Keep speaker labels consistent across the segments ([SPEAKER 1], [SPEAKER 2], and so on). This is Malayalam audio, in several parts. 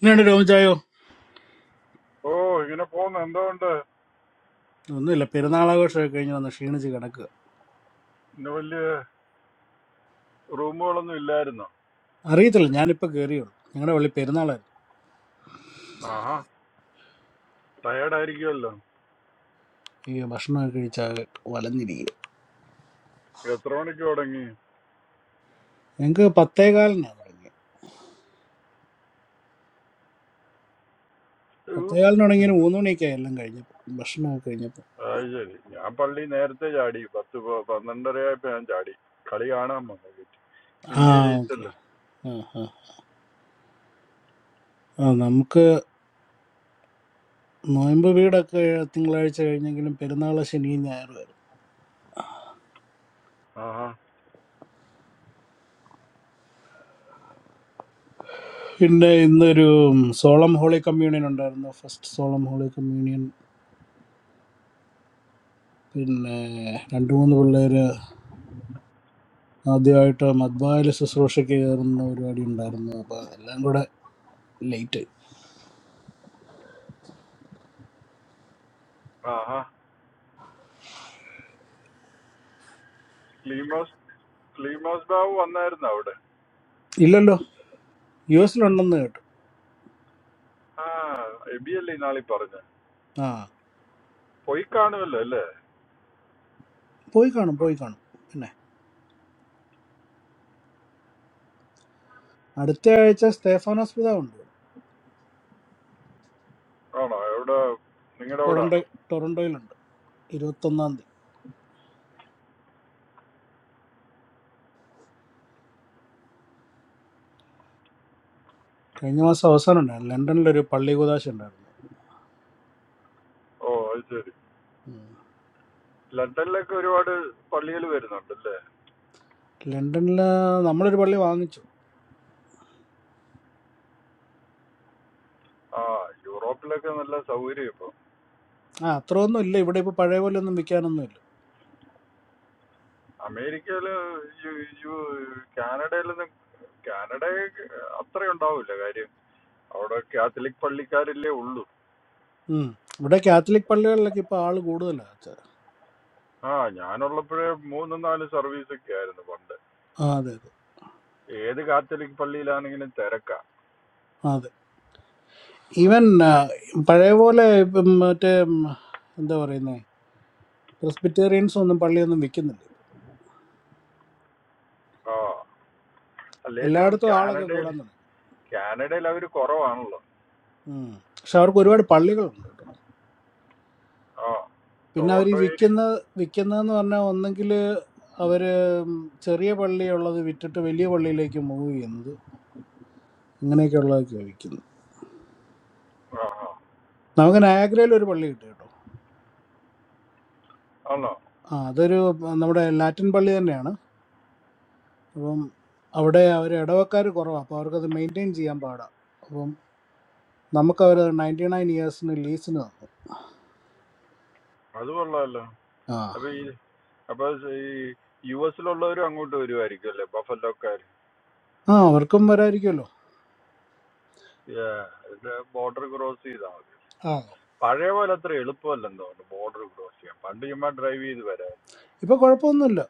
[SPEAKER 1] എന്നാണ് രോമിച്ചായോ
[SPEAKER 2] ഓ ഇങ്ങനെ പോകുന്നു എന്തുകൊണ്ട്
[SPEAKER 1] ഒന്നുമില്ല പെരുന്നാളാഘോഷമൊക്കെ കഴിഞ്ഞ് വന്ന് ക്ഷീണിച്ച് കിടക്കുക
[SPEAKER 2] ഇന്ന് വലിയ റൂമുകളൊന്നും ഇല്ലായിരുന്നു
[SPEAKER 1] അറിയത്തില്ല ഞാനിപ്പോൾ കയറിയുള്ളൂ ഞങ്ങളുടെ പള്ളി പെരുന്നാളായിരുന്നു
[SPEAKER 2] ആഹാ ടയേർഡ് ആയിരിക്കുമല്ലോ
[SPEAKER 1] ഈ ഭക്ഷണമൊക്കെ കഴിച്ചാൽ വലഞ്ഞിരിക്കും
[SPEAKER 2] എത്ര മണിക്ക് തുടങ്ങി
[SPEAKER 1] ഞങ്ങൾക്ക് പത്തേകാലിനാണ് തുടങ്ങിയത്
[SPEAKER 2] ഊ,
[SPEAKER 1] പത്തേകാലിന് തുടങ്ങിയ മൂന്ന് മണിയൊക്കെ എല്ലാം കഴിഞ്ഞപ്പോൾ ഭക്ഷണമൊക്കെ കഴിഞ്ഞപ്പോൾ
[SPEAKER 2] അത് ശരി ഞാൻ പള്ളി നേരത്തെ ചാടി പത്ത് പ- പന്ത്രണ്ടരയായപ്പോ ഞാൻ ചാടി കളി കാണാൻ വന്നു
[SPEAKER 1] ആ
[SPEAKER 2] ഇന്ത്യ
[SPEAKER 1] ഓക്കെ
[SPEAKER 2] ജയിച്ചല്ലോ
[SPEAKER 1] ആ ആ ആ നമുക്ക് നോയമ്പ് വീടൊക്കെ തിങ്കളാഴ്ച കഴിഞ്ഞെങ്കിലും പെരുന്നാൾ ശനിയും ഞായറുമായിരുന്നു
[SPEAKER 2] ആഹാ
[SPEAKER 1] പിന്നെ ഇന്നൊരു സോളം ഹോളി കമ്മ്യൂണിയൻ ഉണ്ടായിരുന്നു ഫസ്റ്റ് സോളം ഹോളി കമ്മ്യൂണിയൻ പിന്നെ രണ്ട് മൂന്ന് പിള്ളേർ ആദ്യമായിട്ട് മദ്ബായിൽ ശുശ്രൂഷയ്ക്ക് കയറുന്ന പരിപാടി ഉണ്ടായിരുന്നു അപ്പോൾ എല്ലാം കൂടെ ലേറ്റ്
[SPEAKER 2] ആഹാ ക്ലീമോസ് ക്ലീമോസ് ബാബു വന്നായിരുന്നു അവിടെ
[SPEAKER 1] ഇല്ലല്ലോ യു എസിലുണ്ടെന്ന് കേട്ടു
[SPEAKER 2] ആ എബി അല്ലേ ഈ നാളി പറഞ്ഞ
[SPEAKER 1] ആ
[SPEAKER 2] പോയി കാണുമല്ലോ അല്ലേ
[SPEAKER 1] പോയി കാണും പോയി കാണും പിന്നെ അടുത്ത ആഴ്ച സ്റ്റേഫാനോസ് പിതാവ് ഉണ്ട് ഇവിടെ
[SPEAKER 2] ആണോ എവിടെ നിങ്ങളുടെ അവിടെ
[SPEAKER 1] ടൊറൻഡോ
[SPEAKER 2] ആണോ
[SPEAKER 1] ടൊറൻഡോയിലുണ്ട് ഇരുപത്തൊന്നാം തീയതി കഴിഞ്ഞ മാസം അവസാനം ഉണ്ടായിരുന്നു ലണ്ടനിലൊരു പള്ളി കുതാശ ഉണ്ടായിരുന്നു
[SPEAKER 2] ഓ അത് ശരി
[SPEAKER 1] ഉം.
[SPEAKER 2] ലണ്ടനിലൊക്കെ ഒരുപാട് പള്ളികൾ വരുന്നുണ്ടല്ലേ
[SPEAKER 1] ലണ്ടനിൽ നമ്മളൊരു പള്ളി വാങ്ങിച്ചു
[SPEAKER 2] ആ യൂറോപ്പിലൊക്കെ നല്ല സൗകര്യം ഇപ്പൊ
[SPEAKER 1] ആ അത്രയൊന്നും ഇല്ല ഇവിടെ ഇപ്പോൾ പഴയ പോലെ ഒന്നും വിൽക്കാനൊന്നും ഇല്ല
[SPEAKER 2] അമേരിക്കയില് യു- യു- കാനഡയിലൊന്നും കാനഡ അത്ര ഉണ്ടാവൂല കാര്യം അവിടെ കാത്തലിക് പള്ളിക്കാരില്ലേ ഉള്ളൂ
[SPEAKER 1] ഉം. ഇവിടെ കാത്തലിക് പള്ളികളിലൊക്കെ ഇപ്പോൾ ആൾ കൂടുതലാണ്
[SPEAKER 2] ആ ഞാനുള്ളപ്പോഴേ മൂന്നും നാലും സർവീസ് ഒക്കെ ആയിരുന്നു പണ്ട്
[SPEAKER 1] ആ അതെ
[SPEAKER 2] ഏത് കാത്തലിക് പള്ളിയിലാണെങ്കിലും തിരക്കാ
[SPEAKER 1] അതെ ഈവൻ ആ, പഴയ പോലെ ഇപ്പം മറ്റേ ഉം, എന്താ പറയുന്നേ ക്രിസ്പിറ്റേറിയൻസ് ഒന്നും പള്ളിയൊന്നും വിൽക്കുന്നില്ല ഇപ്പം.
[SPEAKER 2] ആ അല്ലേലും
[SPEAKER 1] എല്ലായിടത്തും ആളൊക്കെ
[SPEAKER 2] കാനഡയിൽ
[SPEAKER 1] കൂടാൻ തുടങ്ങി
[SPEAKER 2] കാനഡയിൽ അവര് കുറവാണല്ലോ
[SPEAKER 1] ഉം. പക്ഷെ അവർക്ക് ഒരുപാട് പള്ളികളുണ്ട് കേട്ടോ
[SPEAKER 2] ആ
[SPEAKER 1] പിന്നെ അവർ ഈ
[SPEAKER 2] ടൊറോണ്ടോ ഏരിയ
[SPEAKER 1] വിൽക്കുന്ന വിൽക്കുന്നതെന്ന് പറഞ്ഞാൽ ഒന്നെങ്കിൽ അവര് ഉം, ചെറിയ പള്ളിയുള്ളത് വിറ്റിട്ട് വലിയ പള്ളിയിലേക്ക് മൂവ് ചെയ്യുന്നത് ഇങ്ങനെയൊക്കെയുള്ളതൊക്കെയാണ് വിൽക്കുന്നത്
[SPEAKER 2] ആ ആ
[SPEAKER 1] നമുക്ക് നയാഗ്രയിൽ ഒരു പള്ളി കിട്ടി കേട്ടോ
[SPEAKER 2] ആണോ
[SPEAKER 1] ആ അതൊരു നമ്മുടെ ലാറ്റിൻ പള്ളി തന്നെയാണ് അപ്പം അവിടെ അവർ ഇടവക്കാർ കുറവാണ് അപ്പോൾ അവർക്കത് മെയിൻറ്റെയിൻ ചെയ്യാൻ പാടാണ് അപ്പം നമുക്ക് അവർ നയൻറ്റി നയൻ ഇയേഴ്സിന് ലീസിന് തന്നു
[SPEAKER 2] അത് കൊള്ളാമല്ലോ
[SPEAKER 1] ആ
[SPEAKER 2] അപ്പൊ ഈ അപ്പൊ ഈ യു എസിലുള്ളവരും അങ്ങോട്ട് വരുമായിരിക്കും അല്ലേ ബഫലോക്കാർ
[SPEAKER 1] ആ അവർക്കും വരായിരിക്കുമല്ലോ
[SPEAKER 2] ബോർഡർ ക്രോസ് ചെയ്താൽ മതി
[SPEAKER 1] ആ
[SPEAKER 2] പഴയ പോലെ അത്ര എളുപ്പമല്ലെന്ന് തോന്നുന്നു ബോർഡർ ക്രോസ് ചെയ്യാൻ പണ്ട് ചുമ്മാ ഡ്രൈവ് ചെയ്ത് വരാം
[SPEAKER 1] ഇപ്പൊ കുഴപ്പമൊന്നുമില്ല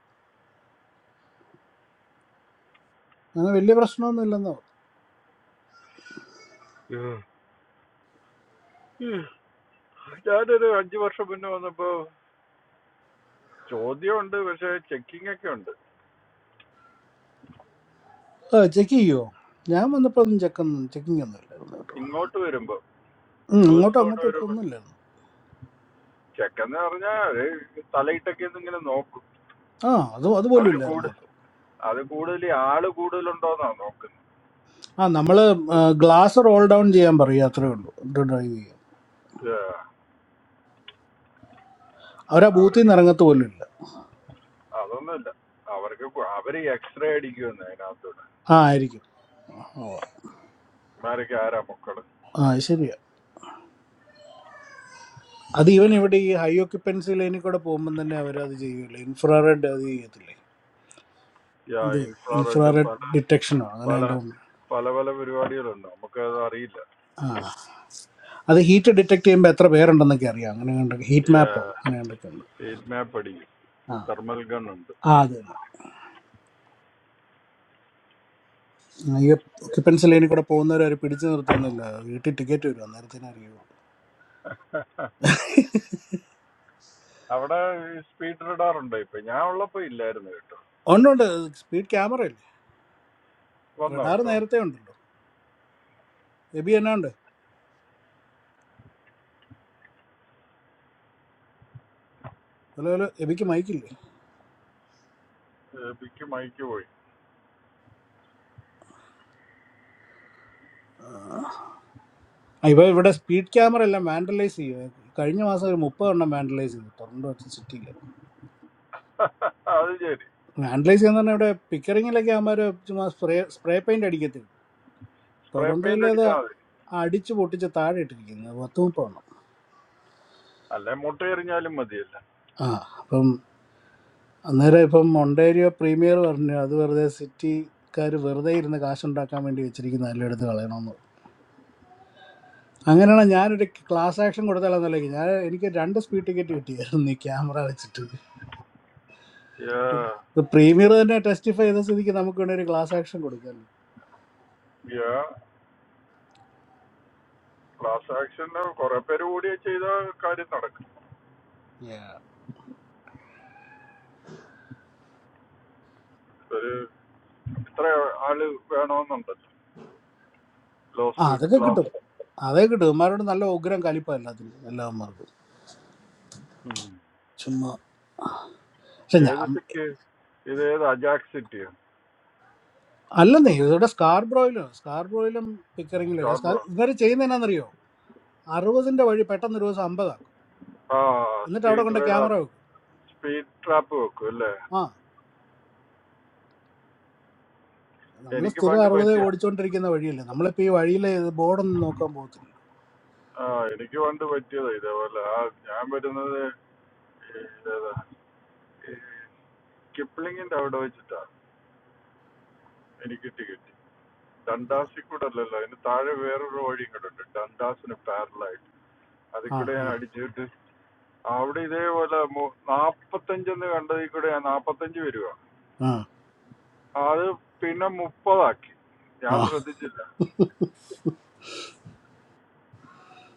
[SPEAKER 1] അങ്ങനെ വലിയ പ്രശ്നമൊന്നുമില്ലെന്ന്
[SPEAKER 2] ഞാനൊരു അഞ്ചു വർഷം മുന്നേ വന്നപ്പോ ചോദ്യമുണ്ട് പക്ഷെ ചെക്കിംഗ് ഒക്കെ ഉണ്ട്
[SPEAKER 1] ആ ചെക്ക് ചെയ്യുമോ ഞാൻ വന്നപ്പോൾ ഒന്നും ചെക്ക് ഒന്നും ചെക്കിംഗ് ഒന്നും ഇല്ലായിരുന്നു കേട്ടോ
[SPEAKER 2] ഇങ്ങോട്ട് വരുമ്പോ
[SPEAKER 1] ഉം,
[SPEAKER 2] യു
[SPEAKER 1] അങ്ങോട്ടും
[SPEAKER 2] എസിലോട്ട്
[SPEAKER 1] അങ്ങോട്ടും ഒക്കെ
[SPEAKER 2] വരുമ്പോ
[SPEAKER 1] ഒന്നും ഇല്ലായിരുന്നു
[SPEAKER 2] ചെക്കെന്ന് പറഞ്ഞാ അത് തലയിട്ടൊക്കെ ഒന്ന് ഇങ്ങനെ നോക്കും
[SPEAKER 1] ആ അത് അതുപോലും
[SPEAKER 2] അവര്
[SPEAKER 1] ഇല്ലായിരുന്നു
[SPEAKER 2] കൂടു
[SPEAKER 1] കേട്ടോ
[SPEAKER 2] അത് കൂടുതൽ ആള് കൂടുതലുണ്ടോന്നാ നോക്കുന്നത്
[SPEAKER 1] ആ നമ്മള് ഗ്ലാസ് റോൾ ഡൗൺ ചെയ്യാൻ പറയും അത്രേ ഉള്ളൂ ഡ്രൈവ് ചെയ്യാൻ
[SPEAKER 2] ആ,
[SPEAKER 1] അവരാ
[SPEAKER 2] അവര്
[SPEAKER 1] ബൂത്തിൽ നിന്ന് ഇറങ്ങത്ത് പോലും ഇല്ല
[SPEAKER 2] അതൊന്നുമില്ല അവർക്ക് കു- അവര് എക്സ്റേ അടിക്കുമെന്ന് അതിനകത്തൂടെ
[SPEAKER 1] ആ ആയിരിക്കും ഓ,
[SPEAKER 2] ഇമാരൊക്കെ ആരാ മക്കള്
[SPEAKER 1] ആ ശരിയാ അത് ഇവൻ ഇവിടെ ഈ ഹൈ ഓക്യുപ്പൻസി ലൈനിൽ കൂടെ പോകുമ്പോൾ തന്നെ അവരത് ചെയ്യൂല ഇൻഫ്രാറെഡ് അത് ചെയ്യത്തില്ലേ
[SPEAKER 2] യാ
[SPEAKER 1] എന്ത്
[SPEAKER 2] ഇൻഫ്രാറെഡും
[SPEAKER 1] ഇൻഫ്രാറെഡ്
[SPEAKER 2] പല
[SPEAKER 1] ഡിറ്റക്ഷനോ അങ്ങനെ
[SPEAKER 2] പല
[SPEAKER 1] കണ്ടുകൊണ്ട്
[SPEAKER 2] പല പല പരിപാടികളുണ്ട് നമുക്കത് അറിയില്ല
[SPEAKER 1] ആ അത് ഹീറ്റ് ഡിറ്റക്ട് ചെയ്യുമ്പോൾ എത്ര പേരുണ്ടെന്നൊക്കെ അറിയാം അങ്ങനെ കണ്ടൊക്കെ ഹീറ്റ് മാപ്പോ അങ്ങനെ കണ്ടൊക്കെ ഉണ്ട്
[SPEAKER 2] സ്റ്റേറ്റ് മാപ്പ് അടിക്കും
[SPEAKER 1] ആ
[SPEAKER 2] തെർമൽ ഗൺ ഉണ്ട്
[SPEAKER 1] ആ അത് തന്നെ ആ, ഈ ഒക്യുപ്പൻസ് ലൈനിൽ കൂടെ പോകുന്നവരെ അവർ പിടിച്ചു നിർത്തുന്നില്ല വീട്ടിൽ ടിക്കറ്റ് വരും അന്നേരത്തിനേ അറിയുള്ളൂ
[SPEAKER 2] അവിടെ സ്പീഡ് റഡാർ ഉണ്ടോ ഇപ്പൊ ഞാൻ ഉള്ളപ്പോ ഇല്ലായിരുന്നു കേട്ടോ
[SPEAKER 1] ഉണ്ട് ഉണ്ട് സ്പീഡ് ക്യാമറ ഇല്ലേ
[SPEAKER 2] വന്നോ
[SPEAKER 1] റഡാർ
[SPEAKER 2] ഇപ്പൊ
[SPEAKER 1] നേരത്തെ ഉണ്ടല്ലോ എബി എന്നാ ഉണ്ട് ഹലോ ഹലോ എബിക്ക് മൈക്കില്ലേ
[SPEAKER 2] പിക്ക് മൈക്ക് പോയി
[SPEAKER 1] ആ, ഇപ്പൊ ഇവിടെ സ്പീഡ് ക്യാമറ എല്ലാം വാൻഡലൈസ് ചെയ്യും കഴിഞ്ഞ മാസം ഒരു മുപ്പത് എണ്ണം വാൻഡലൈസ് ചെയ്തു ടൊറന്റോ സിറ്റിയിൽ
[SPEAKER 2] അത് ശരി
[SPEAKER 1] വാൻഡലൈസ് എന്ന് പറഞ്ഞാൽ ഇവിടെ പിക്കറിങ്ങിലൊക്കെ അവന്മാര് ചുമ്മാ സ്പ്രേ സ്പ്രേ പെയിന്റ് അടിക്കത്തേ ഉള്ളൂ
[SPEAKER 2] സ്പ്രേ
[SPEAKER 1] ടൊറൻഡോയിൽ
[SPEAKER 2] പെയിന്റ്
[SPEAKER 1] അത്
[SPEAKER 2] അടിച്ചാൽ മതി
[SPEAKER 1] അടിച്ച് പൊട്ടിച്ച് താഴെ ഇട്ടിരിക്കുന്നത് പത്ത് മുപ്പെണ്ണം
[SPEAKER 2] അല്ലെ മുട്ട എറിഞ്ഞാലും മതിയല്ല
[SPEAKER 1] ആ അപ്പം അന്നേരം ഇപ്പം ഒണ്ടേരിയോ പ്രീമിയർ പറഞ്ഞു അത് വെറുതെ സിറ്റിക്കാർ വെറുതെ ഇരുന്ന് കാശുണ്ടാക്കാൻ വേണ്ടി വെച്ചിരിക്കുന്ന എല്ലാം എടുത്ത് കളയണമെന്ന് പറഞ്ഞു. അങ്ങനെയാണ് ഞാനൊരു ക്ലാസ് ആക്ഷൻ കൊടുത്താലെന്നല്ലേക്ക് ഞാൻ എനിക്ക് രണ്ട് സ്പീഡ് ടിക്കറ്റ് കിട്ടിയായിരുന്നു ഈ ക്യാമറ വെച്ചിട്ട് ഇപ്പൊ പ്രീമിയർ തന്നെ ടെസ്റ്റിഫൈ ചെയ്ത സ്ഥിതിക്ക് നമുക്ക് വേണ്ടി ഒരു ക്ലാസ് ആക്ഷൻ കൊടുക്കാമല്ലോ
[SPEAKER 2] ക്ലാസ് ആക്ഷന്റെ കുറെ പേര് കൂടി ചെയ്ത കാര്യം നടക്കും
[SPEAKER 1] Yeah.
[SPEAKER 2] ഒരു ഇത്ര ആള് വേണമെന്നുണ്ടല്ലോ
[SPEAKER 1] ആ
[SPEAKER 2] ലോസ്യൂട്ട്
[SPEAKER 1] അതൊക്കെ കിട്ടും
[SPEAKER 2] ക്ലാസ്
[SPEAKER 1] അതൊക്കെ കിട്ടും ഇവന്മാരോട് നല്ല ഉഗ്രം കലിപ്പ എല്ലാത്തിനും എല്ലാവന്മാർക്കും ചുമ്മാ പക്ഷെ
[SPEAKER 2] ഏത്
[SPEAKER 1] ഞാൻ
[SPEAKER 2] സിറ്റി ഇത് ഏത് അജാക് സിറ്റിയോ
[SPEAKER 1] അല്ലെന്നേ ഇവിടെ സ്കാർബ്രോയിലോ സ്കാർബ്രോയിലും പിക്കറിങ്ങിലൊക്കെ സ്കാർ
[SPEAKER 2] സ്റ്റാർബോ
[SPEAKER 1] ഇവർ ചെയ്യുന്ന എന്നാന്നറിയോ അറുപതിന്റെ വഴി പെട്ടെന്ന് ഒരു ദിവസം അമ്പതാക്കും
[SPEAKER 2] ആ
[SPEAKER 1] എന്നിട്ട് അവിടെ
[SPEAKER 2] സ്പീഡ്
[SPEAKER 1] കൊണ്ട്
[SPEAKER 2] റഡാർ
[SPEAKER 1] ക്യാമറ വെക്കും
[SPEAKER 2] സ്പീഡ് ട്രാപ്പ് വെക്കും അല്ലേ
[SPEAKER 1] ആ നമ്മൾ
[SPEAKER 2] എനിക്ക്
[SPEAKER 1] സ്ഥിരം
[SPEAKER 2] പണ്ട്
[SPEAKER 1] അറുപത്
[SPEAKER 2] പറ്റിയ
[SPEAKER 1] ഓടിച്ചോണ്ടിരിക്കുന്ന വഴിയല്ലേ നമ്മളിപ്പോ ഈ വഴിയിലെ ബോർഡൊന്നും നോക്കാൻ പോകത്തില്ലല്ലോ
[SPEAKER 2] ആ എനിക്ക് പണ്ട് പറ്റിയതാ ഇതേപോലെ ആ ഞാൻ വരുന്നത് ഈ ഏതാ ഈ കിപ്ലിങ്ങിന്റെ അവിടെ വെച്ചിട്ടാ എനിക്ക് ടിക്കറ്റ് ഡണ്ടാസിൽ കൂടെ അല്ലല്ലോ അതിന് താഴെ വേറൊരു വഴിയും കൂടെ ഉണ്ട് ഡണ്ടാസിന് പാരലായിട്ട് അതിൽ
[SPEAKER 1] ആ
[SPEAKER 2] കൂടെ ഞാൻ
[SPEAKER 1] ആ
[SPEAKER 2] അടിച്ചിട്ട് അവിടെ ഇതേപോലെ മു- നാപ്പത്തഞ്ചെന്ന് കണ്ടതിൽ കൂടെ ഞാൻ നാപ്പത്തഞ്ച് വരിക
[SPEAKER 1] ആ
[SPEAKER 2] അത് പിന്നെ മുപ്പതാക്കി ഞാൻ
[SPEAKER 1] ആ
[SPEAKER 2] ശ്രദ്ധിച്ചില്ല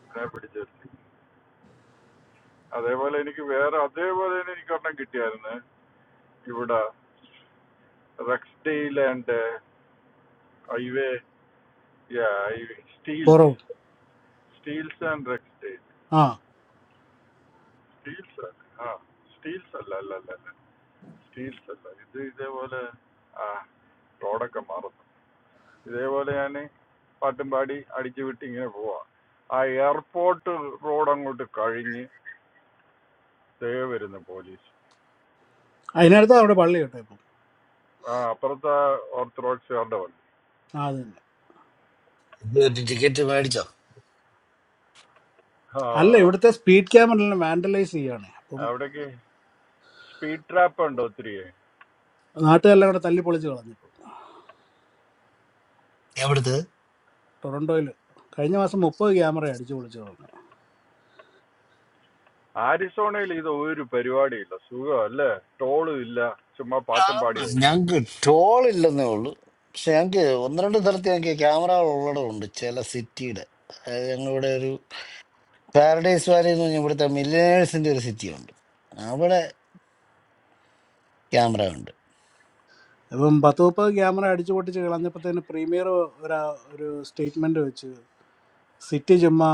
[SPEAKER 2] അതിനെ പിടിച്ചിരുത്തി അതേപോലെ എനിക്ക് വേറെ അതേപോലെ തന്നെ എനിക്കൊരെണ്ണം കിട്ടിയായിരുന്നു ഇവിടെ റെക്സ്ഡെയിൽ ആൻഡ് ഹൈവേ സ്റ്റീൽസ്
[SPEAKER 1] കുറവ്
[SPEAKER 2] സ്റ്റീൽസ് ആൻഡ് റെക്സ്ഡെയിൽ
[SPEAKER 1] ആ
[SPEAKER 2] സ്റ്റീൽസ് ആ സ്റ്റീൽസ് അല്ല അല്ല അല്ല അല്ല സ്റ്റീൽസ് അല്ല ഇത് ഇതേപോലെ ആ റോഡൊക്കെ മാറും ഇതേപോലെ ഞാൻ പാട്ടും പാടി അടിച്ചു വിട്ട് ഇങ്ങനെ പോവാ ആ എയർപോർട്ട് റോഡ് അങ്ങോട്ട് കഴിഞ്ഞ് ദേ വരുന്നു പോലീസ്
[SPEAKER 1] അതിനടുത്ത് അവിടെ പള്ളി കേട്ടോ ഇപ്പം
[SPEAKER 2] ആ അപ്പുറത്തെ ഓർത്തഡോക്സുകാരുടെ വണ്ടി
[SPEAKER 1] ആ അത് തന്നെ
[SPEAKER 3] ഇത് ഒരു ടിക്കറ്റ് മേടിച്ചോ
[SPEAKER 2] ആ
[SPEAKER 1] അല്ല ഇവിടുത്തെ സ്പീഡ് ക്യാമറ വാൻഡലൈസ് ചെയ്യുകയാണ് അപ്പം
[SPEAKER 2] അവിടേക്ക് സ്പീഡ് ട്രാപ്പ് ഉണ്ട് ഒത്തിരി
[SPEAKER 1] നാട്ടുകാരെല്ലാം കൂടെ തല്ലി പൊളിച്ച് കളഞ്ഞിപ്പോ
[SPEAKER 3] എവിടുത്തെ
[SPEAKER 1] ടൊറന്റോയിൽ കഴിഞ്ഞ മാസം മുപ്പത് ക്യാമറ അടിച്ചു പൊളിച്ചു
[SPEAKER 2] ആരിസോണയിൽ ഇത് ഒരു പരിപാടിയില്ല സുഖം അല്ലേ ടോളും ഇല്ല ചുമ്മാ
[SPEAKER 3] ആ,
[SPEAKER 2] പാട്ടും പാടി ഓടി
[SPEAKER 3] ഞങ്ങക്ക് ടോൾ ഇല്ലെന്നേ ഉള്ളൂ പക്ഷെ ഞങ്ങക്ക് ഒന്ന് രണ്ട് സ്ഥലത്ത് ഞങ്ങക്ക് ക്യാമറ ഉള്ളടമുണ്ട് ചില സിറ്റിയുടെ അതായത് ഞങ്ങളിവിടെ ഒരു പാരഡൈസ് വാലി എന്ന് പറഞ്ഞാൽ ഇവിടുത്തെ മില്ലിനേഴ്സിന്റെ ഒരു സിറ്റി ഉണ്ട് അവിടെ ക്യാമറ ഉണ്ട്
[SPEAKER 1] അപ്പം പത്ത് മുപ്പത് ക്യാമറ അടിച്ചു പൊട്ടിച്ച് കളഞ്ഞപ്പോഴത്തേന് പ്രീമിയർ ഒരു ഒരു സ്റ്റേറ്റ്മെന്റ് വെച്ച് സിറ്റി ചുമ്മാ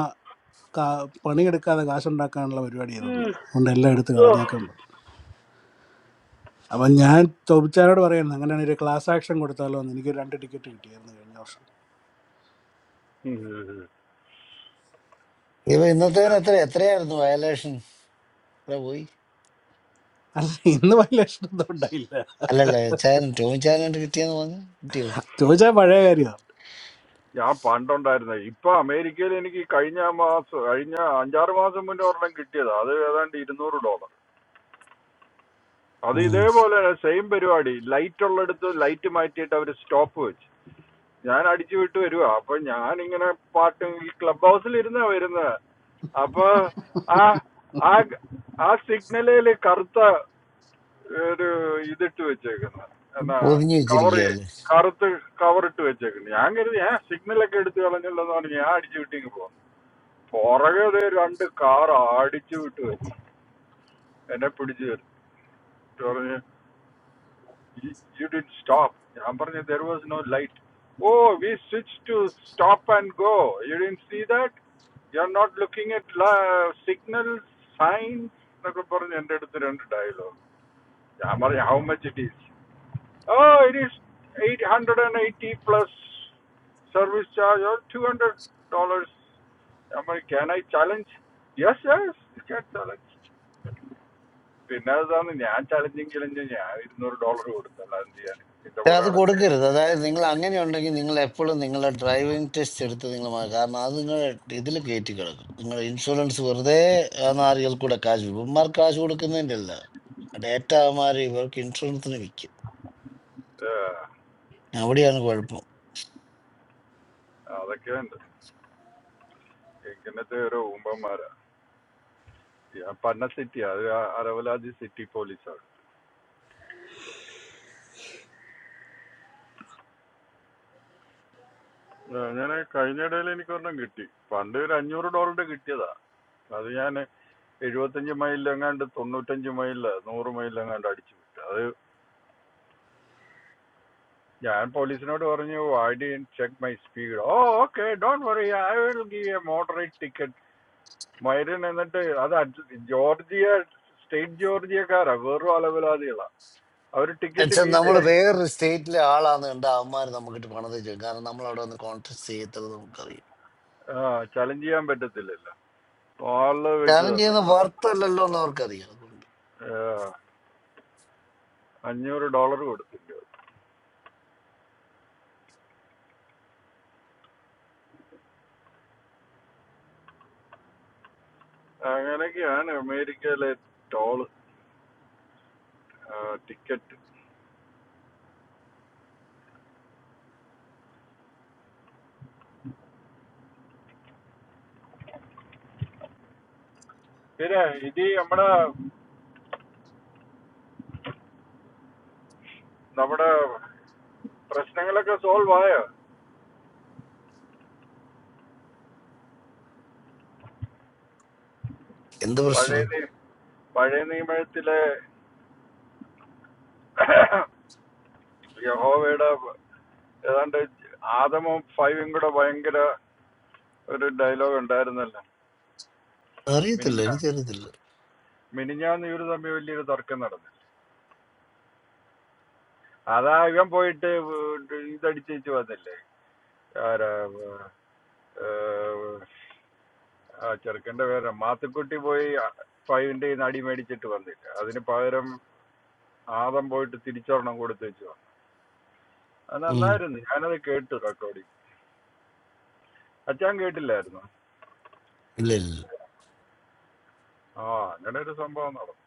[SPEAKER 1] കാ- പണിയെടുക്കാതെ കാശുണ്ടാക്കാനുള്ള പരിപാടി ഇതെന്ന് അതുകൊണ്ട് എല്ലാം എടുത്ത് കളഞ്ഞേക്കുന്നു അപ്പം ഞാൻ ചോദിച്ചാരോട് പറയുന്നു അങ്ങനെയാണ് ഒരു ക്ലാസ് ആക്ഷൻ കൊടുത്താലോ എന്ന് എനിക്ക് രണ്ട് ടിക്കറ്റ് കിട്ടിയായിരുന്നു കഴിഞ്ഞ വർഷം
[SPEAKER 3] ഇപ്പൊ ഇന്നത്തേന് എത്ര എത്രയായിരുന്നു വയലേഷൻ എത്ര പോയി
[SPEAKER 1] അല്ല ഇന്ന് വലിയ ലക്ഷം ഒന്നും ഉണ്ടായില്ല
[SPEAKER 3] അല്ലല്ല ചാനൽ ടോം ചാനൽ കിട്ടിയെന്ന് പറഞ്ഞു കിട്ടിയോ
[SPEAKER 1] ചോദിച്ചാൽ പഴയ കാര്യമാണ്
[SPEAKER 2] ഞാൻ പണ്ടുണ്ടായിരുന്ന ഇപ്പൊ അമേരിക്കയിൽ എനിക്ക് ഈ കഴിഞ്ഞ മാസം കഴിഞ്ഞ അഞ്ചാറ് മാസം മുന്നേ ഒരെണ്ണം കിട്ടിയതാ അത് ഏതാണ്ട് ഇരുന്നൂറ് ഡോളർ അത്
[SPEAKER 3] ഉം.
[SPEAKER 2] ഇതേപോലെ സെയിം പരിപാടി ലൈറ്റ് ഉള്ളിടത്ത് ലൈറ്റ് മാറ്റിയിട്ട് അവർ സ്റ്റോപ്പ് വെച്ച് ഞാൻ അടിച്ചു വിട്ട് വരുവാ അപ്പൊ ഞാൻ ഇങ്ങനെ പാട്ട് ഈ ക്ലബ് ഹൗസിൽ ഇരുന്നാ വരുന്നത് അപ്പൊ ആ ആ ആ സിഗ്നലില് കറുത്ത ഒരു ഇതിട്ട് വെച്ചേക്കുന്നത് എന്നാ
[SPEAKER 3] പൊതിഞ്ഞു
[SPEAKER 2] കവർ
[SPEAKER 3] വെച്ചിരിക്കുകയല്ലേ
[SPEAKER 2] കറുത്ത് കവർ ഇട്ട് വെച്ചേക്കുന്നത് ഞാൻ കരുതി ഞാൻ സിഗ്നലൊക്കെ എടുത്ത് കളഞ്ഞല്ലോ എന്ന് പറഞ്ഞ് ഞാൻ അടിച്ചു വിട്ടിങ്ങ് പോകുന്നു പുറകെ ദേ രണ്ട് കാർ അടിച്ചു വിട്ട് വരുന്നു എന്നെ പിടിച്ചു വരും You, you didn't stop. Ambarnath, there was no light. Oh, we switched to stop and go. You didn't see that? You're not looking at la- signals, signs. എന്നൊക്കെ പറഞ്ഞ് എൻ്റെ അടുത്ത് രണ്ട് dialogue. ഞാൻ പറഞ്ഞു, How much it is? Oh, it is 880 plus service charge or $200. I mean, can I challenge? Yes, yes, you can challenge. പിന്നെ അതാണ് ഞാൻ ചലഞ്ചിങ് ചലഞ്ച് ഞാൻ ഇരുന്നൂറ് ഡോളർ കൊടുത്തല്ല എന്ത് ചെയ്യാൻ ഇതിന്റെ പുറകെ
[SPEAKER 3] അത്
[SPEAKER 2] അടക്കം
[SPEAKER 3] കൊടുക്കരുത് അതായത് നിങ്ങൾ അങ്ങനെ ഉണ്ടെങ്കിൽ നിങ്ങൾ എപ്പോഴും നിങ്ങളുടെ ഡ്രൈവിംഗ് ടെസ്റ്റ് എടുത്ത് നിങ്ങൾ മാ- കാരണം അത് നിങ്ങൾ ഇതിൽ കയറ്റി കിടക്കും നിങ്ങൾ ഇൻഷുറൻസ് വെറുതെ ആ നാറികൾ കൂടെ കാശ് വിക്കും. ഇവന്മാർ കാശ് കൊടുക്കുന്നതിൻ്റെ അല്ല ഡേറ്റ മാറി ഇവർക്ക് ഇൻഷുറൻസിന് വിൽക്കും അവിടെയാണ് കുഴപ്പം
[SPEAKER 2] അതൊക്കെ ഉണ്ട് ഇങ്ങനത്തെ ഓരോ ഊമ്പന്മാരാ ഞാൻ പന്ന സിറ്റി അത് അരവലാതി സിറ്റി പോലീസാണ് ഞാൻ കഴിഞ്ഞ ഇടയിൽ എനിക്കൊരെണ്ണം കിട്ടി പണ്ട് ഒരു അഞ്ഞൂറ് ഡോളറിന്റെ കിട്ടിയതാ അത് ഞാൻ എഴുപത്തഞ്ച് മൈലിലെങ്ങാണ്ട് തൊണ്ണൂറ്റഞ്ച് മൈലില് നൂറ് മൈലിലെങ്ങാണ്ട് അടിച്ചു വിട്ടു അത് ഞാൻ പോലീസിനോട് പറഞ്ഞു I did check my speed oh okay don't worry I will give a moderate ticket മൈരൻ എന്നിട്ട് അത് അഡ്ജ- ജോർജിയ സ്റ്റേറ്റ് ജോർജിയക്കാരാ വെറും അലവലാതികളാ അവർ ടിക്കറ്റ്
[SPEAKER 3] എന്നുവെച്ചാൽ
[SPEAKER 2] വീട്ടിൽ
[SPEAKER 3] നമ്മൾ വേറൊരു സ്റ്റേറ്റിലെ ആളാന്ന് കണ്ട അവന്മാർ നമുക്കിട്ട് പണത് ചെയ്യും കാരണം നമ്മൾ അവിടെ വന്ന് കോൺടാക്ട് ചെയ്യത്തത് നമുക്കറിയാം
[SPEAKER 2] ചലഞ്ച് ചെയ്യാൻ പറ്റത്തില്ലല്ലോ ഹാളില് വെച്ച്
[SPEAKER 3] കാരണം
[SPEAKER 2] തന്നു
[SPEAKER 3] ചെയ്യുന്ന വർത്ത് അല്ലല്ലോ എന്ന് അവർക്കറിയാം അതുകൊണ്ട്
[SPEAKER 2] ആ, അഞ്ഞൂറ് ഡോളർ കൊടുത്തു അങ്ങനെയൊക്കെയാണ് അമേരിക്കയിലെ ടോൾ ടിക്കറ്റ് പിന്നെ ഇത് നമ്മുടെ നമ്മുടെ പ്രശ്നങ്ങളൊക്കെ സോൾവ് ആയോ
[SPEAKER 3] എന്ത്
[SPEAKER 2] പഴയ
[SPEAKER 3] പ്രശ്നം
[SPEAKER 2] നി- പഴയ നിയമത്തിലെ യഹോവയുടെ ഏതാണ്ട് ആദമും ഫൈവും കൂടെ ഭയങ്കര ഒരു ഡയലോഗ് ഉണ്ടായിരുന്നല്ലോ
[SPEAKER 3] അറിയത്തില്ല
[SPEAKER 2] മിനിഞ്ഞാ
[SPEAKER 3] എനിക്കറിയത്തില്ല
[SPEAKER 2] മിനിഞ്ഞാന്ന് ഇവര് തമ്മിൽ വലിയൊരു തർക്കം നടന്നു അതാ ഇവൻ പോയിട്ട് ഇതടിച്ചേച്ച് വന്നില്ലേ ആരാ ഏർ, ആ ചെറുക്കന്റെ പേര് മാത്തുക്കുട്ടി പോയി ഫൈവിന്റെ നടി മേടിച്ചിട്ട് വന്നില്ല അതിന് പകരം ആദം പോയിട്ട് തിരിച്ചൊരെണ്ണം കൊടുത്തു വെച്ചു അത്
[SPEAKER 3] ഉം.
[SPEAKER 2] നന്നായിരുന്നു ഞാനത് കേട്ടു റെക്കോർഡിങ് അച്ഛാൻ കേട്ടില്ലായിരുന്നു
[SPEAKER 3] ഇല്ല ഇല്ല ഇല്ല
[SPEAKER 2] ആ അങ്ങനെ ഒരു സംഭവം നടന്നു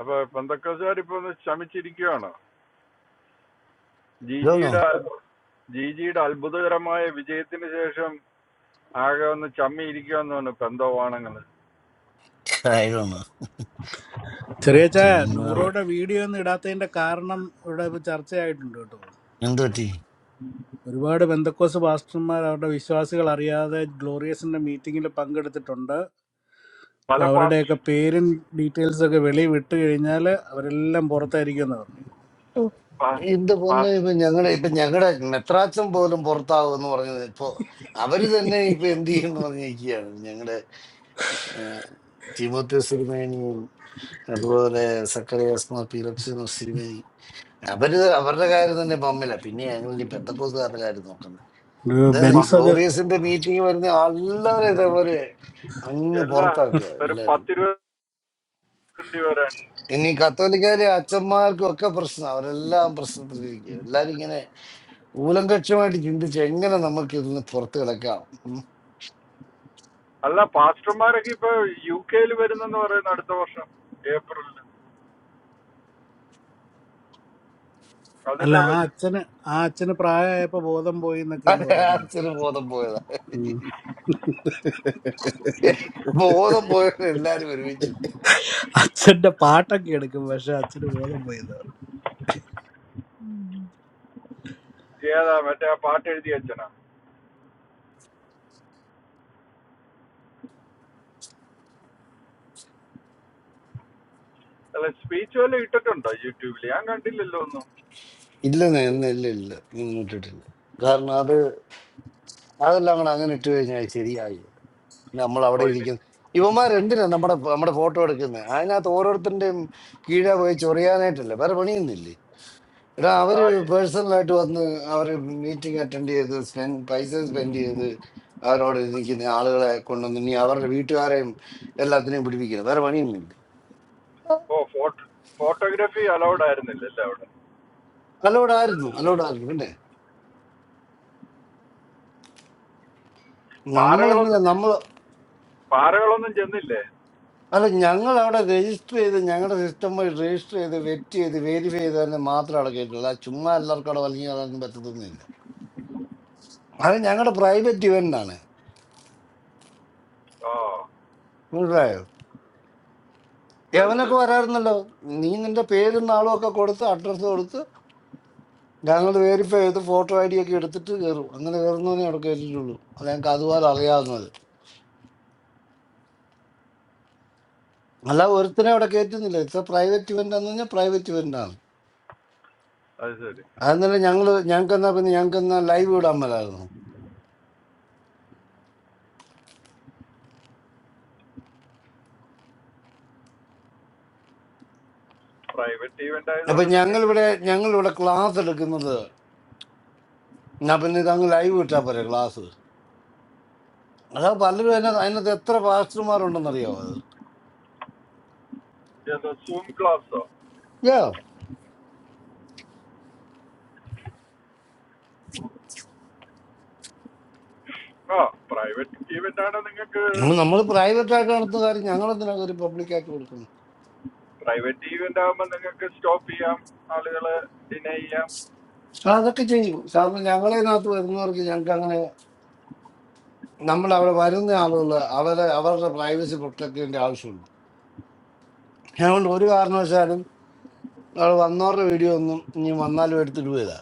[SPEAKER 2] അപ്പൊ പെന്തക്കോസുകാർ ഇപ്പൊ ഒന്ന് ശമിച്ചിരിക്കുകയാണ്
[SPEAKER 3] ഇതാണോ
[SPEAKER 2] ജിജിയുടെ ജിജിയുടെ അത്ഭുതകരമായ വിജയത്തിന് ശേഷം ആകെ ഒന്ന് ചമ്മി ഇരിക്കുകയെന്ന് പറഞ്ഞു പെന്തോവാണങ്ങൾ
[SPEAKER 1] ചെറിയച്ചാ
[SPEAKER 3] ചുമ്മാ
[SPEAKER 1] നൂറോടെ വീഡിയോ ഒന്നും ഇടാത്തതിന്റെ കാരണം ഇവിടെ ഇപ്പൊ ചർച്ചയായിട്ടുണ്ട് കേട്ടോ
[SPEAKER 3] എന്ത് പറ്റി
[SPEAKER 1] ഒരുപാട് ബന്ധക്കോസ് പാസ്റ്റർമാർ അവരുടെ വിശ്വാസികൾ അറിയാതെ ഗ്ലോറിയസിന്റെ മീറ്റിങ്ങിൽ പങ്കെടുത്തിട്ടുണ്ട് അപ്പൊ
[SPEAKER 2] പല പാർട്ടി
[SPEAKER 1] അവരുടെയൊക്കെ പേരും ഡീറ്റെയിൽസ് ഒക്കെ വെളി വിട്ട് കഴിഞ്ഞാൽ അവരെല്ലാം പുറത്തായിരിക്കും എന്ന് പറഞ്ഞിരിക്കുന്നത്
[SPEAKER 3] എന്റെ പൊന്നെ ഇപ്പൊ ഞങ്ങളുടെ ഇപ്പൊ ഞങ്ങളുടെ മെത്രാച്ചൻ പോലും പുറത്താവും എന്ന് പറഞ്ഞത് ഇപ്പൊ അവര് തന്നെ ഇപ്പൊ എന്ത് ചെയ്യും എന്ന് പറഞ്ഞിരിക്കുകയാണ് ഞങ്ങളുടെ തിമോത്യ സിരിമേനിയും അതുപോലെ സക്കറിയാസ് മാർ പീലക്സിനോ സിരിമേനി അവര് അവരുടെ കാര്യം തന്നെ പമ്മില്ല പിന്നെ ഞങ്ങൾ ഈ ബന്ധക്കോസുകാരുടെ കാര്യം നോക്കുന്നത്
[SPEAKER 1] ഒരു
[SPEAKER 3] അതാണ് ഈ
[SPEAKER 1] ബെൻസ് അത്
[SPEAKER 3] ഗ്ലോറിയസിന്റെ മീറ്റിംഗ് വരുന്ന എല്ലാവരും ഇതേപോലെ അങ്ങ്
[SPEAKER 2] എല്ലാ
[SPEAKER 3] പുറത്താക്കുക
[SPEAKER 2] ഒരു
[SPEAKER 3] എല്ലാവരും
[SPEAKER 2] പത്തിരുപത് വരെ
[SPEAKER 3] ഇനി കത്തോലിക്കാരെ അച്ഛന്മാർക്കും ഒക്കെ പ്രശ്നം അവരെല്ലാം പ്രശ്നത്തിലിരിക്കുക എല്ലാരും ഇങ്ങനെ മൂലങ്കക്ഷമായിട്ട് ചിന്തിച്ച് എങ്ങനെ നമുക്ക് ഇതിൽ നിന്ന് പുറത്ത് കിടക്കാം ഉം.
[SPEAKER 2] അല്ല പാസ്റ്റർമാരൊക്കെ ഇപ്പൊ യു കെയിൽ വരുന്നെന്ന് പറയുന്നു അടുത്ത വർഷം ഏപ്രിലിൽ
[SPEAKER 1] അല്ല
[SPEAKER 2] അതിന്
[SPEAKER 1] ആ
[SPEAKER 2] രജിസ്റ്റർ
[SPEAKER 1] അച്ഛന് ആ അച്ഛന് പ്രായമായപ്പോ ബോധം പോയി എന്നൊക്കെ ഇന്ന് പറയുന്നുണ്ട്
[SPEAKER 3] അച്ഛന് ബോധം പോയതാ
[SPEAKER 1] ഉം.
[SPEAKER 3] ബോധം പോയത് എല്ലാരും ഒരുമിച്ചിട്ട്
[SPEAKER 1] അച്ഛന്റെ പാട്ടൊക്കെ എടുക്കും പക്ഷെ അച്ഛന് ബോധം പോയി എന്ന് പറഞ്ഞു
[SPEAKER 2] ഏതാ മറ്റേ ആ പാട്ട് എഴുതി അച്ഛനാ അല്ല സ്പീച്ച് വല്ലതും ഇട്ടിട്ടുണ്ടോ യൂട്യൂബിൽ ഞാൻ കണ്ടില്ലല്ലോ ഒന്നും
[SPEAKER 3] ഇല്ലെന്ന് ഇന്ന് ഇല്ല ഇല്ല ഇന്ന് ഇട്ടിട്ടില്ല കാരണം അത് അതെല്ലാം കൂടെ അങ്ങനെ ഇട്ട് കഴിഞ്ഞാൽ ശരിയായി നമ്മൾ അവിടെ
[SPEAKER 2] ഓ ഇനി
[SPEAKER 3] ഇരിക്കുന്നു ഇവന്മാർ എന്തിനാ നമ്മുടെ നമ്മുടെ ഫോട്ടോ എടുക്കുന്നത് അതിനകത്ത് ഓരോരുത്തരുടെയും കീഴെ പോയി ചൊറിയാനായിട്ടല്ലേ വേറെ പണിയൊന്നുമില്ലേ എടാ
[SPEAKER 2] ആ,
[SPEAKER 3] അവര് പേഴ്സണലായിട്ട് വന്ന് അവര് മീറ്റിംഗ് അറ്റൻഡ് ചെയ്ത് സ്പെൻഡ് പൈസ സ്പെൻഡ് ചെയ്ത് അവരോട് നിൽക്കുന്ന ആളുകളെ കൊണ്ടുവന്ന് ഇനി അവരുടെ വീട്ടുകാരെയും എല്ലാത്തിനെയും പിടിപ്പിക്കണം വേറെ പണിയൊന്നുമില്ല
[SPEAKER 2] ഓ ഫോട്ടോ ഫോട്ടോഗ്രാഫി അലൗഡ് ആയിരുന്നില്ലല്ലേ അവിടെ
[SPEAKER 3] അലോടായിരുന്നു അലോടായിരുന്നു പിന്നെ നമ്മളെന്നല്ല
[SPEAKER 2] പാറകളൊന്നും
[SPEAKER 3] നമ്മൾ
[SPEAKER 2] പാറകളൊന്നും ചെന്നില്ലേ
[SPEAKER 3] അല്ല ഞങ്ങൾ അവിടെ രജിസ്റ്റർ ചെയ്ത് ഞങ്ങളുടെ സിസ്റ്റം വഴി രജിസ്റ്റർ ചെയ്ത് വെറ്റ് ചെയ്ത് വെരിഫൈ ചെയ്ത് തന്നെ മാത്രം അവിടെ കേട്ടുള്ളൂ ആ ചുമ്മാ എല്ലാവർക്കും അവിടെ വലിഞ്ഞു കളയാനൊന്നും പറ്റത്തൊന്നുമില്ല അത് ഞങ്ങളുടെ പ്രൈവറ്റ് ഇവന്റ് ആണ്
[SPEAKER 2] ഓ
[SPEAKER 3] മനസ്സിലായോ
[SPEAKER 2] അത്
[SPEAKER 3] എവനൊക്കെ
[SPEAKER 2] ശരി
[SPEAKER 3] വരാറുന്നല്ലോ നീ നിന്റെ പേരും നാളും ഒക്കെ കൊടുത്ത് അഡ്രസ്സ് കൊടുത്ത് ഞങ്ങൾ വെരിഫൈ ചെയ്ത് ഫോട്ടോ ഐ ഡി ഒക്കെ എടുത്തിട്ട് കയറും അങ്ങനെ കയറുന്നവനെ അവിടെ കയറ്റിയിട്ടുള്ളൂ അത് ഞങ്ങൾക്ക് അതുപോലെ അറിയാവുന്നത് അല്ല ഒരുത്തനെ അവിടെ കയറ്റുന്നില്ല ഇത്ര പ്രൈവറ്റ് ഇവന്റ് എന്ന് പറഞ്ഞാൽ പ്രൈവറ്റ് ഇവന്റ് ആണ്
[SPEAKER 2] അത് ശരി
[SPEAKER 3] അതെന്നല്ല ഞങ്ങൾ ഞങ്ങൾക്ക് എന്നാ പിന്നെ ഞങ്ങൾക്ക് എന്നാ ലൈവ് ഇടാൻ മേലായിരുന്നു
[SPEAKER 2] പ്രൈവറ്റ് ഈവന്റ്
[SPEAKER 3] അപ്പൊ
[SPEAKER 2] ആയതുകൊണ്ട്
[SPEAKER 3] ഞങ്ങളിവിടെ ഞങ്ങളിവിടെ ക്ലാസ് എടുക്കുന്നത് ഞാൻ പിന്നെ ഇതങ്ങ് ലൈവ് ഇട്ടാ പോരെ ക്ലാസ് അതാ പലരും അതിനകത്ത് അതിനകത്ത് എത്ര പാസ്റ്റർമാരുണ്ടെന്നറിയാവോ അത്
[SPEAKER 2] നിങ്ങൾക്ക് സൂം ക്ലാസ്സോ
[SPEAKER 3] യാ
[SPEAKER 2] ആ പ്രൈവറ്റ് ഈവന്റ് ആണ് നിങ്ങൾക്ക്
[SPEAKER 3] നമ്മൾ പ്രൈവറ്റ് ആയിട്ട് നടത്തുന്ന കാര്യം ഞങ്ങൾ എന്തിനാ ഒരു പബ്ലിക് ആയിട്ട് കൊടുക്കുന്നു
[SPEAKER 2] പ്രൈവറ്റ് ഈവന്റ് ആകുമ്പോൾ നിങ്ങൾക്ക് സ്റ്റോപ്പ് ചെയ്യാം ആളുകളെ ഡിനൈ ചെയ്യാം
[SPEAKER 3] ആ, അതൊക്കെ ചെയ്യും കാരണം ഞങ്ങളതിനകത്ത് വരുന്നവർക്ക് ഞങ്ങൾക്ക് അങ്ങനെ നമ്മൾ അവിടെ വരുന്ന ആളുകൾ അവരെ അവരുടെ പ്രൈവസി പ്രൊട്ടക്ട് ചെയ്യേണ്ട ആവശ്യമുണ്ട് അതുകൊണ്ട് ഒരു കാരണവശാലും അവിടെ വന്നവരുടെ വീഡിയോ ഒന്നും ഇനി വന്നാലും എടുത്തിടുകയില്ല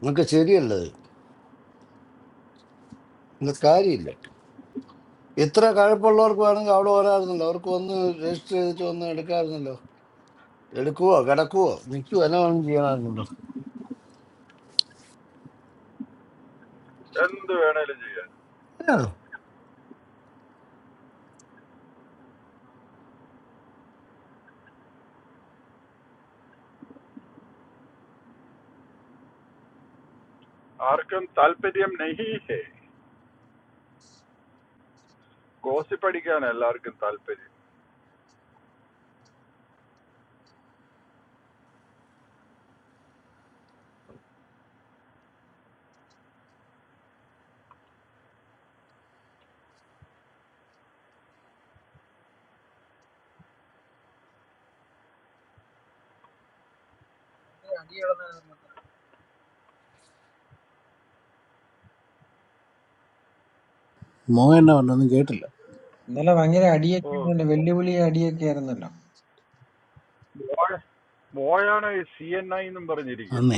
[SPEAKER 3] നിങ്ങൾക്ക് ശരിയല്ലത് ഇത് കാര്യമില്ല ഇത്ര കഴപ്പുള്ളവർക്ക് വേണമെങ്കിൽ അവിടെ വരാറുന്നല്ലോ അവർക്ക് വന്ന് രജിസ്റ്റർ ചെയ്തിട്ട് വന്ന് എടുക്കാറുന്നല്ലോ എടുക്കുവോ കിടക്കുവോ നിൽക്കുവോ എല്ലാം വേണമെങ്കിൽ ചെയ്യാറുണ്ടല്ലോ
[SPEAKER 2] എന്ത് വേണേലും ചെയ്യാം ആർക്കും താല്പര്യം നഹി ഹേ ഗോസിപ്പ് അടിക്കാൻ എല്ലാവർക്കും താല്പര്യം
[SPEAKER 1] മോൻ എന്നാ പറഞ്ഞു ഒന്നും കേട്ടില്ല
[SPEAKER 4] ഇന്നലെ ഭയങ്കര അടിയൊക്കെ
[SPEAKER 2] ഓ
[SPEAKER 4] ആയിരുന്നല്ലോ വെല്ലുവിളി അടിയൊക്കെ ആയിരുന്നല്ലോ
[SPEAKER 2] മോയ- മോയാണ് ഈ സി എൻ ഐ എന്നും
[SPEAKER 1] അന്നേ
[SPEAKER 2] പറഞ്ഞിരിക്കുന്നത്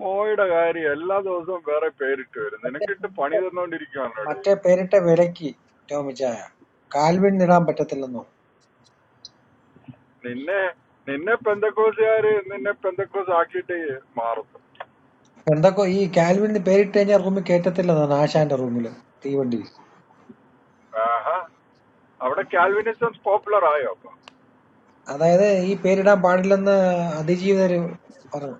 [SPEAKER 2] മോയുടെ കാര്യം എല്ലാ ദിവസവും വേറെ പേരിട്ട് വരും
[SPEAKER 4] മറ്റേ
[SPEAKER 2] നിനക്കിട്ട് പണി
[SPEAKER 4] പേരിട്ട
[SPEAKER 2] തന്നോണ്ടിരിക്കുവാണോടെ
[SPEAKER 4] മറ്റേ പേരിട്ട വിലക്ക് ടോമിച്ചായ കാൽവിൻ ഇടാൻ പറ്റത്തില്ലെന്ന് പറഞ്ഞു
[SPEAKER 2] നിന്നെ നിന്നെ പെന്തക്കോസുകാര് നിന്നെ പെന്തക്കോസ് ആക്കിയിട്ട് മാറുന്നു
[SPEAKER 4] എന്തൊക്കെ ഈ കാൽവിൻ പേരിട്ട് കഴിഞ്ഞാൽ റൂമിൽ കയറ്റത്തില്ലെന്നാണ് ആശാന്റെ റൂമിൽ തീവണ്ടിയിൽ
[SPEAKER 2] ആഹാ അവിടെ കാൽവിനിസം പോപ്പുലർ ആയോ അപ്പൊ
[SPEAKER 4] അതായത് ഈ പേരിടാൻ പാടില്ലെന്ന് അതിജീവിതര് പറഞ്ഞു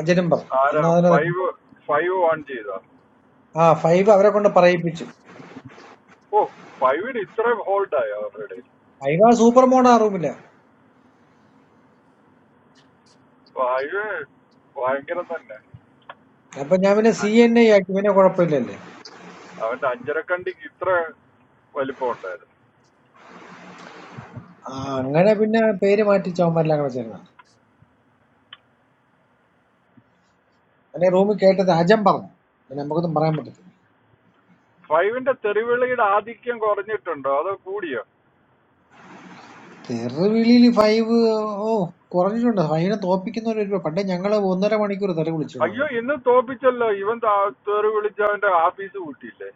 [SPEAKER 4] അജനും പറഞ്ഞു
[SPEAKER 2] ആരാ
[SPEAKER 4] അന്ന് അതിനെ
[SPEAKER 2] ഫൈവ് ഫൈവ് വൺ ചെയ്ത
[SPEAKER 4] ആ ഫൈവ് അവരെ കൊണ്ട് പറയിപ്പിച്ചു
[SPEAKER 2] ഓ ഫൈവിന് ഇത്രയും ഹോൾഡ് ആയോ അവരുടെ
[SPEAKER 4] ഫൈവ് ആ സൂപ്പർ മോണാ റൂമില്
[SPEAKER 2] ഫൈവ് ഭയങ്കരം തന്നെ
[SPEAKER 4] അപ്പൊ ഞാൻ പിന്നെ സി എൻ ഐ ആക്കി പിന്നെ കുഴപ്പമില്ലല്ലേ
[SPEAKER 2] അവന്റെ അഞ്ചരക്കണ്ടിക്ക് ഇത്ര വലിപ്പം ഉണ്ടായിരുന്നു
[SPEAKER 4] ആ അങ്ങനെ പിന്നെ പേര് മാറ്റി ചോമരെല്ലാം കൂടെ ചേർന്നു പിന്നെ റൂമിൽ കേട്ടത് ഹജം പറഞ്ഞു പിന്നെ നമുക്കൊന്നും പറയാൻ പറ്റത്തില്ല
[SPEAKER 2] ഫൈവിന്റെ തെറിവിളിയുടെ ആധിക്യം കുറഞ്ഞിട്ടുണ്ടോ അതോ കൂടിയോ
[SPEAKER 4] തെറുവിളിയിൽ ഫൈവ് ഓ കുറഞ്ഞിട്ടുണ്ട് ഫൈവിനെ തോപ്പിക്കുന്നവരൊരു പണ്ടേ ഞങ്ങള് ഒന്നര മണിക്കൂർ തെറി വിളിച്ചിട്ടുണ്ട്
[SPEAKER 2] അയ്യോ
[SPEAKER 4] അങ്ങോട്ട്
[SPEAKER 2] ഇന്ന് തോപ്പിച്ചല്ലോ ഇവൻ താ- തെറി വിളിച്ച് അവന്റെ ആഫീസ് കൂട്ടിയില്ലേ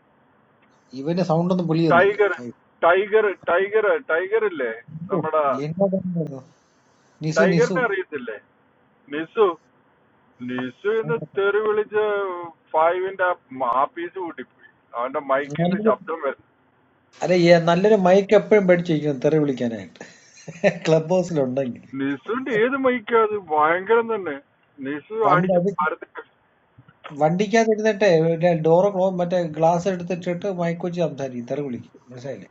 [SPEAKER 4] ഇവന്റെ സൗണ്ട് ഒന്നും പുള്ളി തന്നില്ല
[SPEAKER 2] tiger
[SPEAKER 4] five
[SPEAKER 2] tiger tiger tiger ഇല്ലേ
[SPEAKER 4] ഓ,
[SPEAKER 2] നമ്മുടെ
[SPEAKER 4] എന്നതാ? നിസു നിസു
[SPEAKER 2] ടൈഗറിനെ അറിയത്തില്ലേ നിസു ലിസു ഇന്ന് തെറി വിളിച്ച് ഫൈവിന്റെ ആ പീസ് കൂട്ടിപ്പോയി അവന്റെ മൈക്കിൽ നിന്ന്
[SPEAKER 4] നല്ലൊരു-
[SPEAKER 2] ശബ്ദം വരും
[SPEAKER 4] അല്ല ഏ- നല്ലൊരു മൈക്ക് എപ്പോഴും പേടിച്ചിരിക്കണം തെറി വിളിക്കാനായിട്ട് ക്ലബ് ഹൗസിലുണ്ടെങ്കിൽ
[SPEAKER 2] ലിസുവിന്റെ ഏത് മൈക്കാ അത് ഭയങ്കരം തന്നെ ലിസു
[SPEAKER 4] വണ്ടി
[SPEAKER 2] അടിച്ച്
[SPEAKER 4] അത്
[SPEAKER 2] പരത്തി കഷ്ടിച്ചു.
[SPEAKER 4] വണ്ടിക്കകത്തിരുന്നിട്ടേ ഡോറ് ക്ലോ മറ്റേ ഗ്ലാസ് എടുത്തിട്ടിട്ട് മൈക്ക് വെച്ച് സംസാരിക്കും തെറി വിളിക്കും മനസ്സിലായില്ലേ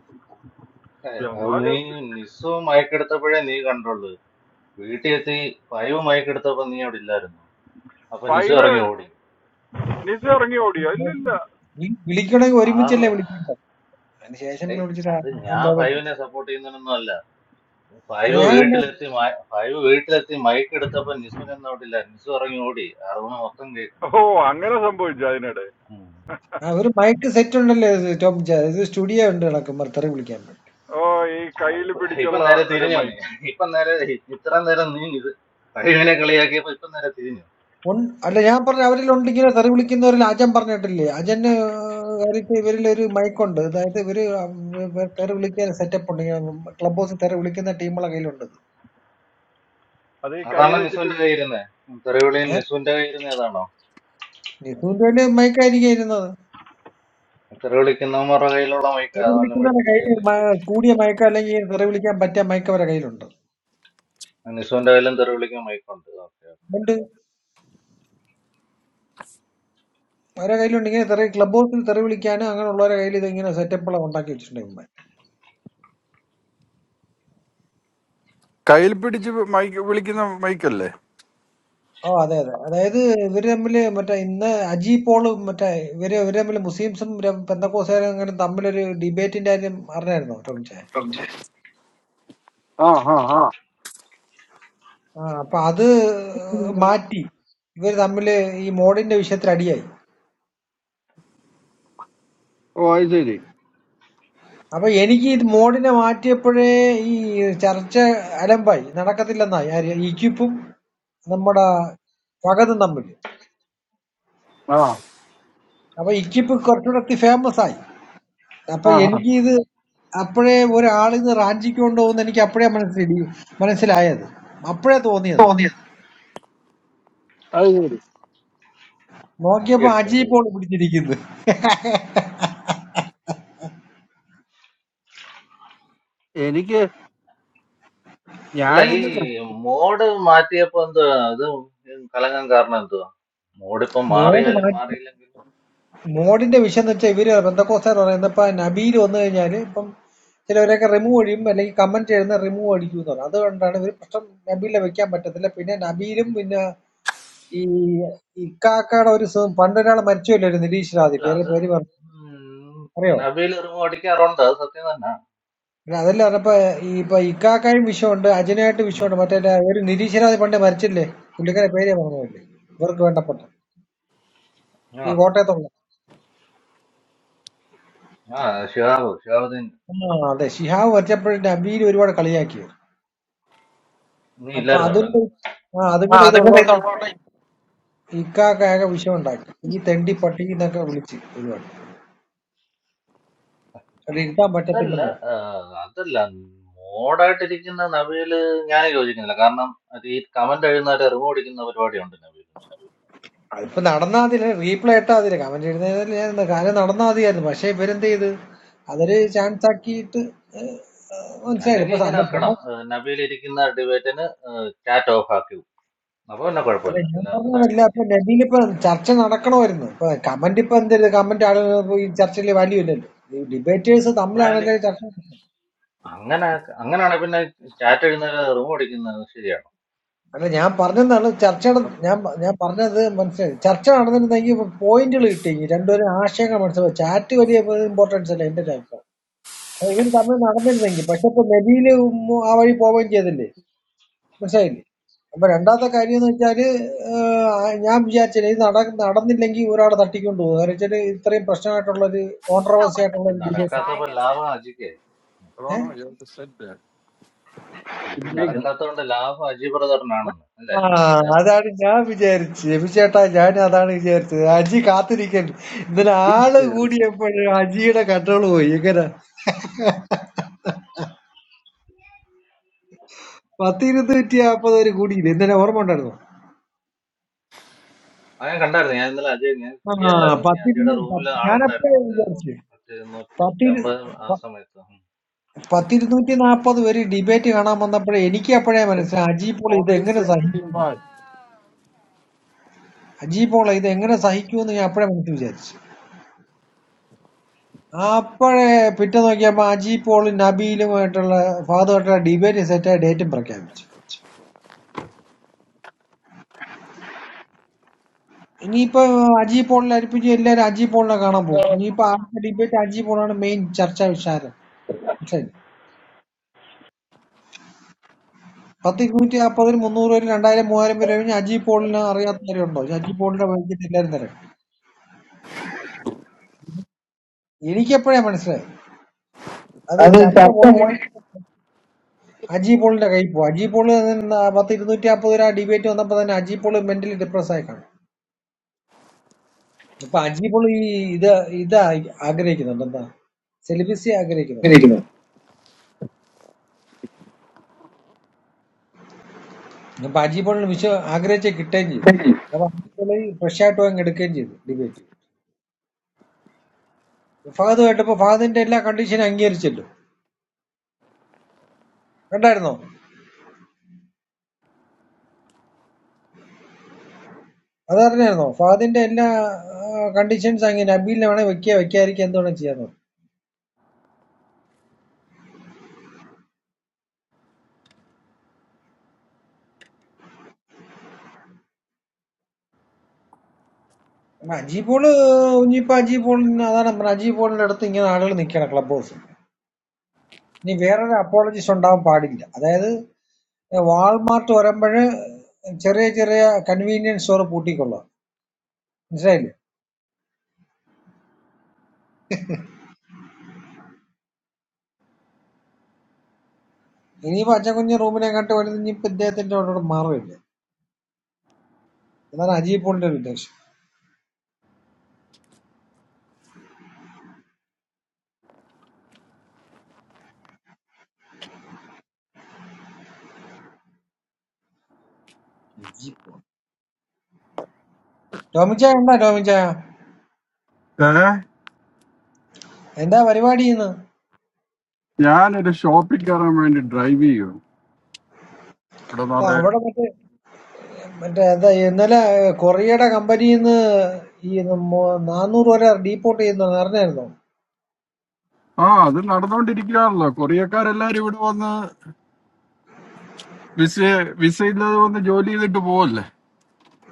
[SPEAKER 5] അത് നീ
[SPEAKER 2] എന്നാലും
[SPEAKER 5] നിസ്സു മയക്കെടുത്തപ്പോഴേ നീ കണ്ടുള്ളൂ വീട്ടിൽ എത്തി ഫൈവ് മയക്കെടുത്തപ്പോ നീ അവിടെ ഇല്ലായിരുന്നു അപ്പൊ നിസ്സു
[SPEAKER 2] ഫൈവ്
[SPEAKER 5] ഇറങ്ങി ഓടി
[SPEAKER 2] ലിസു ഇറങ്ങി ഓടിയോ ഇല്ലില്ല
[SPEAKER 4] വി- വിളിക്കണമെങ്കിൽ
[SPEAKER 5] ആറ്
[SPEAKER 4] ഒരുമിച്ചല്ലേ വിളിക്കണ്ട അതിനുശേഷം പിന്നെ
[SPEAKER 5] ഏയ്
[SPEAKER 4] വിളിച്ചിട്ട് ആ-
[SPEAKER 5] അത്
[SPEAKER 4] ആ
[SPEAKER 5] ഞാൻ
[SPEAKER 4] ഭാവി-
[SPEAKER 5] ഫൈവിനെ സപ്പോർട്ട് ചെയ്യുന്നതിനൊന്നും അല്ല
[SPEAKER 4] അത്
[SPEAKER 5] ഫൈവ്
[SPEAKER 4] ഞാൻ കണ്ട
[SPEAKER 5] വീട്ടിലെത്തി മയ- ഫൈവ് വീട്ടിലെത്തി മയക്കെടുത്തപ്പോ നിസ്സുവിനൊന്നും അവിടെ ഇല്ല നിസ്സു ഇറങ്ങി ഓടി അറിവിന് മൊത്തം കേൾക്കുന്നു
[SPEAKER 2] ഓ അങ്ങനെ സംഭവിച്ചു അതിനിടെ
[SPEAKER 5] ഉം.
[SPEAKER 4] ആ ഒരു മൈക്ക് സെറ്റ് ഉണ്ടല്ലോ ഇത് ടോം ജെ, ഇത് സ്റ്റുഡിയോ ഉണ്ട് നടക്കുമ്പോൾ തെറി വിളിക്കാൻ വേണ്ടി
[SPEAKER 2] ഓ ഈ
[SPEAKER 5] ആ
[SPEAKER 2] കയ്യിൽ
[SPEAKER 5] ഇപ്പൊ ഇപ്പൊ
[SPEAKER 2] പിടിച്ചുള്ള
[SPEAKER 5] നേരെ
[SPEAKER 2] ഒരു
[SPEAKER 5] തിരിഞ്ഞോ നീ
[SPEAKER 2] മൈക്ക്
[SPEAKER 5] ഇപ്പൊ നേരെ ഇത്ര നേരം നീ ഇത് ഫൈവിനെ കളിയാക്കിയപ്പോ ഇപ്പൊ നേരെ തിരിഞ്ഞു
[SPEAKER 4] ഉൺ- അല്ല ഞാൻ പറഞ്ഞ അവരിൽ ഉണ്ട് ഇങ്ങനെ തെറി വിളിക്കുന്നവരിൽ അജൻ പറഞ്ഞിട്ടില്ലേ, അജന് കാര്യത്തിൽ ഇവരിൽ ഒരു മൈക്കുണ്ട്, അതായത് ഇവര് വ- വ- തെറി വിളിക്കാൻ സെറ്റപ്പ് ഉണ്ട്, ക്ലബ് ഹൗസ് തെറി വിളിക്കുന്ന ടീമുകളെ കയ്യിലുണ്ട് ഇത്.
[SPEAKER 2] അത് ഈ കൈ
[SPEAKER 5] അതാണോ
[SPEAKER 2] വെച്ചിട്ട്
[SPEAKER 5] നിസ്സുവിന്റെ കയ്യിരുന്നേ തെറിവിളിയിൽ
[SPEAKER 4] ഏ
[SPEAKER 5] നിസ്സുവിന്റെ കയ്യിരുന്നേ അതാണോ
[SPEAKER 4] നിസൂന്റെ കയ്യില് മൈക്കായിരിക്കും ഇരുന്നത്,
[SPEAKER 5] തെറി വിളിക്കുന്നവന്മാരുടെ കയ്യിലുള്ള മൈക്ക്
[SPEAKER 4] തെറി
[SPEAKER 5] അതന്നെ
[SPEAKER 4] വിളിക്കുന്നവരുടെ
[SPEAKER 5] മേടിച്ചു
[SPEAKER 4] കയ്യിൽ
[SPEAKER 5] വെച്ചില്ലേ
[SPEAKER 4] മ- കൂടിയ മയക്ക അല്ലെങ്കിൽ തെറി വിളിക്കാൻ പറ്റിയ മയക്ക അവരുടെ കയ്യിലുണ്ട്,
[SPEAKER 5] നിസുവിന്റെ കയ്യിലും തെറി വിളിക്കാൻ മൈക്കുണ്ട് ഓക്കെ
[SPEAKER 4] ഉണ്ട് അവരുടെ കയ്യിലുണ്ട്. ഇങ്ങനെ തെറി ക്ലബ് ഹൗസിൽ തെറി വിളിക്കാനും അങ്ങനെയുള്ളവരുടെ കയ്യിൽ ഇതിങ്ങനെ സെറ്റപ്പുകൾ ഉണ്ടാക്കി വെച്ചിട്ടുണ്ട്.
[SPEAKER 2] കയ്യിൽ പിടിച്ച് മൈക്ക് വിളിക്കുന്ന മൈക്കല്ലേ
[SPEAKER 4] Oh, that is. That is the very much. Like, now Ajipol, much. Like, very, very much. Like Muslims and many people are having a debate in that. That is. Ah, so that Marty, very much. Like, this modern issue is ready.
[SPEAKER 2] ഓ അത് ശരി
[SPEAKER 4] But even if this modern Marty, how come this church is not by? I don't know. There is a Ekipu, our. Forgotten number.
[SPEAKER 2] ആ
[SPEAKER 4] But Ekipu culture is very famous. അപ്പൊ
[SPEAKER 2] ആ ആ
[SPEAKER 4] എനിക്കിത് അപ്പഴേ ഒരാളിത് റാഞ്ചിക്കൊണ്ട് പോകുന്ന എനിക്ക് അപ്പഴേ മനസ്സിലി മനസ്സിലായത് അപ്പഴേ തോന്നിയത്
[SPEAKER 2] അത് ശരി
[SPEAKER 5] അരി
[SPEAKER 4] നോക്കിയപ്പോ അജി
[SPEAKER 5] അടിച്ചോണ്ട് പോയി
[SPEAKER 4] പോൾ പിടിച്ചിരിക്കുന്നത്
[SPEAKER 2] എനിക്ക്
[SPEAKER 5] അല്ല ഈ
[SPEAKER 2] ഞാൻ
[SPEAKER 5] മോഡ് മാറ്റിയപ്പോ എന്തുവാ അത് കലങ്ങാൻ കാരണം എന്തുവാ മോഡ് ഇപ്പൊ
[SPEAKER 4] മോഡ്
[SPEAKER 5] മാറിയാലും
[SPEAKER 4] മാറ്റി
[SPEAKER 5] മാറിയില്ലെങ്കിലും
[SPEAKER 4] മോഡിന്റെ വിഷയം എന്ന് വെച്ചാൽ ഇവര് ബന്ധക്കോസ്റ്റാർ പറയുന്നത് ഇപ്പൊ നബീൽ വന്നു കഴിഞ്ഞാല് ഇപ്പം ചിലവരൊക്കെ റിമൂവ് അടിയും അല്ലെങ്കിൽ കമന്റ് ചെയ്യുന്ന റിമൂവ് അടിക്കും എന്ന് പറയും അതുകൊണ്ടാണ് ഇവര് പ്രശ്നം നബീലിനെ വെക്കാൻ പറ്റത്തില്ല പിന്നെ നബീലും പിന്നെ ഈ ഇക്കാക്കയുടെ ഒരു സു- പണ്ടൊരാൾ മരിച്ചുവല്ലോ ഒരു നിരീശ്വരാതി
[SPEAKER 5] അല്ല
[SPEAKER 4] പേര്
[SPEAKER 5] അത്
[SPEAKER 4] പേര് പറഞ്ഞു അറിയോ
[SPEAKER 5] നബീൽ ഇറങ്ങും അടിക്കാറുണ്ട് അത് സത്യം തന്നെ
[SPEAKER 4] അതല്ല പറഞ്ഞപ്പോ ഈ ഇപ്പൊ ഇക്കാക്കായും വിഷമുണ്ട്, അജനായിട്ട്
[SPEAKER 5] ഉം.
[SPEAKER 4] വിഷമുണ്ട്. മറ്റേ ആ ഒരു നിരീശ്വരാതി പണ്ട് മരിച്ചില്ലേ, പുള്ളിക്കാരെ പേര് ഞാൻ പറഞ്ഞില്ലേ, ഇവർക്ക് വേണ്ടപ്പെട്ട
[SPEAKER 5] ആ
[SPEAKER 4] ഈ കോട്ടയത്തുള്ള
[SPEAKER 5] ആ ഷിഹാബ് ഷിഹാബുദ്ദീൻ
[SPEAKER 4] ആ അതെ ശിഹാബ് മരിച്ചപ്പോഴും നബീൽ ഒരുപാട് കളിയാക്കിയത്.
[SPEAKER 5] നീ
[SPEAKER 4] അപ്പൊ
[SPEAKER 5] ഇല്ലായിരുന്നു
[SPEAKER 4] അതിന്റെ
[SPEAKER 5] ഇവിടെ
[SPEAKER 4] ആ അതും കൂടെ ഇതുള്ളതുകൊണ്ട് ഇക്ക- ഇക്കാക്കായ വിഷയം ഉണ്ടാക്കി ഈ തെണ്ടി പട്ടി എന്നൊക്കെ വിളിച്ച് ഒരുപാട് അത് ഇരുത്താൻ
[SPEAKER 5] അതല്ല
[SPEAKER 4] പറ്റത്തില്ലെന്നോ.
[SPEAKER 5] ആഹ് അതല്ല മോഡായിട്ടിരിക്കുന്ന നവീല് ഞാൻ യോജിക്കുന്നില്ല കാരണം അത് ഈ കമന്റ് എഴുതുന്നവരെ റിമൂവ് അടിക്കുന്ന പരിപാടിയുണ്ട് നവീലിന്
[SPEAKER 4] അതിപ്പോ നടന്നാ അതില്ല, റീപ്ലേ ഇട്ടാ അതില്ല, കമന്റ് എഴുതുന്നതിൽ ഞാൻ എന്താ കാര്യം നടന്നാ മതിയായിരുന്നു. പക്ഷെ ഇവരെന്ത് ചെയ്ത് അതൊരു ചാൻസ് ആക്കിയിട്ട് ഏഹ്, മനസ്സിലായില്ല.
[SPEAKER 5] അല്ലെങ്കിൽ
[SPEAKER 4] ഇപ്പൊ
[SPEAKER 5] ഇങ്ങനെ ആക്കണം
[SPEAKER 4] അല്ല
[SPEAKER 5] നബീൽ ഇരിക്കുന്ന ഡിബേറ്റിന് ചാറ്റ് ഓഫ് ആക്കി വിടും. അപ്പൊ പിന്നെ
[SPEAKER 4] I
[SPEAKER 5] കുഴപ്പമില്ല
[SPEAKER 4] mean, I am
[SPEAKER 5] എല്ലാവർക്കും താഴെ
[SPEAKER 4] saying that
[SPEAKER 5] ഇരിക്കാം
[SPEAKER 4] in the navy, the church is not only. Commenting on the comment, or going to the church for value. Debaters are also
[SPEAKER 5] വാല്-
[SPEAKER 4] there. Church,
[SPEAKER 5] അങ്ങനെ അങ്ങനെയാണെങ്കിൽ പിന്നെ ചാറ്റ് എഴുതുന്നവരെ റിമൂവ് അടിക്കുന്നത് ശരിയാണോ
[SPEAKER 4] I mean, I am saying that church. I am saying that church. Church is not only that. Point is important. Two are important. Important is important. Important is important. Important is important. Important is important. Important is important. മനസ്സിലായില്ലേ? അപ്പൊ രണ്ടാമത്തെ കാര്യംന്ന് വെച്ചാല് ഏഹ് ആ ഞാൻ വിചാരിച്ചില്ല ഇത് നട നടന്നില്ലെങ്കി ഒരാള് തട്ടിക്കൊണ്ട് പോകും. കാരണം വെച്ചാല് ഇത്രയും പ്രശ്നമായിട്ടുള്ളൊരു
[SPEAKER 5] ഉം.
[SPEAKER 4] കോൺട്രവേഴ്സി
[SPEAKER 5] ഇത്
[SPEAKER 4] ആയിട്ടുള്ളൊരു ഡിബേറ്റാണ്.
[SPEAKER 5] നടക്കാത്തപ്പോ ലാഭം അജിക്കായി
[SPEAKER 4] ഏഹ്?
[SPEAKER 5] ഇത് നടക്കാത്തതുകൊണ്ട് ലാഭം അജി ബ്രദറിനാണെന്ന് അല്ലേ
[SPEAKER 4] ആ
[SPEAKER 5] നീ പറഞ്ഞത്
[SPEAKER 4] അതാണ് ഞാൻ വിചാരിച്ചത്. ബിചേട്ടാ ഞാൻ അതാണ് വിചാരിച്ചത്. അജി കാത്തിരിക്കുന്നു. ഇന്നലെ ആള് കൂടിയപ്പോഴ് അജിയുടെ കൺട്രോൾ പോയി. എങ്ങനെ? പത്തിരുന്നൂറ്റി അമ്പത് വരെ കൂടിയില്ലേ? ഇന്നലെ ഓർമ്മ ഉണ്ടായിരുന്നു.
[SPEAKER 5] ആ ഞാൻ കണ്ടായിരുന്നു ഞാൻ ഇന്നലെ അജയ് ഞാൻ
[SPEAKER 4] ആ
[SPEAKER 5] ഫ്രീ അല്ലായിരുന്നു ഞാൻ അജിയുടെ
[SPEAKER 4] പത്തിരുന്ന്
[SPEAKER 5] റൂമിൽ
[SPEAKER 4] പത്ത് ഞാനപ്പോഴേ
[SPEAKER 5] ആളുണ്ടായിരുന്നു
[SPEAKER 4] വിചാരിച്ചു.
[SPEAKER 5] മറ്റേ നൂറ്റമ്പത് ആ
[SPEAKER 4] പത്തിരു
[SPEAKER 5] സമയത്ത്
[SPEAKER 4] പത്തിരുന്നൂറ്റി നാപ്പത് പേര് ഡിബേറ്റ് കാണാൻ വന്നപ്പോഴേ എനിക്ക് അപ്പോഴേ മനസ്സിലായി അജി പോൾ ഇത്
[SPEAKER 2] already
[SPEAKER 4] എങ്ങനെ
[SPEAKER 2] sent to the
[SPEAKER 4] സഹിക്കും അജി പോൾ ഇത് എങ്ങനെ സഹിക്കുമെന്ന് ഞാൻ അപ്പോഴേ മനസ്സിൽ വിചാരിച്ചു അപ്പോഴേ പിറ്റേ നോക്കിയപ്പോ അജി പോളും നബീലുമായിട്ടുള്ള ഫാദുമായിട്ടുള്ള ഡിബേറ്റ് സെറ്റായ ഡേറ്റും പ്രഖ്യാപിച്ചു ഇനിയിപ്പോ അജി പോളിൽ അരിപ്പിച്ച് എല്ലാവരും അജി പോളിനെ കാണാൻ പോകും ഇനിയിപ്പോ ആ ഡിബേറ്റ് അജി പോളാണ് മെയിൻ ചർച്ചാ വിഷയം ശരി പത്ത് ഇരുന്നൂറ്റി മുന്നൂറ് പേര് രണ്ടായിരം മൂവായിരം പേര് കഴിഞ്ഞ് അജി അറിയാത്തവരുണ്ടോ അജി വഴിക്ക് എല്ലാവരും തരാം എനിക്കെപ്പോഴേ മനസ്സിലായി അത്
[SPEAKER 2] അത്
[SPEAKER 4] ചർച്ച
[SPEAKER 2] ചർച്ച
[SPEAKER 4] പോയി കഴിഞ്ഞ
[SPEAKER 2] പോയി
[SPEAKER 4] അജി പോളിന്റെ കൈ പോകും അജി പോള് തന്നെ പത്ത് ഇരുന്നൂറ്റി അമ്പത് രൂപ ഡിബേറ്റ് വന്നപ്പോ തന്നെ അജി പോള് മെന്റലി ഡിപ്രസ് ആയി കാണും ഇപ്പൊ അജി പോള് ഈ ഇത് ഇതാ ആഗ്രഹിക്കുന്നുണ്ട് എന്താ സെലിബസി ആഗ്രഹിക്കുന്നു
[SPEAKER 2] ഇങ്ങനെ ഇരിക്കുന്നു
[SPEAKER 4] അപ്പൊ അജി പോളിന് വിശ്വ ആഗ്രഹിച്ച കിട്ടുകയും ചെയ്തു
[SPEAKER 2] ശരി.
[SPEAKER 4] അപ്പൊ അജി പോള് ഫ്രഷ് ആയിട്ട് പോയി അങ്ങ് എടുക്കുകയും ചെയ്തു ഡിബേറ്റ് ഫഹദ് കേട്ടപ്പോ ഫഹദിന്റെ എല്ലാ കണ്ടീഷനും അംഗീകരിച്ചല്ലോ കണ്ടായിരുന്നോ അതറിഞ്ഞായിരുന്നോ ഫഹദിന്റെ എല്ലാ കണ്ടീഷൻസ് അങ്ങനെ നബീലിനെ വേണേ വെക്കുക വെക്കാതിരിക്കുക എന്ത് വേണേ ചെയ്യാൻ Majipol, Nipa Jipol, another Majipol, another thing in Adel Nikan Club Boss. Never apologies on down party. That Walmart or a Cherry convenience store puticola. Israel. Any Vachakunya Romana canto and Nipet death and order married. Then Ajipol leaders. Domicha and Domicha.
[SPEAKER 2] ഏ
[SPEAKER 4] And the very body in
[SPEAKER 2] ഞാനൊരു ഷോപ്പിൽ കയറാൻ വേണ്ടി ഡ്രൈവ് ചെയ്യും ഇവിടെ നിറയെ
[SPEAKER 4] the Korea company in the Nanur or depot in the Narnel.
[SPEAKER 2] ആ അത് നടന്നുകൊണ്ടിരിക്കുകയാണല്ലോ കൊറിയക്കാരെല്ലാരും ഇവിടെ വന്ന് വിസ വിസ ഇല്ലാതെ വന്ന് ജോലി ചെയ്തിട്ട് പോവല്ലേ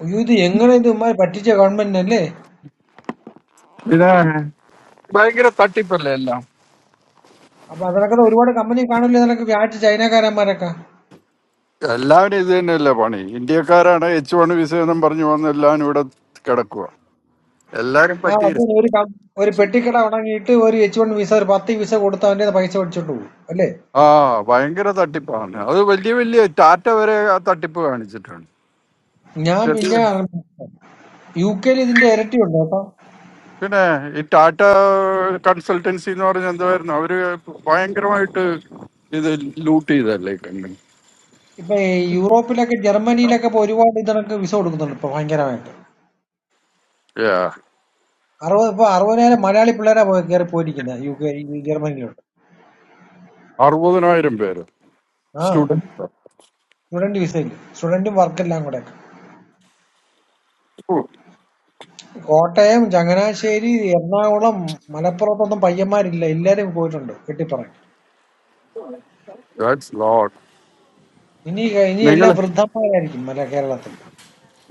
[SPEAKER 4] അയ്യോ! ഇത് എങ്ങനെ ഇത് ഇമ്മാരി പറ്റിച്ച ഗവൺമെന്റിനെ അല്ലേ?
[SPEAKER 2] ഇത് ഭയങ്കര തട്ടിപ്പല്ലേ എല്ലാം
[SPEAKER 4] അപ്പൊ അതിനൊക്കെ ഒരുപാട് കമ്പനി കാണൂലേ ഇതിനൊക്കെ വ്യാജ ചൈനക്കാരന്മാരൊക്കെ.
[SPEAKER 2] എല്ലാവരും ഇത് തന്നെയല്ലേ പണി ഇന്ത്യക്കാരാണ് എച്ച് വൺ വിസ എന്നും പറഞ്ഞു വന്ന് എല്ലാവരും ഇവിടെ കിടക്കുക എല്ലാരും
[SPEAKER 4] ആ
[SPEAKER 2] പറ്റീര
[SPEAKER 4] അത് ഒരു കം- ഒരു പെട്ടിക്കട ഉണങ്ങിയിട്ട് ഒരു എച്ച് വൺ വിസ ഒരു പത്ത് വിസ കൊടുത്ത അവന്റെ കയ്യിന്ന് പൈസ മേടിച്ചോണ്ട് പോകും അല്ലേ?
[SPEAKER 2] ആ ഭയങ്കര തട്ടിപ്പാണ് അത് വലിയ വലിയ ടാറ്റ വരെ ആ തട്ടിപ്പ് കാണിച്ചിട്ടുണ്ട്
[SPEAKER 4] ഞാൻ പിന്നെ യു കെയിൽ ഇതിന്റെ ഇരട്ടിയുണ്ട് കേട്ടോ.
[SPEAKER 2] പിന്നെ ഈ ടാറ്റ കൺസൾട്ടൻസി എന്ന് പറഞ്ഞ എന്തായിരുന്നു അവര് ഭയങ്കരമായിട്ട് ഇത് ലൂട്ട് ചെയ്തല്ലേ കണ്ടു
[SPEAKER 4] ഇപ്പൊ ഈ യൂറോപ്പിലൊക്കെ ജർമ്മനിയിലൊക്കെ ഇപ്പൊ ഒരുപാട് ഇതിനൊക്കെ വിസ കൊടുക്കുന്നുണ്ട് ഇപ്പൊ ഭയങ്കരമായിട്ട്. അറുപത് ഇപ്പൊ അറുപതിനായിരം മലയാളി പിള്ളേരാ പോയി കയറി പോയിരിക്കുന്നത് യു കെ ഈ ജർമ്മനിയിലോട്ട്.
[SPEAKER 2] അറുപതിനായിരം പേര്
[SPEAKER 4] ആ
[SPEAKER 2] സ്റ്റുഡൻസ്
[SPEAKER 4] സ്റ്റുഡന്റ് വിസയിൽ സ്റ്റുഡന്റും വർക്കെല്ലാം കൂടെ What time? Jangan a series. Erna oram. Malappuram or something. Payamari. Illa eri goythundo. Ketti paran.
[SPEAKER 2] That's lot
[SPEAKER 4] Ini ga ini
[SPEAKER 2] നിങ്ങൾ
[SPEAKER 4] erla vrutham payaliki. Malakeralathu.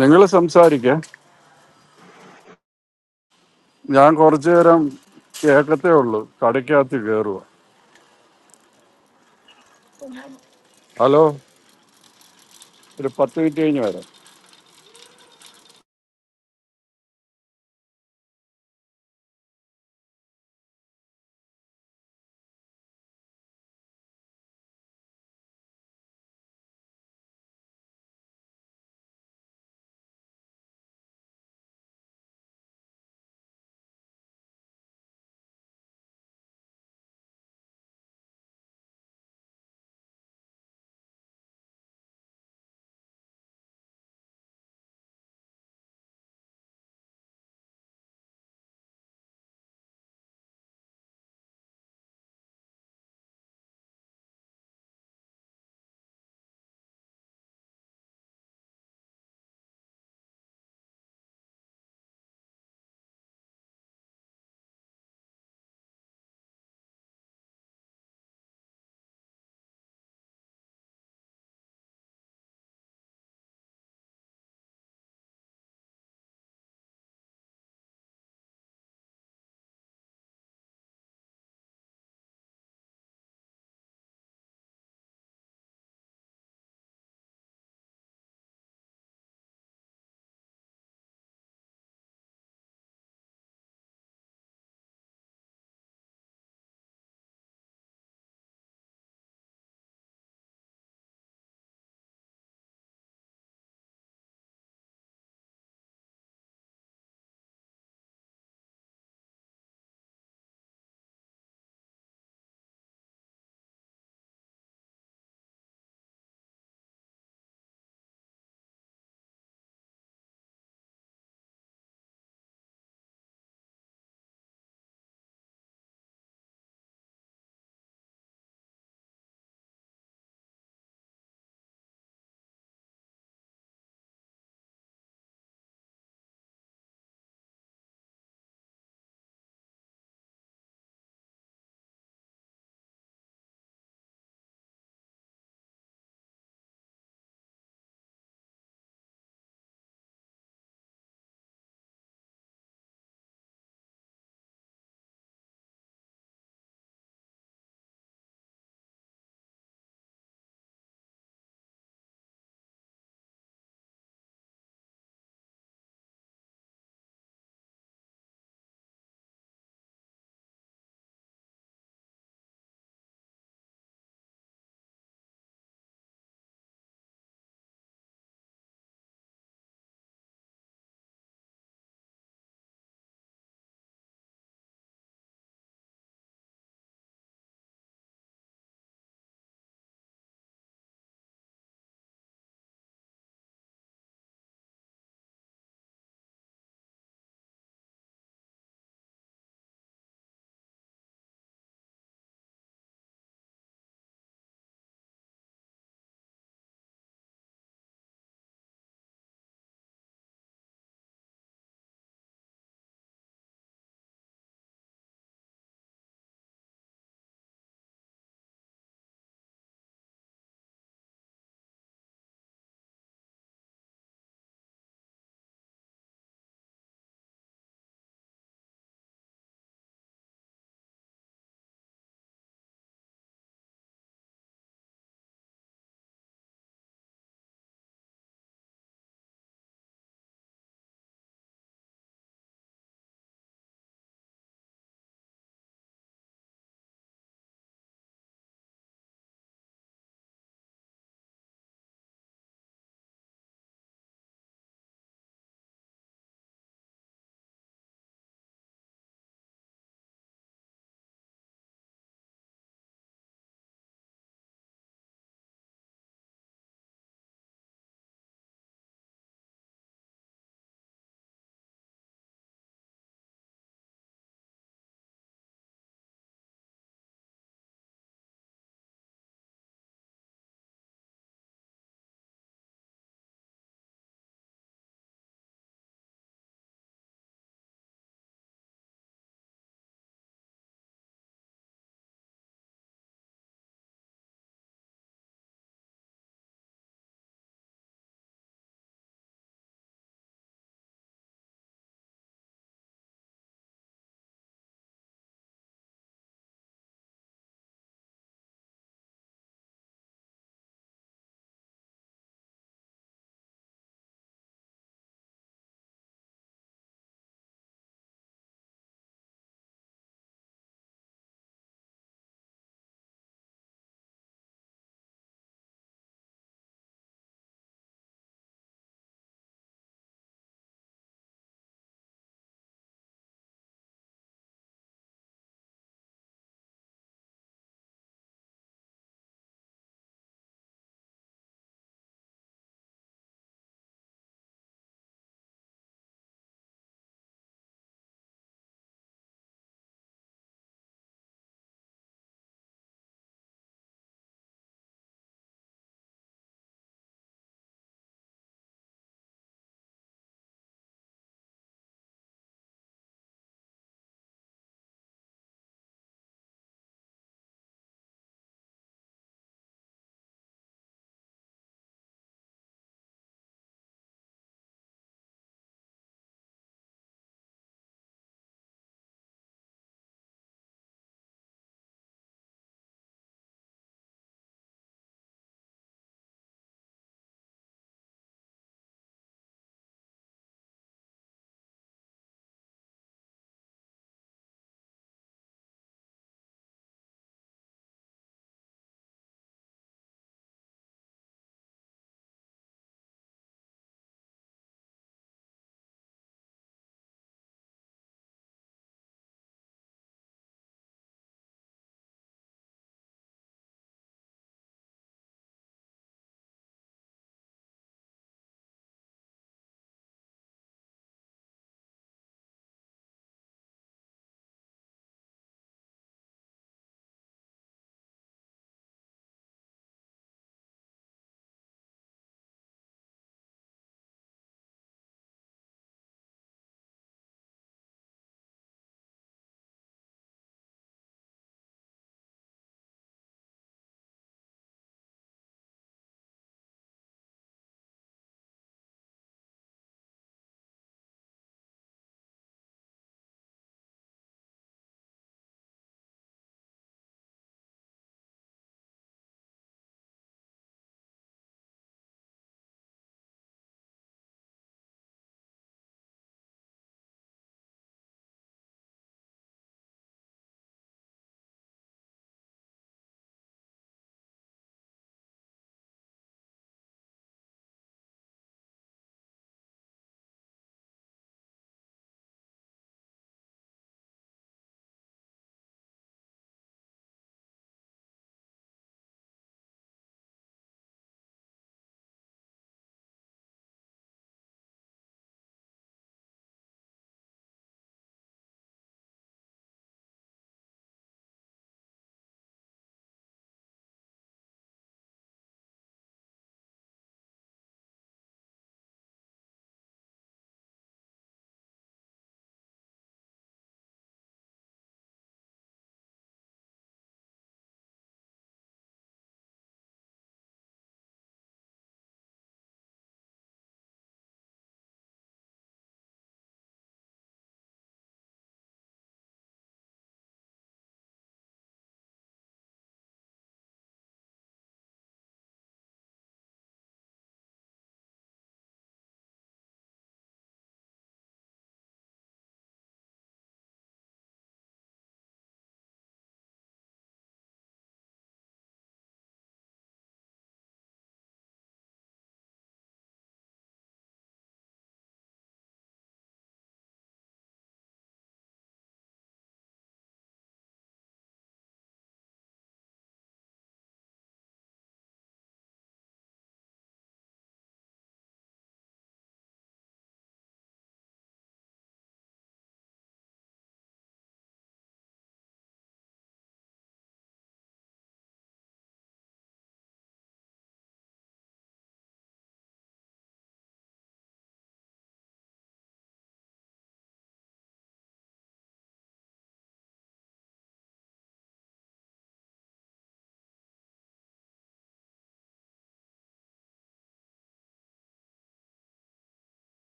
[SPEAKER 2] നിങ്ങൾ സംസാരിക്ക ഞാൻ കുറച്ചു നേരം കേൾക്കത്തേ ഉള്ളൂ കടയ്ക്കകത്ത് കയറുക ഹലോ ഒരു പത്ത് മിനിറ്റ് കഴിഞ്ഞ് വരാം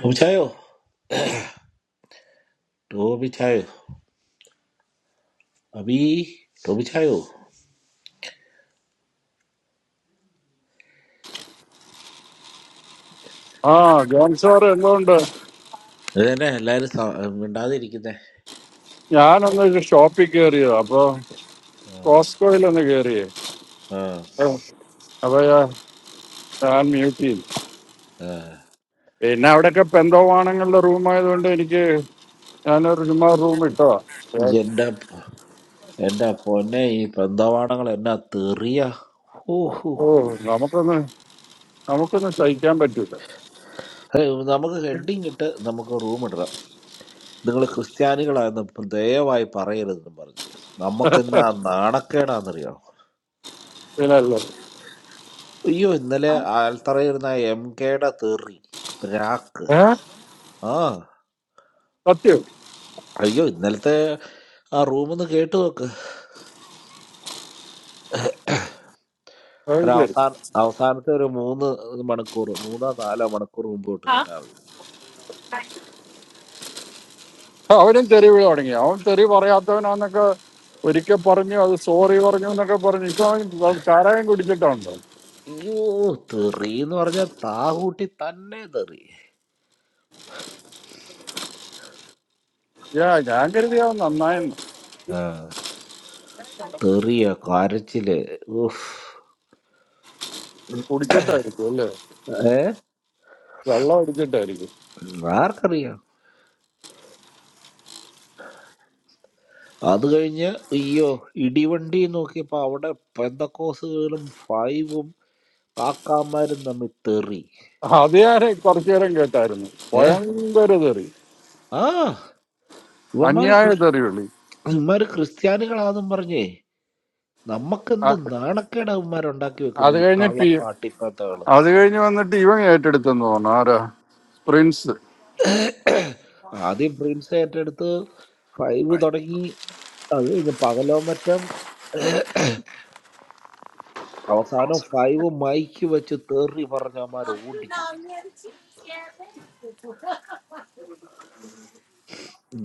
[SPEAKER 6] ടോമിച്ചായോ ടോമിച്ചായോ അബി ടോമിച്ചായോ
[SPEAKER 2] ആ ജോൺ സാർ എന്തുകൊണ്ട്
[SPEAKER 6] ഇത് തന്നെ എല്ലാരും സ- മിണ്ടാതിരിക്കുന്നേ
[SPEAKER 2] ഞാനൊന്ന് ഷോപ്പിൽ കയറിയത് അപ്പൊ
[SPEAKER 6] ആ,
[SPEAKER 2] കോസ്കോയിൽ ഒന്ന് കയറിയേ
[SPEAKER 6] ആ,
[SPEAKER 2] അപ്പൊ ഞാൻ മ്യൂട്ട് ചെയ്തു
[SPEAKER 6] ആ.
[SPEAKER 2] പിന്നെ അവിടെയൊക്കെ പെന്തോവാണങ്ങളുടെ റൂമായതുകൊണ്ട് എനിക്ക് ഞാനൊരു ചുമ്മാ റൂം ഇട്ടതാ ഏ,
[SPEAKER 6] എന്റെ പ- എന്റെ പൊന്നെ ഈ പെന്തവാണങ്ങൾ എന്നാ തെറിയ ഹൂ, ഹൂ,
[SPEAKER 2] ഓ
[SPEAKER 6] ഹൂ.
[SPEAKER 2] നമുക്ക്
[SPEAKER 6] ഏയ്, നമുക്ക് ഹെഡിങ് ഇട്ട് നമുക്ക് റൂം ഇടണം നിങ്ങൾ ക്രിസ്ത്യാനികളായെന്ന് ദയവായി പറയരുതെന്നും പറഞ്ഞു നമുക്ക് എന്നാ നാണക്കേടാന്നറിയോ
[SPEAKER 2] വിലല്ലോ
[SPEAKER 6] അയ്യോ ഇന്നലെ ആൽത്തറയിരുന്ന എം കെയുടെ തെറി പ്രാക്ക് ആ
[SPEAKER 2] സത്യം
[SPEAKER 6] അയ്യോ ഇന്നലത്തെ ആ റൂമൊന്ന് കേട്ട് നോക്ക്
[SPEAKER 2] അത്
[SPEAKER 6] ഒരു
[SPEAKER 2] ശരി
[SPEAKER 6] അവസാന അവസാനത്തെ ഒരു മൂന്ന് മണിക്കൂർ മൂന്നോ നാലോ മണിക്കൂർ മുമ്പ് തൊട്ട് കേട്ടാൽ മതി
[SPEAKER 2] ആ, അവനും തെറി വീഴ തുടങ്ങി അവൻ തെറി പറയാത്തവനാന്നൊക്കെ ഒരിക്കൽ പറഞ്ഞു അത് സോറി പറഞ്ഞു എന്നൊക്കെ പറഞ്ഞു ഇപ്പൊ അവൻ വെ- ചാരായം കുടിച്ചിട്ടുണ്ടോ
[SPEAKER 6] അയ്യോ തെറി എന്ന് പറഞ്ഞാൽ താ കൂട്ടി തന്നെ തെറി
[SPEAKER 2] ഏ ഞാൻ കരുതി അവൻ നന്നായെന്ന്
[SPEAKER 6] ആ, തെറിയാ കരച്ചില് ഉഫ്.
[SPEAKER 2] കുടിച്ചിട്ടായിരിക്കും അല്ലേ
[SPEAKER 6] ഏ
[SPEAKER 2] വെള്ളം അടിച്ചിട്ടായിരിക്കും
[SPEAKER 6] ആർക്കറിയാം അത് കഴിഞ്ഞ് അയ്യോ ഇടിവണ്ടി നോക്കിയപ്പോ അവിടെ പെന്തക്കോസുകളും ഫൈവും കാക്കാമാരും തമ്മിൽ തെറി
[SPEAKER 2] അത് ഞാൻ കുറച്ചു നേരം കേട്ടായിരുന്നു
[SPEAKER 6] ഏ
[SPEAKER 2] ഭയങ്കര തെറി
[SPEAKER 6] ആ ഇവന്മാര്
[SPEAKER 2] അന്യായ
[SPEAKER 6] ക്രിസ്-
[SPEAKER 2] തെറി വിളി
[SPEAKER 6] ഇവന്മാര് ക്രിസ്ത്യാനികളാന്നും പറഞ്ഞേ
[SPEAKER 2] ആ,
[SPEAKER 6] നമുക്കെന്ത് നാണക്കേട് അവന്മാരുണ്ടാക്കി വെക്കുന്ന
[SPEAKER 2] അത്
[SPEAKER 6] ഈ
[SPEAKER 2] കഴിഞ്ഞ് പി
[SPEAKER 6] കള്ളപ്പാട്ടിപ്പത്തകള്
[SPEAKER 2] അത് കഴിഞ്ഞ് വന്നിട്ട് ഇവൻ ഏറ്റെടുത്തെന്ന് തോന്നുന്നു ആരാ പ്രിൻസ്
[SPEAKER 6] ആദ്യം പ്രിൻസ് ഏറ്റെടുത്ത് ഫൈവ് തുടങ്ങി അത് കഴിഞ്ഞ് പകലോ മറ്റം അവസാനം ഫൈവ് മൈക്ക് വെച്ച് തേറി പറഞ്ഞ അവന്മാർ ഓടിച്ച്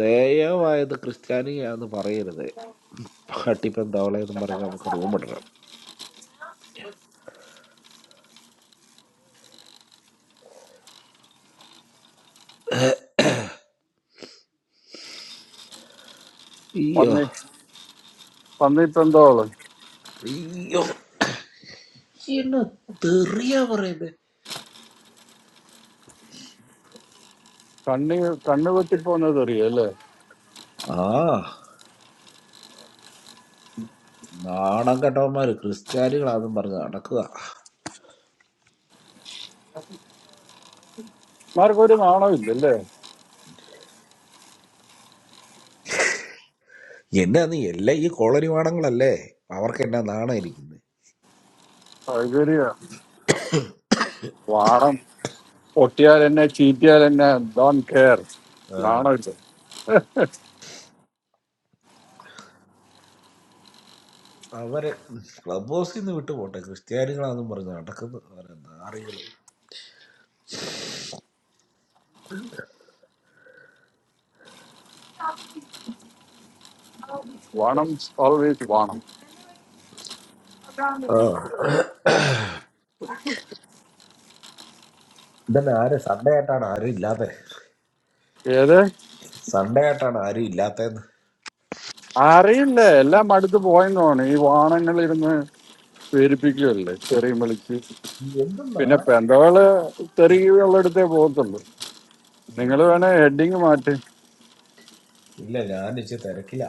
[SPEAKER 6] ദയവായത് ക്രിസ്ത്യാനിയാന്ന് പറയരുത് പട്ടിപ്പം തവളയെന്നും പറഞ്ഞ് നമുക്ക് റൂം ഇടണം അയ്യോ
[SPEAKER 2] പന്നി പന്നി പെന്തോള്
[SPEAKER 6] അയ്യോ എന്നാ തെറിയാ പറയുന്നത്
[SPEAKER 2] കണ്ണി കണ്ണു പൊട്ടിപ്പോന്നത് അറിയല്ലേ
[SPEAKER 6] ആ നാണം കെട്ടവന്മാര് ക്രിസ്ത്യാനികളാന്നും പറഞ്ഞ് നടക്കുക
[SPEAKER 2] മാർക്ക് ഒരു നാണോ ഇല്ലല്ലേ
[SPEAKER 6] എന്നാന്ന് എല്ലാ ഈ കോളനി വാണങ്ങളല്ലേ അവർക്ക് എന്നാ നാണം ഇരിക്കുന്നത്
[SPEAKER 2] സൗകര്യ വാണം പൊട്ടിയാൽ എന്നെ ചീറ്റിയാൽ എന്നെ ഡോൺ കെയർ നാണോ ഇല്ല
[SPEAKER 6] അവരെ ക്ലബ് ഹൗസിൽ നിന്ന് വിട്ടു പോട്ടെ ക്രിസ്ത്യാനികളാന്നും പറഞ്ഞ് നടക്കുന്നത് അവരെ നാറികള്
[SPEAKER 2] വാണം ഓൾവേസ് വാണം
[SPEAKER 6] ആ ഇതന്നെ ആര് സൺഡേ ആയിട്ടാണ് ആരും ഇല്ലാത്ത
[SPEAKER 2] ഏത്
[SPEAKER 6] സൺഡേ ആയിട്ടാണ് ആരും ഇല്ലാത്തതെന്ന്
[SPEAKER 2] അറിയില്ല എല്ലാം അടുത്ത് പോയെന്ന് തോന്നുന്നു ഈ വാണങ്ങളിരുന്ന് പേരിപ്പിക്കുകയല്ലേ ചെറിയ വിളിച്ച് പിന്നെ
[SPEAKER 6] എന്തെന്നാണ്
[SPEAKER 2] പെന്തോള് തെറിയുള്ളിടത്തേ പോകത്തുള്ളൂ നിങ്ങൾ വേണേ ഹെഡിങ് മാറ്റി
[SPEAKER 6] ഇല്ല ഞാൻ ഇച്ചിരി തിരക്കില്ല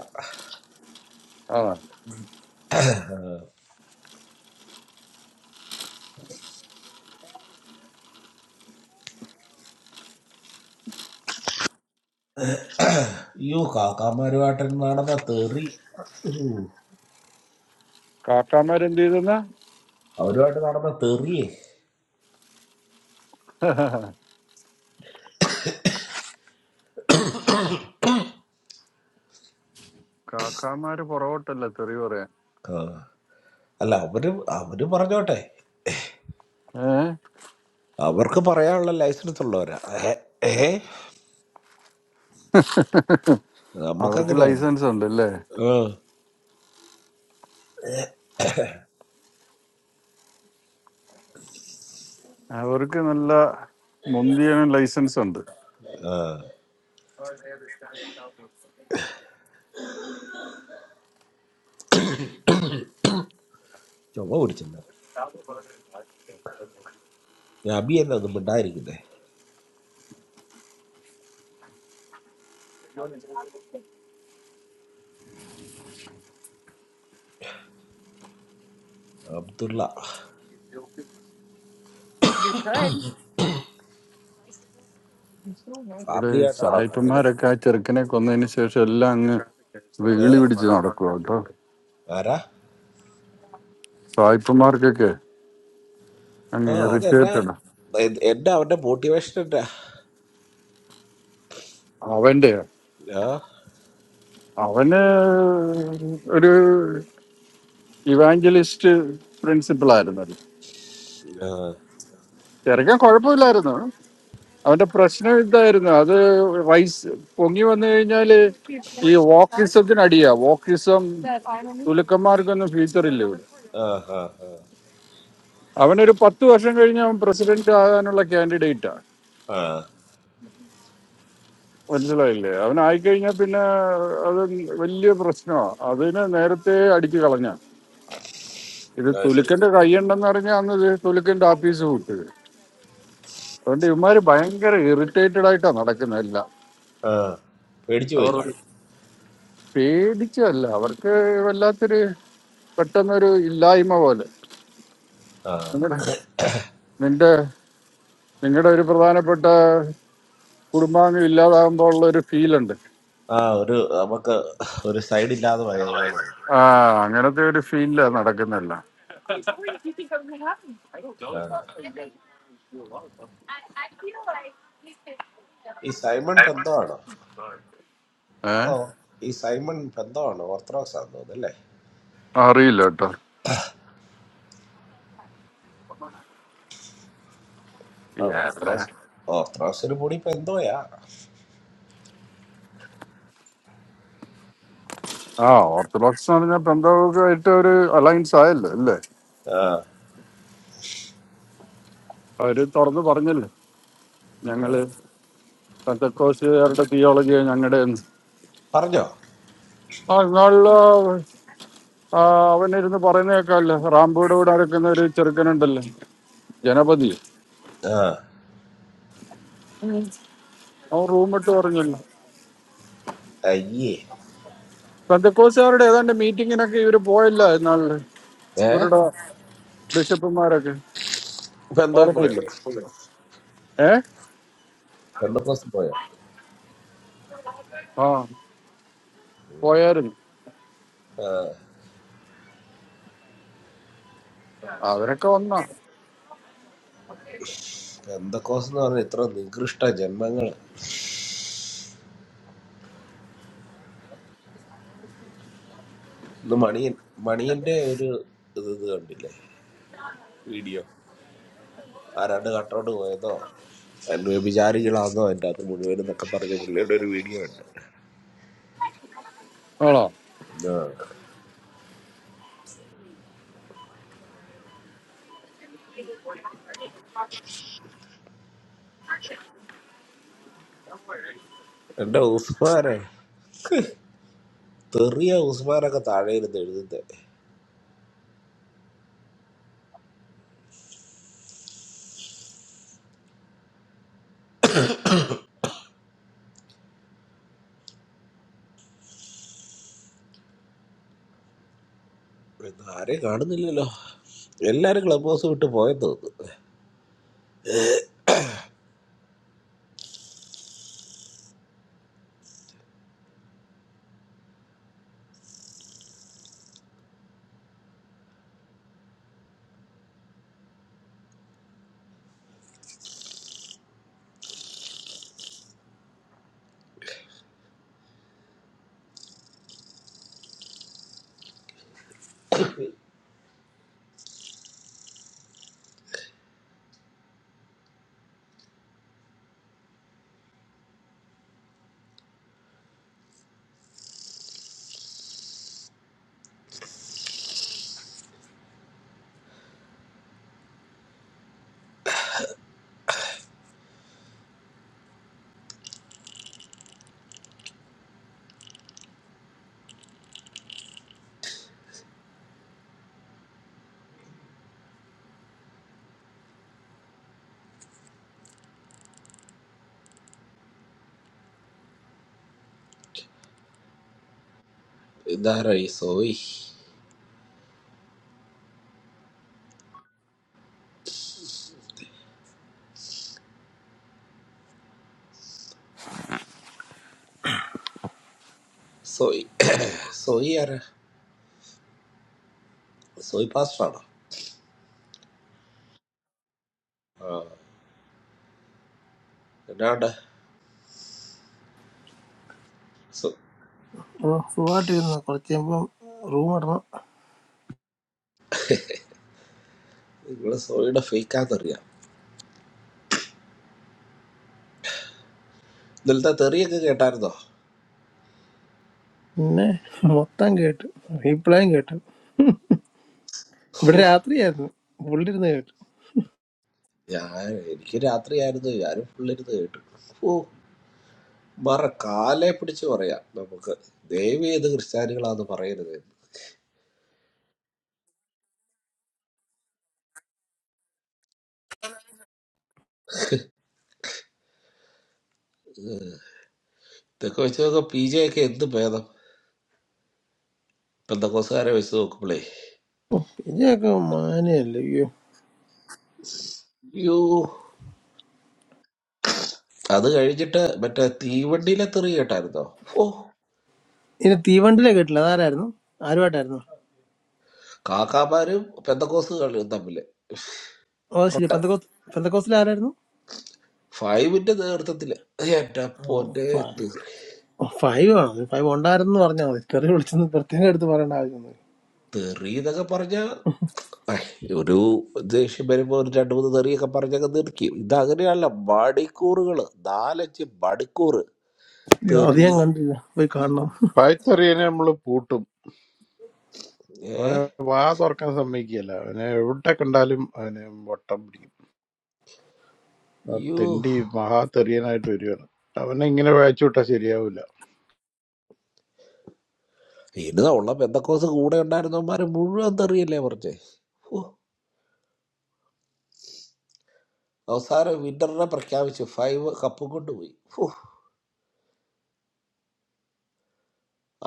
[SPEAKER 2] അതാണ്
[SPEAKER 6] അയ്യോ കാക്കാമാരുമായിട്ട് നടന്ന തെറി
[SPEAKER 2] കാക്കാമാരെന്ത് ചെയ്തെന്ന
[SPEAKER 6] അവരുമായിട്ട് നടന്ന തെറിയേ
[SPEAKER 2] കാക്കാമാര് പുറകോട്ടല്ല തെറി പറയാൻ
[SPEAKER 6] ആ. അല്ല അവര് അവര് പറഞ്ഞോട്ടെ
[SPEAKER 2] ഏ
[SPEAKER 6] അവർക്ക് പറയാനുള്ള ലൈസൻസ് ഉള്ളവരാ ഏ ഏ?
[SPEAKER 2] അവർക്ക്
[SPEAKER 6] നമുക്കങ്ങനെയാണ്
[SPEAKER 2] ലൈസൻസ് ഉണ്ട് അല്ലേ
[SPEAKER 6] ആ,
[SPEAKER 2] അവർക്ക് നല്ല മുന്തിയനും ലൈസൻസ് ഉണ്ട്
[SPEAKER 6] ആ. ചുമ പിടിച്ചല്ലോ നബി അല്ല ഒന്നും മിണ്ടായിരിക്കുന്നേ അബ്ദുള്ള
[SPEAKER 2] ഇവിടെ
[SPEAKER 6] ഫാമിലി ആയിട്ടാണോ കടയില്
[SPEAKER 2] സായിപ്പന്മാരൊക്കെ ആ ചെറുക്കനെ കൊന്നതിന് ശേഷം എല്ലാം അങ്ങ്
[SPEAKER 6] ഏ
[SPEAKER 2] വെകിളി പിടിച്ച് നടക്കുക കേട്ടോ
[SPEAKER 6] ആരാ
[SPEAKER 2] സായിപ്പന്മാർക്കൊക്കെ അങ്ങ്
[SPEAKER 6] ആ അതെന്റെ
[SPEAKER 2] ഇറിറ്റേറ്റഡ്
[SPEAKER 6] എ- എന്റെ അവന്റെ മോട്ടിവേഷൻ എന്റെ
[SPEAKER 2] അവന്റെ
[SPEAKER 6] ആ
[SPEAKER 2] അവന് ഒരു ഇവാഞ്ചലിസ്റ്റ് പ്രിൻസിപ്പിൾ ആയിരുന്നല്ലോ
[SPEAKER 6] ആ
[SPEAKER 2] ചെറുക്കൻ കുഴപ്പമില്ലായിരുന്നു അവന്റെ പ്രശ്നം ഇതായിരുന്നു അത് വൈസ് പൊങ്ങി വന്നു കഴിഞ്ഞാല് ഈ വോക്കിസത്തിന് അടിയാ വോക്കിസം തുലുക്കന്മാർക്കൊന്നും ഫ്യൂച്ചർ ഇല്ല ഇവിടെ
[SPEAKER 6] ആ ആ ആ.
[SPEAKER 2] അവനൊരു പത്ത് വർഷം കഴിഞ്ഞ് അവൻ പ്രസിഡന്റ് ആകാനുള്ള കാൻഡിഡേറ്റാ
[SPEAKER 6] ആ,
[SPEAKER 2] മനസ്സിലായില്ലേ അവൻ ആയിക്കഴിഞ്ഞാൽ പിന്നെ അത് വലിയ പ്രശ്നമാണ് അതിനെ നേരത്തെ അടിച്ചു കളഞ്ഞ ഇത്
[SPEAKER 6] ആ, ശരി
[SPEAKER 2] തുലുക്കന്റെ കൈയുണ്ടെന്ന് പറഞ്ഞാൽ അന്ന് ഇത് തുലുക്കന്റെ ആഫീസ് വിട്ടത് അതുകൊണ്ട് ഇവന്മാര് ഭയങ്കര ഇറിറ്റേറ്റഡ് ആയിട്ടാ നടക്കുന്നത് എല്ലാം
[SPEAKER 6] ആ പേടിച്ചു പോയി
[SPEAKER 2] അവർ
[SPEAKER 6] കാണും
[SPEAKER 2] പേടിച്ചല്ല അവർക്ക് വല്ലാത്തൊരു പെട്ടെന്നൊരു ഇല്ലായ്മ പോലെ
[SPEAKER 6] ആ
[SPEAKER 2] നിങ്ങളുടെ നിന്റെ നിങ്ങളുടെ ഒരു പ്രധാനപ്പെട്ട കുടുംബാംഗം ഇല്ലാതാകുമ്പോൾ ഉള്ള ഒരു ഫീൽ ഉണ്ട്
[SPEAKER 6] ആ ഒരു നമുക്ക് ഒരു സൈഡ് ഇല്ലാതെ പോയതുപോലെ ആയി.
[SPEAKER 2] ആ അങ്ങനത്തെ ഒരു ഫീലില്ല നടക്കുന്നില്ല
[SPEAKER 6] ആ. ഈ സൈമൺ ബന്ധമാണോ
[SPEAKER 2] ഏ
[SPEAKER 6] ഓ ഈ സൈമൺ ബന്ധമാണോ ഓർത്തഡോക്സ് ആണെന്ന് തോന്നുന്നു അല്ലേ
[SPEAKER 2] അറിയില്ല കേട്ടോ
[SPEAKER 6] ആ,
[SPEAKER 2] ഇല്ല.
[SPEAKER 6] ഓസ്ട്രോസ് ഓസ്ട്രോസിന് കൂടി ഇപ്പൊ എന്തോയാ
[SPEAKER 2] ആ ഓർത്തഡോക്സ് എന്ന് പറഞ്ഞാൽ പെന്തോക്കായിട്ട് ഒരു അലയൻസ് ആയല്ലോ അല്ലേ
[SPEAKER 6] ആ,
[SPEAKER 2] അവര് തുറന്ന് പറഞ്ഞല്ലേ ഞങ്ങള് പെന്തക്കോസുകാരുടെ തിയോളജി ഞങ്ങളുടെ
[SPEAKER 6] പറഞ്ഞോ
[SPEAKER 2] ആ നിങ്ങള് ആ അവനിരുന്ന് പറയുന്ന കേൾക്കാമല്ലോ റാംബോയുടെ കൂടെ നടക്കുന്ന ഒരു ചെറുക്കനുണ്ടല്ലോ ജനപതി
[SPEAKER 6] ആ
[SPEAKER 2] അവൻ റൂം ഇട്ട് പറഞ്ഞല്ലോ
[SPEAKER 6] അയ്യേ
[SPEAKER 2] പെന്തക്കോസുകാരുടെ ഏതാണ്ട് മീറ്റിങ്ങിനൊക്കെ ഇവര് പോയല്ല എന്നാളില്
[SPEAKER 6] ഏ
[SPEAKER 2] ഇവരുടെ ബിഷപ്പുമാരൊക്കെ
[SPEAKER 6] ഇപ്പൊ എന്തോ പോയോ
[SPEAKER 2] ഓർമ്മയില്ല ഏ
[SPEAKER 6] പെന്തക്കോസ് പോയോ
[SPEAKER 2] ആ പോയായിരുന്നു
[SPEAKER 6] ആ
[SPEAKER 2] അവരൊക്കെ വന്നാ
[SPEAKER 6] പെന്തക്കോസ് എന്ന് പറഞ്ഞ ഇത്ര നികൃഷ്ട ജന്മങ്ങള് ഇന്ന് മണിയൻ മണിയന്റെ ഒരു ഇത് ഇത് കണ്ടില്ലേ വീഡിയോ ആരാണ്ട് കട്ടോട്ട് പോയതോ എന്നെ വ്യഭിചാരികളാന്നോ എൻ്റെ അകത്ത് മുഴുവനും എന്നൊക്കെ പറഞ്ഞ പുള്ളിയുടെ ഒരു വീഡിയോ ഉണ്ട്
[SPEAKER 2] ആണോ
[SPEAKER 6] ആ. എന്റെ ഉസ്മാനെ തെറിയ ഉസ്മാനൊക്കെ താഴെ ഇരുന്ന് എഴുതുന്നത് ഇന്ന് ആരെയും കാണുന്നില്ലല്ലോ എല്ലാരും ക്ലബ് ഹൗസ് വിട്ട് പോയെന്ന് തോന്നുന്നു ഇതാരാ ഈ സോയി സോയി സോയി ആരാ സോയി പാസ്റ്ററാണോ ആ എന്നാണ്ട് സോ-
[SPEAKER 7] ആ, സുഖമായിട്ടിരുന്നു കുറച്ച് കഴിയുമ്പം റൂം ഇടണം
[SPEAKER 6] നിങ്ങള് സോയിയുടെ ഫേക്കാന്നറിയാം ഇന്നലത്തെ തെറിയൊക്കെ കേട്ടായിരുന്നോ
[SPEAKER 7] പിന്നെ മൊത്തം കേട്ടു റീപ്ലേയും കേട്ടു ഇവിടെ രാത്രിയായിരുന്നു പുള്ളിരുന്ന് കേട്ടു
[SPEAKER 6] ഞാൻ എനിക്ക് രാത്രിയായിരുന്നു ഞാനും പുള്ളിരുന്ന് കേട്ടു ഓ മറ കാലെ പിടിച്ച് പറയാം നമുക്ക് ദൈവം ഏത് ക്രിസ്ത്യാനികളാന്ന് പറയരുത് ഇതൊക്കെ വെച്ച് നോക്കാം പി ജെ ഒക്കെ എന്ത് ഭേദം പെന്തക്കോസുകാരെ വെച്ച് നോക്കുമ്പോളേ
[SPEAKER 7] ഓ, പിന്നെയൊക്കെ മാനയല്ലേ അയ്യോ
[SPEAKER 6] അയ്യോ അത് കഴിഞ്ഞിട്ട് മറ്റേ തീവണ്ടിയിലെ തെറി കേട്ടായിരുന്നോ ഓ
[SPEAKER 7] ഇനി തീവണ്ടിയിലെ കേട്ടില്ല അതാരായിരുന്നു ആരുമായിട്ടായിരുന്നു
[SPEAKER 6] കാക്കാമാരും പെന്തക്കോസുകളും തമ്മില്
[SPEAKER 7] ഓ ശരി
[SPEAKER 6] പ്രൊട്ട
[SPEAKER 7] പെന്തക്കോസ് പെന്തക്കോസിൽ ആരായിരുന്നു
[SPEAKER 6] ഫൈവിന്റെ നേതൃത്വത്തില് എന്റെ
[SPEAKER 7] ഓ,
[SPEAKER 6] പൊന്നെ
[SPEAKER 7] ഫ-
[SPEAKER 6] തെറി
[SPEAKER 7] ഓ, ഫൈവ് ആണോ ഫൈവ് ഉണ്ടായിരുന്നു പറഞ്ഞാൽ മതി തെറി വിളിച്ചൊന്ന് പ്രത്യേകം എടുത്ത് പറയേണ്ട ആവശ്യമൊന്നും ഇല്ല.
[SPEAKER 6] തെറി എന്നൊക്കെ പറഞ്ഞ ഒരു ദേഷ്യം വരുമ്പോ ഒരു രണ്ടു മൂന്ന് തെറിയൊക്കെ പറഞ്ഞൊക്കെ നിർക്കും ഇതങ്ങനെയല്ല മണിക്കൂറുകള് നാലഞ്ച് മണിക്കൂർ
[SPEAKER 7] അയ്യോ, അത്
[SPEAKER 6] തെറി
[SPEAKER 7] ഞാൻ കണ്ടില്ല പോയി കാണണം
[SPEAKER 8] പായ്ത്തറിയനെ നമ്മൾ പൂട്ടും
[SPEAKER 6] ഏ
[SPEAKER 8] അവനെ വാ തുറക്കാൻ സമ്മതിക്കുകയില്ല അവനെ എവിടെ കണ്ടാലും അവനെ വട്ടം പിടിക്കും ആ
[SPEAKER 6] അയ്യോ
[SPEAKER 8] തെണ്ടി മഹാതെറിയനായിട്ട് വരികയാണ് അവനെ ഇങ്ങനെ വായിച്ചു വിട്ടാൽ ശരിയാവില്ല
[SPEAKER 6] ഇനിതാ ഉള്ള പെന്തക്കോസ് കൂടെ ഉണ്ടായിരുന്നവന്മാര് മുഴുവൻ തെറിയല്ലേ പറഞ്ഞേ ഓ അവസാനം വിന്നറിനെ പ്രഖ്യാപിച്ചു ഫൈവ് കപ്പും കൊണ്ടുപോയി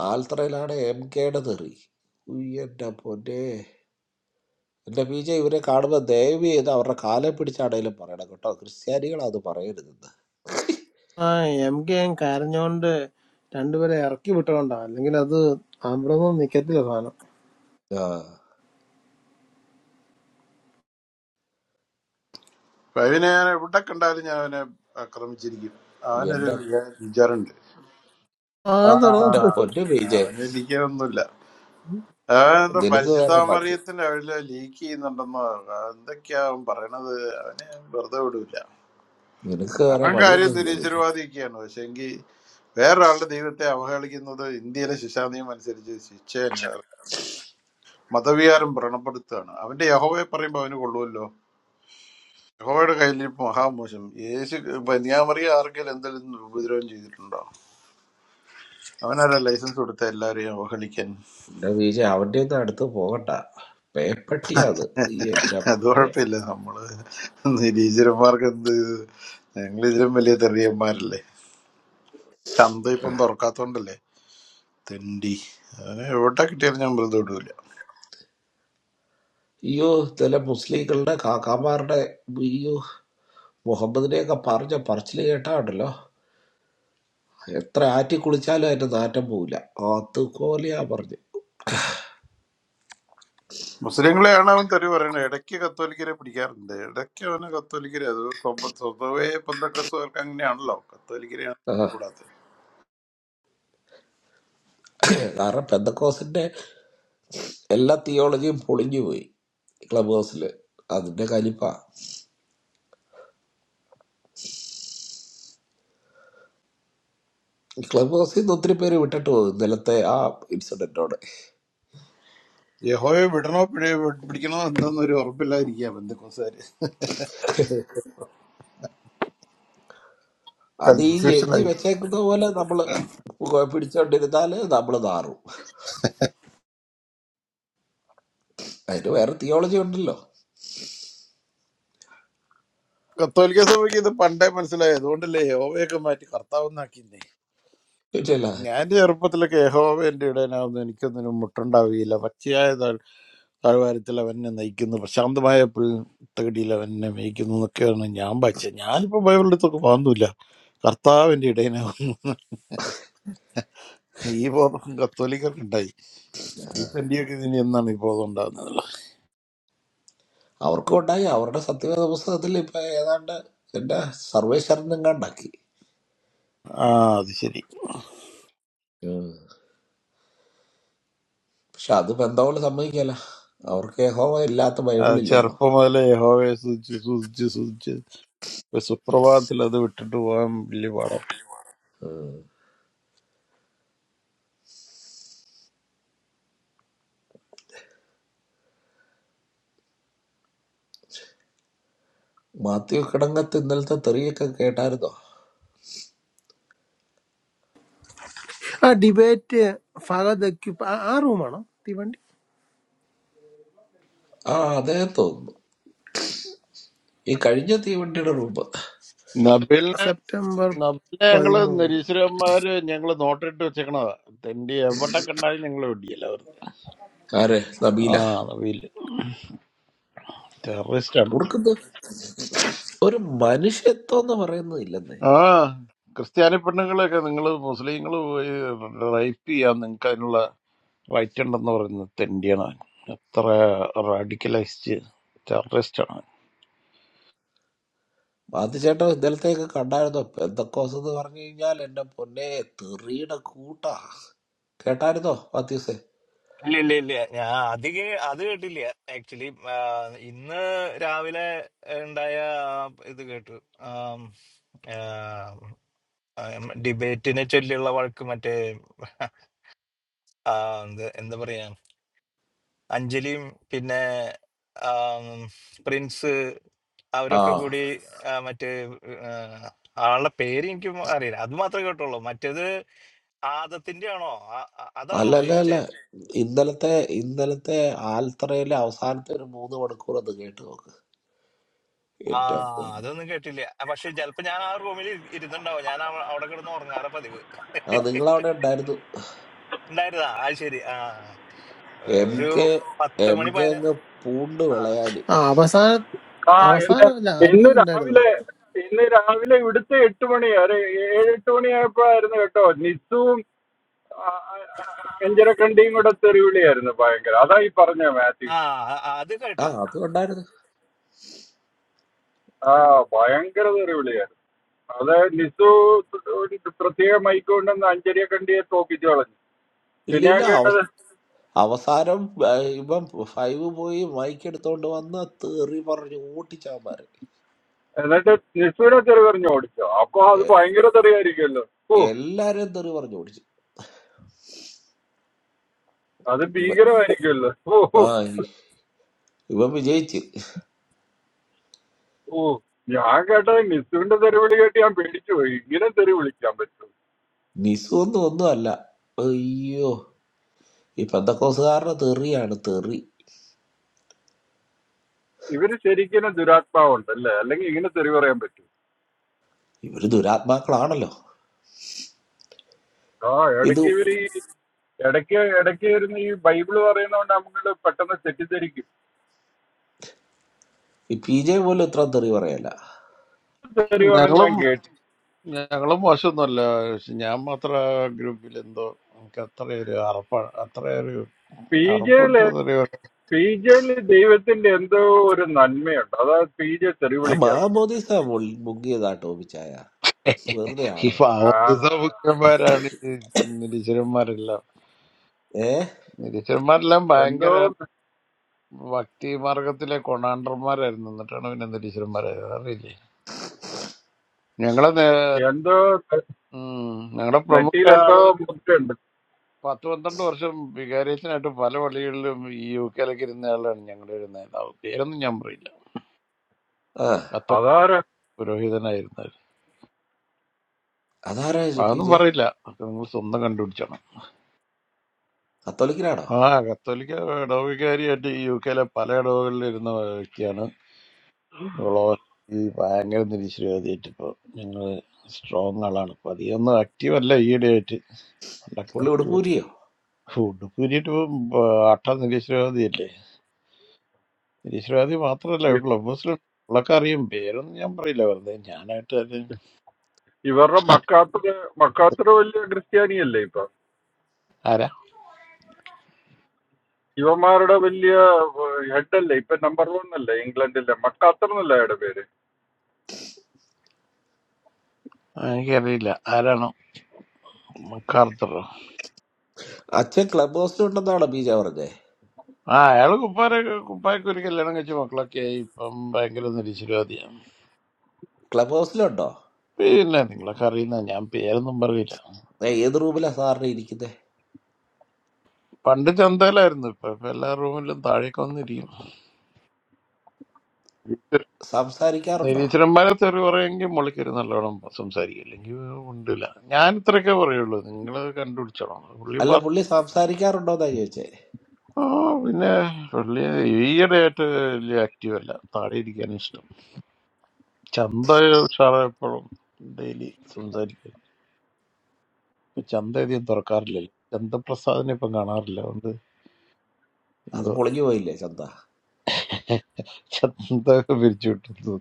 [SPEAKER 6] ആൽത്തറയിലാണ് എം കെയുടെ തെറി ഉയ്യ് എൻ്റെ പൊന്നെ എൻ്റെ പി ജെ ഇവരെ കാണുമ്പോൾ ദയവ് ചെയ്ത് അവരുടെ കാലെ പിടിച്ചാണേലും പറയണം കേട്ടോ ക്രിസ്ത്യാനികൾ അത് പറയരുതെന്ന്
[SPEAKER 7] ആ എം കെ എം കരഞ്ഞോണ്ട് രണ്ടുപേരെ ഇറക്കി വിട്ടോണ്ടാ അല്ലെങ്കിൽ അത് അവിടെ നിക്കത്തില്ല സാധനം
[SPEAKER 6] ആ
[SPEAKER 8] അവനെ ഞാൻ എവിടെ കണ്ടാലും ഞാൻ അവനെ ആക്രമിച്ചിരിക്കും അവനൊരു
[SPEAKER 6] എൻ്റെ
[SPEAKER 8] വിചാരമുണ്ട് ആ
[SPEAKER 7] ആ
[SPEAKER 6] എൻ്റെ
[SPEAKER 7] തുറന്നു
[SPEAKER 6] പൊന്നു പി ജെ
[SPEAKER 8] അവനെനിക്കൊന്നുമില്ല അവനെന്താ
[SPEAKER 6] നിനക്ക് വേറെ പണി
[SPEAKER 8] പരിശുദ്ധാമറിയത്തിന്റെ അവരില് ലീക്ക് ചെയ്യുന്നുണ്ടെന്നോ എന്തൊക്കെയാ അവൻ പറയണത് അവനെ ഞാൻ വെറുതെ വിടൂല
[SPEAKER 6] നിനക്ക് വേറെ
[SPEAKER 8] അവൻ കാര്യം
[SPEAKER 6] പണിയൊന്നുമില്ല പി ജെ
[SPEAKER 8] നിരീശ്വരവാദിയൊക്കെയാണ് പക്ഷെങ്കിൽ വേറൊരാളുടെ ദൈവത്തെ അവഹേളിക്കുന്നത് ഇന്ത്യയിലെ ശിക്ഷാനിയമം അനുസരിച്ച് ശിക്ഷ മതവികാരം വ്രണപ്പെടുത്തുകയാണ് അവന്റെ യഹോവയെ പറയുമ്പോൾ അവന് കൊള്ളുമല്ലോ യഹോവയുടെ കയ്യിലിരിപ്പ് മഹാമോശം യേശു ബനിയാമറിയ ആർക്കെങ്കിലും എന്തെങ്കിലും ഉപദ്രവം ചെയ്തിട്ടുണ്ടോ അവനാരാ ലൈസൻസ് കൊടുത്ത എല്ലാവരെയും അവഹേളിക്കാൻ
[SPEAKER 6] എൻ്റെ പി ജെ അവൻ്റെ ഒന്നും അടുത്ത് പോകണ്ട പേപ്പട്ടിയാത് ഈ എൻ്റെ
[SPEAKER 8] അത്
[SPEAKER 6] പൊന്നെ
[SPEAKER 8] കുഴപ്പമില്ല നമ്മള് നിരീശ്വരന്മാർക്ക് എന്ത് ഞങ്ങൾ ഇതിലും വലിയ തെറിയന്മാരല്ലേ ചന്ത ഇപ്പം തുറക്കാത്തോണ്ടല്ലേ തെണ്ടി അവനെ എവിടെ കിട്ടിയാലും ഞാൻ വെറുതെ വിടൂല
[SPEAKER 6] അയ്യോ ചില മുസ്ലിങ്ങളുടെ കാക്കാമാരുടെ അയ്യോ മുഹമ്മദിനെയൊക്കെ പറഞ്ഞ പറച്ചിൽ കേട്ടാണ്ടല്ലോ എത്ര ആറ്റി കുളിച്ചാലും അതിന്റെ നാറ്റം പോവില്ല അതുപോലെയാ പറഞ്ഞു
[SPEAKER 8] മുസ്ലിങ്ങളെയാണ് അവൻ തെറി പറയുന്നത് ഇടയ്ക്ക് കത്തോലിക്കരെ പിടിക്കാറുണ്ട് ഇടയ്ക്ക് അവന് കത്തോലിക്കരെ അത് സ്വബ- സ്വതവേ പന്തക്കസുകാർക്ക് അങ്ങനെയാണല്ലോ കത്തോലിക്കരെയാണ്
[SPEAKER 6] ആ
[SPEAKER 8] കൂടാത്തത്
[SPEAKER 6] കാരണം പെന്തക്കോസിന്റെ എല്ലാ തിയോളജിയും പൊളിഞ്ഞു പോയി ക്ലബ് ഹൗസിൽ അതിന്റെ കലിപ്പ ക്ലബ് ഹൗസിൽ നിന്ന് ഒത്തിരി പേര് വിട്ടിട്ട് പോകും ഇന്നലത്തെ ആ ഇൻസിഡന്റോടെ
[SPEAKER 8] യഹോയെ വിടണോ പിഴയോ വി- പിടിക്കണോ എന്തെന്നൊരു ഉറപ്പില്ലാതിരിക്കുക ബന്ധുക്കോസുകാര്
[SPEAKER 6] അത് ഈ എഴുതി
[SPEAKER 8] കൺഫ്യൂഷനായി
[SPEAKER 6] വെച്ചേക്കുന്ന പോലെ നമ്മള് പോയി പിടിച്ചോണ്ടിരുന്നാല് നമ്മള് നാറും അതിന് വേറെ തിയോളജി ഉണ്ടല്ലോ
[SPEAKER 8] കത്തോലിക്ക സഭയ്ക്ക് ഇത് പണ്ടേ മനസ്സിലായി അതുകൊണ്ടല്ലേ യഹോവയൊക്കെ മാറ്റി കർത്താവെന്നാക്കിന്നേ
[SPEAKER 6] ഇല്ല
[SPEAKER 8] ഞാൻ ചെറുപ്പത്തിലൊക്കെ യഹോവ എന്റെ ഇടയനാകുന്നു എനിക്കൊന്നിനും മുട്ടുണ്ടാവുകയില്ല പച്ചയായ താഴ്- താഴ്വാരത്തിൽ അവനെ നയിക്കുന്നു പ്രശാന്തമായ പുൽ തകടിയിൽ അവനെ മേയ്ക്കുന്നു എന്നൊക്കെയാണ് ഞാൻ വായിച്ചത് ഞാനിപ്പോ ബൈബിളിൻ്റെ അടുത്തൊക്കെ വാങ്ങുന്നില്ല കർത്താവിന്റെ ഇടയനാകും ഈ ബോധം കത്തോലിക്കർക്കുണ്ടായി ഈ തന്റെയൊക്കെ ഇതിന് എന്നാണ് ഈ ബോധം ഉണ്ടാകുന്നത്
[SPEAKER 6] അവർക്കും ഉണ്ടായി അവരുടെ സത്യവേദ പുസ്തകത്തിൽ ഇപ്പൊ ഏതാണ്ട് എന്റെ സർവേശ്വരനും കണ്ടാക്കി
[SPEAKER 8] ആ അത് ശരി
[SPEAKER 6] പക്ഷെ അത് പെന്തോള് സമ്മതിക്കല്ല അവർക്ക് യഹോവ ഇല്ലാത്ത
[SPEAKER 8] ആ,
[SPEAKER 6] ബൈബിളില്ലല്ലോ
[SPEAKER 8] ചെറുപ്പം മുതലേ യഹോവയെ സൂചിച്ച് സൂചിച്ച് സൂചിച്ച് ഒരു സുപ്രഭാതത്തിൽ അത് വിട്ടിട്ട് പോകാൻ വലിയ പാടാണ്
[SPEAKER 6] മാത്യു കിടങ്ങത്ത് ഇന്നലത്തെ തെറിയൊക്കെ കേട്ടായിരുന്നോ
[SPEAKER 7] ആ ഡിബേറ്റ് ഫഹദ് ആ ആ റൂമാണോ തീവണ്ടി
[SPEAKER 6] ആ അതേ തോന്നുന്നു ഈ കഴിഞ്ഞ തീവണ്ടിയുടെ റൂപ്
[SPEAKER 8] നബിലിനെ
[SPEAKER 7] സെപ്റ്റംബർ
[SPEAKER 8] നബിലിനെ ഞങ്ങള്
[SPEAKER 7] പതിമൂന്ന്
[SPEAKER 8] നിരീശ്വരന്മാര് ഞങ്ങള് നോട്ടിട്ട് വെച്ചേക്കണതാ തന്റെ എവിടെ കണ്ടാലും ഞങ്ങൾ വെടിയല്ല വെറുതെ
[SPEAKER 6] ആരെ നബീല
[SPEAKER 8] ആ നബീല് ടെററിസ്റ്റ് ആണ്
[SPEAKER 6] ഉടുക്കത്ത് ഒരു മനുഷ്യത്വം എന്ന് പറയുന്നത് ഇല്ലെന്നേ
[SPEAKER 8] ആ ക്രിസ്ത്യാനി പെണ്ണുങ്ങളെയൊക്കെ നിങ്ങൾ മുസ്ലിങ്ങൾ പോയി റേപ്പ് ചെയ്യാൻ നിങ്ങൾക്ക് അതിനുള്ള റൈറ്റ് ഉണ്ടെന്ന് പറയുന്നത് തെണ്ടിയാണ് അവൻ. എത്ര റാഡിക്കലൈസ്ഡ് ടെററിസ്റ്റ് ആണ് അവൻ.
[SPEAKER 6] മാത്യച്ചേട്ടൻ ഇന്നലത്തെയൊക്കെ കണ്ടായിരുന്നോ എന്തൊക്കോസ് എന്ന് പറഞ്ഞു കഴിഞ്ഞാൽ എന്റെ പൊന്നെ തെറിയുടെ കൂട്ടാ കേട്ടായിരുന്നോ മാത്യൂസേ
[SPEAKER 9] ഇല്ല ഇല്ല ഇല്ല ഞാൻ അധികം അത് കേട്ടില്ല ആക്ച്വലി ഇന്ന് രാവിലെ ഉണ്ടായ ആ ഇത് കേട്ടു ഡിബേറ്റിനെ ചൊല്ലിയുള്ള വഴക്ക് മറ്റേ ആ, എന്ത് എന്താ പറയാ അഞ്ജലിയും പിന്നെ ആം, പ്രിൻസ്
[SPEAKER 6] ആ
[SPEAKER 9] അവരൊക്കെ കൂടി ആ, മറ്റേ ആ, ആളുടെ പേര് എനിക്ക് അറിയില്ല അത് മാത്രമേ കേട്ടുള്ളൂ മറ്റേത് ആദത്തിന്റെ ആണോ ആ- ആ- അതാണോ
[SPEAKER 6] അല്ല അല്ല അല്ല
[SPEAKER 9] ഉദ്ദേശിച്ചത്
[SPEAKER 6] ഇന്നലത്തെ ഇന്നലത്തെ ആൽത്തറയിലെ അവസാനത്തെ ഒരു മൂന്ന് മണിക്കൂർ അത് കേട്ട് നോക്ക്
[SPEAKER 9] ആ
[SPEAKER 6] ഏറ്റവും
[SPEAKER 9] അതൊന്നും കേട്ടില്ല ആ, പക്ഷെ ചിലപ്പോ ഞാൻ ആ റൂമിൽ ഇരുന്നുണ്ടാവും ഞാൻ അവ- അവിടെ കിടന്ന് ഉറങ്ങാറ പതിവ്
[SPEAKER 6] ആ നിങ്ങളവിടെ ഉണ്ടായിരുന്നു
[SPEAKER 9] ഉണ്ടായിരുന്നാ ആ ശരി ആ ഏ,
[SPEAKER 6] എം
[SPEAKER 9] ഒരു
[SPEAKER 6] കെ
[SPEAKER 9] പത്ത്
[SPEAKER 6] എം
[SPEAKER 9] മണി
[SPEAKER 6] കെ
[SPEAKER 9] പതിന
[SPEAKER 6] അങ്ങ് പൂണ്ട്
[SPEAKER 9] ആ
[SPEAKER 6] വിളയാടി
[SPEAKER 7] ആ അവസാന
[SPEAKER 2] ആ എന്റെ
[SPEAKER 7] അവസാനം അല്ല
[SPEAKER 2] ഇന്ന്
[SPEAKER 7] ആദ്യം ഉണ്ടായിരുന്നു
[SPEAKER 2] രാവിലെ ഇന്ന് രാവിലെ ഇവിടുത്തെ എട്ട് മണി ഒരു ഏഴ് എട്ട് മണിയായപ്പോഴായിരുന്നു കേട്ടോ നിസ്സുവും അഞ്ചരക്കണ്ടിയും കൂടെ തെറിവിളിയായിരുന്നു ഭയങ്കര അതാ ഈ പറഞ്ഞ മാത്യു
[SPEAKER 9] ആ ആ, അത്
[SPEAKER 6] ആ
[SPEAKER 9] കേട്ടു
[SPEAKER 6] അതും ഉണ്ടായിരുന്നു
[SPEAKER 2] ആ ഭയങ്കര തെറിവിളിയായിരുന്നു അത് ലിസു ഒരു പ്രത്യേക മൈക്ക് കൊണ്ടുവന്ന് അഞ്ചരിയെ കണ്ടിയെ തോപ്പിച്ചു കളഞ്ഞു
[SPEAKER 6] ഇല്ല
[SPEAKER 2] പിന്നെ ഞാൻ
[SPEAKER 6] ഇല്ല
[SPEAKER 2] കേട്ടത്
[SPEAKER 6] അവ- അവസാനം ആ, ഇവൻ ഫൈവ് പോയി മൈക്ക് എടുത്തോണ്ട് വന്ന് തെറി പറഞ്ഞു ഓട്ടിച്ചാമാര്
[SPEAKER 2] എന്നിട്ട് ലിസുവിനെ തെറി പറഞ്ഞു ഓടിച്ചോ അപ്പൊ അത്
[SPEAKER 6] എ-
[SPEAKER 2] ഭയങ്കര തെറിയായിരിക്കുമല്ലോ ഓ
[SPEAKER 6] എല്ലാരും തെറി പറഞ്ഞു ഓടിച്ചു
[SPEAKER 2] അത്
[SPEAKER 6] ഇവൻ
[SPEAKER 2] ഭീകരമായിരിക്കുമല്ലോ ഓ ഓ
[SPEAKER 6] ആ ഇ- ഇവൻ വിജയിച്ച്
[SPEAKER 2] ഓ ഞാൻ കേട്ടത് ലിസുവിന്റെ തെറിവിളി കേട്ട് ഞാൻ പേടിച്ചു പോയി ഇങ്ങനെ തെറി വിളിക്കാൻ പറ്റും
[SPEAKER 6] നിസു ഒന്നും ഒന്നും അല്ല അയ്യോ ഈ പെന്തക്കോസുകാരുടെ തെറിയാണ് തെറി
[SPEAKER 2] ഇവര് ശരിക്കും ദുരാത്മാവുണ്ട് അല്ലേ അല്ലെങ്കിൽ ഇങ്ങനെ തെറി പറയാൻ പറ്റും
[SPEAKER 6] ഇവര് ദുരാത്മാക്കളാണല്ലോ
[SPEAKER 2] ആ
[SPEAKER 6] ഇത്
[SPEAKER 2] ഇടയ്ക്ക് ഇവര് ഈ ഇടയ്ക്ക് ഇടയ്ക്ക് വരുന്ന ഈ ബൈബിള് പറയുന്നതുകൊണ്ട് നമ്മൾ പെട്ടെന്ന് തെറ്റിദ്ധരിക്കും
[SPEAKER 6] പി ജെ പോലും ഇത്ര തെറി പറയല്ല
[SPEAKER 2] തെറി പറഞ്ഞ്
[SPEAKER 8] ഞങ്ങളും
[SPEAKER 2] ഞാൻ കേട്ടു
[SPEAKER 8] ഞങ്ങളും മോശമൊന്നുമല്ല പക്ഷെ ഞാൻ മാത്രം ആ ഗ്രൂപ്പിൽ എന്തോ എനിക്ക് അത്രയൊരു അറപ്പ അത്രയൊരു
[SPEAKER 2] പി ജെ
[SPEAKER 8] അറപ്പിട്ടൊരു
[SPEAKER 2] പി ജിയിൽ ദൈവത്തിന്റെ എന്തോ ഒരു നന്മയുണ്ട് അതായത് പി ജെ തെറി
[SPEAKER 6] ആ
[SPEAKER 2] വിളിക്കാത്ത
[SPEAKER 6] മാമോദീസ മുൾ- മുങ്ങിയതാ ടോമിച്ചായ വെറുതെ
[SPEAKER 8] ഈ
[SPEAKER 6] ആണോ
[SPEAKER 2] ആ,
[SPEAKER 8] പാവമാരാണ് ഈ നിരീശ്വരന്മാരെല്ലാം
[SPEAKER 6] ഏ
[SPEAKER 8] നിരീശ്വരന്മാരെല്ലാം
[SPEAKER 2] എന്തോ
[SPEAKER 8] ഭയങ്കര ഭക്തി മാർഗത്തിലെ കൊണാണ്ടർമാരായിരുന്നു എന്നിട്ടാണ് പിന്നെ നിരീശ്വരന്മാരായത് അറിയില്ലേ ഞങ്ങളെ
[SPEAKER 2] എന്തോ
[SPEAKER 8] ഞങ്ങളുടെ
[SPEAKER 2] നെറ്റിയിൽ
[SPEAKER 8] പ്രമുഖ
[SPEAKER 2] എന്തോ
[SPEAKER 8] ആള്
[SPEAKER 2] മുത്തുണ്ട്
[SPEAKER 8] പത്ത് പന്ത്രണ്ട് വർഷം വികാരിയച്ചനായിട്ട് പല പള്ളികളിലും ഈ യു കെയിലൊക്കെ ഇരുന്ന ആളാണ് ഞങ്ങളുടെ ഒരു നേതാവ് പേരൊന്നും ഞാൻ പറയില്ല
[SPEAKER 6] ആ
[SPEAKER 8] കത്തോലിക്ക
[SPEAKER 2] അതാര
[SPEAKER 8] പുരോഹിതനായിരുന്ന ആള്.
[SPEAKER 6] അതാരാ ഇത് പി
[SPEAKER 8] അതൊന്നും
[SPEAKER 6] ജെ
[SPEAKER 8] പറയില്ല അതൊക്കെ നിങ്ങൾ സ്വന്തം കണ്ടുപിടിച്ചണം
[SPEAKER 6] കത്തോലിക്കനാണോ
[SPEAKER 8] ആ കത്തോലിക്ക ഇടവകാരിയായിട്ട് ഈ യു കെയിലെ പല ഇടവകളിൽ ഇരുന്ന വ്യക്തിയാണ് ഗ്ലോബൽ ഈ ഭയങ്കര നിരീശ്വരവാദിയായിട്ട് ഇപ്പോൾ ഞങ്ങൾ സ്ട്രോങ് ആളാണ് ഇപ്പൊ അധികമൊന്നും ആക്റ്റീവ് അല്ല ഈയിടെയായിട്ട് പണ്ടൊക്കെ
[SPEAKER 6] പുള്ളി
[SPEAKER 8] ആക്റ്റീവ്
[SPEAKER 6] ഉടുപ്പൂരിയോ
[SPEAKER 8] ഉടുപ്പൂരിയിട്ട് ഇപ്പം അട്ട നിരീശ്വരവാദിയല്ലേ നിരീശ്വരവാദി മാത്രമല്ല
[SPEAKER 2] ഇ-
[SPEAKER 8] ക്ലബ് ഹൗസിൽ ഉള്ളൊക്കെ അറിയും പേരൊന്നും ഞാൻ പറയില്ല വെറുതെ ഞാനായിട്ട് ആരെയും
[SPEAKER 2] ഇവരുടെ മക്കാത്തര് മക്കാത്തര് വലിയ ക്രിസ്ത്യാനിയല്ലേ ഇപ്പൊ
[SPEAKER 8] ആരാ
[SPEAKER 2] ഇവന്മാരുടെ വലിയ ഹെഡ് അല്ലേ ഇപ്പൊ നമ്പർ വൺ അല്ലേ ഇംഗ്ലണ്ടിലെ മക്കാത്തർ എന്നല്ല അയാളുടെ പേര്
[SPEAKER 8] ആ, എനിക്കറിയില്ല ആരാണ് മക്കാർത്തർ
[SPEAKER 6] അച്ഛൻ ക്ലബ് ഹൗസിലുണ്ടെന്നാണോ പി ജെ പറഞ്ഞേ
[SPEAKER 8] ആ അയാള് കുപ്പാര കുപ്പായക്ക് ഒരു കല്യാണം കഴിച്ച മക്കളൊക്കെ ആയി ഇപ്പം ഭയങ്കര നിരീശ്വരവാദിയാണ്
[SPEAKER 6] ക്ലബ് ഹൗസിലുണ്ടോ
[SPEAKER 8] പിന്നെ നിങ്ങളൊക്കെ അറിയുന്ന ഞാൻ പേരൊന്നും പറയില്ല
[SPEAKER 6] ഏ ഏത് റൂമിലാ സാറിന് ഇരിക്കുന്നേ
[SPEAKER 8] പണ്ട് ചന്തയിലായിരുന്നു ഇപ്പൊ ഇപ്പൊ എല്ലാ റൂമിലും താഴേക്ക് വന്നിരിക്കും
[SPEAKER 6] സംസാരിക്കാറുണ്ടോ
[SPEAKER 8] നിരീശ്വരന്മാരെ തെറി പറയുമെങ്കിൽ മുളയ്ക്കൊരു നല്ലോണം സംസാരിക്കും അല്ലെങ്കിൽ ഉണ്ടില്ല ഞാൻ ഇത്രയൊക്കെ പറയുള്ളൂ നിങ്ങൾ കണ്ടുപിടിച്ചോളാം പുള്ളി
[SPEAKER 6] അല്ല പുള്ളി സംസാരിക്കാറുണ്ടോ എന്നാ ചോദിച്ചേ
[SPEAKER 8] ആ പിന്നെ പുള്ളി ഈയിടെ ആയിട്ട് വലിയ ആക്റ്റീവ് അല്ല താഴെ ഇരിക്കാൻ ഇഷ്ടം ചന്ത സാറ് എപ്പോഴും ഡെയിലി സംസാരിക്കും ഇപ്പൊ ചന്ത അധികം തുറക്കാറില്ലല്ലോ ചന്തപ്രസാദിനെ ഇപ്പം കാണാറില്ല അതുകൊണ്ട്
[SPEAKER 6] അത്
[SPEAKER 8] എന്തോ
[SPEAKER 6] പൊളിഞ്ഞു പോയില്ലേ ചന്ത
[SPEAKER 8] ചന്ത പിരിച്ചു വിട്ടു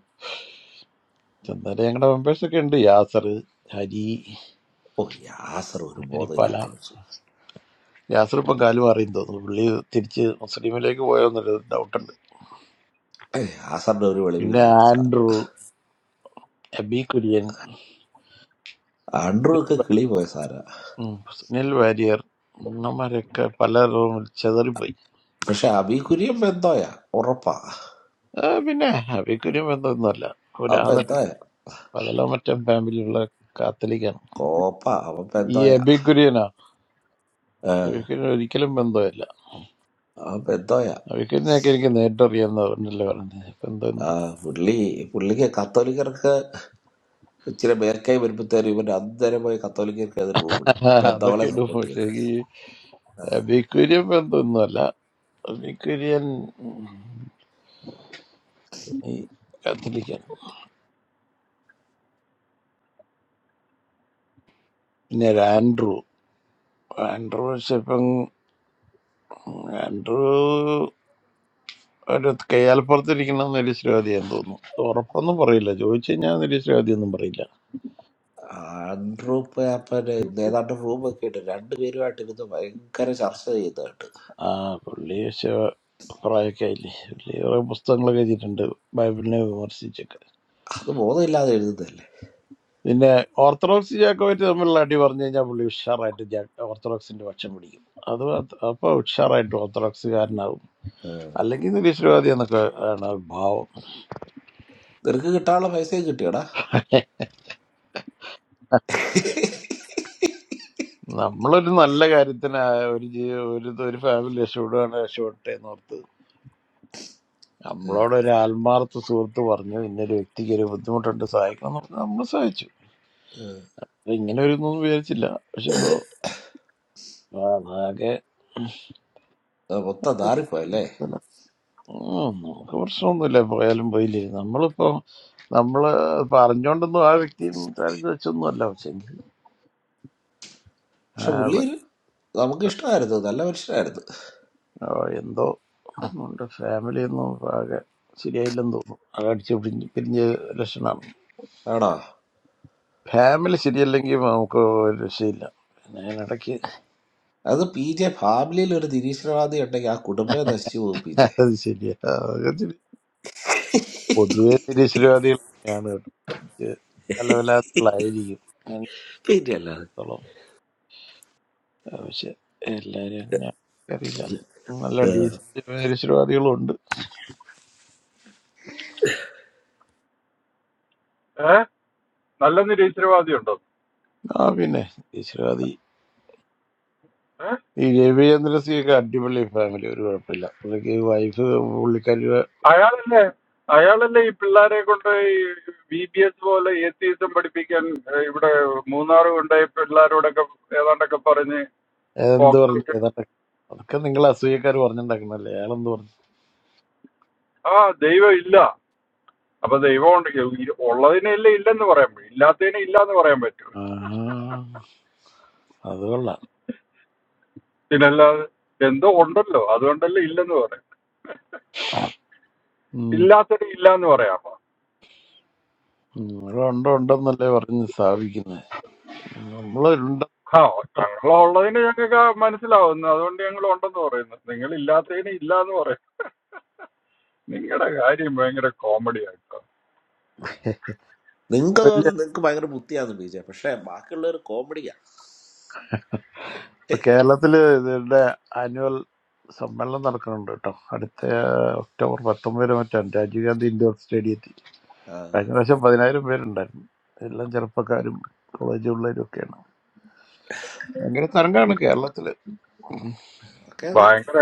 [SPEAKER 8] ചന്തയുടെ ഞങ്ങളുടെ മെമ്പേഴ്സ് ഒക്കെ ഉണ്ട് യാസർ ഹരി
[SPEAKER 6] ഓ യാസർ ഒരു
[SPEAKER 8] ഹരിപ്പാല
[SPEAKER 6] ബോധമില്ലാത്ത മനുഷ്യൻ
[SPEAKER 8] യാസർ ഇപ്പം കാലു മാറിയെന്ന് തോന്നുന്നു പുള്ളി തിരിച്ച് മുസ്ലിമിലേക്ക് പോയോന്നൊരു ഡൗട്ടുണ്ട്
[SPEAKER 6] ഏ, യാസറിന്റെ ഒരു
[SPEAKER 8] പിന്നെ
[SPEAKER 6] വെളിവില്ലാത്ത sir
[SPEAKER 8] Andrew Abi Kurian
[SPEAKER 6] Andrew ഒക്കെ കിളി പോയ സാറാ
[SPEAKER 8] ഉം, സുനിൽ വാര്യർ നമ്മരൊക്കെ പലരും ചെതറിപ്പോയി
[SPEAKER 6] പക്ഷെ അബി കുര്യൻ ബെന്തോയാ ഉറപ്പാ
[SPEAKER 8] ആ, പിന്നെ അബിക്കുര്യം എന്തൊന്നുമല്ല
[SPEAKER 6] ആ
[SPEAKER 8] പുരാതന
[SPEAKER 6] ബെന്തോയാ
[SPEAKER 8] പലതോ മറ്റും ഫാമിലിയുള്ള കാത്തലിക്കാണ്
[SPEAKER 6] കോപ്പ അവൻ
[SPEAKER 8] ഈ
[SPEAKER 6] ബെന്തോയാ
[SPEAKER 8] അബിക്കുര്യനാ
[SPEAKER 6] ആ
[SPEAKER 8] അബിക്കുര്യൻ ഒരിക്കലും ബന്ധമില്ല
[SPEAKER 6] പെന്തോയ
[SPEAKER 8] അബിക്കുര്യനൊക്കെ എനിക്ക് നേരിട്ടറിയാന്ന് പറഞ്ഞല്ലോ പറഞ്ഞത്
[SPEAKER 6] ആ
[SPEAKER 8] ബന്ധമെന്ന്
[SPEAKER 6] പുള്ളി പുള്ളിക്ക് കത്തോലിക്കർക്ക് ഇച്ചിരി മേൽക്കായി വരുമ്പോഴത്തേനും ഇവന്റെ അന്നേരം പോയി കത്തോലിക്കർക്ക് ഏത് റൂം ഇടും
[SPEAKER 8] അതൊക്കെ
[SPEAKER 6] പെന്തോളെ
[SPEAKER 8] ഇടും
[SPEAKER 6] സപ്പോർട്ട്
[SPEAKER 8] പക്ഷേ
[SPEAKER 6] ചെയ്ത്
[SPEAKER 8] ഈ
[SPEAKER 6] ആ,
[SPEAKER 8] അബിക്കുര്യൻ ബന്ധമൊന്നുമല്ല അബിക്കുര്യൻ ഉം, ഈ കാത്തലിക്കാണ് പിന്നെ ഒരു ആൻഡ്രൂ ആൻഡ്രൂ പക്ഷെ ഇപ്പം ആൻഡ്രൂ ഒരു കയ്യാൽപ്പുറത്തിരിക്കുന്ന നിരീശ്വരവാദിയാന്ന് തോന്നുന്നു ഉറപ്പൊന്നും പറയില്ല ചോദിച്ചു കഴിഞ്ഞാൽ നിരീശ്വരവാദിയൊന്നും പറയില്ല
[SPEAKER 6] ആൻഡ്രൂ പേപ്പന് ഏതാണ്ട് റൂം ഒക്കെ ഇട്ട് രണ്ടുപേരുമായിട്ട് ഇരുന്ന് ഭയങ്കര ചർച്ച ചെയ്യുന്നതായിട്ട്
[SPEAKER 8] ആ പുള്ളി പക്ഷേ പ്രായമൊക്കെ ആയില്ലേ പുള്ളി കുറെ പുസ്തകങ്ങളൊക്കെ വെച്ചിട്ടുണ്ട് ബൈബിളിനെ വിമർശിച്ചൊക്കെ
[SPEAKER 6] അത് ബോധമില്ലാതെ എഴുതുന്നതല്ലേ
[SPEAKER 8] പിന്നെ ഓർത്തഡോക്സ് ജാക്കോയിട്ട് തമ്മിലുള്ള അടി പറഞ്ഞു കഴിഞ്ഞാൽ പുള്ളി ഉഷാറായിട്ട് ജാ ഓർത്തഡോക്സിന്റെ പക്ഷം പിടിക്കും അത് മാത്ര- അപ്പൊ ഉഷാറായിട്ട് ഓർത്തഡോക്സുകാരനാകും
[SPEAKER 6] ആ.
[SPEAKER 8] അല്ലെങ്കിൽ നിരീശ്വരവാദി എന്നൊക്കെ ആണ് ഭാവം
[SPEAKER 6] നിനക്ക് കിട്ടാനുള്ള പൈസയും കിട്ടിയടാ
[SPEAKER 8] നമ്മളൊരു നല്ല കാര്യത്തിന് ആ ഒരു ജീ- ഒരു ഒരു ഫാമിലി രക്ഷപ്പെടുകയാണ് രക്ഷപ്പെട്ടെ എന്ന് ഓർത്ത് നമ്മളോട് ഒരു ആത്മാർത്ഥ സുഹൃത്ത് പറഞ്ഞു ഇന്നൊരു വ്യക്തിക്ക് ഒരു ബുദ്ധിമുട്ടുണ്ട് സഹായിക്കണം എന്ന് പറഞ്ഞു നമ്മൾ സഹായിച്ചു അത് ഇങ്ങനെ ഒരു ഒന്നും വിചാരിച്ചില്ല പക്ഷെ ഇപ്പോ അതാകെ
[SPEAKER 6] മൊത്തം നാറിപ്പോയല്ലേ
[SPEAKER 8] ഉം, നമുക്ക് പ്രശ്നമൊന്നുമില്ല പോയാലും പോയില്ലേ നമ്മളിപ്പോ നമ്മള് പറഞ്ഞോണ്ടൊന്നും ആ വ്യക്തി തരഞ്ഞു വെച്ചൊന്നും അല്ല പക്ഷെ എങ്കിൽ ആ,
[SPEAKER 6] പക്ഷെ പുള്ളി ഒരു നമുക്ക് ഇഷ്ടമായിരുന്നു നല്ല മനുഷ്യനായിരുന്നു
[SPEAKER 8] ആ, എന്തോ ഉണ്ട് ഫാമിലി ഒന്നും ആകെ ശരിയായില്ലെന്ന് തോന്നുന്നു ആകെ അടിച്ച് പിരിഞ്ഞ് പിരിഞ്ഞ ലക്ഷണമാണ്
[SPEAKER 6] ആണോ
[SPEAKER 8] ഫാമിലി ശരിയല്ലെങ്കിൽ നമുക്ക് ഒരു രക്ഷയില്ല പിന്നെ അതിനിടയ്ക്ക്
[SPEAKER 6] അത് പി ജെ ഫാമിലിയിൽ ഒരു നിരീശ്വരവാദി ഉണ്ടെങ്കിൽ ആ കുടുംബം നശിച്ചു പോകും പി ജെ
[SPEAKER 8] അത് ശരിയാ അതൊക്കെ ശരി. പൊതുവെ നിരീശ്വരവാദികൾ അങ്ങനെയാണ് കേട്ടോ ഇത് പല പല ആളുകളായിരിക്കും ഞാൻ
[SPEAKER 6] പിന്നെ അല്ലാതെ
[SPEAKER 8] എടുത്തോളം. ആ, പക്ഷെ എല്ലാരും അങ്ങനെയാണ് അറിയില്ല നല്ല ഡീസന്റ് നിരീശ്വരവാദികളും ഉണ്ട്
[SPEAKER 2] ഏഹ് നല്ല നിരീശ്വരവാദി ഉണ്ടോ
[SPEAKER 8] ആ പിന്നെ നിരീശ്വരവാദി
[SPEAKER 2] ഏഹ്
[SPEAKER 8] ഈ രവിചന്ദ്ര സിയൊക്കെ അടിപൊളി ഫാമിലി ഒരു കുഴപ്പമില്ല പുള്ളിക്ക് വൈഫ് പുള്ളിക്കാരി
[SPEAKER 2] അയാളല്ലേ അയാളല്ലേ ഈ പിള്ളേരെ കൊണ്ട് ബി ബി എസ് പോലെ ഏത്തീസം പഠിപ്പിക്കാൻ ഏഹ് ഇവിടെ മൂന്നാർ കൊണ്ടുപോയി പിള്ളേരോടൊക്കെ ഏതാണ്ടൊക്കെ പറഞ്ഞ്
[SPEAKER 8] എന്ത് പറഞ്ഞു
[SPEAKER 2] ഓക്കെ
[SPEAKER 8] ഏതാണ്ട് അതൊക്കെ നിങ്ങൾ അസൂയക്കാർ പറഞ്ഞിട്ടുണ്ടാക്കുന്നല്ലേ അയാളെന്ത് പറഞ്ഞു
[SPEAKER 2] ആ ദൈവം ഇല്ല അപ്പൊ ദൈവം ഉണ്ടെങ്കിൽ ഇ- ഉള്ളതിനെ അല്ലേ ഇല്ലെന്ന് പറയാൻ പറ്റും ഇല്ലാത്തതിനെ ഇല്ല എന്ന് പറയാൻ പറ്റുമോ
[SPEAKER 8] ആഹാ, അത് കൊള്ളാം
[SPEAKER 2] പിന്നല്ലാതെ എന്തോ ഉണ്ടല്ലോ അതുകൊണ്ടല്ലേ ഇല്ലെന്ന് പറയാം
[SPEAKER 8] ഉം.
[SPEAKER 2] ഇല്ലാത്തതിനെ ഇല്ല എന്ന് പറയാമോ
[SPEAKER 8] ഉം. ഇവിടെ ഉണ്ടോ ഉണ്ടെന്നല്ലേ പറഞ്ഞ് സ്ഥാപിക്കുന്നത് നമ്മള്
[SPEAKER 2] ആ ഞങ്ങൾ ഉള്ളതിന് ഞങ്ങൾക്ക് മനസ്സിലാവുന്നു അതുകൊണ്ട് ഞങ്ങൾ ഉണ്ടെന്ന് പറയുന്നു നിങ്ങൾ ഇല്ലാത്തതിന് ഇല്ല എന്ന് പറയും നിങ്ങളുടെ കാര്യം ഭയങ്കര കോമഡി ആയിട്ടോ
[SPEAKER 6] നിങ്ങൾക്ക്
[SPEAKER 8] വലിയ
[SPEAKER 6] തോന്നുന്നു നിങ്ങൾക്ക് ഭയങ്കര ബുദ്ധിയാണ് പി ജെ പക്ഷെ ബാക്കിയുള്ളവർ കോമഡിയാ
[SPEAKER 8] ഇപ്പൊ കേരളത്തില് ഇതിന്റെ ആനുവൽ സമ്മേളനം നടക്കുന്നുണ്ട് കേട്ടോ അടുത്ത ഒക്ടോബർ പത്തൊമ്പതിന് മറ്റാണ് രാജീവ് ഗാന്ധി ഇൻഡോർ സ്റ്റേഡിയത്തിൽ
[SPEAKER 6] ആ,
[SPEAKER 8] കഴിഞ്ഞ പ്രാവശ്യം പതിനായിരം പേരുണ്ടായിരുന്നു എല്ലാം ചെറുപ്പക്കാരും കോളേജ് പിള്ളേരും ഒക്കെയാണ് ഭയങ്കര തരംഗമാണ് കേരളത്തില്
[SPEAKER 6] ഒക്കെ അതെ
[SPEAKER 2] ഭയങ്കര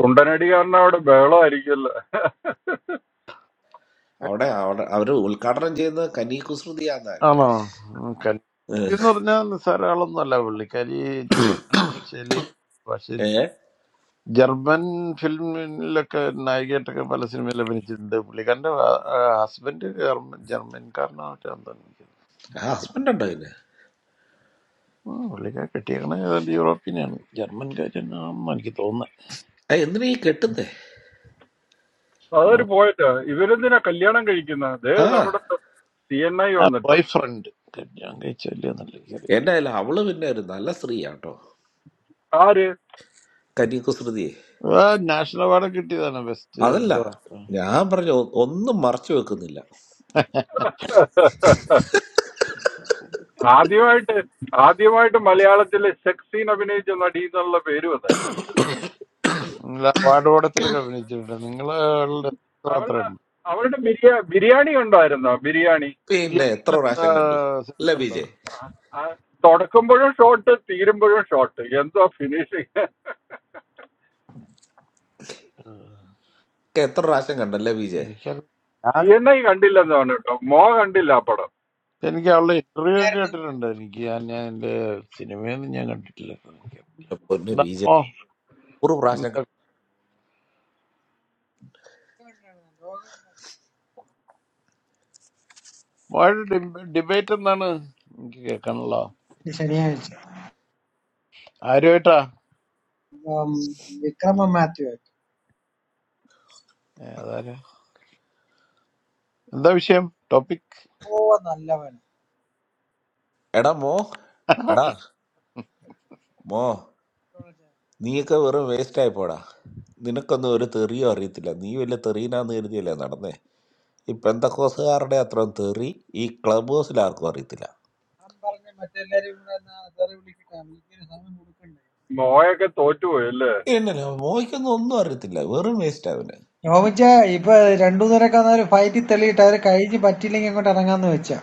[SPEAKER 2] കുണ്ടനടി കാരണം അവിടെ ബഹളമായിരിക്കുമല്ലോ
[SPEAKER 6] അവിടെ അവിടെ അവര് ഉദ്ഘാടനം ചെയ്യുന്ന കനി കുസൃതിയാന്നാകട്ടെ
[SPEAKER 8] ആണോ ഉം, കലി എന്ന് പറഞ്ഞാൽ നിസ്സാര ആളൊന്നും അല്ല പുള്ളിക്കാരി ജർമ്മൻ ഭാഷയില് ഭാഷയിൽ
[SPEAKER 6] ഏ
[SPEAKER 8] ജർമ്മൻ ഫിലിമിലൊക്കെ നായികയായിട്ടൊക്കെ പല സിനിമയിൽ അഭിനയിച്ചിട്ടുണ്ട് പുള്ളിക്കാരന്റെ ഹസ്ബൻഡ് ജർമ്മൻ ജർമ്മൻകാരനായിട്ടാണ് തോന്നിക്കുന്നത്
[SPEAKER 6] ഹസ്ബൻഡ് ഉണ്ടോ പിന്നെ
[SPEAKER 8] ആ, പുള്ളിക്കാരി കെട്ടിയേക്കണ ഏതാണ്ട് യൂറോപ്പിനെയാണ് ജർമ്മൻകാരനാണെന്ന് എനിക്ക് തോന്നുന്നത്
[SPEAKER 6] ഏ, എന്തിനാ ഈ കെട്ടുന്നേ
[SPEAKER 2] അതൊരു പോയിട്ട് ഇവരെന്തിനാ കല്യാണം കഴിക്കുന്നത് ദേ
[SPEAKER 6] ആ
[SPEAKER 2] നമ്മുടെ സി എൻ ഐ
[SPEAKER 8] ആ ബോയ്
[SPEAKER 2] വന്നിട്ടുണ്ട്
[SPEAKER 8] ഫ്രണ്ട് കല്യാണം കഴിച്ചല്ലേ എന്നല്ല എനിക്കറിയില്ല
[SPEAKER 6] എന്നെ അല്ല അവള് പിന്നെ ഒരു നല്ല സ്ത്രീയാട്ടോ
[SPEAKER 2] ആര്
[SPEAKER 6] കനി കുസൃതി
[SPEAKER 8] ആ, നാഷണൽ അവാർഡ് കിട്ടിയതാണ് ബെസ്റ്റ്
[SPEAKER 6] അതല്ല
[SPEAKER 8] എന്തോ
[SPEAKER 6] ഞാൻ പറഞ്ഞു ഒ- ഒന്നും മറച്ചു വെക്കുന്നില്ല
[SPEAKER 2] ആദ്യമായിട്ട് ആദ്യമായിട്ട് മലയാളത്തിലെ സെക്സ് സീൻ അഭിനയിച്ച നടി എന്നുള്ള പേരും അതൊക്കെ
[SPEAKER 8] നിങ്ങൾ അവാർഡ് ഓടത്തിലൊക്കെ അഭിനയിച്ചിട്ടുണ്ട് നിങ്ങളുടെ
[SPEAKER 2] അവളുടെ
[SPEAKER 8] മാത്രമാണ്
[SPEAKER 2] അവളുടെ ബിരിയാ ബിരിയാണി ഉണ്ടായിരുന്നോ ബിരിയാണി
[SPEAKER 6] പിന്നെ എത്ര പ്രാവശ്യം കണ്ടു അല്ല
[SPEAKER 8] ഉണ്ടോ
[SPEAKER 6] ബി
[SPEAKER 2] ആ, തുടക്കുമ്പോഴും ഷോട്ട് തീരുമ്പോഴും ഷോട്ട് എന്തോ ഫിനിഷിങ്
[SPEAKER 8] ആ,
[SPEAKER 6] ഒക്കെ എത്ര പ്രാവശ്യം കണ്ടല്ലേ ബി ജെ
[SPEAKER 8] എനിക്കറിയില്ല
[SPEAKER 2] സി
[SPEAKER 8] ഞാൻ
[SPEAKER 2] എൻ ഐ കണ്ടില്ലെന്നാണ് കേട്ടോ മോ കണ്ടില്ല ആ പടം
[SPEAKER 8] എനിക്ക് അവളുടെ ഇന്റർവ്യൂ ഒക്കെ
[SPEAKER 4] Nerdum.
[SPEAKER 8] കേട്ടിട്ടുണ്ട് എനിക്ക് ഞാൻ ഞാൻ എന്റെ സിനിമയൊന്നും ഞാൻ കണ്ടിട്ടില്ല എനിക്ക്
[SPEAKER 6] പൊന്ന് ബി ജെ നൂറ് പ്രാവശ്യം കണ്ടു.
[SPEAKER 8] ഡിബേറ്റ് എന്താണ് എനിക്ക് കേൾക്കാനുള്ള
[SPEAKER 4] This is nice.
[SPEAKER 8] ആരുമായിട്ടാ
[SPEAKER 4] Um, ekramam mathu.
[SPEAKER 8] ഏ, അതാരാ എന്താ വിഷയം ടോപ്പിക്
[SPEAKER 4] Oh, that's all
[SPEAKER 6] എടാ മോ എടാ മോ
[SPEAKER 4] good.
[SPEAKER 6] നീയൊക്കെ വെറും വേസ്റ്റ് ആയി പോടാ നിനക്കൊന്നും ഒരു തെറിയോ അറിയത്തില്ല നീ വലിയ തെറീനാന്ന് കരുതിയല്ലേ നടന്നേ ഈ പെന്തക്കോസുകാരുടെ അത്ര തെറി ഈ ക്ലബ് ഹൗസിൽ ആർക്കും അറിയത്തില്ല
[SPEAKER 4] Ambarne mathi eri muna. Ereri uli ke tamili ke sami murukundu.
[SPEAKER 2] മോയൊക്കെ തോറ്റുപോയി അല്ലേ
[SPEAKER 6] എന്നല്ല മോയ്ക്കൊന്നും ഒന്നും അറിയത്തില്ല വെറും വേസ്റ്റ് അവന്
[SPEAKER 4] Yavichya. Ipa. Two days ago, there was a fight in the street. There was a guy who was attacking someone. Did you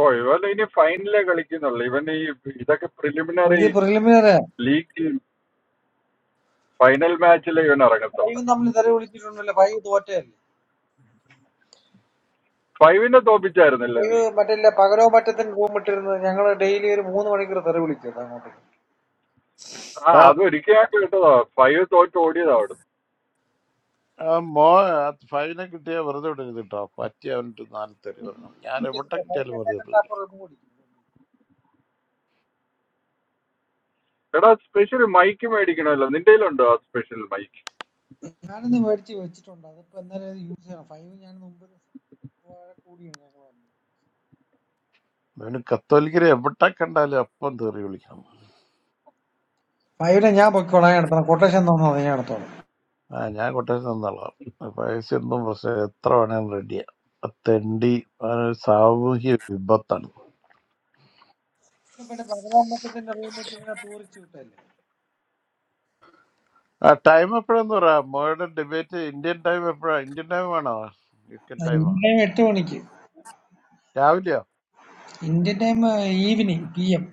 [SPEAKER 2] ഓ ഇവൻ ഇനി ഫൈനലേ കളിക്കുന്നുള്ളു ഇവൻ ഈ ഇതൊക്കെ preliminary
[SPEAKER 4] see that?
[SPEAKER 2] League final മാച്ചിലേ ഇവൻ ഇറങ്ങത്തുള്ളു
[SPEAKER 4] Even that, we were there. We were there.
[SPEAKER 2] ഫൈവിനെ തോപ്പിച്ചായിരുന്നില്ലേ നീ
[SPEAKER 4] Five, matter like, pagalow matter then who matter? Jangalna daily er moon vani karo thare bolite thoda mati.
[SPEAKER 2] ആ അത് ഒരിക്കലും കേട്ടതാ ഫൈവ് തോറ്റ് ഓടിയതാ അവിടുന്ന്
[SPEAKER 8] മോ ഫൈവിനെ കിട്ടിയാൽ വെറുതെ വിടരുത് കേട്ടോ പറ്റി അവനിട്ട് നാല് തെറി പറയണം ഞാൻ എവിടെ
[SPEAKER 4] Five
[SPEAKER 8] കിട്ടിയാലും
[SPEAKER 4] na
[SPEAKER 8] വെറുതെ
[SPEAKER 4] kanna
[SPEAKER 8] വിടരുത്
[SPEAKER 4] apor moon.
[SPEAKER 2] എടാ സ്പെഷ്യൽ മൈക്ക് മേടിക്കണമല്ലോ നിന്റെ കയ്യിലുണ്ടോ ആ special mic
[SPEAKER 4] Janna ne varchi varchi tohnda. Apo andhar er use na five ne janna number.
[SPEAKER 8] അവന് കത്തോലിക്കരെ എവിടെ കണ്ടാലും അപ്പം തെറി വിളിക്കണം
[SPEAKER 4] Five ne jya apokarai na. Tana quotation dona dona jya na thora.
[SPEAKER 8] ആ ഞാൻ കൊട്ടേഷൻ തന്നോളാം പൈസ ഒന്നും പ്രശ്നം എത്ര വേണേലും റെഡിയാ തെണ്ടി അവനൊരു സാമൂഹ്യ വിപത്താണ്
[SPEAKER 4] Na bade pagalow matter then na moon er tohna poori choto hai.
[SPEAKER 8] ആ ടൈം എപ്പോഴെന്ന് പറയാ മോയുടെ ഡിബേറ്റ് ഇന്ത്യൻ ടൈം എപ്പോഴാ ഇന്ത്യൻ ടൈം ആണോ യു കെ
[SPEAKER 4] Na
[SPEAKER 8] ടൈമാ
[SPEAKER 4] time ettu vani ki?
[SPEAKER 8] രാവിലെയോ
[SPEAKER 4] India time evening PM.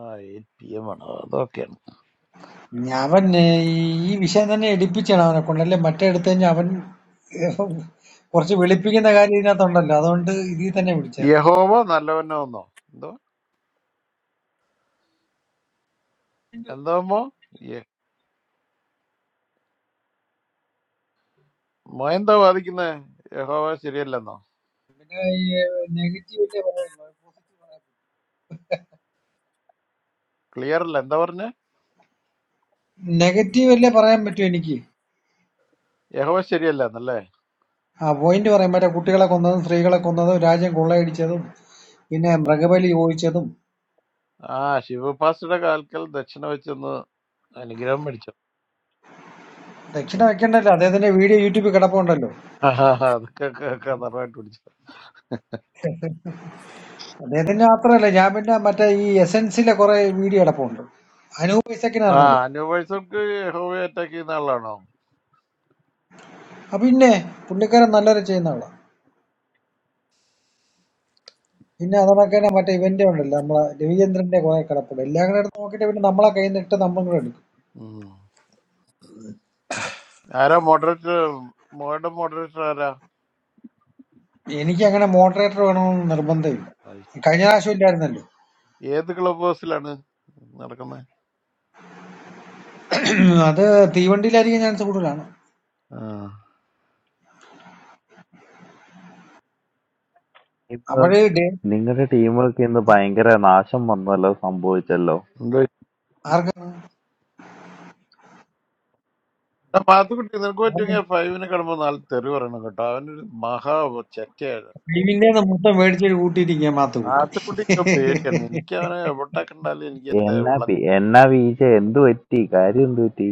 [SPEAKER 8] ആ എയ്റ്റ് പി എം ആണോ അതൊക്കെ
[SPEAKER 4] അവൻ ഏഹ്, ഈ വിഷയം തന്നെ എടുപ്പിച്ചാണ് അവനെ കൊണ്ടല്ലേ മറ്റേ എടുത്തു കഴിഞ്ഞാൽ അവൻ ഏഹ്, കുറച്ച് വെളുപ്പിക്കുന്ന കാര്യം ഇതിനകത്തുണ്ടല്ലോ അതുകൊണ്ട് ഇതിൽ തന്നെ പിടിച്ചായിരുന്നു
[SPEAKER 8] യഹോവ നല്ലവനെന്നോ എന്തോ എന്താമോ മോ എന്താ വാദിക്കുന്നേ യഹോവ ശരിയല്ലെന്നോ
[SPEAKER 4] പിന്നെ നെഗറ്റീവ് അല്ലേ പറയാനുള്ളൂ പോസിറ്റീവ് പറയാൻ
[SPEAKER 8] ക്ലിയർ അല്ല എന്താ പറഞ്ഞേ
[SPEAKER 4] നെഗറ്റീവ് അല്ലേ പറയാൻ പറ്റും എനിക്ക്
[SPEAKER 8] യഹോവ ശരിയല്ലെന്നല്ലേ
[SPEAKER 4] ആ പോയിന്റ് പറയാൻ പറ്റാ കുട്ടികളെ കൊന്നതും സ്ത്രീകളെ കൊന്നതും രാജ്യം കൊള്ളയടിച്ചതും പിന്നെ മൃഗബലി ചോദിച്ചതും
[SPEAKER 8] ആ ശിവഭാസയുടെ കാൽക്കൽ ദക്ഷിണ വെച്ചൊന്ന് അനുഗ്രഹം മേടിച്ചു
[SPEAKER 4] ദക്ഷിണ വെക്കണ്ടല്ലോ അദ്ദേഹത്തിന്റെ വീഡിയോ യൂട്യൂബിൽ കിടപ്പുണ്ടല്ലോ
[SPEAKER 8] ആഹാ, അതൊക്കെ ക- കതറായിട്ട് പിടിച്ചു
[SPEAKER 4] അദ്ദേഹത്തിന്റെ മാത്രമല്ല ഞാൻ പിന്നെ മറ്റേ ഈ എസെൻസിലെ കുറെ വീഡിയോ കിടപ്പുണ്ട് അനൂപ് ഐസക്കിന്
[SPEAKER 8] ആ
[SPEAKER 4] അറിഞ്ഞൂടെ
[SPEAKER 8] അനുവേഴ്സർക്ക് യഹോവയെ അറ്റാക്ക് ചെയ്യുന്ന ആളാണോ
[SPEAKER 4] ആ പിന്നെ പുള്ളിക്കാരൻ നല്ലൊരു ചെയ്യുന്ന ആളാ പിന്നെ അത് കണക്ക് തന്നെ മറ്റേ ഇവന്റ് ഉണ്ടല്ലോ നമ്മളെ രവിചന്ദ്രന്റെ കുറെ കിടപ്പുണ്ട് എല്ലാം കൂടെ എടുത്ത് നോക്കിയിട്ട് പിന്നെ നമ്മളെ കയ്യിൽ നിന്ന് ഇട്ട് നമ്മളും കൂടെ എടുക്കും
[SPEAKER 8] ഉം. ആരാ മോഡറേറ്റർ മോയുടെ മോഡറേറ്റർ ആരാ
[SPEAKER 4] എനിക്ക് അങ്ങനെ മോഡറേറ്റർ വേണമെന്ന് നിർബന്ധമില്ല
[SPEAKER 8] ആയി.
[SPEAKER 4] കഴിഞ്ഞ പ്രാവശ്യം ഇല്ലായിരുന്നല്ലോ
[SPEAKER 8] ഏത് ക്ലബ് ഹൗസിലാണ്
[SPEAKER 4] അത് തീവണ്ടിയിലായിരിക്കും ചാൻസ് കൂടുതലാണ്
[SPEAKER 8] നടക്കുന്നത്
[SPEAKER 10] ടീം
[SPEAKER 4] അപ്പോഴേ
[SPEAKER 10] വർക്ക്
[SPEAKER 4] ഡേ
[SPEAKER 10] നിങ്ങളുടെ ടീം വർക്ക് ഇന്ന് ഭയങ്കര നാശം വന്നല്ലോ സംഭവിച്ചല്ലോ
[SPEAKER 4] ആർക്കാണ്
[SPEAKER 8] ആ മാത്തുക്കുട്ടി നിനക്ക് പറ്റുമെങ്കിൽ ഫൈവിന് കിടമ്പോൾ നാല് തെറി പറയണം കേട്ടോ അവനൊരു മഹാ ചെറ്റയാണ്
[SPEAKER 4] ഡീവിന്റെ മൊത്തം മേടിച്ചൊരു കൂട്ടിയിരിക്കുക
[SPEAKER 8] മാത്തുക്കുട്ടിക്ക് പേടിയാണ് എനിക്ക് അവനെ എവിടെ കണ്ടാലും എനിക്ക് എന്റെ
[SPEAKER 10] എന്നാ
[SPEAKER 8] ഉള്ള
[SPEAKER 10] പി- എന്നാ വീഴ്ച എന്ത് പറ്റി കാര്യം എന്ത് പറ്റി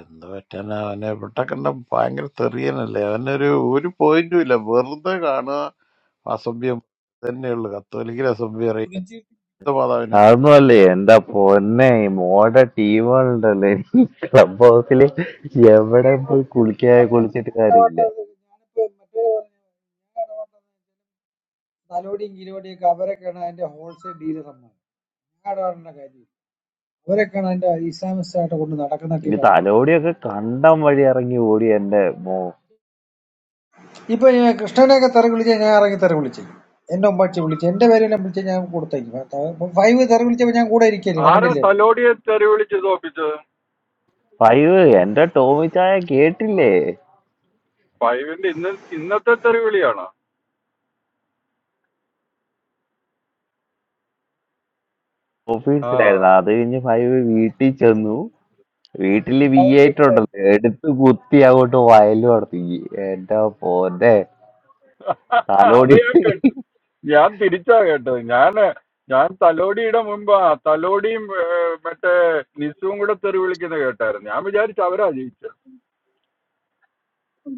[SPEAKER 8] എന്ത് പറ്റാനാ അവനെ എവിടെ കണ്ട ഭയങ്കര തെറിയനല്ലേ അവനൊരു ഒരു പോയിന്റും ഇല്ല വെറുതെ കാണുക അസഭ്യം തന്നെയുള്ളു കത്തോലിക്കൽ അസഭ്യം അറിയാം എന്ത് മാതാവിന്
[SPEAKER 10] അതൊന്നും അല്ലേ എന്റെ പൊന്നെ മോടെ ടീമുകളുണ്ടല്ലോ എനിക്ക് ക്ലബ് ഹൗസിൽ എവിടെ പോയി കുളിക്കാ കുളിച്ചിട്ട് കാര്യമില്ല
[SPEAKER 4] I don't know. I did. Where can I get a Islam shirt? I got no. I can't even
[SPEAKER 10] ഈ
[SPEAKER 4] buy it.
[SPEAKER 10] തലോടിയൊക്കെ കണ്ടം വഴി ഇറങ്ങി ഓടി എന്റെ മോ
[SPEAKER 4] Now I'm a customer. I got a shirt. I got a shirt. I got a
[SPEAKER 2] ആരാ
[SPEAKER 4] shirt.
[SPEAKER 2] തലോടിയെ തെറി വിളിച്ച് തോപ്പിച്ചത്
[SPEAKER 10] ഫൈവ് എന്റെ ടോമി ചായ കേട്ടില്ലേ
[SPEAKER 2] ഫൈവിന്റെ ഇന്ന് ഇന്നത്തെ തെറി വിളിയാണോ ആ
[SPEAKER 10] ഓഫീസിലായിരുന്നു അത് കഴിഞ്ഞ് ഫൈവ് വീട്ടിൽ ചെന്നു വീട്ടില്
[SPEAKER 4] I
[SPEAKER 10] we ate
[SPEAKER 4] got a shirt.
[SPEAKER 10] ഉണ്ടല്ലോ എടുത്ത് കുത്തി അങ്ങോട്ട് വയലും നടത്തി എന്റെ പോന്റെ
[SPEAKER 2] അത്
[SPEAKER 10] തലോടി
[SPEAKER 2] ഞാൻ കേട്ടു ഞാൻ തിരിച്ചാ കേട്ടത് ഞാന് ഞാൻ തലോടിയുടെ മുമ്പാ തലോടിയും ഏ, മറ്റേ നിസുവും കൂടെ തെറി വിളിക്കുന്നത് കേട്ടായിരുന്നു ഞാൻ വിചാരിച്ചു അവരാ ജയിച്ചത്
[SPEAKER 11] Oh.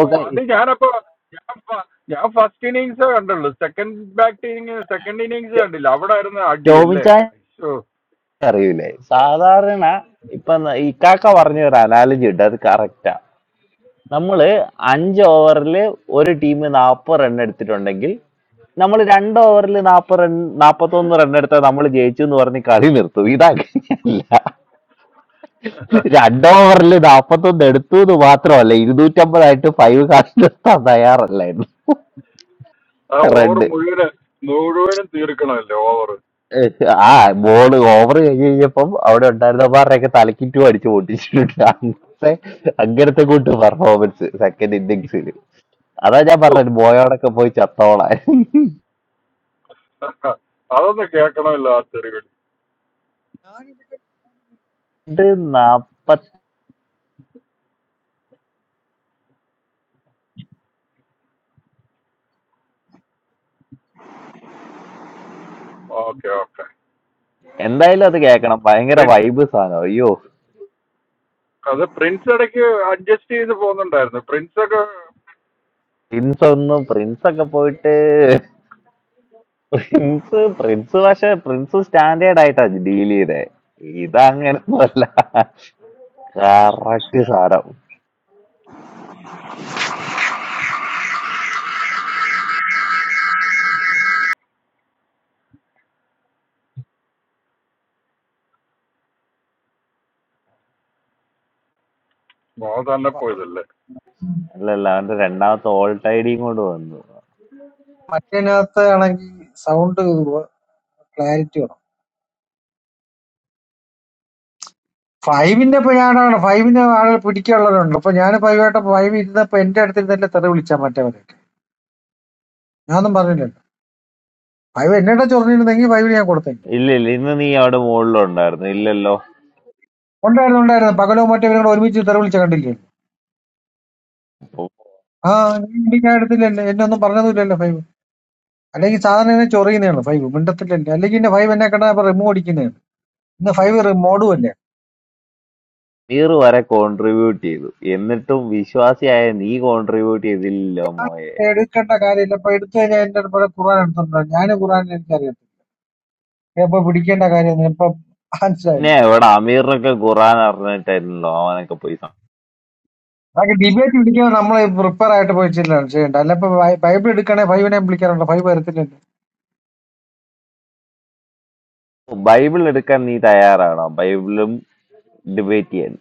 [SPEAKER 2] ഓ അത് ഞാനപ്പോ ഞാൻ ഫ- ഞാൻ ഫസ്റ്റ് ഇന്നിങ്സ് കണ്ടുള്ളൂ സെക്കൻഡ് ബാറ്റിങ് സെക്കൻഡ് ഇന്നിങ്സ്
[SPEAKER 10] ടോ-
[SPEAKER 2] കണ്ടില്ല അവിടെ ആയിരുന്നു അടി
[SPEAKER 10] ടോമിൻ
[SPEAKER 2] അല്ലേ
[SPEAKER 10] ചായ
[SPEAKER 2] ഓ
[SPEAKER 10] അറിയൂലേ സാധാരണ ഇപ്പൊ ന- ഇക്കാക്ക പറഞ്ഞ ഒരു അനാലജി ഉണ്ട് അത് കറക്റ്റാ നമ്മള് അഞ്ച് ഓവറിൽ ഒരു ടീം നാപ്പത് റൺ എടുത്തിട്ടുണ്ടെങ്കിൽ നമ്മൾ രണ്ട് ഓവറിൽ നാപ്പത് റൺ നാപ്പത്തൊന്ന് റൺ എടുത്താൽ നമ്മൾ ജയിച്ചു എന്ന് പറഞ്ഞ് കളി നിർത്തും ഇതാ രണ്ടോവറിൽ നാപ്പത്തൊന്ന് എടുത്തു എന്ന് മാത്രമല്ല ഇരുന്നൂറ്റമ്പതായിട്ട് ഫൈവ് കാസ്റ്റ് നിർത്താൻ തയ്യാറല്ലായിരുന്നു
[SPEAKER 2] ആ ഓവർ
[SPEAKER 10] റെഡ്
[SPEAKER 2] മുഴുവന് മുഴുവനും തീർക്കണമല്ലോ ഓവർ
[SPEAKER 10] ആ ബോള് ഓവർ കഴിഞ്ഞ് കഴിഞ്ഞപ്പം അവിടെ ഉണ്ടായിരുന്നമാരുടെയൊക്കെ തലക്കിറ്റും അടിച്ച് പൊട്ടിച്ചിട്ടുണ്ട് അങ്ങനത്തെ അങ്ങനത്തെ കൂട്ട് പെർഫോമൻസ് സെക്കൻഡ് ഇന്നിങ്സിൽ അതാ ഞാൻ പറഞ്ഞത് ബോയോടൊക്കെ പോയി ചത്തോളാൻ
[SPEAKER 2] അതൊന്ന് കേൾക്കണമല്ലോ ആ തെറിവിൽ
[SPEAKER 10] ഇത് നാപ്പത്
[SPEAKER 2] ഓക്കെ ഓക്കെ
[SPEAKER 10] എന്തായാലും അത് കേക്കണം ഭയങ്കര
[SPEAKER 2] പ്രിൻസ്
[SPEAKER 10] വൈബ് സാധനം അയ്യോ
[SPEAKER 2] അത് പ്രിൻസ് ഇടയ്ക്ക് അഡ്ജസ്റ്റ് ചെയ്ത് പോകുന്നുണ്ടായിരുന്നു പ്രിൻസ് ഒക്കെ
[SPEAKER 10] പ്രിൻസ് ഒന്നും പ്രിൻസ് ഒക്കെ പോയിട്ട് പ്രിൻസ് പ്രിൻസ് പക്ഷെ പ്രിൻസ് സ്റ്റാൻഡേർഡ് ആയിട്ടാ ഡീൽ ചെയ്തേ ഇതങ്ങനൊന്നുമല്ല കറക്റ്റ് സാധനം
[SPEAKER 2] ഓ തന്നെ പോയതല്ലേ
[SPEAKER 10] അല്ലല്ല അവന്റെ രണ്ടാമത്തെ ഓൾട്ട് ഐഡിയും കൊണ്ട് വന്നു
[SPEAKER 12] മറ്റേനകത്ത് ആണെങ്കിൽ സൗണ്ട് ക്ലാരിറ്റി വേണം ഫൈവിന്റെ ഇപ്പൊ ഞാനാണ് ഫൈവിന്റെ ആളുകൾ പിടിക്കാനുള്ളവരുണ്ട് അപ്പൊ ഞാൻ ഫൈവായിട്ട് ഫൈവ് ഇരുന്നപ്പോ എന്റെ അടുത്തിൽ തന്നെ തെറി വിളിച്ചാൽ മറ്റേവരൊക്കെ ഞാനൊന്നും പറഞ്ഞില്ലല്ലോ ഫൈവ് എന്നെ ചൊറിഞ്ഞിരുന്നെങ്കിൽ ഫൈവിന് ഞാൻ കൊടുത്തെങ്കിൽ
[SPEAKER 10] ഇല്ല ഇല്ല ഇന്ന് നീ അവിടെ മുകളിലുണ്ടായിരുന്നു ഇല്ലല്ലോ
[SPEAKER 12] ഉണ്ടായിരുന്നു ഉണ്ടായിരുന്നു പകലോ മറ്റേവരും കൂടെ ഒരുമിച്ച് തെറി വിളിച്ച കണ്ടില്ലേ ആ ഞാൻ എടുത്തില്ലല്ലോ എന്നെ ഒന്നും പറഞ്ഞതുമില്ലല്ലോ ഫൈവ് അല്ലെങ്കിൽ സാധാരണ എന്നെ ചൊറിയുന്നതാണ് ഫൈവ് മിണ്ടത്തില്ലല്ലേ അല്ലെങ്കിൽ എന്റെ ഫൈവ് എന്നെ കണ്ടാ ഇപ്പൊ റിമൂവ് അടിക്കുന്നതാണ് ഇന്ന് ഫൈവ് മോഡും അല്ലേ
[SPEAKER 10] മുനീർ വരെ കോൺട്രിബ്യൂട്ട് ചെയ്തു എന്നിട്ടും വിശ്വാസിയായ നീ കോൺട്രിബ്യൂട്ട് ചെയ്തില്ലല്ലോ മോയെ
[SPEAKER 12] എടുക്കേണ്ട കാര്യമില്ല അപ്പൊ എടുത്തു കഴിഞ്ഞാൽ എന്റെ അടുത്ത് ഖുറാൻ എടുത്തിട്ടുണ്ടോ ഞാൻ ഖുറാൻ എനിക്കറിയാം ഇപ്പൊ പിടിക്കേണ്ട കാര്യമൊന്നും ഇപ്പൊ മനസ്സിലായില്ല
[SPEAKER 10] പിന്നെ ഇവിടെ അമീറിനൊക്കെ ഖുറാൻ അറിഞ്ഞിട്ടായിരുന്നല്ലോ അവനൊക്കെ പോയി സം-
[SPEAKER 12] അതൊക്കെ ഡിബേറ്റ് പിടിക്കാൻ നമ്മൾ പ്രിപ്പയർ ആയിട്ട് പോയി ചെല്ലാണ് ചെയ്യേണ്ട അല്ല ഇപ്പൊ ബൈ- ബൈബിൾ എടുക്കണേ ഫൈവിനെയും വിളിക്കാറുണ്ട് ഫൈവ് വരത്തില്ലല്ലോ
[SPEAKER 10] ബൈബിൾ എടുക്കാൻ നീ തയ്യാറാണോ ബൈബിളും ഡിബേറ്റ് ചെയ്യാൻ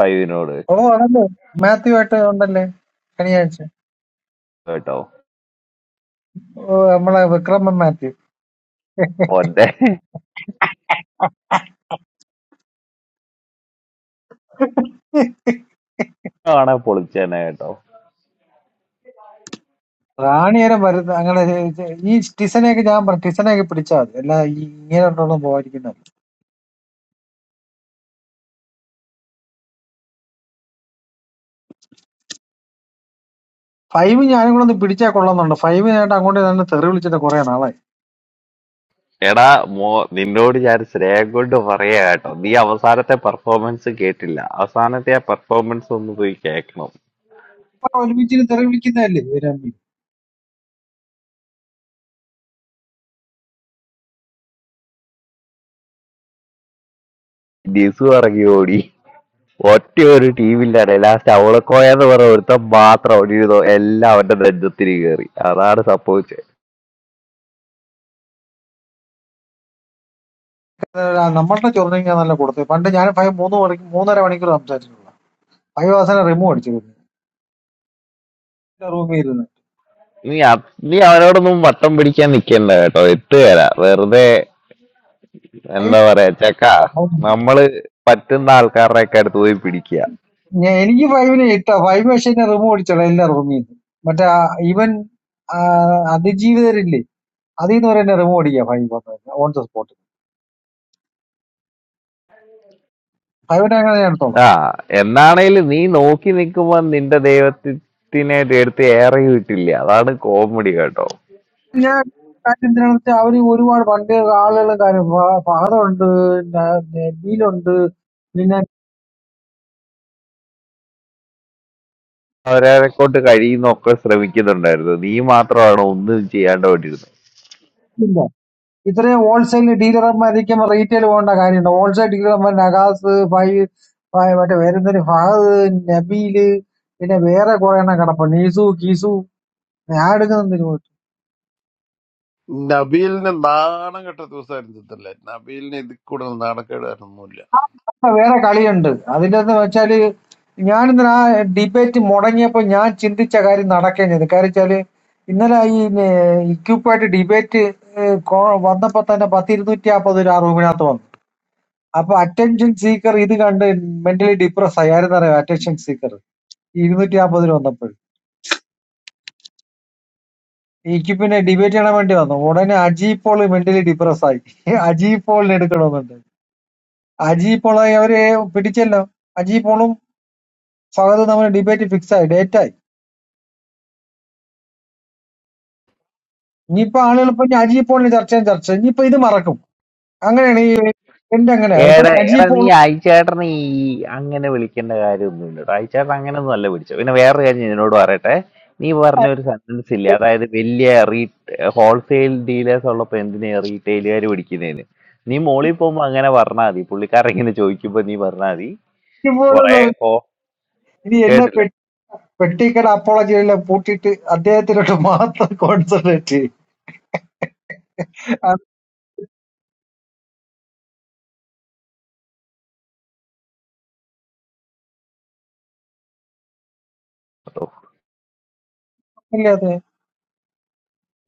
[SPEAKER 10] ഫൈവിനോട്
[SPEAKER 12] ഓ ആണല്ലോ മാത്യു ആയിട്ട് ഉണ്ടല്ലേ ശനിയാഴ്ച
[SPEAKER 10] കേട്ടോ
[SPEAKER 12] ഓ നമ്മളെ വിക്രമൻ മാത്യു
[SPEAKER 10] പോട്ടെ ആണ് പൊളിച്ചേനെ കേട്ടോ
[SPEAKER 12] റാണി വരെ വരുന്ന അങ്ങനെ ചെ- ചെ- ഈ ടിസനെയൊക്കെ ഞാൻ പറഞ്ഞു ടിസനെയൊക്കെ പിടിച്ചാൽ മതി അല്ല ഈ ഇങ്ങനെ ഉണ്ടോന്നും പോകാതിരിക്കുന്നത് ഫൈവ് ഞാനും കൂടെ ഒന്ന് പിടിച്ചാൽ കൊള്ളാന്നുണ്ട് ഫൈവിനായിട്ട് അങ്ങോട്ട് തന്നെ തെറി വിളിച്ചിട്ട് കുറെ നാളായി
[SPEAKER 10] എടാ മോ നിന്നോട് ഞാൻ ശ്രേയം കൊണ്ട് പറയാ കേട്ടോ നീ അവസാനത്തെ പെർഫോമൻസ് കേട്ടില്ല അവസാനത്തെ ആ പെർഫോമൻസ് ഒന്ന് പോയി കേൾക്കണം
[SPEAKER 12] ആ, ഒരുമിച്ചിട്ട് തെറി വിളിക്കുന്നതല്ലേ ഇവര്
[SPEAKER 10] ഡിസു ഇറങ്ങി ഓടി ഒറ്റ ഒരു ടീമില്ലാതെ ലാസ്റ്റ് അവളക്കോയ എന്ന് പറഞ്ഞ ഒരുത്തൻ മാത്രം ഓടിയിരുന്നോ എല്ലാം അവന്റെ നെഞ്ചത്തിന് കയറി അതാണ് സംഭവിച്ചത്
[SPEAKER 12] നമ്മളുടെ ചൊറിഞ്ഞാൽ നല്ല കൊടുത്തു പണ്ട് ഞാൻ ഫൈവ് മൂന്ന് മണിക്കൂർ മൂന്നര മണിക്കൂർ സംസാരിച്ചിട്ടുള്ള ഫൈവ് അവസാനം റിമൂവ് അടിച്ചിരുന്നു എല്ലാ റൂമിൽ ഇരുന്ന്
[SPEAKER 10] നീ അത് നീ അവനോടൊന്നും വട്ടം പിടിക്കാൻ നിക്കണ്ട കേട്ടോ എത്തുകയല്ല വെറുതെ
[SPEAKER 12] ഫൈവ്
[SPEAKER 10] എന്താ
[SPEAKER 12] ഇല്ല,
[SPEAKER 10] പറയാ ചെക്ക
[SPEAKER 12] ഫൈവ്.
[SPEAKER 10] നമ്മള് പറ്റുന്ന ആൾക്കാരുടെ ഒക്കെ അടുത്ത് പോയി പിടിക്കുക
[SPEAKER 12] ഞാൻ- എനിക്ക് ഫൈവിനെ ഇട്ട ഫൈവ് പക്ഷേ എന്നെ റിമൂവ് അടിച്ചോളാം എല്ലാ റൂമിൽ നിന്ന് മറ്റേ ഈവൻ അതിജീവിതരില്ലേ അതിൽ നിന്ന് വരെ എന്നെ റിമൂവ് അടിക്കുക ഫൈവ് വന്നു ഓൺ ദ സ്പോട്ട് ഫൈവിനെ അങ്ങനെ ഞാൻ
[SPEAKER 10] ആ
[SPEAKER 12] എടുത്തോളാം
[SPEAKER 10] എന്നാണേലും നീ നോക്കി നിൽക്കുമ്പോ നിന്റെ ദൈവത്തിനെ എടുത്ത് ഏറെ കിട്ടില്ല അതാണ് കോമഡി കേട്ടോ
[SPEAKER 12] ഞാൻ കാര്യം എന്തിനാണെന്ന് വെച്ചാൽ അവര് ഒരുപാട് പണ്ട് ആളുകളും കാര്യം ഫഹദുണ്ട് നബീലുണ്ട് പിന്നെ
[SPEAKER 10] അവരെ കൊണ്ട് കഴിയുന്നൊക്കെ ശ്രമിക്കുന്നുണ്ടായിരുന്നു നീ മാത്രമാണ് ഒന്നും ചെയ്യാണ്ട് കൊണ്ടിരുന്നത്
[SPEAKER 12] ഇത്രയും ഹോൾസെയിൽ ഡീലർമാരിക്കും റീറ്റെയിൽ പോകേണ്ട കാര്യമുണ്ടോ ഹോൾസെയിൽ ഡീലർമാർ നഗാസ് ഫൈ ഫൈ മറ്റേ വേറെന്തൊരു ഫഹദ് നബീല് പിന്നെ വേറെ കുറെ എണ്ണം കിടപ്പുണ്ട് നീസു കീസു ഞാൻ എടുക്കുന്നതിന് പോയിട്ട്
[SPEAKER 8] നബീലിന് നാണം കെട്ട ദിവസമായിരുന്നു ചിത്തല്ലേ നബീലിന് ഇതിൽ കൂടുതൽ നാണക്കേടായിരുന്നില്ല
[SPEAKER 12] അപ്പൊ വേറെ കളിയുണ്ട് അതിൻ്റെ എന്ന് വെച്ചാല് ഞാനിന്ന് ആ ഡിബേറ്റ് മുടങ്ങിയപ്പോൾ ഞാൻ ചിന്തിച്ച കാര്യം നടക്കുകയും ചെയ്തു കാര്യം വെച്ചാല് ഇന്നലെ ഈ ഇക്യൂപ്പായിട്ട് ഡിബേറ്റ് വന്നപ്പോ തന്നെ പത്ത് ഇരുന്നൂറ്റി അമ്പത് ഒരു ആ റൂമിനകത്ത് വന്നു അപ്പൊ അറ്റൻഷൻ സീക്കർ ഇത് കണ്ട് മെന്റലി ഡിപ്രസ് ആയി ആരെന്നറിയാം അറ്റൻഷൻ സീക്കർ ഇരുന്നൂറ്റി നാപ്പതിന് വന്നപ്പോൾ എനിക്ക് പിന്നെ ഡിബേറ്റ് ചെയ്യാൻ വേണ്ടി വന്നു ഉടനെ അജി പോൾ മെന്റലി ഡിപ്രസ് ആയി അജി പോളിനെ എടുക്കണമെന്നുണ്ട് അജി പോളായി അവര് പിടിച്ചല്ലോ അജി പോളും ഫഹദും തമ്മിൽ ഡിബേറ്റ് ഫിക്സ് ആയി ഡേറ്റ് ആയി ഇനിയിപ്പോ ആളുകൾ ഇപ്പൊ ഇനി അജി പോളിന് ചർച്ച ചെയ്യാൻ ചർച്ച ഇനിയിപ്പോ ഇത് മറക്കും അങ്ങനെയാണ് ഈ എന്റെ അങ്ങനെയാ ഇപ്പൊ
[SPEAKER 10] ഏടാ
[SPEAKER 12] അജി
[SPEAKER 10] എടാ നീ
[SPEAKER 12] പോളും
[SPEAKER 10] അയച്ചേട്ടനെ ഈ അങ്ങനെ വിളിക്കേണ്ട കാര്യമൊന്നും ഇല്ല കേട്ടോ. അയച്ചേട്ടൻ അങ്ങനെ ഒന്നും അല്ല വിളിച്ചത് പിന്നെ വേറൊരു കാര്യം ഞാൻ നിന്നോട് പറയട്ടെ നീ പറഞ്ഞ ഒരു സെന്റൻസ് ഇല്ലേ അതായത് വലിയ റീ ഹോൾസെയിൽ ഡീലേഴ്സ് ഉള്ളപ്പോ എന്തിനാ റീറ്റെയിലുകാർ പിടിക്കുന്നതിന് നീ മോളിൽ പോകുമ്പോ അങ്ങനെ പറഞ്ഞാൽ മതി പുള്ളിക്കാരൻ ഇങ്ങനെ ചോദിക്കുമ്പോ നീ പറഞ്ഞാൽ മതി
[SPEAKER 12] അജി പോളും എന്ന്
[SPEAKER 10] കൊറേ
[SPEAKER 12] പറഞ്ഞ
[SPEAKER 10] പോ
[SPEAKER 12] ഇനി എല്ലാ
[SPEAKER 10] കേട്ടില്ല
[SPEAKER 12] പെ- പെട്ടിക്കട അപ്പോളജി എല്ലാം പൂട്ടിയിട്ട് അദ്ദേഹത്തിലോട്ട് മാത്രം കോൺസെൻട്രേറ്റ് ചെയ്യും അത് ഇല്ലേ അത്?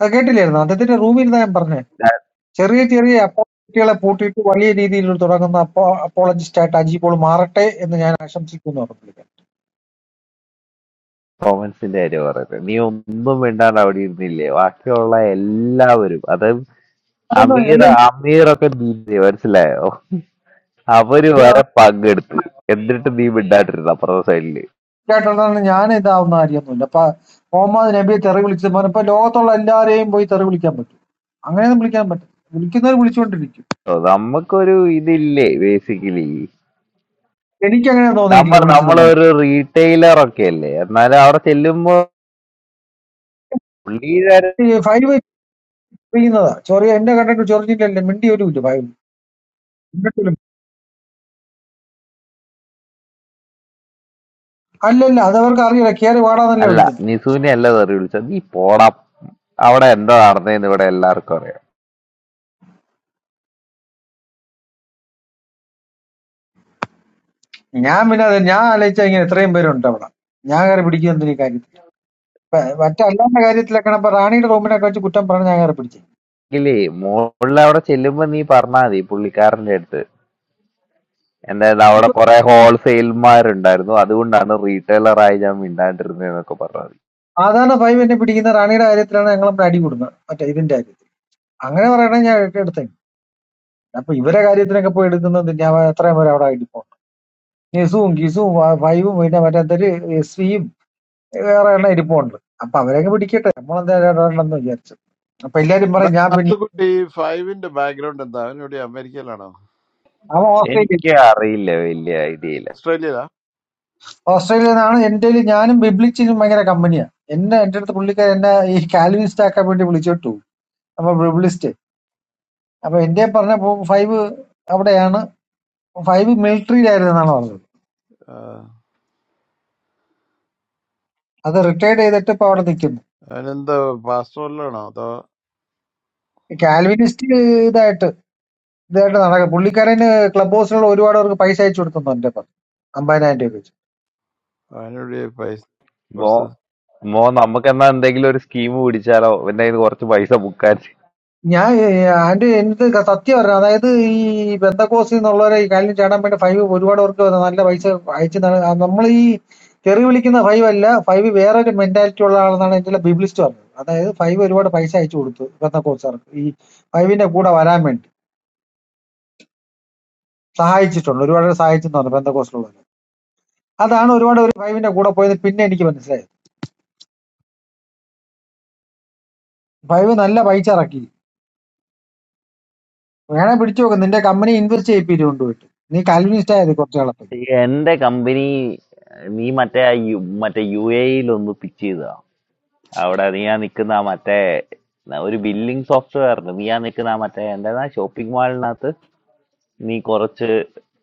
[SPEAKER 12] അത് കേട്ടില്ലായിരുന്നു അദ്ദേഹത്തിന്റെ റൂമിൽ ഞാൻ പറഞ്ഞത് ചെറിയ ചെറിയ അപ്പോളജിസ്റ്റുകളെ പൂട്ടിയിട്ട് വലിയ രീതിയിൽ തുടങ്ങുന്ന അപ്പോ അപ്പോളജിസ്റ്റ് ആയിട്ട് അജി പോൾ മാറട്ടെ എന്ന് ഞാൻ ആശംസിക്കുന്നു പുള്ളിക്കാരൻ.
[SPEAKER 10] കോമൻസിന്റെ കാര്യം പറയുന്നത് നീ ഒന്നും മിണ്ടാണ്ട് അവിടെ ഇരുന്നില്ലേ ബാക്കിയുള്ള എല്ലാവരും അത്
[SPEAKER 12] അതൊന്ന്
[SPEAKER 10] അമീർ
[SPEAKER 12] അല്ലേ
[SPEAKER 10] അമീറൊക്കെ നീ മനസ്സിലായോ അവര്
[SPEAKER 12] ഇത്
[SPEAKER 10] വരെ പങ്കെടുത്തു എന്നിട്ട് നീ മിണ്ടാണ്ടിരുന്നു അപ്പുറത്തെ സൈഡില്
[SPEAKER 12] അറിയിച്ചിട്ടായിട്ടാണ് ഞാൻ ഇതാവുന്ന കാര്യമൊന്നുമില്ല അപ്പൊ മുഹമ്മദ് നബിയെ തെറി വിളിച്ചത് പോലെ ഇപ്പൊ ലോകത്തുള്ള എല്ലാവരെയും പോയി തെറി വിളിക്കാൻ പറ്റും അങ്ങനെയൊന്നും വിളിക്കാൻ പറ്റും വിളിക്കുന്നവർ വിളിച്ചുകൊണ്ടിരിക്കും
[SPEAKER 10] ഓ, നമുക്കൊരു ഇതില്ലേ ബേസിക്കലി
[SPEAKER 12] എനിക്ക് അങ്ങനെ തോന്നിയിട്ടില്ല
[SPEAKER 10] നമ്മൾ
[SPEAKER 12] വിളിച്ചെന്ന്
[SPEAKER 10] നമ്മളൊരു
[SPEAKER 12] പറഞ്ഞിട്ട്
[SPEAKER 10] റീറ്റെയിലർ ഒക്കെ അല്ലേ എന്നാലും അവിടെ ചെല്ലുമ്പോ പുള്ളിക്കാരൻ
[SPEAKER 12] ഈ ഫൈവ് ചെയ്യുന്നതാ ചൊറിയ എന്റെ കണ്ടിട്ട് ചൊറിഞ്ഞില്ലല്ലേ മിണ്ടി ഒരു ഇല്ല ഫൈവ് മിണ്ടത്തിലും. അല്ലല്ല അതവർക്ക് അറിയില്ല കയറി വാടാന്നല്ലേ
[SPEAKER 10] അല്ല
[SPEAKER 12] വിളിക്കുന്നത്
[SPEAKER 10] നിസൂനെ അല്ല തെറി വിളിച്ചത് നീ പോടാ അവിടെ എന്താ നടന്നതെന്ന് ഇവിടെ എല്ലാവർക്കും അറിയാം
[SPEAKER 12] ഞാൻ പിന്നെ അത് ഞാൻ ആലോചിച്ചാ ഇങ്ങനെ ഇത്രയും പേരുണ്ട് അവിടെ ഞാൻ കയറി പിടിക്കുന്ന എന്തിനീ കാര്യം പ- മറ്റല്ലാത്ത കാര്യത്തിലൊക്കെ ഇപ്പൊ റാണിയുടെ റൂമിനൊക്കെ വെച്ച് കുറ്റം പറഞ്ഞ് ഞാൻ കയറി പിടിച്ചു
[SPEAKER 10] ഇല്ലേ മോളിൽ അവിടെ ചെല്ലുമ്പോ നീ പറഞ്ഞാ മതി പുള്ളിക്കാരന്റെ അടുത്ത് എന്തായാലും അവിടെ കുറെ ഹോൾസെയിൽമാരുണ്ടായിരുന്നു അതുകൊണ്ടാണ് റീറ്റെയിലർ ആയി ഞാൻ മിണ്ടാണ്ടിരുന്നതെന്നൊക്കെ പറഞ്ഞാൽ മതി
[SPEAKER 12] സാധാരണ ഫൈവ് എന്നെ പിടിക്കുന്ന റാണിയുടെ കാര്യത്തിലാണ് ഞങ്ങൾ നമ്മൾ അടി കൂടുന്നത് മറ്റേ ഇതിന്റെ കാര്യത്തിൽ അങ്ങനെ പറയണേ ഞാൻ എടുത്തേ അപ്പൊ ഇവരെ കാര്യത്തിനൊക്കെ പോയി എടുക്കുന്നത് ഞാൻ എത്രയും പേര് അവിടെ ഇരിപ്പുണ്ട് നിസുവും ഗിസുവും ഫ- ഫൈവും പിന്നെ മറ്റേ എസ് വിയും വേറെ എണ്ണം ഇരിപ്പുണ്ട് അപ്പൊ അവരെയൊക്കെ പിടിക്കട്ടെ നമ്മളെന്തായാലും വിചാരിച്ചു അപ്പൊ എല്ലാരും പറയും ഞാൻ പിന്നെ
[SPEAKER 8] മാത്തുക്കുട്ടി ഫൈവിന്റെ ബാക്ക്ഗ്രൗണ്ട് എന്താ അവനോട് അമേരിക്കയിലാണോ
[SPEAKER 12] അവൻ ഓസ്ട്രേലിയ
[SPEAKER 10] എനിക്ക് അറിയില്ല വലിയ ഐഡിയ ഇല്ല
[SPEAKER 8] ഓസ്ട്രേലിയയിലാ
[SPEAKER 12] ഓസ്ട്രേലിയ നിന്നാണ് എന്റെ കയ്യില് ഞാനും ബിബ്ലിച്ചിനും ഭയങ്കര കമ്പനിയാണ് എന്നെ എന്റെ അടുത്ത് പുള്ളിക്കാരൻ എന്നെ ഈ കാൽവിനിസ്റ്റ് ആക്കാൻ വേണ്ടി വിളിച്ചോട്ടു അപ്പൊ അപ്പൊ എന്റെ പറഞ്ഞപ്പോ ഫൈവ് അവിടെയാണ് ഫൈവ് മിലിറ്ററിയിലായിരുന്നു എന്നാണ് പറഞ്ഞത് അത് റിട്ടയർഡ് ചെയ്തിട്ട് ഇപ്പൊ അവിടെ നിൽക്കുന്നു
[SPEAKER 8] അവനെന്താ പാസ്പോർട്ടിലാണോ അതോ
[SPEAKER 12] ഈ കാൽവിനിസ്റ്റ് ഇതായിട്ട് ഇതായിട്ട് നടക്കുക പുള്ളിക്കാരന് ക്ലബ് ഹൗസിലുള്ള ഒരുപാട് അവർക്ക് പൈസ അയച്ചു കൊടുത്തു എന്റെ പറഞ്ഞു അമ്പതിനായിരം രൂപ വെച്ച്
[SPEAKER 8] അവനെവിടെ പൈസ
[SPEAKER 10] മോ
[SPEAKER 8] കുറച്ച്
[SPEAKER 10] മോ നമുക്ക് എന്നാ എന്തെങ്കിലും ഒരു സ്കീം പിടിച്ചാലോ എന്റെ കയ്യിൽ കുറച്ച് പൈസ മുക്കാൻ
[SPEAKER 12] ഞാൻ ആന്റി എന്ത് ക- സത്യം പറഞ്ഞു അതായത് ഈ ബന്ധക്കോസിൽ നിന്നുള്ളവരെ ഈ കാലിന് ചാടാൻ വേണ്ടി ഫൈവ് ഒരുപാട് അവർക്ക് നല്ല പൈസ അയച്ചു നമ്മൾ ഈ തെറി വിളിക്കുന്ന ഫൈവ് അല്ല ഫൈവ് വേറൊരു മെന്റാലിറ്റി ഉള്ള ആളെന്നാണ് എന്റെ ബിബ്ലിസ്റ്റ് പറഞ്ഞത് അതായത് ഫൈവ് ഒരുപാട് പൈസ അയച്ചു കൊടുത്തു ബന്ധക്കോസാർക്ക് ഈ ഫൈവിന്റെ കൂടെ വരാൻ വേണ്ടി സഹായിച്ചിട്ടുണ്ട് ഒരുപാട് സഹായിച്ചെന്ന് പറഞ്ഞു പെന്തക്കോസ്റ്റുള്ളവർ അതാണ് ഒരുപാട് ഒരു ഫൈവിന്റെ കൂടെ പോയത് പിന്നെ എനിക്ക് മനസ്സിലായത് ഫൈവ് നല്ല പൈസ ഇറക്കി വേണേ പിടിച്ചു നോക്ക് നിന്റെ കമ്പനി ഇൻവെസ്റ്റ് ചെയ്യിപ്പിച്ചു കൊണ്ടുപോയിട്ട് നീ കാൽവിനിസ്റ്റ് ആയത് കുറച്ച് കാലത്തേക്ക്
[SPEAKER 10] എന്റെ കമ്പനി നീ മറ്റേ ആ യു- മറ്റേ യു എയിലൊന്ന് പിച്ച് ചെയ്താ അവിടെ നീ ആ നിക്കുന്ന ആ മറ്റേ ഒരു ബില്ലിംഗ് സോഫ്റ്റ്വെയർ നീ ആ നിക്കുന്ന ആ മറ്റേ എന്താ ഷോപ്പിംഗ് മാളിനകത്ത് നീ കുറച്ച്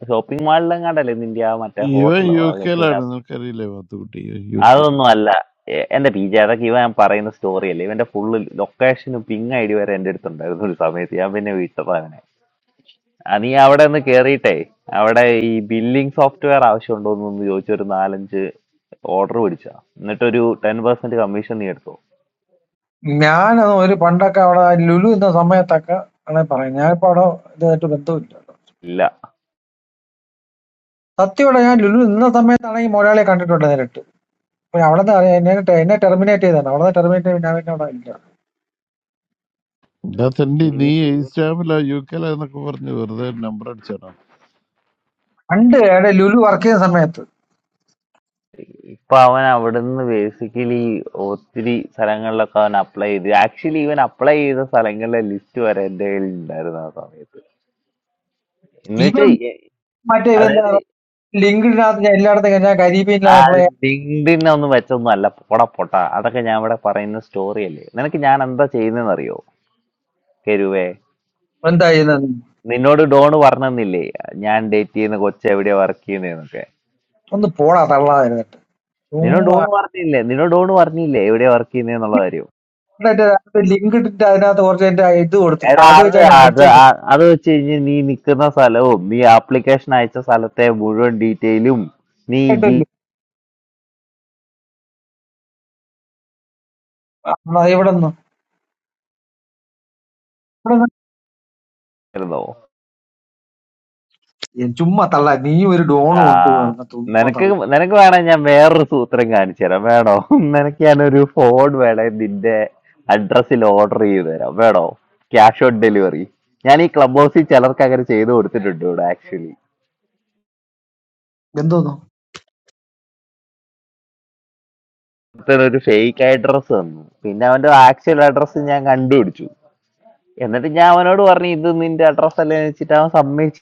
[SPEAKER 10] ഷോപ്പിംഗ് മാളിലെങ്ങാണ്ടല്ലേ നിന്റെ ആ മറ്റേ
[SPEAKER 8] ഇവൻ
[SPEAKER 10] ഹോട്ടലോ
[SPEAKER 8] യു കെയിലാണ് നിനക്കറിയില്ലേ മാത്തുക്കുട്ടി യു കെ
[SPEAKER 10] അതൊന്നും അല്ല എ- എന്റെ പീജ അതൊക്കെ ഇവൻ പറയുന്ന സ്റ്റോറി അല്ലേ ഇവന്റെ ഫുള്ള് ലൊക്കേഷനും പിങ് ഐ ഡി വരെ എന്റെ അടുത്തുണ്ടായിരുന്നു ഒരു സമയത്ത് ഞാൻ പിന്നെ വിട്ടതാ അവനെ ആ, നീ അവിടെ ഒന്ന് കേറിയിട്ടേ അവിടെ ഈ ബില്ലിംഗ് സോഫ്റ്റ്വെയർ ആവശ്യമുണ്ടോ എന്ന് ചോദിച്ച ഒരു നാലഞ്ച് ഓർഡർ പിടിച്ചാ എന്നിട്ടൊരു ടെൻ പെർസെന്റ് കമ്മീഷൻ നീ എടുത്തോ
[SPEAKER 12] ഞാനത് ഒരു പണ്ടൊക്കെ അവിടെ ലുലു എന്ന സമയത്തൊക്കെ ആണെ പറയാം ഞാനിപ്പോ അവിടെ ഇതായിട്ട് ബന്ധമില്ല
[SPEAKER 10] ഇല്ല
[SPEAKER 12] സത്യമായിട്ട് ഞാൻ ലുലു നിന്ന സമയത്താണെങ്കിൽ മുതലാളിയെ കണ്ടിട്ടുണ്ട് നേരിട്ട് അപ്പൊ അവിടെ നിന്ന് അറിയാം എന്നെ ടെ- എന്നെ ടെർമിനേറ്റ് ചെയ്താണ് അവിടെ നിന്ന് ടെർമിനേറ്റ് ചെയ്ത് ഞാൻ പിന്നെ അവിടെ ഇല്ല
[SPEAKER 8] എന്നാ തന്നെ നീ ഈ സ്റ്റാമ്പിലാ യു കെയിലാന്നൊക്കെ പറഞ്ഞ് വെറുതെ നമ്പർ അടിച്ചാണോ
[SPEAKER 12] പണ്ട് അവിടെ ലുലു വർക്ക് ചെയ്യുന്ന സമയത്ത്
[SPEAKER 10] ഇപ്പൊ അവൻ അവിടുന്ന് ബേസിക്കലി ഒത്തിരി സ്ഥലങ്ങളിലൊക്കെ അവൻ അപ്ലൈ ചെയ്തു ആക്ച്വലി ഇവൻ അപ്ലൈ ചെയ്ത സ്ഥലങ്ങളിലെ ലിസ്റ്റ് വരെ എന്റെ കയ്യിൽ ഉണ്ടായിരുന്നു ആ സമയത്ത് എന്ന് വെച്ചാ
[SPEAKER 12] ഇവൻ
[SPEAKER 10] എ-
[SPEAKER 12] മറ്റേ ഇവൻ
[SPEAKER 10] അതായത്
[SPEAKER 12] ലിങ്ക്ഡിനകത്ത് ഞാൻ എല്ലായിടത്തും ഞാൻ
[SPEAKER 10] ആ
[SPEAKER 12] കരീബിയനിലായപ്പോൾ
[SPEAKER 10] ലിങ്ക്ഡിൻ ഒന്നും വെച്ചൊന്നും അല്ല പൊട പൊട്ട അതൊക്കെ ഞാൻ ഇവിടെ പറയുന്ന സ്റ്റോറി അല്ലേ നിനക്ക് ഞാൻ എന്താ ചെയ്യുന്നതെന്ന് അറിയോ കരുവേ
[SPEAKER 12] എന്തായി
[SPEAKER 10] നിന്നോട് ഡോൺ പറഞ്ഞെന്നില്ലേ ഞാൻ ഡേറ്റ് ചെയ്യുന്ന കൊച്ചു എവിടെയാ വർക്ക് ചെയ്യുന്നതെന്നൊക്കെ
[SPEAKER 12] ഒന്ന് പോടാ തള്ളാതിരുന്നിട്ട്
[SPEAKER 10] നിന്നോട്
[SPEAKER 12] ചുമ്മാ
[SPEAKER 10] ഡോൺ പറഞ്ഞില്ലേ നിന്നോട് ഡോൺ പറഞ്ഞില്ലേ എവിടെയാ വർക്ക് ചെയ്യുന്നതെന്നുള്ള കാര്യം
[SPEAKER 12] അതിനകത്ത് ലിങ്ക് ഇട്ടിട്ട് അതിനകത്ത് കുറച്ച് എന്റെ ഇത് കൊടുത്തിട്ടുണ്ട്
[SPEAKER 10] എടാ
[SPEAKER 12] അത്
[SPEAKER 10] അത്
[SPEAKER 12] വെച്ച് അങ്ങ്
[SPEAKER 10] അത്
[SPEAKER 12] അഴിച്ചങ്ങ്
[SPEAKER 10] ആ- അത് വെച്ച് കഴിഞ്ഞ് നീ നിൽക്കുന്ന സ്ഥലവും നീ ആപ്ലിക്കേഷൻ അയച്ച സ്ഥലത്തെ മുഴുവൻ ഡീറ്റെയിലും നീ
[SPEAKER 12] കേട്ടില്ലേ ഇവിടെ നിന്ന് ഇവിടെ
[SPEAKER 10] ജീവിച്ചിരുന്നോ
[SPEAKER 12] നിന്ന് ചുമ്മാ തള്ള നീ ഒരു
[SPEAKER 10] ആ
[SPEAKER 12] ഡോണും ഉണ്ട് കിടന്ന ചുമ്മാ
[SPEAKER 10] നിനക്ക്
[SPEAKER 12] തള്ള
[SPEAKER 10] നിനക്ക് വേണേ ഞാൻ വേറൊരു സൂത്രം കാണിച്ചു തരാം വേണോ നിനക്ക് ഞാനൊരു ഫോൺ വേണേ നിന്റെ അഡ്രസ്സിൽ ഓർഡർ ചെയ്ത് തരാം വേണോ ക്യാഷ് ഓൺ ഡെലിവറി ഞാൻ ഈ ക്ലബ് ഹൗസിൽ ചിലർക്ക് അങ്ങനെ ചെയ്ത് കൊടുത്തിട്ടുണ്ട് ഇവിടെ ആക്ച്വലി
[SPEAKER 12] എന്തോന്നു
[SPEAKER 10] ഒരു ഫേക്ക് അഡ്രസ്സ് തന്നു പിന്നെ അവന്റെ ആക്ച്വൽ അഡ്രസ്സ് ഞാൻ കണ്ടുപിടിച്ചു എന്നിട്ട് ഞാൻ അവനോട് പറഞ്ഞു ഇത് നിന്റെ അഡ്രസ് അല്ലേ എന്ന് വെച്ചിട്ട് അവൻ സമ്മതിച്ചു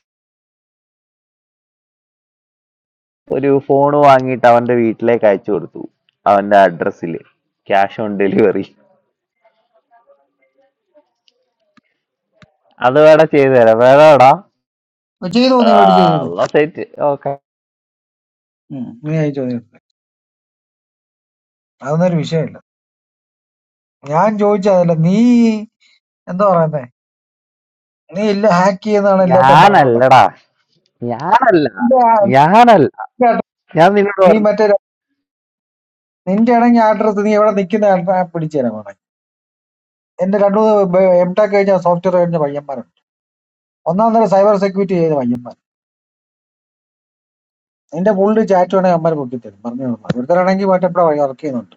[SPEAKER 10] ഒരു ഫോൺ വാങ്ങിയിട്ട് അവന്റെ വീട്ടിലേക്ക് അയച്ചു കൊടുത്തു അവന്റെ അഡ്രസ്സിൽ ക്യാഷ് ഓൺ ഡെലിവറി അത് വേടാ ചെയ്തു തരാം വേടാടാ
[SPEAKER 12] അത് ചെയ്തോ നീ മേടിച്ച് ചെയ്തോ
[SPEAKER 10] സെറ്റ് ഓക്കെ
[SPEAKER 12] ഉം, നീ അയച്ചോ നീ എടുത്തോ. അതൊന്നും ഒരു വിഷയമില്ല ഞാൻ ചോദിച്ചതല്ല നീ എന്താ പറയുന്നേ നീ ഇല്ല ഹാക്ക് ചെയ്യുന്നതാണ് എല്ലാറ്റും പറഞ്ഞോണ്ടാക്കുന്നത്
[SPEAKER 10] ഞാനല്ലടാ ഞാനല്ല
[SPEAKER 12] ഇല്ല,
[SPEAKER 10] ഞാനല്ല
[SPEAKER 12] നിന്റെ address
[SPEAKER 10] ഞാൻ നിന്നോട്
[SPEAKER 12] നീ
[SPEAKER 10] പറഞ്ഞു
[SPEAKER 12] മറ്റേ നിന്റെ ആണെങ്കിൽ അഡ്രസ് നീ എവിടെ നിൽക്കുന്ന പിടിച്ചു തരാൻ വേണം എന്റെ രണ്ടു മൂന്ന് എം ടെക് കഴിഞ്ഞ സോഫ്റ്റ്വെയർ കഴിഞ്ഞ പയ്യന്മാരുണ്ട് ഒന്നാം തരം സൈബർ സെക്യൂരിറ്റി ചെയ്ത് വയ്യമ്മൻ നിന്റെ പുള്ളി ചാറ്റ് വേണമെങ്കിൽ അമ്മ പൊട്ടിത്തരും പറഞ്ഞു ഒരുത്തരാണെങ്കിൽ മറ്റെപ്പോഴാ വർക്ക് ചെയ്യുന്നുണ്ട്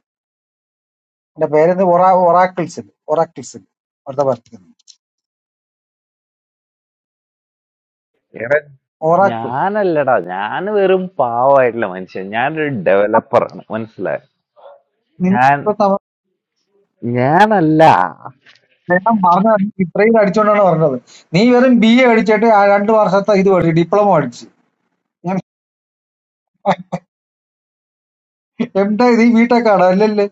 [SPEAKER 12] എന്റെ പേരെന്ന് ഒറാക്കിൾസിൽ ഒറാക്കിൾസിൽ ഒരുത്ത വർക്ക് ചെയ്യുന്നു
[SPEAKER 10] എടാ,
[SPEAKER 12] ഒറാക്കിൾ
[SPEAKER 10] ഞാനല്ലടാ ഞാൻ വെറും പാവമായിട്ടുള്ള മനുഷ്യൻ ഞാനൊരു ഡെവലപ്പറാണ് മനസ്സിലായോ ഞാൻ ഞാനല്ല
[SPEAKER 12] പറഞ്ഞ ഇത്രയും അടിച്ചോണ്ടാണ് പറഞ്ഞത് നീ വെറും ബി എ അടിച്ചിട്ട് ആ രണ്ട് വർഷത്തെ ഇത് പഠിച്ചു ഡിപ്ലോമ അടിച്ചു എന്താ ഇത് ഈ ബിടെക് ആണ് അല്ലല്ലേ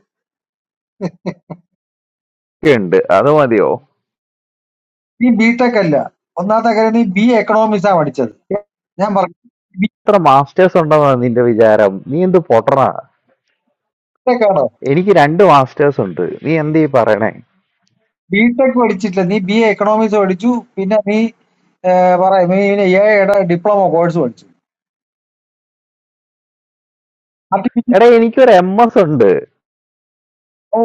[SPEAKER 10] ഒക്കെ ഉണ്ട് അത് മതിയോ
[SPEAKER 12] നീ ബിടെക് അല്ല ഒന്നാമത്തെ കാര്യം നീ ബി എക്കണോമിക്സ് ആ പഠിച്ചത് ഞാൻ പറഞ്ഞു
[SPEAKER 10] എത്ര മാസ്റ്റേഴ്സ് ഉണ്ടെന്നാണ് നിന്റെ വിചാരം നീ എന്ത് പൊട്ടണാ
[SPEAKER 12] ബിടെക് ആണ്
[SPEAKER 10] എനിക്ക് രണ്ട് മാസ്റ്റേഴ്സ് ഉണ്ട് നീ എന്ത് ഈ പറയണേ
[SPEAKER 12] ബിടെക് പഠിച്ചിട്ടില്ല നീ ബി എ എക്കണോമിക്സ് പഠിച്ചു പിന്നെ നീ ഏ, പറയാം നീ പിന്നെ എയുടെ ഡിപ്ലോമ കോഴ്സ് പഠിച്ചു ആർട്ടിഫിഷ്യൽ
[SPEAKER 10] എടാ എനിക്കൊരു എം എസ് ഉണ്ട്
[SPEAKER 12] ഓ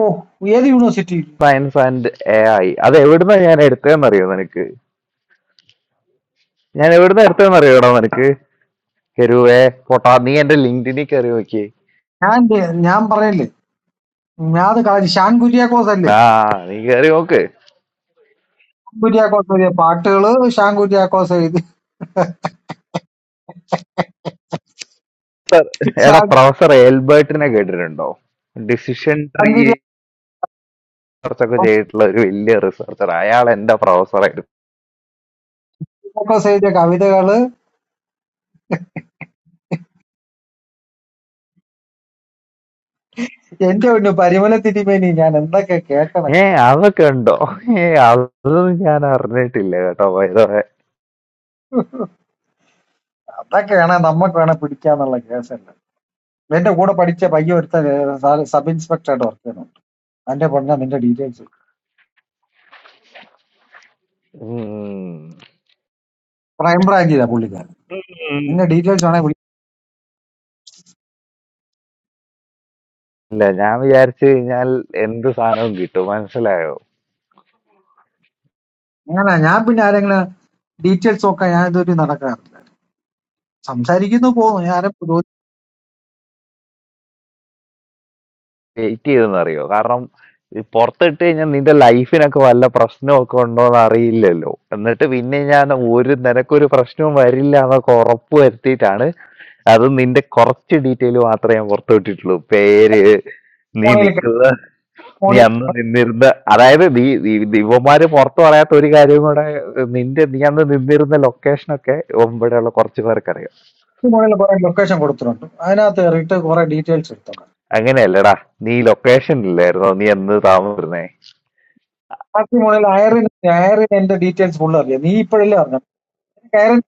[SPEAKER 12] ഏത് university
[SPEAKER 10] science and A I അത് എവിടുന്നാ ഞാൻ എടുത്തതെന്നറിയോ നിനക്ക് ഞാൻ എവിടുന്ന് എടുത്തതെന്നറിയോടാ നിനക്ക് കരുവേ പൊട്ടാ നീ എന്റെ ലിങ്ക്ഡിനിൽ കയറി നോക്കി
[SPEAKER 12] ഞാൻ ദേ- ഞാൻ പറഞ്ഞില്ലേ ഞാൻ അത് കളഞ്ഞു ഷാൻ കുര്യാക്കോസ് അല്ലേ
[SPEAKER 10] ആ നീ കയറി നോക്ക്
[SPEAKER 12] ഷാൻ കുര്യാക്കോസ് എഴുതിയ പാട്ടുകള് ഷാൻ കുര്യാക്കോസ് എഴുതി
[SPEAKER 10] സർ എടാ
[SPEAKER 12] ഷാൻ
[SPEAKER 10] പ്രൊഫസർ എൽബർട്ടിനെ കേട്ടിട്ടുണ്ടോ ഡിസിഷൻ
[SPEAKER 12] ഷാൻ
[SPEAKER 10] ട്രീ റിസർച്ച് ഒക്കെ
[SPEAKER 12] കുര്യാക്കോസ്
[SPEAKER 10] ചെയ്തിട്ടുള്ള ഒരു വലിയ റിസർച്ചർ അയാൾ എന്റെ പ്രൊഫസറായിരുന്നു
[SPEAKER 12] എഴുതിയ കവിതകള് എന്റെ ഒന്ന് പരിമല തിരുമേനി ഞാൻ എന്തൊക്കെ കേൾക്കണം
[SPEAKER 10] ഏ അതൊക്കെ ഉണ്ടോ ഏ അതൊന്നും ഞാൻ അറിഞ്ഞിട്ടില്ല കേട്ടോ by the way.
[SPEAKER 12] അതൊക്കെയാണ് നമുക്ക് വേണേ പിടിക്കാന്നുള്ള കേസല്ല എന്റെ കൂടെ പഠിച്ച പയ്യ ഒരുത്ത സബ് ഇൻസ്പെക്ടറായിട്ട് വർക്ക് ചെയ്യുന്നുണ്ട് അതിന്റെ പറഞ്ഞ നിന്റെ ഡീറ്റെയിൽസ്
[SPEAKER 10] ഉം.
[SPEAKER 12] ക്രൈംബ്രാഞ്ചിലാ പുള്ളിക്കാരൻ നിന്റെ ഡീറ്റെയിൽസ് ആണെങ്കിൽ വിളി
[SPEAKER 10] ഇല്ല ഞാൻ വിചാരിച്ചു കഴിഞ്ഞാൽ എന്ത് സാധനവും കിട്ടും മനസ്സിലായോ
[SPEAKER 12] ഞാനാ ഞാൻ പിന്നെ ആരെങ്കിലും ഡീറ്റെയിൽസ് നോക്കാൻ ഞാൻ ഇതുവരെ നടക്കാറില്ല സംസാരിക്കുന്നു പോകുന്നു ഞാൻ ആരെ
[SPEAKER 10] വെയിറ്റ് ചെയ്തെന്ന് അറിയോ കാരണം ഈ പുറത്തിട്ട് കഴിഞ്ഞാൽ നിന്റെ ലൈഫിനൊക്കെ വല്ല പ്രശ്നമൊക്കെ ഉണ്ടോന്ന് അറിയില്ലല്ലോ എന്നിട്ട് പിന്നെ ഞാൻ ഒരു നിനക്കൊരു പ്രശ്നവും വരില്ല എന്നൊക്കെ ഉറപ്പ് വരുത്തിയിട്ടാണ് അത് നിന്റെ കുറച്ച് ഡീറ്റെയിൽ മാത്രമേ ഞാൻ പുറത്തു വിട്ടിട്ടുള്ളൂ പേര് നീ
[SPEAKER 12] മാട്രിമോണിയിൽ
[SPEAKER 10] നിൽക്കുന്ന നീ
[SPEAKER 12] മാട്രിമോണിയിൽ
[SPEAKER 10] അന്ന് നിന്നിരുന്ന അതായത് നീ നീ- നീ ഇവന്മാര് പുറത്തു പറയാത്ത ഒരു കാര്യം കൂടെ നിന്റെ നീ അന്ന് നിന്നിരുന്ന ലൊക്കേഷനൊക്കെ ഇവിടെയുള്ള കുറച്ച് പേർക്ക് അറിയാം
[SPEAKER 12] കുറെ ലൊക്കേഷൻ കൊടുത്തിട്ടുണ്ട് അതിനകത്ത് കയറിയിട്ട് കുറെ ഡീറ്റെയിൽസ് എടുത്താൽ മതി
[SPEAKER 10] അങ്ങനെയല്ലടാ നീ ലൊക്കേഷനില്ലായിരുന്നോ നീ എന്ന് താമസിരുന്നേ
[SPEAKER 12] മാട്രിമോണിയിൽ അയറിന് അയറിന് എന്റെ ഡീറ്റെയിൽസ് ഫുള്ള് അറിയാം നീ ഇപ്പോഴല്ലേ അറിഞ്ഞു അയറിന്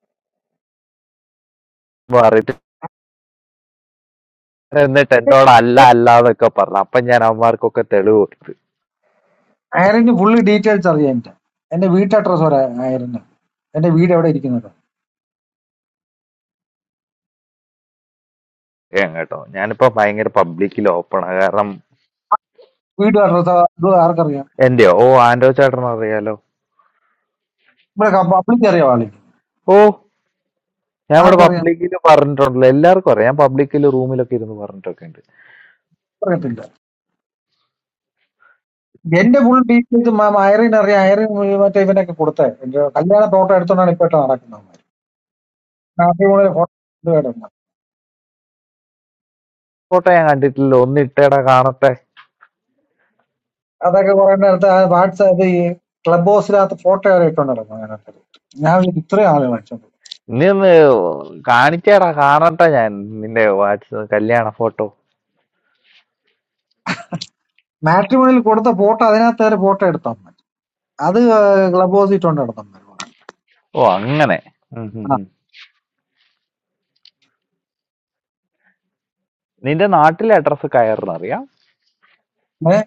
[SPEAKER 10] മാറിയിട്ട് എന്നിട്ട് എന്നോട് അല്ല അല്ല എന്നൊക്കെ പറഞ്ഞു അപ്പൊ ഞാൻ അവന്മാർക്കൊക്കെ തെളിവ് കൊടുത്ത്
[SPEAKER 12] അയറിന് ഫുള്ള് ഡീറ്റെയിൽസ് അറിയാം എന്റെ എന്റെ വീട്ട് അഡ്രസ് വരെ അയറിന് എന്റെ വീട് എവിടെ ഇരിക്കുന്നത്
[SPEAKER 10] ഏ കേട്ടോ ഞാനിപ്പോ ഭയങ്കര പബ്ലിക്കിൽ ഓപ്പണാ കാരണം
[SPEAKER 12] വീട് അഡ്രസ് ആർക്കറിയാം
[SPEAKER 10] എന്റെയോ ഓ ആൻഡോ ചേട്ടൻ അറിയാലോ
[SPEAKER 12] ഇവിടെ പബ്ലിക് അറിയാം ആളിക്ക്
[SPEAKER 10] ഓ ഞാൻ ഇവിടെ
[SPEAKER 12] ആർക്കറിയാം
[SPEAKER 10] പബ്ലിക്കിൽ പറഞ്ഞിട്ടുണ്ടല്ലോ എല്ലാവർക്കും അറിയാം ഞാൻ പബ്ലിക്കിൽ റൂമിലൊക്കെ ഇരുന്ന് പറഞ്ഞിട്ടൊക്കെ ഉണ്ട്
[SPEAKER 12] അറിയത്തില്ല എന്റെ ഫുൾ ഡീറ്റെയിൽസ് അയറിൻ അറിയാം അയറിൻ മറ്റേ ഇവനൊക്കെ കൊടുത്തേ എന്റെ കല്യാണ ഫോട്ടോ എടുത്തോണ്ടാണ് ഇപ്പൊ ഇട്ട് നടക്കുന്നത് മാട്രിമോണിയിൽ ഫോട്ടോ ഇടുന്നത്
[SPEAKER 10] ഫോട്ടോ ഞാൻ കണ്ടിട്ടില്ല ഒന്ന് ഇട്ടേടാ കാണട്ടെ
[SPEAKER 12] അതൊക്കെ കുറെ നേരത്തെ വാട്സാപ്പ് ഈ ക്ലബ് ഹൗസിനകത്ത് ഫോട്ടോ വരെ ഇട്ടോണ്ട് നടക്കും അതിനകത്ത് ഞാൻ വിചാരിച്ചു ഇത്രയും ആളുകൾ അടിച്ചോണ്ട്
[SPEAKER 10] നീ ഒന്ന് കാണിച്ചേടാ കാണട്ടെ ഞാൻ നിന്റെ വാട്സ് കല്യാണ ഫോട്ടോ
[SPEAKER 12] മാട്രിമോണിയിൽ കൊടുത്ത ഫോട്ടോ അതിനകത്ത് വരെ ഫോട്ടോ എടുത്താൽ മതി അത് ക്ലബ് ഹൗസിൽ ഇട്ടോണ്ട് നടത്തുന്നത്
[SPEAKER 10] ഓ അങ്ങനെ ഉം ഉം
[SPEAKER 12] ആ
[SPEAKER 10] ഉം. നിന്റെ നാട്ടിലെ അഡ്രസ്സ് കയറുന്നറിയാം
[SPEAKER 12] ഏഹ്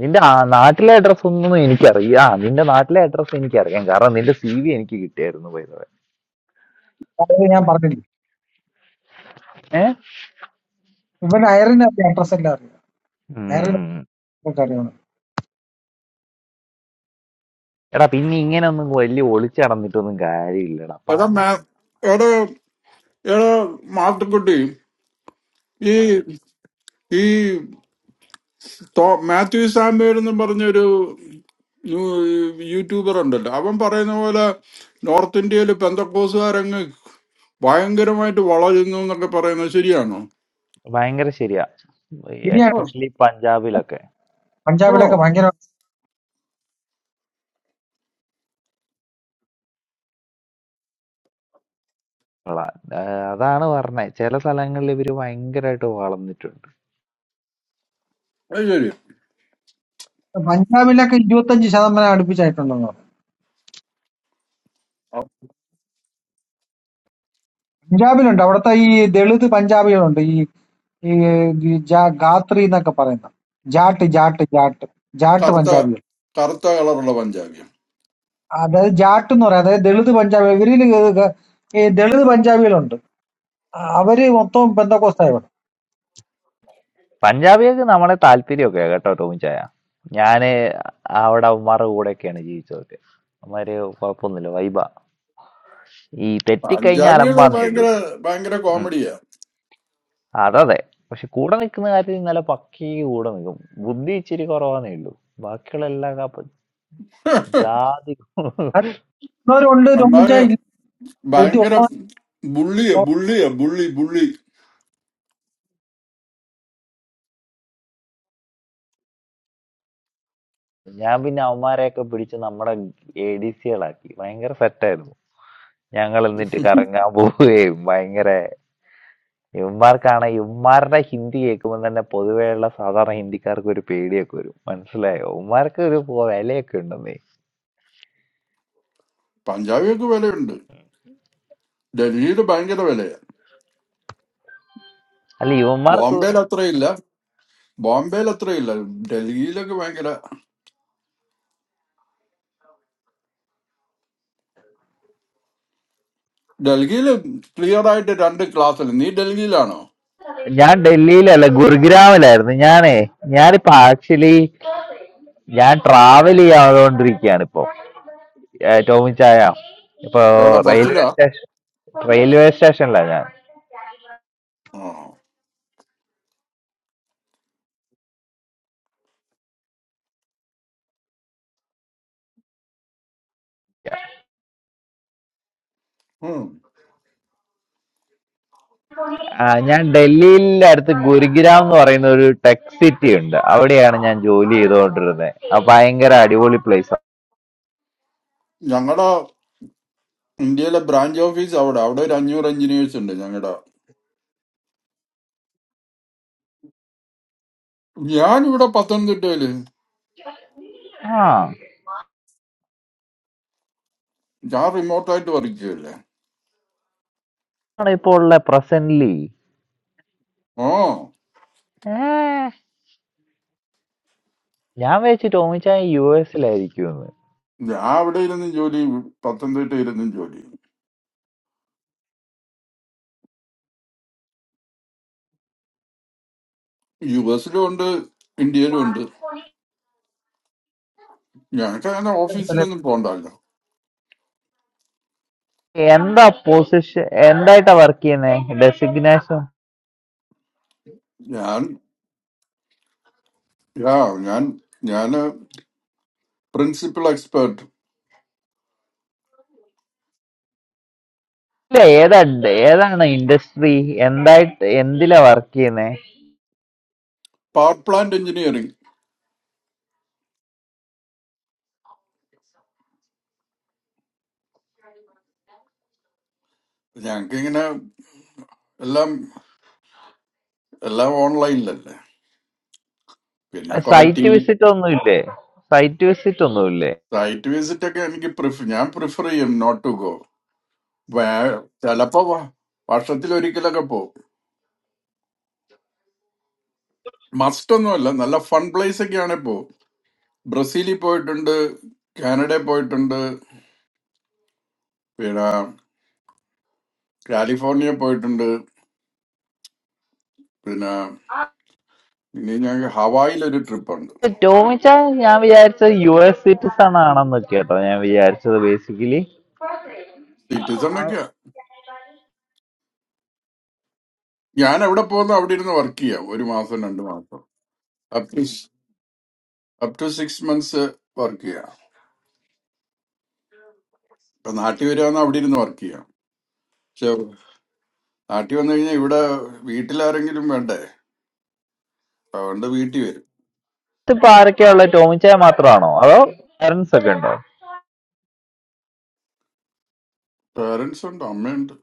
[SPEAKER 10] നിന്റെ ആ- നാട്ടിലെ അഡ്രസ് ഒന്നും എനിക്കറിയാം ആ, നിന്റെ നാട്ടിലെ അഡ്രസ് എനിക്കറിയാം കാരണം നിന്റെ സി വി എനിക്ക് കിട്ടിയായിരുന്നു പോയത്
[SPEAKER 12] അതായത് ഞാൻ പറഞ്ഞില്ലേ
[SPEAKER 10] ഏഹ്
[SPEAKER 12] ഇവൻ അയറിൻ അറിയാം അഡ്രസ് എല്ലാം അറിയാം അയറിൻ അറിയാം
[SPEAKER 10] എടാ പിന്നെ ഇങ്ങനെ ഒന്നും വലിയ ഒളിച്ചു നടന്നിട്ടൊന്നും കാര്യമില്ലടാ
[SPEAKER 2] എടാ
[SPEAKER 10] പറയാൻ
[SPEAKER 2] മേ എടാ എടാ മാത്തുക്കുട്ടി ഈ ഈ തോ- മാത്യു സാമ്പേർ എന്ന് പറഞ്ഞൊരു യൂ- യൂട്യൂബർ ഉണ്ടല്ലോ അവൻ പറയുന്ന പോലെ നോർത്ത് ഇന്ത്യയിൽ പെന്തക്കോസുകാരങ്ങ് ഭയങ്കരമായിട്ട് വളരുന്നു എന്നൊക്കെ പറയുന്നത് ശരിയാണോ
[SPEAKER 10] ഭയങ്കര ശരിയാ
[SPEAKER 12] ഇനിയാണ്
[SPEAKER 2] ഓ
[SPEAKER 10] എസ്പെഷ്യലി പഞ്ചാബിലൊക്കെ
[SPEAKER 2] ഓ
[SPEAKER 12] പഞ്ചാബിലൊക്കെ ഭയങ്കര
[SPEAKER 10] ഉള്ള ആ, അതാണ് പറഞ്ഞത് ചില സ്ഥലങ്ങളിൽ ഇവര് ഭയങ്കരമായിട്ട് വളർന്നിട്ടുണ്ട്
[SPEAKER 2] അത് ശരി
[SPEAKER 12] പഞ്ചാബിലൊക്കെ ഇരുപത്തഞ്ച് ശതമാനം അടുപ്പിച്ചായിട്ടുണ്ടോ
[SPEAKER 2] ആ
[SPEAKER 12] പഞ്ചാബിലുണ്ട് അവിടുത്തെ ഈ ദളിത് പഞ്ചാബികളുണ്ട് ഈ ഈ ഈ ജാ- ഗാത്രി എന്നൊക്കെ പറയുന്ന ജാട്ട് ജാട്ട് ജാട്ട് ജാട്ട്
[SPEAKER 2] കറുത്ത
[SPEAKER 12] പഞ്ചാബികൾ
[SPEAKER 2] കറുത്ത കളറുള്ള പഞ്ചാബിയും
[SPEAKER 12] അതായത് ജാട്ട് എന്ന് പറയാം അതായത് ദളിത് പഞ്ചാബി ഇവരിൽ ഈ ദളിത് പഞ്ചാബികളുണ്ട് അവര് മൊത്തം ബന്ധക്കോസ്തായ ഇവിടെ
[SPEAKER 10] പഞ്ചാബികൾക്ക് നമ്മളെ താല്പര്യമൊക്കെ കേട്ടോ ടോമിച്ചായ ഞാന് അവിടെ അവന്മാരുടെ കൂടെയൊക്കെയാണ് ജീവിച്ചതൊക്കെ അവന്മാര് കുഴപ്പമൊന്നുമില്ല വൈബ ഈ തെറ്റിക്കഴിഞ്ഞ
[SPEAKER 2] പഞ്ചാബികള്
[SPEAKER 10] അലമ്പാന്നേ
[SPEAKER 2] ഭയങ്കര
[SPEAKER 10] ഉള്ളൂ
[SPEAKER 2] ഭയങ്കര കോമഡിയാ
[SPEAKER 10] അതതെ പക്ഷെ കൂടെ നിൽക്കുന്ന കാര്യത്തിൽ ഇന്നലെ പക്കി കൂടെ നിൽക്കും ബുദ്ധി ഇച്ചിരി കുറവാന്നേ ഉള്ളൂ ബാക്കിയുള്ള എല്ലാ കപ്പ- ജാതി
[SPEAKER 12] മറ്റുള്ളവരുണ്ട്
[SPEAKER 2] എന്നാല്
[SPEAKER 12] രോമിച്ചായ ബുദ്ധി
[SPEAKER 2] ഭയങ്കര ബുള്ളിയ
[SPEAKER 12] ഉള്ളവരല്ലേ?
[SPEAKER 2] ബുള്ളിയ ബുള്ളി ബുള്ളി
[SPEAKER 10] ഞാൻ പിന്നെ അവന്മാരെയൊക്കെ പിടിച്ച് നമ്മുടെ എ ഡി സികളാക്കി ഭയങ്കര സെറ്റായിരുന്നു ഞങ്ങൾ എന്നിട്ട് കറങ്ങാൻ പോവുകയും ഭയങ്കര ഇവന്മാർക്കാണ് ഇവന്മാരുടെ ഹിന്ദി കേൾക്കുമ്പോൾ തന്നെ പൊതുവെയുള്ള സാധാരണ ഹിന്ദിക്കാർക്ക് ഒരു പേടിയൊക്കെ വരും മനസ്സിലായോ ഇവന്മാർക്ക് ഒരു പോ- വിലയൊക്കെ ഉണ്ടെന്നേ
[SPEAKER 2] പഞ്ചാബികൾക്ക് വിലയുണ്ട് ഡൽഹിയിൽ ഭയങ്കര വിലയാ
[SPEAKER 10] അല്ല ഇവന്മാർക്ക്
[SPEAKER 2] ബോംബെയിൽ അത്രയില്ല ബോംബെയിൽ അത്രയില്ല ഡൽഹിയിലൊക്കെ ഭയങ്കര ഡൽഹിയിൽ ക്ലിയർ ആയിട്ട് രണ്ട് ക്ലാസ്സിൽ നീ ഡൽഹിയിലാണോ
[SPEAKER 10] ഞാൻ ഡൽഹിയിലല്ല ഗുരുഗ്രാമിലായിരുന്നു ഞാനേ ഞാനിപ്പോ ആക്ച്വലി ഞാൻ ട്രാവൽ ചെയ്യാതുകൊണ്ടിരിക്കുകയാണ് ഇപ്പോ ഏഹ് ടോമി ചായ ഇപ്പോ
[SPEAKER 2] എവിടെ
[SPEAKER 10] റെയിൽവേ
[SPEAKER 2] ബസ്സിലാ
[SPEAKER 10] സ്റ്റേഷൻ റെയിൽവേ സ്റ്റേഷനിലാണ് ഞാൻ
[SPEAKER 2] ആ ഉം.
[SPEAKER 10] ആ, ഞാൻ ഡൽഹിയിലെ അടുത്ത് ഗുരുഗ്രാം എന്ന് പറയുന്ന ഒരു ടെക് സിറ്റി ഉണ്ട് അവിടെയാണ് ഞാൻ ജോലി ചെയ്തുകൊണ്ടിരുന്നത് ആ ഭയങ്കര അടിപൊളി പ്ലേസ്
[SPEAKER 2] ഞങ്ങളുടെ ഇന്ത്യയിലെ ബ്രാഞ്ച് ഓഫീസ് അവിടെ അവിടെ ഒരു അഞ്ഞൂറ് എഞ്ചിനീയേഴ്സ് ഉണ്ട് ഞങ്ങളുടെ ഞാൻ ഇവിടെ പത്തനംതിട്ടയില്
[SPEAKER 10] ആ
[SPEAKER 2] ഞാൻ റിമോട്ടായിട്ട് വർക്ക് ചെയ്യല്ലേ
[SPEAKER 10] ആണ് ഇപ്പോ ഉള്ള പ്രസന്റ്ലി
[SPEAKER 2] ഓ
[SPEAKER 10] ഞാൻ വെച്ച് ടോമിച്ചാൻ യു എസിലായിരിക്കും
[SPEAKER 2] ഞാൻ അവിടെ ഇരുന്നും ജോലി പത്തനംതിട്ട ഇരുന്നും ജോലി യു എസിലും ഉണ്ട് ഇന്ത്യയിലും ഉണ്ട് ഞങ്ങൾക്ക് അങ്ങനെ ഓഫീസിലൊന്നും പോകണ്ടല്ലോ
[SPEAKER 10] എന്താ പൊസിഷൻ എന്തായിട്ടാ വർക്ക് ചെയ്യുന്നത് ഡെസിഗ്നേഷൻ
[SPEAKER 2] ഞാൻ യാ ഞാൻ ഞാൻ പ്രിൻസിപ്പൽ എക്സ്പേർട്ട്
[SPEAKER 10] ഇല്ല ഏതാ ഏതാണ് ഇൻഡസ്ട്രി എന്തായിട്ട് എന്തിലാ വർക്ക് ചെയ്യുന്നേ
[SPEAKER 2] പവർ പ്ലാന്റ് എഞ്ചിനീയറിംഗ് ഞങ്ങൾക്ക് ഇങ്ങനെ എല്ലാം എല്ലാം ഓൺലൈനിലല്ലേ പിന്നെ കുറെ ടി
[SPEAKER 10] സൈറ്റ്
[SPEAKER 2] വി
[SPEAKER 10] വിസിറ്റ് ഒന്നും ഇല്ലേ സൈറ്റ് വിസിറ്റ് ഒന്നും ഇല്ലേ
[SPEAKER 2] സൈറ്റ് വിസിറ്റ് ഒക്കെ എനിക്ക് പ്രിഫർ ഞാൻ പ്രിഫർ ചെയ്യും നോട്ട് ടു ഗോ ചിലപ്പോ വർഷത്തിൽ ഒരിക്കലൊക്കെ പോകും മസ്റ്റ് ഒന്നുമല്ല നല്ല ഫൺ പ്ലേസ് ഒക്കെയാണ് ഇപ്പോ ബ്രസീലിൽ പോയിട്ടുണ്ട് കാനഡയിൽ പോയിട്ടുണ്ട് പിന്നെ കാലിഫോർണിയ പോയിട്ടുണ്ട് പിന്നെ ഇനി ഞങ്ങൾക്ക് ഹവായിൽ ഒരു ട്രിപ്പ് ഉണ്ട്
[SPEAKER 10] ടോമിച്ച ഞാൻ വിചാരിച്ചത് യു എസ് സിറ്റിസൺ ആണെന്ന് കേട്ടോ ഞാൻ വിചാരിച്ചത് ബേസിക്കലി
[SPEAKER 2] സിറ്റിസൺ ഒക്കെ ഞാൻ എവിടെ പോകുന്നു അവിടെ ഇരുന്ന് വർക്ക് ചെയ്യാം ഒരു മാസം രണ്ട് മാസം up to up to six months work ചെയ്യാം ഇപ്പൊ നാട്ടിൽ വരികയാണെങ്കിൽ അവിടെ ഇരുന്ന് വർക്ക് ചെയ്യാം പക്ഷെ നാട്ടിൽ വന്നു കഴിഞ്ഞാൽ ഇവിടെ വീട്ടിലാരെങ്കിലും വേണ്ടേ അതുകൊണ്ട് വീട്ടിൽ വരും
[SPEAKER 10] ഇതിപ്പോ ആരൊക്കെയാ ഉള്ളത് ടോമിച്ചായ മാത്രമാണോ അതോ പാരന്റ്സ് ഒക്കെ ഉണ്ടോ
[SPEAKER 2] പേരൻസ് ഉണ്ട് അമ്മയുണ്ട്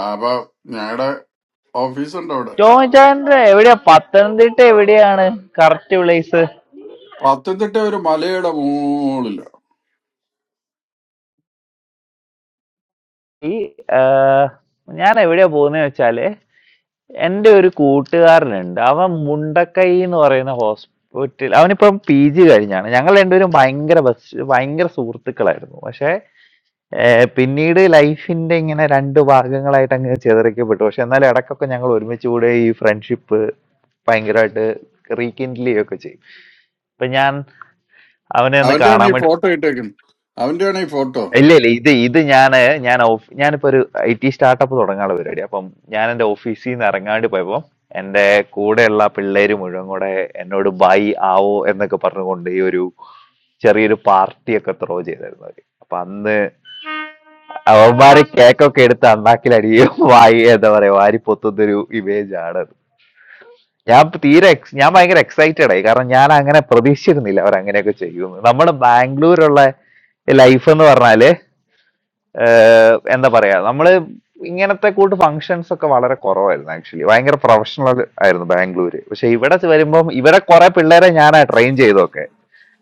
[SPEAKER 2] ആ, അപ്പൊ ഞങ്ങളുടെ ഓഫീസുണ്ട് അവിടെ
[SPEAKER 10] ടോമിച്ചായന്റെ എവിടെയാ പത്തനംതിട്ട എവിടെയാണ് കറക്റ്റ് പ്ലേസ്
[SPEAKER 2] പത്തനംതിട്ട ഒരു മലയുടെ മുകളില്
[SPEAKER 10] ഈ ആ, ഞാൻ എവിടെയാ പോകുന്നത് വെച്ചാല് എൻ്റെ ഒരു കൂട്ടുകാരനുണ്ട് അവൻ മുണ്ടക്കൈ എന്ന് പറയുന്ന ഹോസ്പിറ്റൽ അവനിപ്പം പി ജി കഴിഞ്ഞാണ് ഞങ്ങൾ രണ്ടുപേരും ഭയങ്കര ബസ് ഭയങ്കര സുഹൃത്തുക്കളായിരുന്നു പക്ഷേ ഏർ പിന്നീട് ലൈഫിന്റെ ഇങ്ങനെ രണ്ട് ഭാഗങ്ങളായിട്ട് അങ്ങ് ചിതറിക്കപ്പെട്ടു പക്ഷെ എന്നാലും ഇടയ്ക്കൊക്കെ ഞങ്ങൾ ഒരുമിച്ച് കൂടെ ഈ ഫ്രണ്ട്ഷിപ്പ് ഭയങ്കരമായിട്ട് റീകിൻഡിൽ ചെയ്യുകയൊക്കെ ചെയ്യും ഇപ്പൊ ഞാൻ അവനെ ഒന്ന്
[SPEAKER 2] അവന്റെയാണ്
[SPEAKER 10] കാണാൻ
[SPEAKER 2] ഈ
[SPEAKER 10] വേണ്ടി
[SPEAKER 2] ഫോട്ടോ ഇട്ടേക്കുന്നത് അവന്റെയാണ് ഈ ഫോട്ടോ
[SPEAKER 10] ഇല്ല ഇല്ല ഇത് ഇത് ഞാന് ഞാൻ ഓഫ് ഞാനിപ്പോ ഒരു ഐ ടി സ്റ്റാർട്ടപ്പ് തുടങ്ങാനുള്ള പരിപാടി അപ്പം ഞാൻ എന്റെ ഓഫീസിൽ നിന്ന് ഇറങ്ങാണ്ട് പോയപ്പോ എന്റെ കൂടെയുള്ള പിള്ളേര് മുഴുവൻ കൂടെ എന്നോട് ബൈ ആവോ എന്നൊക്കെ പറഞ്ഞുകൊണ്ട് ഈ ഒരു ചെറിയൊരു പാർട്ടി ഒക്കെ ത്രോ ചെയ്തായിരുന്നു അവര് അപ്പൊ അന്ന് അവന്മാര് കേക്കൊക്കെ എടുത്ത് അണ്ണാക്കിലടിയും വായി എന്താ പറയാ വാരി പൊത്തുന്നൊരു ഇമേജ് ആണ് അത്. ഞാൻ ഇപ്പൊ തീരെ ex- ഞാൻ ഭയങ്കര എക്സൈറ്റഡ് ആയി കാരണം ഞാൻ അങ്ങനെ പ്രതീക്ഷിച്ചിരുന്നില്ല അവർ അങ്ങനെയൊക്കെ ചെയ്യുമെന്ന് നമ്മുടെ ബാംഗ്ലൂരുള്ള ലൈഫ് എന്ന് പറഞ്ഞാല് ഏഹ് എന്താ പറയാ നമ്മള് ഇങ്ങനത്തെ കൂട്ട് ഫങ്ഷൻസ് ഒക്കെ വളരെ കുറവായിരുന്നു ആക്ച്വലി ഭയങ്കര പ്രൊഫഷണൽ ആയിരുന്നു ബാംഗ്ലൂര് പക്ഷെ ഇവിടെ വരുമ്പം ഇവരെ കുറെ പിള്ളേരെ ഞാനാ ട്രെയിൻ ചെയ്തൊക്കെ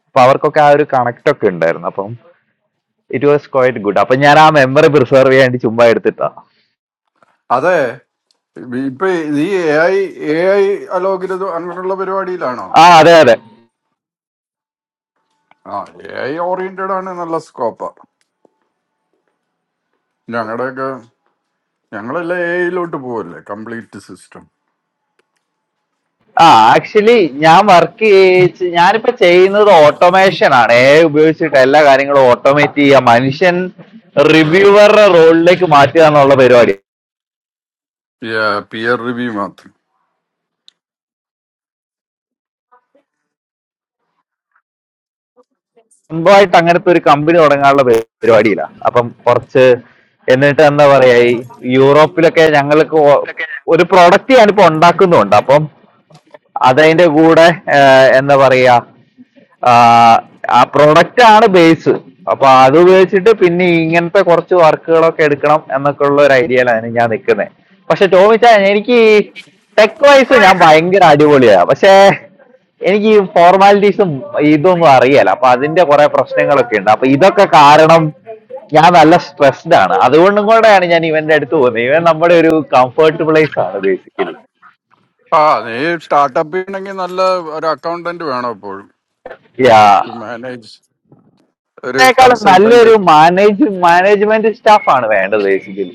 [SPEAKER 10] അപ്പൊ അവർക്കൊക്കെ ആ ഒരു കണക്ട് ഒക്കെ ഉണ്ടായിരുന്നു അപ്പം ഇറ്റ് വാസ് ക്വൈറ്റ് ഗുഡ് അപ്പൊ ഞാൻ ആ മെമ്മറി പ്രിസർവ് ചെയ്യാൻ വേണ്ടി ചുമ്മാ എടുത്തിട്ടാ
[SPEAKER 2] അതെ ഇപ്പൊ ഈ എ ഐ എ ഐ അലോകരുത് അങ്ങനെയുള്ള പരിപാടിയിലാണോ
[SPEAKER 10] ആ അതെ അതെ
[SPEAKER 2] ആ എ ഐ ഓറിയന്റഡ് ആണ് നല്ല സ്കോപ്പാ ഞങ്ങളുടെയൊക്കെ ഞങ്ങളെല്ലാം എ ഐയിലോട്ട് പോവല്ലേ കംപ്ലീറ്റ് സിസ്റ്റം
[SPEAKER 10] ആ ആക്ച്വലി ഞാൻ വർക്ക് ചെയ്യ ഞാനിപ്പോ ചെയ്യുന്നത് ഓട്ടോമേഷൻ ആണ് ഏ ഉപയോഗിച്ചിട്ട് എല്ലാ കാര്യങ്ങളും ഓട്ടോമേറ്റ് ചെയ്യുക മനുഷ്യൻ റിവ്യൂവറുടെ റോളിലേക്ക് മാറ്റുക എന്നുള്ള പരിപാടി
[SPEAKER 2] പിയർ റിവ്യൂ മാത്രം
[SPEAKER 10] സ്വന്തമായിട്ട് അങ്ങനത്തെ ഒരു കമ്പനി തുടങ്ങാനുള്ള പരി- പരിപാടിയില്ല അപ്പം കുറച്ച് എന്നിട്ട് എന്താ പറയാ ഈ യൂറോപ്പിലൊക്കെ ഞങ്ങൾക്ക് ഒ- ഒരു പ്രോഡക്റ്റ് ഞാനിപ്പോ ഉണ്ടാക്കുന്നുണ്ട് അപ്പം അതതിന്റെ കൂടെ ആ, എന്താ പറയാ ആ, ആ പ്രൊഡക്റ്റ് ആണ് ബേസ് അപ്പൊ അത് ഉപയോഗിച്ചിട്ട് പിന്നെ ഇങ്ങനത്തെ കുറച്ച് വർക്കുകളൊക്കെ എടുക്കണം എന്നൊക്കെ ഉള്ള ഒരു ഐഡിയയിലാണ് ഞാൻ നിൽക്കുന്നത് പക്ഷെ ചോദിച്ചാ എനിക്ക് ടെക് വൈസ് ഞാൻ ഭയങ്കര അടിപൊളിയാ പക്ഷേ എനിക്ക് ഈ ഫോർമാലിറ്റീസും ഇതൊന്നും അറിയാല അപ്പൊ അതിന്റെ കുറെ പ്രശ്നങ്ങളൊക്കെ ഉണ്ട് അപ്പൊ ഇതൊക്കെ കാരണം ഞാൻ നല്ല സ്ട്രെസ്ഡ് ആണ് അതുകൊണ്ടും കൂടെയാണ് ഞാൻ ഇവന്റെ അടുത്ത് പോകുന്നത് ഇവൻ നമ്മുടെ ഒരു കംഫർട്ട് പ്ലേസ് ആണ് ബേസിക്കലി
[SPEAKER 2] ആ നീ സ്റ്റാർട്ടപ്പ് ചെയ്യണമെങ്കിൽ നല്ല ഒരു അക്കൗണ്ടന്റ് വേണം എപ്പോഴും
[SPEAKER 10] യാ
[SPEAKER 2] ടു മാനേജ് ഒരു
[SPEAKER 10] ഇതിനേക്കാളും
[SPEAKER 2] കൺസൾട്ടന്റ്
[SPEAKER 10] നല്ലൊരു മാനേജ് മാനേജ്മെന്റ് സ്റ്റാഫ് ആണ് വേണ്ടത് ബേസിക്കലി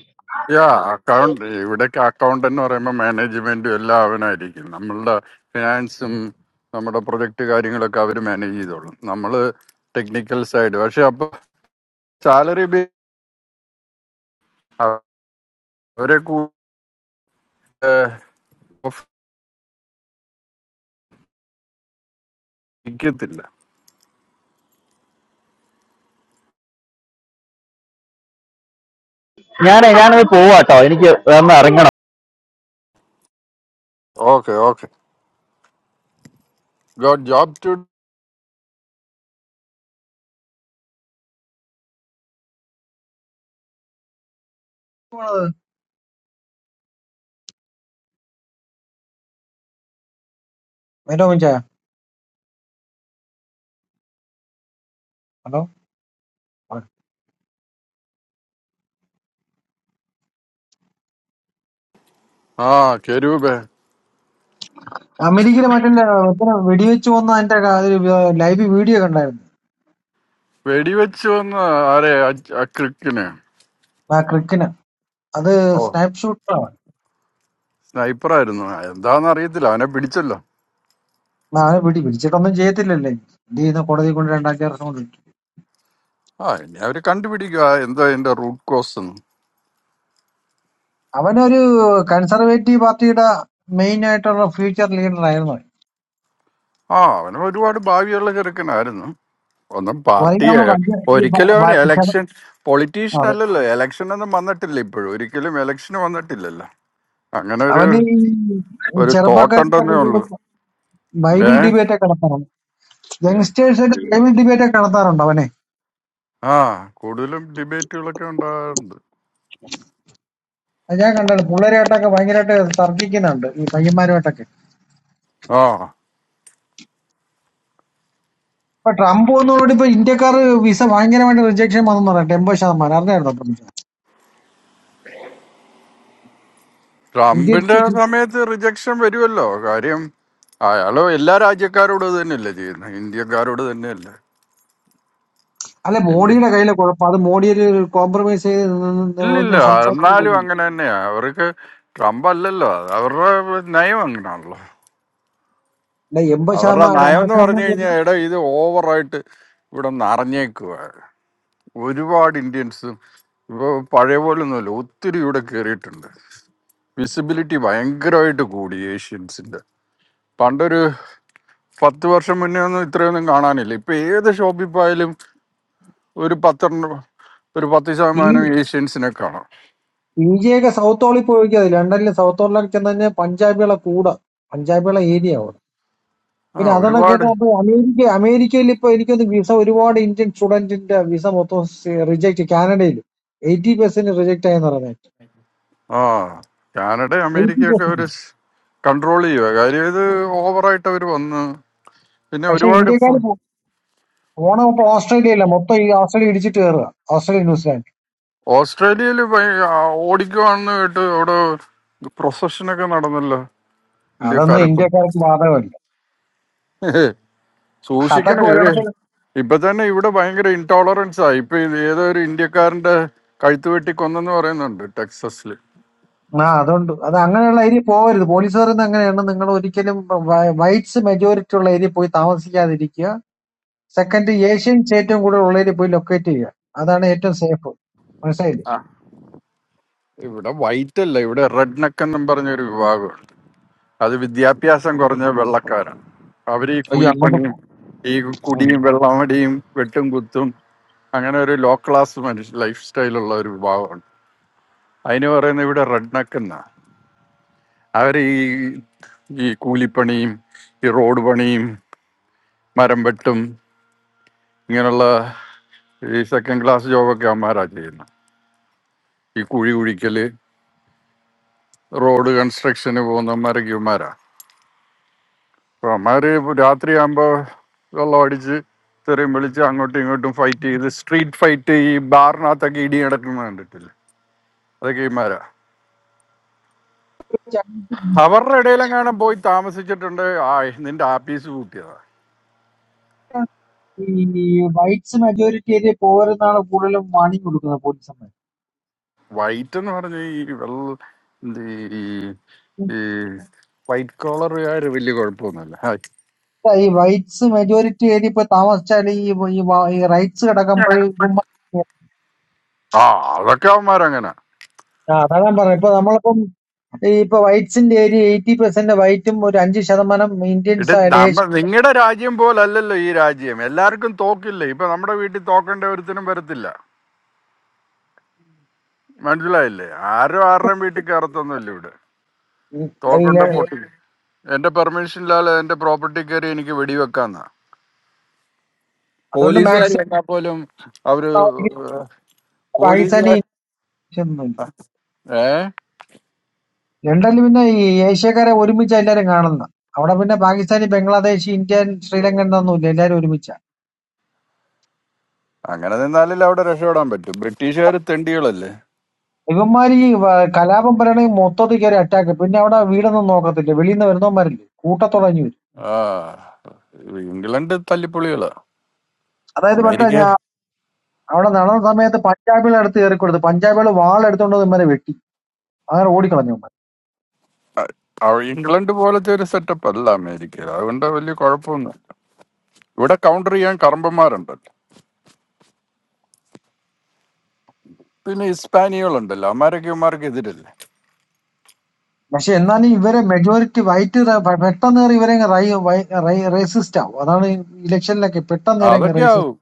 [SPEAKER 2] യാ അക്കൗണ്ട് ഇവിടേക്ക് അക്കൗണ്ട് എന്ന് പറയുമ്പോൾ മാനേജ്മെന്റും എല്ലാം അവനായിരിക്കും നമ്മളുടെ ഫിനാൻസും നമ്മുടെ പ്രൊജക്ട് കാര്യങ്ങളൊക്കെ അവർ മാനേജ് ചെയ്തോളും നമ്മൾ ടെക്നിക്കൽ സൈഡ് പക്ഷെ അപ്പൊ സാലറി അവരെ കൂടിക്കത്തില്ല
[SPEAKER 10] ഞാൻ ഞാനത് പോവാട്ടോ എനിക്ക് വേറെ ഇറങ്ങണം
[SPEAKER 2] ഓക്കെ ഓക്കെ ഗോഡ് ജോബ് ടു
[SPEAKER 12] പോണത് രോമിച്ചായ ഹലോ
[SPEAKER 2] ആ കെരൂപ്
[SPEAKER 12] അമേരിക്കയിലെ മറ്റേ ഇത്തരം വെടിവെച്ച് വന്ന അതിന്റെ ലൈവ് വീഡിയോ കണ്ടായിരുന്നു
[SPEAKER 2] വെടിവെച്ച് വന്ന് ആരെ ക്രിക്കിന്
[SPEAKER 12] ആ ക്രിക്കിന് അത്
[SPEAKER 2] ഓ
[SPEAKER 12] സ്നാപ്ഷൂട്ടാണ്
[SPEAKER 2] സ്നൈപ്പറായിരുന്നു എന്താന്ന് അറിയത്തില്ല അവനെ പിടിച്ചല്ലോ
[SPEAKER 12] അവനെ പിടി പിടിച്ചിട്ടൊന്നും ചെയ്യത്തില്ലല്ലേ എന്ത് ചെയ്യുന്ന കോടതി കൊണ്ട് രണ്ടാഴ്ച വർഷം കൊണ്ട് കിട്ടും
[SPEAKER 2] ആ ഇനി അവര് കണ്ടുപിടിക്കുക എന്തോ അതിന്റെ റൂട്ട് കോസ് എന്ന്
[SPEAKER 12] അവനൊരു കൺസർവേറ്റീവ് പാർട്ടിയുടെ മെയിൻ ആയിട്ടുള്ള ഫ്യൂച്ചർ ലീഡർ ആയിരുന്നു അവൻ.
[SPEAKER 2] ആ അവന് ഒരുപാട് ഭാവിയുള്ള ചെറുക്കനായിരുന്നു ഒന്നും
[SPEAKER 12] അല്ലെങ്കിൽ
[SPEAKER 2] പാർട്ടിയെ
[SPEAKER 12] അവൻ വലിയ ഈ ബ-
[SPEAKER 2] ഒരിക്കലും അവന്
[SPEAKER 12] ബ- ചെറു-
[SPEAKER 2] എലക്ഷൻ പൊളിറ്റീഷ്യൻ
[SPEAKER 12] അതെ.
[SPEAKER 2] അല്ലല്ലോ എലക്ഷൻ ഒന്നും വന്നിട്ടില്ല ഇപ്പോഴും ഒരിക്കലും എലക്ഷൻ വന്നിട്ടില്ലല്ലോ അങ്ങനെ ഒരു
[SPEAKER 12] അവന് ഈ
[SPEAKER 2] ഒരു
[SPEAKER 12] ചെറുപ്പക്കാരുടെ
[SPEAKER 2] തോട്ടുണ്ടെന്നേ
[SPEAKER 12] കൂടെ
[SPEAKER 2] ഉള്ളൂ ഏ
[SPEAKER 12] ബൈബിൾ ഡിബേറ്റ് ഒക്കെ നടത്താറുണ്ട്
[SPEAKER 2] ഏ.
[SPEAKER 12] യങ്സ്റ്റേഴ്സ് ഒക്കെ ബൈബിൾ ഡിബേറ്റ് ഒക്കെ നടത്താറുണ്ട് അവനെ
[SPEAKER 2] ആ കൂടുതലും ഡിബേറ്റുകളൊക്കെ ഉണ്ടാകാറുണ്ട്
[SPEAKER 12] അത് ഞാൻ കണ്ടത് പിള്ളേരായിട്ടൊക്കെ ഭയങ്കരമായിട്ട് തർക്കിക്കുന്നുണ്ട് ഈ പയ്യന്മാരുമായിട്ടൊക്കെ
[SPEAKER 2] ആ
[SPEAKER 12] ഇപ്പൊ ട്രംപ് വന്നതോടുകൂടി ഇപ്പൊ ഇന്ത്യക്കാർ വിസ ഭയങ്കരമായിട്ട് റിജക്ഷൻ വന്നെന്ന് പറയാം എൺപത് ശതമാനം അറിഞ്ഞായിരുന്നു
[SPEAKER 2] ട്രംപിന്റെ
[SPEAKER 12] ഇന്ത്യൻ
[SPEAKER 2] സമയത്ത് റിജക്ഷൻ വരുമല്ലോ കാര്യം അയാള് എല്ലാ രാജ്യക്കാരോട് തന്നെയല്ലേ ചെയ്യുന്നത് ഇന്ത്യക്കാരോട് തന്നെയല്ലേ
[SPEAKER 12] അല്ല മോഡിയുടെ കയ്യിലെ കുഴപ്പം അത് മോഡി ഒരു കോംപ്രമൈസ് ചെയ്ത് നിന്ന്
[SPEAKER 2] ഇല്ലില്ല
[SPEAKER 12] ഒന്ന്
[SPEAKER 2] എന്നാലും
[SPEAKER 12] സംസാരിച്ചിരിക്കുന്നു
[SPEAKER 2] അങ്ങനെ തന്നെയാ അവർക്ക് ട്രംപ് അല്ലല്ലോ അത് അവരുടെ നയം അങ്ങനെയാണല്ലോ
[SPEAKER 12] അല്ല എൺപത്
[SPEAKER 2] അവരുടെ
[SPEAKER 12] ശതമാനം
[SPEAKER 2] നയം
[SPEAKER 12] അമ്പത്
[SPEAKER 2] എന്ന് പറഞ്ഞു
[SPEAKER 12] ശതമാനം
[SPEAKER 2] കഴിഞ്ഞാൽ
[SPEAKER 12] കുറച്ച്
[SPEAKER 2] എടാ ഇത് ഓവറായിട്ട് ഇവിടെ നിറഞ്ഞേക്കുക ഒരുപാട് ഇന്ത്യൻസും ഇപ്പോൾ പഴയ പോലെ ഒന്നുമില്ല ഒത്തിരി ഇവിടെ കയറിയിട്ടുണ്ട് വിസിബിലിറ്റി ഭയങ്കരമായിട്ട് കൂടി ഏഷ്യൻസിന്റെ പണ്ടൊരു പത്ത് വർഷം മുന്നേ ഒന്നും ഇത്രയൊന്നും കാണാനില്ല ഇപ്പൊ ഏത് ഷോപ്പിൽ പോയാലും ഒരു പത്തെണ്ണം ഒരു പത്ത്
[SPEAKER 12] ഈ
[SPEAKER 2] ശതമാനം ഏഷ്യൻസിനെ കാണാം
[SPEAKER 12] ബി ജെ ഒക്കെ സൗത്ത് ഹോളിൽ പോയി വെക്കാതെ ലണ്ടനിലെ സൗത്ത് ഹോളിലൊക്കെ ചെന്ന് കഴിഞ്ഞാൽ പഞ്ചാബികളെ കൂടെ പഞ്ചാബികളെ ഏരിയ അവിടെ പിന്നെ
[SPEAKER 2] ആ
[SPEAKER 12] അതണൊക്കെ
[SPEAKER 2] ഒരുപാട്
[SPEAKER 12] അപ്പൊ അമേരിക്ക അമേരിക്കയിൽ ഇപ്പൊ എനിക്കൊന്ന് വിസ ഒരുപാട് ഇന്ത്യൻ സ്റ്റുഡന്റിന്റെ വിസ മൊത്തം റിജക്ട് കാനഡയിൽ എയ്റ്റി പെർസെന്റ് റിജക്ട് ആയെന്ന് പറഞ്ഞത്
[SPEAKER 2] ആ കാനഡ
[SPEAKER 12] എയ്റ്റി
[SPEAKER 2] അമേരിക്കയൊക്കെ ഒരു
[SPEAKER 12] പെർസെന്റ്
[SPEAKER 2] കൺട്രോൾ ചെയ്യുക കാര്യം ഇത് ഓവറായിട്ട് അവർ വന്ന് പിന്നെ
[SPEAKER 12] പക്ഷെ
[SPEAKER 2] ഒരുപാട്
[SPEAKER 12] ഇന്ത്യക്കാർ പോണ മൊത്തം ഓസ്ട്രേലിയ അല്ല മൊത്തം ഈ ഓസ്ട്രേലിയ ഇടിച്ചിട്ട് കയറുക ഓസ്ട്രേലിയ ന്യൂസിലാൻഡ്
[SPEAKER 2] ഓസ്ട്രേലിയയിൽ ഓടിക്കുവാണെന്ന് കേട്ട് അവിടെ പ്രൊസഷനൊക്കെ നടന്നല്ലോ
[SPEAKER 12] അതൊന്നും
[SPEAKER 2] ഇന്ത്യക്കാരൊക്കെ
[SPEAKER 12] ഇന്ത്യക്കാർക്ക് ബാധകമല്ല അതൊക്കെ
[SPEAKER 2] സൂക്ഷിക്കണം ഇവര്
[SPEAKER 12] ഒരിടത്ത്
[SPEAKER 2] ഇപ്പൊ തന്നെ ഇവിടെ ഭയങ്കര ഇൻടോളറൻസ് ആയി ഇപ്പൊ ഇത് ഏതോ ഒരു ഇന്ത്യക്കാരന്റെ കഴുത്ത് വെട്ടി കൊന്നെന്ന് പറയുന്നുണ്ട് ടെക്സസിൽ
[SPEAKER 12] ആ അതുണ്ട് അത് അങ്ങനെയുള്ള ഏരിയ പോകരുത് പോലീസ് പറയുന്നത് അങ്ങനെയാണ് നിങ്ങൾ ഒരിക്കലും വൈറ്റ്സ് മെജോറിറ്റി ഉള്ള ഏരിയ പോയി താമസിക്കാതിരിക്കുക സെക്കൻഡ് ഏഷ്യൻ ഏറ്റവും കൂടുതൽ ഉള്ള ഏരിയ പോയി ലൊക്കേറ്റ് ചെയ്യുക അതാണ് ഏറ്റവും സേഫ് മനസ്സിലായില്ലേ
[SPEAKER 2] ആ ഇവിടെ വൈറ്റ് അല്ല ഇവിടെ റെഡ് നെക്ക് എന്നും പറഞ്ഞൊരു വിഭാഗം അത് വിദ്യാഭ്യാസം കുറഞ്ഞ വെള്ളക്കാരാണ് അവർ ഈ
[SPEAKER 12] അയ്യോ അങ്ങോട്ട്
[SPEAKER 2] കൂലിപ്പണിയും
[SPEAKER 12] പോ-
[SPEAKER 2] ഈ
[SPEAKER 12] ഉം.
[SPEAKER 2] കുടിയും വെള്ളമടിയും വെട്ടും കുത്തും അങ്ങനെ ഒരു ലോ ക്ലാസ് മനുഷ്യ ലൈഫ് സ്റ്റൈലുള്ള ഒരു വിഭാഗമാണ് അതിന് പറയുന്നത് ഇവിടെ റെഡ്നക്ക് എന്നാ അവർ ഈ ഈ കൂലിപ്പണിയും ഈ റോഡ് പണിയും മരം വെട്ടും ഇങ്ങനെയുള്ള ഈ സെക്കൻഡ് ക്ലാസ് ജോബൊക്കെ അവന്മാരാ ചെയ്യുന്നത് ഈ കുഴി കുഴിക്കല് റോഡ് കൺസ്ട്രക്ഷന് പോകുന്നവന്മാരൊക്കെ ഇവന്മാരാ അപ്പൊ അമ്മാര് രാത്രിയാകുമ്പോ വെള്ളം അടിച്ച് തെറിയും വിളിച്ച് അങ്ങോട്ടും ഇങ്ങോട്ടും ഫൈറ്റ് ചെയ്ത് സ്ട്രീറ്റ് ഫൈറ്റ് ഈ ബാറിനകത്തൊക്കെ ഇടി നടക്കുന്നത് കണ്ടിട്ടില്ല അതൊക്കെ ഇമാരാ
[SPEAKER 12] ചങ്ങ-
[SPEAKER 2] അവരുടെ ഇടയിലെങ്ങാനും പോയി താമസിച്ചിട്ടുണ്ട് ആ നിന്റെ ആപ്പീസ് കൂട്ടിയതാ
[SPEAKER 12] ഈ വൈറ്റ്സ് മെജോറിറ്റി ഏരിയ പോകരുന്നാണ് കൂടുതലും വാണിംഗ് കൊടുക്കുന്നത് പോലീസന്മാർ
[SPEAKER 2] വൈറ്റ് എന്ന് പറഞ്ഞ ഈ വെള്ള എന്ത് ഈ ഈ വൈറ്റ് കോളറുകാർ വലിയ കുഴപ്പമൊന്നുമില്ല ഹായ്.
[SPEAKER 12] ഈ വൈറ്റ്സ് മെജോറിറ്റി ഏരിയ പോയി താമസിച്ചാൽ ഈ ഈ റൈറ്റ്സ് കിടക്കുമ്പോൾ
[SPEAKER 2] ആ അതൊക്കെ അവന്മാരങ്ങനെ
[SPEAKER 12] ആ അതാ ഞാൻ പറഞ്ഞു ഇപ്പൊ നമ്മളിപ്പം ഈ ഇപ്പൊ വൈറ്റ്സിന്റെ ഏരിയ എയ്റ്റി പെർസെന്റ് വൈറ്റും ഒരു അഞ്ച് ശതമാനം ഇന്ത്യൻസ്
[SPEAKER 2] ഇട്ട്
[SPEAKER 12] ആയാലും
[SPEAKER 2] നമ്മ
[SPEAKER 12] ഏഷ്യ-
[SPEAKER 2] നിങ്ങളുടെ രാജ്യം പോലല്ലല്ലോ ഈ രാജ്യം എല്ലാവർക്കും തോക്കില്ല ഇപ്പൊ നമ്മുടെ വീട്ടിൽ തോക്കേണ്ട ഒരുത്തിനും വരത്തില്ല മനസ്സിലായില്ലേ ആരും ആരുടെയും വീട്ടിൽ കയറത്തൊന്നുമില്ല ഇവിടെ
[SPEAKER 12] ഉം,
[SPEAKER 2] തോക്കൊണ്ട്
[SPEAKER 12] അതിലെ-
[SPEAKER 2] പൊട്ടി എന്റെ പെർമിഷൻ ഇല്ലാതെ എന്റെ പ്രോപ്പർട്ടി കയറി എനിക്ക് വെടിവെക്കാന്നാ
[SPEAKER 12] അതുകൊണ്ട്
[SPEAKER 2] പോലീസുകാർ
[SPEAKER 12] മാക്സിമം
[SPEAKER 2] വന്നാൽ പോലും അവര്
[SPEAKER 12] താമസിക്കുന്ന പാകിസ്ഥാനി
[SPEAKER 2] പോലീസുകാർ
[SPEAKER 12] Indians ഒന്നുമില്ല
[SPEAKER 2] ഏ
[SPEAKER 12] ലണ്ടനിൽ പിന്നെ ഈ ഏഷ്യക്കാരെ ഒരുമിച്ച് എല്ലാരും കാണുന്ന അവിടെ പിന്നെ പാകിസ്ഥാനി ബംഗ്ലാദേശ് ഇന്ത്യൻ ശ്രീലങ്കൻ എന്നൊന്നുമില്ല എല്ലാരും ഒരുമിച്ച
[SPEAKER 2] അങ്ങനെ നിന്നാലല്ലേ അവിടെ രക്ഷപ്പെടാൻ പറ്റും ബ്രിട്ടീഷുകാർ തെണ്ടികളല്ലേ
[SPEAKER 12] ഇവന്മാര് ഈ വ- കലാപം പറയണെങ്കിൽ മൊത്തത്തിൽ കയറി അറ്റാക്ക് പിന്നെ അവിടെ വീടൊന്നും നോക്കത്തില്ല വെളിയിൽ നിന്ന് വരുന്നവന്മാരില്ലേ കൂട്ടത്തുടങ്ങി വരും
[SPEAKER 2] ആ ഇംഗ്ലണ്ട് തല്ലിപ്പൊളികളാ
[SPEAKER 12] അതായത് പെട്ട
[SPEAKER 2] അമേരിക്ക
[SPEAKER 12] ഞാൻ അവിടെ നടന്ന സമയത്ത് പഞ്ചാബികളെ അടുത്ത് കയറി കൊടുത്തു പഞ്ചാബികൾ വാൾ എടുത്തോണ്ട് വന്ന് ഇവന്മാരെ വെട്ടി അങ്ങനെ ഓടിക്കളഞ്ഞു
[SPEAKER 2] അ- അവ- ഇംഗ്ലണ്ട് പോലത്തെ ഒരു സെറ്റപ്പ് അല്ല അമേരിക്ക അതുകൊണ്ട് വലിയ കുഴപ്പമൊന്നും ഇവിടെ കൗണ്ടർ ചെയ്യാൻ കറമ്പന്മാരുണ്ടല്ലോ പിന്നെ ഹിസ്പാനികളുണ്ടല്ലോ അമാരൊക്കെ ഇവന്മാർക്ക് എതിരല്ലേ
[SPEAKER 12] പക്ഷെ എന്നാലും ഇവരെ മെജോറിറ്റി വൈറ്റ് റ- പെട്ടെന്ന് കയറി ഇവരെ റേസിസ്റ്റ് ആവും അതാണ് ഇലക്ഷനിലൊക്കെ പെട്ടെന്ന് കയറി
[SPEAKER 2] അതൊക്കെ
[SPEAKER 12] റേസിസ്റ്റ്
[SPEAKER 2] ആവും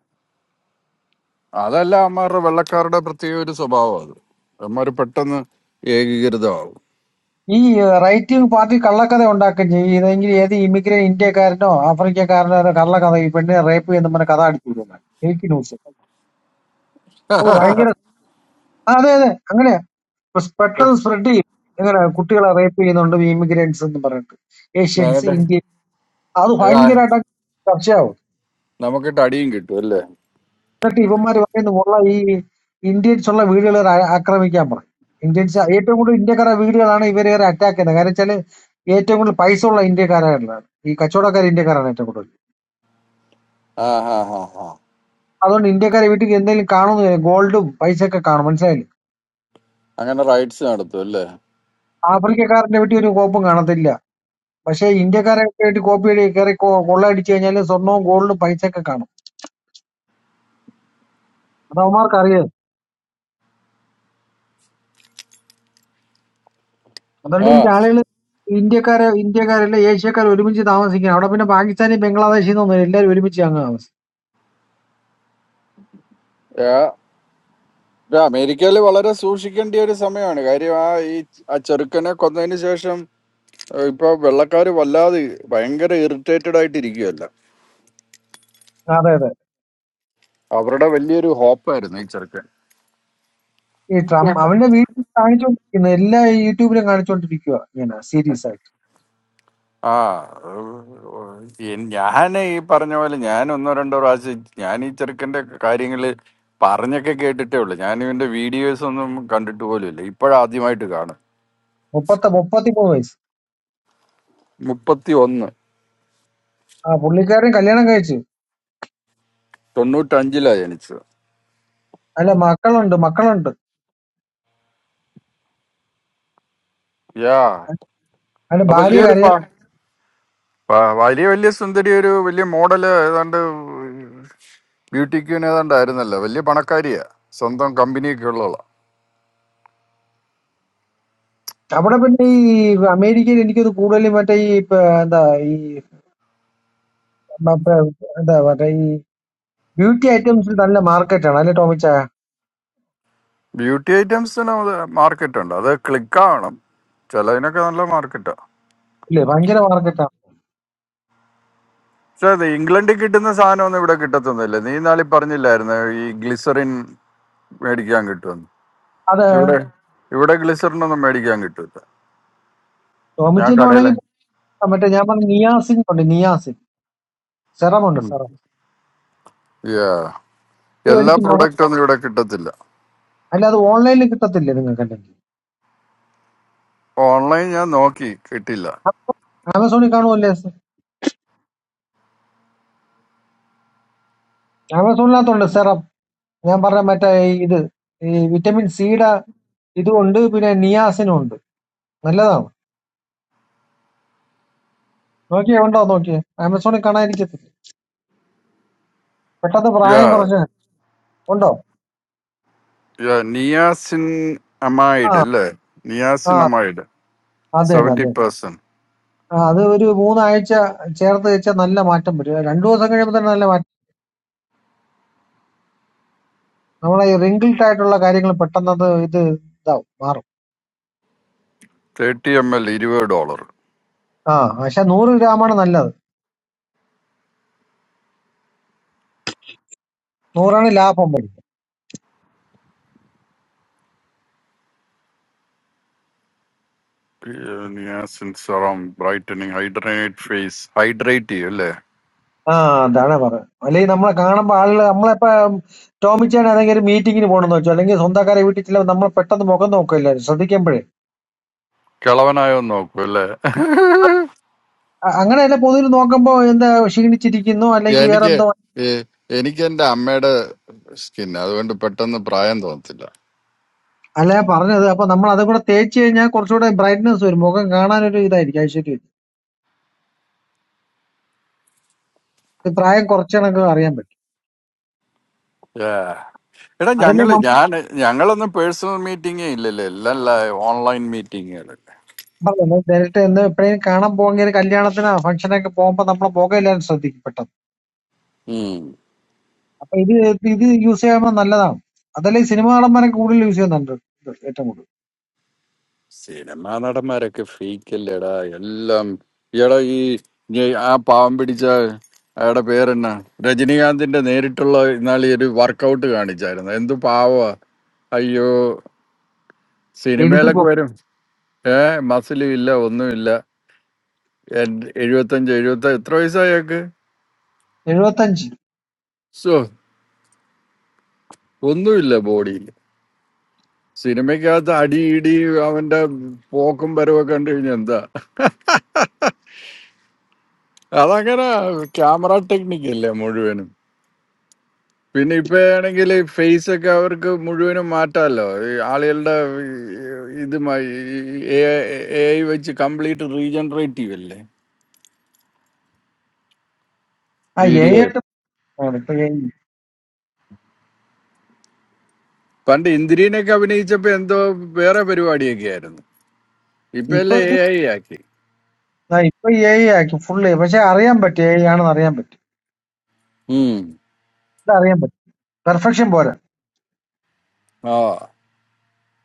[SPEAKER 2] അതല്ല അമ്മാരുടെ വെള്ളക്കാരുടെ പ്രത്യേക ഒരു സ്വഭാവം അത് അമ്മാര് പെട്ടെന്ന് ഏകീകൃതമാവും
[SPEAKER 12] ഈ റൈറ്റ് വിങ് പാർട്ടി കള്ളക്കഥ ഉണ്ടാക്കുകയും ചെയ്യും ഇതെങ്കിൽ ഏത് ഇമിഗ്രേ ഇന്ത്യക്കാരനോ ആഫ്രിക്കക്കാരനോ ഏതോ കള്ളക്കഥ ഈ പെണ്ണിനെ റേപ്പ് ചെയ്യുന്ന പറഞ്ഞ കഥ അടിച്ചു വിടും ഫേക്ക് ന്യൂസ് അപ്പൊ ഭയങ്കര ആ, അതെ അതെ അങ്ങനെയാ ഇപ്പൊ സ്
[SPEAKER 2] ഏഹ്,
[SPEAKER 12] പെട്ടെന്ന് സ്പ്രെഡ് ചെയ്യും ഇങ്ങനെ കുട്ടികളെ റേപ്പ് ചെയ്യുന്നുണ്ട് ഇമിഗ്രേറ്റ്സ് എന്ന് പറഞ്ഞിട്ട് ഏഷ്യൻസ്
[SPEAKER 2] നേരത്തെ
[SPEAKER 12] ഇന്ത്യൻ അത്
[SPEAKER 2] ഇതാ,
[SPEAKER 12] ഭയങ്കരമായിട്ട് ചർച്ചയാവും
[SPEAKER 2] നമുക്കിട്ട് അടിയും കിട്ടും അല്ലേ
[SPEAKER 12] എന്നിട്ട് ഇവന്മാര് പറയുന്നു ഉള്ള ഈ ഇന്ത്യൻസ് ഉള്ള വീടുകൾ ആക്രമിക്കാൻ പറയും ഇന്ത്യൻസ് ഏറ്റവും കൂടുതൽ ഇന്ത്യക്കാരുടെ വീടുകളാണ് ഇവരെ അറ്റാക്ക് ചെയ്യുന്നത് കാരണം വെച്ചാല് ഏറ്റവും കൂടുതൽ പൈസ ഉള്ള ഇന്ത്യക്കാരാണ് ഈ കച്ചവടക്കാർ ഇന്ത്യക്കാരാണ് ഏറ്റവും കൂടുതൽ
[SPEAKER 2] ആ ഹാ ഹാ ഹാ
[SPEAKER 12] അതുകൊണ്ട് ഇന്ത്യക്കാരെ വീട്ടിൽ എന്തെങ്കിലും കാണുന്നു ഗോൾഡും പൈസ ഒക്കെ കാണും മനസ്സിലായില്ലേ
[SPEAKER 2] അങ്ങനെ റൈറ്റ്സ് നടത്തും അല്ലേ
[SPEAKER 12] ആഫ്രിക്കക്കാരന്റെ വീട്ടിൽ ഒരു കോപ്പും കാണത്തില്ല പക്ഷേ ഇന്ത്യക്കാരെ വേണ്ടി കോപ്പി അടി കയറി കൊ- കൊള്ളയടിച്ചു കഴിഞ്ഞാൽ സ്വർണവും ഗോൾഡും പൈസ ഒക്കെ കാണും അത് അവന്മാർക്ക് അറിയാം അതുകൊണ്ട്
[SPEAKER 2] ആ
[SPEAKER 12] ഈ ആളുകൾ ഇന്ത്യക്കാരെ ഇന്ത്യക്കാരല്ല ഏഷ്യക്കാർ ഒരുമിച്ച് താമസിക്കണം അവിടെ പിന്നെ പാകിസ്ഥാനി ബംഗ്ലാദേശിൽ നിന്നൊന്നും എല്ലാവരും ഒരുമിച്ച് അങ്ങ് താമസിക്കും
[SPEAKER 2] ആ, ഇത് അമേരിക്കയിൽ വളരെ സൂക്ഷിക്കേണ്ട ഒരു സമയമാണ് കാര്യം ആ ഈ ആ ചെറുക്കനെ കൊന്നതിന് ശേഷം ഏഹ്, ഇപ്പൊ വെള്ളക്കാര് വല്ലാതെ ഭയങ്കര ഇറിറ്റേറ്റഡ് ആയിട്ട് ഇരിക്കുകയല്ല
[SPEAKER 12] അതെ അതെ.
[SPEAKER 2] അവരുടെ വലിയൊരു ഹോപ്പായിരുന്നു ഈ ചെറുക്കൻ
[SPEAKER 12] ഈ ട്രം അവന്റെ വീട്ടിൽ കാണിച്ചോണ്ടിരിക്കുന്നു. എല്ലാ യൂട്യൂബിലും കാണിച്ചോണ്ടിരിക്കുക ഇങ്ങനെ സീരീസ് ആയിട്ട്.
[SPEAKER 2] ആ അത് എൻ- ഞാൻ ഈ പറഞ്ഞ പോലെ ഞാൻ ഒന്നോ രണ്ടോ പ്രാവശ്യം ഞാൻ ഈ ചെറുക്കന്റെ കാര്യങ്ങള് പറഞ്ഞൊക്കെ കേട്ടിട്ടേ ഉള്ളു ഞാൻ ഇവന്റെ വീഡിയോസ് ഒന്നും കണ്ടിട്ട് പോലും ഇല്ല ഇപ്പോഴാദ്യമായിട്ട് കാണും
[SPEAKER 12] മുപ്പത്ത 33 വയസ്സ്.
[SPEAKER 2] മുപ്പത്തി ഒന്ന്
[SPEAKER 12] ആ പുള്ളിക്കാരൻ കല്യാണം കഴിച്ചു.
[SPEAKER 2] തൊണ്ണൂറ്റഞ്ചിലാ ജനിച്ചത്
[SPEAKER 12] അല്ല മക്കളുണ്ട് മക്കളുണ്ട്.
[SPEAKER 2] യാ
[SPEAKER 12] അവന്റെ
[SPEAKER 2] അത്
[SPEAKER 12] ഭാര്യ
[SPEAKER 2] വലിയൊരു
[SPEAKER 12] കരയ
[SPEAKER 2] പ- പ- വലിയ വലിയ സുന്ദരി ഒരു വലിയ മോഡല് ഏതാണ്ട് ബ്യൂട്ടി ക്യൂൻ ഏതാണ്ടായിരുന്നല്ലോ വലിയ പണക്കാരിയാ സ്വന്തം കമ്പനിയൊക്കെ ഉള്ളതാ
[SPEAKER 12] അവിടെ പിന്നെ ഈ അമേരിക്കയിൽ എനിക്കത് കൂടുതലും മറ്റേ ഈ പ- എന്താ ഈ മ- പ- എന്താ മറ്റേ ഈ ബ്യൂട്ടി ഐറ്റംസിൽ നല്ല മാർക്കറ്റാണ് അല്ലെ ടോമിച്ച
[SPEAKER 2] ബ്യൂട്ടി ഐറ്റംസിന് മാർക്കറ്റ് ഉണ്ട് അത് ക്ലിക്ക് ആവണം ചിലതിനൊക്കെ നല്ല മാർക്കറ്റാ
[SPEAKER 12] ഇല്ലേ ഭയങ്കര മാർക്കറ്റാണ്.
[SPEAKER 2] പക്ഷെ അത് ഇംഗ്ലണ്ടിൽ കിട്ടുന്ന സാധനമൊന്നും ഇവിടെ കിട്ടത്തൊന്നുമില്ല നീ നാളെ പറഞ്ഞില്ലായിരുന്നു ഈ ഗ്ലിസറിൻ മേടിക്കാൻ കിട്ടുമെന്ന്
[SPEAKER 12] അതെ
[SPEAKER 2] ഇവിടെ ഇവിടെ ഗ്ലിസറിൻ ഒന്നും മേടിക്കാൻ കിട്ടില്ല ഞാൻ
[SPEAKER 12] ടോമിച്ചിന്
[SPEAKER 2] കടയിലെ
[SPEAKER 12] വേണമെങ്കിൽ പോകാം. മറ്റേ ഞാൻ പറഞ്ഞ നിയാസിൻ ഉണ്ട് നിയാസിൻ സെറം ഉണ്ട് സെറം
[SPEAKER 2] യാ
[SPEAKER 12] ഇത്
[SPEAKER 2] എല്ലാ
[SPEAKER 12] മേടിച്ച് മുഖം
[SPEAKER 2] പ്രൊഡക്റ്റും ഒന്നും ഇവിടെ കിട്ടത്തില്ല
[SPEAKER 12] അല്ല അത് ഓൺലൈനിൽ കിട്ടത്തില്ലേ നിങ്ങൾക്ക് അല്ലെങ്കിൽ
[SPEAKER 2] ഓൺലൈൻ ഞാൻ നോക്കി കിട്ടില്ല
[SPEAKER 12] ആമസോണിൽ കാണുമല്ലേ ആമസോണിനകത്തുണ്ട് സെറം ഞാൻ പറഞ്ഞ മറ്റേ ഈ ഇത് ഈ വിറ്റമിൻ സിയുടെ ഇതുമുണ്ട് പിന്നെ നിയാസിനും ഉണ്ട് നല്ലതാണ് നോക്കിയേ ഉണ്ടോ നോക്കിയേ ആമസോണിൽ കാണാതിരിക്കത്തില്ല പെട്ടെന്ന്
[SPEAKER 2] യാ
[SPEAKER 12] പ്രായം കുറച്ച് ഉണ്ടോ
[SPEAKER 2] യാ നിയാസിൻ
[SPEAKER 12] ആ
[SPEAKER 2] അമായിഡ് അല്ലേ
[SPEAKER 12] ആ
[SPEAKER 2] നിയാസിൻ അമായിഡ്
[SPEAKER 12] അത് തന്നെ അത്
[SPEAKER 2] സെവൻറ്റി
[SPEAKER 12] തന്നെ
[SPEAKER 2] പെർസെന്റ്
[SPEAKER 12] ആ അത് ഒരു മൂന്നാഴ്ച ചേർത്ത് വെച്ചാൽ നല്ല മാറ്റം വരും രണ്ടു ദിവസം കഴിയുമ്പോൾ തന്നെ നല്ല മാറ്റം നമ്മളെ ഈ റിങ്കിൾഡ് ആയിട്ടുള്ള കാര്യങ്ങൾ പെട്ടെന്ന് അത് ഇത് ഇതാവും മാറും
[SPEAKER 2] തേർട്ടി എം എൽ ഇരുപത് ഡോളർ
[SPEAKER 12] ആ പക്ഷെ നൂറ് ഗ്രാമാണ് നല്ലത് നൂറാണ് ലാഭം വരും
[SPEAKER 2] niacin serum brightening hydrate face hydrate ചെയ്യും അല്ലേ
[SPEAKER 12] ആ അതാണ് പറഞ്ഞത് അല്ലെങ്കിൽ നമ്മളെ കാണുമ്പോ ആളുകൾ നമ്മളിപ്പോ ടോമിച്ചാണ് ഏതെങ്കിലും ഒരു മീറ്റിങ്ങിന് പോകണമെന്ന് വെച്ചോ അല്ലെങ്കിൽ സ്വന്തക്കാരെ വീട്ടിൽ ചില നമ്മൾ പെട്ടെന്ന് മുഖം നോക്കില്ല ശ്രദ്ധിക്കുമ്പോഴേ
[SPEAKER 2] കിളവനായോ നോക്കൂ അല്ലേ
[SPEAKER 12] അ- അങ്ങനെയല്ല പൊതുവിൽ നോക്കുമ്പോ എന്താ ക്ഷീണിച്ചിരിക്കുന്നു അല്ലെങ്കിൽ വേറെ
[SPEAKER 2] എനിക്ക്
[SPEAKER 12] എന്തോ
[SPEAKER 2] ഈ എനിക്ക് എന്റെ അമ്മയുടെ സ്കിൻ അതുകൊണ്ട് പെട്ടെന്ന് പ്രായം തോന്നത്തില്ല
[SPEAKER 12] അല്ല പറഞ്ഞത് അപ്പൊ നമ്മൾ അതും കൂടെ തേച്ച് കഴിഞ്ഞാൽ കുറച്ചുകൂടെ ബ്രൈറ്റ്നസ് വരും മുഖം കാണാനൊരു ഇതായിരിക്കും ഐശ്വര്യം വരും. ഇത് പ്രായം കുറച്ചണക്ക് അറിയാൻ പറ്റും
[SPEAKER 2] ഏ. എടാ
[SPEAKER 12] അതല്ലേ
[SPEAKER 2] ഞങ്ങള് ഞാൻ ഞങ്ങളൊന്നും പേഴ്സണൽ മീറ്റിംഗേ ഇല്ലല്ലേ എല്ലാം ഓൺലൈൻ മീറ്റിങ്ങുകളല്ലേ
[SPEAKER 12] ഡയറക്റ്റ് എന്ന് എപ്പോഴേലും കാണാൻ പോകെങ്കിൽ കല്യാണത്തിന് ഫംഗ്ഷനൊക്കെ പോകുമ്പോ നമ്മളെ മുഖം എല്ലാവരും ശ്രദ്ധിക്കും പെട്ടെന്ന്
[SPEAKER 2] ഉം.
[SPEAKER 12] അപ്പൊ ഇത് ഇത് യൂസ് ചെയ്യുമ്പോൾ നല്ലതാണ് അതല്ലേ ഈ സിനിമ കാണുമ്പോൾ കൂടുതൽ യൂസ് ചെയ്യുന്നുണ്ട് ഇത് ഏറ്റവും കൂടുതൽ
[SPEAKER 2] സിനിമാ നടന്മാരൊക്കെ ഫേക്ക് അല്ലേടാ എല്ലാം ഈടാ ഈ ഈ ആ പാവം പിടിച്ച അയാളുടെ പേരെന്നാ രജനീകാന്തിന്റെ നേരിട്ടുള്ള ഇന്നാളി ഒരു വർക്കൗട്ട് കാണിച്ചായിരുന്നു എന്തു പാവ അയ്യോ
[SPEAKER 12] എഴുത്
[SPEAKER 2] സിനിമയിലൊക്കെ
[SPEAKER 12] പൊ-
[SPEAKER 2] വരും ഏ മസിലും ഇല്ല ഒന്നുമില്ല എൻ- എഴുപത്തഞ്ച് എഴുപത്തി എത്ര വയസ്സായക്ക്
[SPEAKER 12] എഴുപത്തഞ്ച്
[SPEAKER 2] സോ ഒന്നുമില്ല ബോഡിയിൽ സിനിമയ്ക്കകത്ത് അടി ഇടി അവന്റെ പോക്കും വരവും ഒക്കെ കണ്ടു കഴിഞ്ഞാൽ എന്താ അതങ്ങനെ ക്യാമറ ടെക്നിക്ക് അല്ലേ മുഴുവനും പിന്നെ ഇപ്പൊ ആണെങ്കിൽ ഫേസ് ഒക്കെ അവർക്ക് മുഴുവനും മാറ്റാമല്ലോ ഈ ആളുകളുടെ ഈ ഇതുമായി എ ഐ വെച്ച് കംപ്ലീറ്റ് റീജനറേറ്റീവ് അല്ലേ
[SPEAKER 12] ആ എ
[SPEAKER 2] വീഡിയോ
[SPEAKER 12] ആയിട്ട് പോവാണ് ഇപ്പൊ AI.
[SPEAKER 2] പണ്ട് ഇന്ദിരീനൊക്കെ അഭിനയിച്ചപ്പോ എന്തോ വേറെ പരിപാടിയൊക്കെ ആയിരുന്നു ഇപ്പൊ
[SPEAKER 12] ഇപ്പൊ
[SPEAKER 2] എല്ലാം എ
[SPEAKER 12] ഇത്
[SPEAKER 2] ഐ ആക്കി
[SPEAKER 12] ആ ഇപ്പൊ എ ആക്കി ഫുള്ള് പക്ഷെ അറിയാൻ പറ്റും എ ആണെന്ന് അറിയാൻ പറ്റും
[SPEAKER 2] ഉം.
[SPEAKER 12] ഇത് അറിയാൻ പറ്റും പെർഫെക്ഷൻ പോരാ
[SPEAKER 2] ആ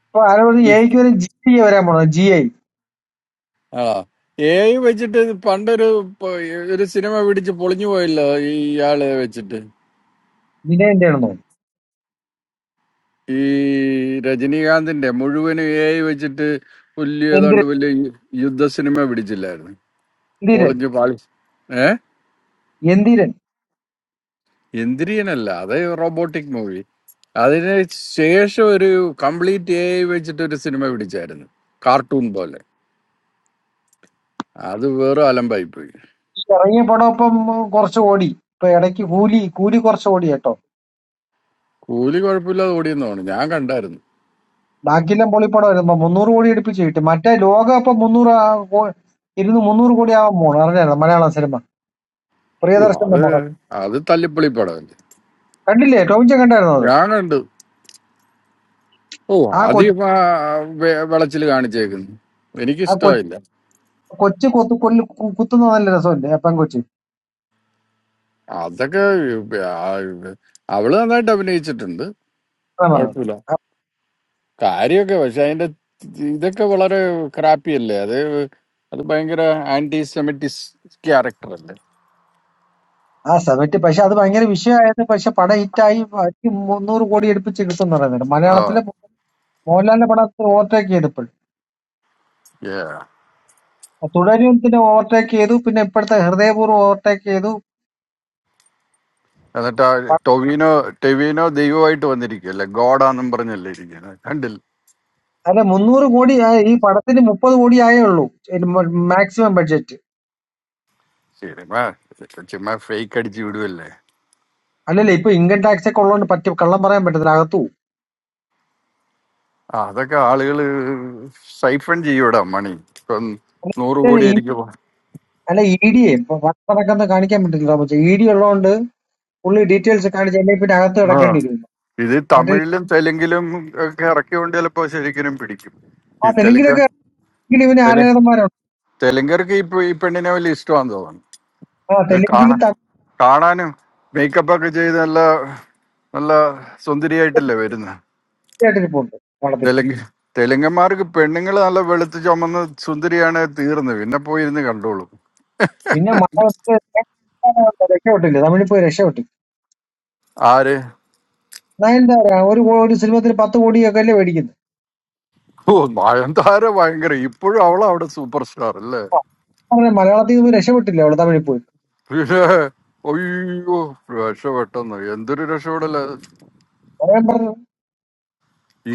[SPEAKER 12] ഇപ്പൊ ആരോ ഒരു
[SPEAKER 2] ഈ-
[SPEAKER 12] എക്ക് വരെ ജി ഐ വരാൻ പോണോ ജി ഐ
[SPEAKER 2] ആ എ ഐ വെച്ചിട്ട് പണ്ടൊരു പ- ഒരു സിനിമ പിടിച്ച് പൊളിഞ്ഞു പോയല്ലോ ഈ ഇയാളെ വെച്ചിട്ട്
[SPEAKER 12] വിനയന്റെ ആണെന്ന് തോന്നുന്നു
[SPEAKER 2] ഈ രജനീകാന്തിന്റെ മുഴുവനും എ ഐ വെച്ചിട്ട് വലിയ ഏതാണ്ട്
[SPEAKER 12] എന്തിരൻ
[SPEAKER 2] വലിയ യു- യുദ്ധ സിനിമ പിടിച്ചില്ലായിരുന്നു
[SPEAKER 12] എന്തിരൻ
[SPEAKER 2] പൊളിഞ്ഞു പാളി ഏ
[SPEAKER 12] എന്തിരൻ
[SPEAKER 2] ഇന്ദ്രിയനല്ല അത് റോബോട്ടിക് മൂവി അതിന് ശേഷം ഒരു കംപ്ലീറ്റ് എ ഐ വെച്ചിട്ട് ഒരു സിനിമ പിടിച്ചായിരുന്നു കാർട്ടൂൺ പോലെ അത് വേറെ അലമ്പായി പോയി.
[SPEAKER 12] ഇറങ്ങിയ പടം ഇപ്പം കുറച്ച് ഓടി ഇപ്പൊ ഇടയ്ക്ക് കൂലി കൂലി കുറച്ച് ഓടി കേട്ടോ
[SPEAKER 2] കൂലി കുഴപ്പമില്ലാതെ ഓടിയെന്ന് തോന്നുന്നു ഞാൻ കണ്ടായിരുന്നു
[SPEAKER 12] ബാക്കിയെല്ലാം പൊളിപ്പടം വരുമ്പോ മുന്നൂറ് കോടി അടുപ്പിച്ച് കിട്ടും മറ്റേ ലോകം ഇപ്പൊ മുന്നൂറ് ആ കോ- ഇരുന്ന് മുന്നൂറ് കോടി ആവാൻ പോണു അറിഞ്ഞായിരുന്നു മലയാളം സിനിമ
[SPEAKER 2] ഓ
[SPEAKER 12] പ്രിയദർശന്റെ
[SPEAKER 2] അത്
[SPEAKER 12] മുഖം
[SPEAKER 2] അത് തല്ലിപ്പൊളി പടമല്ലേ
[SPEAKER 12] കണ്ടില്ലേ ടോമിച്ച കണ്ടായിരുന്നു അത്
[SPEAKER 2] ഞാൻ കണ്ടു ഓ
[SPEAKER 12] ആ കൊച്ചു
[SPEAKER 2] ആദ്യം ആ വെ- വെളച്ചിൽ കാണിച്ചേക്കുന്നു
[SPEAKER 12] ആ കൊച്ചു
[SPEAKER 2] എനിക്കിഷ്ടമായില്ല
[SPEAKER 12] കൊച്ചു കൊത്തു കൊല്ലു കു- കുത്തുന്ന നല്ല രസമല്ലേ അപ്പം കൊച്ചു
[SPEAKER 2] അതൊക്കെ ആ അവള് നന്നായിട്ട് അഭിനയിച്ചിട്ടുണ്ട്
[SPEAKER 12] അതാ പറഞ്ഞത്
[SPEAKER 2] കുഴപ്പമില്ല
[SPEAKER 12] ആ-
[SPEAKER 2] കാര്യമൊക്കെ പക്ഷെ അതിന്റെ ഇതൊക്കെ വളരെ ക്രാപ്പി അല്ലേ അത് അത് ഭയങ്കര ആന്റി സെമിറ്റിസ് ക്യാരക്ടർ അല്ലേ
[SPEAKER 12] ആ സമയത്ത് പക്ഷെ അത് ഭയങ്കര വിഷയമായത് പക്ഷെ പടം ഹിറ്റായി ബാക്കി മുന്നൂറ് കോടി എടുപ്പിച്ച് കിട്ടും എന്ന് പറയുന്നുണ്ട്
[SPEAKER 2] ആ
[SPEAKER 12] മലയാളത്തിലെ മോഹൻലാലിന്റെ പടം ഓവർടേക്ക് ചെയ്തപ്പോൾ
[SPEAKER 2] yeah.
[SPEAKER 12] തുടരും പിന്നെ ഓവർടേക്ക് ചെയ്തു പിന്നെ ഇപ്പോഴത്തെ ഹൃദയപൂർവ്വം ഓവർടേക്ക് ചെയ്തു
[SPEAKER 2] എന്നിട്ട് ആ ടൊവിനോ ടെവിനോ ദൈവമായിട്ട് വന്നിരിക്കുകയല്ലേ ഗോഡാന്നും പറഞ്ഞല്ലേ ഇരിക്കുന്നത്
[SPEAKER 12] അല്ല മുന്നൂറ് കോടി ആയ- ഈ പടത്തിന് മുപ്പത് കോടി ആയേ ഉള്ളൂ മാക്സിമം ബഡ്ജറ്റ്
[SPEAKER 2] സിനിമ ഇതൊക്കെ ചുമ്മാ ഫേക്ക് അടിച്ച് വിടുവല്ലേ
[SPEAKER 12] അല്ലല്ലേ ഇപ്പൊ ഇൻകം ടാക്സ് ഒക്കെ ഉള്ളതുകൊണ്ട് പറ്റും കള്ളം പറയാൻ പറ്റത്തില്ല അകത്തു പോകും.
[SPEAKER 2] ആ, അതൊക്കെ ആളുകൾ സൈഫൺ ചെയ്യൂടാ മണി ഇപ്പം നൂറ്
[SPEAKER 12] അല്ല
[SPEAKER 2] കോടി
[SPEAKER 12] ഈ-
[SPEAKER 2] ആയിരിക്കും
[SPEAKER 12] അല്ല ഇ ഡി വട്ടടക്കം കാണിക്കാൻ പറ്റത്തില്ല പക്ഷേ ഇ ഡി ഉള്ളതുകൊണ്ട് പുള്ളി ഡീറ്റെയിൽസ് കാണിച്ച് അല്ലെങ്കിൽ പിന്നെ അകത്ത്
[SPEAKER 2] ആ
[SPEAKER 12] കിടക്കേണ്ടി വരും
[SPEAKER 2] ഇത്
[SPEAKER 12] മറ്റേ
[SPEAKER 2] തമിഴിലും തെലുങ്കിലും ഒക്കെ ഇറക്കിയോണ്ട് ചിലപ്പോ ശരിക്കും പിടിക്കും
[SPEAKER 12] ആ
[SPEAKER 2] ഈ തെലുങ്ക
[SPEAKER 12] തെലുങ്കിലൊക്കെ ആണെങ്കിൽ ഇവന്
[SPEAKER 2] തെലു
[SPEAKER 12] ആരാധന്മാരുണ്ട്
[SPEAKER 2] തെലുങ്കർക്ക് ഇപ്പൊ ഈ പെണ്ണിനെ വലിയ ഇഷ്ടമാണെന്ന് തോന്നുന്നു
[SPEAKER 12] ആ
[SPEAKER 2] ഇത്
[SPEAKER 12] തെലുങ്കിൽ
[SPEAKER 2] കാണാൻ കാണാനും മേക്കപ്പ് ഒക്കെ ചെയ്ത് നല്ല നല്ല സുന്ദരിയായിട്ടല്ലേ വരുന്നത്
[SPEAKER 12] തമിഴായിട്ട് ഇരിപ്പുണ്ട് പടത്തിൽ
[SPEAKER 2] തെലുങ്ക് തെലുങ്കന്മാർക്ക് പെണ്ണുങ്ങൾ നല്ല വെളുത്ത് ചുമന്ന് സുന്ദരിയാണ് തീർന്നു പിന്നെ പോയിരുന്ന് കണ്ടോളും
[SPEAKER 12] പിന്നെ മലയാളത്തിൽ രക്ഷപ്പെട്ടില്ല തമിഴിൽ പോയി രക്ഷപ്പെട്ടില്ല
[SPEAKER 2] ആര്
[SPEAKER 12] നയൻതാര ഒരു കോ- ഒരു സിനിമത്തിൽ പത്ത് കോടിയൊക്കെ അല്ലേ മേടിക്കുന്നത്
[SPEAKER 2] ഓ നയൻതാര ഭയങ്കര ഇപ്പോഴും അവൾ അവിടെ സൂപ്പർ സ്റ്റാർ അല്ലേ
[SPEAKER 12] അപ്പൊ അവര് മലയാളത്തിൽ നിന്ന് രക്ഷപ്പെട്ടില്ല അവള് തമിഴിൽ പോയി
[SPEAKER 2] പിന്നെ അയ്യോ രക്ഷപ്പെട്ടെന്ന് എന്തൊരു രക്ഷപ്പെടല
[SPEAKER 12] പറയാൻ പറഞ്ഞു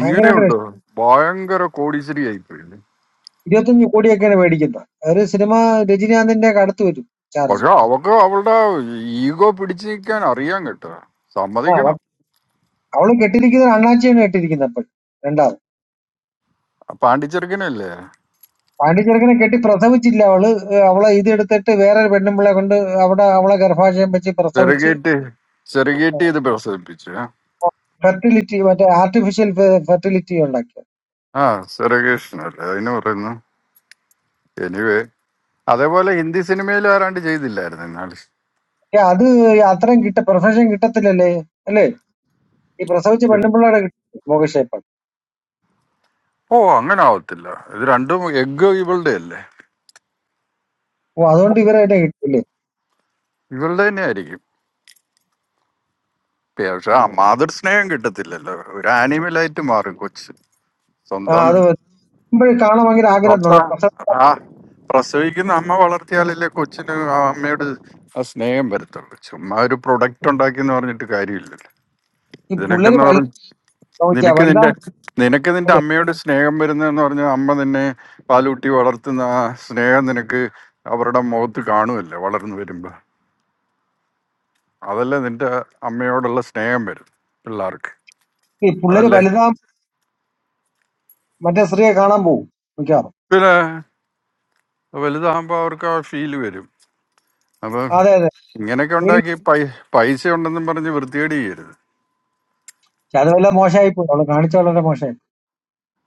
[SPEAKER 12] ഭയങ്കരമായിട്ട്
[SPEAKER 2] ഭയങ്കര കോടീശ്വരിയായി പോയില്ലേ
[SPEAKER 12] ഇരുപത്തഞ്ച് കോടിയൊക്കെയാണ് മേടിക്കുന്നത്. ഒരു സിനിമ രജനീകാന്തിന്റെയൊക്കെ അടുത്ത് വരും ചാർജ്.
[SPEAKER 2] പക്ഷെ അവക്ക് അവളുടെ ഈഗോ പിടിച്ചു നിൽക്കാൻ അറിയാൻ കേട്ടോ
[SPEAKER 12] ആ
[SPEAKER 2] സമ്മതിക്കണം
[SPEAKER 12] അവ- അവള് കെട്ടിയിരിക്കുന്നത് അണ്ണാച്ചിയാണ് കെട്ടിയിരിക്കുന്നത് അപ്പോൾ രണ്ടാമത്
[SPEAKER 2] ആ പാണ്ടിച്ചെറുക്കനല്ലേ
[SPEAKER 12] പാണ്ടിച്ചെറുക്കനെ കെട്ടി പ്രസവിച്ചില്ല അവള് ഏഹ് അവളെ ഇതെടുത്തിട്ട് വേറൊരു പെണ്ണുമ്പിളെ കൊണ്ട് അവിടെ അവളെ ഗർഭാശയം വെച്ച് പ്രസവിച്ച്
[SPEAKER 2] ചെറുകേറ്റ് ചെറുകേറ്റ് ഇത് പ്രസവിപ്പിച്ചു
[SPEAKER 12] ഫെർട്ടിലിറ്റി മറ്റേ ആർട്ടിഫിഷ്യൽ ഫെർട്ടിലിറ്റി ഉണ്ടാക്കിയത്
[SPEAKER 2] ആ ചെറുകേഷനല്ലേ അതിന് പറയുന്നു എനിവേ അതേപോലെ ഹിന്ദി സിനിമയിൽ ആരാണ്ട് ചെയ്തില്ലായിരുന്നു എന്നാള്
[SPEAKER 12] പക്ഷെ അത് അത്രയും കിട്ട പ്രൊഫഷൻ കിട്ടത്തില്ലല്ലേ അല്ലേ ഈ പ്രസവിച്ച പെണ്ണുമ്പിള്ളയുടെ കിട്ടും മോകക്ഷേപ്പം
[SPEAKER 2] ഓ അങ്ങനെ ആവത്തില്ല ഇത് രണ്ടും എഗ് ഇവളുടെ അല്ലേ
[SPEAKER 12] ഓ അതുകൊണ്ട് ഇവരെ തന്നെ കിട്ടില്ലേ
[SPEAKER 2] ഇവളുടെ തന്നെ ആയിരിക്കും പക്ഷെ ആ മാതൃ സ്നേഹം കിട്ടത്തില്ലല്ലോ ഒരു ആനിമലായിട്ട് മാറും കൊച്ച്
[SPEAKER 12] ആ
[SPEAKER 2] സ്വന്തം
[SPEAKER 12] അത് വരുമ്പോഴും കാണാൻ ഭയങ്കര ആഗ്രഹം തോന്നുന്നു
[SPEAKER 2] സ്വന്തം
[SPEAKER 12] പ്രസവ
[SPEAKER 2] ആ പ്രസവിക്കുന്ന അമ്മ വളർത്തിയാലല്ലേ കൊച്ചിന് ആ അമ്മയോട് ആ സ്നേഹം വരത്തുള്ളൂ ചുമ്മാ ഒരു പ്രൊഡക്റ്റ് ഉണ്ടാക്കി എന്ന് പറഞ്ഞിട്ട് കാര്യമില്ലല്ലോ
[SPEAKER 12] ഈ
[SPEAKER 2] ഇതിനൊക്കെ
[SPEAKER 12] പുള്ളേര്
[SPEAKER 2] എന്ന് പറഞ്ഞ
[SPEAKER 12] വലുതാ
[SPEAKER 2] നിനക്ക് നിന്റെ
[SPEAKER 12] വലുതാവും
[SPEAKER 2] നിനക്ക് നിന്റെ അമ്മയോട് സ്നേഹം വരുന്നതെന്ന് പറഞ്ഞാൽ അമ്മ നിന്നെ പാലൂട്ടി വളർത്തുന്ന ആ സ്നേഹം നിനക്ക് അവരുടെ മുഖത്ത് കാണുമല്ലോ വളർന്നു വരുമ്പോ അതല്ലേ നിന്റെ അമ്മയോടുള്ള സ്നേഹം വരും പിള്ളേർക്ക്
[SPEAKER 12] ഈ പിള്ളേര്
[SPEAKER 2] അതല്ലേ
[SPEAKER 12] വലുതാം മറ്റേ സ്ത്രീയെ കാണാൻ പോകും മിക്കവാറും
[SPEAKER 2] പിന്നെ വലുതാകുമ്പോൾ അവർക്ക് ആ ഫീൽ വരും അപ്പം
[SPEAKER 12] അതെ അതെ
[SPEAKER 2] ഇങ്ങനെയൊക്കെ
[SPEAKER 12] പേടിച്ച്
[SPEAKER 2] ഉണ്ടാക്കി പൈ പൈസ ഉണ്ടെന്നും പറഞ്ഞ് വൃത്തികേട് ചെയ്യരുത്
[SPEAKER 12] അത് വല്ല മോശമായി പോയി അവളെ കാണിച്ച വളരെ മോശമായി പോയി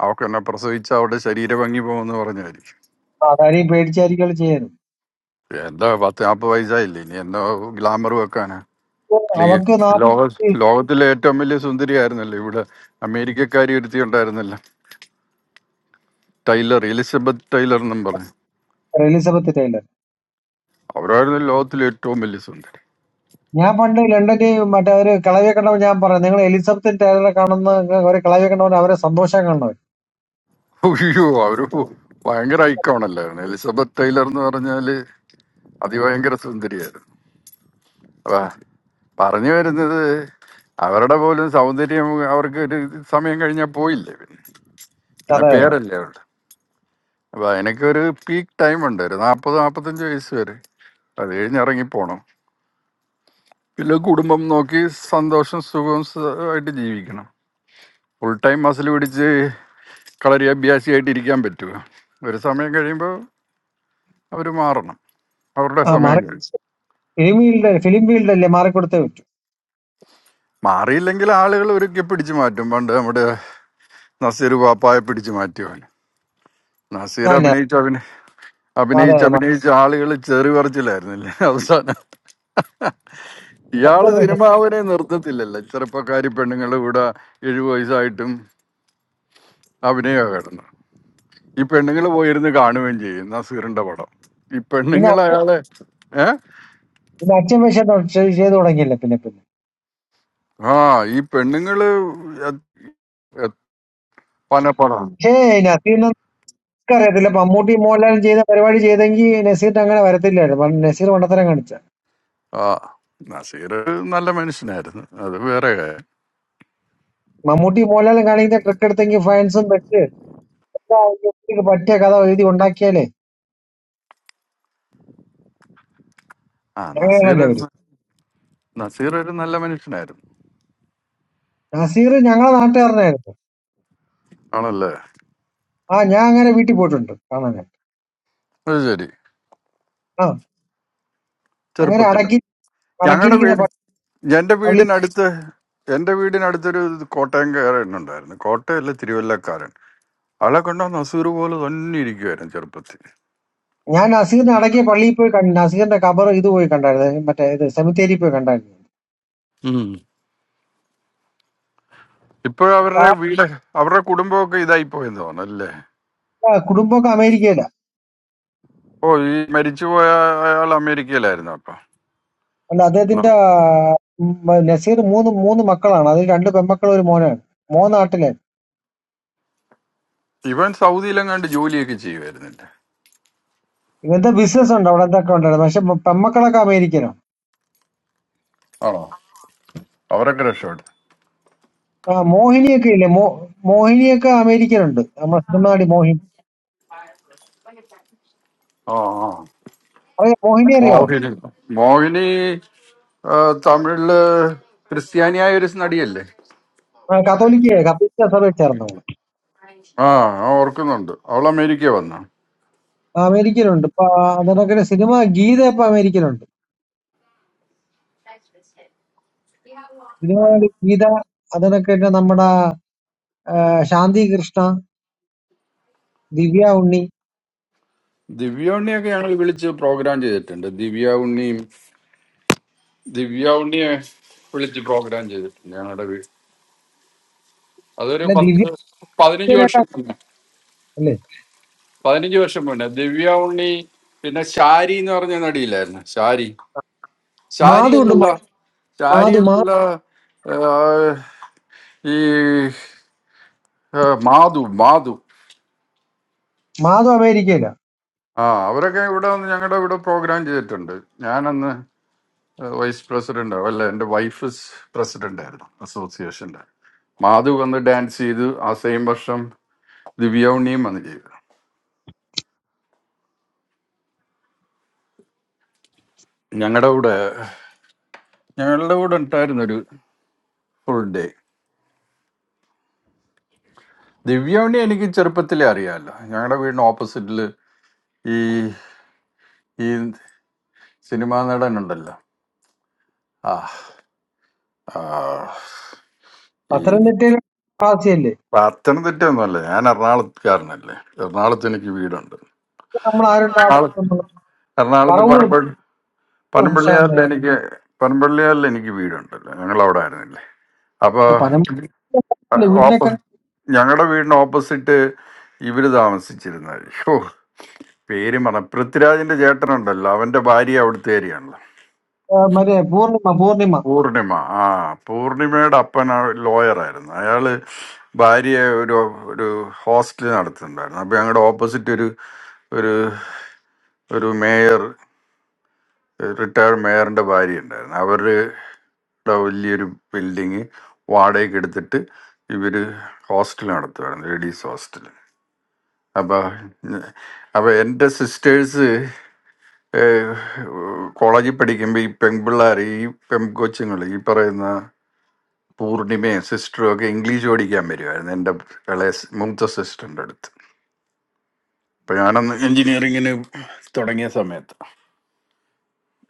[SPEAKER 2] അവൾക്ക് എന്നെ പ്രസവിച്ച അവളുടെ ശരീര ഭംഗി പോകുമെന്ന് പറഞ്ഞായിരിക്കും
[SPEAKER 12] അപ്പൊ അതാരെയും പേടിച്ചായിരിക്കും അവള് ചെയ്യാനും
[SPEAKER 2] എന്താ പത്ത് നാൽപ്പത് വയസ്സായില്ലേ ഇനി എന്തോ ഗ്ലാമർ വെക്കാനാ ക്ലിയർ
[SPEAKER 12] അവക്ക്
[SPEAKER 2] ലോക
[SPEAKER 12] നാപ്പത്തി
[SPEAKER 2] ലോകത്തിലെ ഏറ്റവും വലിയ സുന്ദരിയായിരുന്നല്ലോ ഇവിടെ അമേരിക്കക്കാരി ഒരുത്തി ഉണ്ടായിരുന്നല്ലോ ടൈലർ എലിസബത്ത് ടൈലർ എന്നും പറഞ്ഞു
[SPEAKER 12] എലിസബത്ത് ടൈലർ
[SPEAKER 2] അവരായിരുന്നു ലോകത്തിലെ ഏറ്റവും വലിയ സുന്ദരി
[SPEAKER 12] ഞാൻ പണ്ട് ലണ്ടനിൽ മറ്റേ ഒരു കിളവിയെ കണ്ടപ്പോൾ ഞാൻ പറഞ്ഞു നിങ്ങൾ എലിസബത്ത് ടൈലറെ കാണുന്ന ഒരു കിളവിയെ കണ്ടവൻ അവരെ സന്തോഷം കാണുന്നവർ
[SPEAKER 2] അയ്യോ അവര് ഭയങ്കര ഐക്കോണല്ലായിരുന്നു എലിസബത്ത് ടൈലർ എന്ന് പറഞ്ഞാല് അതിഭയങ്കര സുന്ദരിയായിരുന്നു അതാ പറഞ്ഞു വരുന്നത് അവരുടെ പോലും സൗന്ദര്യം അവർക്ക് ഒരു സമയം കഴിഞ്ഞാൽ പോയില്ലേ പിന്നെ പിന്നെ
[SPEAKER 12] അതെ അതെ
[SPEAKER 2] പേരല്ലേ അവരുടെ അപ്പൊ അതിനൊക്കെ ഒരു പീക്ക് ടൈം ഉണ്ട് ഒരു നാൽപ്പത് നാൽപ്പത്തഞ്ച് വയസ്സ് വരെ അത് കഴിഞ്ഞ് ഇറങ്ങിപ്പോണം പിന്നെ കുടുംബം നോക്കി സന്തോഷം സുഖവും സ- ആയിട്ട് ജീവിക്കണം ഫുൾ ടൈം മസിൽ പിടിച്ച് കളരി അഭ്യാസിയായിട്ട് ഇരിക്കാൻ പറ്റുമോ ഒരു സമയം കഴിയുമ്പോൾ അവർ മാറണം അവരുടെ
[SPEAKER 12] ആ
[SPEAKER 2] സമയം
[SPEAKER 12] മാറി
[SPEAKER 2] കഴിച്ചു
[SPEAKER 12] ഫിലിം ഫീൽഡ് ഫിലിം ഫീൽഡല്ലേ മാറിക്കൊടുത്തേ പറ്റൂ
[SPEAKER 2] മാറിയില്ലെങ്കിൽ ആളുകൾ ഒരുക്കി പിടിച്ചു മാറ്റും പണ്ട് നമ്മുടെ നസീർ പാപ്പായെ പിടിച്ചു മാറ്റിയവൻ നസീർ
[SPEAKER 12] ആ, ഞാൻ-
[SPEAKER 2] അഭിനയിച്ച അഭിനയ
[SPEAKER 12] അതെ
[SPEAKER 2] അഭിനയിച്ച്
[SPEAKER 12] അതെ മാ-
[SPEAKER 2] അഭിനയിച്ച് ആളുകൾ ചെറി പറിച്ചില്ലായിരുന്നില്ലേ അവസാനം ഇയാള്
[SPEAKER 12] അച്ഛൻ വേഷം
[SPEAKER 2] സിനിമാവിനെ നിർത്തത്തില്ലല്ലോ ചെറുപ്പക്കാരി പെണ്ണുങ്ങൾ ഇവിടെ എഴുപത് വയസ്സായിട്ടും അഭിനയ കിടന്നു ഈ പെണ്ണുങ്ങൾ പോയിരുന്ന് കാണുകയും ചെയ്യും നസീറിന്റെ പടം ഈ
[SPEAKER 12] പിന്നെ
[SPEAKER 2] പെണ്ണുങ്ങൾ
[SPEAKER 12] അച്ഛൻ
[SPEAKER 2] അയാളെ ഏ
[SPEAKER 12] പിന്നെ അച്ഛൻ വേഷം തൊ- ചെയ്ത് തുടങ്ങിയില്ല പിന്നെ പിന്നെ
[SPEAKER 2] ആ ഈ പെണ്ണുങ്ങള് എ- എ- പനപ്പടം
[SPEAKER 12] പക്ഷേ അറിയത്തില്ല മമ്മൂട്ടി മോഹൻലാലും ചെയ്ത പരിപാടി ചെയ്തെങ്കിൽ നസീറിന് അങ്ങനെ വരത്തില്ലായിരുന്നു കാരണം നസീർ മണ്ടത്തരം കാണിച്ച
[SPEAKER 2] ആ നസീർ നല്ല മനുഷ്യനായിരുന്നു അത് വേറെ കാര്യം.
[SPEAKER 12] മമ്മൂട്ടി മോഹൻലാലും കാണിക്കുന്ന ട്രിക്ക് എടുത്തെങ്കിൽ ഫാൻസും വെച്ച് എല്ലാ ഇവർക്ക് പറ്റിയ കഥ എഴുതി ഉണ്ടാക്കിയാലേ
[SPEAKER 2] ആ നസീർ
[SPEAKER 12] അങ്ങനെയാണല്ലോ
[SPEAKER 2] ഒരു
[SPEAKER 12] അവര്
[SPEAKER 2] ന- നസീർ ഒരു നല്ല മനുഷ്യനായിരുന്നു
[SPEAKER 12] നസീർ ഞങ്ങളെ നാട്ടുകാരനായിരുന്നു
[SPEAKER 2] ആണല്ലേ
[SPEAKER 12] ആ ഞാൻ അങ്ങനെ വീട്ടിൽ പോയിട്ടുണ്ട് കാണാനായിട്ട്
[SPEAKER 2] അത് ശരി
[SPEAKER 12] ആ അങ്ങനെ
[SPEAKER 2] ചെറുപ്പത്തിൽ
[SPEAKER 12] അടക്കി
[SPEAKER 2] ഞങ്ങളുടെ
[SPEAKER 12] അടക്കിയിരിക്കുന്ന
[SPEAKER 2] വീട്
[SPEAKER 12] പ-
[SPEAKER 2] എന്റെ
[SPEAKER 12] പള്ളി
[SPEAKER 2] വീടിനടുത്ത് എന്റെ വീടിനടുത്തൊരു കോട്ടയംകാരൻ ഉണ്ടായിരുന്നു കോട്ടയല്ല തിരുവല്ലക്കാരൻ ആളെ കണ്ടാൽ നസൂർ പോലെ തന്നെ ഇരിക്കുമായിരുന്നു ചെറുപ്പത്തിൽ
[SPEAKER 12] ഞാൻ നസീറിനെ അടക്കിയ പള്ളിയിൽ പോയി കണ്ടു നസീറിന്റെ കബർ ഇത് പോയി കണ്ടായിരുന്നു മറ്റേ ഇത് സെമിത്തേരി പോയി കണ്ടായിരുന്നു
[SPEAKER 2] ഉം. ഇപ്പൊ അവരുടെ വീട് അവരുടെ കുടുംബമൊക്കെ ഇതായി പോയെന്ന് തോന്നല്ലേ
[SPEAKER 12] ആ കുടുംബമൊക്കെ അമേരിക്കയിലാണ്
[SPEAKER 2] ഓ ഈ മരിച്ചുപോയ അയാൾ അമേരിക്കയിലായിരുന്നു അപ്പൊ
[SPEAKER 12] അല്ല അദ്ദേഹത്തിന്റെ
[SPEAKER 2] ന-
[SPEAKER 12] ആ, ഉം, നസീർ മൂന്ന് മൂന്ന് മക്കളാണ് അതിൽ രണ്ട് പെൺമക്കളും ഒരു മോനാണ് മോ നാട്ടിലെ
[SPEAKER 2] ഇവൻ സൗദിയിലെങ്ങാണ്ട് ജോലിയൊക്കെ ചെയ്യുമായിരുന്നില്ല
[SPEAKER 12] ഇവന്റെ ബിസിനസ് ഉണ്ട് അവിടെ എന്തൊക്കെ ഉണ്ടായിരുന്നു പക്ഷെ പെ- പെൺമക്കളൊക്കെ അമേരിക്കനോ
[SPEAKER 2] ആണോ അവരൊക്കെ രക്ഷപ്പെട്ടു
[SPEAKER 12] ആ മോഹിനിയൊക്കെ ഇല്ലേ മോ മോഹിനിയൊക്കെ അമേരിക്കനുണ്ട് നമ്മുടെ സിനിമാടി മോഹിനി
[SPEAKER 2] ആ ആ.
[SPEAKER 12] അറിയാം മോഹിനി അറിയാവോ
[SPEAKER 2] മോഹിനി മോഹിനി ആ, തമിഴില് ക്രിസ്ത്യാനിയായ ഒരു നടിയല്ലേ
[SPEAKER 12] ആ, കത്തോലിക്ക കത്തോലിക്ക സഭയിൽ ചേർന്ന അവള്
[SPEAKER 2] ആ ആ ഓർക്കുന്നുണ്ട് അവൾ അമേരിക്ക വന്ന
[SPEAKER 12] ആ, അമേരിക്കനുണ്ട് ഇപ്പൊ അതിനൊക്കെ സിനിമ ഗീത ഇപ്പൊ അമേരിക്കനുണ്ട് സിനിമ നടി ഗീത അതിനൊക്കെ നമ്മുടെ ആ, ശാന്തി കൃഷ്ണ ദിവ്യ ഉണ്ണി
[SPEAKER 2] ദിവ്യ ഉണ്ണിയൊക്കെ ഞങ്ങൾ വിളിച്ച് പ്രോഗ്രാം ചെയ്തിട്ടുണ്ട് ദിവ്യ ഉണ്ണിയും ദിവ്യ ഉണ്ണിയെ വിളിച്ച് പ്രോഗ്രാം ചെയ്തിട്ടുണ്ട് ഞങ്ങളുടെ വീട് അതൊരു
[SPEAKER 12] അല്ലെ
[SPEAKER 2] പത്ത്
[SPEAKER 12] ദിവ്യ
[SPEAKER 2] പതിനഞ്ച്
[SPEAKER 12] ഉണ്ണിയൊക്കെ
[SPEAKER 2] വർഷം മുന്നേ
[SPEAKER 12] അല്ലേ
[SPEAKER 2] പതിനഞ്ച് വർഷം മുന്നേ ദിവ്യ ഉണ്ണി പിന്നെ ശാരി എന്ന് പറഞ്ഞ നടിയില്ലായിരുന്നു ശാരി ശാരി
[SPEAKER 12] മാധു ഉണ്ട്
[SPEAKER 2] അല്ലല്ലോ
[SPEAKER 12] മാ-
[SPEAKER 2] ശാരി
[SPEAKER 12] മാധു മാ-
[SPEAKER 2] അല്ലല്ലോ ആ, ഈ ആ, മാധു മാധു
[SPEAKER 12] മാധു അമേരിക്കയില
[SPEAKER 2] ആ അവരൊക്കെ ഇവിടെ വന്ന് ഞങ്ങളുടെ ഇവിടെ പ്രോഗ്രാം ചെയ്തിട്ടുണ്ട് ഞാനന്ന് വൈസ് പ്രസിഡന്റ് ആവും അല്ല എന്റെ വൈഫ് പ്രസിഡന്റ് ആയിരുന്നു അസോസിയേഷന്റെ മാധു വന്ന് ഡാൻസ് ചെയ്തു ആ സെയിം വർഷം ദിവ്യ ഉണ്ണിയും വന്ന് ചെയ്തു ഞങ്ങളുടെ കൂടെ ഞങ്ങളുടെ കൂടെ ഉണ്ടായിരുന്നു ഒരു ഫുൾ ഡേ ദിവ്യ ഉണ്ണി എനിക്ക് ചെറുപ്പത്തിലേ അറിയാമല്ലോ ഞങ്ങളുടെ വീടിന് ഓപ്പോസിറ്റിൽ ഈ ഈ സിനിമാ നടൻ ഉണ്ടല്ലോ ആ ആ, ഈ
[SPEAKER 12] പത്തനംതിട്ടയിൽ ആദ്യമല്ലേ
[SPEAKER 2] പത്തനംതിട്ട ഒന്നുമല്ല ഞാൻ എറണാകുളത്തുകാരനല്ലേ എറണാകുളത്ത് എനിക്ക് വീടുണ്ട്
[SPEAKER 12] നമ്മൾ
[SPEAKER 2] എറണാകുളത്ത്
[SPEAKER 12] ആരുണ്ടാവുന്നത്
[SPEAKER 2] എറണാകുളത്ത്
[SPEAKER 12] പറവൂർ
[SPEAKER 2] പറമ്പ
[SPEAKER 12] പറവൂർ
[SPEAKER 2] പനമ്പള്ളിയാറിൽ
[SPEAKER 12] ഹർഷാന്ന്
[SPEAKER 2] എനിക്ക് പനമ്പള്ളിയാറിൽ എനിക്ക് വീടുണ്ടല്ലോ ഞങ്ങൾ അവിടെ ആയിരുന്നില്ലേ അപ്പോൾ
[SPEAKER 12] പനമ്പൂരിലെ
[SPEAKER 2] ഓപ്പ
[SPEAKER 12] വീടിനൊക്കെ
[SPEAKER 2] ഞങ്ങളുടെ വീടിന് ഓപ്പോസിറ്റ് ഇവർ താമസിച്ചിരുന്നത് ഓ പേര് മറ പൃഥ്വിരാജിന്റെ ചേട്ടനുണ്ടല്ലോ അവന്റെ ഭാര്യ അവിടുത്തെ ഏരിയാണല്ലോ
[SPEAKER 12] ആ, മറ്റേ പൂർണിമ പൂർണിമ
[SPEAKER 2] പൂർണിമ ആ പൂർണിമയുടെ അപ്പൻ ലോയറായിരുന്നു അയാള് ഭാര്യ ഒരു ഒരു ഹോസ്റ്റൽ നടത്തുന്നുണ്ടായിരുന്നു അപ്പോൾ ഞങ്ങളുടെ ഓപ്പോസിറ്റ് ഒരു ഒരു ഒരു മേയർ റിട്ടയർഡ് മേയറിൻ്റെ ഭാര്യ ഉണ്ടായിരുന്നു അവരുടെ വലിയൊരു ബിൽഡിങ് വാടകയ്ക്ക് എടുത്തിട്ട് ഇവർ ഹോസ്റ്റൽ നടത്തുമായിരുന്നു ലേഡീസ് ഹോസ്റ്റൽ അപ്പോൾ അപ്പോൾ എൻ്റെ സിസ്റ്റേഴ്സ് കോളേജിൽ പഠിക്കുമ്പോൾ ഈ പെൺപിള്ളേർ ഈ പെൺകൊച്ചുങ്ങൾ ഈ പറയുന്ന പൂർണിമയും സിസ്റ്ററും ഒക്കെ ഇംഗ്ലീഷ് പഠിക്കാൻ വരുമായിരുന്നു എൻ്റെ ഇളയ സി- മൂത്ത സിസ്റ്ററിൻ്റെ അടുത്ത് അപ്പം ഞാനന്ന് എൻജിനീയറിങ്ങിന് തുടങ്ങിയ സമയത്ത്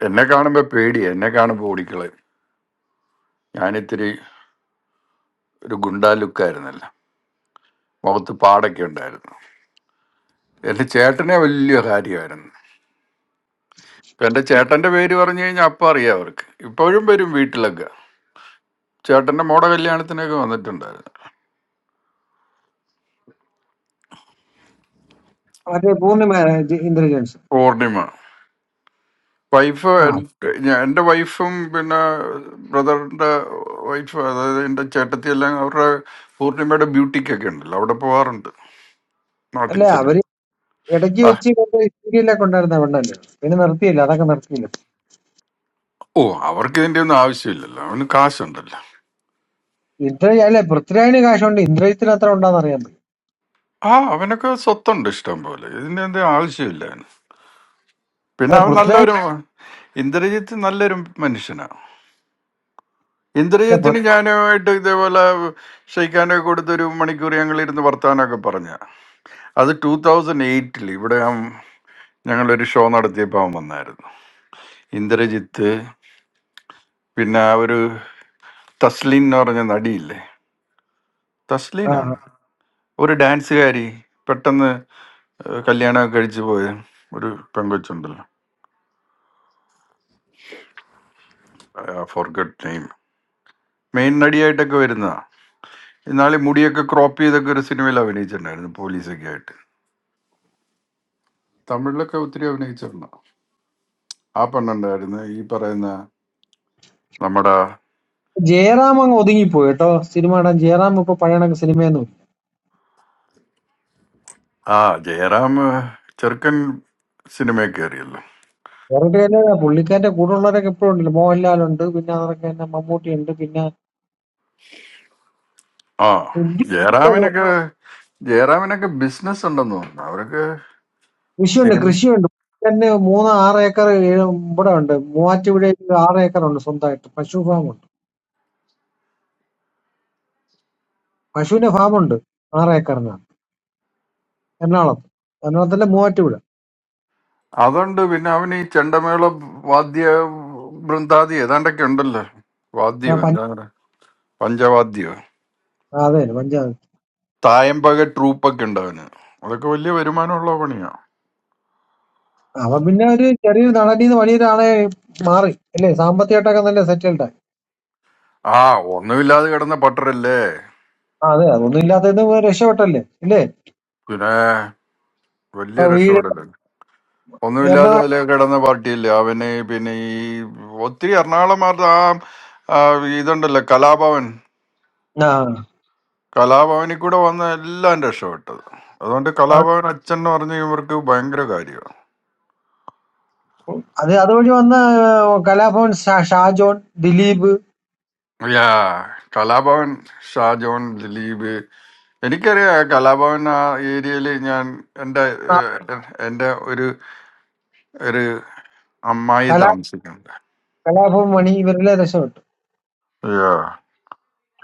[SPEAKER 2] എന്നെ കാണുമ്പോൾ പേടിയാണ് എന്നെ കാണുമ്പോൾ ഓടിക്കളയും ഞാനിത്തിരി ഒരു ഗുണ്ടാ ലുക്കായിരുന്നല്ലോ മുഖത്ത് പാടൊക്കെ ഉണ്ടായിരുന്നു എൻ്റെ ചേട്ടനെ വലിയ കാര്യമായിരുന്നു ഇപ്പൊ എൻ്റെ ചേട്ടൻ്റെ പേര് പറഞ്ഞു കഴിഞ്ഞാൽ അപ്പം അറിയാം അവർക്ക് ഇപ്പോഴും വരും വീട്ടിലൊക്കെ ചേട്ടൻ്റെ മോടെ കല്യാണത്തിനൊക്കെ വന്നിട്ടുണ്ടായിരുന്നു
[SPEAKER 12] മറ്റേ പൂർണിമ ഇന്റലിജൻസ്
[SPEAKER 2] പൂർണിമ വൈഫ്
[SPEAKER 12] ആ
[SPEAKER 2] എൻ്റെ വൈഫും പിന്നെ ബ്രദറിൻ്റെ വൈഫ് അതായത് എൻ്റെ ചേട്ടത്തി എല്ലാം അവരുടെ പൂർണിമയുടെ ബ്യൂട്ടിക്കൊക്കെ ഉണ്ടല്ലോ അവിടെ പോവാറുണ്ട് നാട്ടിൽ
[SPEAKER 12] അല്ലെ
[SPEAKER 2] ചെല്ലും
[SPEAKER 12] അവര് ഇടയ്ക്ക്
[SPEAKER 2] ആ
[SPEAKER 12] വെച്ച് കൊണ്ട് സീരിയലൊക്കെ ഉണ്ടായിരുന്ന പെണ്ണല്ലേ പിന്നെ നിർത്തിയില്ല അതൊക്കെ നിർത്തിയില്ല
[SPEAKER 2] ഓ അവർക്ക് ഇതിൻ്റെ ഒന്നും ആവശ്യമില്ലല്ലോ അവന് കാശുണ്ടല്ലോ
[SPEAKER 12] ഇന്ദ്ര അല്ലെ പൃഥ്വിരാജിന് കാശുണ്ട് ഇന്ദ്രജിത്തിന് അത്ര ഉണ്ടാന്ന് അറിയാൻ പറ്റും
[SPEAKER 2] ആ അവനൊക്കെ സ്വത്തുണ്ട് ഇഷ്ടം പോലെ ഇതിന്റെ എന്ത് ആവശ്യമില്ല പിന്നെ
[SPEAKER 12] അല്ലെ
[SPEAKER 2] അവൻ
[SPEAKER 12] പൃഥ്വിരാജ്
[SPEAKER 2] നല്ലൊരു ഇന്ദ്രജിത്ത് നല്ലൊരു മനുഷ്യനാണ്
[SPEAKER 12] അല്ലെ പൃ-
[SPEAKER 2] ഇന്ദ്രജിത്തിന് ഞാനുമായിട്ട് ഇതേപോലെ ഷെയ്ക്കാനൊക്കെ കൊടുത്തൊരു മണിക്കൂർ ഞങ്ങൾ ഇരുന്ന് വർത്താനമൊക്കെ പറഞ്ഞ അത് ടൂ തൗസൻഡ് എയ്റ്റിൽ ഇവിടെ അവൻ- ഞങ്ങളൊരു ഷോ നടത്തിയപ്പോൾ അവൻ വന്നായിരുന്നു ഇന്ദ്രജിത്ത് പിന്നെ ആ ഒരു തസ്ലീൻ എന്ന് പറഞ്ഞ നടിയില്ലേ
[SPEAKER 12] ആ,
[SPEAKER 2] തസ്ലീനാണ് ഒരു ഡാൻസുകാരി പെട്ടെന്ന് ഏഹ്, കല്യാണമൊക്കെ കഴിച്ചു പോയ ഒരു പെങ്കൊച്ചുണ്ടല്ലോ ഫോർഗട്ട് നെയിം മെയിൻ നടിയായിട്ടൊക്കെ വരുന്നതാ എന്നാൽ ഈ മുടിയൊക്കെ ക്രോപ്പ് ചെയ്തൊക്കെ ഒരു സിനിമയിൽ അഭിനയിച്ചിട്ടുണ്ടായിരുന്നു പോലീസൊക്കെ ആയിട്ട് തമിഴിലൊക്കെ ഒത്തിരി അഭിനയിച്ചിട്ടുണ്ട് ആ പെണ്ണുണ്ടായിരുന്നു ഈ പറയുന്ന നമ്മുടെ
[SPEAKER 12] ജയറാം അങ്ങ് ഒതുങ്ങിപ്പോയി കേട്ടോ സിനിമ ഇടാൻ ജയറാം ഇപ്പൊ പഴയ സിനിമയൊന്നും
[SPEAKER 2] ആ ജയറാം ചെറുക്കൻ സിനിമയിൽ കയറിയല്ലോ
[SPEAKER 12] വേറെ പുള്ളിക്കാരന്റെ കൂടെ ഉള്ളവരൊക്കെ ഇപ്പോഴും ഉണ്ടല്ലോ മോഹൻലാൽ ഉണ്ട് പിന്നെ അതൊക്കെ തന്നെ മമ്മൂട്ടി ഉണ്ട് പിന്നെ
[SPEAKER 2] ആ ജയറാമിനൊക്കെ ജയറാമിനൊക്കെ ബിസിനസ് ഉണ്ടെന്ന് തോന്നുന്നു അവരൊക്കെ
[SPEAKER 12] കൃഷിയുണ്ട്
[SPEAKER 2] സിനിമ
[SPEAKER 12] കൃഷിയുണ്ട് തന്നെ മൂന്ന് ആറ് ഏക്കർ ഏഴ് ഇവിടെ ഉണ്ട് മൂവാറ്റുപുഴയിൽ ആറ് ഏക്കർ ഉണ്ട് സ്വന്തമായിട്ട് പശു ഫാം ഉണ്ട് പശുവിന്റെ ഫാം ഉണ്ട് ആറ് ഏക്കറിനാണ് എറണാകുളത്ത് എറണാകുളത്തിന്റെ മൂവാറ്റുപുഴ
[SPEAKER 2] അതുണ്ട് പിന്നെ അവന് ഈ ചെണ്ടമേള വാദ്യ വൃന്ദാദി ഏതാണ്ടൊക്കെ ഉണ്ടല്ലോ
[SPEAKER 12] ആ,
[SPEAKER 2] വാദ്യം
[SPEAKER 12] പഞ്ച-
[SPEAKER 2] എന്താ പറയുക പഞ്ചവാദ്യോ
[SPEAKER 12] ആ, അതെ പഞ്ചായത്ത്
[SPEAKER 2] തായമ്പക ട്രൂപ്പൊക്കെ ഉണ്ട് അവന് അതൊക്കെ വലിയ വരുമാനമുള്ള പണിയാ
[SPEAKER 12] അവൻ പിന്നെ ഒരു ചെറിയൊരു നടനീന്ന് വലിയൊരാളെ മാറി അല്ലേ സാമ്പത്തികമായിട്ടൊക്കെ നല്ല സെറ്റിൽഡ് ആയി
[SPEAKER 2] ആ ഒന്നുമില്ലാതെ കിടന്ന പട്ടരല്ലേ
[SPEAKER 12] ആ, അതെ അതൊന്നും ഇല്ലാത്തത് രക്ഷപ്പെട്ടല്ലേ ഇല്ലേ
[SPEAKER 2] പിന്നെ വലിയ
[SPEAKER 12] ഇപ്പൊ വീട്
[SPEAKER 2] രക്ഷപ്പെടല്ലേ ഒന്നുമില്ലാതെ
[SPEAKER 12] എറണാകുളം
[SPEAKER 2] അതിലെ കിടന്ന പാർട്ടിയല്ലേ അവന് പിന്നെ ഈ ഒത്തിരി എറണാകുളംകാരുടെ ആ ആ ഇതുണ്ടല്ലോ കലാഭവൻ
[SPEAKER 12] ആ
[SPEAKER 2] കലാഭവനിൽ കൂടെ വന്ന എല്ലാം രക്ഷപ്പെട്ടത് അതുകൊണ്ട് കലാഭവൻ അച്ഛൻ എന്ന് പറഞ്ഞ ഇവർക്ക് ഭയങ്കര കാര്യമാണ്
[SPEAKER 12] അത് അതുവഴി വന്ന കലാഭവൻ ഷാ- ഷാജോൺ ദിലീപ്
[SPEAKER 2] യാ കലാഭവൻ ഷാജോൺ ദിലീപ് എനിക്കറിയാം ആ കലാഭവൻ ആ ഏരിയയിൽ ഞാൻ എൻ്റെ
[SPEAKER 12] ആ,
[SPEAKER 2] ഏഹ്, എൻ്റെ ഒരു ഒരു അമ്മായി
[SPEAKER 12] കലാ
[SPEAKER 2] താമസിക്കുന്നുണ്ട്
[SPEAKER 12] കലാഭവൻ മണി ഇവരെല്ലാം രക്ഷപ്പെട്ടു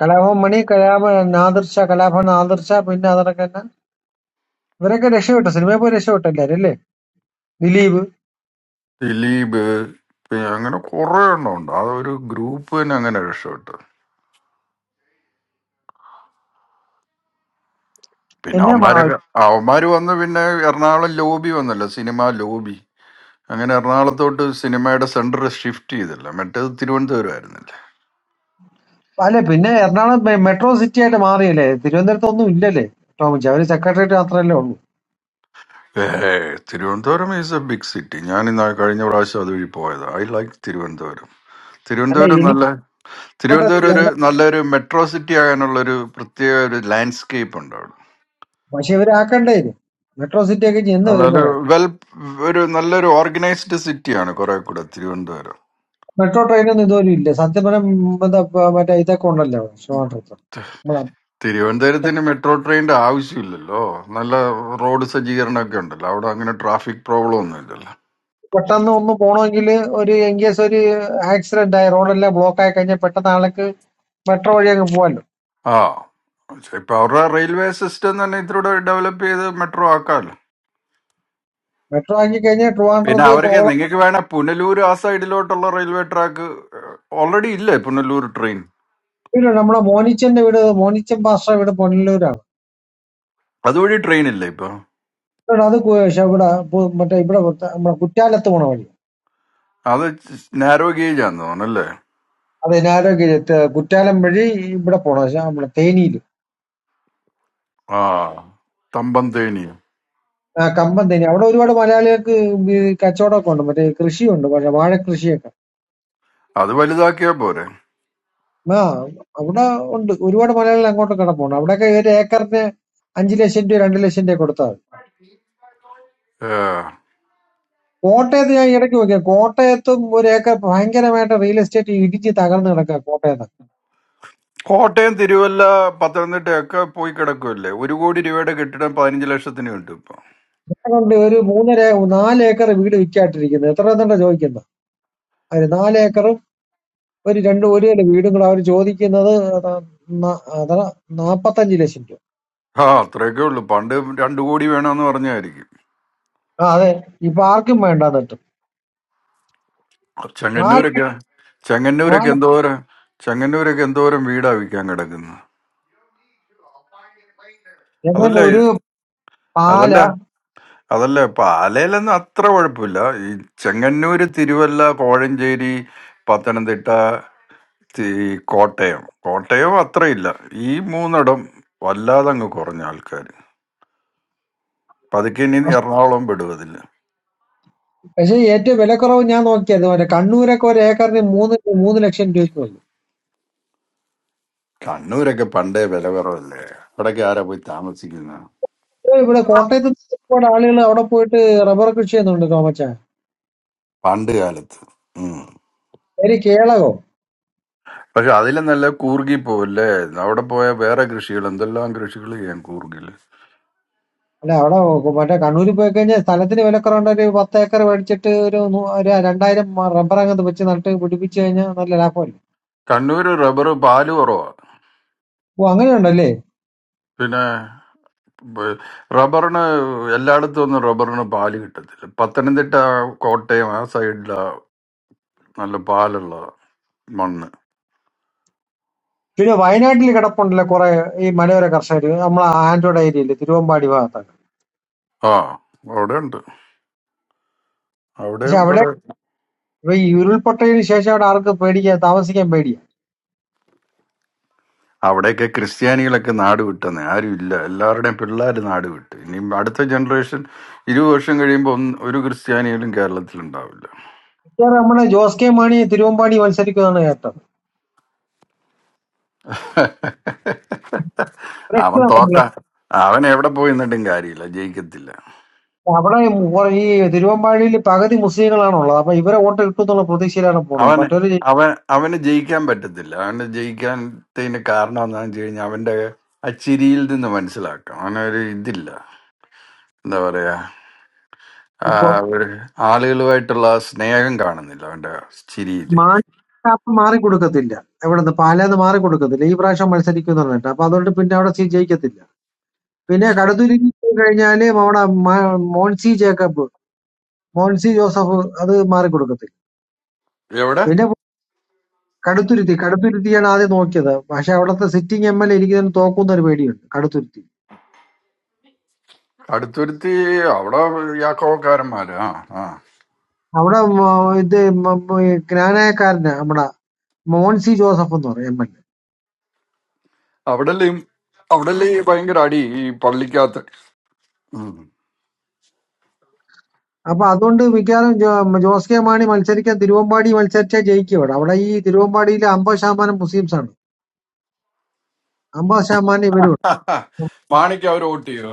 [SPEAKER 12] കലാഭവൻ മണി, കലാഭവൻ നാദിർഷ, കലാഭവൻ നാദിർഷ, പിന്നെ അതൊക്കെ തന്നെ ഇവരൊക്കെ രക്ഷപ്പെട്ടു സിനിമയെ പോയി രക്ഷപ്പെട്ടു എല്ലാരും അല്ലേ ദിലീപ്
[SPEAKER 2] ദിലീപ് പിന്നെ അങ്ങനെ കുറെ എണ്ണം ഉണ്ട് അതൊരു ഗ്രൂപ്പ് തന്നെ അങ്ങനെ രക്ഷപ്പെട്ടു പിന്നെ
[SPEAKER 12] പിന്നെ മാ-
[SPEAKER 2] അവന്മാരൊക്കെ അവന്മാര് വന്ന് പിന്നെ എറണാകുളം ലോബി വന്നല്ലോ സിനിമ ലോബി അങ്ങനെ എറണാകുളത്തോട്ട് സിനിമയുടെ സെന്റർ ഷിഫ്റ്റ് ചെയ്തല്ലോ മറ്റേത് തിരുവനന്തപുരം ആയിരുന്നില്ല
[SPEAKER 12] അല്ലെ പിന്നെ എറണാകുളം മെ- മെട്രോ സിറ്റി ആയിട്ട് മാറിയല്ലേ തിരുവനന്തപുരത്ത് ഒന്നും ഇല്ലല്ലേ ടോമിച്ച് അവര് സെക്രട്ടേറിയറ്റ് മാത്രമല്ലേ ഉള്ളൂ
[SPEAKER 2] ഏ Thiruvananthapuram is a big city ഞാൻ ഇന്ന് കഴിഞ്ഞ പ്രാവശ്യം അതുവഴി പോയത് ഐ ലൈക്ക് തിരുവനന്തപുരം
[SPEAKER 12] അല്ല
[SPEAKER 2] തിരുവനന്തപുരം നല്ല
[SPEAKER 12] എനിക്കോട്ടെ
[SPEAKER 2] തിരുവനന്തപുരം ഒരു നല്ലൊരു മെട്രോ സിറ്റി ആകാനുള്ള ഒരു പ്രത്യേക ഒരു ലാൻഡ്സ്കേപ്പ് ഉണ്ട് അവിടെ
[SPEAKER 12] പക്ഷെ ഇവരാക്കണ്ടേ ഇത് മെട്രോ സിറ്റി ഒക്കെ ചെന്ന്
[SPEAKER 2] അല്ല ഒരു
[SPEAKER 12] വരുന്നത്
[SPEAKER 2] വെൽ ഒരു നല്ലൊരു ഓർഗനൈസ്ഡ് സിറ്റിയാണ് കുറെ കൂടെ തിരുവനന്തപുരം
[SPEAKER 12] മെട്രോ ട്രെയിനൊന്നും ഇതുപോലും ഇല്ല സത്യം പറഞ്ഞാൽ ഉം, എന്താ പ- മറ്റേ ഇതൊക്കെ ഉണ്ടല്ലോ ട്രിവാൻഡ്രത്ത്
[SPEAKER 2] ത-
[SPEAKER 12] നമ്മളെ
[SPEAKER 2] തിരുവനന്തപുരത്തിന് മെട്രോ ട്രെയിനിന്റെ ആവശ്യമില്ലല്ലോ നല്ല റോഡ് സജ്ജീകരണമൊക്കെ ഉണ്ടല്ലോ അവിടെ അങ്ങനെ ട്രാഫിക് പ്രോബ്ലം ഒന്നും ഇല്ലല്ലോ
[SPEAKER 12] പെട്ടെന്ന് ഒന്ന് പോണമെങ്കിൽ ഒരു ഇൻ കേസ് ഒരു ആക്സിഡന്റ് ആയി റോഡെല്ലാം ബ്ലോക്ക് ആയി കഴിഞ്ഞാൽ പെട്ടെന്ന് ആൾക്ക് മെട്രോ വഴിയൊക്കെ പോവാല്ലോ
[SPEAKER 2] ആ പക്ഷേ ഇപ്പൊ അവരുടെ റെയിൽവേ സിസ്റ്റം തന്നെ ഇതിലൂടെ ഡെവലപ്പ് ചെയ്ത് മെട്രോ ആക്കാമല്ലോ
[SPEAKER 12] മെട്രോ ആക്കി കഴിഞ്ഞാൽ
[SPEAKER 2] പിന്നെ
[SPEAKER 12] ട്രിവാൻഡ്രത്ത്
[SPEAKER 2] അവർക്ക്
[SPEAKER 12] കോവളം
[SPEAKER 2] നിങ്ങൾക്ക് വേണേ പുനലൂർ ആ സൈഡിലോട്ടുള്ള റെയിൽവേ ട്രാക്ക് ഓൾറെഡി ഇല്ലേ പുനലൂർ ട്രെയിൻ
[SPEAKER 12] പിന്നെ നമ്മുടെ മോനിച്ചന്റെ വീട് മോനിച്ചൻ പാസ്റ്റർ വീട് പൊന്നലൂരാണ്
[SPEAKER 2] അതുവഴി ട്രെയിൻ ഇല്ലേ ഇപ്പൊ
[SPEAKER 12] ഇവിടെ അത് കു- ശ്ശെ ഇവിടെ പു- മറ്റേ ഇവിടെ പുറത്ത് നമ്മുടെ കുറ്റാലത്ത് പോണ വഴി
[SPEAKER 2] അത് നാരോ ഗേജ് ആന്ന് തോന്നുന്നല്ലേ
[SPEAKER 12] അത് ഇനാരോഗ്യ കുറ്റാലം വഴി ഇവിടെ പോണം പക്ഷെ നമ്മുടെ തേനിയില്
[SPEAKER 2] ആ തമ്പന്തേനി
[SPEAKER 12] ആ കമ്പം തേനി അവിടെ ഒരുപാട് മലയാളികൾക്ക് ഈ കച്ചവടമൊക്കെ ഉണ്ട് മറ്റേ കൃഷിയുണ്ട് പക്ഷെ വാഴ കൃഷിയൊക്കെ
[SPEAKER 2] അത് വലുതാക്കിയാ പോരെ
[SPEAKER 12] ആ അവിടെ ഉണ്ട് ഒരുപാട് മലയാളികൾ അങ്ങോട്ട് കിടപ്പുണ്ട് അവിടെയൊക്കെ ഒരു ഏക്കറിന് അഞ്ചു ലക്ഷം രൂപ രണ്ട് ലക്ഷം രൂപ കൊടുത്താൽ
[SPEAKER 2] ഏ.
[SPEAKER 12] കോട്ടയത്ത് ഞാൻ ഇടയ്ക്ക് നോക്കിയ കോട്ടയത്തും ഒരു ഏക്കർ ഭയങ്കരമായിട്ട് റിയൽ എസ്റ്റേറ്റ് ഇടിച്ച് തകർന്ന് കിടക്കുക കോട്ടയത്ത്
[SPEAKER 2] കോട്ടയം തിരുവല്ല പത്തനംതിട്ടയൊക്കെ പോയി കിടക്കുമല്ലേ ഒരു കോടി രൂപയുടെ കെട്ടിടം പതിനഞ്ച് ലക്ഷത്തിന് കിട്ടും ഇപ്പൊ
[SPEAKER 12] ഇവിടെ കൊണ്ട് ഒരു മൂന്നര നാല് ഏക്കർ വീട് വിൽക്കാട്ടിരിക്കുന്നത് എത്ര തന്നെ ചോദിക്കുന്നത് അവര് നാല് ഏക്കറും ഒരു രണ്ട് ഒരു നില വീടും കൂടെ അവർ ചോദിക്കുന്നത് ന- ന- എത്ര? നാപ്പത്തഞ്ച് ലക്ഷം രൂപ
[SPEAKER 2] ആ അത്രയൊക്കെ ഉള്ളു പണ്ട് രണ്ടു കോടി വേണമെന്ന് പറഞ്ഞായിരിക്കും
[SPEAKER 12] ആ അതെ ഇപ്പൊ ആർക്കും വേണ്ട എന്നിട്ട് നാല്
[SPEAKER 2] ചെങ്ങന്നൂരൊക്കെ ചെങ്ങന്നൂരൊക്കെ
[SPEAKER 12] നാല്
[SPEAKER 2] എന്തോരം ചെങ്ങന്നൂരൊക്കെ എന്തോരം വീടാ വിൽക്കാൻ കിടക്കുന്നത് അതല്ല
[SPEAKER 12] എങ്ങനെ
[SPEAKER 2] ഈ-
[SPEAKER 12] ഒരു പാല
[SPEAKER 2] അതല്ല അതല്ല പാലയിലൊന്നും അത്ര കുഴപ്പമില്ല ഈ ചെങ്ങന്നൂര് തിരുവല്ല കോഴഞ്ചേരി പത്തനംതിട്ട ഈ കോട്ടയം കോട്ടയം അത്രയില്ല ഈ മൂന്നിടം വല്ലാതെ അങ്ങ് കുറഞ്ഞ ആൾക്കാർ പതുക്കെ ഇനി എറണാകുളം വിടും അതില്
[SPEAKER 12] പക്ഷെ ഏറ്റവും വിലക്കുറവ് ഞാൻ നോക്കിയത് മറ്റേ കണ്ണൂരൊക്കെ ഒരു ഏക്കറിന് മൂന്ന് മൂന്ന് ലക്ഷം രൂപയ്ക്കുള്ളൂ
[SPEAKER 2] കണ്ണൂരൊക്കെ പണ്ടേ വില കുറവല്ലേ അവിടൊക്കെ ആരാ പോയി താമസിക്കുന്ന
[SPEAKER 12] ഇവിടെ കോട്ടയത്ത് ഒരുപാട് ആളുകൾ അവിടെ പോയിട്ട് റബ്ബർ കൃഷി ചെയ്യുന്നുണ്ട് തോമച്ച
[SPEAKER 2] പണ്ട് കാലത്ത് ഉം.
[SPEAKER 12] ഒരു കേളകോ
[SPEAKER 2] പക്ഷെ അതിലും നല്ല കൂർഗി പോവല്ലേ അവിടെ പോയ വേറെ കൃഷികൾ എന്തെല്ലാം കൃഷികൾ ചെയ്യാൻ കൂർഗില്
[SPEAKER 12] അല്ല അവിടെ മറ്റേ കണ്ണൂരിൽ പോയി കഴിഞ്ഞാൽ സ്ഥലത്തിന് വിലക്കുറവുണ്ട് ഒരു പത്ത് ഏക്കർ മേടിച്ചിട്ട് ഒരു നൂ- ഒരു രണ്ടായിരം മ- റബ്ബർ അങ്ങത്ത് വെച്ച് നട്ട് പിടിപ്പിച്ചു കഴിഞ്ഞാൽ നല്ല ലാഭമല്ലേ
[SPEAKER 2] കണ്ണൂര് റബ്ബർ പാല് കുറവാ
[SPEAKER 12] ഓ അങ്ങനെയുണ്ടല്ലേ
[SPEAKER 2] പിന്നെ ബ- റബ്ബറിന് എല്ലായിടത്തും ഒന്നും റബ്ബറിന് പാല് കിട്ടത്തില്ല പത്തനംതിട്ട കോട്ടയം ആ സൈഡിലാ നല്ല പാലുള്ള മണ്ണ്
[SPEAKER 12] പിന്നെ വയനാട്ടിൽ കിടപ്പുണ്ടല്ലോ കുറെ ഈ മലയോര കർഷകർ നമ്മളെ ആൻഡ്രോഡ് ഏരിയയില് തിരുവമ്പാടി ഭാഗത്തൊക്കെ
[SPEAKER 2] ആ അവിടെ ഉണ്ട്
[SPEAKER 12] പക്ഷെ
[SPEAKER 2] അവിടെയും
[SPEAKER 12] അവിടെ
[SPEAKER 2] കുറെ
[SPEAKER 12] ഇപ്പൊ ഈ ഉരുൾപൊട്ടതിന് ശേഷം അവിടെ ആർക്ക് പേടിക്കാൻ താമസിക്കാൻ പേടിയാ
[SPEAKER 2] അവിടെയൊക്കെ ക്രിസ്ത്യാനികളൊക്കെ നാട് വിട്ടെന്ന് ആരും ഇല്ല എല്ലാവരുടെയും പിള്ളേർ നാട് വിട്ട് ഇനി അടുത്ത ജനറേഷൻ ഇരുപത് വർഷം കഴിയുമ്പോൾ ഒന്ന് ഒരു ക്രിസ്ത്യാനികളും കേരളത്തിൽ ഉണ്ടാവില്ല
[SPEAKER 12] മിക്കവാറും നമ്മുടെ ജോസ് കെ മാണി തിരുവമ്പാടി മത്സരിക്കുന്നതാണ് കേട്ടത്
[SPEAKER 2] അവൻ തോക്ക
[SPEAKER 12] രക്ഷപ്പെടാൻ
[SPEAKER 2] അവൻ എവിടെ പോയി നിന്നിട്ടും കാര്യമില്ല ജയിക്കത്തില്ല
[SPEAKER 12] അവിടെ ഈ കുറെ- ഈ തിരുവമ്പാടിയിൽ പകുതി മുസ്ലിങ്ങളാണുള്ളത് അപ്പൊ ഇവരെ വോട്ട് കിട്ടും എന്നുള്ള പ്രതീക്ഷയിലാണ് പോണത്
[SPEAKER 2] അവന്
[SPEAKER 12] മറ്റൊരു
[SPEAKER 2] അവൻ അവന് ജയിക്കാൻ പറ്റത്തില്ല അവന് ജയിക്കാത്തതിന് കാരണം എന്താണെന്ന് വെച്ച് കഴിഞ്ഞാൽ അവന്റെ ആ ചിരിയിൽ നിന്ന് മനസ്സിലാക്കാം അവനൊരു ഇതില്ല എന്താ പറയാ ആ, ഒരു ആളുകളുമായിട്ടുള്ള ആ സ്നേഹം കാണുന്നില്ല അവന്റെ ചിരിയിൽ
[SPEAKER 12] മാപ്പ് മാറി കൊടുക്കത്തില്ല എവിടുന്ന് പാലാന്ന് മാറി കൊടുക്കത്തില്ല ഈ പ്രാവശ്യം മത്സരിക്കുമെന്ന് പറഞ്ഞിട്ട് അപ്പൊ അതുകൊണ്ട് പിന്നെ അവിടെ സീ ജയിക്കത്തില്ല പിന്നെ കടുത്തുരുക്കി കഴിഞ്ഞാല് അവിടെ മ- മോൻസി ജേക്കബ് മോൻസി ജോസഫ് അത് മാറി കൊടുക്കത്തില്ല
[SPEAKER 2] എവിടെ
[SPEAKER 12] പിന്നെ കടുത്തുരുത്തി കടുത്തുരുത്തിയാണ് ആദ്യം നോക്കിയത് പക്ഷെ അവിടുത്തെ സിറ്റിംഗ് എം എൽ എ ഇരിക്കുന്നതിന് തോക്കുന്ന ഒരു പേടിയുണ്ട് കടുത്തുരുത്തി
[SPEAKER 2] അടുത്തുരുത്തി അവിടെ യാക്കോക്കാരന്മാര് ആ ആ
[SPEAKER 12] അവിടെ മ- ഇത് മ- മ- ഈ ജ്ഞാനായക്കാരന് നമ്മുടെ മോൻസി ജോസഫ് എന്ന് പറയും എം എൽ എ.
[SPEAKER 2] അവിടെല്ലാം അവിടെല്ലേ ഭയങ്കര അടി ഈ പള്ളിക്കകത്ത് ഉം.
[SPEAKER 12] അപ്പൊ അതുകൊണ്ട് മിക്കവാറും ജോ, ജോസ് കെ മാണി മത്സരിക്കാൻ തിരുവമ്പാടി മത്സരിച്ചാൽ ജയിക്കും ഇവിടെ അവിടെ ഈ തിരുവമ്പാടിയിൽ അമ്പത് ശതമാനം മുസ്ലിംസ് ആണ് അമ്പത് ശതമാനം ഇവരും ഉണ്ട്.
[SPEAKER 2] മാണിക്ക് അവർ വോട്ട് ചെയ്യോ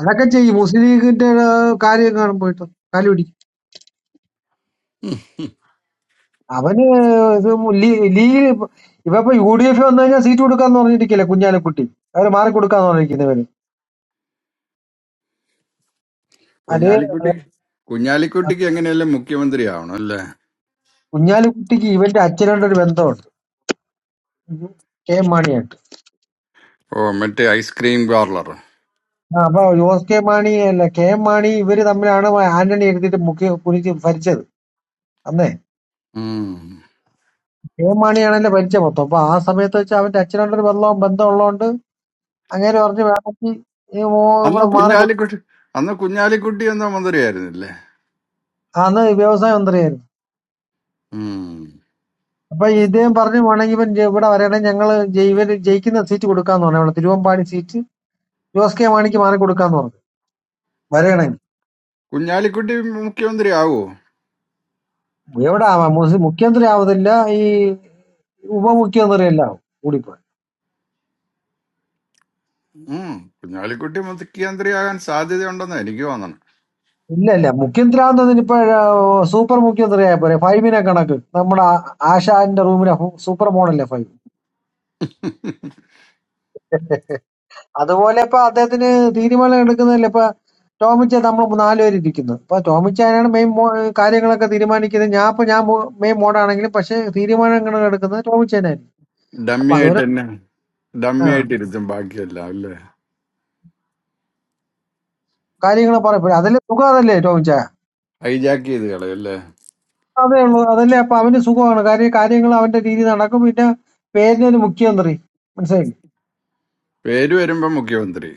[SPEAKER 12] അതൊക്കെ ചെയ്യും മുസ്ലിം ലീഗിന്റെ ആ, കാര്യം കാണും പോയിട്ട് കാലി പിടിക്കും അവന് ഇത് ലീ- ലീഗിൽ ഇപ്പൊ ഇവപ്പൊ യു ഡി എഫ് വന്നു കഴിഞ്ഞാൽ സീറ്റ് കൊടുക്കാന്ന് പറഞ്ഞിരിക്കില്ല കുഞ്ഞാലിക്കുട്ടി അവര് മാറി കൊടുക്കാന്ന് പറഞ്ഞിരിക്കുന്നവര് അതേ
[SPEAKER 2] കുഞ്ഞാലിക്കുട്ടി
[SPEAKER 12] അഹ്
[SPEAKER 2] കുഞ്ഞാലിക്കുട്ടിക്ക് എങ്ങനെയല്ലേ മുഖ്യമന്ത്രി ആവണം അല്ലേ
[SPEAKER 12] കുഞ്ഞാലിക്കുട്ടിക്ക് ഇവന്റെ അച്ഛനായിട്ട് ഒരു ബന്ധമുണ്ട് കെ എം മാണിയായിട്ട്
[SPEAKER 2] ഓ മറ്റേ ഐസ്ക്രീം പാർലർ
[SPEAKER 12] ആ, അപ്പൊ ജോസ് കെ മാണി അല്ല കെ എം മാണി ഇവര് തമ്മിലാണ് ആന്റണി എഴുതിയിട്ട് മുഖ്യ കുനിച്ച് ഭരിച്ചത് അന്നേ
[SPEAKER 2] ഉം.
[SPEAKER 12] ഏമാണിയാണ് എന്റെ പരിചയം മൊത്തം അപ്പൊ ആ സമയത്ത് വെച്ച് അവന്റെ അച്ഛനോടൊരു ബന്ധവും ബന്ധം ഉള്ളതുകൊണ്ട് അങ്ങനെ പറഞ്ഞു വേണമെങ്കിൽ ഈ മോ
[SPEAKER 2] അന്ന്
[SPEAKER 12] ഇവിടെ മാറി കൊടു-
[SPEAKER 2] കുഞ്ഞാലിക്കുട്ടി അന്ന് കുഞ്ഞാലിക്കുട്ടി എന്ന മന്ത്രിയായിരുന്നില്ലേ
[SPEAKER 12] അന്ന് വ്യവസായ മന്ത്രിയായിരുന്നു
[SPEAKER 2] ഉം.
[SPEAKER 12] അപ്പൊ ഇദ്ദേഹം പറഞ്ഞു വേണമെങ്കിൽ ഇവൻ ജെ- ഇവിടെ വരണമെങ്കിൽ ഞങ്ങള് ജെ- ഇവന് ജയിക്കുന്ന സീറ്റ് കൊടുക്കാന്ന് പറഞ്ഞു ഇവിടെ തിരുവമ്പാടി സീറ്റ് ജോസ് കെ മാണിക്ക് മാറി കൊടുക്കാന്ന് പറഞ്ഞു വരണമെങ്കിൽ
[SPEAKER 2] കുഞ്ഞാലിക്കുട്ടി മുഖ്യമന്ത്രി ആവോ
[SPEAKER 12] എവിടെ ആവാം മുസ് മുഖ്യമന്ത്രി ആവതില്ല ഈ ഉപമുഖ്യമന്ത്രി അല്ല ആവും കൂടിപ്പോ
[SPEAKER 2] ഉം കുഞ്ഞാലിക്കുട്ടി മുഖ്യമന്ത്രിയാകാൻ സാധ്യതയുണ്ടെന്ന് എനിക്ക് തോന്നണം
[SPEAKER 12] ഇല്ല ഇല്ല മുഖ്യമന്ത്രി ആവുന്നതിന് ഇപ്പൊ സൂപ്പർ മുഖ്യമന്ത്രി ആയ പോരെ ഫൈവിനെ കണക്ക് നമ്മുടെ ആ- ആശാന്റെ റൂമിലെ സൂപ്പർ മോഡല്ലേ ഫൈവ് അതുപോലെ ഇപ്പൊ അദ്ദേഹത്തിന് തീരുമാനം എടുക്കുന്നതിൽ ഇപ്പൊ ടോമിച്ചാ നമ്മൾ നാലുപേര് ഇരിക്കുന്നു ഇപ്പൊ ടോമിച്ചാനാണ് മെയിൻ കാര്യങ്ങളൊക്കെ തീരുമാനിക്കുന്നത് ഞാൻ ഇപ്പൊ ഞാൻ മെയിൻ മോഡാണെങ്കിലും പക്ഷെ തീരുമാനങ്ങൾ എടുക്കുന്നത് ടോമിച്ചാനായിരിക്കും അപ്പൊ
[SPEAKER 2] ഡമ്മി ആയിട്ട്
[SPEAKER 12] അതുപോലെ
[SPEAKER 2] തന്നെ
[SPEAKER 12] ആ
[SPEAKER 2] ഡമ്മി ആയിട്ട് ഇരുത്തും ബാക്കിയെല്ലാം അല്ലേ
[SPEAKER 12] കാര്യങ്ങൾ പറയപ്പെടും അതിലെ സുഖം അതല്ലേ ടോമിച്ച
[SPEAKER 2] ഹൈജാക്ക് ചെയ്ത് കളയും അല്ലേ
[SPEAKER 12] അതേ ഉള്ളൂ അതല്ലേ അപ്പൊ അവന് സുഖമാണ് കാര്യം കാര്യങ്ങൾ അവന്റെ രീതി നടക്കും പിന്നെ പേരിനൊരു മുഖ്യമന്ത്രി മനസ്സിലായി
[SPEAKER 2] പേര് വരുമ്പോ മുഖ്യമന്ത്രി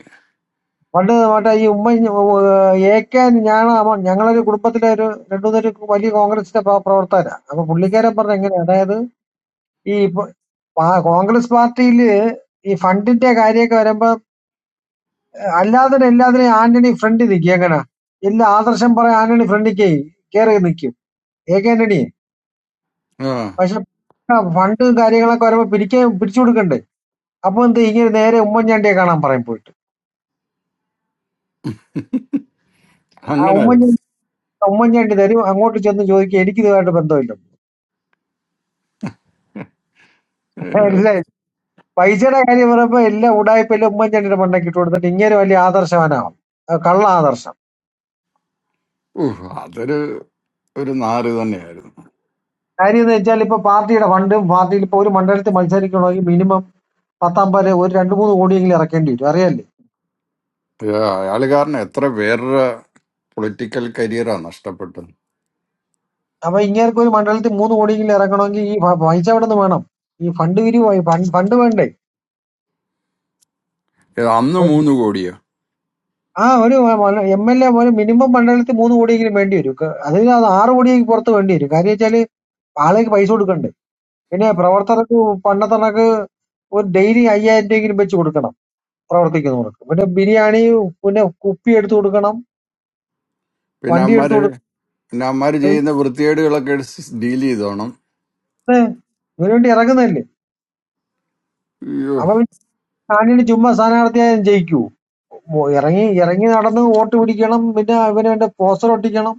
[SPEAKER 12] പണ്ട് മറ്റേ ഈ ഉമ്മ ഏക്കാൻ ഞാൻ ഞങ്ങളൊരു കുടുംബത്തിലെ ഒരു രണ്ടു മൂന്നൊരു വലിയ കോൺഗ്രസിന്റെ പ്രവർത്തകരാ അപ്പൊ പുള്ളിക്കാരൻ പറഞ്ഞ എങ്ങനെയാ അതായത് ഈ ഇപ്പൊ പാ- കോൺഗ്രസ് പാർട്ടിയില് ഈ ഫണ്ടിന്റെ കാര്യമൊക്കെ വരുമ്പോ അല്ലാതെ എല്ലാത്തിനും ആന്റണി ഫ്രണ്ട് നിൽക്കും എങ്ങനെ എല്ലാ ആദർശം പറയാൻ ആന്റണി ഫ്രണ്ടിക്ക് കേറി നിൽക്കും എ കെ ആന്റണി
[SPEAKER 2] ആ
[SPEAKER 12] പക്ഷെ ഫണ്ടും കാര്യങ്ങളൊക്കെ വരുമ്പോ പിരിക്കാൻ പിരിച്ചു കൊടുക്കണ്ടേ അപ്പൊ എന്ത് ഇങ്ങനെ നേരെ ഉമ്മൻചാണ്ടിയെ കാണാൻ പറയും പോയിട്ട് ആ
[SPEAKER 2] അങ്ങനെ ആയിരുന്നു
[SPEAKER 12] ഉമ്മൻചാണ്ടി ഉമ്മൻചാണ്ടി തരും അങ്ങോട്ട് ചെന്ന് ചോദിക്കും എനിക്ക് ഇതുമായിട്ട് ബന്ധമില്ല
[SPEAKER 2] ഏ,
[SPEAKER 12] ഇല്ല, പൈസയുടെ കാര്യം പറയുമ്പോ എല്ലാ ഉടായ്പ എല്ലാം ഉമ്മൻചാണ്ടിയുടെ മണ്ടയ്ക്ക് ഇട്ട് കൊടുത്തിട്ട് ഇങ്ങനെ വലിയ ആദർശവാനാവും അത് കള്ള ആദർശം
[SPEAKER 2] ഉഹ്, അതൊരു ഒരു നാറ് തന്നെയായിരുന്നു
[SPEAKER 12] കാര്യം എന്ന് വെച്ചാൽ ഇപ്പൊ പാർട്ടിയുടെ ഫണ്ടും പാർട്ടിയിൽ ഇപ്പൊ ഒരു മണ്ഡലത്തിൽ മത്സരിക്കണമെങ്കിൽ മിനിമം പത്തമ്പത് ഒരു രണ്ട് മൂന്ന് കോടിയെങ്കിലും ഇറക്കേണ്ടി വരും അറിയാല്ലേ
[SPEAKER 2] ഏ, അയാള് കാരണം എത്ര പേരുടെ പൊളിറ്റിക്കൽ കരിയറാ നഷ്ടപ്പെട്ടത്
[SPEAKER 12] അപ്പൊ ഇങ്ങേർക്ക് ഒരു മണ്ഡലത്തിൽ മൂന്ന് കോടിയെങ്കിലും ഇറക്കണമെങ്കിൽ ഈ പ- പൈസ എവിടെ നിന്ന് വേണം ഈ ഫണ്ട് വിരിവായി ഫണ്ട് വേണ്ടേ
[SPEAKER 2] ഏ, അന്ന്
[SPEAKER 12] അപ്പൊ
[SPEAKER 2] മൂന്ന് കോടിയോ
[SPEAKER 12] ആ ഒരു എം എൽ എ പോലും മിനിമം മണ്ഡലത്തിൽ മൂന്ന് കോടിയെങ്കിലും വേണ്ടി വരും ക- അതിൽ അത് ആറ് കോടിയെങ്കിലും പുറത്ത് വേണ്ടി വരും കാര്യം വെച്ചാല് ആളേക്ക് പൈസ കൊടുക്കണ്ടേ പിന്നെ പ്രവർത്തകർക്ക് പണ്ടത്തണക്ക് ഒരു ഡെയിലി അയ്യായിരം രൂപയെങ്കിലും വെച്ച് കൊടുക്കണം പ്രവർത്തിക്കുന്നവർക്ക് പിന്നെ ബിരിയാണി പിന്നെ കുപ്പി എടുത്തു കൊടുക്കണം
[SPEAKER 2] പിന്നെ
[SPEAKER 12] വണ്ടി എടുത്തു
[SPEAKER 2] അമ്മാര്
[SPEAKER 12] കൊടുക്കണം
[SPEAKER 2] പിന്നെ അമ്മാര് ചെയ്യുന്ന വൃത്തികേടുകളൊക്കെ ഡീൽ ചെയ്തോണം
[SPEAKER 12] ഏ, ഇവന് വേണ്ടി ഇറങ്ങുന്നതല്ലേ
[SPEAKER 2] അയ്യോ
[SPEAKER 12] അപ്പൊ പിന്നെ ആന്റണി ചുമ്മാ സ്ഥാനാർത്ഥിയായാലും ജയിക്കൂ മോ- ഇറങ്ങി ഇറങ്ങി നടന്ന് വോട്ട് പിടിക്കണം പിന്നെ ഇവന് വേണ്ട പോസ്റ്റർ ഒട്ടിക്കണം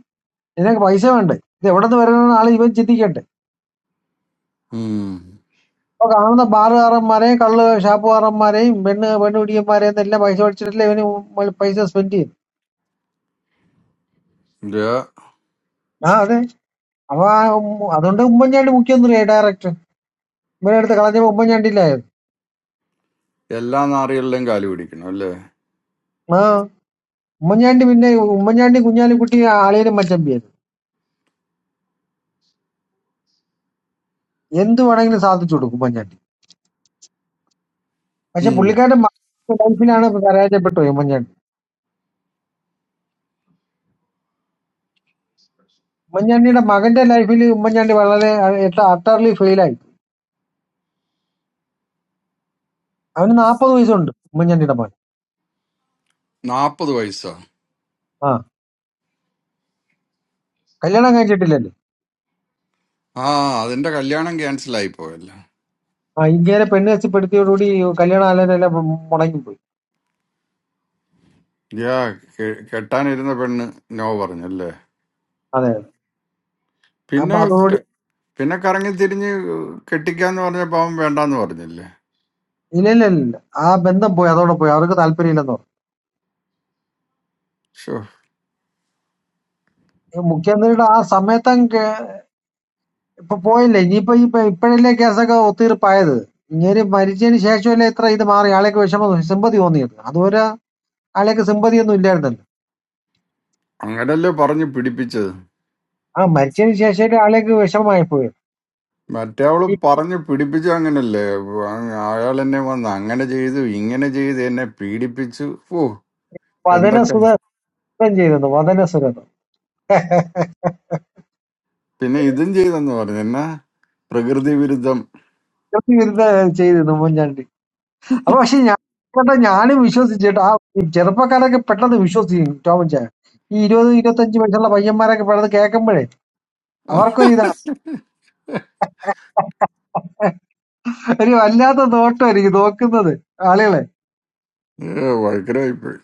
[SPEAKER 12] ഇതിനൊക്കെ പൈസ വേണ്ടേ ഇത് എവിടെ നിന്ന് വരുന്ന ആളെ ഇവൻ ചിന്തിക്കട്ടെ
[SPEAKER 2] ഉം.
[SPEAKER 12] അപ്പൊ കാണുന്ന ബാറുകാരന്മാരെയും കള്ള് ഷാപ്പുകാരന്മാരെയും പെണ്ണ് പെണ്ണുപിടിയന്മാരെയും എല്ലാം പൈസ മേടിച്ചിട്ടല്ലേ ഇവന് മ- പൈസ സ്പെൻഡ് ചെയ്യും ആ അതെ അപ്പൊ ആ ഉം- അതുകൊണ്ട് ഉമ്മൻചാണ്ടി മുഖ്യമന്ത്രിയായി ഡയറക്ടർ ഇവനെ എടുത്ത് കളഞ്ഞപ്പോ ഉമ്മൻചാണ്ടിയിലായിരുന്നു
[SPEAKER 2] എല്ലാ നാറികളിലും കാല് പിടിക്കണം അല്ലേ
[SPEAKER 12] ആ ഉമ്മൻചാണ്ടി പിന്നെ ഉമ്മൻചാണ്ടി കുഞ്ഞാലിക്കുട്ടി അളിയനും മച്ചമ്പിയായിരുന്നു എന്ത് വേണമെങ്കിലും സാധിച്ചു കൊടുക്കും ഉമ്മൻചാണ്ടി പക്ഷെ
[SPEAKER 2] ഉം.
[SPEAKER 12] പുള്ളിക്കാരന്റെ മകന്റെ ലൈഫിലാണ് പരാജയപ്പെട്ടു പോയി ഉമ്മൻചാണ്ടി ഉമ്മൻചാണ്ടിയുടെ മകന്റെ ലൈഫിൽ ഉമ്മൻചാണ്ടി വളരെ അട്ടർലി ഫെയിലായി അവന് നാൽപ്പത് വയസ്സുണ്ട് ഉമ്മൻചാണ്ടിയുടെ മകൻ
[SPEAKER 2] നാപ്പത് വയസ്സാ
[SPEAKER 12] ആ കല്യാണം കഴിച്ചിട്ടില്ലല്ലോ
[SPEAKER 2] ആ അതിന്റെ കല്യാണം ക്യാൻസൽ ആയി പോയല്ലോ
[SPEAKER 12] ആ ഇന്ത്യയിലെ പെണ്ണ് കച്ചപ്പെടുത്തിയോടുകൂടി കല്യാണ ആലോചനയെല്ലാം മുടങ്ങിപ്പോയി
[SPEAKER 2] യാ കെ- കെട്ടാനിരുന്ന പെണ്ണ് നോ പറഞ്ഞല്ലേ
[SPEAKER 12] അതെ അപ്പൊ
[SPEAKER 2] പിന്നെ
[SPEAKER 12] അതോടുകൂടി
[SPEAKER 2] ക- പിന്നെ കറങ്ങി തിരിഞ്ഞ് കെട്ടിക്കാന്ന് പറഞ്ഞപ്പോ അവൻ വേണ്ടാന്ന് പറഞ്ഞില്ലേ
[SPEAKER 12] ഇല്ല ഇല്ല ഇല്ല ഇല്ല. ആ ബന്ധം പോയി അതോടെ പോയി അവർക്ക് താല്പര്യമില്ലെന്ന് പറഞ്ഞു
[SPEAKER 2] ഷോ
[SPEAKER 12] ഈ മുഖ്യമന്ത്രിയുടെ ആ സമയത്തും ഇപ്പൊ പോയില്ലേ ഇനിയിപ്പോ ഇപ്പൊ ഇപ്പോഴല്ലേ കേസൊക്കെ ഒത്തീർപ്പായത് ഇങ്ങനെ മരിച്ചതിന് ശേഷമല്ലേ ഇത്ര ഇത് മാറി ആളേക്ക് വിഷമം സിമ്പതി തോന്നിയത് അതുവരെ ആളേക്ക് സിമ്പതി ഒന്നും ഇല്ലായിരുന്നല്ലോ
[SPEAKER 2] അങ്ങനല്ലേ പറഞ്ഞു പിടിപ്പിച്ചത്
[SPEAKER 12] ആ മരിച്ചതിന് ശേഷം ഒരാളേക്ക് വിഷമായി പോയി
[SPEAKER 2] മറ്റേ അവള്
[SPEAKER 12] ഈ
[SPEAKER 2] പറഞ്ഞു പിടിപ്പിച്ചു അങ്ങനല്ലേ അ- അയാൾ എന്നെ വന്ന് അങ്ങനെ ചെയ്തു ഇങ്ങനെ ചെയ്തു എന്നെ പീഡിപ്പിച്ചു ഓ
[SPEAKER 12] പതന
[SPEAKER 2] എന്തൊക്കെ
[SPEAKER 12] സുതം ചെയ്തിരുന്നു വതന സുഗതം
[SPEAKER 2] പിന്നെ ഇതും ചെയ്തെന്ന് പറഞ്ഞു എന്നാ പ്രകൃതി വിരുദ്ധം
[SPEAKER 12] വിരുദ്ധം ചെയ്തിരുന്നു മുൻചാണ്ടി അപ്പൊ പക്ഷെ ഞാൻ കേട്ടോ ഞാനും വിശ്വസിച്ചിട്ട് ആ ചെറുപ്പക്കാരൊക്കെ പെട്ടെന്ന് വിശ്വസിക്കും ടോമൻ ചായ ഈ ഇരുപത് ഇരുപത്തഞ്ച് വയസ്സുള്ള പയ്യന്മാരൊക്കെ പെട്ടെന്ന് കേൾക്കുമ്പോഴേ അവർക്കൊരിതാണ് ഒരു വല്ലാത്ത നോട്ടം എനിക്ക് നോക്കുന്നത് ആളുകളെ
[SPEAKER 2] വൈക്കരായിപ്പോയി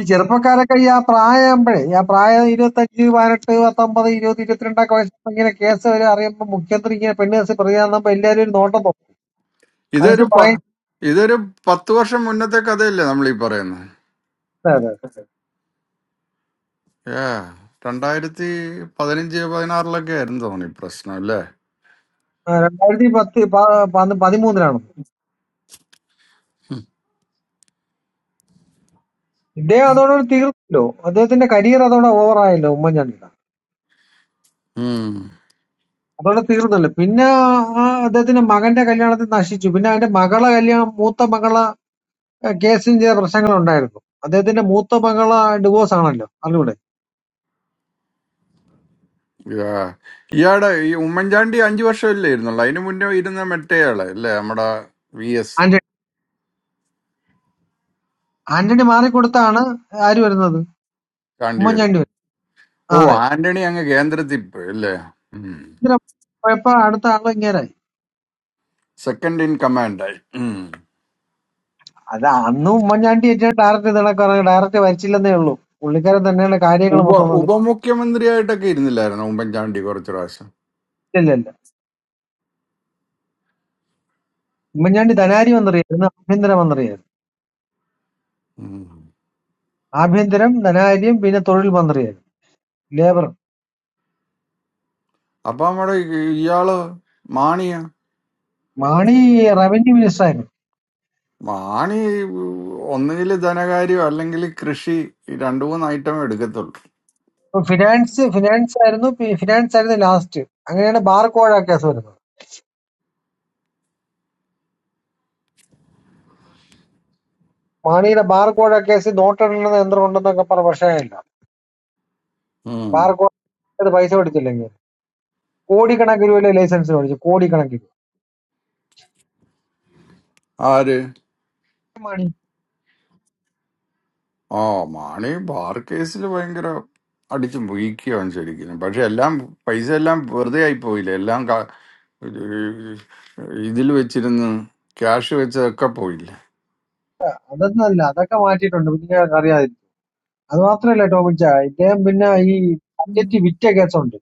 [SPEAKER 12] ഈ ചെറുപ്പക്കാരൊക്കെ ഈ ആ പ്രായമാകുമ്പോഴേ ഈ ആ പ്രായം ഇരുപത്തഞ്ച് പതിനെട്ട് പത്തൊമ്പത് ഇരുപത് ഇരുപത്തിരണ്ടൊക്കെ വയസ്സൊക്കെ ഇങ്ങനെ കേസ് വരെ അറിയുമ്പോൾ മുഖ്യമന്ത്രി ഇങ്ങനെ പെണ്ണ് കേസ് പ്രതിയാകുമ്പോൾ എല്ലാവരും ഒരു നോട്ടം തോന്നും
[SPEAKER 2] ഇതൊരു
[SPEAKER 12] മനസ്സിൽ പറയും
[SPEAKER 2] പ- ഇതൊരു പത്ത് വർഷം മുന്നത്തെ കഥയല്ലേ നമ്മൾ ഈ പറയുന്നത്
[SPEAKER 12] അത്
[SPEAKER 2] ഏ രണ്ടായിരത്തി പതിനഞ്ച് പതിനാറിലൊക്കെ ആയിരുന്നു തോന്നി ഈ പ്രശ്നം അല്ലേ
[SPEAKER 12] ആ, രണ്ടായിരത്തി പത്ത് പ- പ- പതിമൂന്നിലാണ് ഇദ്ദേഹം അതോടെ തീർന്നല്ലോ അദ്ദേഹത്തിന്റെ കരിയർ അതോടെ ഓവറായല്ലോ ഉമ്മൻചാണ്ടിയുടെ
[SPEAKER 2] ഉം.
[SPEAKER 12] അതോടെ തീർന്നല്ലോ പിന്നെ ആ അദ്ദേഹത്തിന്റെ മകന്റെ കല്യാണത്തിൽ നശിച്ചു പിന്നെ അവന്റെ മകളെ കല്യാണം മൂത്ത മകളെ കേസിന് ചില പ്രശ്നങ്ങൾ ഉണ്ടായിരുന്നു അദ്ദേഹത്തിന്റെ മൂത്ത മകളെ ഡിവോഴ്സ് ആണല്ലോ അറിഞ്ഞൂടെ
[SPEAKER 2] യാ. ഇയാടെ ഈ ഉമ്മൻചാണ്ടി അഞ്ചു വർഷം അല്ലേ ഇരുന്നുള്ളു അതിനു മുന്നേ ഇരുന്ന മെട്ടയാള് അല്ലേ നമ്മുടെ വി എസ്
[SPEAKER 12] ആന്റണി മാറിക്കൊടുത്താണ് ആര് വരുന്നത്?
[SPEAKER 2] കാണ്ടി
[SPEAKER 12] ഉമ്മൻചാണ്ടി
[SPEAKER 2] വരുന്നു
[SPEAKER 12] വരുന്നത്.
[SPEAKER 2] ഓ
[SPEAKER 12] ആ, അതെ.
[SPEAKER 2] ആന്റണി അങ്ങ് കേന്ദ്രത്തിൽ പോയി അല്ലേ
[SPEAKER 12] ഇന്ദ്രൻ പോയപ്പോ അടുത്ത ആള് ഇങ്ങേരായി.
[SPEAKER 2] സെക്കൻഡ് ഇൻ കമാൻഡായി ഉം.
[SPEAKER 12] അത് അന്ന് ഉമ്മൻചാണ്ടി ഏറ്റവും ഡയറക്റ്റ് ഇതിനൊക്കെ ഡയറക്റ്റ് വരച്ചില്ലെന്നേ ഉള്ളൂ. പുള്ളിക്കാരൻ തന്നെയാണ് കാര്യങ്ങൾ
[SPEAKER 2] ഉപ
[SPEAKER 12] മൊത്തം നോക്കുന്നത്.
[SPEAKER 2] ഉപമുഖ്യമന്ത്രിയായിട്ടൊക്കെ ഇരുന്നില്ലായിരുന്നു ഉമ്മൻചാണ്ടി കുറച്ചു പ്രാവശ്യം
[SPEAKER 12] ഇല്ലില്ല. ഉമ്മൻചാണ്ടി ധനാരി മന്ത്രിയായിരുന്നു ആഭ്യന്തര മന്ത്രിയായിരുന്നു.
[SPEAKER 2] ഉം.
[SPEAKER 12] ആഭ്യന്തരം ധനാരിയും പിന്നെ തൊഴിൽ മന്ത്രിയായിരുന്നു. ലേബർ
[SPEAKER 2] അപ്പൊ നമ്മുടെ ഈ- ഇയാള് മാണിയാ
[SPEAKER 12] മാണി റവന്യൂ മിനിസ്റ്റർ ആയിരുന്നു.
[SPEAKER 2] മാണി ഒന്നുകിൽ ധനകാര്യം അല്ലെങ്കിൽ കൃഷി ഈ രണ്ടു മൂന്ന് ഐറ്റം എടുക്കത്തുള്ളൂ
[SPEAKER 12] ഇപ്പൊ ഫിനാൻസ് ഫിനാൻസ് ആയിരുന്നു പി- ഫിനാൻസ് ആയിരുന്നു ലാസ്റ്റ്. അങ്ങനെയാണ് ബാർക്കോഴ കേസ് വരുന്നത്. മാണിയുടെ ബാർക്കോഴ കേസ് നോട്ടെണ്ണുന്ന യന്ത്രം ഉണ്ടെന്നൊക്കെ പറഞ്ഞ പ്രശ്നമില്ല.
[SPEAKER 2] ഉം.
[SPEAKER 12] ബാർക്കോഴ പൈസ കൊടുത്തില്ലെങ്കിൽ കോടിക്കണക്കിന് രൂപയിലെ ലൈസൻസിന് മേടിച്ചു കോടിക്കണക്കിന്
[SPEAKER 2] ആര്
[SPEAKER 12] മണി
[SPEAKER 2] ആ മാണി ബാർ കേസിൽ ഭയങ്കര അടിച്ചു വീക്കിയാണ് ശരിക്കും പക്ഷെ എല്ലാം പൈസ എല്ലാം വെറുതെ ആയി പോയില്ല എല്ലാം ക- ഇതിൽ വെച്ചിരുന്ന് ക്യാഷ് വെച്ചതൊക്കെ പോയില്ല
[SPEAKER 12] അതൊന്നല്ല അതൊക്കെ മാറ്റിയിട്ടുണ്ട് പിന്നെ അറിയാതില്ല അത് മാത്രല്ല ടോമിൻ ചാ ഇദ്ദേഹം പിന്നെ ഈ ബഡ്ജറ്റ് വിറ്റ കേസുണ്ട്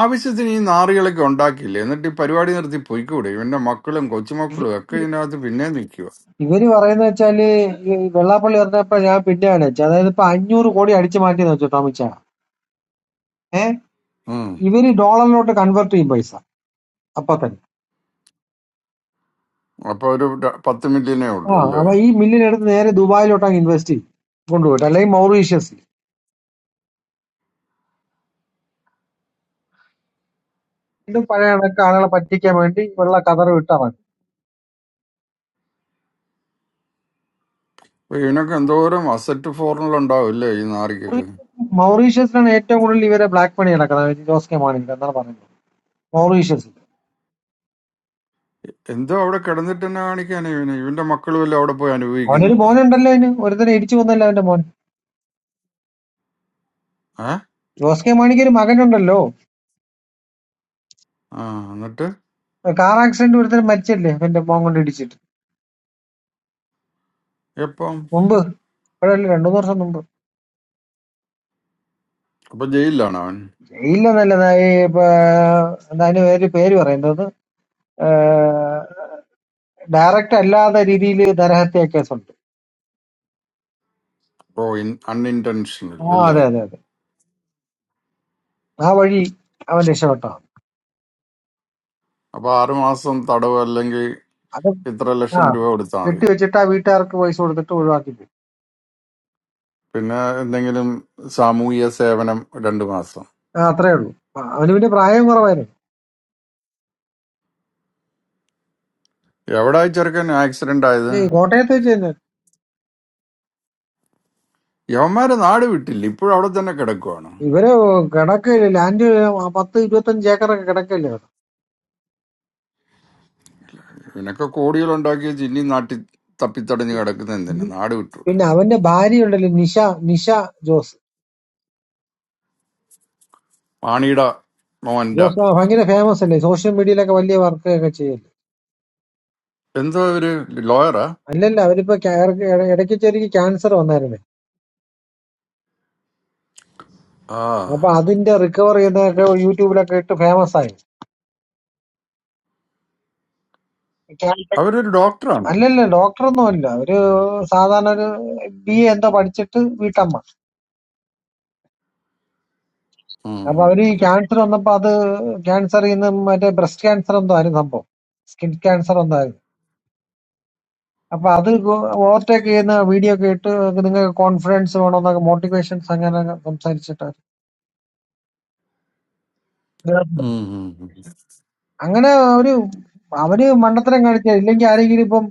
[SPEAKER 2] ആവശ്യത്തിന് ഈ നാറികളൊക്കെ ഉണ്ടാക്കിയില്ലേ എന്നിട്ട് ഈ പരിപാടി നിർത്തി പോയിക്കൂടെ ഇവന്റെ മക്കളും കൊച്ചുമക്കളും ഒക്കെ ഇതിനകത്ത് പിന്നെ നിൽക്കുക
[SPEAKER 12] ഇവര് പറയുന്ന വെച്ചാല് ഈ വെള്ളാപ്പള്ളി പറഞ്ഞപ്പോ ഞാൻ പിന്നെ ആലോചിച്ചു അതായത് ഇപ്പൊ അഞ്ഞൂറ് കോടി അടിച്ചു മാറ്റിയെന്ന് വെച്ചു ടോമിൻ ചാ ഏഹ് ഇവര് ഡോളറിലോട്ട് കൺവേർട്ട് ചെയ്യും പൈസ അപ്പൊ തന്നെ
[SPEAKER 2] അപ്പൊ ഒരു ര- പത്ത് മില്യനേ
[SPEAKER 12] ആ
[SPEAKER 2] ഉള്ളൂ അല്ലേ
[SPEAKER 12] അപ്പൊ ഈ മില്ലിനെടുത്ത് നേരെ ദുബായിലോട്ട് അങ്ങ് ഇൻവെസ്റ്റ് ചെയ്യും കൊണ്ടുപോയിട്ട് അല്ലെങ്കിൽ മൗറീഷ്യസിൽ വീണ്ടും പഴയ കണക്ക് ആളുകളെ പറ്റിക്കാൻ വേണ്ടി വെള്ള കതറ് വിട്ട
[SPEAKER 2] അപ്പൊ ഇതിനൊക്കെ എന്തോരം അസറ്റ് ഫോറിനിൽ ഉണ്ടാവും അല്ലേ ഈ നാറിക്കൊക്കെ
[SPEAKER 12] മൗറീഷ്യസിലാണ് ഏറ്റവും കൂടുതൽ ഇവരെ ബ്ലാക്ക് മണി നടക്കുന്നത് അതായത് ജോസ് കെ മാണിക്ക് എന്നാണ് പറയുന്നത് മൗറീഷ്യസിൽ
[SPEAKER 2] എന്തോ അവിടെ കിടന്നിട്ട് തന്നെ കാണിക്കാൻ ഇവന് ഇവന്റെ മക്കളും എല്ലാം അവിടെ പോയി
[SPEAKER 12] അവനൊരു
[SPEAKER 2] അനുഭവിക്കുന്നുണ്ട്
[SPEAKER 12] മോനുണ്ടല്ലോ അതിന് ഒരുത്തനെ ഇടിച്ചു കൊന്നല്ലോ അവന്റെ മോൻ
[SPEAKER 2] ഏ
[SPEAKER 12] ജോസ് കെ മാണിക്ക് ഒരു മകനുണ്ടല്ലോ
[SPEAKER 2] ആ എന്നിട്ട്
[SPEAKER 12] കാർ ആക്സിഡന്റ് ഒരുത്തരം മരിച്ചല്ലേ അവന്റെ മോൻ കൊണ്ട് ഇടിച്ചിട്ട്
[SPEAKER 2] എപ്പം
[SPEAKER 12] മുമ്പ് ഇപ്പോഴല്ലേ രണ്ടു മൂന്ന് വർഷം മുമ്പ്
[SPEAKER 2] അപ്പൊ ജയിലിലാണ് അവൻ
[SPEAKER 12] ജയിലെന്നല്ല ദാ ഈ ഇപ്പൊ, എന്താ അതിന് പേര് പേര് പറയുന്നത് ഡയറക്റ്റ് അല്ലാത്ത രീതിയിൽ നരഹത്യ കേസുണ്ട്
[SPEAKER 2] ഓ അൺഇൻറ്റൻഷണൽ
[SPEAKER 12] ആ
[SPEAKER 2] അല്ലേ
[SPEAKER 12] അതെ അതെ അതെ ആ വഴി അവൻ രക്ഷപ്പെട്ടോ
[SPEAKER 2] അപ്പൊ ആറുമാസം തടവ് അല്ലെങ്കിൽ
[SPEAKER 12] അത്
[SPEAKER 2] ഇത്ര
[SPEAKER 12] ആ
[SPEAKER 2] ലക്ഷം രൂപ കൊടുത്താൽ മതി
[SPEAKER 12] കെട്ടിവെച്ചിട്ട് ആ വീട്ടുകാർക്ക് പൈസ കൊടുത്തിട്ട് ഒഴിവാക്കി പോയി.
[SPEAKER 2] പിന്നെ എന്തെങ്കിലും സാമൂഹ്യ സേവനം രണ്ടു മാസം
[SPEAKER 12] ആ, അത്രേ ഉള്ളൂ ആ, അവന് പിന്നെ പ്രായം കുറവായിരുന്നു
[SPEAKER 2] എവിടെ ചെറുക്കൻ ആക്സിഡന്റ് ആയത്
[SPEAKER 12] പിന്നെ ഈ കോട്ടയത്ത് വെച്ച് തന്നെ
[SPEAKER 2] യവന്മാരെ നാട് വിട്ടില്ല ഇപ്പോഴും അവിടെ തന്നെ കിടക്കുവാണ്
[SPEAKER 12] ഇവര് കിടക്ക് ലാൻഡ് പത്ത് ഇരുപത്തഞ്ച് ഏക്കറൊക്കെ കിടക്കല്ലേ അവിടെ.
[SPEAKER 2] നിനക്ക് കോടികളുണ്ടാക്കിയ ചിന്നി നാട്ടി തപ്പിത്തടഞ്ഞ് കിടക്കുന്ന
[SPEAKER 12] ഉം.
[SPEAKER 2] എന്തിനാ നാട് വിട്ടൂടെ
[SPEAKER 12] പിന്നെ അവന്റെ ഭാര്യ ഉണ്ടല്ലോ നിഷ നിഷ ജോസ്
[SPEAKER 2] പാണിയുടെ മോൻ്റെ
[SPEAKER 12] ജോസ് ആ ഭയങ്കര ഫേമസ് അല്ലേ സോഷ്യൽ മീഡിയയിലൊക്കെ വലിയ വർക്ക് ഒക്കെ ചെയ്യല്ലേ
[SPEAKER 2] എന്തോ ഒരു ലോയറാ
[SPEAKER 12] അല്ലല്ല അവരിപ്പോ ക്യാ- ഇടയ്ക്ക് ഇടയ്ക്ക് ചെറിയ ക്യാൻസർ വന്നായിരുന്നേ
[SPEAKER 2] ആ
[SPEAKER 12] അപ്പൊ അതിന്റെ റിക്കവർ ചെയ്യുന്നതൊക്കെ യൂട്യൂബിലൊക്കെ ഇട്ട് ഫേമസ് ആയി ക്യാൻസർ
[SPEAKER 2] അവരൊരു ഡോക്ടറാണ്
[SPEAKER 12] അല്ലല്ല ഡോക്ടറൊന്നും അല്ല ഒരു സാധാരണ ഒരു ബി എ എന്തോ പഠിച്ചിട്ട് വീട്ടമ്മ
[SPEAKER 2] ഉം
[SPEAKER 12] അപ്പൊ
[SPEAKER 2] ഉം
[SPEAKER 12] അവര് ഈ
[SPEAKER 2] ഉം.
[SPEAKER 12] ക്യാൻസർ വന്നപ്പോ അത് ക്യാൻസർ ഇന്ന് മറ്റേ ബ്രസ്റ്റ് ക്യാൻസർ എന്തോ ആയിരുന്നു സംഭവം സ്കിൻ ക്യാൻസർ എന്തോ ആയിരുന്നു അപ്പൊ അത് ഓവർടേക്ക് ചെയ്യുന്ന വീഡിയോ ഒക്കെ ഇട്ട് നിങ്ങൾക്ക് കോൺഫിഡൻസ് വേണമെന്നൊക്കെ മോട്ടിവേഷൻസ് അങ്ങനെ സംസാരിച്ചിട്ട്
[SPEAKER 2] ഉം ഉം ഉം.
[SPEAKER 12] അങ്ങനെ ഒരു അവര് മണ്ടത്തരം കാണിച്ച ഇല്ലെങ്കിൽ ആരെങ്കിലും ഇപ്പം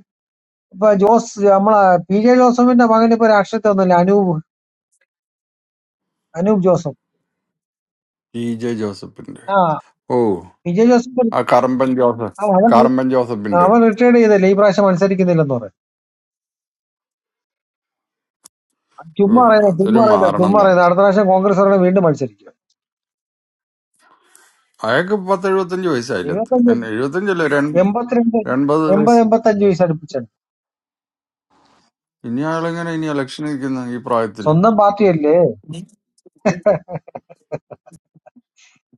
[SPEAKER 12] ഇപ്പൊ ജോസ് നമ്മളെ പി ജെ ജോസഫിന്റെ മകൻ ഇപ്പൊ രാഷ്ട്രീയത്തിൽ ഒന്നുമില്ല അനൂപ് അനൂപ് ജോസഫ്
[SPEAKER 2] ഇ ജെ ജോസഫിന്റെ
[SPEAKER 12] ആ
[SPEAKER 2] ഓ
[SPEAKER 12] പി ജെ ജോസഫ്
[SPEAKER 2] ആ കറമ്പൻ ജോസഫ്
[SPEAKER 12] ആ, അവൻ
[SPEAKER 2] കറമ്പൻ ജോസഫിന്റെ
[SPEAKER 12] അവൻ റിട്ടയർഡ് ചെയ്തല്ലേ ഈ പ്രാവശ്യം മത്സരിക്കുന്നില്ലെന്ന് പറയാം
[SPEAKER 2] ഓ
[SPEAKER 12] ചുമ്മാ അറിയുന്നത് ചുമ്മാ
[SPEAKER 2] അതൊരു
[SPEAKER 12] അറിയുന്നത്
[SPEAKER 2] മാരണം
[SPEAKER 12] ചുമ്മാ
[SPEAKER 2] തന്നെ
[SPEAKER 12] അറിയുന്നത് അടുത്ത പ്രാവശ്യം കോൺഗ്രസ് അവരുടെ വീണ്ടും മത്സരിക്കും
[SPEAKER 2] അയാൾക്ക് പത്ത് എഴുപത്തഞ്ച് വയസ്സായില്ല
[SPEAKER 12] എഴുപത്തഞ്ച്
[SPEAKER 2] എൻ- എഴുപത്തഞ്ചല്ല ഒരു എൺ-
[SPEAKER 12] എൺപത്തിരണ്ട്
[SPEAKER 2] എൺപത്
[SPEAKER 12] എൺപത്
[SPEAKER 2] വയസ്സ്
[SPEAKER 12] എൺപത്തഞ്ച് വയസ്സ് അടുപ്പിച്ചാണ്
[SPEAKER 2] ഇനി അയാളെങ്ങനെ ഇനി ഇലക്ഷൻ നിൽക്കുന്ന ഈ പ്രായത്തില്
[SPEAKER 12] സ്വന്തം പാർട്ടിയല്ലേ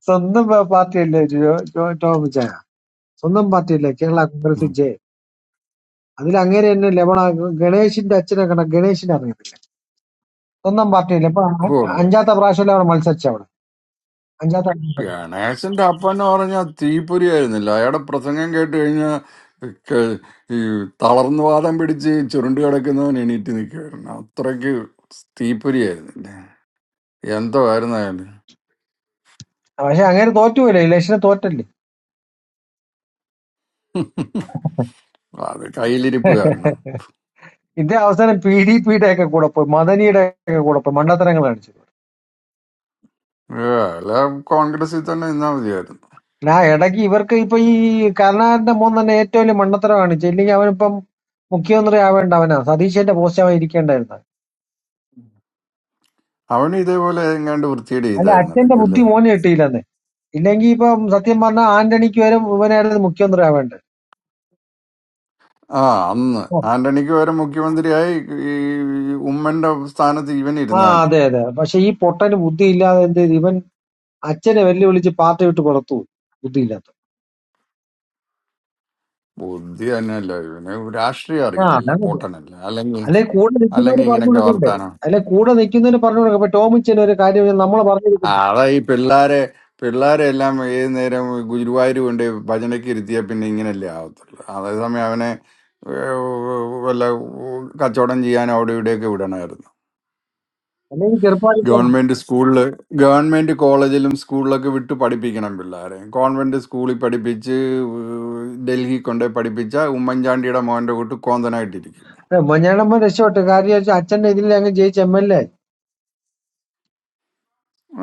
[SPEAKER 12] സ്വന്തം പ- പാർട്ടിയല്ലേ ജോ- ജോ- ടോമിച്ചാ സ്വന്തം പാർട്ടിയല്ലേ കേരള കോൺഗ്രസ്
[SPEAKER 2] ഉം.
[SPEAKER 12] ജെ അതിൽ അങ്ങേര് തന്നെ ലവണ ഗണേശിന്റെ അച്ഛനെ കണ്ട ഗണേശിനെ അറിയത്തില്ല സ്വന്തം പാർട്ടിയല്ലേ ഇപ്പൊ അ-
[SPEAKER 2] ഓ
[SPEAKER 12] അഞ്ചാത്ത പ്രാവശ്യമല്ലേ അവിടെ മത്സരിച്ച അവിടെ അഞ്ചാത്ത പ്രാവശ്യം.
[SPEAKER 2] ഗണേശന്റെ അപ്പൻ എന്ന് പറഞ്ഞാൽ തീപ്പൊരി ആയിരുന്നില്ല അയാളുടെ പ്രസംഗം കേട്ട് കഴിഞ്ഞാൽ ക- ഈ തളർന്നു വാദം പിടിച്ച് ചുരുണ്ട് കിടക്കുന്നവൻ എണീറ്റ് നിൽക്കുമായിരുന്നു അത്രയ്ക്ക് തീപ്പൊരി ആയിരുന്നില്ല എന്തോ ആയിരുന്നു അയാൾ
[SPEAKER 12] പക്ഷെ അങ്ങേര് തോറ്റുപോയില്ലേ ഇലക്ഷന് തോറ്റല്ലേ
[SPEAKER 2] അത് കയ്യിലിരിപ്പ് കാരണം
[SPEAKER 12] ഇതേ അവസാനം പി ഡി പിയുടെ ഒക്കെ കൂടെ പോയി മദനിയുടെ ഒക്കെ കൂടെ പോയി മണ്ടത്തരങ്ങൾ കാണിച്ചു
[SPEAKER 2] ഏ, അല്ല കോൺഗ്രസിൽ തന്നെ നിന്നാ മതിയായിരുന്നു
[SPEAKER 12] ആ ഇടയ്ക്ക് ഇവർക്ക് ഇപ്പൊ ഈ കരുണാകരന്റെ മോൻ തന്നെ ഏറ്റവും വലിയ മണ്ടത്തരം കാണിച്ചു ഇല്ലെങ്കിൽ അവനിപ്പം മുഖ്യമന്ത്രി ആവേണ്ട അവനാ സതീശന്റെ പോസ്റ്റ് അവൻ ഇരിക്കേണ്ടായിരുന്നു
[SPEAKER 2] അവനും ഇതേപോലെ എങ്ങാണ്ട് വൃത്തിയുടെ
[SPEAKER 12] അല്ല
[SPEAKER 2] ചെയ്തായിരുന്നു
[SPEAKER 12] അച്ഛന്റെ
[SPEAKER 2] ഇടയ്ക്ക് അല്ലേ
[SPEAKER 12] ബുദ്ധി മോനെ കിട്ടിയില്ലെന്ന് ഇല്ലെങ്കിൽ ഇപ്പം സത്യം പറഞ്ഞാൽ ആന്റണിക്ക് വരെ ഇവനായിരുന്നു മുഖ്യമന്ത്രി ആവേണ്ടത്
[SPEAKER 2] ആ അന്ന്
[SPEAKER 12] ഓ,
[SPEAKER 2] ആന്റണിക്ക് പകരം മുഖ്യമന്ത്രിയായി ഈ ഉമ്മന്റെ സ്ഥാനത്ത് ഇവൻ
[SPEAKER 12] ആ
[SPEAKER 2] ഇരുന്നാനെ
[SPEAKER 12] അതെ അതെ പക്ഷെ ഈ പൊട്ടന് ബുദ്ധി ഇല്ലാതെ എന്ത് ചെയ്തു? ഇവൻ അച്ഛനെ വെല്ലുവിളിച്ച് പാർട്ടി വിട്ട് പുറത്തു പോയി ബുദ്ധി ഇല്ലാത്ത
[SPEAKER 2] ബുദ്ധി തന്നെയല്ല ഇവന് രാഷ്ട്രീയം
[SPEAKER 12] ആ
[SPEAKER 2] അറിയില്ലല്ലോ
[SPEAKER 12] അതാണ് ഇത്.
[SPEAKER 2] പോട്ടനല്ല അല്ലെങ്കിൽ
[SPEAKER 12] അല്ലെ കൂടെ നിൽക്കുന്നവര്
[SPEAKER 2] അല്ലെങ്കിൽ
[SPEAKER 12] പറഞ്ഞു
[SPEAKER 2] ഇങ്ങനെയൊക്കെ
[SPEAKER 12] കൊടുക്കണ്ടേ
[SPEAKER 2] വർത്താനോ
[SPEAKER 12] അല്ലെ കൂടെ നിൽക്കുന്നവര് പറഞ്ഞു കൊടുക്കാം ഇപ്പൊ ടോമിച്ചൻ ഒരു കാര്യം നമ്മളെ പറഞ്ഞു
[SPEAKER 2] ആ,
[SPEAKER 12] കൊടുക്കുന്നു
[SPEAKER 2] അതാ ഈ പിള്ളാരെ പിള്ളാരെ എല്ലാം ഏത് നേരം ഗുരുവായൂർ കൊണ്ട് ഭജനയ്ക്ക് ഇരുത്തിയാൽ പിന്നെ ഇങ്ങനെയല്ലേ ആവത്തുള്ളൂ അതേസമയം അവനെ ഏർ, വല്ല കച്ചവടം ചെയ്യാൻ അവിടെ ഇവിടെയൊക്കെ വിടണമായിരുന്നു
[SPEAKER 12] അല്ലെങ്കിൽ ചെറുപ്പാലിക്ക
[SPEAKER 2] ഗവൺമെന്റ് സ്കൂളിൽ ഗവൺമെന്റ് കോളേജിലും സ്കൂളിലൊക്കെ വിട്ട് പഠിപ്പിക്കണം പിള്ളേരെ കോൺവെന്റ് സ്കൂളിൽ പഠിപ്പിച്ച് ഏർ, ഡൽഹി കൊണ്ടുപോയി പഠിപ്പിച്ച ഉമ്മൻചാണ്ടിയുടെ മോൻ്റെ കൂട്ട് കോന്തനായിട്ടിരിക്കും
[SPEAKER 12] മഞ്ഞാളമ്മ രക്ഷപ്പെട്ടു കാര്യം അച്ഛന്റെ ഇതിൽ അങ്ങ് ജയിച്ച എം എൽ എ ആയി.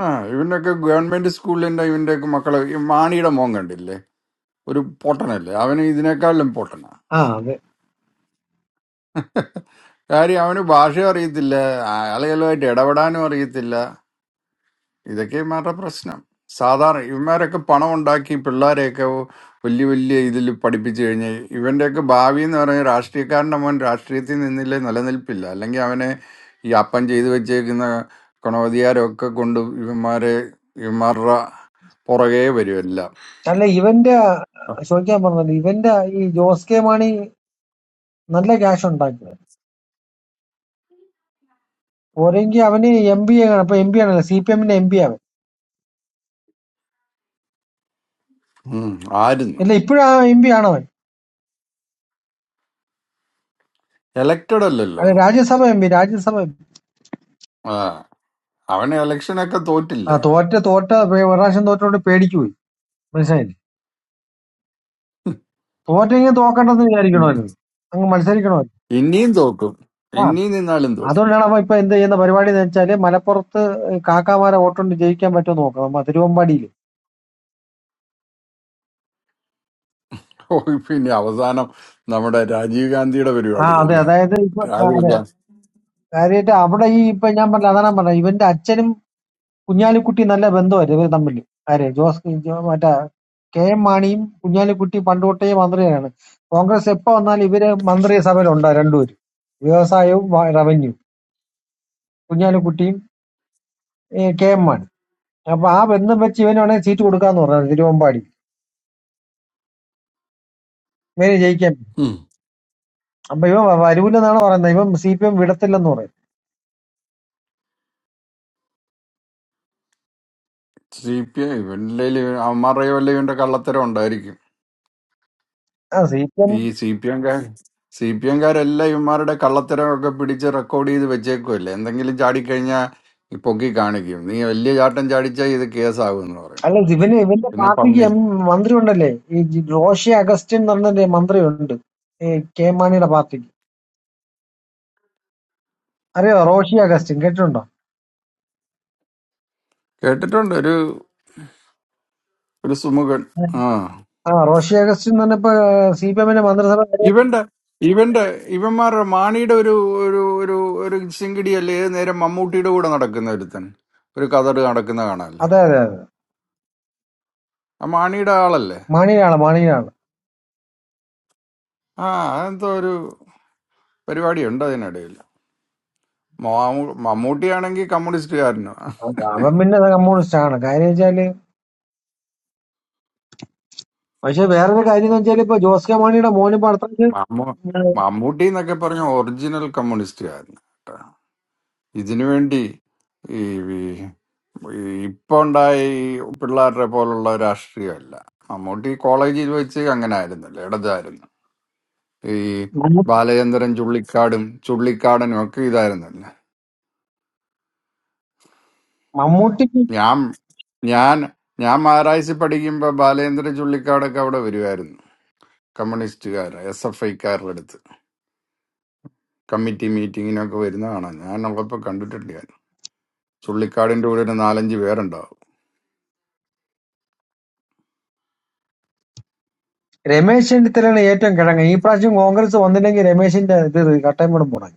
[SPEAKER 2] ആ ഇവനൊക്കെ ഗവൺമെന്റ് സ്കൂളിന്റെ ഇവന്റെ ഒക്കെ മക്കളെ ഈ മാണിയുടെ മോൻ കണ്ടില്ലേ ഒരു പൊട്ടനല്ലേ അവന് ഇതിനേക്കാളും പൊട്ടനാ
[SPEAKER 12] ആ അതെ
[SPEAKER 2] കാര്യം അവന് ഭാഷ അറിയത്തില്ല ആ- ആളുകളുമായിട്ട് ഇടപെടാനും അറിയത്തില്ല ഇതൊക്കെ ഇവന്മാരുടെ പ്രശ്നം സാധാരണ ഇവന്മാരൊക്കെ പണം ഉണ്ടാക്കി പിള്ളേരെയൊക്കെ വലിയ വലിയ ഇതിൽ പഠിപ്പിച്ചു കഴിഞ്ഞാൽ ഇവന്റെയൊക്കെ ഭാവി എന്ന് പറഞ്ഞാൽ രാഷ്ട്രീയക്കാരൻ്റെ മോൻ രാഷ്ട്രീയത്തിൽ നിന്നില്ലേ നിലനിൽപ്പില്ല അല്ലെങ്കിൽ അവനെ ഈ അപ്പം ചെയ്തു വെച്ചേക്കുന്ന ഗുണവധികാരമൊക്കെ കൊണ്ട് ഇവന്മാരെ ഇവന്മാരുടെ പുറകെ വരുമല്ല
[SPEAKER 12] അല്ല ഇവന്റെ ചോദിക്കാൻ പറഞ്ഞത് ഇവന്റെ ഈ ജോസ് കെ മാണി നല്ല ക്യാഷ് ഉണ്ടാക്കിയത് പോരെങ്കിൽ അവന് എം പി ആണ് അപ്പൊ എം പി ആണല്ലോ സി പി എമ്മിന്റെ എം പി അവൻ
[SPEAKER 2] ഉം, ആയിരുന്നു
[SPEAKER 12] ഇല്ല ഇപ്പോഴും ആ എം പി ആണോ അവൻ
[SPEAKER 2] എലക്റ്റഡ് അല്ലല്ലോ
[SPEAKER 12] അവൻ Rajya Sabha M P Rajya Sabha M P
[SPEAKER 2] ആ അവൻ എലക്ഷനൊക്കെ
[SPEAKER 12] ആ
[SPEAKER 2] തോറ്റില്ലേ
[SPEAKER 12] തോറ്റ തോറ്റ പേ- ഒരു പ്രാവശ്യം തോറ്റോണ്ട് പേടിച്ചു പോയി മനസ്സിലായില്ലേ തോറ്റെങ്കിൽ തോക്കണ്ടെന്ന്
[SPEAKER 2] ഇ-
[SPEAKER 12] വിചാരിക്കണമായിരുന്നു അങ്ങ് മത്സരിക്കണമായിരുന്നു
[SPEAKER 2] ഇനിയും തോക്കും
[SPEAKER 12] ആ
[SPEAKER 2] ഇനിയും നിന്നാലും തോക്കും
[SPEAKER 12] അതുകൊണ്ടാണ് അവൻ ഇപ്പൊ എന്ത് ചെയ്യുന്ന പരിപാടി എന്ന് വെച്ചാല് മലപ്പുറത്ത് കാക്കാമാരെ വോട്ടുകൊണ്ട് ജയിക്കാൻ പറ്റുമോ നോക്കണം തിരുവമ്പാടിയിൽ
[SPEAKER 2] ഓ ഇപ്പൊ ഇനി അവസാനം നമ്മുടെ രാജീവ് ഗാന്ധിയുടെ
[SPEAKER 12] ആ
[SPEAKER 2] പരിപാടി
[SPEAKER 12] അതെ
[SPEAKER 2] അല്ലേ
[SPEAKER 12] അതായത് ഇപ്പൊ ആ,
[SPEAKER 2] രാഹുൽ
[SPEAKER 12] അതെ
[SPEAKER 2] ഗാന്ധി
[SPEAKER 12] കാര്യമായിട്ട് അവിടെ ഈ ഇപ്പൊ ഞാൻ പറഞ്ഞ അതാണ് ഞാൻ പറഞ്ഞത് ഇവന്റെ അച്ഛനും കുഞ്ഞാലിക്കുട്ടി നല്ല ബന്ധമായിരുന്നു ഇവർ തമ്മിൽ ആര് ജോസ് ജോ മറ്റേ കെ എം മാണിയും കുഞ്ഞാലിക്കുട്ടി പണ്ട് തൊട്ടേ മന്ത്രിയാണ് കോൺഗ്രസ് എപ്പോ വന്നാലും ഇവര് മന്ത്രിസഭയിൽ ഉണ്ടാവും രണ്ടുപേരും വ്യവസായവും വ- റവന്യൂ കുഞ്ഞാലിക്കുട്ടിയും ഏ, കെ എം മാണി അപ്പൊ ആ ബന്ധം വെച്ച് ഇവന് വേണമെങ്കിൽ സീറ്റ് കൊടുക്കാന്ന് പറഞ്ഞു തിരുവമ്പാടി ഇവന് ജയിക്കാൻ അപ്പൊ ഇവൻ വ- വരൂലെന്നാണ് പറയുന്നത് ഇവൻ സി പി എം വിടത്തില്ലെന്ന് പറയും
[SPEAKER 2] സി പി ഐ ഇവന്റെ അവന്മാരുടെ വല്ല ഇവന്റെ കള്ളത്തരം ഉണ്ടായിരിക്കും
[SPEAKER 12] ആ സി
[SPEAKER 2] ഈ സി പി എംകാർ സി പി എംകാരെല്ലാം ഇവന്മാരുടെ കള്ളത്തരമൊക്കെ പിടിച്ച് റെക്കോർഡ് ചെയ്ത് വെച്ചേക്കുമല്ലേ എന്തെങ്കിലും ചാടിക്കഴിഞ്ഞാൽ പൊക്കി കാണിക്കും നീ വലിയ ചാട്ടം ചാടിച്ചാൽ ഇത് കേസാകും എന്ന് പറയും
[SPEAKER 12] അല്ല ഇവന് ഇവന്റെ
[SPEAKER 2] പിന്നെ
[SPEAKER 12] പാർട്ടിക്ക്
[SPEAKER 2] പമ്മി
[SPEAKER 12] എം മന്ത്രി ഉണ്ടല്ലേ ഈ ജി- റോഷി അഗസ്റ്റിൻ എന്ന് പറഞ്ഞൊരു മന്ത്രി ഉണ്ട് ഈ കെ മാണിയുടെ പാർട്ടിക്ക് അറിയോ റോഷി അഗസ്റ്റിൻ കേട്ടിട്ടുണ്ടോ
[SPEAKER 2] കേട്ടിട്ടുണ്ട് ഒരു ഒരു സുമുഖൻ ആ
[SPEAKER 12] ആ റോഷി അഗസ്റ്റിൻ തന്നെ ഇപ്പൊ സി പി എമ്മിന്റെ മന്ത്രിസഭ വരെ-
[SPEAKER 2] ഇവന്റെ ഇവന്റെ ഇവന്മാരുടെ മാണിയുടെ ഒരു ഒരു ഒരു ഒരു ചിങ്കിടിയല്ലേ ഏത് നേരം മമ്മൂട്ടിയുടെ കൂടെ നടക്കുന്ന ഒരുത്തൻ ഒരു കതറ് നടക്കുന്ന കാണാനല്ല
[SPEAKER 12] അതെ അതെ അതെ.
[SPEAKER 2] ആ മാണിയുടെ ആളല്ലേ
[SPEAKER 12] മാണിയുടെ ആള് മാണിയുടെ ആള്
[SPEAKER 2] ആ അതെന്തോ ഒരു പരിപാടിയുണ്ട് അതിനിടയിൽ മാമു- മമ്മൂട്ടിയാണെങ്കിൽ കമ്മ്യൂണിസ്റ്റുകാരനോ
[SPEAKER 12] അത് അവൻ പിന്നെ കമ്മ്യൂണിസ്റ്റ് ആണ് കാര്യം വെച്ചാല് പക്ഷെ വേറൊരു കാര്യം എന്ന് വെച്ചാൽ ഇപ്പൊ ജോസ് കെ മാണിയുടെ മോന് പടത്തേക്ക്
[SPEAKER 2] മമ്മൂ മമ്മൂട്ടി എന്നൊക്കെ പറഞ്ഞ ഒറിജിനൽ കമ്മ്യൂണിസ്റ്റുകാരൻ ഇതിനുവേണ്ടി ഈ ഈ- ഇപ്പൊ ഉണ്ടായ ഈ പിള്ളേരുടെ പോലുള്ള രാഷ്ട്രീയമല്ല മമ്മൂട്ടി കോളേജിൽ വെച്ച് അങ്ങനെ ആയിരുന്നല്ലോ ഇടതായിരുന്നു ഈ ബാലചന്ദ്രൻ ചുള്ളിക്കാടും ചുള്ളിക്കാടനും ഒക്കെ ഇതായിരുന്നല്ലോ
[SPEAKER 12] മമ്മൂട്ടിക്ക്
[SPEAKER 2] ഞാൻ ഞാൻ ഞാൻ മാരായ്സ് പഠിക്കുമ്പോ ബാലചന്ദ്രൻ ചുള്ളിക്കാടൊക്കെ അവിടെ വരുമായിരുന്നു കമ്മ്യൂണിസ്റ്റുകാർ എസ് എഫ് ഐക്കാരുടെ അടുത്ത് കമ്മിറ്റി മീറ്റിങ്ങിനൊക്കെ വരുന്ന കാണാം ഞാനുള്ളപ്പോ കണ്ടിട്ടുണ്ട് ഞാൻ ചുള്ളിക്കാടിന്റെ കൂടെ ഒരു നാലഞ്ച് പേരുണ്ടാവും
[SPEAKER 12] രമേശ് ചെന്നിത്തലാണ് ഏറ്റവും കിഴങ്ങ് ഈ പ്രാവശ്യം കോൺഗ്രസ് വന്നില്ലെങ്കിൽ രമേശിന്റെ ഇത് കട്ടയം വിടും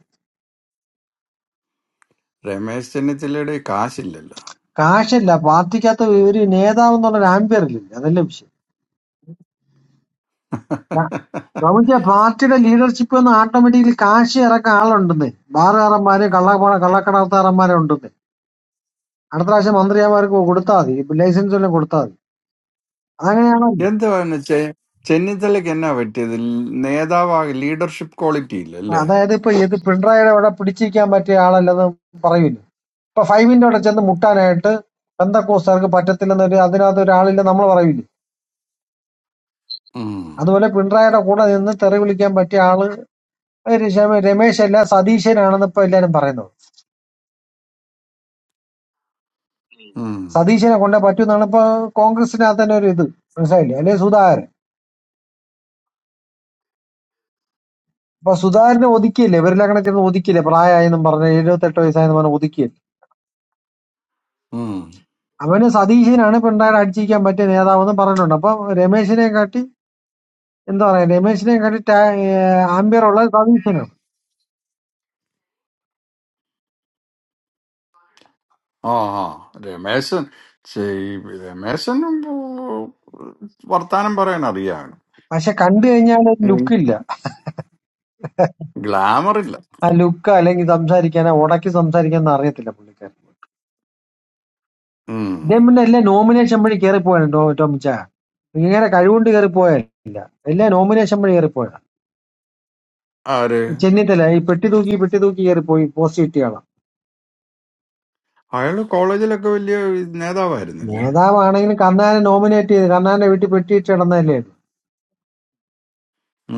[SPEAKER 2] രമേശ് ചെന്നിത്തലയുടെ കാശില്ലല്ലോ
[SPEAKER 12] കാശല്ല പാർട്ടിക്കകത്ത് ഒരു നേതാവ് എന്നുള്ള ആംബിയറിലില്ല അതല്ല വിഷയം നമുക്ക് പാർട്ടിയുടെ ലീഡർഷിപ്പ് എന്ന് ഓട്ടോമാറ്റിക്കലി കാശ് ഇറക്കാൻ ആളുണ്ടെന്ന് ബാറുകാരന്മാര് കള്ളപ്പണ കള്ളക്കടത്താറന്മാരെ ഉണ്ടെന്ന് അടുത്ത പ്രാവശ്യം മന്ത്രിമാർക്ക് കൊടുത്താൽ മതി ലൈസൻസ് എല്ലാം കൊടുത്താൽ മതി അങ്ങനെയാണോ
[SPEAKER 2] എന്താ പറയുന്നത് ചെ ചെന്നിത്തലയ്ക്ക് എന്നാ പറ്റിയത് ൽ- നേതാവാകെ ലീഡർഷിപ്പ് ക്വാളിറ്റി ഇല്ല അല്ലേ
[SPEAKER 12] അതായത് ഇപ്പൊ ഇത് പിണറായിയുടെ അവിടെ പിടിച്ചിരിക്കാൻ പറ്റിയ ആളല്ലെന്ന് പറയൂല ഇപ്പൊ ഫൈവിന്റെ അവിടെ ചെന്ന് മുട്ടാനായിട്ട് ബന്ധക്കോസ്താർക്ക് പറ്റത്തില്ലെന്നൊരു അതിനകത്ത് ഒരാളില്ല നമ്മൾ പറയൂലേ
[SPEAKER 2] ഉം,
[SPEAKER 12] അതുപോലെ പിണറായിയുടെ കൂടെ നിന്ന് തെറി വിളിക്കാൻ പറ്റിയ ആള് ഒരു രമേശ് അല്ല സതീശനാണെന്ന് ഇപ്പൊ എല്ലാരും പറയുന്നത്
[SPEAKER 2] ഉം,
[SPEAKER 12] സതീശനെ കൊണ്ടേ പറ്റൂന്നാണ് ഇപ്പൊ കോൺഗ്രസിനകത്ത് തന്നെ ഒരു ഇത് മനസ്സിലായില്ലേ അല്ലെ സുധാകരൻ അപ്പൊ സുധാകരനെ ഒതുക്കിയില്ലേ ഇവരിലങ്ങനെ ചെന്ന് ഒതുക്കിയില്ലേ പ്രായമായെന്നും പറഞ്ഞ് എഴുപത്തെട്ട് വയസ്സായെന്ന് പറഞ്ഞ് ഒതുക്കിയില്ലേ
[SPEAKER 2] ഉം.
[SPEAKER 12] അവന് സതീശനാണ് പിണറായി അടിച്ചിരിക്കാൻ പറ്റിയ നേതാവെന്ന് പറഞ്ഞിട്ടുണ്ട് അപ്പൊ രമേശിനെ കാട്ടി എന്താ പറയാ രമേശിനെ കാട്ടി ആംബിയർ ഉള്ള സതീശനാണ്
[SPEAKER 2] ആ ആ രമേശൻ ചെ- രമേശനും ഉം, വർത്താനം പറയാൻ അറിയാം
[SPEAKER 12] പക്ഷെ കണ്ടു കഴിഞ്ഞാൽ ഒരു
[SPEAKER 2] ഉം.
[SPEAKER 12] ലുക്ക് ഇല്ല
[SPEAKER 2] ഗ്ലാമർ ഇല്ല
[SPEAKER 12] ആ ലുക്ക് അല്ലെങ്കിൽ സംസാരിക്കാനോ ഉടക്കി സംസാരിക്കാനോ അറിയത്തില്ല പുള്ളിക്കാരൻ
[SPEAKER 2] ഉം.
[SPEAKER 12] ഇദ്ദേഹം പിന്നെ എല്ലാം നോമിനേഷൻ വഴി കയറിപ്പോയാണ് ടോമിച്ച ഇങ്ങനെ കഴിവുകൊണ്ട് കയറിപ്പോയല്ല എല്ലാം നോമിനേഷൻ വഴി കയറിപ്പോയ
[SPEAKER 2] ആര്
[SPEAKER 12] ചെന്നിത്തല ഈ പെട്ടി തൂക്കി പെട്ടി തൂക്കി കയറിപ്പോയി പോസ്റ്റ് കിട്ടിയാണ്
[SPEAKER 2] അയാള് കോളേജിലൊക്കെ വലിയ നേതാവായിരുന്നില്ലേ
[SPEAKER 12] നേതാവാണെങ്കിലും കണ്ണാനെ നോമിനേറ്റ് ചെയ്ത് കണ്ണാന്റെ വീട്ടിൽ പെട്ടി ഇട്ട് കിടന്നതല്ലേ ഇത്?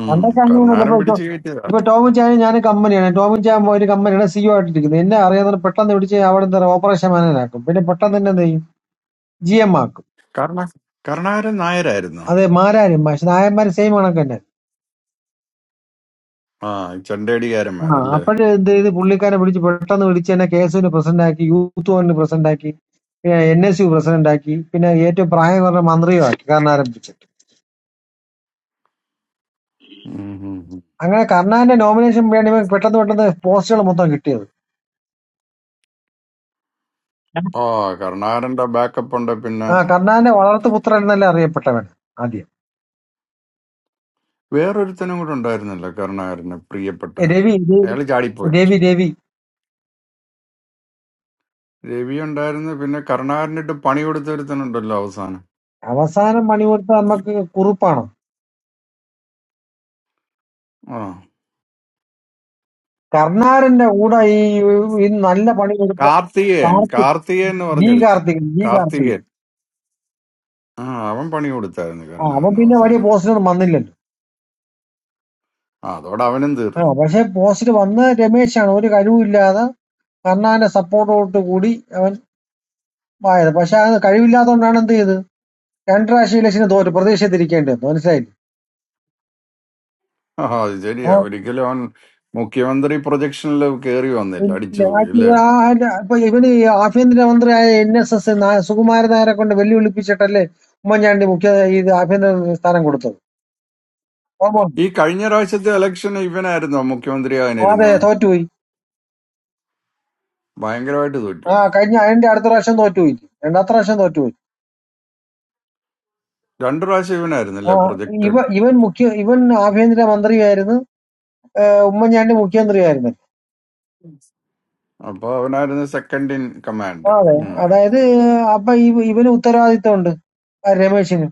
[SPEAKER 2] ഉം
[SPEAKER 12] പണ്ടൊക്കെ അങ്ങനെയൊന്നുമില്ല
[SPEAKER 2] കർണാരം
[SPEAKER 12] ഇപ്പൊ ഇപ്പൊ
[SPEAKER 2] പിടിച്ചു കയറ്റിയതാ
[SPEAKER 12] ഇപ്പൊ ടോമും ചാനും ഞാൻ കമ്പനിയാണ് ടോമും ചാൻ പോയി ഒരു കമ്പനിയുടെ സിഇഒ ആയിട്ടിരിക്കുന്നത് എന്നെ അറിയാതെ പെട്ടെന്ന് പിടിച്ച് അവിടെ എന്താ പറയുക, ഓപ്പറേഷൻ മാനേജാക്കും പിന്നെ പെട്ടെന്ന് തന്നെ എന്ത് ചെയ്യും ജി എം ആക്കും
[SPEAKER 2] കർണ കർണാരൻ നായരായിരുന്നു
[SPEAKER 12] അതെ മാരാരും പക്ഷെ നായന്മാര് സെയിം കണക്ക് തന്നെ
[SPEAKER 2] ആ
[SPEAKER 12] ആ
[SPEAKER 2] ചെണ്ടേടികാരന്മാരല്ലേ
[SPEAKER 12] അപ്പോഴും എന്ത് ചെയ്ത് പുള്ളിക്കാരെ പിടിച്ച് പെട്ടെന്ന് പിടിച്ച് തന്നെ കേസുവിന് പ്രസിഡന്റ് ആക്കി യൂത്ത് കോണിന് പ്രസിഡന്റ് ആക്കി എൻ എസ് യു പ്രസിഡന്റ് ആക്കി പിന്നെ ഏറ്റവും പ്രായം കുറഞ്ഞ മന്ത്രിയും ആക്കി കാരണം ആരംഭിച്ചു അങ്ങനെ കർണാന്റെ നോമിനേഷൻ വേണ്ടി ഇവൻ പെട്ടെന്ന് പെട്ടെന്ന് പോസ്റ്റുകൾ മൊത്തം കിട്ടിയത്
[SPEAKER 2] ആ കരുണാകരന്റെ ബാക്കപ്പ് ഉണ്ട് പിന്നെ
[SPEAKER 12] ആ കർണാന്റെ വളർത്തുപുത്രൻ എന്നല്ല അറിയപ്പെട്ടവൻ ആദ്യം
[SPEAKER 2] വേറൊരുത്തനും കൂടെ ഉണ്ടായിരുന്നല്ലോ കരുണാകരന് പ്രിയപ്പെട്ട
[SPEAKER 12] ഏ, രവി രവി
[SPEAKER 2] അയാൾ ചാടിപ്പോയി
[SPEAKER 12] രവി രവി
[SPEAKER 2] രവി ഉണ്ടായിരുന്നു പിന്നെ കരുണാകരനിട്ട് പണി കൊടുത്ത ഒരുത്തനുണ്ടല്ലോ അവസാനം
[SPEAKER 12] അവസാനം പണി കൊടുത്ത നമുക്ക് കുറുപ്പാണ്
[SPEAKER 2] ആ
[SPEAKER 12] കർണാരന്റെ കൂടെ ഈ ഈ നല്ല പണി കൊടുത്ത
[SPEAKER 2] കാർത്തികേയൻ
[SPEAKER 12] കാർത്തിക്
[SPEAKER 2] കാർത്തികേയൻ എന്ന്
[SPEAKER 12] ജി
[SPEAKER 2] പറഞ്ഞൊരുത്തൻ
[SPEAKER 12] കാർത്തിക് ജി കാർത്തിക്
[SPEAKER 2] കാർത്തികേയൻ ആ അവൻ പണി കൊടുത്തായിരുന്നു
[SPEAKER 12] ആ അവൻ
[SPEAKER 2] കരുണാകരന്
[SPEAKER 12] പിന്നെ വലിയ
[SPEAKER 2] അവസാനം
[SPEAKER 12] പോസ്റ്റിനൊന്നും വന്നില്ലല്ലോ
[SPEAKER 2] ആ അതോടെ അവനും തീർന്നു
[SPEAKER 12] ആ പക്ഷെ പോസ്റ്റിൽ വന്ന രമേശാണ് ഒരു കഴിവില്ലാതെ കർണാന്റെ സപ്പോർട്ടോട്ട് കൂടി അവൻ വായത് പക്ഷെ അത് കഴിവില്ലാത്തതുകൊണ്ടാണ് എന്ത് ചെയ്ത് രണ്ട് പ്രാവശ്യം ഇലക്ഷന് തോറ്റു പ്രതീക്ഷ തിരിക്കേണ്ടത് മനസ്സിലായില്ലേ
[SPEAKER 2] ആ അത് ശരിയാ
[SPEAKER 12] ആ
[SPEAKER 2] ഒരിക്കലും അവൻ മുഖ്യമന്ത്രി പ്രൊജക്ഷനിൽ കയറി വന്നില്ല
[SPEAKER 12] ഇല്ല
[SPEAKER 2] അടിച്ചു പോയി
[SPEAKER 12] ആക്ച്വലി
[SPEAKER 2] അല്ലേ
[SPEAKER 12] ആ ആര് ഇപ്പൊ ഇവന് ഈ ആഭ്യന്തരമന്ത്രിയായ എൻ എസ് എസ് സുകുമാരൻ നായരെ കൊണ്ട് വെല്ലുവിളിപ്പിച്ചിട്ടല്ലേ ഉമ്മൻചാണ്ടി മുഖ്യ ഇത് ആഭ്യന്തര സ്ഥാനം കൊടുത്തത് ഓമോ
[SPEAKER 2] ഈ കഴിഞ്ഞ പ്രാവശ്യത്തെ ഇലക്ഷൻ ഇവനായിരുന്നോ
[SPEAKER 12] അതെ
[SPEAKER 2] മുഖ്യമന്ത്രിയാകാനിരുന്നത്
[SPEAKER 12] തോറ്റുപോയി
[SPEAKER 2] ഭയങ്കരമായിട്ട്
[SPEAKER 12] ആ
[SPEAKER 2] തോറ്റുപോയി
[SPEAKER 12] കഴിഞ്ഞ അതിന്റെ അടുത്ത പ്രാവശ്യം തോറ്റുപോയി രണ്ടാമത്തെ പ്രാവശ്യം തോറ്റുപോയി
[SPEAKER 2] രണ്ടു പ്രാവശ്യം ഇവനായിരുന്നല്ലേ
[SPEAKER 12] ആ ഇവ
[SPEAKER 2] പ്രൊജക്റ്റഡ്
[SPEAKER 12] ഇവൻ മുഖ്യ ഇവൻ ആഭ്യന്തര മന്ത്രിയായിരുന്നു ആ, ഉമ്മൻചാണ്ടി മുഖ്യമന്ത്രിയായിരുന്നു
[SPEAKER 2] അപ്പൊ അവനായിരുന്നു സെക്കൻഡ് ഇൻ കമാൻഡ്
[SPEAKER 12] ആ, അതെ
[SPEAKER 2] ഉം.
[SPEAKER 12] അതായത് അപ്പൊ ഇവ- ഇവന് ഉത്തരവാദിത്തമുണ്ട് ആ രമേശിന്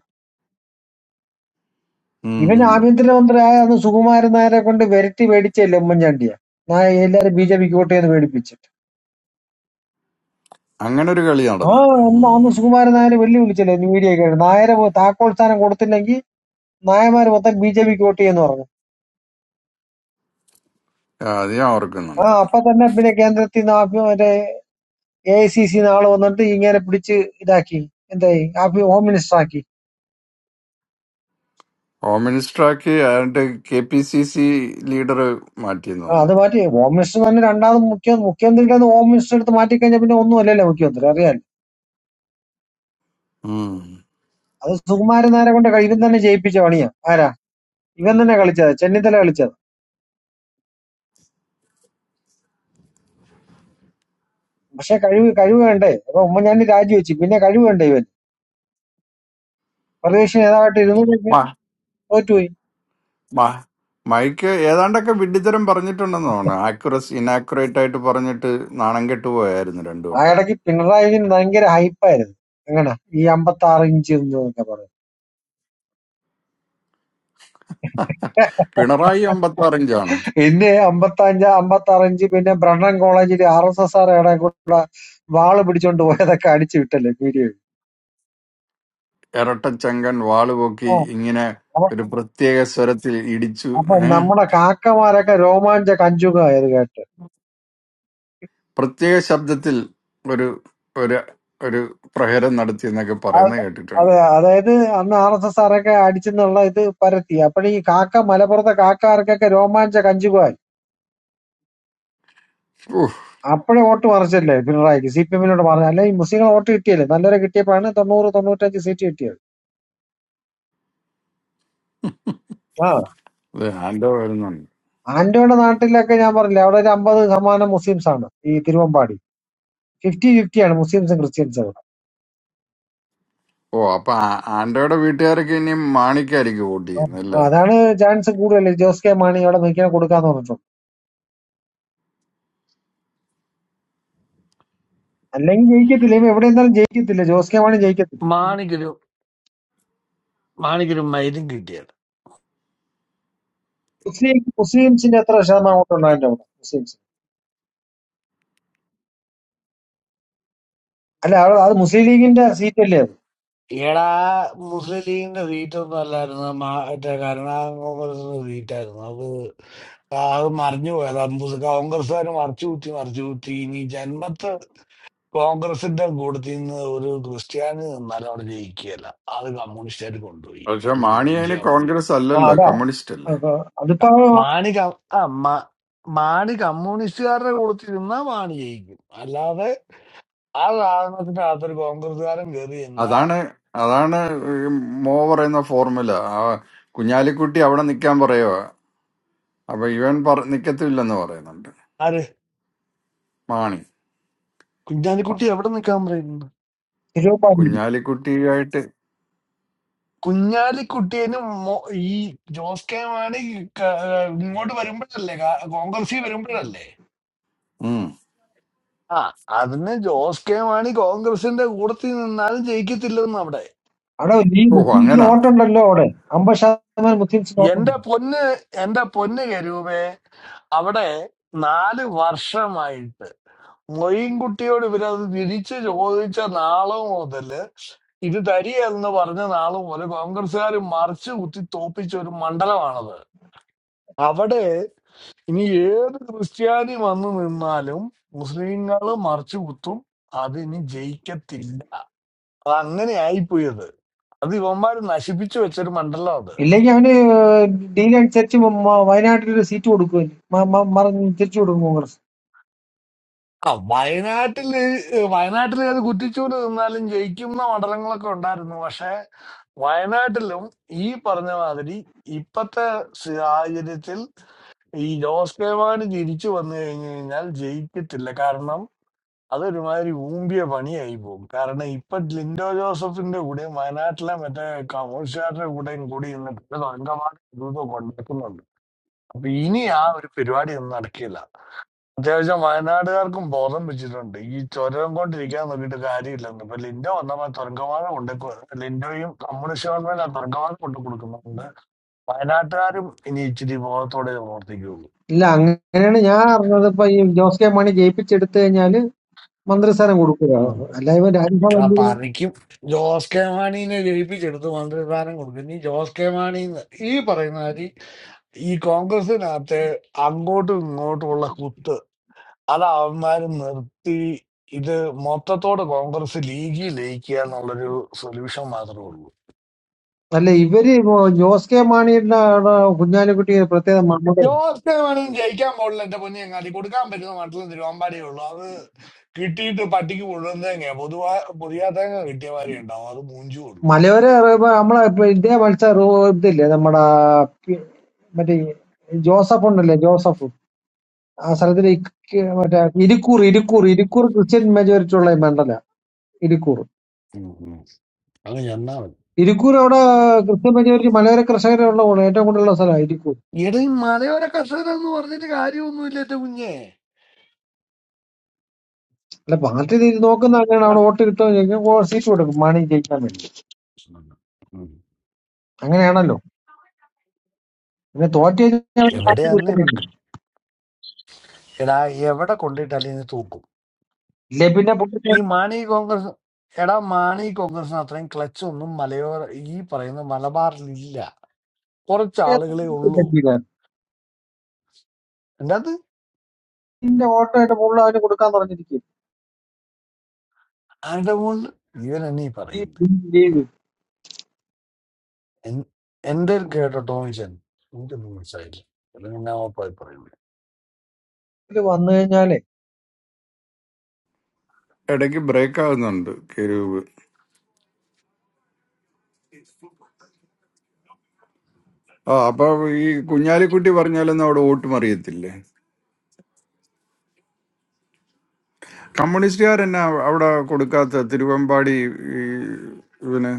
[SPEAKER 2] ഉം,
[SPEAKER 12] ഇവൻ
[SPEAKER 2] ഉം.
[SPEAKER 12] ആഭ്യന്തര മന്ത്രിയായ അന്ന് സുകുമാരൻ നായരെ കൊണ്ട് വിരട്ടി മേടിച്ചല്ലേ ഉമ്മൻചാണ്ടിയെ നായ എല്ലാരും ബി ജെ പിക്ക് വോട്ട് ചെയ്ത് മേടിപ്പിച്ചു
[SPEAKER 2] അങ്ങനെ ഒരു കളി
[SPEAKER 12] ആ
[SPEAKER 2] നടന്നു
[SPEAKER 12] അന്ന്
[SPEAKER 2] ഉം.
[SPEAKER 12] അന്ന് സുകുമാരൻ നായരെ വെല്ലുവിളിച്ചല്ലേ മീഡിയ ഒക്കെ നായരെ പോ- താക്കോൽ സ്ഥാനം കൊടുത്തില്ലെങ്കിൽ നായമാര് മൊത്തം ബി ജെ പിക്ക് വോട്ട് ചെയ്യുമെന്ന് പറഞ്ഞു
[SPEAKER 2] ആ, അത് ഞാൻ
[SPEAKER 12] ആ
[SPEAKER 2] ഓർക്കുന്നുണ്ട്
[SPEAKER 12] അപ്പൊ തന്നെ പിന്നെ കേന്ദ്രത്തിൽ നിന്ന് ആഭ്യ- മറ്റേ എ ഐ സി സിന്ന് ആള് വന്നിട്ട് ഇങ്ങനെ പിടിച്ച് ഇതാക്കി എന്തായി ആഭ്യ- ഹോം മിനിസ്റ്റർ ആക്കി
[SPEAKER 2] ഹോം മിനിസ്റ്ററാക്കി ആണ്ട് K P C C leader മാറ്റിയെന്ന്
[SPEAKER 12] ആ അത്
[SPEAKER 2] തോന്നുന്നു
[SPEAKER 12] മാറ്റി ഹോം മിനിസ്റ്റർ തന്നെ രണ്ടാമത് മുഖ്യ മുഖ്യമന്ത്രിയുടെ നിന്ന് ഹോം മിനിസ്റ്റർ എടുത്ത് മാറ്റി കഴിഞ്ഞാൽ പിന്നെ ഒന്നും അല്ലല്ലോ മുഖ്യമന്ത്രി അറിയാൻ
[SPEAKER 2] ഉം.
[SPEAKER 12] അത് സുകുമാരൻ നായരെ കൊണ്ട് കഴി- ഇവൻ തന്നെ ജയിപ്പിച്ച പണിയാ ആരാ ഇവൻ തന്നെ കളിച്ചത് ചെന്നിത്തല കളിച്ചത് പക്ഷെ കഴിവ് കഴിവ് വേണ്ടേ അപ്പൊ ഉമ്മൻചാണ്ടി രാജിവെച്ചു പിന്നെ കഴിവ് വേണ്ടേ ഇവൻ പ്രതിപക്ഷ നേതാവായിട്ട് ഇരുന്നു
[SPEAKER 2] മ-
[SPEAKER 12] തോറ്റുപോയി
[SPEAKER 2] മ- മൈക്ക് ഏതാണ്ടൊക്കെ വിഡ്ഢിത്തരം പറഞ്ഞിട്ടുണ്ടെന്ന് തോന്നുന്നു ആക്യുറസ് ഇനാക്യുറേറ്റ് ആയിട്ട് പറഞ്ഞിട്ട് നാണം കെട്ട് പോയായിരുന്നു രണ്ടു
[SPEAKER 12] ആ
[SPEAKER 2] വട്ടം
[SPEAKER 12] ഇടയ്ക്ക് പിണറായി വിജയൻ ഭയങ്കര ഹൈപ്പായിരുന്നു എങ്ങനെ ഈ അമ്പത്തി ആറ് ഇഞ്ച് എന്നൊക്കെ പറഞ്ഞു
[SPEAKER 2] പിണറായി അമ്പത്തി ആറിഞ്ചാണ്
[SPEAKER 12] പിന്നെ അമ്പത്തി അഞ്ച് അമ്പത്തി ആറ് ഇഞ്ച് പിന്നെ ബ്രണ്ണൻ കോളേജിൽ ആർ എസ് എസ് ആർ ഇടയിൽ കൂടെ വാള് പിടിച്ചോണ്ട് പോയതൊക്കെ അടിച്ചു വിട്ടല്ലേ വീഡിയോ
[SPEAKER 2] ഇരട്ടച്ചങ്കൻ വാളുപൊക്കി ഇങ്ങനെ
[SPEAKER 12] അപ്പൊ
[SPEAKER 2] ഒരു പ്രത്യേക സ്വരത്തിൽ ഇടിച്ചു
[SPEAKER 12] അപ്പൊ നമ്മുടെ കാക്കമാരൊക്കെ രോമാഞ്ച കഞ്ചുകായത് കേട്ട്
[SPEAKER 2] പ്രത്യേക ശബ്ദത്തിൽ ഒരു ഒരു ഒരു പ്രഹരം നടത്തി എന്നൊക്കെ
[SPEAKER 12] അത്
[SPEAKER 2] പറയുന്നത്
[SPEAKER 12] അതെ
[SPEAKER 2] കേട്ടിട്ടുണ്ട്
[SPEAKER 12] അതായത് അന്ന് ആർ എസ് എസ് ആറൊക്കെ അടിച്ചെന്നുള്ള ഇത് പരത്തി അപ്പഴീ കാക്ക മലപ്പുറത്തെ കാക്കാർക്കൊക്കെ രോമാഞ്ച കഞ്ചുക
[SPEAKER 2] ഊഹ്
[SPEAKER 12] അപ്പോഴേ വോട്ട് മറിച്ചല്ലേ പിണറായിക്ക് സി പി എമ്മിനോട് മറിഞ്ഞ അല്ലെ ഈ മുസ്ലിങ്ങൾ വോട്ട് കിട്ടിയല്ലേ നല്ലവരെ കിട്ടിയപ്പോഴാണ് തൊണ്ണൂറ് തൊണ്ണൂറ്റഞ്ച് സീറ്റ് കിട്ടിയത് ആ
[SPEAKER 2] ഇത് ആൻഡോ വരുന്നുണ്ട്
[SPEAKER 12] ആന്റോയുടെ നാട്ടിലൊക്കെ ഞാൻ പറഞ്ഞില്ലേ അവിടെ ഒരു അമ്പത് ശതമാനം മുസ്ലിംസ് ആണ് ഈ തിരുവമ്പാടി ഫിഫ്റ്റി ഫിഫ്റ്റി ആണ് മുസ്ലിംസും ക്രിസ്ത്യൻസും അവിടെ
[SPEAKER 2] ഓ അപ്പൊ ആ- ആൻഡോയുടെ വീട്ടുകാരൊക്കെ ഇനി മാണിക്കായിരിക്കും വോട്ട്
[SPEAKER 12] ആ,
[SPEAKER 2] ചെയ്യുന്നത് അല്ലേ
[SPEAKER 12] അതാണ് ചാൻസ് കൂടുതൽ ജോസ് കെ മാണി അവിടെ നിൽക്കാൻ കൊടുക്കാന്ന് പറഞ്ഞിട്ടുണ്ട് അല്ലെങ്കിൽ ജയിക്കത്തില്ല ഇവ എവിടെ നിന്നാലും ജയിക്കത്തില്ല ജോസ് കെ മാണി ജയിക്കത്തില്ല മുസ്ലിം മുസ്ലിംസിന്റെ എത്ര ശതമാനം വോട്ടുണ്ടോ അതിന്റെ അവിടെ മുസ്ലിംസ് അല്ല അവിടെ അത് മുസ്ലിം ലീഗിന്റെ സീറ്റ് അല്ലേ അത്
[SPEAKER 2] പക്ഷെ മാണി അതിന് കോൺഗ്രസ്
[SPEAKER 12] ആ
[SPEAKER 2] അല്ലല്ലോ
[SPEAKER 12] അതാ
[SPEAKER 2] കമ്മ്യൂണിസ്റ്റ് അല്ലേ
[SPEAKER 12] അപ്പൊ അതിപ്പോ
[SPEAKER 2] അതാണ് അതാണ് ഈ മോ പറയുന്ന ഫോർമുല ആ കുഞ്ഞാലിക്കുട്ടി അവിടെ നിൽക്കാൻ പറയുക അപ്പൊ ഇവൻ പറ നിക്കത്തില്ലെന്ന് പറയുന്നുണ്ട് മാണി മ-
[SPEAKER 12] തിരുവമ്പാടി
[SPEAKER 2] കുഞ്ഞാലിക്കുട്ടിയായിട്ട് ഉം
[SPEAKER 12] അവിടെ ഈ
[SPEAKER 2] ഓ
[SPEAKER 12] മുസ്ലിംസിന്
[SPEAKER 2] അങ്ങനാണ്
[SPEAKER 12] വോട്ടുണ്ടല്ലോ അവിടെ അമ്പത് ശതമാനം മുസ്ലിംസിന് വോട്ടുണ്ട് ഇല്ലെങ്കിൽ അവന് ഡീൽ അനുസരിച്ച് മ- മ- വയനാട്ടിൽ ഒരു സീറ്റ് കൊടുക്കും മറിഞ്ഞ് തിരിച്ചു കൊടുക്കും കോൺഗ്രസ് ഇല്ല അങ്ങനെയാണ് ഞാൻ അറിഞ്ഞത് ഇപ്പൊ ഈ ജോസ് കെ മാണി ജയിപ്പിച്ചെടുത്തു കഴിഞ്ഞാല് മന്ത്രിസ്ഥാനം കൊടുക്കുക അല്ല ഇവ രാജ്യസഭ അംഗീകരണം അല്ല ഇവര് ഇപ്പൊ ജോസ് കെ മാണിയുടെ അവിടെ കുഞ്ഞാലിക്കുട്ടി പ്രത്യേകം നമ്മുടെ മലയോര ഇപ്പൊ നമ്മളെ ഇപ്പൊ ഇതേ മത്സരം ഇതില്ലേ നമ്മുടെ പി- മറ്റേ ജോസഫ് ഉണ്ടല്ലേ ജോസഫ് ആ സ്ഥലത്തിന് ഇക്ക് മറ്റേ ഇരിക്കൂർ ഇരിക്കൂർ ഇരിക്കൂർ ക്രിസ്ത്യൻ മെജോറിറ്റി ഉള്ള മണ്ഡല ഇരിക്കൂർ ഇരിക്കൂർ അവിടെ ക്രിസ്ത്യൻ മെജോറിറ്റി മലയോര കർഷകരുള്ള ഉള്ള ഏറ്റവും കൂടുതലുള്ള സ്ഥലമാണ് ഇരിക്കൂർ അല്ല പാർട്ടി ഇത് നോക്കുന്ന അങ്ങനെയാണ് അവിടെ വോട്ട് കിട്ടുമോ ചോദിക്കും ഓ, സീറ്റ് കൊടുക്കും മാണി ജയിക്കാൻ വേണ്ടി അങ്ങനെയാണല്ലോ പിന്നെ തോറ്റു കഴിഞ്ഞാൽ അവന് പാർട്ടി കിട്ടുന്നില്ല ഇല്ലേ പിന്നെ പുള്ളിന്റെ വോട്ടായിട്ട് പുള്ളി അവന് കൊടുക്കാൻ പറഞ്ഞിരിക്കും ഈ ലീഗ് ഇതിൽ വന്നു കഴിഞ്ഞാലേ
[SPEAKER 2] ഇടയ്ക്ക് ബ്രേക്ക് ആകുന്നുണ്ട് കെരൂബ് ആ അപ്പൊ ഈ കുഞ്ഞാലിക്കുട്ടി പറഞ്ഞാലൊന്നും അവിടെ വോട്ടും അറിയത്തില്ലേ കമ്മ്യൂണിസ്റ്റുകാർ എന്നാ അവിടെ കൊടുക്കാത്ത തിരുവമ്പാടി ഈ ഇവന്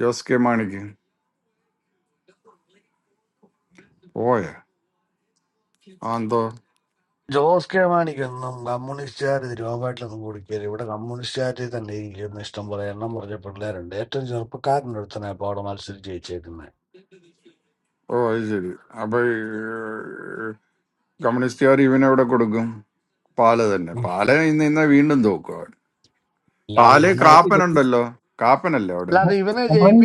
[SPEAKER 2] ജോസ് കെ മാണിക്ക് പോയ ആ എന്തോ ഓ അത് ശരി അപ്പൊ ഈ, കമ്മ്യൂണിസ്റ്റുകാർ ഇവനെവിടെ കൊടുക്കും പാല തന്നെ പാല ഇന്ന് ഇന്ന് വീണ്ടും തോക്കും അവിടെ പാല
[SPEAKER 12] ഇരിക്കത്തില്ല.
[SPEAKER 2] കാപ്പനുണ്ടല്ലോ കാപ്പനല്ലേ അവിടെ
[SPEAKER 12] നമ്മളീ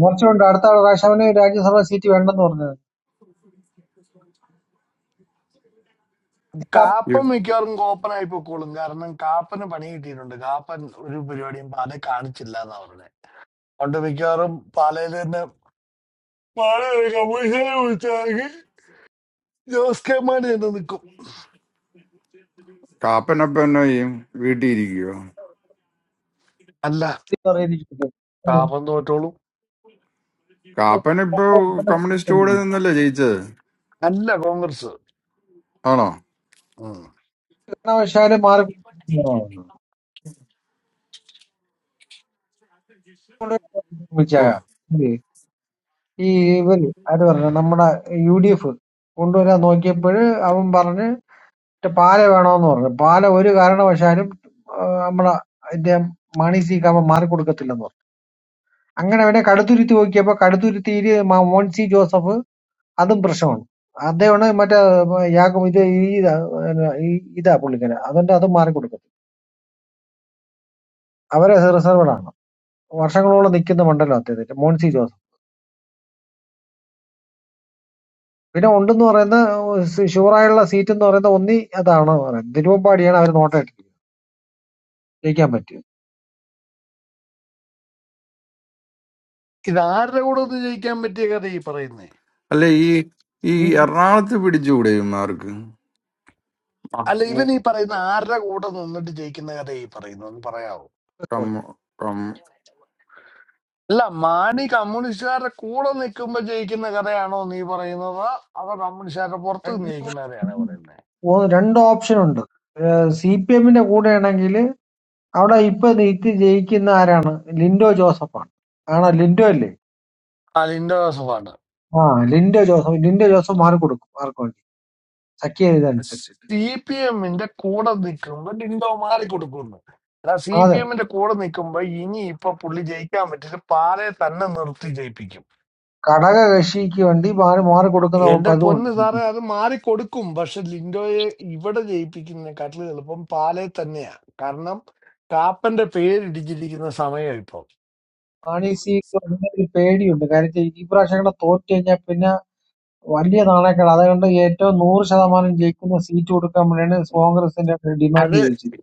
[SPEAKER 12] മോർച്ച കൊണ്ട് അടുത്ത പ്രാവശ്യം അവന് രാജ്യസഭാ സീറ്റ് വേണ്ടെന്ന് പറഞ്ഞത്
[SPEAKER 2] ഈ കാപ്പനപ്പൊ എന്നാ ചെയ്യും വീട്ടിൽ ഇരിക്കുവോ
[SPEAKER 12] അറിയിരിക്കുന്നു
[SPEAKER 2] കാപ്പൻ ഇപ്പൊ കമ്മ്യൂണിസ്റ്റ് കൂടെ നിന്നല്ലേ ജയിച്ചത് ആണോ
[SPEAKER 12] കാരണവശാലും മാറി
[SPEAKER 2] ഓ
[SPEAKER 12] ശ്രമിച്ചേക്കാം. ഇല്ലേ? ഈ ഇവര് ആര് പറഞ്ഞു നമ്മുടെ യു ഡി എഫ് കൊണ്ടുവരാൻ നോക്കിയപ്പോൾ അവൻ പറഞ്ഞ് "മറ്റേ പാല വേണമെന്ന് പറഞ്ഞു പാല ഒരു കാരണവശാലും ആ, നമ്മുടെ ഇതിന്റെ മണി സി കാമൻ മാറിക്കൊടുക്കത്തില്ലെന്ന് പറഞ്ഞു അങ്ങനെ അവനെ കടുത്തുരുത്തി നോക്കിയപ്പോ കടുത്തുരുത്തിയില് മ- മോൻസി ജോസഫ് അതും പ്രശ്നമാണ് അദ്ദേഹമാണ് മറ്റേ യാക്കും ഇത് ഈ ഇതാ ഈ ഇതാ പുള്ളിക്കാരൻ അതുകൊണ്ട് അത് മാറിക്കൊടുക്കും അവര് റിസർവ്ഡ് ആണ്. വർഷങ്ങളോളം നിൽക്കുന്ന മണ്ഡലം അദ്ദേഹത്തിന്റെ മോൻസി ജോസഫ്. പിന്നെ ഉണ്ടെന്ന് പറയുന്ന ഷുവറായുള്ള സീറ്റ് എന്ന് പറയുന്ന ഒന്നി അതാണ് പറയുന്നത്. തിരുവമ്പാടിയാണ് അവർ നോട്ടായിട്ടിരിക്കുന്നത്. ജയിക്കാൻ പറ്റും.
[SPEAKER 2] അല്ല ഈ ഈ
[SPEAKER 12] ഈ
[SPEAKER 2] എറണാകുളത്ത് പിടിച്ചുകൂടെ ഇവന്മാർക്ക് ആ, ടം- ടം-
[SPEAKER 12] രണ്ട് രണ്ട് ഓപ്ഷൻ ഉണ്ട്. സി പി എമ്മിന്റെ കൂടെയാണെങ്കിൽ അവിടെ ഇപ്പൊ നീറ്റ് ജയിക്കുന്ന ആരാണ്? ലിൻഡോ ജോസഫാണ്. ആണോ ലിൻഡോ അല്ലേ? ആ ലിൻഡോ ജോസഫ് ലിൻഡോ ജോസഫ് മാറി കൊടുക്കും ആർക്ക് വേണ്ടി സഖ്യ ഇതനുസരിച്ചിട്ട് അതെ ഘടക കക്ഷിക്ക് വേണ്ടി മാറി മാറി കൊടുക്കുന്ന പതിവുണ്ട് മാണീസിക്ക് അങ്ങനെ ഒരു പേടിയുണ്ട് കാര്യം വെച്ചാ ഈ പ്രാവശ്യം കൂടെ തോറ്റു കഴിഞ്ഞാൽ പിന്നെ വലിയ നാണയക്കേട് അതുകൊണ്ട് ഏറ്റവും നൂറ് ശതമാനം ജയിക്കുന്ന സീറ്റ് കൊടുക്കാൻ വേണ്ടിയാണ് കോൺഗ്രസിന്റെ ഡിമാൻഡ് ചോദിച്ചിരിക്കുന്നത്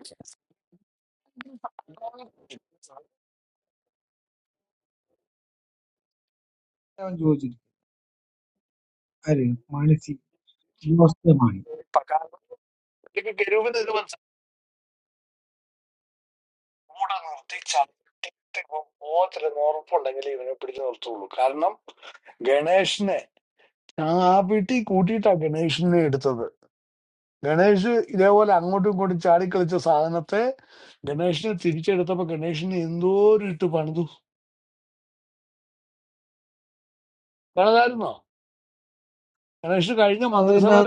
[SPEAKER 12] അവൻ ചോദിച്ചിരിക്കും ആര് മാണിസി ജോസ് മാണി അത് പിന്നെ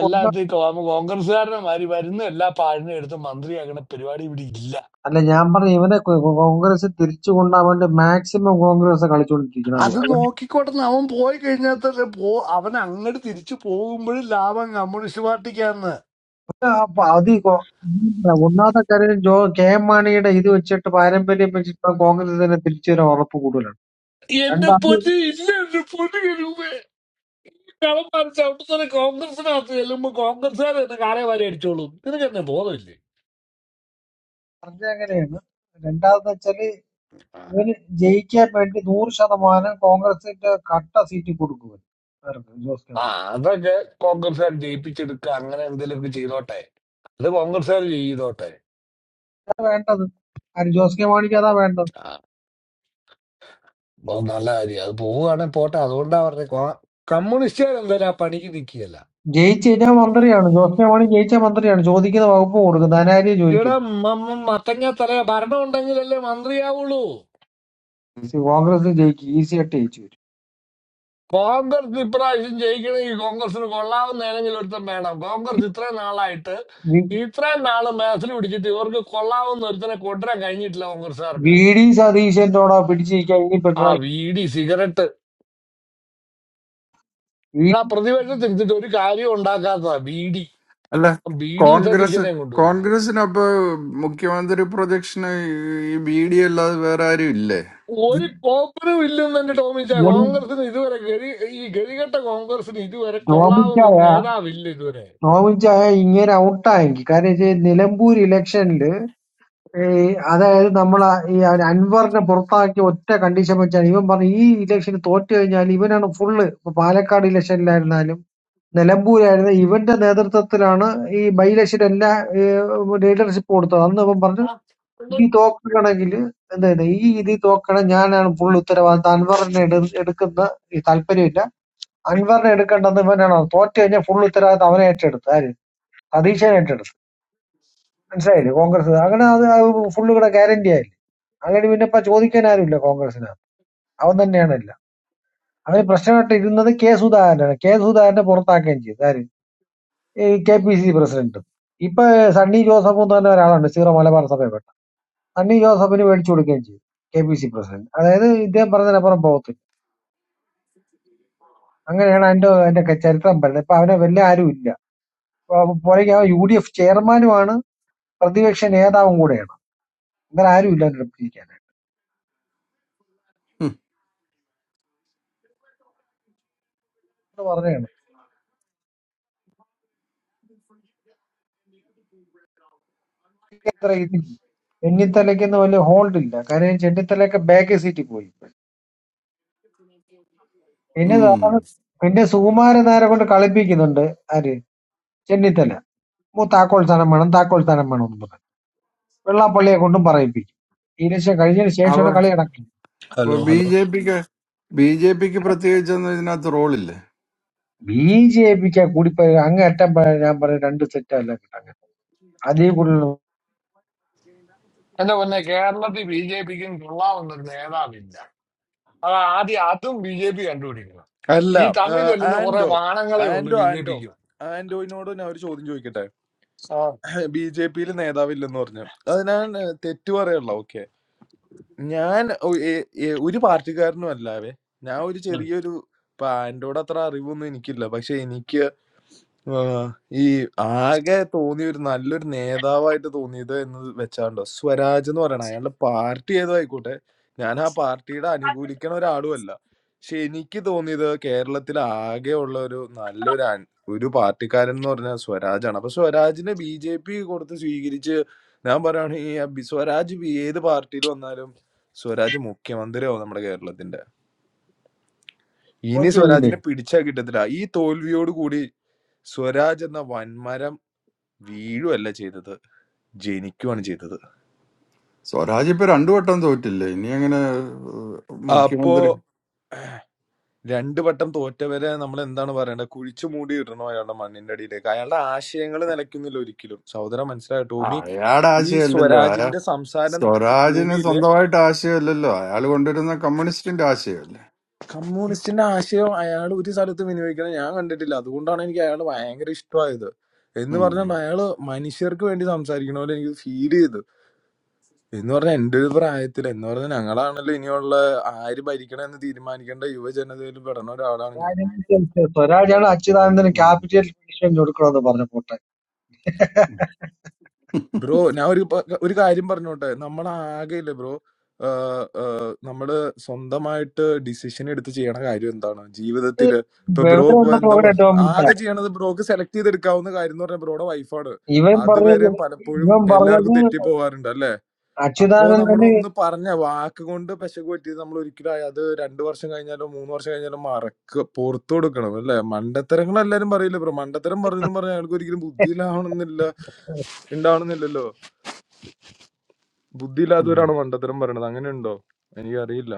[SPEAKER 12] കൊണ്ട- അല്ല ഞാൻ പറഞ്ഞു ഇവനെ കോ- കോ- കോൺഗ്രസ് തിരിച്ചു കൊണ്ടാൻ വേണ്ടി മാക്സിമം കോൺഗ്രസ് കളിച്ചുകൊണ്ടിരിക്കുന്നത് അതുകൊണ്ട് അപ്പൊ അത് ഈ കോ- ഒന്നാമത്തെ കാര്യം ജോ കെ എം മാണിയുടെ ഇത് വെച്ചിട്ട് പാരമ്പര്യം വെച്ചിട്ട് കോൺഗ്രസ് തന്നെ തിരിച്ചു വരാൻ ഉറപ്പ് കൂടുതലാണ് രണ്ടാമത് പറഞ്ഞ അങ്ങനെയാണ് രണ്ടാമതെന്ന് വെച്ചാല് ഇവന് ജയിക്കാൻ വേണ്ടി നൂറ് ശതമാനം കോൺഗ്രസിന്റെ കട്ട സീറ്റ് കൊടുക്കുക അവർക്ക് ജോസ് കെ മാണി അതാ വേണ്ടത് ആര് ജോസ് കെ മാണിക്ക് അതാ വേണ്ടത് ജയിച്ചു കഴിഞ്ഞാൽ മന്ത്രിയാണ് ജോസ് കെ മാണി ജയിച്ചാൽ മന്ത്രിയാണ് ചോദിക്കുന്ന വകുപ്പ് കൊടുക്കും ധനാരിയെ ചോദിക്കും കോൺഗ്രസ് ജയിക്കും ഈസി ആയിട്ട് ജയിച്ചു വരും വി വി ഡി സതീശന്റോടോ പിടിച്ചിരിക്കാൻ ഇനി പിണറായി ഈ
[SPEAKER 2] അല്ല കോൺഗ്രസ് കോൺഗ്രസിന് അപ്പൊ മുഖ്യമന്ത്രി പ്രൊജക്ഷന് ഈ ബി ഡി അല്ലാതെ വേറെ ആരും ഇല്ലേ
[SPEAKER 12] ടോമിച്ചായ ടോമിച്ചായ ഇങ്ങനെ ഔട്ടായെങ്കിൽ കാരണം വെച്ചാൽ നിലമ്പൂർ ഇലക്ഷനിൽ ഈ അതായത് നമ്മളെ ഈ അവൻ അൻവറിനെ പുറത്താക്കിയ ഒറ്റ കണ്ടീഷൻ വെച്ചാണ് ഇവൻ പറഞ്ഞു ഈ ഇലക്ഷന് തോറ്റു കഴിഞ്ഞാൽ ഇവനാണ് ഫുള്ള് ഇപ്പൊ പാലക്കാട് ഇലക്ഷനിലായിരുന്നാലും നിലമ്പൂരായിരുന്ന ഇവന്റെ നേതൃത്വത്തിലാണ് ഈ ബൈ ഇലക്ഷൻ എല്ലാ ലീഡർഷിപ്പ് കൊടുത്തത് അന്ന് ഇവൻ പറഞ്ഞു ഈ തോക്കണമെങ്കിൽ എന്താ ഇത്, ഈ ഇതിൽ തോക്കണം ഞാനാണ് ഫുൾ ഉത്തരവാദിത്തം അൻവറിനെ എടു- എടുക്കുന്ന ഈ താല്പര്യമില്ല അൻവറിനെ എടുക്കേണ്ടത് ഇവനാണ് തോറ്റു കഴിഞ്ഞാൽ ഫുൾ ഉത്തരവാദിത്തം അവനെ ഏറ്റെടുത്തു ആര് സതീശനെ ഏറ്റെടുത്തു മനസ്സിലായില്ലേ കോൺഗ്രസ് അങ്ങനെ അത് ഫുള്ള് ഇവിടെ ഗ്യാരണ്ടി ആയി അങ്ങനെ പിന്നെ ഇപ്പൊ ചോദിക്കാൻ ആരുമില്ല കോൺഗ്രസിനകത്ത് അവൻ തന്നെയാണ് എല്ലാം അവന് പ്രശ്നമായിട്ട് ഇരുന്നത് കെ സുധാകരനാണ് കെ സുധാകരനെ പുറത്താക്കുകയും ചെയ്തു ആര് ഈ K P C C president ഇപ്പൊ സണ്ണി ജോസഫ് എന്ന് പറഞ്ഞ ഒരാളുണ്ട് സീറോ മലബാർ സഭയപ്പെട്ട സണ്ണി ജോസഫിന് മേടിച്ചു കൊടുക്കുകയും ചെയ്തു കെ പി സി പ്രസിഡന്റ് അതായത് ഇദ്ദേഹം പറഞ്ഞതിനപ്പുറം പോകത്തില്ല അങ്ങനെയാണ് അതിന്റെ അതിന്റെ ക- ചരിത്രം പറയുന്നത് ഇപ്പൊ അവനെ വലിയ ആരും ഇല്ല അപ്പൊ പുറകെ അവൻ യു ഡി എഫ് ചെയർമാനുമാണ് പ്രതിപക്ഷ നേതാവും കൂടെയാണ് അങ്ങനെ ആരും ഇല്ല അവനെ പിടിക്കാനായിട്ട്
[SPEAKER 2] ഉം,
[SPEAKER 12] പറഞ്ഞതാണ് അത്ര ഇതില്ല ചെന്നിത്തലയ്ക്കൊന്നും വലിയ ഹോൾഡ് ഇല്ല കാര്യം ചെന്നിത്തലയൊക്കെ ബാക്ക് സീറ്റിൽ പോയി പിന്നെ
[SPEAKER 2] ഉം.
[SPEAKER 12] സാധാരണ- പിന്നെ സുകുമാരൻ നായരെ കൊണ്ട് കളിപ്പിക്കുന്നുണ്ട് ആര് ചെന്നിത്തല മൂ താക്കോൽ സ്ഥാനം വേണം താക്കോൽ സ്ഥാനം വേണം എന്ന് പറഞ്ഞു വെള്ളാപ്പള്ളിയെ കൊണ്ടും പറയിപ്പിക്കും ഇലക്ഷൻ കഴിഞ്ഞതിന് ശേഷമാണ് കളി നടക്കുന്നത്
[SPEAKER 2] അപ്പൊ
[SPEAKER 13] ഹലോ
[SPEAKER 2] ബി
[SPEAKER 13] ഹലോ
[SPEAKER 2] ജെ പിക്ക് ബി ജെ പിക്ക് പ്രത്യേകിച്ചൊന്നും ഇതിനകത്ത് റോളില്ലേ
[SPEAKER 12] ബി ജെ പിക്ക് കൂടിപ്പോ അങ്ങേറ്റം പ- ഞാൻ പറയും രണ്ട് സെറ്റ് അല്ല കിട്ടാൻ അതിൽ കൂടുതൽ
[SPEAKER 13] അല്ല ആ, ആൻഡോ ആൻഡോ ആൻഡോ ആൻഡോയിനോട് ഞാൻ ഒരു ചോദ്യം ചോദിക്കട്ടെ ബി ജെ പിയിൽ നേതാവില്ലെന്ന് പറഞ്ഞു അത് ഞാൻ ആ, തെറ്റ് പറയല്ല ഓക്കെ ഞാൻ ഒ- എ- എ- ഒരു പാർട്ടിക്കാരനും അല്ലാവേ ഞാൻ ഒരു ചെറിയൊരു ഇപ്പൊ ആൻഡോയുടെ അത്ര അറിവൊന്നും എനിക്കില്ല പക്ഷെ എനിക്ക് ആ, ഈ ആകെ തോന്നിയ ഒരു നല്ലൊരു നേതാവായിട്ട് തോന്നിയത് എന്ന് വെച്ചാണ്ടോ സ്വരാജ് എന്ന് പറയണ അയാളുടെ പാർട്ടി ഏതോ ആയിക്കോട്ടെ ഞാൻ ആ പാർട്ടിയുടെ അനുകൂലിക്കണ ഒരാളുമല്ല പക്ഷെ എനിക്ക് തോന്നിയത് കേരളത്തിൽ ആകെ ഉള്ള ഒരു നല്ലൊരു അൻ- ഒരു പാർട്ടിക്കാരൻ എന്ന് പറഞ്ഞാൽ സ്വരാജാണ് അപ്പൊ സ്വരാജിനെ ബി ജെ പി കൊടുത്ത് സ്വീകരിച്ച് ഞാൻ പറയുകയാണെങ്കിൽ ആ ബി- സ്വരാജ് ബി- ഏത് പാർട്ടിയിൽ വന്നാലും സ്വരാജ് മുഖ്യമന്ത്രിയാവും നമ്മുടെ കേരളത്തിന്റെ ഇനി
[SPEAKER 12] തോറ്റുപോയില്ലേ
[SPEAKER 13] സ്വരാജിനെ പിടിച്ചാൽ കിട്ടത്തില്ല ഈ തോൽവിയോട് കൂടി സ്വരാജ് എന്ന വൻമരം വീഴുവല്ല ചെയ്തത്. ജനിക്കുവാണ് ചെയ്തത്.
[SPEAKER 2] സ്വരാജ് ഇപ്പൊ രണ്ടു വട്ടം തോറ്റില്ലേ ഇനി അങ്ങനെ ഏഹ്,
[SPEAKER 13] അപ്പോ
[SPEAKER 2] മുഖ്യമന്ത്രി
[SPEAKER 13] രണ്ട് വട്ടം തോറ്റവരെ നമ്മളെന്താണ് പറയേണ്ടത്? കുഴിച്ചു മൂടിയിടണോ അയാളുടെ മണ്ണിന്റെ അടിയിലേക്ക്? അയാളുടെ ആശയങ്ങള് നിലയ്ക്കുന്നില്ല ഒരിക്കലും. സഹോദരാ മനസ്സിലായോ?
[SPEAKER 2] ആ,
[SPEAKER 13] ടോമി
[SPEAKER 2] അയാടെ
[SPEAKER 13] ഈ
[SPEAKER 2] ആശയമല്ലല്ലോ അയാ
[SPEAKER 13] സ്വരാജിന്റെ സംസാരം
[SPEAKER 2] സ്വരാജിന്
[SPEAKER 13] ടോമിയിലെ
[SPEAKER 2] സ്വന്തമായിട്ട് ആശയമല്ലല്ലോ അയാൾ കൊണ്ടുവരുന്ന കമ്മ്യൂണിസ്റ്റിന്റെ ആശയമല്ലേ
[SPEAKER 13] കമ്മ്യൂണിസ്റ്റിന്റെ ആശയം അയാൾ ഒരു സ്ഥലത്തും വിനിയോഗിക്കണം ഞാൻ കണ്ടിട്ടില്ല അതുകൊണ്ടാണ് എനിക്ക് അയാൾ ഭയങ്കര ഇഷ്ടമായത് എന്ന് പറഞ്ഞാൽ അയാള് മനുഷ്യർക്ക് വേണ്ടി സംസാരിക്കണ പോലെ എനിക്ക് ഫീൽ ചെയ്തു എന്ന് പറഞ്ഞാൽ എൻ്റെ ഒരു പ്രായത്തിൽ എന്ന് പറഞ്ഞാൽ ഞങ്ങളാണല്ലോ ഇനിയുള്ള ആര് ഭരിക്കണം എന്ന് തീരുമാനിക്കേണ്ട യുവജനതയിൽ പെടുന്ന ഒരാളാണ് ഞാൻ
[SPEAKER 12] രാജനീതി സ്വരാജാണ് അച്യുതാനന്ദന്
[SPEAKER 2] ഉം.
[SPEAKER 12] ക്യാപിറ്റൽ പണിഷ്മെന്റ് കൊടുക്കണമെന്ന് പറഞ്ഞ പോട്ടെ
[SPEAKER 2] ഉം.
[SPEAKER 13] ബ്രോ ഞാൻ ഒരു പ- ഒരു കാര്യം പറഞ്ഞോട്ടെ നമ്മൾ ആകെയില്ലേ ബ്രോ ആഹ് ആഹ് നമ്മള് സ്വന്തമായിട്ട് ഡിസിഷൻ എടുത്ത് ചെയ്യണ കാര്യം എന്താണ് ജീവിതത്തില് ഇപ്പൊ ബ്രോ
[SPEAKER 12] വിവരം
[SPEAKER 13] ഇപ്പൊ
[SPEAKER 12] ഉണ്ടെന്ന്
[SPEAKER 13] എന്താ
[SPEAKER 12] നോക്കണേ
[SPEAKER 13] പറഞ്ഞു
[SPEAKER 12] ടോമിൻ
[SPEAKER 13] ആകെ ചെയ്യണത് ബ്രോക്ക് സെലക്ട് ചെയ്തെടുക്കാവുന്ന കാര്യം എന്ന് പറഞ്ഞാൽ ബ്രോയുടെ വൈഫാണ്
[SPEAKER 12] ഇവൻ പറഞ്ഞത്
[SPEAKER 13] അതുവരെയും പലപ്പോഴും
[SPEAKER 12] ഇവൻ
[SPEAKER 13] എല്ലാവർക്കും
[SPEAKER 12] പറഞ്ഞത്
[SPEAKER 13] തെറ്റി പോവാറുണ്ട് അപ്പോ നമ്മൾ
[SPEAKER 12] അച്യുതാനന്ദന്
[SPEAKER 13] ഒന്ന് പറഞ്ഞ വാക്ക് കൊണ്ട് പെശക് പറ്റിയത് നമ്മൾ ഒരിക്കലും അയ- അത് രണ്ടു വർഷം കഴിഞ്ഞാലോ മൂന്ന് വർഷം കഴിഞ്ഞാലോ മറക്ക പുറത്തു കൊടുക്കണം അല്ലെ മണ്ടത്തരങ്ങൾ എല്ലാരും പറയില്ല ബ്രോ മണ്ടത്തരം പറഞ്ഞു പറഞ്ഞാൽ അയാൾക്ക് ഒരിക്കലും ബുദ്ധി ഇല്ലാവണമെന്നില്ല ഉണ്ടാവണമെന്നില്ലല്ലോ ബുദ്ധി
[SPEAKER 2] ഉം.
[SPEAKER 13] ഇല്ലാത്തവരാണോ മണ്ടത്തരം പറയണത് അങ്ങനെ ഉണ്ടോ എനിക്കറിയില്ല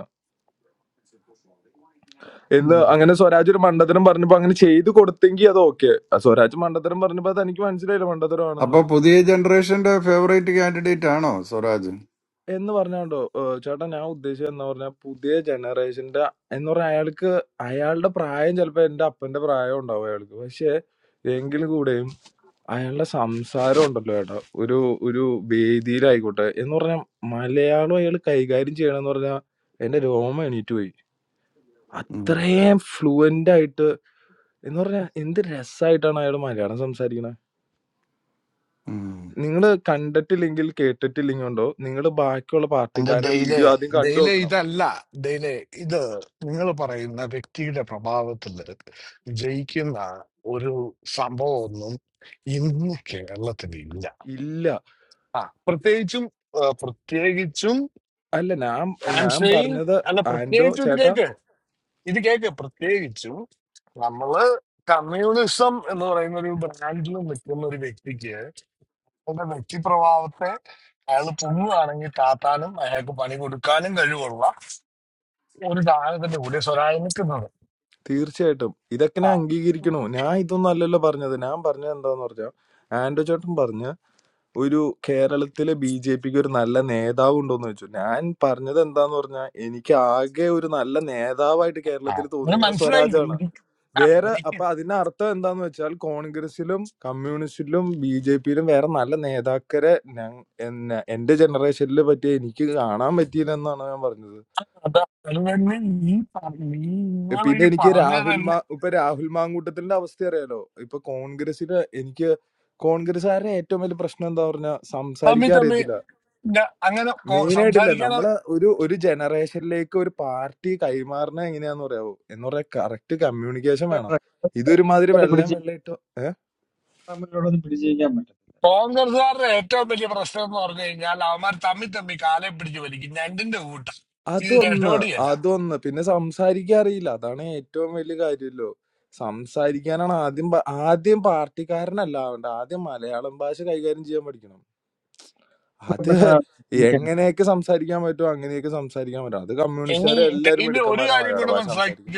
[SPEAKER 13] എന്ന് അങ്ങനെ സ്വരാജ് ഒരു മണ്ടത്തരം പറഞ്ഞപ്പോ അങ്ങനെ ചെയ്തു കൊടുത്തെങ്കിൽ അത് ഓക്കെ സ്വരാജ് മണ്ടത്തരം പറഞ്ഞപ്പോ അത് എനിക്ക് മനസ്സിലായില്ല
[SPEAKER 2] അപ്പൊ
[SPEAKER 13] മണ്ടത്തരമാണെന്ന്
[SPEAKER 2] പുതിയ ജനറേഷന്റെ ഫേവറേറ്റ് കാൻഡിഡേറ്റ് ആണോ സ്വരാജ്
[SPEAKER 13] എന്ന് പറഞ്ഞാണ്ടോ ചേട്ടാ ഞാൻ ഉദ്ദേശിച്ചത് എന്ന് പറഞ്ഞാൽ പുതിയ ജനറേഷന്റെ എന്ന് പറഞ്ഞാൽ അയാൾക്ക് അയാളുടെ പ്രായം ചിലപ്പോ എന്റെ അപ്പന്റെ പ്രായം ഉണ്ടാവും അയാൾക്ക് പക്ഷെ എങ്കിലും കൂടെയും അയാളുടെ സംസാരം ഉണ്ടല്ലോ ചേട്ടാ ഒരു ഒരു വേദിയിലായിക്കോട്ടെ എന്ന് പറഞ്ഞാൽ മലയാളം അയാൾ കൈകാര്യം ചെയ്യണമെന്ന് പറഞ്ഞാൽ എന്റെ രോമം എണീറ്റ് പോയി
[SPEAKER 2] ഉം.
[SPEAKER 13] അത്രയും ഫ്ലുവന്റ് ആയിട്ട് എന്ന് പറഞ്ഞാൽ എന്ത് രസമായിട്ടാണ് അയാൾ മലയാളം സംസാരിക്കണത്
[SPEAKER 2] ഉം.
[SPEAKER 13] നിങ്ങൾ കണ്ടിട്ടില്ലെങ്കിൽ കേട്ടിട്ടില്ലെങ്കിൽ ഉണ്ടോ നിങ്ങൾ ബാക്കിയുള്ള പാർട്ടിക്കാരുടെ വീഡിയോ ആദ്യം കണ്ടു നോക്കണം ഇല്ല അല്ല ഞാൻ ഞാൻ പറഞ്ഞത് ആൻഡോ ചേട്ടാ തീർച്ചയായിട്ടും ഇതൊക്കെ ഞാൻ അംഗീകരിക്കണു ഞാൻ ഇതൊന്നും അല്ലല്ലോ പറഞ്ഞത് ഞാൻ പറഞ്ഞത് എന്താന്ന് പറഞ്ഞാൽ ആൻഡോ ചേട്ടൻ പറഞ്ഞ് ഒരു കേരളത്തിലെ ബി ജെ പിക്ക് ഒരു നല്ല നേതാവ് ഉണ്ടോന്ന് ചോദിച്ചു ഞാൻ പറഞ്ഞത് എന്താന്ന് പറഞ്ഞാൽ എനിക്ക് ആകെ ഒരു നല്ല നേതാവായിട്ട് കേരളത്തിൽ തോന്നിയേക്കണ സ്വരാജാണ് വേറെ അപ്പൊ അതിന്റെ അർത്ഥം എന്താന്ന് വെച്ചാൽ കോൺഗ്രസിലും കമ്മ്യൂണിസ്റ്റിലും ബി ജെ പിയിലും വേറെ നല്ല നേതാക്കരെ ഞാൻ എന്നെ- എന്റെ ജനറേഷനിൽ പറ്റിയ എനിക്ക് കാണാൻ പറ്റിയില്ല എന്നാണ് ഞാൻ പറഞ്ഞത് പിന്നെ എനിക്ക് രാഹുൽ മാ ഇപ്പൊ രാഹുൽ മാങ്കൂട്ടത്തിന്റെ അവസ്ഥ അറിയാലോ ഇപ്പൊ കോൺഗ്രസിന് എനിക്ക് കോൺഗ്രസ്സുകാരുടെ ഏറ്റവും വലിയ പ്രശ്നം എന്താ പറഞ്ഞാൽ സംസാരിക്കാൻ അറിയത്തില്ല മെയിൻ ആയിട്ടില്ല നമ്മളെ ഒരു ഒരു ജനറേഷനിലേക്ക് ഒരു പാർട്ടി കൈമാറണ എങ്ങനെയാന്ന് പറയാവോ എന്ന് പറയാ കറക്റ്റ് കമ്മ്യൂണിക്കേഷൻ വേണം ഇതൊരുമാതിരി വെള്ളയും
[SPEAKER 12] പിടിച്ച്
[SPEAKER 13] വെള്ളയിട്ട് ഏഹ്
[SPEAKER 12] തമ്മിലുള്ളത് പിടിച്ചിരിക്കാൻ പറ്റത്തില്ല
[SPEAKER 13] അതൊന്ന് അതൊന്ന് പിന്നെ സംസാരിക്കാൻ അറിയില്ല അതാണ് ഏറ്റവും വലിയ കാര്യമല്ലോ സംസാരിക്കാനാണ് ആദ്യം പ- ആദ്യം പാർട്ടിക്കാരനല്ല ആവേണ്ടത് ആദ്യം മലയാളം ഭാഷ കൈകാര്യം ചെയ്യാൻ പഠിക്കണം അത്
[SPEAKER 12] പിന്നെ ഇരിക്കാൻ.
[SPEAKER 13] എങ്ങനെയൊക്കെ സംസാരിക്കാൻ പറ്റുമോ അങ്ങനെയൊക്കെ സംസാരിക്കാൻ പറ്റും അത് കമ്മ്യൂണിസ്റ്റുകാരെ എല്ലാരും മിടുക്കന്മാരാ മലയാള ഭാഷ സംസാരിക്കാൻ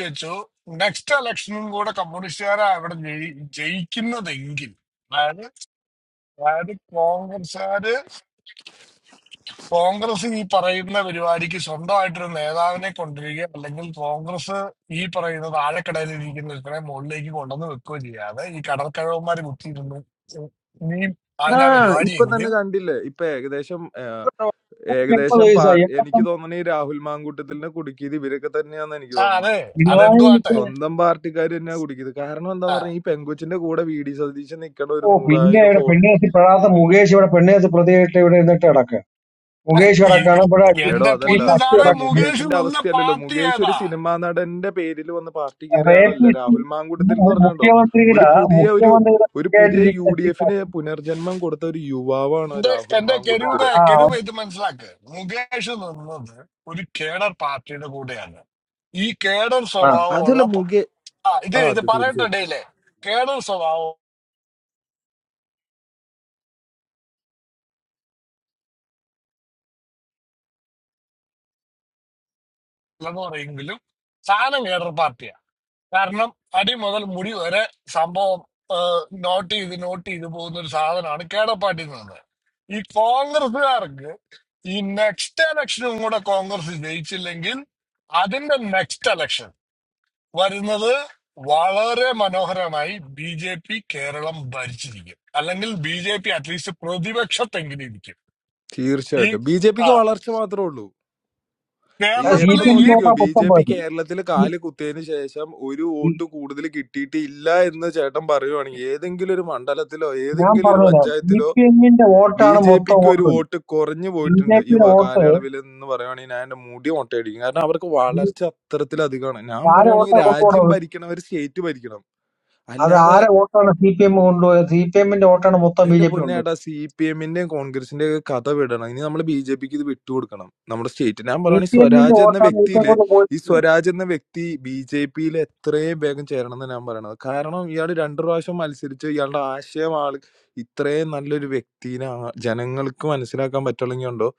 [SPEAKER 13] ആ ഇപ്പൊ തന്നെ കണ്ടില്ലേ ഇപ്പൊ ഏകദേശം ഏ,
[SPEAKER 12] എൺപത്
[SPEAKER 13] ഏകദേശം പാർ
[SPEAKER 12] വയസ്സായി
[SPEAKER 13] എനിക്ക്
[SPEAKER 12] എൺപത്തൊമ്പത്
[SPEAKER 13] തോന്നണ ഈ രാഹുൽ മാങ്കൂട്ടത്തിലിനെ കുടുക്കിയത് ഇവരൊക്കെ തന്നെയാന്ന് എനിക്ക് തോന്നണത്
[SPEAKER 12] പിണറായിക്ക്
[SPEAKER 13] സ്വന്തം പാർട്ടിക്കാർ തന്നെയാ കുടുക്കിയത് കാരണം എന്താന്ന് പറഞ്ഞാൽ ഈ പെങ്കുച്ചിന്റെ കൂടെ വി ഡി സതീശൻ നിക്കണ
[SPEAKER 12] ഓ
[SPEAKER 13] ഒരു
[SPEAKER 12] പിന്നെ ഇവിടെ
[SPEAKER 13] നൂറായിരം
[SPEAKER 12] പെണ്ണേത്തി പെടാത്ത മുകേഷ് ഇവിടെ പെണ്ണേത്തി പ്രതിയായിട്ട് ഇവിടെ ഇരുന്നിട്ട് കിടക്കുക മുകേഷ് കിടക്കാണ് ഇവിടെ അച്ചു-
[SPEAKER 13] എടോ
[SPEAKER 12] ഈ
[SPEAKER 13] അതല്ല
[SPEAKER 12] ശശി
[SPEAKER 13] എടോ
[SPEAKER 12] കിടക്കുന്നത്
[SPEAKER 13] മുകേഷിന്റെ അവസ്ഥയല്ലല്ലോ മുകേഷ് ഒരു സിനിമാ നടന്റെ പേരിൽ വന്ന് പാർട്ടി കയറിയ ആളല്ല
[SPEAKER 12] റേപ്പിസ്റ്റ്
[SPEAKER 13] രാഹുൽ മാങ്കൂട്ടത്തിൽ എന്ന്
[SPEAKER 12] മു-
[SPEAKER 13] പറഞ്ഞോ ഒരു
[SPEAKER 12] മുഖ്യമന്ത്രിയുടെ
[SPEAKER 13] പുതിയ ഒരു
[SPEAKER 12] മുഖ്യമന്ത്രിയുടെ
[SPEAKER 13] ഒരു പുതിയ യു
[SPEAKER 12] ആയിട്ടിരിക്കുന്ന
[SPEAKER 13] ഡി എഫിന് പുനർജന്മം കൊടുത്ത ഒരു യുവാവാണ് രാഹുൽ മാങ്കൂട്ടത്തില് അതല്ല മുകേ ആ അത് തീർച്ചയായിട്ടും തീർച്ചയായിട്ടും ബി ജെ പിക്ക് വളർച്ച മാത്രമേ ഉള്ളൂ ഈ
[SPEAKER 12] സി പി
[SPEAKER 13] എപ്പൊ
[SPEAKER 12] എം
[SPEAKER 13] നോക്കിക്കോ
[SPEAKER 12] തോട്ടാ
[SPEAKER 13] ബി
[SPEAKER 12] മൊത്തം
[SPEAKER 13] ജെ പി കേരളത്തിൽ കാല്
[SPEAKER 12] പോയത്
[SPEAKER 13] കുത്തിയതിന് ശേഷം ഒരു വോട്ട് കൂടുതൽ കിട്ടിയിട്ടില്ല എന്ന് ചേട്ടൻ പറയുവാണെങ്കിൽ ഏതെങ്കിലും ഒരു മണ്ഡലത്തിലോ
[SPEAKER 12] ഞാൻ
[SPEAKER 13] ഏതെങ്കിലും ഒരു
[SPEAKER 12] പറഞ്ഞുതരാം സി
[SPEAKER 13] പഞ്ചായത്തിലോ
[SPEAKER 12] പി എമ്മിന്റെ വോട്ടാണ് മൊത്തം
[SPEAKER 13] ബിജെപിക്ക് ഒരു
[SPEAKER 12] വോട്ട്
[SPEAKER 13] വോട്ട് കുറഞ്ഞു
[SPEAKER 12] ബി ജെ
[SPEAKER 13] പോയിട്ടുണ്ട് ഈ
[SPEAKER 12] പിയുടെ
[SPEAKER 13] വ-
[SPEAKER 12] വോട്ട്
[SPEAKER 13] കാലയളവിൽ എന്ന് പറയുവാണെങ്കിൽ ഞാൻ എന്റെ മുടി മൊട്ടയടിക്കും കാരണം അവർക്ക്
[SPEAKER 12] ഈ-
[SPEAKER 13] വളർച്ച അത്തരത്തിലധികമാണ് ഞാൻ
[SPEAKER 12] ആരെ വോട്ടാ
[SPEAKER 13] പറയുവാണെങ്കിൽ രാജ്യം
[SPEAKER 12] കൊണ്ടുപോകണത്
[SPEAKER 13] ഭരിക്കണം അവർ സ്റ്റേറ്റ് ഭരിക്കണം
[SPEAKER 12] അത്
[SPEAKER 13] അല്ലാതെ
[SPEAKER 12] ആരെ വോട്ടാണ് സി പി എം കൊണ്ടുപോയത് സി പി എമ്മിന്റെ വോട്ടാണ് മൊത്തം ബി
[SPEAKER 13] എന്റെ
[SPEAKER 12] ജെ പി കൊണ്ടുപോയത്
[SPEAKER 13] പൊന്നേട്ടാ സി പി എമ്മിന്റെയും കോൺഗ്രസിന്റെ ഒക്കെ കഥ വിടണം ഇനി നമ്മൾ ബി ജെ പിക്ക് ഇത് വിട്ടുകൊടുക്കണം നമ്മുടെ സ്റ്റേറ്റ് ഞാൻ
[SPEAKER 12] സി
[SPEAKER 13] പറയുവാണെങ്കിൽ
[SPEAKER 12] പി എമ്മിന്റെ
[SPEAKER 13] സ്വരാജ് എന്ന
[SPEAKER 12] വോട്ടാണ് ഇപ്പം
[SPEAKER 13] വ്യക്തിയില്
[SPEAKER 12] കൊണ്ട്
[SPEAKER 13] ഈ
[SPEAKER 12] പോയിരിക്കുന്നത്
[SPEAKER 13] സ്വരാജ് എന്ന വ്യക്തി ബി ജെ പിയിൽ എത്രയും വേഗം ചേരണം എന്ന് ഞാൻ പറയണത് കാരണം ഇയാൾ രണ്ടു പ്രാവശ്യം മത്സരിച്ച് ഇയാളുടെ ആശയം ആൾ ഇത്രയും നല്ലൊരു വ്യക്തിനെ ആ- ജനങ്ങൾക്ക് മനസ്സിലാക്കാൻ പറ്റുള്ളെങ്കിൽ ഉണ്ടോ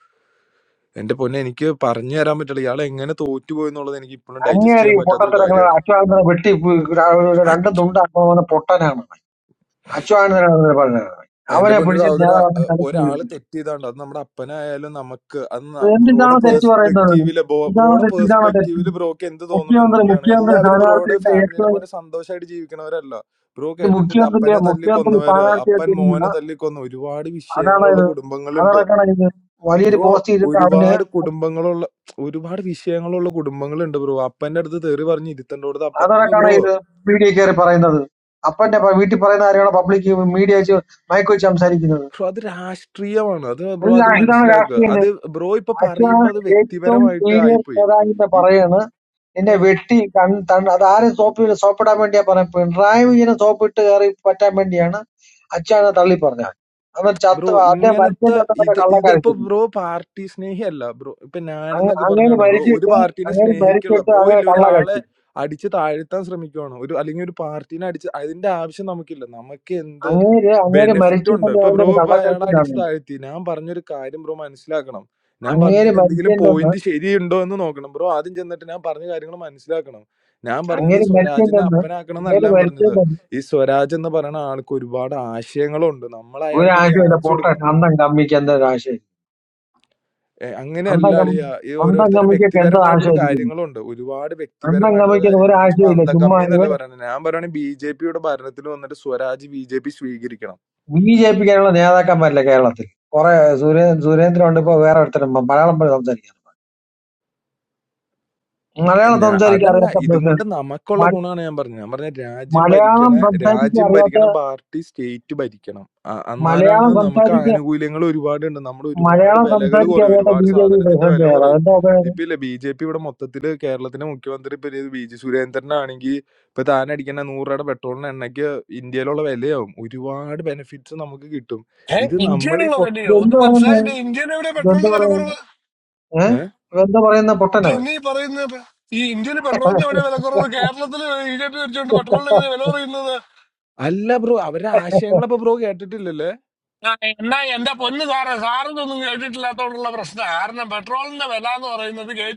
[SPEAKER 13] എന്റെ പൊന്നെ എനിക്ക് പറഞ്ഞു തരാൻ പറ്റില്ല ഇയാൾ എങ്ങനെ തോറ്റുപോയി എന്നുള്ളത് എനിക്ക് ഇപ്പോഴും ഡൈജസ്റ്റ്
[SPEAKER 12] അങ്ങേറി
[SPEAKER 13] ചെയ്യാൻ പറ്റാത്തൊരു
[SPEAKER 12] പൊട്ടത്തരങ്ങൾ
[SPEAKER 13] കാര്യമാണ്
[SPEAKER 12] അച്യുതാനന്ദനെ വെട്ടി പ് ര-
[SPEAKER 13] അച്ച്!
[SPEAKER 12] രണ്ട് തുണ്ടാക്കുന്ന അവനെ പൊട്ടനാണ് അച്യുതാനന്ദനാണ് പറഞ്ഞത്
[SPEAKER 13] എന്റെ
[SPEAKER 12] അവനെ
[SPEAKER 13] പൊന്നു
[SPEAKER 12] പിടിച്ച്
[SPEAKER 13] സഹോദര
[SPEAKER 12] ഞാൻ അവനെ
[SPEAKER 13] ഏഹ് ഒരാള്
[SPEAKER 12] കളിക്കുന്നത്
[SPEAKER 13] തെറ്റ് ചെയ്താണ്ട് അത് നമ്മുടെ അപ്പനായാലും നമുക്ക് അത് ബ്രോയുടെ
[SPEAKER 12] എന്തിനാണ് തെറ്റ് പറയുന്നത്
[SPEAKER 13] പേഴ്സ്പെക്റ്റീവില്
[SPEAKER 12] ഇതാണോ
[SPEAKER 13] ബ്രോയുടെ
[SPEAKER 12] തെറ്റ് ഇതാണോ തെറ്റ്
[SPEAKER 13] പേഴ്സ്പെക്റ്റീവില് ബ്രോക്ക് എന്ത് തോന്നുന്നു
[SPEAKER 12] മുഖ്യമന്ത്രി
[SPEAKER 13] എന്നുള്ളതാണ്
[SPEAKER 12] മുഖ്യമന്ത്രി
[SPEAKER 13] എല്ലാവരും ബ്രോയുടെ
[SPEAKER 12] സ്ഥാനാർത്ഥിയുടെ
[SPEAKER 13] ഫാമിലിനെ
[SPEAKER 12] ഏറ്റവും
[SPEAKER 13] പോലെ സന്തോഷമായിട്ട് ജീവിക്കണവരല്ല ബ്രോ
[SPEAKER 12] ഇത്
[SPEAKER 13] കേട്ടിട്ടില്ല
[SPEAKER 12] മുഖ്യമന്ത്രി
[SPEAKER 13] അപ്പനെ തല്ലി
[SPEAKER 12] മുഖ്യമന്ത്രി
[SPEAKER 13] കൊന്നവര് അപ്പൻ
[SPEAKER 12] സ്ഥാനാർത്ഥിയായിട്ട്
[SPEAKER 13] മോനെ തല്ലി കൊന്ന ഒരുപാട്
[SPEAKER 12] അതാണോ
[SPEAKER 13] വിഷയങ്ങളുള്ള
[SPEAKER 12] ഇത്
[SPEAKER 13] കുടുംബങ്ങളുണ്ട്
[SPEAKER 12] അതറക്കാണോ ഇത് വലിയൊരു
[SPEAKER 13] ബ്രോ
[SPEAKER 12] പോസ്റ്റ് ചെയ്തിട്ട് അവന്
[SPEAKER 13] ഒരുപാട് കുടുംബങ്ങളുള്ള ഒരുപാട് വിഷയങ്ങളുള്ള കുടുംബങ്ങളുണ്ട് ബ്രോ അപ്പന്റെ അടുത്ത് തെറി പറഞ്ഞ് ഇരുത്തേണ്ടടുത്ത് അപ്പൻ ഇപ്പൊ
[SPEAKER 12] അതറക്കാണോ
[SPEAKER 13] ബ്രോ
[SPEAKER 12] ഇത് മീഡിയ കയറി പറയുന്നത് അപ്പന്റെ പ- വീട്ടിൽ പറയുന്ന കാര്യമാണ് പബ്ലിക് മീഡിയ വെച്ച് മയക്ക് വെച്ച് സംസാരിക്കുന്നത്
[SPEAKER 13] ബ്രോ അത് രാഷ്ട്രീയമാണ് അത് ബ്രോ
[SPEAKER 12] ഒരു രാ-
[SPEAKER 13] ആദ്യം
[SPEAKER 12] ഇതാണ്
[SPEAKER 13] മനസ്സിലാക്കുക
[SPEAKER 12] രാഷ്ട്രീയം
[SPEAKER 13] അത് ബ്രോ ഇപ്പൊ
[SPEAKER 12] അച്ഛൻ
[SPEAKER 13] പറയുമ്പോ അത്
[SPEAKER 12] ഏറ്റവും
[SPEAKER 13] വ്യക്തിപരമായിട്ട്
[SPEAKER 12] സീനിയർ
[SPEAKER 13] ആയിപ്പോയി
[SPEAKER 12] നേതാവിന്റെ
[SPEAKER 13] ഈ-
[SPEAKER 12] പറയാണ് എന്നെ
[SPEAKER 13] ആ,
[SPEAKER 12] വെട്ടി കൺ തൺ- അത് ആരും സോപ്പ് സോപ്പിടാൻ വേണ്ടിയാ പറയാൻ പിണറായി വിജയനെ സോപ്പിട്ട് കയറി പറ്റാൻ വേണ്ടിയാണ് അച്ഛനെ തള്ളി പറഞ്ഞത് അന്നേരം
[SPEAKER 13] ബ്രോ
[SPEAKER 12] ചത്ത് അദ്ദേഹം
[SPEAKER 13] ഇങ്ങനത്തെ
[SPEAKER 12] മരിച്ചതിന്റെ അത്ര
[SPEAKER 13] ഇത് ഇതിപ്പോ
[SPEAKER 12] കള്ളക്കരച്ചിരുന്നു
[SPEAKER 13] ബ്രോ പാർട്ടി സ്നേഹി അല്ല ബ്രോ ഇപ്പൊ ഞാനെന്നൊക്കെ
[SPEAKER 12] അങ്ങനെ
[SPEAKER 13] പറഞ്ഞോണ്ട് ബ്രോ ഒരു
[SPEAKER 12] മരിച്ചിട്ട്
[SPEAKER 13] പാർട്ടിനെ
[SPEAKER 12] അങ്ങനെ
[SPEAKER 13] സ്നേഹിക്കുള്ള
[SPEAKER 12] മരിച്ചിട്ട്
[SPEAKER 13] ബ്രോ
[SPEAKER 12] അങ്ങനെ
[SPEAKER 13] ഇല്ല
[SPEAKER 12] കള്ള
[SPEAKER 13] ഒരാളെ
[SPEAKER 12] കഴിച്ചു
[SPEAKER 13] അടിച്ച് താഴ്ത്താൻ ശ്രമിക്കുവാണ് ഒരു അല്ലെങ്കിൽ ഒരു പാർട്ടീനെ അടിച്ച് അതിന്റെ ആവശ്യം നമുക്കില്ല നമുക്ക് എന്ത്
[SPEAKER 12] അങ്ങേര് അങ്ങേര്
[SPEAKER 13] ബെനിഫിറ്റ് ഉണ്ട്
[SPEAKER 12] മരിച്ചില്ലെന്ന്
[SPEAKER 13] ഇപ്പൊ
[SPEAKER 12] അവന്റെ
[SPEAKER 13] ബ്രോ
[SPEAKER 12] ഒരു
[SPEAKER 13] ഇപ്പൊ അയാളെ
[SPEAKER 12] കള്ളക്കരച്ചിൽ
[SPEAKER 13] അടിച്ച്
[SPEAKER 12] കാണുന്നത്
[SPEAKER 13] താഴ്ത്തി ഞാൻ പറഞ്ഞൊരു കാര്യം ബ്രോ മനസ്സിലാക്കണം ഞാൻ
[SPEAKER 12] അങ്ങേര്
[SPEAKER 13] പറഞ്ഞതിൽ എന്തെങ്കിലും
[SPEAKER 12] മരിച്ചില്ലെന്ന്
[SPEAKER 13] പോയിന്റ് ശരിയുണ്ടോ എന്ന് നോക്കണം ബ്രോ ആദ്യം ചെന്നിട്ട് ഞാൻ പറഞ്ഞ കാര്യങ്ങൾ മനസ്സിലാക്കണം ഞാൻ പറഞ്ഞത്
[SPEAKER 12] അങ്ങേര്
[SPEAKER 13] സ്വരാജിനെ
[SPEAKER 12] മരിച്ചില്ലെന്ന്
[SPEAKER 13] അപ്പനാക്കണം എന്നല്ല
[SPEAKER 12] അങ്ങേര്
[SPEAKER 13] ഞാൻ പറഞ്ഞത്
[SPEAKER 12] മരിച്ചില്ലെന്ന്
[SPEAKER 13] ഈ സ്വരാജ് എന്ന് പറയുന്ന ആൾക്ക് ഒരുപാട് ആശയങ്ങളുണ്ട് നമ്മൾ
[SPEAKER 12] ഒരു
[SPEAKER 13] അയാൾക്ക് ഒരു
[SPEAKER 12] ആശയമില്ല
[SPEAKER 13] ചാൻസ്
[SPEAKER 12] പൊട്ട
[SPEAKER 13] കൊടുക്കണം
[SPEAKER 12] അന്തം കമ്മിക്ക് എന്താ ഒരു ആശയം
[SPEAKER 13] ഏ,
[SPEAKER 12] അന്തം
[SPEAKER 13] അങ്ങനെയല്ല
[SPEAKER 12] കമ്മി
[SPEAKER 13] അളിയാ ഈ
[SPEAKER 12] അന്തം
[SPEAKER 13] ഓരോരുത്തരുടെ
[SPEAKER 12] കമ്മിക്കൊക്കെ എന്താ
[SPEAKER 13] വ്യക്തിപരമായിട്ടുള്ള
[SPEAKER 12] ആശയമായിരിക്കുന്നു
[SPEAKER 13] കാര്യങ്ങളുണ്ട് ഒരുപാട്
[SPEAKER 12] അന്തം
[SPEAKER 13] വ്യക്തിപരമായിട്ടുള്ള
[SPEAKER 12] കമ്മിക്കുന്ന ഒരു
[SPEAKER 13] കാര്യങ്ങളുണ്ട് ചുമ്മാ
[SPEAKER 12] ആശയമില്ല
[SPEAKER 13] അന്തം
[SPEAKER 12] ചുമ്മാ
[SPEAKER 13] കമ്മി എന്നല്ല
[SPEAKER 12] ഇവൻ
[SPEAKER 13] പറയണത് ഞാൻ പറയുകയാണെങ്കിൽ ബി ജെ പിയുടെ ഭരണത്തിൽ വന്നിട്ട് സ്വരാജ് ബി ജെ പി സ്വീകരിക്കണം
[SPEAKER 12] ബി ജെ പിക്കാനുള്ള നേതാക്കന്മാരില്ല കേരളത്തിൽ കുറെ സുരേ സുരേന്ദ്രൻ ഉണ്ട് ഇപ്പൊ വേറെ ഒരുത്തരും മ- മലയാളം പോയി സംസാരിക്കാൻ മലയാളം
[SPEAKER 13] ഞാ-
[SPEAKER 12] സംസാരിക്കാൻ
[SPEAKER 13] അതല്ല
[SPEAKER 12] അറിയാത്ത
[SPEAKER 13] ഇതും കൊണ്ട്
[SPEAKER 12] പ്രസിഡന്റ്
[SPEAKER 13] നമുക്കുള്ള
[SPEAKER 12] മ-
[SPEAKER 13] ഗുണമാണ് ഞാൻ പറഞ്ഞത് ഞാൻ പറഞ്ഞ രാജ്യം ഭരിക്കണ
[SPEAKER 12] മലയാളം സംസാരിക്കാൻ
[SPEAKER 13] രാജ്യം
[SPEAKER 12] അറിയാത്ത
[SPEAKER 13] ഭരിക്കണ പാർട്ടി സ്റ്റേറ്റ് ഭരിക്കണം അ-
[SPEAKER 12] മലയാളം
[SPEAKER 13] എന്നാലാണ് നമുക്ക്
[SPEAKER 12] സംസാരിക്കാൻ
[SPEAKER 13] ആനുകൂല്യങ്ങൾ ഒരുപാടുണ്ട് നമ്മുടെ ഒരുപാട്
[SPEAKER 12] മലയാളം
[SPEAKER 13] വിലകൾ
[SPEAKER 12] സംസാരിക്കാൻ
[SPEAKER 13] കുറയും
[SPEAKER 12] അറിയാത്ത
[SPEAKER 13] ഒരുപാട്
[SPEAKER 12] ബി ജെ പി
[SPEAKER 13] സാധനത്തിന്റെ
[SPEAKER 12] പ്രസിഡന്റ്
[SPEAKER 13] വില
[SPEAKER 12] ഏതാ
[SPEAKER 13] കുറയും
[SPEAKER 12] എന്താ
[SPEAKER 13] ഇപ്പൊ ഇല്ല ബി ജെ പി ഇവിടെ മൊത്തത്തില് കേരളത്തിന്റെ മുഖ്യമന്ത്രി ഇപ്പൊ ഇത് വി ജി സുരേന്ദ്രനാണെങ്കിൽ ഇപ്പൊ താൻ അടിക്കുന്ന നൂറ് രൂപയുടെ പെട്രോളിന് എണ്ണയ്ക്ക് ഇന്ത്യയിലുള്ള വിലയാവും ഒരുപാട് ബെനിഫിറ്റ്സ് നമുക്ക് കിട്ടും ഇത് നമ്മൾ ഈ പൊ-
[SPEAKER 12] ഇതെന്ത് പറയുന്ന ഇതെന്ത് പറയുന്ന ഏഹ്
[SPEAKER 13] ഏ?
[SPEAKER 12] ഇതെന്ത് പറയുന്ന പൊട്ടനവൻ
[SPEAKER 13] അല്ല ബ്രോ അവരുടെ ആശയങ്ങൾ അപ്പൊ ബ്രോ കേട്ടിട്ടില്ലല്ലോ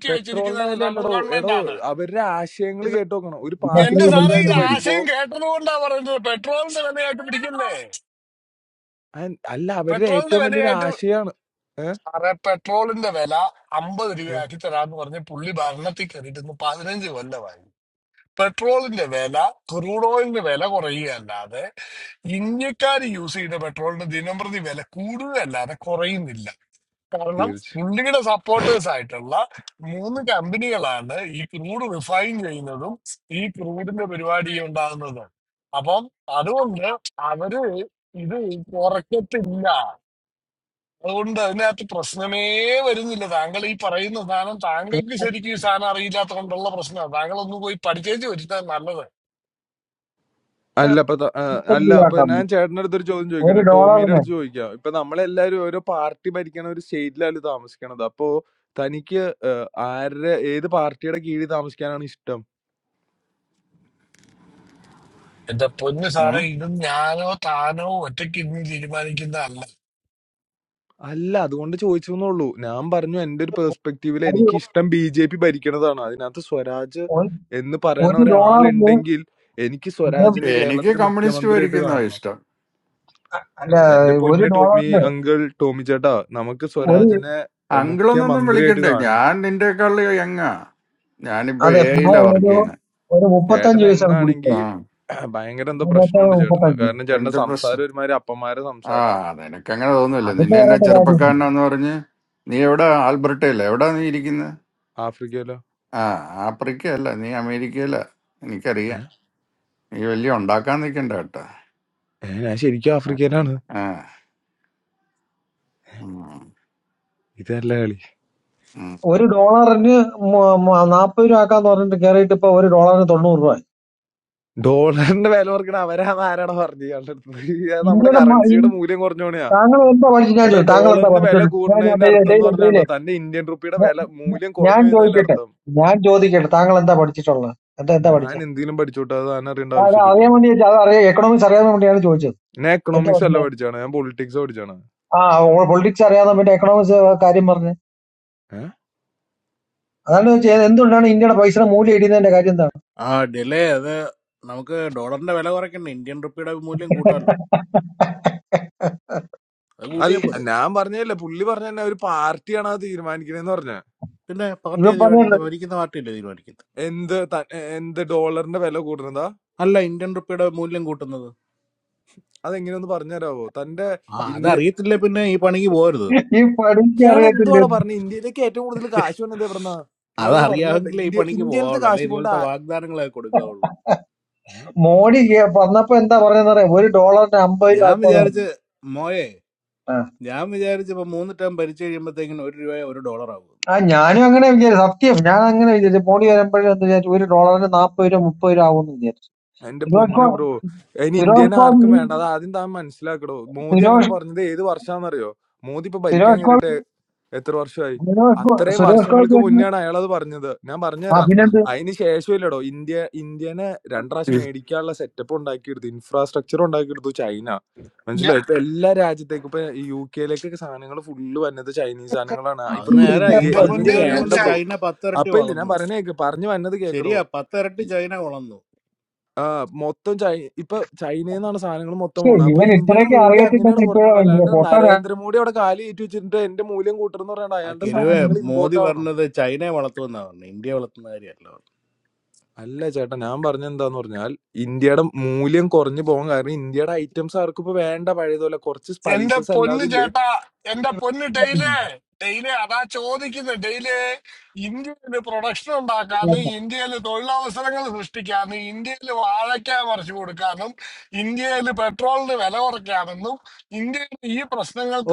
[SPEAKER 13] പെട്രോളിന്റെ വില അല്ലടോ എടോ അവരുടെ ആശയങ്ങൾ കേട്ട് നോക്കണം ഒരു
[SPEAKER 12] ഇതൊക്കെ
[SPEAKER 13] പാർട്ടി പുതുതായിട്ട്
[SPEAKER 12] പഠിപ്പിക്കുന്നത്.
[SPEAKER 13] വരുമ്പോ അയ്- അല്ല അവരുടെ ഏറ്റവും വലിയൊരു ആശയമാണ് ഏഹ് തീർച്ച അല്ല
[SPEAKER 12] പിന്നെ
[SPEAKER 13] അപ്പൊ ത- ആ, അല്ല അപ്പൊ
[SPEAKER 12] ആക്കാം.
[SPEAKER 13] ഞാൻ ചേട്ടന്റെ അടുത്തൊരു ചോദ്യം
[SPEAKER 12] ഒരു
[SPEAKER 13] ചോദിക്കട്ടെ ടോമിയുടെ
[SPEAKER 12] ഡോളറിന്
[SPEAKER 13] അടുത്ത് ചോദിക്കാം ഇപ്പൊ നമ്മളെല്ലാരും ഓരോ പാർട്ടി ഭരിക്കണ ഒരു സ്റ്റേറ്റിലാണ് താമസിക്കണത് അപ്പോ തനിക്ക് ആരുടെ ഏത് പാർട്ടിയുടെ കീഴിൽ താമസിക്കാനാണ് ഇഷ്ടം
[SPEAKER 2] ഏ?
[SPEAKER 13] അല്ല അതുകൊണ്ട് ചോദിച്ചു എന്നുള്ളൂ ഞാൻ പറഞ്ഞു എന്റെ ഒരു പെർസ്പെക്റ്റീവിൽ എനിക്ക് ഇഷ്ടം ബി ജെ പി ഭരിക്കണതാണ് അതിനകത്ത് സ്വരാജ്
[SPEAKER 12] ഒരു
[SPEAKER 13] എന്ന് പറയണ
[SPEAKER 12] ഒരു
[SPEAKER 13] ഒരാളുണ്ടെങ്കിൽ എനിക്ക്
[SPEAKER 12] ഡോളറിന്
[SPEAKER 13] സ്വരാജിനെ
[SPEAKER 2] എനിക്ക്
[SPEAKER 13] കേരളത്തിലെ
[SPEAKER 2] കമ്മ്യൂണിസ്റ്റ്
[SPEAKER 13] മുഖ്യമന്ത്രിയായിട്ട്
[SPEAKER 2] ഭരിക്കുന്ന
[SPEAKER 13] കാണണം
[SPEAKER 2] ഇഷ്ടം
[SPEAKER 12] അല്ല
[SPEAKER 13] എ- എന്റെ
[SPEAKER 12] ഒരു
[SPEAKER 13] പൊന്ന് ടോമി
[SPEAKER 12] ഡോളറിന്
[SPEAKER 13] അങ്കിൾ ടോമി ചേട്ടാ നമുക്ക്
[SPEAKER 2] ഉം.
[SPEAKER 12] ഒരു
[SPEAKER 13] സ്വരാജിനെ എ,
[SPEAKER 2] അങ്കിളെന്നൊന്നും
[SPEAKER 13] മുഖ്യമന്ത്രിയായിട്ട്
[SPEAKER 2] വിളിക്കണ്ടേ
[SPEAKER 13] കാണണം
[SPEAKER 2] ഞാൻ നിന്റെക്കാളിൽ യങ്ങാ ഞാനിപ്പോ
[SPEAKER 12] അതെ
[SPEAKER 2] എ
[SPEAKER 12] പിന്നെ
[SPEAKER 2] ഐയിലാ വർക്ക്
[SPEAKER 12] ഒരു
[SPEAKER 2] ചെയ്യുന്നത്
[SPEAKER 12] ഒരു മുപ്പത്തഞ്ച്
[SPEAKER 13] ചേട്ടൻ
[SPEAKER 12] പൈസയാണ് കുടിച്ചത്
[SPEAKER 2] ആ
[SPEAKER 13] എങ്ങാണെങ്കിൽ ഭയങ്കര എന്തോ പ്രശ്നമുണ്ട് ചേട്ടന്
[SPEAKER 12] മുപ്പത്തഞ്ച്
[SPEAKER 13] കാരണം ചേട്ടന്റെ
[SPEAKER 2] എന്ത് പ്രശ്നം
[SPEAKER 13] സംസാരം ഒരുമാതിരി അപ്പന്മാരെ
[SPEAKER 2] ആ
[SPEAKER 13] സംസാരമാണ്
[SPEAKER 2] നിനക്കങ്ങനെ തോന്നുന്നില്ല
[SPEAKER 12] അതിപ്പോ
[SPEAKER 2] നിന്നെ എന്നെ
[SPEAKER 12] പറയേണ്ട കാര്യമില്ല
[SPEAKER 2] ചെറുപ്പക്കാരനാന്ന് പറഞ്ഞ് നീ എവിടെ ആൽബർട്ടയല്ല എവിടാ നീ ഇരിക്കുന്നത്
[SPEAKER 13] ആഫ്രിക്കയിലോ
[SPEAKER 2] ആ ആഫ്രിക്കയല്ല നീ അമേരിക്കയില
[SPEAKER 13] ഏ?
[SPEAKER 2] എനിക്കറിയാം നീ വലിയ ഉണ്ടാക്കാൻ നിൽക്കണ്ട
[SPEAKER 13] ഏ, ഞാൻ ശരിക്കും
[SPEAKER 2] കേട്ടോ
[SPEAKER 13] ആഫ്രിക്കയിലാണ്
[SPEAKER 2] ഉം.
[SPEAKER 13] ഇതല്ല കളി
[SPEAKER 2] ഉം.
[SPEAKER 12] ഒരു ഡോളറിന് നാൽപ്പത് രൂപ ആക്കാന്ന് പറഞ്ഞിട്ട് കയറിയിട്ട് ഇപ്പൊ ഒരു ഡോളറിന് തൊണ്ണൂറ് രൂപ
[SPEAKER 13] ഡോളറിന്റെ വില കുറക്കണ അവരാന്ന് ആരാടാ പറഞ്ഞു ഇയാളുടെ അടുത്ത് അത് നമ്മുടെ
[SPEAKER 12] ഇന്ത്യയുടെ മ-
[SPEAKER 13] കറൻസിയുടെ
[SPEAKER 12] ഇൻ-
[SPEAKER 13] മൂല്യം കുറഞ്ഞോണെയാ
[SPEAKER 12] താങ്കൾ എന്താ പഠിച്ചു ഞാൻ
[SPEAKER 13] എടോ
[SPEAKER 12] ചോദിച്ചു താങ്കൾ എന്താ
[SPEAKER 13] ഡോളറിന്റെ വില
[SPEAKER 12] പഠിച്ചത് ഞാൻ
[SPEAKER 13] കൂടുന്നതിന്റെ അർത്ഥം എന്ന്
[SPEAKER 12] ഡെയിലേ
[SPEAKER 13] പറഞ്ഞാണ്ടോ തന്റെ ഇന്ത്യൻ റുപ്പിയുടെ
[SPEAKER 12] ഞ-
[SPEAKER 13] വില
[SPEAKER 12] ഞ-
[SPEAKER 13] മൂല്യം
[SPEAKER 12] ഞാൻ
[SPEAKER 13] കുറഞ്ഞു എന്നതിന്റെ
[SPEAKER 12] ചോദിക്കട്ടെ
[SPEAKER 13] അർത്ഥം
[SPEAKER 12] ഞാൻ ചോദിക്കട്ടെ താങ്കൾ എന്താ പഠിച്ചിട്ടുള്ളത് എന്താ എന്താ
[SPEAKER 13] ഞാൻ
[SPEAKER 12] പഠിച്ചേ
[SPEAKER 13] എന്തെങ്കിലും പഠിച്ചോട്ടെ അത് താൻ അറിയേണ്ട
[SPEAKER 12] ആ, അത്
[SPEAKER 13] ആവശ്യമില്ലല്ലോ
[SPEAKER 12] അറിയാൻ വേണ്ടി ചോദിച്ചതാ. അത് അറിയാം എക്കണോമിക്സ് അറിയാൻ വേണ്ടിയാണ് ചോദിച്ചത്
[SPEAKER 13] ഞാൻ
[SPEAKER 12] എന്താ
[SPEAKER 13] എക്കണോമിക്സ് അല്ല
[SPEAKER 12] പഠിച്ചത്
[SPEAKER 13] പഠിച്ചാണ് ഞാൻ പൊളിറ്റിക്സ് പഠിച്ചാണ്
[SPEAKER 12] ആ പൊളിറ്റിക്സ് അറിയാതെ പിന്നെ എക്കണോമിക്സ് കാര്യം പറഞ്ഞു
[SPEAKER 13] ഏഹ്?
[SPEAKER 12] അതാണ് ചോദിച്ചത് എന്തുകൊണ്ടാണ് ഇന്ത്യയുടെ പൈസയുടെ മൂല്യം ഇടിയുന്നതിന്റെ കാര്യം എന്താണ്
[SPEAKER 1] ആ ഡിലേ അത് നമുക്ക് ഡോളറിന്റെ വില കുറയ്ക്കണ്ട ഇന്ത്യൻ റുപ്പിയുടെ മൂല്യം കൂട്ടാമല്ലോ അത് കൂട്ടിയാൽ
[SPEAKER 13] അല്ല
[SPEAKER 1] പോരെ
[SPEAKER 13] ഞാൻ പറഞ്ഞല്ലേ പുള്ളി പറഞ്ഞ തന്നെ ഒരു പാർട്ടിയാണ് അത് തീരുമാനിക്കണേന്ന് പറഞ്ഞ
[SPEAKER 1] പിന്നെ
[SPEAKER 12] ഇവ
[SPEAKER 1] പാർട്ടിയെ
[SPEAKER 12] പറഞ്ഞല്ലോ
[SPEAKER 1] തീരുമാനിക്കുന്നത് ഭരിക്കുന്ന പാർട്ടിയല്ലേ തീരുമാനിക്കുന്നത്
[SPEAKER 13] എന്ത് ത- എന്ത് ഡോളറിന്റെ വില കൂടുന്നതാ
[SPEAKER 1] അല്ല ഇന്ത്യൻ റുപ്പിയുടെ മൂല്യം കൂട്ടുന്നത്
[SPEAKER 13] അതെങ്ങനെയൊന്ന് പറഞ്ഞുതരാവോ തന്റെ
[SPEAKER 1] ആ
[SPEAKER 13] ഇന്ത്യൻ
[SPEAKER 1] അതറിയത്തില്ല പിന്നെ ഈ പണിക്ക് പോകരുത്
[SPEAKER 12] ഈ പഠിക്ക്
[SPEAKER 13] ഇയാൾ
[SPEAKER 12] അറിയത്തില്ല
[SPEAKER 13] എന്തുവാടോ പറഞ്ഞു ഇന്ത്യയിലേക്ക് ഏറ്റവും കൂടുതൽ കാശ് വന്നത് എവിടെന്നാ ഇയാളൊന്ന് പറഞ്ഞു കേട്ടോ
[SPEAKER 1] അതറിയാമെങ്കിലേ ഈ
[SPEAKER 13] ഇന്ത്യ
[SPEAKER 1] പണിക്ക്
[SPEAKER 13] ഇന്ത്യയിലത്തെ
[SPEAKER 1] പോകാവുള്ളൂ അല്ലെ
[SPEAKER 13] കാശ് കൊണ്ട്
[SPEAKER 1] ഇതുപോലത്തെ
[SPEAKER 13] ആ-
[SPEAKER 1] വാഗ്ദാനങ്ങളൊക്കെ കൊടുക്കാവുള്ളൂ
[SPEAKER 13] ഉം.
[SPEAKER 12] മോഡി കേ- പറഞ്ഞപ്പോ എന്താ പറഞ്ഞറിയാം ഒരു ഡോളറിന് അമ്പത് രൂപ
[SPEAKER 1] ഞാൻ
[SPEAKER 12] ആക്കുമെന്നാണ്.
[SPEAKER 1] വിചാരിച്ച് മോയെ
[SPEAKER 12] ആ
[SPEAKER 1] ഞാൻ വിചാരിച്ച് ഇപ്പൊ മൂന്ന് ടേം ഭരിച്ചു കഴിയുമ്പോഴത്തേക്കിനും ഒരു രൂപ ഒരു ഡോളർ ആകും
[SPEAKER 12] ആ, ഞാനും അങ്ങനെ വിചാരിച്ചു സത്യം ഞാൻ അങ്ങനെ വിചാരിച്ചു മോഡി വരുമ്പോഴും എന്താ വിചാരിച്ചു ഒരു ഡോളറിന് നാപ്പത് രൂപ മുപ്പത് രൂപ ആവുമെന്ന് വിചാരിച്ചു
[SPEAKER 13] എന്റെ പൊന്ന്
[SPEAKER 12] ഇപ്പൊ
[SPEAKER 13] ബ്രോ അതിന്
[SPEAKER 12] സുരേഷ്
[SPEAKER 13] ഇന്ത്യനെ ആർക്കും
[SPEAKER 12] ഗോപി
[SPEAKER 13] വേണ്ട അത് ആദ്യം താൻ മനസ്സിലാക്കടോ മോദി അങ്ങനെ
[SPEAKER 12] സുരേഷ്
[SPEAKER 13] പറഞ്ഞത് ഏത് വർഷാന്നറിയോ മോദി ഇപ്പൊ ഭരിക്കാൻ
[SPEAKER 12] സുരേഷ്
[SPEAKER 13] കയറിയിട്ട്
[SPEAKER 12] ഗോപി
[SPEAKER 13] എത്ര വർഷമായി
[SPEAKER 12] സുരേഷ് ഗോ-
[SPEAKER 13] അത്രയും
[SPEAKER 12] സുരേഷ് ഗോപി
[SPEAKER 13] വർഷങ്ങൾക്ക്
[SPEAKER 12] എന്ന്
[SPEAKER 13] മുന്നെയാണ് അയാൾ അത് പറഞ്ഞത് ഞാൻ പറഞ്ഞുതരാം
[SPEAKER 12] അഭിനന്ദ
[SPEAKER 13] അതിന് ശേഷമില്ലടോ ഇന്ത്യ ഇന്ത്യനെ രണ്ട് പ്രാവശ്യം മേടിക്കാനുള്ള സെറ്റപ്പ് ഉണ്ടാക്കിയെടുത്തു ഇൻഫ്രാസ്ട്രക്ചർ ഉണ്ടാക്കിയെടുത്തു ചൈന മനസ്സിലായി ഇപ്പൊ എല്ലാ രാജ്യത്തേക്കും ഇപ്പൊ യു കെയിലേക്കൊക്കെ സാധനങ്ങൾ ഫുള്ള് വന്നത് ചൈനീസ് സാധനങ്ങളാണ്
[SPEAKER 1] അത്
[SPEAKER 13] ഇവർക്കൊന്നും
[SPEAKER 1] നേരെ ഈ
[SPEAKER 13] ഇന്ത്യ ഇന്ത്യ
[SPEAKER 1] പതിനഞ്ച് കൊല്ലം
[SPEAKER 13] വേണ്ട
[SPEAKER 1] കൊണ്ട്
[SPEAKER 13] ബ്രോ
[SPEAKER 1] ചൈന പത്തിരട്ടി
[SPEAKER 13] അപ്പൊ ഇല്ല ഞാൻ
[SPEAKER 1] വളർന്നു
[SPEAKER 13] പറഞ്ഞ കേക്ക് പറഞ്ഞു വന്നത് കേക്കടോ
[SPEAKER 1] ശരിയാ പത്തിരട്ടി
[SPEAKER 13] ഈ-
[SPEAKER 1] ചൈന വളർന്നു
[SPEAKER 13] ആ, മൊത്തം ചൈ ഇപ്പൊ ചൈനയിൽ നിന്നാണ് സാധനങ്ങൾ മൊത്തം
[SPEAKER 12] ശ്ശേ,
[SPEAKER 13] പോണത് അപ്പൊ
[SPEAKER 12] ഇവൻ
[SPEAKER 13] ഇന്ത്യയുടെ
[SPEAKER 12] ഇത്രയൊക്കെ
[SPEAKER 13] മൂല്യം അങ്ങനെയാണ്
[SPEAKER 12] അറിയത്തില്ലെന്ന്
[SPEAKER 13] കുറഞ്ഞോണ്ട്
[SPEAKER 12] ഇപ്പോഴാണ്
[SPEAKER 13] അല്ലാണ്ട്
[SPEAKER 12] പൊട്ടൻ
[SPEAKER 13] നരേന്ദ്രമോദി അവിടെ കാലി കയറ്റി വെച്ചിട്ട് എന്റെ മൂല്യം കൂട്ടണം എന്ന് പറയാണ്ട്
[SPEAKER 1] ആ
[SPEAKER 13] അയാളുടെ
[SPEAKER 1] കെരുവെ
[SPEAKER 13] സാധനങ്ങൾ
[SPEAKER 1] മോദി
[SPEAKER 13] ഇമ്പോർട്ട് ആവണം
[SPEAKER 1] പറഞ്ഞത് ചൈനയെ വളർത്തുമെന്നാ പറഞ്ഞു ഇന്ത്യയെ വളർത്തുന്ന കാര്യമല്ല പറഞ്ഞത്.
[SPEAKER 13] അല്ല ചേട്ടാ ഞാൻ പറഞ്ഞെന്താന്ന് പറഞ്ഞാൽ ഇന്ത്യയുടെ മൂല്യം കുറഞ്ഞു പോകാൻ കാരണം ഇന്ത്യയുടെ ഐറ്റംസ് ആർക്കും ഇപ്പൊ വേണ്ട പഴയതുപോലെ കുറച്ച് സ്പൈസസ് അല്ലാതില്ലേ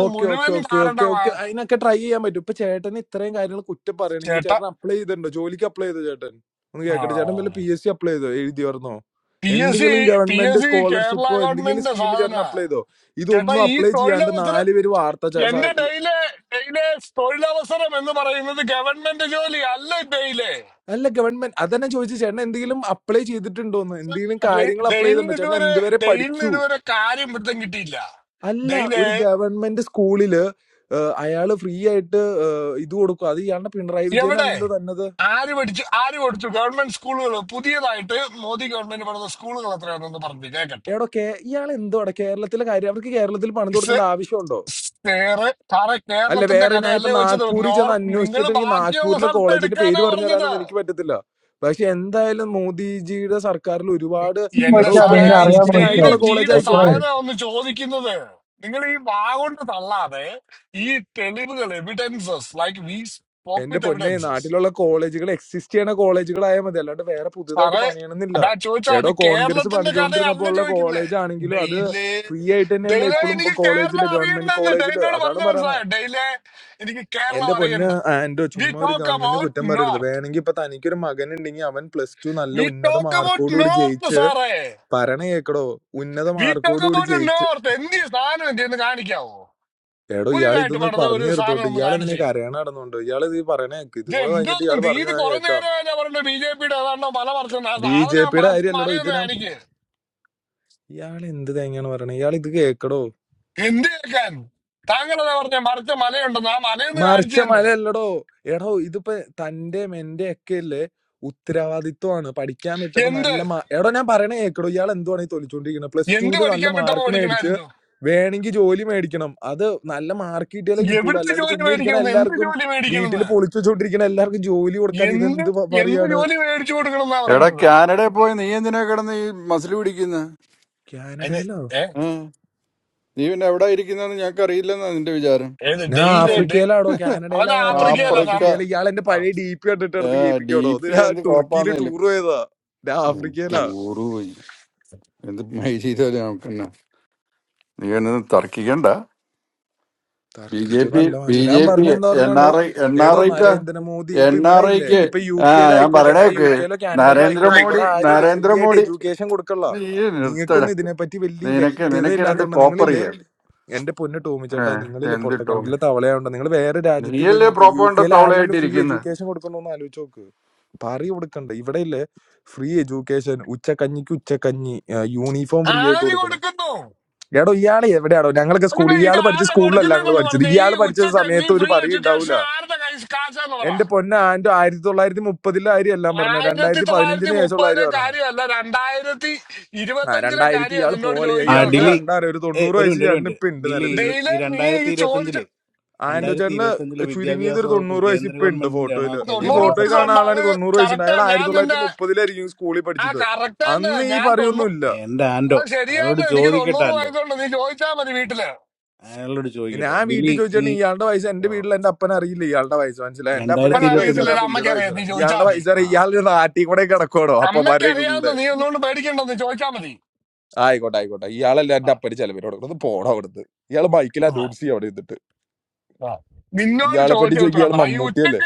[SPEAKER 13] okay okay okay okay okay അതിനൊക്കെ ട്രൈ ചെയ്യാൻ പറ്റും ഇപ്പൊ ചേട്ടന് ഇത്രയും കാര്യങ്ങൾ കുറ്റം പറയണെങ്കിൽ ചേട്ടൻ അപ്ലൈ ചെയ്തിട്ടുണ്ടോ ജോലിക്ക് അപ്ലൈ ചെയ്തോ ചേട്ടൻ ഒന്ന് കേക്കട്ടെ ചേട്ടൻ വല്ല പി എസ് സി അപ്ലൈ ചെയ്തോ എഴുതി പറഞ്ഞോ എന്തെങ്കിലും ഗവൺമെന്റ് സ്കോളർഷിപ്പോ എന്തെങ്കിലും സ്കീം ചേട്ടൻ അപ്ലൈ ചെയ്തോ ഇതൊന്നും അപ്ലൈ ചെയ്യാണ്ട് നാല് പേര് വാർത്ത ച- സ- അല്ല ഗവൺമെന്റ് അതന്നെ ചോദിച്ചു ചേട്ടൻ എന്തെങ്കിലും അപ്ലൈ ചെയ്തിട്ടുണ്ടോന്ന് എന്തെങ്കിലും കാര്യങ്ങൾ അപ്ലൈ ചെയ്തിട്ടുണ്ടോ ചേട്ടൻ എന്തുവരെ പഠിച്ചു അല്ല ഒരു ഗവൺമെന്റ് സ്കൂളില് ഏഹ്, അയാള് ഫ്രീ ആയിട്ട് ഏഹ്, ഇത് കൊടുക്കും അത് ഇയാളുടെ പിണറായി വിജയൻ അല്ലല്ലോ തന്നത് എടോ കേ ഇയാൾ എന്തോടെ കേരളത്തിലെ കാര്യം അവർക്ക് കേരളത്തിൽ പണിത് കൊടുക്കേണ്ട ആവശ്യമുണ്ടോ അല്ല വേറെ ഞാൻ ഇപ്പൊ നാഗ്പൂരിൽ ചെന്ന് അന്വേഷിച്ചിട്ട് എനിക്ക് നാഗ്പൂരിലെ കോളേജിന്റെ പേര് പറഞ്ഞു തരാനൊന്നും എനിക്ക് പറ്റത്തില്ല പക്ഷെ എന്തായാലും മോദിജിയുടെ സർക്കാരിൽ ഒരുപാട് എടോ
[SPEAKER 12] ചോദിച്ചാൽ
[SPEAKER 13] ഇപ്പൊ
[SPEAKER 12] അദ്ദേഹം അറിയാൻ
[SPEAKER 13] എക്സിസ്റ്റിംഗ്
[SPEAKER 12] ചോദിച്ചാൽ
[SPEAKER 13] ആയിട്ടുള്ള കോളേജ്
[SPEAKER 12] എത്ര
[SPEAKER 13] ആയിക്കോട്ടെ എന്റെ പൊന്നെ നാട്ടിലുള്ള കോളേജുകൾ എക്സിസ്റ്റ് ചെയ്യണ കോളേജുകളായാൽ മതി അല്ലാണ്ട് വേറെ പുതുതായിട്ട് പണിയണമെന്നില്ല എടോ കോൺഗ്രസ് പണിച്ചുകൊണ്ടിരുന്നപ്പോ ഉള്ള കോളേജ് ആണെങ്കിലും അത് ഫ്രീ ആയിട്ട് തന്നെയല്ല ഇപ്പോഴും കോളേജില് ഗവൺമെന്റ് കോളേജില് അതാണ് പറയണത് എന്റെ പൊന്ന് എന്റെ ചുമ്മാ ഒരു ഗവൺമെന്റിന് കുറ്റം പറയരുത് വേണമെങ്കിൽ ഇപ്പൊ തനിക്കൊരു മകൻ ഉണ്ടെങ്കിൽ അവൻ പ്ലസ് ടു നല്ല ഉന്നത മാർക്കോടുകൂടി ജയിച്ച് പറയണ കേക്കടോ ഉന്നത മാർക്കോടുകൂടി ജയിച്ച് എടോ ഇയാൾ ഇതൊന്ന് പറഞ്ഞു തീർത്തോട്ട് ഇയാൾ എന്തിനേക്ക് അറിയണ നടന്നുണ്ടോ ഇയാൾ ഇത് പറയണ കേക്ക് ഇതും കൂടെ കഴിഞ്ഞിട്ട് ഇയാൾ പറഞ്ഞു ഞാൻ കേൾക്കാം ബി ജെ പിയുടെ കാര്യമല്ലടോ ഇതിനാ ഇയാൾ എന്ത് തേങ്ങയാണ് പറയണേ ഇയാൾ ഇത് കേക്കടോ മറിച്ച മലയല്ലടോ എടോ ഇതിപ്പോ തന്റെയും എന്റെ ഒക്കെ അല്ലേ ഉത്തരവാദിത്വമാണ് പഠിക്കാൻ വിട്ടപ്പോ നല്ല മാ- എടോ ഞാൻ പറയണേ കേക്കടോ ഇയാൾ എന്തുവാണ് ഈ തൊലിച്ചോണ്ടിരിക്കുന്നത് പ്ലസ് ടുവില് നല്ല മാർക്ക് മേടിച്ച് വേണമെങ്കിൽ ജോലി മേടിക്കണം അത് നല്ല മാർക്ക് കിട്ടിയാലേ കിട്ടുള്ളൂ അല്ലാണ്ട് ചുമ്മാ ഇരിക്കണ എല്ലാവർക്കും വീട്ടിൽ പൊളിച്ചു വെച്ചോണ്ടിരിക്കണ എല്ലാവർക്കും ജോലി കൊടുക്കാൻ ഇത് എന്ത് പ- പറയാണ്
[SPEAKER 2] എടാ കാനഡയിൽ പോയി നീ എന്തിനാ കിടന്ന് ഈ മസിൽ പിടിക്കുന്നത്
[SPEAKER 13] കാനഡയിലോ
[SPEAKER 2] നീ പിന്നെ എവിടെ ഇരിക്കുന്നെന്ന് ഞങ്ങൾക്ക് അറിയില്ലെന്നാ നിന്റെ വിചാരം
[SPEAKER 13] ഞാൻ
[SPEAKER 2] ഉം.
[SPEAKER 13] ആഫ്രിക്കയിലാടോ കാനഡയിലാ വരെ പറഞ്ഞ
[SPEAKER 2] ആഫ്രിക്ക
[SPEAKER 13] ആഫ്രിക്കയിൽ ഇയാൾ എന്റെ പഴയ ഡി പി കണ്ടിട്ട് എടുത്ത്
[SPEAKER 2] ഡി
[SPEAKER 13] കേൾപ്പിക്കാടോ ഇത്
[SPEAKER 2] പി
[SPEAKER 13] ഞാൻ
[SPEAKER 2] എന്ത്
[SPEAKER 13] തുർക്കിയിൽ
[SPEAKER 2] കോപ്പാന്നേലും
[SPEAKER 13] ടൂർ പോയതാ ഞാൻ ആഫ്രിക്കയിലാ
[SPEAKER 2] ടൂറ് പോയി എന്ത് മൈ ചെയ്താലും നമുക്ക് തന്നെ നീ എന്നത് തർക്കിക്കണ്ട ബി ജെ
[SPEAKER 13] തർക്കിച്ച്
[SPEAKER 2] പി
[SPEAKER 13] നല്ല
[SPEAKER 2] ബി
[SPEAKER 13] മനസ്സിലാ ഞാൻ
[SPEAKER 2] ജെ പി
[SPEAKER 13] പറഞ്ഞ എന്താ
[SPEAKER 2] എൻ
[SPEAKER 13] പറഞ്ഞാണ്ടോ
[SPEAKER 2] ആർ ഐ എൻ
[SPEAKER 13] എടോ
[SPEAKER 2] ആർ ഐക്ക്
[SPEAKER 13] നരേന്ദ്രമോദി
[SPEAKER 2] എൻ
[SPEAKER 13] ഇപ്പൊ ഇവിടെ
[SPEAKER 2] ആർ
[SPEAKER 13] ഇല്ലേ
[SPEAKER 2] ഐക്ക്
[SPEAKER 13] ഇപ്പൊ യു
[SPEAKER 2] ആ ഞാൻ
[SPEAKER 13] കെയിലായിക്കോട്ടെ ഞാൻ യു
[SPEAKER 2] പറയണേക്ക്
[SPEAKER 13] കെയിലോ കാനഡയിലോ ആയിക്കോട്ടെ
[SPEAKER 2] നരേന്ദ്രമോദി
[SPEAKER 13] ഇവിടെ ആരും ഇല്ല ഫ്രീ ആയിട്ട്
[SPEAKER 2] നരേന്ദ്രമോദി
[SPEAKER 13] എഡ്യൂക്കേഷൻ കൊടുക്കള്ള
[SPEAKER 2] നീ നിർത്തട
[SPEAKER 13] നിങ്ങൾക്കൊന്നും ഇതിനെപ്പറ്റി വലിയ
[SPEAKER 2] നിനക്ക്
[SPEAKER 13] വ്യക്തത
[SPEAKER 2] നിനക്ക് രണ്ട്
[SPEAKER 13] ഇല്ലാത്തോണ്ട് നിങ്ങളില്ലേ
[SPEAKER 2] കോപ്പറിയ
[SPEAKER 13] എന്റെ പൊന്ന് ടോമിച്ചേട്ടാ നിങ്ങളില്ലേ
[SPEAKER 2] എന്ത് ടോമി
[SPEAKER 13] പൊട്ടക്കണ്ടിലെ തവളയാവണ്ട നിങ്ങൾ വേറെ രാജ്യത്തിൽ പോയി
[SPEAKER 2] നീയല്ലേ
[SPEAKER 13] നോക്ക് യു
[SPEAKER 2] പ്രോപ്പറിന്റെ
[SPEAKER 13] കെയിൽ ആരെങ്കിലും ഫ്രീ
[SPEAKER 2] തവളയായിട്ടിരിക്കുന്നത്
[SPEAKER 13] എഡ്യൂക്കേഷൻ കൊടുക്കണോന്ന് ആലോചിച്ച് നോക്ക് പറയ കൊടുക്കണ്ട. ഇവിടെയില്ലേ ഫ്രീ എഡ്യൂക്കേഷൻ, ഉച്ചക്കഞ്ഞിക്ക് ഉച്ചക്കഞ്ഞി, ആഹ് യൂണിഫോം ഫ്രീ ആയിട്ട് കൊടുക്കണ്. എടോ ഇയാള് എവിടെയാടോ? ഞങ്ങളൊക്കെ സ്കൂളിൽ ഇയാള് പഠിച്ച സ്കൂളിലല്ല ഞങ്ങള് പഠിച്ചത്. ഇയാള് പഠിച്ച സമയത്ത് ഒരു പറയുണ്ടാവൂല. എന്റെ പൊന്ന ആൻറ്റോ ആയിരത്തി തൊള്ളായിരത്തി മുപ്പതിലെ കാര്യം എല്ലാം പറഞ്ഞത്. രണ്ടായിരത്തി പതിനഞ്ചിന് ശേഷമുള്ള കാര്യം പറയണേ. ആ രണ്ടായിരത്തി ഇയാള് പോളി
[SPEAKER 1] ആ
[SPEAKER 13] ഇയാൾക്ക്
[SPEAKER 1] ഡിലി
[SPEAKER 13] കണ്ടാറിയാം ഒരു
[SPEAKER 1] ഏ
[SPEAKER 13] തൊണ്ണൂറ്
[SPEAKER 1] ഒരു
[SPEAKER 13] വയസ്സ്
[SPEAKER 1] മിനിറ്റ് ഒരു
[SPEAKER 13] ചേട്ടന്
[SPEAKER 1] മിനിറ്റ്
[SPEAKER 13] ഇപ്പൊ ഉണ്ട്
[SPEAKER 1] ഡിലി ഈ
[SPEAKER 13] നിലവില്.
[SPEAKER 1] ഈ രണ്ടായിരത്തി ഇരുപത്തഞ്ചില്
[SPEAKER 13] ആൻറ്റോ
[SPEAKER 1] രണ്ടായിരത്തി
[SPEAKER 13] ചേട്ടന്
[SPEAKER 1] ഇരുപത്തഞ്ചിലെ
[SPEAKER 13] ചുരുങ്ങിയത്
[SPEAKER 1] വിദ്യാഭ്യാസ
[SPEAKER 13] ഒരു
[SPEAKER 1] വകുപ്പ്
[SPEAKER 13] തൊണ്ണൂറ് വയസ്സ്
[SPEAKER 1] കേന്ദ്ര
[SPEAKER 13] ഇപ്പൊ ഉണ്ട്
[SPEAKER 1] ഗവൺമെന്റിന്റെ ആണോ
[SPEAKER 13] ഫോട്ടോയില്. ഈ
[SPEAKER 1] കേരള
[SPEAKER 13] ഫോട്ടോയിൽ കാണുന്ന
[SPEAKER 1] സർക്കാരിന്റെ
[SPEAKER 13] ആളാണ്
[SPEAKER 1] ആണോ
[SPEAKER 13] തൊണ്ണൂറ് വയസ്സുണ്ട്. അയാൾ ആയിരത്തി തൊള്ളായിരത്തി മുപ്പതിലായിരിക്കും സ്കൂളിൽ പഠിച്ചത്. അന്ന് ഈ പറയൊന്നുമില്ല.
[SPEAKER 1] എന്റെ ആൻഡോ അയാളോട് ചോദിക്കട്ടെ ആൻഡോ അയാളോട് ചോദിക്കട്ടെ
[SPEAKER 13] ഞാൻ
[SPEAKER 1] ഡിലി
[SPEAKER 13] വീട്ടിൽ
[SPEAKER 1] ഈ
[SPEAKER 13] ചോദിച്ചിട്ട് ഇയാളുടെ വയസ്സ് എന്റെ വീട്ടിൽ എന്റെ അപ്പനെ അറിയില്ല ഇയാളുടെ വയസ്സ് മനസ്സിലായി എന്റെ അപ്പനെ
[SPEAKER 1] രണ്ടായിരത്തി
[SPEAKER 13] എന്റെ വയസ്സ്
[SPEAKER 1] ഇരുപത്തഞ്ചില്
[SPEAKER 13] അറിയാം പുള്ളിയുടെ വയസ്സ് അറിയാം ഇയാളുടെ വയസ്സ്
[SPEAKER 1] ആ
[SPEAKER 13] അറിയാം ഇയാളുടെ നാട്ടിൽ കൂടെ കിടക്കോടോ അപ്പന്മാരെയൊക്കെ കൂടെ ആയിക്കോട്ടെ ആയിക്കോട്ടെ ഇയാളല്ല എന്റെ അപ്പന് ചെലവിന് കൊടുക്കുന്നത് പോണോ അവിടുന്ന് ഇയാള് ബൈക്കിൽ അഡ്വാൻസ് ചെയ്യും അവിടെ ഇരുന്നിട്ട് ഇയാളെ പറ്റി ചോദിക്കും ഇയാള് മമ്മൂട്ടിയല്ലേ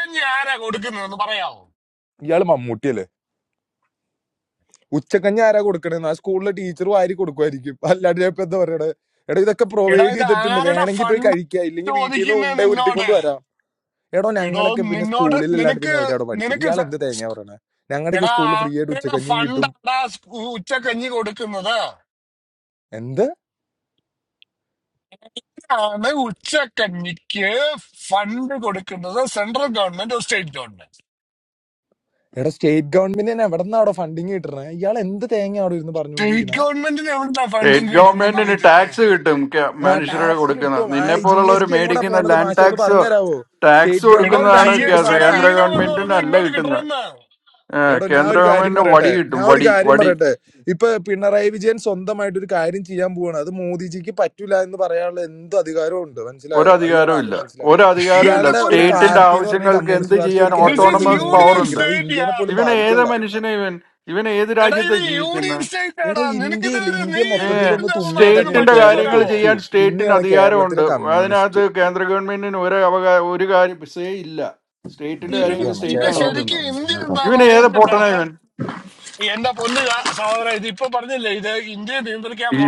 [SPEAKER 13] ഇയാള് മമ്മൂട്ടിയല്ലേ ഉച്ചക്കഞ്ഞ ആരാ കൊടുക്കണേന്ന് ആ സ്കൂളിലെ ടീച്ചർ വാരി കൊടുക്കുമായിരിക്കും അല്ലാണ്ട് ഞാൻ ഇപ്പൊ എന്താ പറയണേ എടാ ഇതൊക്കെ പ്രൊവൈഡ് ചെയ്തിട്ടുണ്ട് വേണമെങ്കിൽ പോയി കഴിക്കുക ഇല്ലെങ്കിൽ വീട്ടിൽ നിന്ന് ഉണ്ടേ ഉരുട്ടിക്കൊണ്ട് വരാം എടോ ഞങ്ങളൊക്കെ പിന്നെ സ്കൂളിലല്ലാണ്ട് പിന്നെ എവിടെയാണോ പഠിച്ചത് ഇയാൾ എന്ത് തേങ്ങ പറയണേ ഞങ്ങളുടെയൊക്കെ സ്കൂളിൽ ഫ്രീ ആയിട്ട് ഉച്ചക്കഞ്ഞിയും കിട്ടും എന്ത് എടോ സ്റ്റേറ്റ് ഗവൺമെന്റിന് എവിടെ നിന്നാണോ ഫണ്ടിങ് കിട്ടണേ ഇയാൾ എന്ത് തേങ്ങ അവിടെ ഇരുന്ന് പറഞ്ഞുകൊണ്ടിരിക്കണേ
[SPEAKER 2] സ്റ്റേറ്റ് ഗവൺമെന്റിന് ടാക്സ് കിട്ടും ക-
[SPEAKER 13] ആ
[SPEAKER 2] മനുഷ്യരുടെ
[SPEAKER 13] ടാക്സ്
[SPEAKER 2] കൊടുക്കുന്ന
[SPEAKER 13] കിട്ടും ആ
[SPEAKER 2] നിന്നെ
[SPEAKER 13] ജി
[SPEAKER 2] പോലുള്ളവർ
[SPEAKER 13] എസ് ടി എങ്ങോട്ടാ
[SPEAKER 2] മേടിക്കുന്ന
[SPEAKER 13] പോണത്
[SPEAKER 2] ലാൻഡ്
[SPEAKER 13] മാഷെ ഒന്ന്
[SPEAKER 2] ടാക്സ്
[SPEAKER 13] പറഞ്ഞുതരാവോ
[SPEAKER 2] ടാക്സ്
[SPEAKER 13] സ്റ്റേറ്റ് ഗവൺമെന്റിന്
[SPEAKER 2] കൊടുക്കുന്നതാണ്
[SPEAKER 13] ടാക്സ്
[SPEAKER 2] കേ-
[SPEAKER 13] കിട്ടുമ്പോ ആ
[SPEAKER 2] കേന്ദ്ര ഗവൺമെന്റിന് അല്ല കിട്ടുന്നത് ഏഹ്
[SPEAKER 13] എടോ ഞാൻ
[SPEAKER 2] കേന്ദ്ര
[SPEAKER 13] ഒരു കാര്യം
[SPEAKER 2] ഗവൺമെന്റിന്
[SPEAKER 13] പറയട്ടെ
[SPEAKER 2] വടി കിട്ടും
[SPEAKER 13] ഞാൻ ഒരു
[SPEAKER 2] വടി
[SPEAKER 13] കാര്യം
[SPEAKER 2] വടി
[SPEAKER 13] പറയട്ടെ ഇപ്പൊ പിണറായി വിജയൻ സ്വന്തമായിട്ട് ഒരു കാര്യം ചെയ്യാൻ പോവാണ് അത് മോദിജിക്ക് പറ്റൂല എന്ന് പറയാനുള്ള എന്ത് അധികാരവും ഉണ്ട് മനസ്സിലായോ അത് ഇയാൾ
[SPEAKER 2] ഒരധികാരവും ഇല്ല
[SPEAKER 13] ആദ്യം മനസ്സിലാക്കുക
[SPEAKER 2] ഒരധികാരവും ഇല്ല
[SPEAKER 13] ഇയാളുടെ ഒരു
[SPEAKER 2] സ്റ്റേറ്റിന്റെ
[SPEAKER 13] പാർട്ടി എന്ന് പറഞ്ഞാൽ ഈ
[SPEAKER 2] ആവശ്യങ്ങൾക്ക് എന്ത്
[SPEAKER 13] കമ്മ്യൂണിസ്റ്റ് പാർട്ടി
[SPEAKER 2] ചെയ്യാൻ
[SPEAKER 13] ഒരു കേരളത്തിൽ ഒരു
[SPEAKER 2] ഓട്ടോണമസ് പവർ
[SPEAKER 13] മൂലയ്ക്ക്
[SPEAKER 2] ഉണ്ട്
[SPEAKER 13] ഇരിക്കണം അത് ഇന്ത്യനെ പോലും
[SPEAKER 2] ഇവനെ ഏത്
[SPEAKER 13] ബാധിക്കുള്ള
[SPEAKER 2] മനുഷ്യനെ ഇവൻ ഇവൻ ഏത് രാജ്യത്തെ ജീവിക്കുന്ന
[SPEAKER 13] എടോ ഇന്ത്യയില്ല ഇന്ത്യ
[SPEAKER 2] ഏ
[SPEAKER 13] മൊത്തത്തിൽ ഒന്ന് തുമ്മിയാ തന്നെയില്ല
[SPEAKER 2] സ്റ്റേറ്റിന്റെ
[SPEAKER 13] കേരളം
[SPEAKER 2] കാര്യങ്ങൾ
[SPEAKER 13] തെറിച്ചു
[SPEAKER 2] ചെയ്യാൻ
[SPEAKER 13] പോവും.
[SPEAKER 2] സ്റ്റേറ്റിന്
[SPEAKER 13] പിന്നെയാണ് കേരളത്തിലെ
[SPEAKER 2] അധികാരമുണ്ട് അതിനകത്ത്
[SPEAKER 13] കമ്മ്യൂണിസ്റ്റ്
[SPEAKER 2] കേന്ദ്ര ഗവൺമെന്റിന് ഒരു അവകാ ഒരു കാര്യം സേ ഇല്ല സ്റ്റേറ്റിന്റെ കാര്യങ്ങൾ
[SPEAKER 13] ശരിയാണ്
[SPEAKER 2] സ്റ്റേറ്റാണ്
[SPEAKER 13] ചേട്ടനല്ല
[SPEAKER 2] നോക്കുന്നത്
[SPEAKER 13] തീരുമാനിക്കുന്നത് കേട്ടോ
[SPEAKER 2] ഇവൻ ഏത് പൊട്ടനാ ഇവൻ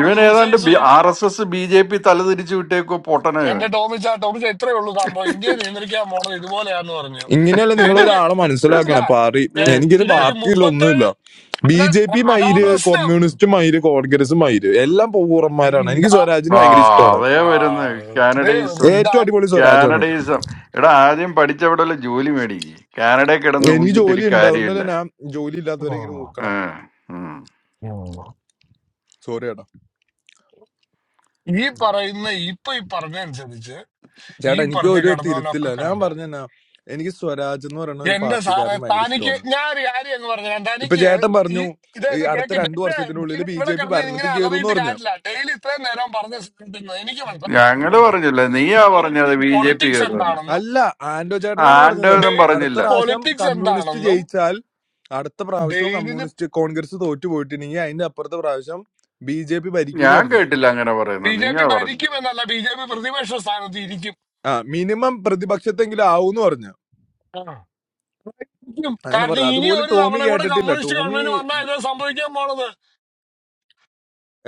[SPEAKER 2] ഇവൻ ഏതാണ്ട് B R S S B J P തലതിരിച്ചു വിട്ടേക്കോ പൊട്ടനാ ഇവൻ
[SPEAKER 13] ഇങ്ങനെയല്ല നിങ്ങൾ ഒരാളെ മനസ്സിലാക്കണം പാർട്ടി
[SPEAKER 2] ദേ,
[SPEAKER 13] എനിക്കൊരു പാർട്ടിയില്ല ഒന്നുമില്ല ബി ജെ പി
[SPEAKER 2] ഉം.
[SPEAKER 13] മയിര് കമ്മ്യൂണിസ്റ്റ് മയിര് കോൺഗ്രസ് മയിര് എല്ലാം പൂർവ്വന്മാരാണ് എനിക്ക് സ്വരാജിന്
[SPEAKER 2] ആ
[SPEAKER 13] ഭയങ്കര ഇഷ്ടമാണ്
[SPEAKER 2] അതേ വരുന്നു കാനഡയിസം
[SPEAKER 13] ഏറ്റവും അടിപൊളി സ്വരാജാണ്
[SPEAKER 2] കാനഡയിസം എടാ ആദ്യം പഠിച്ചവിടെ ജോലി മേടിക്ക് കാനഡയിൽ കിടന്ന്
[SPEAKER 13] എനിക്ക് ജോലി
[SPEAKER 2] ഊഞ്ചിട്ടൊരു
[SPEAKER 13] ഉണ്ട് അതുകൊണ്ടല്ലേ
[SPEAKER 2] കാര്യമില്ല
[SPEAKER 13] ഞാൻ ജോലി ഇല്ലാത്തവരെ ഇങ്ങനെ ഊക്കണേ
[SPEAKER 2] ഉം, ഉം.
[SPEAKER 13] സോറി ചേട്ടാ ചേട്ടാ എനിക്ക് ഒരു തിരുത്തില്ല ഞാൻ പറഞ്ഞ എനിക്ക് സ്വരാജ് എന്ന് പറയുന്ന ഒരു പാർട്ടിക്കാരന് ഭയങ്കര ഇഷ്ടമാണ് ഇപ്പൊ ചേട്ടൻ പറഞ്ഞു ഈ അടുത്ത രണ്ടു വർഷത്തിനുള്ളിൽ ബി ജെ പി ഭരണത്തിൽ കയറും എന്ന് പറഞ്ഞു
[SPEAKER 2] ഞങ്ങള് പറഞ്ഞില്ല നീയാ പറഞ്ഞത് ബി ജെ പി കയറുമെന്ന്
[SPEAKER 13] അല്ല ആന്റോ ചേട്ടനാണ് പറഞ്ഞത്
[SPEAKER 2] ആന്റോനും
[SPEAKER 13] അടുത്ത
[SPEAKER 2] പറഞ്ഞില്ല
[SPEAKER 13] പ്രാവശ്യം കമ്മ്യൂണിസ്റ്റ് ജയിച്ചാൽ അടുത്ത പ്രാവശ്യവും കമ്മ്യൂണിസ്റ്റ് കോൺഗ്രസ് തോറ്റു പോയിട്ടുണ്ടെങ്കിൽ അതിന്റെ അപ്പുറത്തെ പ്രാവശ്യം ബി ജെ പി ഭരിക്കൂന്ന്
[SPEAKER 2] ഞാൻ
[SPEAKER 13] പറഞ്ഞു
[SPEAKER 2] കേട്ടില്ല അങ്ങനെ പറയുന്നത് നീയാ പറഞ്ഞു
[SPEAKER 13] ആ മിനിമം പ്രതിപക്ഷത്തെങ്കിലും ആവൂന്ന് പറഞ്ഞു അങ്ങനെ പറഞ്ഞു അതുപോലെ ടോമി കേട്ടിട്ടില്ല ടോമി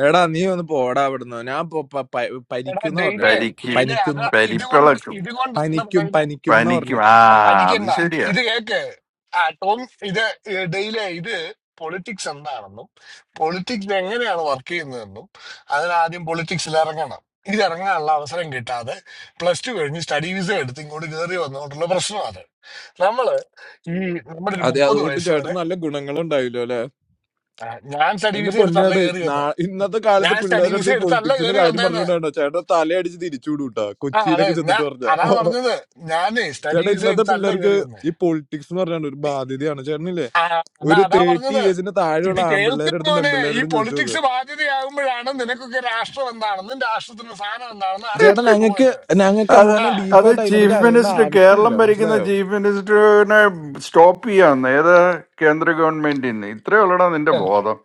[SPEAKER 13] എടാ നീ ഒന്ന് പോടാ അവിടുന്ന് ഞാൻ പൊ- പ- പ- പരിക്കുന്ന പറഞ്ഞു പരിക്ക്
[SPEAKER 2] പരിക്കും
[SPEAKER 13] പനിക്കുന്ന
[SPEAKER 2] പരിപ്പിളക്കും
[SPEAKER 13] പനിക്കും പനിക്കും എന്ന് പറഞ്ഞു
[SPEAKER 2] പനിക്കും ആ അത് ശരിയാ
[SPEAKER 13] അതെ അതുകൊണ്ട് ചേട്ടന് നല്ല ഗുണങ്ങളുണ്ടായില്ലോ എന്റെ പൊന്നാട് നാ- ഇന്നത്തെ കാലത്ത് പിള്ളേരുടെ അടുത്ത് ഈ പൊളിറ്റിക്സിന്റെ കാര്യം പറഞ്ഞുകൊണ്ടാണോ ചേട്ടാ തലയടിച്ച് തിരിച്ചുവിടും കേട്ടോ കൊച്ചിയിലൊക്കെ ചെന്നിട്ട് പറഞ്ഞ ചേട്ടാ ഇന്നത്തെ പിള്ളേർക്ക് ഈ പൊളിറ്റിക്സ് എന്ന് പറഞ്ഞാൽ ഒരു ബാധ്യതയാണ് ചേട്ടനില്ലേ ഒരു തേർട്ടി ഇയേഴ്സിന്റെ താഴെയുള്ള ആൺപിള്ളേരുടെ അടുത്തും പെൺപിള്ളേരുടെ അടുത്തും ചോദിച്ചു നോക്ക് ചേട്ടാ ഞങ്ങൾക്ക് ഞങ്ങൾക്ക്
[SPEAKER 2] അത്
[SPEAKER 13] അങ്ങനെ
[SPEAKER 2] അത്
[SPEAKER 13] ഡീപ്പായിട്ട് അതിനെപ്പറ്റി
[SPEAKER 2] ചീഫ്
[SPEAKER 13] അറിയേണ്ട
[SPEAKER 2] മിനിസ്റ്റർ കേരളം
[SPEAKER 13] ആവശ്യമില്ല
[SPEAKER 2] ഭരിക്കുന്ന
[SPEAKER 13] മനസ്സിലായോ
[SPEAKER 2] ചീഫ് മിനിസ്റ്ററിനെ സ്റ്റോപ്പ് ചെയ്യാന്ന് ഏത് കേന്ദ്ര ഗവൺമെന്റിന് ഇത്രേ ഉള്ളടാ നിന്റെ ബോധം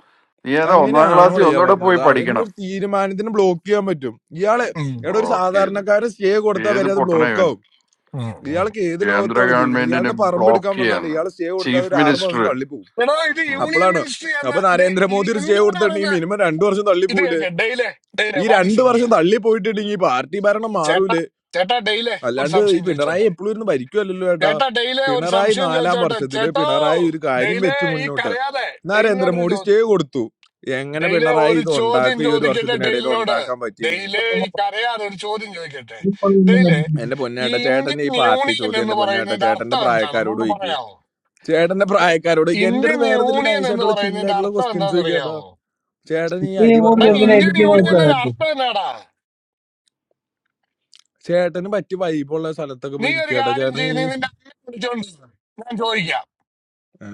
[SPEAKER 2] നീ ഏതാ ഒന്നാം
[SPEAKER 13] അങ്ങനെയാണോ
[SPEAKER 2] ക്ലാസ്സിൽ
[SPEAKER 13] ഇയാ
[SPEAKER 2] ഒന്നുകൂടെ പോയി
[SPEAKER 13] പറഞ്ഞത് അവരുടെ
[SPEAKER 2] പഠിക്കണം
[SPEAKER 13] ഒരു തീരുമാനത്തിന് ബ്ലോക്ക് ചെയ്യാൻ പറ്റും ഇയാളെ എടാ ഒരു
[SPEAKER 2] ബ്ലോക്ക് ചെയ്ത്
[SPEAKER 13] സാധാരണക്കാരൻ സ്റ്റേ കൊടുത്താൽ
[SPEAKER 2] ഏത്
[SPEAKER 13] വരെ അത്
[SPEAKER 2] പൊട്ടണ
[SPEAKER 13] ബ്ലോക്ക് ആവും
[SPEAKER 2] ഇവൻ
[SPEAKER 13] ഇയാൾക്ക് ഏത്
[SPEAKER 2] കേന്ദ്ര
[SPEAKER 13] ലോകത്താണ് ജീവിക്കുന്നത്
[SPEAKER 2] ഗവൺമെന്റിനെ
[SPEAKER 13] ഇയാളുടെ പറമ്പ്
[SPEAKER 2] ബ്ലോക്ക്
[SPEAKER 13] എടുക്കാൻ വന്നാണ്
[SPEAKER 2] ചെയ്യാന്ന്
[SPEAKER 13] ഇയാൾ സ്റ്റേ കൊടുത്താൽ
[SPEAKER 2] ചീഫ്
[SPEAKER 13] ഒരു ആറ്
[SPEAKER 2] മിനിസ്റ്റർ
[SPEAKER 13] മാസം തള്ളിപ്പോവും
[SPEAKER 2] ഉം.
[SPEAKER 13] അപ്പോഴാണ് അപ്പൊ നരേന്ദ്രമോദി ഒരു സ്റ്റേ കൊടുത്തിട്ടുണ്ടെങ്കിൽ മിനിമം രണ്ടു വർഷം തള്ളിപ്പോവില്ലേ ഈ രണ്ട് വർഷം തള്ളിപ്പോയിട്ടുണ്ടെങ്കിൽ ഈ പാർട്ടി ഭരണം മാറൂലേ അല്ലാണ്ട് ഈ പിണറായി എപ്പോഴും ഇരുന്ന് ഭരിക്കുമല്ലോ ഏട്ടാ പിണറായി നാലാം വർഷത്തില് പിണറായി ഒരു കാര്യം വെച്ച് മുന്നോട്ട് നരേന്ദ്രമോദി സ്റ്റേ കൊടുത്തു എങ്ങനെ പിണറായി ഇത് ഉണ്ടാക്കും ഈ ഒരു വർഷത്തിനിടയിൽ ഉണ്ടാക്കാൻ പറ്റിയില്ലെങ്കിൽ എന്റെ പൊന്നേട്ട ചേട്ടന്റെ ഈ പാർട്ടി ചോദ്യം എന്റെ പൊന്നേട്ട ചേട്ടന്റെ പ്രായക്കാരോട് ചോദിക്കുക ചേട്ടന്റെ പ്രായക്കാരോട് ചോദിക്കുക എന്റെ അടുത്ത് വേറെ എന്തെങ്കിലും നൈസായിട്ടുള്ള ചില്ലായിട്ടുള്ള ക്വസ്റ്റ്യൻസ് ചോദിക്കാട്ടോ ചേട്ടൻ ഈ അരി
[SPEAKER 12] സുപ്രീം
[SPEAKER 13] വറുത്ത
[SPEAKER 12] കോടതി
[SPEAKER 13] കഥ
[SPEAKER 12] എന്തിനാ
[SPEAKER 13] കൊണ്ട്
[SPEAKER 12] ഇരിക്കുന്ന
[SPEAKER 13] പോവാട്ടാ
[SPEAKER 12] ചോദിച്ചാൽ
[SPEAKER 13] ചേട്ടന് പറ്റിയ വൈബുള്ള സ്ഥലത്തൊക്കെ പോയി ഇരിക്കാട്ടോ ചേട്ടൻ ഈ ഏ?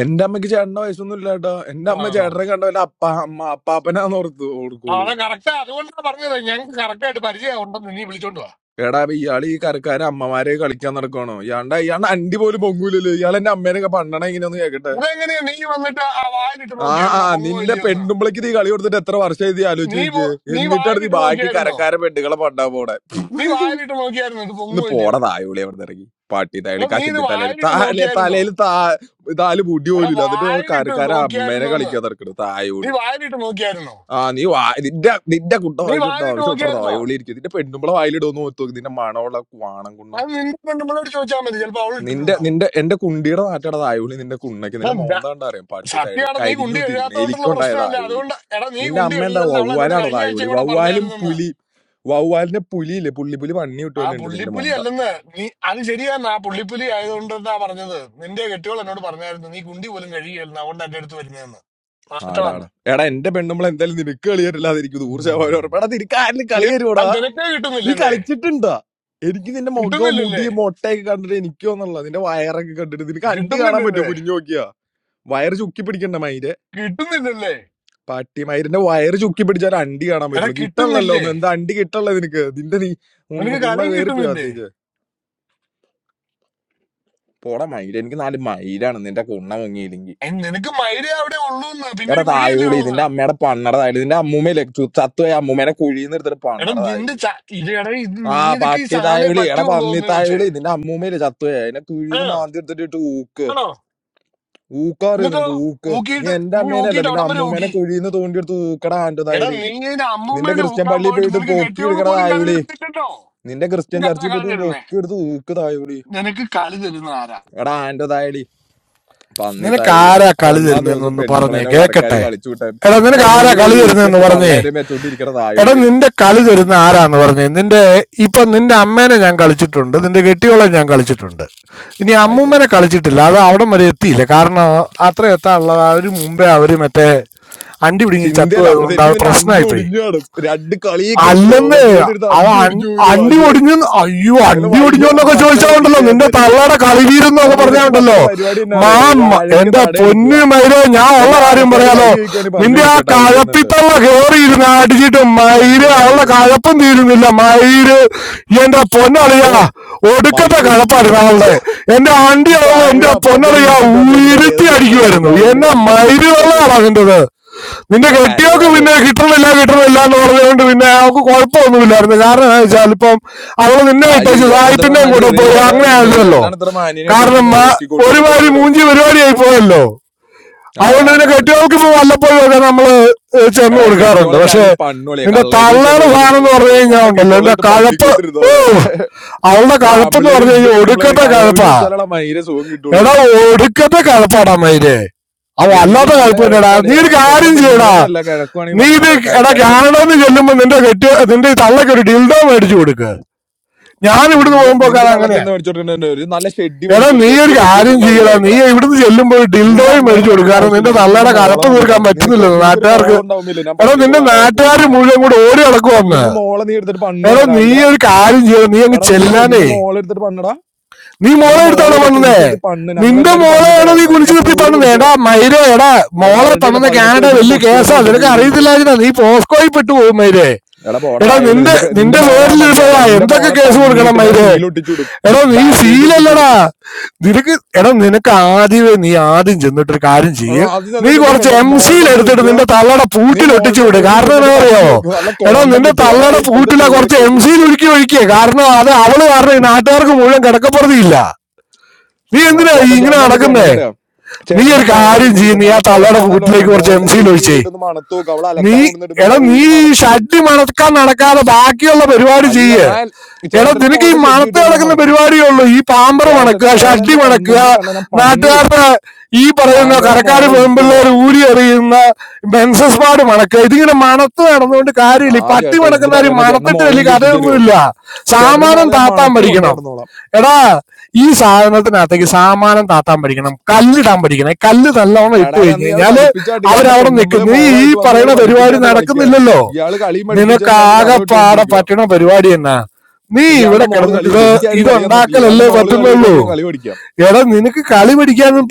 [SPEAKER 13] എന്റെ അമ്മയ്ക്ക് ചേട്ടന്റെ വയസ്സൊന്നും ഇല്ലാട്ടോ എന്റെ അമ്മ ചേട്ടനെ കണ്ട വല്ല അപ്പ അമ്മ അപ്പാപ്പനാന്ന് ഓർത്ത് ഓർക്കുള്ളൂ എടാ അപ്പൊ ഇയാൾ ഈ കരക്കാരെ അമ്മമാരെ കളിക്കാൻ നടക്കണോ ഇയാണ്ട ഇയാണ്ട് അണ്ടി പോലും പൊങ്ങൂലല്ലോ ഇയാൾ എന്റെ അമ്മേനൊക്കെ പണ്ടണ ഇങ്ങനെയൊന്ന് കേക്കട്ടെ ആ ആ നിന്റെ പെണ്ണുമ്പളേക്ക് നീ കളി കൊടുത്തിട്ട് എത്ര വർഷമായി നീ ആലോചിച്ച് നോക്കിയേ എന്നിട്ടാണ് നീ ബാക്കി കരക്കാരെ പെണ്ണുകളെ പണ്ടാ പോണെ ഒന്ന് പോടാ തായോളി അവിടെ ഇറങ്ങി പാട്ടി തായളി കശണ്ടി തലയിൽ തല തലയിൽ താ താല് മുടി പോലില്ല എന്നിട്ട് കരക്കാര അമ്മേനെ കളിക്കാൻ തിരക്കണ് തായോളി ആ നീ വാ നിന്റെ നിന്റെ കുട്ട വായിലിട്ടോ ആവശ്യമിട്ടോ തായോളി ഇരിക്കും നിന്റെ പെണ്ണുമ്പളെ വായിലിടുമെന്ന് ഓർത്തു നോക്കി നിന്റെ മണമുള്ള വാണം കുണ്ണ നിന്റെ നിന്റെ എന്റെ കുണ്ടിയുടെ നാട്ടയുടെ തായോളി നിന്റെ കുണ്ണയ്ക്ക് നിന്റെ മോന്താണ്ട് അറിയാം പാട്ടി തായളി കരിഞ്ഞു തിരിക്കണേ എലിക്കുണ്ടായ തായോളി നിന്റെ അമ്മ എന്താ വവ്വാലാണോ തായോളി വവ്വാലും പുലി വവ്വാലിന്റെ പുലിയില്ലേ പുള്ളി പുലി പണ്ണി വിട്ടുമല്ലോ ഉണ്ട് നിന്റെ മോന്ത ആടാടാ എടാ എന്റെ പെണ്ണുമ്പോൾ എന്തായാലും നിനക്ക് കളി വരില്ലാതിരിക്കും നൂറ് ശതമാനം ഉറപ്പാണ് അത് നിനക്ക് ആരിലും കളി വരുവാടാ നീ കളിച്ചിട്ടുണ്ടാ എനിക്ക് നിന്റെ മുഖം മുടി മൊട്ടയൊക്കെ കണ്ടിട്ട് എനിക്ക് ഒന്നുള്ള നിന്റെ വയറൊക്കെ കണ്ടിട്ട് നിനക്ക് അണ്ടി കാണാൻ പറ്റുമോ കുനിഞ്ഞു നോക്കിയാ വയറ് ചുക്കി പിടിക്കണ്ട മയിര് പട്ടി മയിരിന്റെ വയറ് ചുക്കി പിടിച്ചാൽ അണ്ടി കാണാൻ പറ്റുള്ളൂ കിട്ടണല്ലോ ഒന്ന് എന്താ അണ്ടി കിട്ടണല്ലോ നിനക്ക് നിന്റെ നീ ഉണ്ണ- കുണ്ണ കയറിപ്പോയി അകത്തേക്ക് പോടാ മയിര് എനിക്ക് നാല് മയിലാണ് നിന്റെ കുണ്ണ മുങ്ങിയില്ലെങ്കിൽ എടാ തായോളി നിന്റെ അമ്മയുടെ പണ്ണട തായോളി നിന്റെ അമ്മൂമ്മയില്ലേ ചത്തു പോയ അമ്മൂമ്മേനെ കുഴിയിൽ നിന്ന് എടുത്തിട്ട് പണ്ണട തായോളി. ആ പട്ടി തായവിളി എടാ പന്നി തായവിളി നിന്റെ അമ്മൂമ്മയില്ലേ ചത്തുപോയ അതിനെ കുഴിന്ന് മാന്തി എടുത്തിട്ട് ഊക്ക് ഊക്കറിയോ നിനക്ക് ഊക്ക് നീ എന്റെ അമ്മേനല്ല നിന്റെ അമ്മൂമ്മേനെ കുഴിന്ന് തോണ്ടിയെടുത്ത് ഊക്കടാ ആൻറ്റു തായവിളി നിന്റെ ക്രിസ്ത്യൻ പള്ളിയിൽ പോയിട്ട് പൊക്കി എടുക്കടാ തായവിളി നിന്റെ ക്രിസ്ത്യൻ ചർച്ചിൽ പോയിട്ട് പൊക്കി എടുത്ത് ഊക്ക് തായവിളി എടാ ആൻറ്റു തായവിളി പന്നി തായവിളി ഒന്നാം ദിവസം പെണ്ണുമ്പളേനോ
[SPEAKER 14] പറഞ്ഞേ
[SPEAKER 13] കരക്കാര്
[SPEAKER 14] കേക്കട്ടെ
[SPEAKER 13] കളിച്ചു വിട്ടാൻ
[SPEAKER 14] എടാ
[SPEAKER 13] എടാ
[SPEAKER 14] നിനക്ക് ആരാ
[SPEAKER 13] നൂറ്
[SPEAKER 14] കളി
[SPEAKER 13] പേര്
[SPEAKER 14] തരുന്നെന്ന്
[SPEAKER 13] ഊക്കിയപ്പോ
[SPEAKER 14] പറഞ്ഞേ
[SPEAKER 13] തള്ളേരെ വെച്ചോണ്ടിരിക്കണ
[SPEAKER 14] എടാ
[SPEAKER 13] തായവിളി നീ
[SPEAKER 14] നിന്റെ കളി തരുന്ന ആരാന്ന് പറഞ്ഞേ നിന്റെ ഇപ്പൊ നിന്റെ അമ്മേനെ ഞാൻ കളിച്ചിട്ടുണ്ട് നിന്റെ കെട്ടിയോളെ ഞാൻ കളിച്ചിട്ടുണ്ട് ഇനി
[SPEAKER 13] ആയിക്കോട്ടെ
[SPEAKER 14] അമ്മൂമ്മനെ കളിച്ചിട്ടില്ല അത് അവിടെ വരെ എത്തിയില്ല കാരണം അത്ര എത്താനുള്ള അവര് മുമ്പേ അവര് മറ്റേ അണ്ടി പിടിങ്ങി
[SPEAKER 13] ചിന്തയല്ല അപ്പൊ
[SPEAKER 14] ചത്തുപോയതുകൊണ്ട് അത്
[SPEAKER 13] ശരിക്കും നിന്നെ അണ്ടി
[SPEAKER 14] പ്രശ്നമായിപ്പോയി
[SPEAKER 13] ഒടിഞ്ഞു കാണും രണ്ട് കളിയൊക്കെ എടുത്തില്ല
[SPEAKER 14] അല്ലമ്മേ
[SPEAKER 13] ഓവർലോഡ് എടുത്ത്
[SPEAKER 14] അത്
[SPEAKER 13] അണ്ടി
[SPEAKER 14] അൺ-
[SPEAKER 13] ഒടിഞ്ഞു പോയില്ലേ
[SPEAKER 14] അണ്ടി
[SPEAKER 13] മാഷ്
[SPEAKER 14] ഒടിഞ്ഞു അയ്യോ
[SPEAKER 13] വല്ല
[SPEAKER 14] അണ്ടി
[SPEAKER 13] വൈകണം
[SPEAKER 14] ഒടിഞ്ഞോന്നൊക്കെ
[SPEAKER 13] പറ്റണ
[SPEAKER 14] ചോദിച്ചാണ്ടല്ലോ
[SPEAKER 13] പഠിക്കുക
[SPEAKER 14] നിന്റെ
[SPEAKER 13] പോരളിയ
[SPEAKER 14] തള്ളയുടെ കളിവീരെന്നൊക്കെ
[SPEAKER 13] എടാ നിനക്ക് പറ്റണ
[SPEAKER 14] പറഞ്ഞാണ്ടല്ലോ
[SPEAKER 13] പരിപാടി എന്നാ അറിയോ
[SPEAKER 14] മാമ്മ
[SPEAKER 13] വാഴയ്ക്ക്
[SPEAKER 14] എന്റെ
[SPEAKER 13] തട എടുക്കുക
[SPEAKER 14] പൊന്നു മൈരോ ഞാൻ ഉള്ള
[SPEAKER 13] വല്ല
[SPEAKER 14] കാര്യം
[SPEAKER 13] ആൾക്കാർ
[SPEAKER 14] പറയാലോ
[SPEAKER 13] വഴി ചോദിക്കുവാണെങ്കിൽ പറഞ്ഞു
[SPEAKER 14] നിന്റെ ആ
[SPEAKER 13] കൊടുക്കുക ടൗണിൽ നിന്നിട്ട്
[SPEAKER 14] കഴപ്പിത്തള്ള കേറിയിരുന്ന് അടിച്ചിട്ട്
[SPEAKER 13] ഇത് എന്തേ
[SPEAKER 14] മയിര് അവളുടെ
[SPEAKER 13] തായവിളി പറഞ്ഞു
[SPEAKER 14] കഴപ്പം തീരുന്നില്ല മയിര് എന്റെ പൊന്നളിയാ
[SPEAKER 13] ഓ
[SPEAKER 14] ഒടുക്കത്തെ
[SPEAKER 13] മൈക്കൂത്തി
[SPEAKER 14] കഴപ്പായിരുന്നു അവളുടെ എന്റെ അണ്ടി
[SPEAKER 13] ഈ
[SPEAKER 14] അവള്
[SPEAKER 13] തായവിളി
[SPEAKER 14] എന്റെ
[SPEAKER 13] അപ്പന്റെ ഡി
[SPEAKER 14] പൊന്നളിയാ
[SPEAKER 13] പി ഇട്ട് വന്നേക്കുന്നുണ്ട് ഏത്
[SPEAKER 14] ഉയർത്തി
[SPEAKER 13] ചെറുപ്പക്കാരൻ
[SPEAKER 14] അടിക്കുമായിരുന്നു
[SPEAKER 13] തായവിളി
[SPEAKER 14] എന്നെ
[SPEAKER 13] അപ്പന്റെ ഡി
[SPEAKER 14] മയിര്
[SPEAKER 13] പി ഇട്ട്
[SPEAKER 14] വെള്ളമാണ്
[SPEAKER 13] വന്നേക്കുക
[SPEAKER 14] അതിൻ്റെത് നിന്റെ
[SPEAKER 13] എടാ
[SPEAKER 14] കെട്ടിയോക്ക്
[SPEAKER 13] കരയാതെ
[SPEAKER 14] പിന്നെ കിട്ടണില്ല കിട്ടണില്ല എന്ന് പറഞ്ഞുകൊണ്ട് പിന്നെ അവൾക്ക് കുഴപ്പമൊന്നുമില്ലായിരുന്നു കാരണം എന്താ വെച്ചാൽ ഇപ്പം അവള് നിന്നെ
[SPEAKER 13] ആ ശരി
[SPEAKER 14] ഇട്ടേച്ച്
[SPEAKER 13] ചേട്ടൻ ഇത്ര
[SPEAKER 14] സായിപ്പിന്റെയും
[SPEAKER 13] നന്നായിട്ട്
[SPEAKER 14] കൂടെ
[SPEAKER 13] തെറിയൊക്കെ
[SPEAKER 14] പോയി അങ്ങനെ
[SPEAKER 13] പറയാറിയായിരുന്നോ
[SPEAKER 14] ആയിരുന്നല്ലോ
[SPEAKER 13] ചേട്ടനാണ് ഇത്ര മാന്യനായിട്ട് ഇവിടെ
[SPEAKER 14] കാരണം
[SPEAKER 13] നിന്ന്
[SPEAKER 14] ആ
[SPEAKER 13] നോക്കിക്കൊണ്ടിരുന്ന ഇത്ര
[SPEAKER 14] ഒരുമാതിരി
[SPEAKER 13] നേരം
[SPEAKER 14] മൂഞ്ചി പരിപാടിയായി പോയല്ലോ
[SPEAKER 13] ആടാ
[SPEAKER 14] അതുകൊണ്ട് പിന്നെ
[SPEAKER 13] ആടാ ആടാ ശരി
[SPEAKER 14] കെട്ടിയോൾക്ക് ഇപ്പൊ
[SPEAKER 13] ശരി
[SPEAKER 14] വല്ലപ്പോഴും ഒക്കെ നമ്മള് ഏഹ് ചെന്ന്
[SPEAKER 13] എടാ ഈ
[SPEAKER 14] കൊടുക്കാറുണ്ട്
[SPEAKER 13] കെട്ടിയോളൊക്കെ
[SPEAKER 14] പക്ഷെ
[SPEAKER 13] ആയാലും പണ്ണോളിയാ
[SPEAKER 14] നിന്റെ
[SPEAKER 13] കള്ളവെടി വെക്കാൻ
[SPEAKER 14] തള്ളയുടെ
[SPEAKER 13] പോയാലേ
[SPEAKER 14] സാധനം എന്ന്
[SPEAKER 13] സുഖം
[SPEAKER 14] പറഞ്ഞു
[SPEAKER 13] കിട്ടുള്ളൂ
[SPEAKER 14] കഴിഞ്ഞാൽ
[SPEAKER 13] സ്വന്തം
[SPEAKER 14] ഉണ്ടല്ലോ നിന്റെ
[SPEAKER 13] കെട്ടിയോളായിട്ട്
[SPEAKER 14] കഴപ്പ്
[SPEAKER 13] പണ്ടിക്കോട്ടിരുന്നു
[SPEAKER 14] ഓ
[SPEAKER 13] അവിടെ
[SPEAKER 14] അവളുടെ
[SPEAKER 13] ഇവിടെ
[SPEAKER 14] കഴപ്പെന്ന്
[SPEAKER 13] ആമ്പിള്ളേര്
[SPEAKER 14] പറഞ്ഞു
[SPEAKER 13] നിന്റെ
[SPEAKER 14] കഴിഞ്ഞാൽ
[SPEAKER 13] പെണ്ണുമ്പിള്ളേരെ
[SPEAKER 14] ഒടുക്കത്തെ
[SPEAKER 13] കള്ളവെടി
[SPEAKER 14] കഴപ്പാ
[SPEAKER 13] വെച്ചാലാണ് മയിരെ സുഖം കിട്ടുള്ളൂ
[SPEAKER 14] എടാ ഒടുക്കത്തെ കഴപ്പാടാ മയിലേ ആ
[SPEAKER 13] എനിക്ക്
[SPEAKER 14] വല്ലാത്ത
[SPEAKER 13] നല്ല
[SPEAKER 14] കഴപ്പ് തന്നെടാ നീ
[SPEAKER 13] കഴപ്പാളിയാ
[SPEAKER 14] ഒരു
[SPEAKER 13] സ്വന്തം
[SPEAKER 14] കാര്യം ചെയ്യടാ
[SPEAKER 13] പെണ്ണുമ്പിളേനെ അല്ല കിഴക്കുവാണെങ്കിൽ
[SPEAKER 14] നീ ഇത്
[SPEAKER 13] പണ്ണണ്ട
[SPEAKER 14] എടാ
[SPEAKER 13] കരക്കാരെ പെണ്ണുമ്പിളേനെ
[SPEAKER 14] കാനഡന്ന്
[SPEAKER 13] ചെന്ന്
[SPEAKER 14] ചെല്ലുമ്പോ
[SPEAKER 13] പണ്ണണം
[SPEAKER 14] നിന്റെ കെട്ടി നിന്റെ ഈ തള്ളക്ക് ഒരു ഡിൽഡോ മേടിച്ചു കൊടുക്ക് ഞാൻ ഇവിടുന്ന്
[SPEAKER 13] നിന്റെ
[SPEAKER 14] പോകുമ്പോ
[SPEAKER 13] നിന്റെ
[SPEAKER 14] അത്
[SPEAKER 13] തള്ളക്ക്
[SPEAKER 14] അങ്ങനെയാ
[SPEAKER 13] എന്താ മേടിച്ചു കൊടുക്കേണ്ട ഒരു നല്ല ഷെഡ്ഡി
[SPEAKER 14] എടാ
[SPEAKER 13] മേടിച്ചു
[SPEAKER 14] നീ
[SPEAKER 13] കൊടുക്കുക എന്റെ
[SPEAKER 14] ഒരു
[SPEAKER 13] ഷെഡ്ഡി
[SPEAKER 14] കാര്യം
[SPEAKER 13] ഇട്ടോണ്ട് അവള്
[SPEAKER 14] ചെയ്യടാ നീ
[SPEAKER 13] പോയേക്കടെ
[SPEAKER 14] ഇവിടുന്ന് ചെല്ലുമ്പോ ഒരു
[SPEAKER 13] നിന്റെ
[SPEAKER 14] ഡിൽഡോയും
[SPEAKER 13] അമ്മേനെ
[SPEAKER 14] മേടിച്ചു കൊടുക്കുക
[SPEAKER 13] കളിക്കേണ്ട
[SPEAKER 14] കാരണം
[SPEAKER 13] ആവശ്യമില്ല
[SPEAKER 14] നിന്റെ
[SPEAKER 13] എനിക്ക് നിന്റെ
[SPEAKER 14] തള്ളയുടെ
[SPEAKER 13] മോളെ
[SPEAKER 14] കലപ്പ് തീർക്കാൻ
[SPEAKER 13] മതിയിടാം നിനക്ക്
[SPEAKER 14] പറ്റുന്നില്ല
[SPEAKER 13] നിനക്കൊരു
[SPEAKER 14] നാട്ടുകാർക്ക്
[SPEAKER 13] മോളുണ്ടാവുമില്ല ഞാൻ
[SPEAKER 14] എടാ നിന്റെ
[SPEAKER 13] പണ്ണിക്കോളാട്ടാ
[SPEAKER 14] നാട്ടുകാർ
[SPEAKER 13] പൂറീനെ
[SPEAKER 14] മുഴുവൻ കൂടെ ഓടി നടക്കുവന്ന്
[SPEAKER 13] നിന്റെ മോളെ നീ എടുത്തിട്ട്
[SPEAKER 14] എടാ
[SPEAKER 13] പണ്ണൂടാ
[SPEAKER 14] നീ
[SPEAKER 13] രാവിലെ
[SPEAKER 14] ഒരു കാര്യം ചെയ്യണം നീ അങ്ങ്
[SPEAKER 13] എടാ നീ ഇല്ലേ
[SPEAKER 14] ചെല്ലാനേ
[SPEAKER 13] നിന്റെ മോളെ എടുത്തിട്ട് പണ്ണടാ
[SPEAKER 14] നീ മോളെ
[SPEAKER 13] നിന്റെ
[SPEAKER 14] എടുത്താണോ
[SPEAKER 13] മോളയില്ല
[SPEAKER 14] പണിതേ
[SPEAKER 13] കുനിച്ചിരുത്തി പണ്ണ്
[SPEAKER 14] നിന്റെ
[SPEAKER 13] ഞങ്ങളെല്ലാരും പണ്ണി
[SPEAKER 14] മോളെയാണ്
[SPEAKER 13] തരാം
[SPEAKER 14] നീ
[SPEAKER 13] അവളുടെ
[SPEAKER 14] കുനിച്ചു
[SPEAKER 13] അവളുടെ
[SPEAKER 14] നിർത്തി
[SPEAKER 13] പൂറ്
[SPEAKER 14] പണിതേ
[SPEAKER 13] പൊളിച്ചു
[SPEAKER 14] എടാ
[SPEAKER 13] തരാം
[SPEAKER 14] മൈരേ എടാ
[SPEAKER 13] എടാ
[SPEAKER 14] മോളെ
[SPEAKER 13] അവളുടെ ഇല്ല
[SPEAKER 14] പണിത
[SPEAKER 13] പതിനെട്ട്
[SPEAKER 14] കാനഡ
[SPEAKER 13] വയസ്സിന്റെ
[SPEAKER 14] വലിയ
[SPEAKER 13] പൊട്ടിയോ
[SPEAKER 14] കേസാ
[SPEAKER 13] നോക്ക്
[SPEAKER 14] നിനക്ക്
[SPEAKER 13] പൂറ് പൊളിച്ച്
[SPEAKER 14] അറിയത്തില്ല നീ പോസ്കോയിൽ പെട്ടു പോകും മൈരേ
[SPEAKER 13] എടാ പോടാ
[SPEAKER 14] എടാ
[SPEAKER 13] ആയുള്ളി
[SPEAKER 14] നിന്റെ
[SPEAKER 13] നിന്റെ പെ- നിന്റെ
[SPEAKER 14] നിന്റെ
[SPEAKER 13] മോളെ ഞാൻ
[SPEAKER 14] പേരിൽ
[SPEAKER 13] പണ്ണിയല്ല
[SPEAKER 14] ഇരുന്നതാ
[SPEAKER 13] നിന്റെ
[SPEAKER 14] എന്തൊക്കെ
[SPEAKER 13] മോളെ
[SPEAKER 14] കേസ് കൊടുക്കണം
[SPEAKER 13] പണ്ണിയിട്ട് ഞാൻ
[SPEAKER 14] മൈരേ
[SPEAKER 13] സീൽ ഒട്ടിച്ചുവിടും
[SPEAKER 14] എടാ നീ
[SPEAKER 13] ബാൻഡേജ്
[SPEAKER 14] സീലല്ല
[SPEAKER 13] ഒട്ടിച്ചു
[SPEAKER 14] എടാ
[SPEAKER 13] കൊടുക്കും
[SPEAKER 14] നിനക്ക് എടാ നിനക്ക് ആദ്യമേ നീ ആദ്യം ചെന്നിട്ടൊരു കാര്യം
[SPEAKER 13] ആ,
[SPEAKER 14] ചെയ്യ്
[SPEAKER 13] അത് ചെന്ന്
[SPEAKER 14] നീ
[SPEAKER 13] നിന്റെ
[SPEAKER 14] കുറച്ച്
[SPEAKER 13] പെണ്ണ്
[SPEAKER 14] എം
[SPEAKER 13] മോളുടെ
[SPEAKER 14] സിയിൽ
[SPEAKER 13] അടുത്ത്
[SPEAKER 14] എടുത്തിട്ട്
[SPEAKER 13] ചോദിക്കുക
[SPEAKER 14] നിന്റെ തള്ളയുടെ
[SPEAKER 13] നീ
[SPEAKER 14] പൂട്ടിൽ ഒട്ടിച്ചു
[SPEAKER 13] മോളുടെ
[SPEAKER 14] വിട്
[SPEAKER 13] റൂമിൽ
[SPEAKER 14] കാരണം എന്നാ
[SPEAKER 13] ചെന്നിട്ട്
[SPEAKER 14] അറിയോ
[SPEAKER 13] തപ്പി നോക്കുക നല്ല
[SPEAKER 14] എടാ
[SPEAKER 13] കോണ്ടം
[SPEAKER 14] നിന്റെ
[SPEAKER 13] കിട്ടും എടാ
[SPEAKER 14] തള്ളയുടെ
[SPEAKER 13] ഇത് ഇപ്പോഴത്തെ
[SPEAKER 14] പൂട്ടിലാ കുറച്ച്
[SPEAKER 13] പിള്ളേർക്ക്
[SPEAKER 14] എം
[SPEAKER 13] വലിയ
[SPEAKER 14] സിയിൽ
[SPEAKER 13] സീലാണ്
[SPEAKER 14] ഒഴുക്കി ഒഴിക്കുക കാരണം അത് അവള് കാരണം ഈ നാട്ടുകാർക്ക് മുഴുവൻ കിടക്കപ്പുറതിയില്ല നീ
[SPEAKER 13] ആ
[SPEAKER 14] എന്തിനാ ഈ
[SPEAKER 13] ചേട്ടൻ
[SPEAKER 14] ഇങ്ങനെ
[SPEAKER 13] ചേട്ടൻ എന്താ
[SPEAKER 14] നടക്കുന്നേ
[SPEAKER 13] ചെയ്യണമെന്നറിയാം
[SPEAKER 14] നീ
[SPEAKER 13] ചേട്ടന്റെ
[SPEAKER 14] ഒരു
[SPEAKER 13] മോളെ
[SPEAKER 14] കാര്യം ചെയ്യ്
[SPEAKER 13] ചെന്നിട്ടില്ലേ
[SPEAKER 14] നീ ആ
[SPEAKER 13] നല്ല
[SPEAKER 14] തള്ളയുടെ
[SPEAKER 13] കിഴപ്പാന്നല്ലേ പറഞ്ഞേ
[SPEAKER 14] പൂട്ടിലേക്ക് കുറച്ച് എം
[SPEAKER 13] മോളുടെ
[SPEAKER 14] സിയിൽ
[SPEAKER 13] ഷെഡ്
[SPEAKER 14] ഒഴിച്ചേ
[SPEAKER 13] ഊരിയിട്ടൊന്ന് മണത്ത് നോക്കുക അവൾ
[SPEAKER 14] നീ
[SPEAKER 13] അലക്കാൻ കൊണ്ടുവന്നിടുമ്പോ
[SPEAKER 14] എടാ
[SPEAKER 13] ഇതാ
[SPEAKER 14] നീ
[SPEAKER 13] ഊരി
[SPEAKER 14] ഈ
[SPEAKER 13] മണത്തിടും
[SPEAKER 14] ഷഡ്ഡി മണക്കാൻ നടക്കാതെ ബാക്കിയുള്ള പരിപാടി
[SPEAKER 13] അല്ല
[SPEAKER 14] ചെയ്യ്
[SPEAKER 13] ഞാൻ
[SPEAKER 14] എടാ
[SPEAKER 13] ചേട്ടന്റെ
[SPEAKER 14] നിനക്ക് ഈ
[SPEAKER 13] മോളുടെ ഷെഡ്
[SPEAKER 14] മണത്ത്
[SPEAKER 13] കിട്ടുവാണ് ഞാൻ
[SPEAKER 14] കിടക്കുന്ന
[SPEAKER 13] മണക്കും
[SPEAKER 14] പരിപാടിയേ ഉള്ളൂ ഈ പാമ്പർ
[SPEAKER 13] ചേട്ടന്റെ
[SPEAKER 14] മണക്കുക
[SPEAKER 13] മോളെ
[SPEAKER 14] ഷഡ്ഡി
[SPEAKER 13] എന്റെ
[SPEAKER 14] മണക്കുക
[SPEAKER 13] കൺമുമ്പിൽ കണ്ട ഞാൻ പണ്ണി വിടും
[SPEAKER 14] നാട്ടുകാരുടെ ഈ പറയുന്ന
[SPEAKER 13] ആന്റോടെ
[SPEAKER 14] കരക്കാർ
[SPEAKER 13] മോളെ
[SPEAKER 14] പെമ്പിള്ളേർ
[SPEAKER 13] എനിക്കുള്ളതാ
[SPEAKER 14] ഊരി എറിയുന്ന ബെൻസസ് പാട് മണക്കുക ഇതിങ്ങനെ മണത്ത് നടന്നുകൊണ്ട്
[SPEAKER 13] ആ
[SPEAKER 14] കാര്യമില്ല ഈ പട്ടി
[SPEAKER 13] ചേട്ടൻ എന്ത്
[SPEAKER 14] മണക്കുന്നവർ
[SPEAKER 13] പറയാനാ ചേട്ടന്റെ
[SPEAKER 14] മണത്തിട്ട്
[SPEAKER 13] മോളെ
[SPEAKER 14] വലിയ
[SPEAKER 13] എനിക്ക് കെട്ടിച്ചരുവോ
[SPEAKER 14] കഥയൊന്നുമില്ല
[SPEAKER 13] ചേട്ടന്റെ
[SPEAKER 14] സാമാനം
[SPEAKER 13] മോളെ ഞാൻ
[SPEAKER 14] താത്താൻ
[SPEAKER 13] മണത്ത് കൊണ്ടു
[SPEAKER 14] പഠിക്കണം
[SPEAKER 13] കിടന്നോളാം
[SPEAKER 14] എടാ ഈ സാധനത്തിനകത്തേക്ക് സാമാനം താത്താൻ പഠിക്കണം കല്ലിടാൻ പഠിക്കണം കല്ല് നല്ലോണം ഇട്ട്
[SPEAKER 13] എടാവേ
[SPEAKER 14] കഴിഞ്ഞു
[SPEAKER 13] അന്ന് ഇയാൾ
[SPEAKER 14] കഴിഞ്ഞാല്
[SPEAKER 13] പഠിപ്പിച്ചാട്ട് ഇയാളുടെ
[SPEAKER 14] അവരവിടെ
[SPEAKER 13] പെണ്ണുമ്പിളെ
[SPEAKER 14] നിൽക്കും നീ ഈ
[SPEAKER 13] മോളായിട്ട് വന്ന് ഇയാൾ
[SPEAKER 14] പറയുന്ന പരിപാടി
[SPEAKER 13] പഠിപ്പിച്ചാട്ട് കളിക്കാൻ
[SPEAKER 14] നടക്കുന്നില്ലല്ലോ
[SPEAKER 13] ഇയാള് കളിയും
[SPEAKER 14] നിനക്ക്
[SPEAKER 13] പഠിപ്പിച്ചല്ലാണ്ട് കഥ
[SPEAKER 14] ആകെപ്പാടെ
[SPEAKER 13] വിട്ടുകൊണ്ടിരിക്കുക
[SPEAKER 14] പറ്റണ പരിപാടി എന്നാ നീ ഇവിടെ
[SPEAKER 13] ഇയാളുടെ മോള്
[SPEAKER 14] കിടന്നിട്ട്
[SPEAKER 13] കളി
[SPEAKER 14] ഇത്
[SPEAKER 13] തരും എനിക്കാരും കളി തന്നിട്ടില്ല ഇയാളുടെ
[SPEAKER 14] ഇതുണ്ടാക്കലല്ലേ
[SPEAKER 13] മോള് കളി
[SPEAKER 14] പറ്റുന്നുള്ളൂ
[SPEAKER 13] തരുവാണ് ഞാൻ കളി പഠിക്കാം
[SPEAKER 14] എടാ നിനക്ക് കളി പഠിക്കാനൊന്നും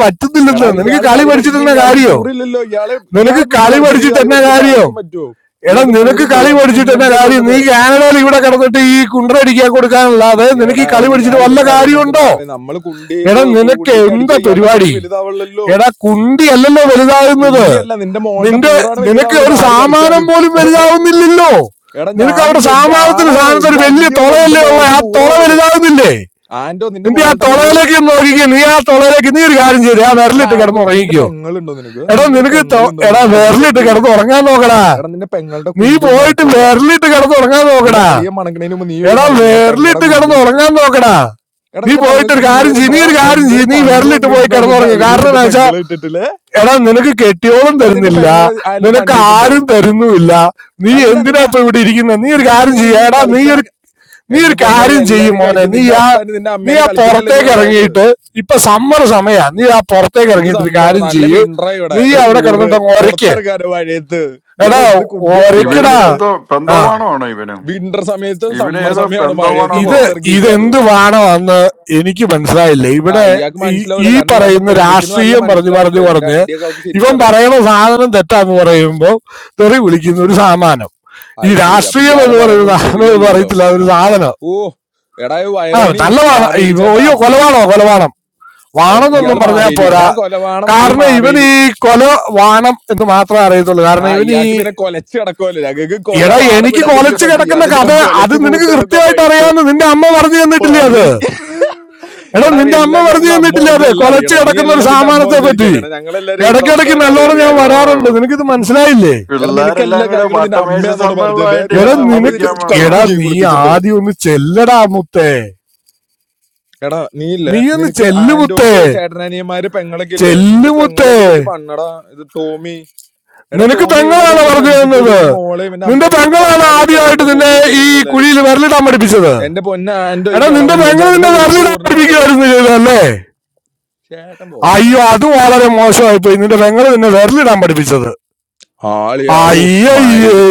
[SPEAKER 13] എടാ
[SPEAKER 14] പറ്റുന്നില്ലെന്ന് നിനക്ക്
[SPEAKER 13] ഇയാൾ
[SPEAKER 14] കളി
[SPEAKER 13] കളി പഠിപ്പിക്കുക
[SPEAKER 14] പഠിച്ചിട്ടെന്ന
[SPEAKER 13] ഇയാൾക്ക്
[SPEAKER 14] കാര്യോ
[SPEAKER 13] പൂറില്ലല്ലോ ഇയാളെ
[SPEAKER 14] നിനക്ക്
[SPEAKER 13] ഇയാളെ പിടിച്ച്
[SPEAKER 14] കളി
[SPEAKER 13] കളിച്ച് എനിക്ക്
[SPEAKER 14] പഠിച്ചിട്ട്
[SPEAKER 13] കളി
[SPEAKER 14] എന്നാ
[SPEAKER 13] പഠിക്കേണ്ട
[SPEAKER 14] കാര്യം
[SPEAKER 13] ആവശ്യം പറ്റുമോ
[SPEAKER 14] എടാ
[SPEAKER 13] ഇയാൾക്ക്
[SPEAKER 14] നിനക്ക്
[SPEAKER 13] പൂറില്ല
[SPEAKER 14] കളി
[SPEAKER 13] ഇയാൾക്ക്
[SPEAKER 14] പഠിച്ചിട്ട് എന്നാ
[SPEAKER 13] കുഞ്ഞണ്ടിയല്ലേ
[SPEAKER 14] കാര്യം
[SPEAKER 13] ഉള്ളത്
[SPEAKER 14] നീ കാനഡയിൽ ഇവിടെ കിടന്നിട്ട് ഈ കുണ്ടടിക്കാൻ കൊടുക്കാനല്ലാതെ നിനക്ക്
[SPEAKER 13] എടാ
[SPEAKER 14] ഈ കളി പഠിച്ചിട്ട്
[SPEAKER 13] ഇയാൾ
[SPEAKER 14] വല്ല
[SPEAKER 13] ഇതൊക്കെ അറിയണ
[SPEAKER 14] കാര്യമുണ്ടോ
[SPEAKER 13] എന്തിനാടാവേ നമ്മള്
[SPEAKER 14] എടാ
[SPEAKER 13] കുണ്ടിക്ക്
[SPEAKER 14] നിനക്ക്
[SPEAKER 13] കുണ്ടിക്ക് അടിച്ച
[SPEAKER 14] എന്താ
[SPEAKER 13] ഇയാളുടെ
[SPEAKER 14] പരിപാടി
[SPEAKER 13] കുണ്ടി വലുതാവുള്ളല്ലോ
[SPEAKER 14] എടാ കുണ്ടി അല്ലല്ലോ വലുതാകുന്നത്
[SPEAKER 13] കുണ്ടിയല്ല നിന്റെ മോളുടെ
[SPEAKER 14] നിന്റെ
[SPEAKER 13] പൂറാണ്
[SPEAKER 14] നിനക്ക്
[SPEAKER 13] വലുതാവണത്
[SPEAKER 14] ഒരു
[SPEAKER 13] ആര്
[SPEAKER 14] സാമാനം
[SPEAKER 13] കളിച്ചാലും
[SPEAKER 14] പോലും വലുതാവുന്നില്ലല്ലോ
[SPEAKER 13] എടാ
[SPEAKER 14] നിനക്ക് അവിടെ
[SPEAKER 13] ഞാനില്ല എനിക്ക്
[SPEAKER 14] സാമാനത്തിന്
[SPEAKER 13] ആണാണ്
[SPEAKER 14] സാധനത്തിന്
[SPEAKER 13] എനിക്ക്
[SPEAKER 14] ഒരു വലിയ
[SPEAKER 13] അണ്ടി ഉള്ളത് നിന്റെ
[SPEAKER 14] തുളയല്ലേ ഉള്ള
[SPEAKER 13] മോൾക്ക്
[SPEAKER 14] ആ
[SPEAKER 13] പൂറ
[SPEAKER 14] തുള
[SPEAKER 13] ഉള്ളത്
[SPEAKER 14] വലുതാകുന്നില്ലേ
[SPEAKER 13] ആന്റോ നിന്റെ
[SPEAKER 14] നിന്റെ ആ
[SPEAKER 13] മോളുടെ പൂറ്
[SPEAKER 14] തുളയിലേക്ക് ഒന്ന് നോക്കിക്കോ നീ ആ തുളയിലേക്ക് നീ ഒരു കാര്യം ചെയ്തേ ആ
[SPEAKER 13] എടാ
[SPEAKER 14] വിരലിട്ട്
[SPEAKER 13] ആന്റോ
[SPEAKER 14] കിടന്ന്
[SPEAKER 13] നിന്റെ
[SPEAKER 14] ഉറങ്ങിക്കോ
[SPEAKER 13] പെങ്ങളുണ്ടോ നിനക്ക്
[SPEAKER 14] എടാ
[SPEAKER 13] നിനക്കൊരു
[SPEAKER 14] നിനക്ക് ത-
[SPEAKER 13] പെങ്ങളുണ്ടെന്ന്
[SPEAKER 14] എടാ
[SPEAKER 13] തോന്നുന്നു കുഞ്ഞി
[SPEAKER 14] വിരലിട്ട്
[SPEAKER 13] പെങ്ങളില്ലേ
[SPEAKER 14] കിടന്ന് ഉറങ്ങാൻ നോക്കടാ
[SPEAKER 13] എടാ നിന്റെ പെങ്ങളുടെ
[SPEAKER 14] നീ
[SPEAKER 13] കുണ്ടി ഒന്ന്
[SPEAKER 14] പോയിട്ട്
[SPEAKER 13] മണത്ത് നോക്കടാ
[SPEAKER 14] വിരലിട്ട് കിടന്ന് ഉറങ്ങാൻ
[SPEAKER 13] നിന്റെ
[SPEAKER 14] നോക്കടാ
[SPEAKER 13] അളിയെ മണക്കണേന് മുമ്പ് നീ പോയി
[SPEAKER 14] എടാ
[SPEAKER 13] മണക്ക് നിന്റെ പെങ്ങടെ
[SPEAKER 14] വിരലിട്ട്
[SPEAKER 13] കുണ്ടി
[SPEAKER 14] കിടന്ന് ഉറങ്ങാൻ നോക്കടാ
[SPEAKER 13] എടാ
[SPEAKER 14] നീ
[SPEAKER 13] നിന്റെ
[SPEAKER 14] പോയിട്ട്
[SPEAKER 13] പെങ്ങൾക്ക്
[SPEAKER 14] ഒരു കാര്യം ചെയ്യ് നീ
[SPEAKER 13] പിള്ളേരുണ്ടോ
[SPEAKER 14] ഒരു കാര്യം
[SPEAKER 13] എന്തൊരു
[SPEAKER 14] ചെയ്യ് നീ
[SPEAKER 13] പണ്ണ്
[SPEAKER 14] വിരലിട്ട് പോയി
[SPEAKER 13] പണിയിട്ടുണ്ടാവും നിന്റെ
[SPEAKER 14] കിടന്നുറങ്ങും
[SPEAKER 13] അളിയെ
[SPEAKER 14] കാരണം
[SPEAKER 13] നിന്റെ
[SPEAKER 14] എന്താ വെച്ചാൽ
[SPEAKER 13] പെങ്ങളെ ഇട്ടിട്ടില്ലേ
[SPEAKER 14] എടാ നിനക്ക് കെട്ടിയോളം
[SPEAKER 13] എടാ നിന്റെ
[SPEAKER 14] തരുന്നില്ല
[SPEAKER 13] പെങ്ങളെ ആരെങ്കിലും
[SPEAKER 14] നിനക്ക്
[SPEAKER 13] പണിയിട്ടുണ്ടോ
[SPEAKER 14] ആരും തരുന്നുമില്ല നീ
[SPEAKER 13] അല്ല
[SPEAKER 14] എന്തിനാ
[SPEAKER 13] നിന്റെ
[SPEAKER 14] ഇപ്പൊ ഇവിടെ ഇരിക്കുന്നത് നീ ഒരു
[SPEAKER 13] ഇതെന്നെ
[SPEAKER 14] കാര്യം
[SPEAKER 13] നീ
[SPEAKER 14] ചെയ്യ
[SPEAKER 13] വലിയ ഈ
[SPEAKER 14] എടാ നീ
[SPEAKER 13] കളിക്കണ
[SPEAKER 14] ഒരു നീ
[SPEAKER 13] എന്റെ
[SPEAKER 14] ഒരു
[SPEAKER 13] പൊന്നളി
[SPEAKER 14] കാര്യം ചെയ്യും
[SPEAKER 13] എല്ലാരും
[SPEAKER 14] മോനെ
[SPEAKER 13] കളിക്കും
[SPEAKER 14] നീ
[SPEAKER 13] നിന്റെ
[SPEAKER 14] ആ
[SPEAKER 13] അപ്പന് നിന്റെ
[SPEAKER 14] നീ
[SPEAKER 13] അമ്മേനെ
[SPEAKER 14] ആ
[SPEAKER 13] കളിച്ചിട്ടല്ലേ നീ
[SPEAKER 14] പുറത്തേക്ക്
[SPEAKER 13] ഉണ്ടായത്
[SPEAKER 14] ഇറങ്ങിയിട്ട് ഇപ്പൊ സമ്മർ സമയാ നീ ആ പുറത്തേക്ക്
[SPEAKER 13] ഇത്
[SPEAKER 14] ഇറങ്ങിയിട്ട് ഒരു
[SPEAKER 13] സമ്മർ
[SPEAKER 14] കാര്യം
[SPEAKER 13] നല്ല
[SPEAKER 14] ചെയ്യ്
[SPEAKER 13] വിൻഡ്ര ഇവിടെ
[SPEAKER 14] നീ അവിടെ
[SPEAKER 13] ഊറ്
[SPEAKER 14] കിടന്നിട്ട് അങ്ങ് ഒരയ്ക്ക്
[SPEAKER 13] പുറത്തിറക്കാനോ മഴയത്ത്
[SPEAKER 14] എടാ
[SPEAKER 13] ഇയാളെ എന്ത് കുട്ടിയാണ് ഈ
[SPEAKER 2] ഇവനും
[SPEAKER 14] ഒരയ്ക്കടാ
[SPEAKER 13] പറഞ്ഞത്
[SPEAKER 2] പെന്തോ
[SPEAKER 14] ആ
[SPEAKER 2] പെന്തോവാണോ ആണോ ഇവനും
[SPEAKER 13] വിന്റർ സമയത്ത്
[SPEAKER 2] ഇവന്
[SPEAKER 13] സമ്മർ
[SPEAKER 2] ഏതോ
[SPEAKER 13] സമയമാണ്
[SPEAKER 2] പെന്തോവാണോ
[SPEAKER 13] മഴയത്ത്
[SPEAKER 14] ഇത്
[SPEAKER 2] തോന്നുന്നു
[SPEAKER 13] പുറത്തിറങ്ങിക്കാരോ
[SPEAKER 14] ഇതെന്ത് വാണമാണെന്ന് എനിക്ക് മനസ്സിലായില്ല
[SPEAKER 13] ആ
[SPEAKER 14] ഇവിടെ
[SPEAKER 13] ഇയാൾക്ക്
[SPEAKER 14] ഈ
[SPEAKER 13] മനസ്സിലാവില്ല
[SPEAKER 14] ഈ
[SPEAKER 13] കാരണം ഇയാളുടെ
[SPEAKER 14] പറയുന്ന
[SPEAKER 13] പെൺകുച്ചിന് നല്ല
[SPEAKER 14] രാഷ്ട്രീയം പറഞ്ഞു പറഞ്ഞു
[SPEAKER 13] മനസ്സിലാവുന്നുണ്ട് എന്റെ
[SPEAKER 14] പറഞ്ഞ്
[SPEAKER 13] അണ്ടിയൊക്കെ അവക്ക്
[SPEAKER 14] ഇവൻ
[SPEAKER 13] ശരിക്കും അറിയാം
[SPEAKER 14] പറയുന്ന സാധനം തെറ്റാന്ന് പറയുമ്പോൾ തെറി വിളിക്കുന്ന ഒരു സാമാനം ഈ
[SPEAKER 13] അത് ശരി അപ്പൊ
[SPEAKER 14] രാഷ്ട്രീയം
[SPEAKER 13] ഇയാള്
[SPEAKER 14] എന്ന് പറയുന്ന
[SPEAKER 13] പറയണൊന്നും
[SPEAKER 14] സാധനം എന്ന്
[SPEAKER 13] തെറിയല്ലല്ലോ
[SPEAKER 14] പറയത്തില്ല അതൊരു സാധനം
[SPEAKER 13] ഓ എടാ ഈ
[SPEAKER 14] ആ
[SPEAKER 13] വയറോണി
[SPEAKER 14] നല്ല വാണ
[SPEAKER 13] മാവേലി
[SPEAKER 14] ഇവ-
[SPEAKER 13] ചേട്ടാ
[SPEAKER 14] അയ്യോ
[SPEAKER 2] ഉം.
[SPEAKER 14] കൊലവാണോ കൊലവാണം
[SPEAKER 13] ഉം,
[SPEAKER 14] വാണെന്നൊന്നും
[SPEAKER 13] ഇയാള്
[SPEAKER 14] പറഞ്ഞാൽ
[SPEAKER 13] മാവേലി
[SPEAKER 14] പോരാ
[SPEAKER 13] ഞാൻ കൊലവാണം നീ
[SPEAKER 14] കാരണം ഇവൻ
[SPEAKER 13] മാവേലി
[SPEAKER 14] ഈ കൊല വാണം എന്ന് മാത്രമേ അറിയത്തുള്ളൂ
[SPEAKER 13] ആ
[SPEAKER 14] കാരണം ഇവൻ ഈ
[SPEAKER 13] ഇയാൾക്ക് പിന്നെ കൊലച്ച് കിടക്കുമല്ലോ ഞങ്ങൾക്ക് കൊല
[SPEAKER 14] എടാ
[SPEAKER 13] വാടം
[SPEAKER 14] എനിക്ക്
[SPEAKER 13] വിടാനെങ്കിലും
[SPEAKER 14] കൊലച്ച്
[SPEAKER 13] പറ്റി
[SPEAKER 14] കിടക്കുന്ന
[SPEAKER 13] ഇയാളുടെ ചുമ
[SPEAKER 14] കഥ അത്
[SPEAKER 13] കൊലച്ച്
[SPEAKER 14] നിനക്ക്
[SPEAKER 13] പൂത്ത് കിടക്കുക
[SPEAKER 14] കൃത്യമായിട്ട്
[SPEAKER 13] പഴുത്ത്
[SPEAKER 14] അറിയാമെന്ന് നിന്റെ അമ്മ പറഞ്ഞു തന്നിട്ടില്ലേ
[SPEAKER 13] പറി
[SPEAKER 14] അത് എടാ
[SPEAKER 13] എടാ അവ
[SPEAKER 14] നിന്റെ അമ്മ
[SPEAKER 13] എല്ലാ
[SPEAKER 14] പറഞ്ഞു
[SPEAKER 13] കാര്യങ്ങളും അമ്മ
[SPEAKER 14] തന്നിട്ടില്ലേ
[SPEAKER 13] പറഞ്ഞെല്ലാം
[SPEAKER 14] കൊലച്ച്
[SPEAKER 13] അറിയണം നീ
[SPEAKER 14] കിടക്കുന്ന ഒരു
[SPEAKER 13] എല്ലാം നിന്റെ അമ്മ
[SPEAKER 14] സാമാനത്തെ
[SPEAKER 13] പറഞ്ഞായിരിക്കും
[SPEAKER 14] പറ്റി
[SPEAKER 13] അറിയണം ഞങ്ങളെല്ലാരും
[SPEAKER 14] ഇടയ്ക്കിടയ്ക്ക്
[SPEAKER 13] സ്വന്തമായിട്ട്
[SPEAKER 14] നല്ലോണം
[SPEAKER 13] അറിയാറ്
[SPEAKER 14] ഞാൻ
[SPEAKER 2] ഓ
[SPEAKER 13] കാര്യങ്ങള്
[SPEAKER 14] വരാറുണ്ട് നിനക്കിത് മനസ്സിലായില്ലേ
[SPEAKER 13] എടാ നിനക്ക്
[SPEAKER 2] പിള്ളേരെല്ലാം
[SPEAKER 13] എല്ലാ
[SPEAKER 2] കൂടെ
[SPEAKER 13] കാര്യങ്ങളും നിന്റെ
[SPEAKER 2] വട്ടമേശ
[SPEAKER 13] അമ്മയാന്നോട് പറഞ്ഞത്
[SPEAKER 2] സമ്മേളനമായിട്ട്
[SPEAKER 14] എടാ
[SPEAKER 2] ഇരുന്ന്
[SPEAKER 13] അവള്
[SPEAKER 14] നിനക്ക്
[SPEAKER 13] നിന്റെ
[SPEAKER 2] കുമ്പിക്കാൻ
[SPEAKER 13] പിടിച്ച്
[SPEAKER 2] വന്നതാ
[SPEAKER 14] എടാ
[SPEAKER 13] കളിക്കുകയും ചെയ്യും
[SPEAKER 14] നീ
[SPEAKER 13] കുളിപ്പിച്ചിട്ട്
[SPEAKER 14] ആദ്യം ഒന്ന് ചെല്ലടാ മുത്തേ
[SPEAKER 13] എടാ നീ ഇല്ലേ
[SPEAKER 14] നീ ഒന്ന്
[SPEAKER 13] നിനക്ക്
[SPEAKER 14] ചെല്ലു മുത്തേ
[SPEAKER 13] ആന്റോക്ക് ചേട്ടനനിയന്മാര് പെങ്ങളൊക്കെ ഇല്ലേ
[SPEAKER 14] ചെല്ലു
[SPEAKER 13] നിന്റെ
[SPEAKER 14] മുത്തേ
[SPEAKER 13] പെങ്ങളെയൊക്കെ പിടിച്ച് പണ്ണടാ ഇത് ടോമി എടാ
[SPEAKER 14] നിനക്ക്
[SPEAKER 13] ടോമി ഇവനായിട്ട്
[SPEAKER 14] പെങ്ങളാണ്
[SPEAKER 13] നല്ല
[SPEAKER 14] പറഞ്ഞു
[SPEAKER 13] ഫ്രണ്ട്ഷിപ്പ് കൂടി
[SPEAKER 14] തന്നത്
[SPEAKER 13] ഇവന്റെ മോളെ ഇവന്റെ
[SPEAKER 14] നിന്റെ
[SPEAKER 13] അമ്മേനെ എടുത്ത്
[SPEAKER 14] പെങ്ങളാണ്
[SPEAKER 13] പണ്ണാലേക്ക്
[SPEAKER 14] ആദ്യമായിട്ട്
[SPEAKER 13] അവന്റെ
[SPEAKER 14] നിന്നെ
[SPEAKER 13] കൂട്ടുപിടിച്ചാണ്
[SPEAKER 14] ഈ
[SPEAKER 13] നിങ്ങളെല്ലാരും
[SPEAKER 14] കുഴിയിൽ വിരലിടാൻ പഠിപ്പിച്ചത്
[SPEAKER 13] എന്റെ പൊന്ന ആൻഡോ ഈ
[SPEAKER 14] എടാ നിന്റെ
[SPEAKER 13] കിളവൻ
[SPEAKER 14] പെങ്ങൾ
[SPEAKER 13] ചേട്ടന്റെ
[SPEAKER 14] നിന്നെ
[SPEAKER 13] കൂട്ട്
[SPEAKER 14] വിരലിടാൻ
[SPEAKER 13] കൂടണെങ്കിൽ കേട്ടോ ചേട്ടനെ
[SPEAKER 14] പഠിപ്പിക്കുകയായിരുന്നു
[SPEAKER 13] പിടിച്ച് പണി
[SPEAKER 14] ചെയ്തല്ലേ
[SPEAKER 13] ചേട്ടൻ പോവാട്ടോ
[SPEAKER 14] അയ്യോ അത് വളരെ മോശമായി പോയി നിന്റെ പെങ്ങൾ നിന്നെ വിരലിടാൻ പഠിപ്പിച്ചത്
[SPEAKER 13] ആളിയാ ഊഫ്
[SPEAKER 14] അയ്യയ്യേ
[SPEAKER 13] മയിര്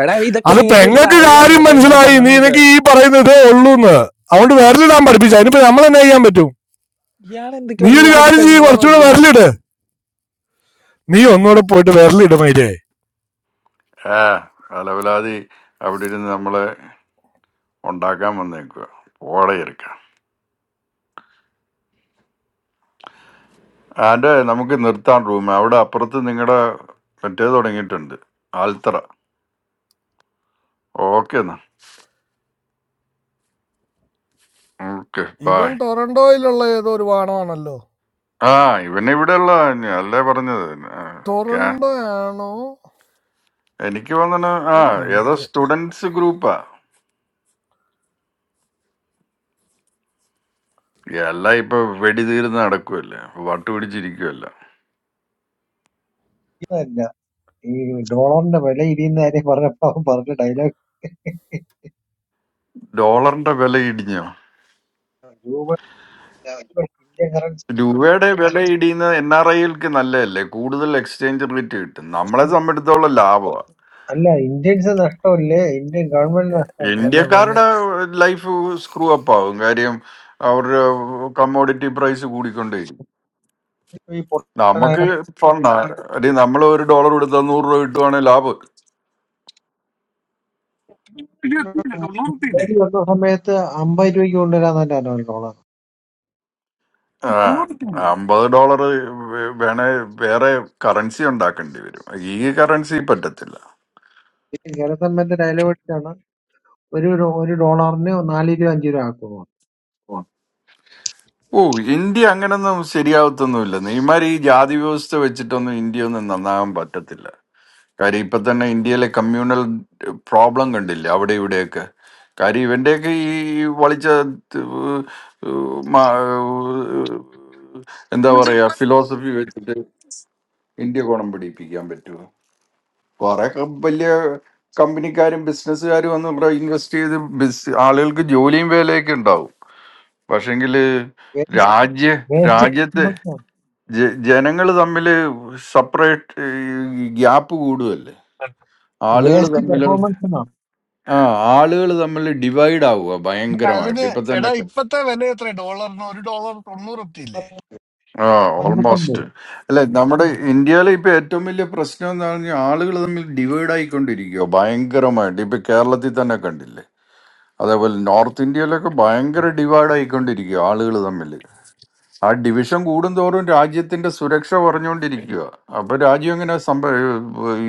[SPEAKER 13] എടാ ഇതൊക്കെ
[SPEAKER 14] അത്
[SPEAKER 13] നിങ്ങൾക്ക് വലിയ
[SPEAKER 14] പെങ്ങൾക്ക്
[SPEAKER 13] കാര്യമാണോ
[SPEAKER 14] കാര്യം
[SPEAKER 13] പെങ്ങളെ
[SPEAKER 14] മനസ്സിലായി നീ
[SPEAKER 13] പണ്ണണയൊക്കെ
[SPEAKER 14] നിനക്ക് ഈ പറയുന്നതേ ഉള്ളൂന്ന് അതുകൊണ്ട് വിരലിടാൻ പഠിപ്പിച്ച അതിനിപ്പോ നമ്മൾ എന്നാ ചെയ്യാൻ പറ്റും
[SPEAKER 13] ഇയാളെ എന്തൊക്കെ
[SPEAKER 14] നീ
[SPEAKER 13] പറഞ്ഞു
[SPEAKER 14] ഒരു
[SPEAKER 13] ഇയാളൊക്കെ
[SPEAKER 14] കാര്യം ചെയ്യ്
[SPEAKER 13] പെങ്ങളാണ്
[SPEAKER 14] കുറച്ചുകൂടെ
[SPEAKER 13] പഠിപ്പിക്കണേ
[SPEAKER 14] വിരലിട് നീ ഒന്നുകൂടെ പോയിട്ട് വിരലിട് മയിലേ
[SPEAKER 2] ഏ അലവലാതി അവിടെ ഇരുന്ന് നമ്മളെ ഉണ്ടാക്കാൻ വന്നേക്കുക ഓടെ ഇരിക്കാം ആൻ്റെ നമുക്ക് നിർത്താൻ റൂം അവിടെ അപ്പുറത്ത് നിങ്ങളുടെ മറ്റേ തുടങ്ങിയിട്ടുണ്ട് ആൽത്തറ ഓക്കെ എന്നാ ഓക്കെ
[SPEAKER 14] ഇവൻ
[SPEAKER 2] ബായ്
[SPEAKER 14] ടൊറന്റോയിലുള്ള ഏതോ ഒരു വാണമാണല്ലോ
[SPEAKER 2] ആ ഇവൻ ഇവിടെ ഉള്ള അല്ലേ പറഞ്ഞത് ആ, ക്യാ-
[SPEAKER 14] ടൊറന്റോ ആണോ
[SPEAKER 2] എനിക്ക് വന്നത് ആ
[SPEAKER 14] ഒരു
[SPEAKER 2] ഏതോ
[SPEAKER 14] മിനിറ്റ്
[SPEAKER 2] സ്റ്റുഡൻസ് ഗ്രൂപ്പാ എല്ലാം ഇപ്പൊ വെടി തീർന്ന് നടക്കുമല്ലേ വട്ട് പിടിച്ചിരിക്കുമല്ല
[SPEAKER 12] ഇതല്ല ഈ ഡോളറിന്റെ വില ഇരിയുന്ന കാര്യം പറഞ്ഞപ്പോ അവൻ പറഞ്ഞ ഡയലോഗ്
[SPEAKER 2] ഡോളറിന്റെ വില ഇടിഞ്ഞോ
[SPEAKER 12] ഇന്ത്യൻ കറൻസി
[SPEAKER 2] രൂപയുടെ വില ഇടിയുന്നത് എൻ ആർ ഐകൾക്ക് നല്ലതല്ലേ കൂടുതൽ എക്സ്ചേഞ്ച് റേറ്റ് കിട്ടും നമ്മളെ സംബന്ധിച്ചോളം ലാഭമാണ്
[SPEAKER 12] അല്ല ഇന്ത്യൻസ് നഷ്ടമല്ലേ ഇന്ത്യൻ ഗവൺമെന്റ് നഷ്ടമല്ലേ
[SPEAKER 14] എന്റെ പൊന്ന്
[SPEAKER 2] ഇന്ത്യക്കാരുടെ ലൈഫ് സ്ക്രൂ അപ്പ് ആവും കാര്യം അവരുടെ കമ്മോഡിറ്റി പ്രൈസ് കൂടിക്കൊണ്ടേരും
[SPEAKER 12] ഈ പൊട്ടനായ
[SPEAKER 2] നമുക്ക് ഫണ്ട നമ്മൾ ഒരു ഡോളർ കൊടുത്താൽ നൂറ് രൂപ കിട്ടുവാണെങ്കിൽ ലാഭം
[SPEAKER 12] പേടി വന്ന സമയത്ത് അമ്പത് രൂപയ്ക്ക് കൊണ്ടുവരാൻ തന്നെ ഡോളർ
[SPEAKER 2] ആ അമ്പത് ഡോളർ വേണേ വേറെ കറൻസി ഉണ്ടാക്കേണ്ടി വരും ഈ കറൻസി പറ്റത്തില്ല
[SPEAKER 12] ഈ കേരള സമയത്ത് ഡയലോഗ് അടിച്ചാണ് ഒരു ഡോ- ഒരു ഡോളറിന് നാല് രൂപ അഞ്ച് രൂപ ആക്കുന്നു
[SPEAKER 2] ഓ ഇന്ത്യ അങ്ങനൊന്നും ശരിയാവത്തൊന്നുമില്ല നെയ്മാർ ഈ ജാതി വ്യവസ്ഥ വെച്ചിട്ടൊന്നും ഇന്ത്യ ഒന്നും നന്നാകാൻ പറ്റത്തില്ല കാര്യം ഇപ്പൊ തന്നെ ഇന്ത്യയിലെ കമ്മ്യൂണൽ പ്രോബ്ലം കണ്ടില്ലേ അവിടെ ഇവിടെയൊക്കെ കാര്യം ഇവന്റെയൊക്കെ ഈ വളിച്ച ഏഹ്, മാ- എന്താ പറയാ ഫിലോസഫി വെച്ചിട്ട് ഇന്ത്യ ഗുണം പിടിപ്പിക്കാൻ പറ്റുമോ കുറെ വലിയ കമ്പനിക്കാരും ബിസിനസ്സുകാരും വന്ന് ഇവിടെ ഇൻവെസ്റ്റ് ചെയ്ത് ബിസ് ആളുകൾക്ക് ജോലിയും വേലയൊക്കെ ഉണ്ടാവും പക്ഷെങ്കിൽ
[SPEAKER 12] വേസ്റ്റ്
[SPEAKER 2] രാജ്യ
[SPEAKER 12] വേസ്റ്റ്
[SPEAKER 2] രാജ്യത്തെ
[SPEAKER 12] പെർഫോമൻസ് ആണ്,
[SPEAKER 2] ജനങ്ങൾ തമ്മിൽ സെപ്പറേറ്റ് ഗ്യാപ്പ് കൂടുമല്ലേ ആളുകൾ
[SPEAKER 12] വേസ്റ്റ്
[SPEAKER 2] തമ്മിലുള്ള
[SPEAKER 12] പെർഫോമൻസ് എന്നാണ്
[SPEAKER 2] ആ ആളുകൾ തമ്മിൽ ഡിവൈഡ് ആവുക ഭയങ്കരമായിട്ട് ഇപ്പൊ തന്നെ ആ ഓൾമോസ്റ്റ്
[SPEAKER 12] അമ്പത്തൊമ്പത്
[SPEAKER 2] അല്ലെ നമ്മുടെ ഇന്ത്യയിലെ ഇപ്പൊ ഏറ്റവും വലിയ പ്രശ്നം എന്ന് പറഞ്ഞാൽ ആളുകൾ തമ്മിൽ ഡിവൈഡ് ആയിക്കൊണ്ടിരിക്കുക ഭയങ്കരമായിട്ട് ഇപ്പൊ കേരളത്തിൽ തന്നെ കണ്ടില്ലേ അതേപോലെ നോർത്ത് ഇന്ത്യയിലൊക്കെ ഭയങ്കര ഡിവൈഡ് ആയിക്കൊണ്ടിരിക്കുക ആളുകൾ തമ്മിൽ ആ ഡിവിഷൻ കൂടുന്തോറും രാജ്യത്തിന്റെ സുരക്ഷ പറഞ്ഞുകൊണ്ടിരിക്കുക അപ്പൊ രാജ്യം എങ്ങനെ സംഭ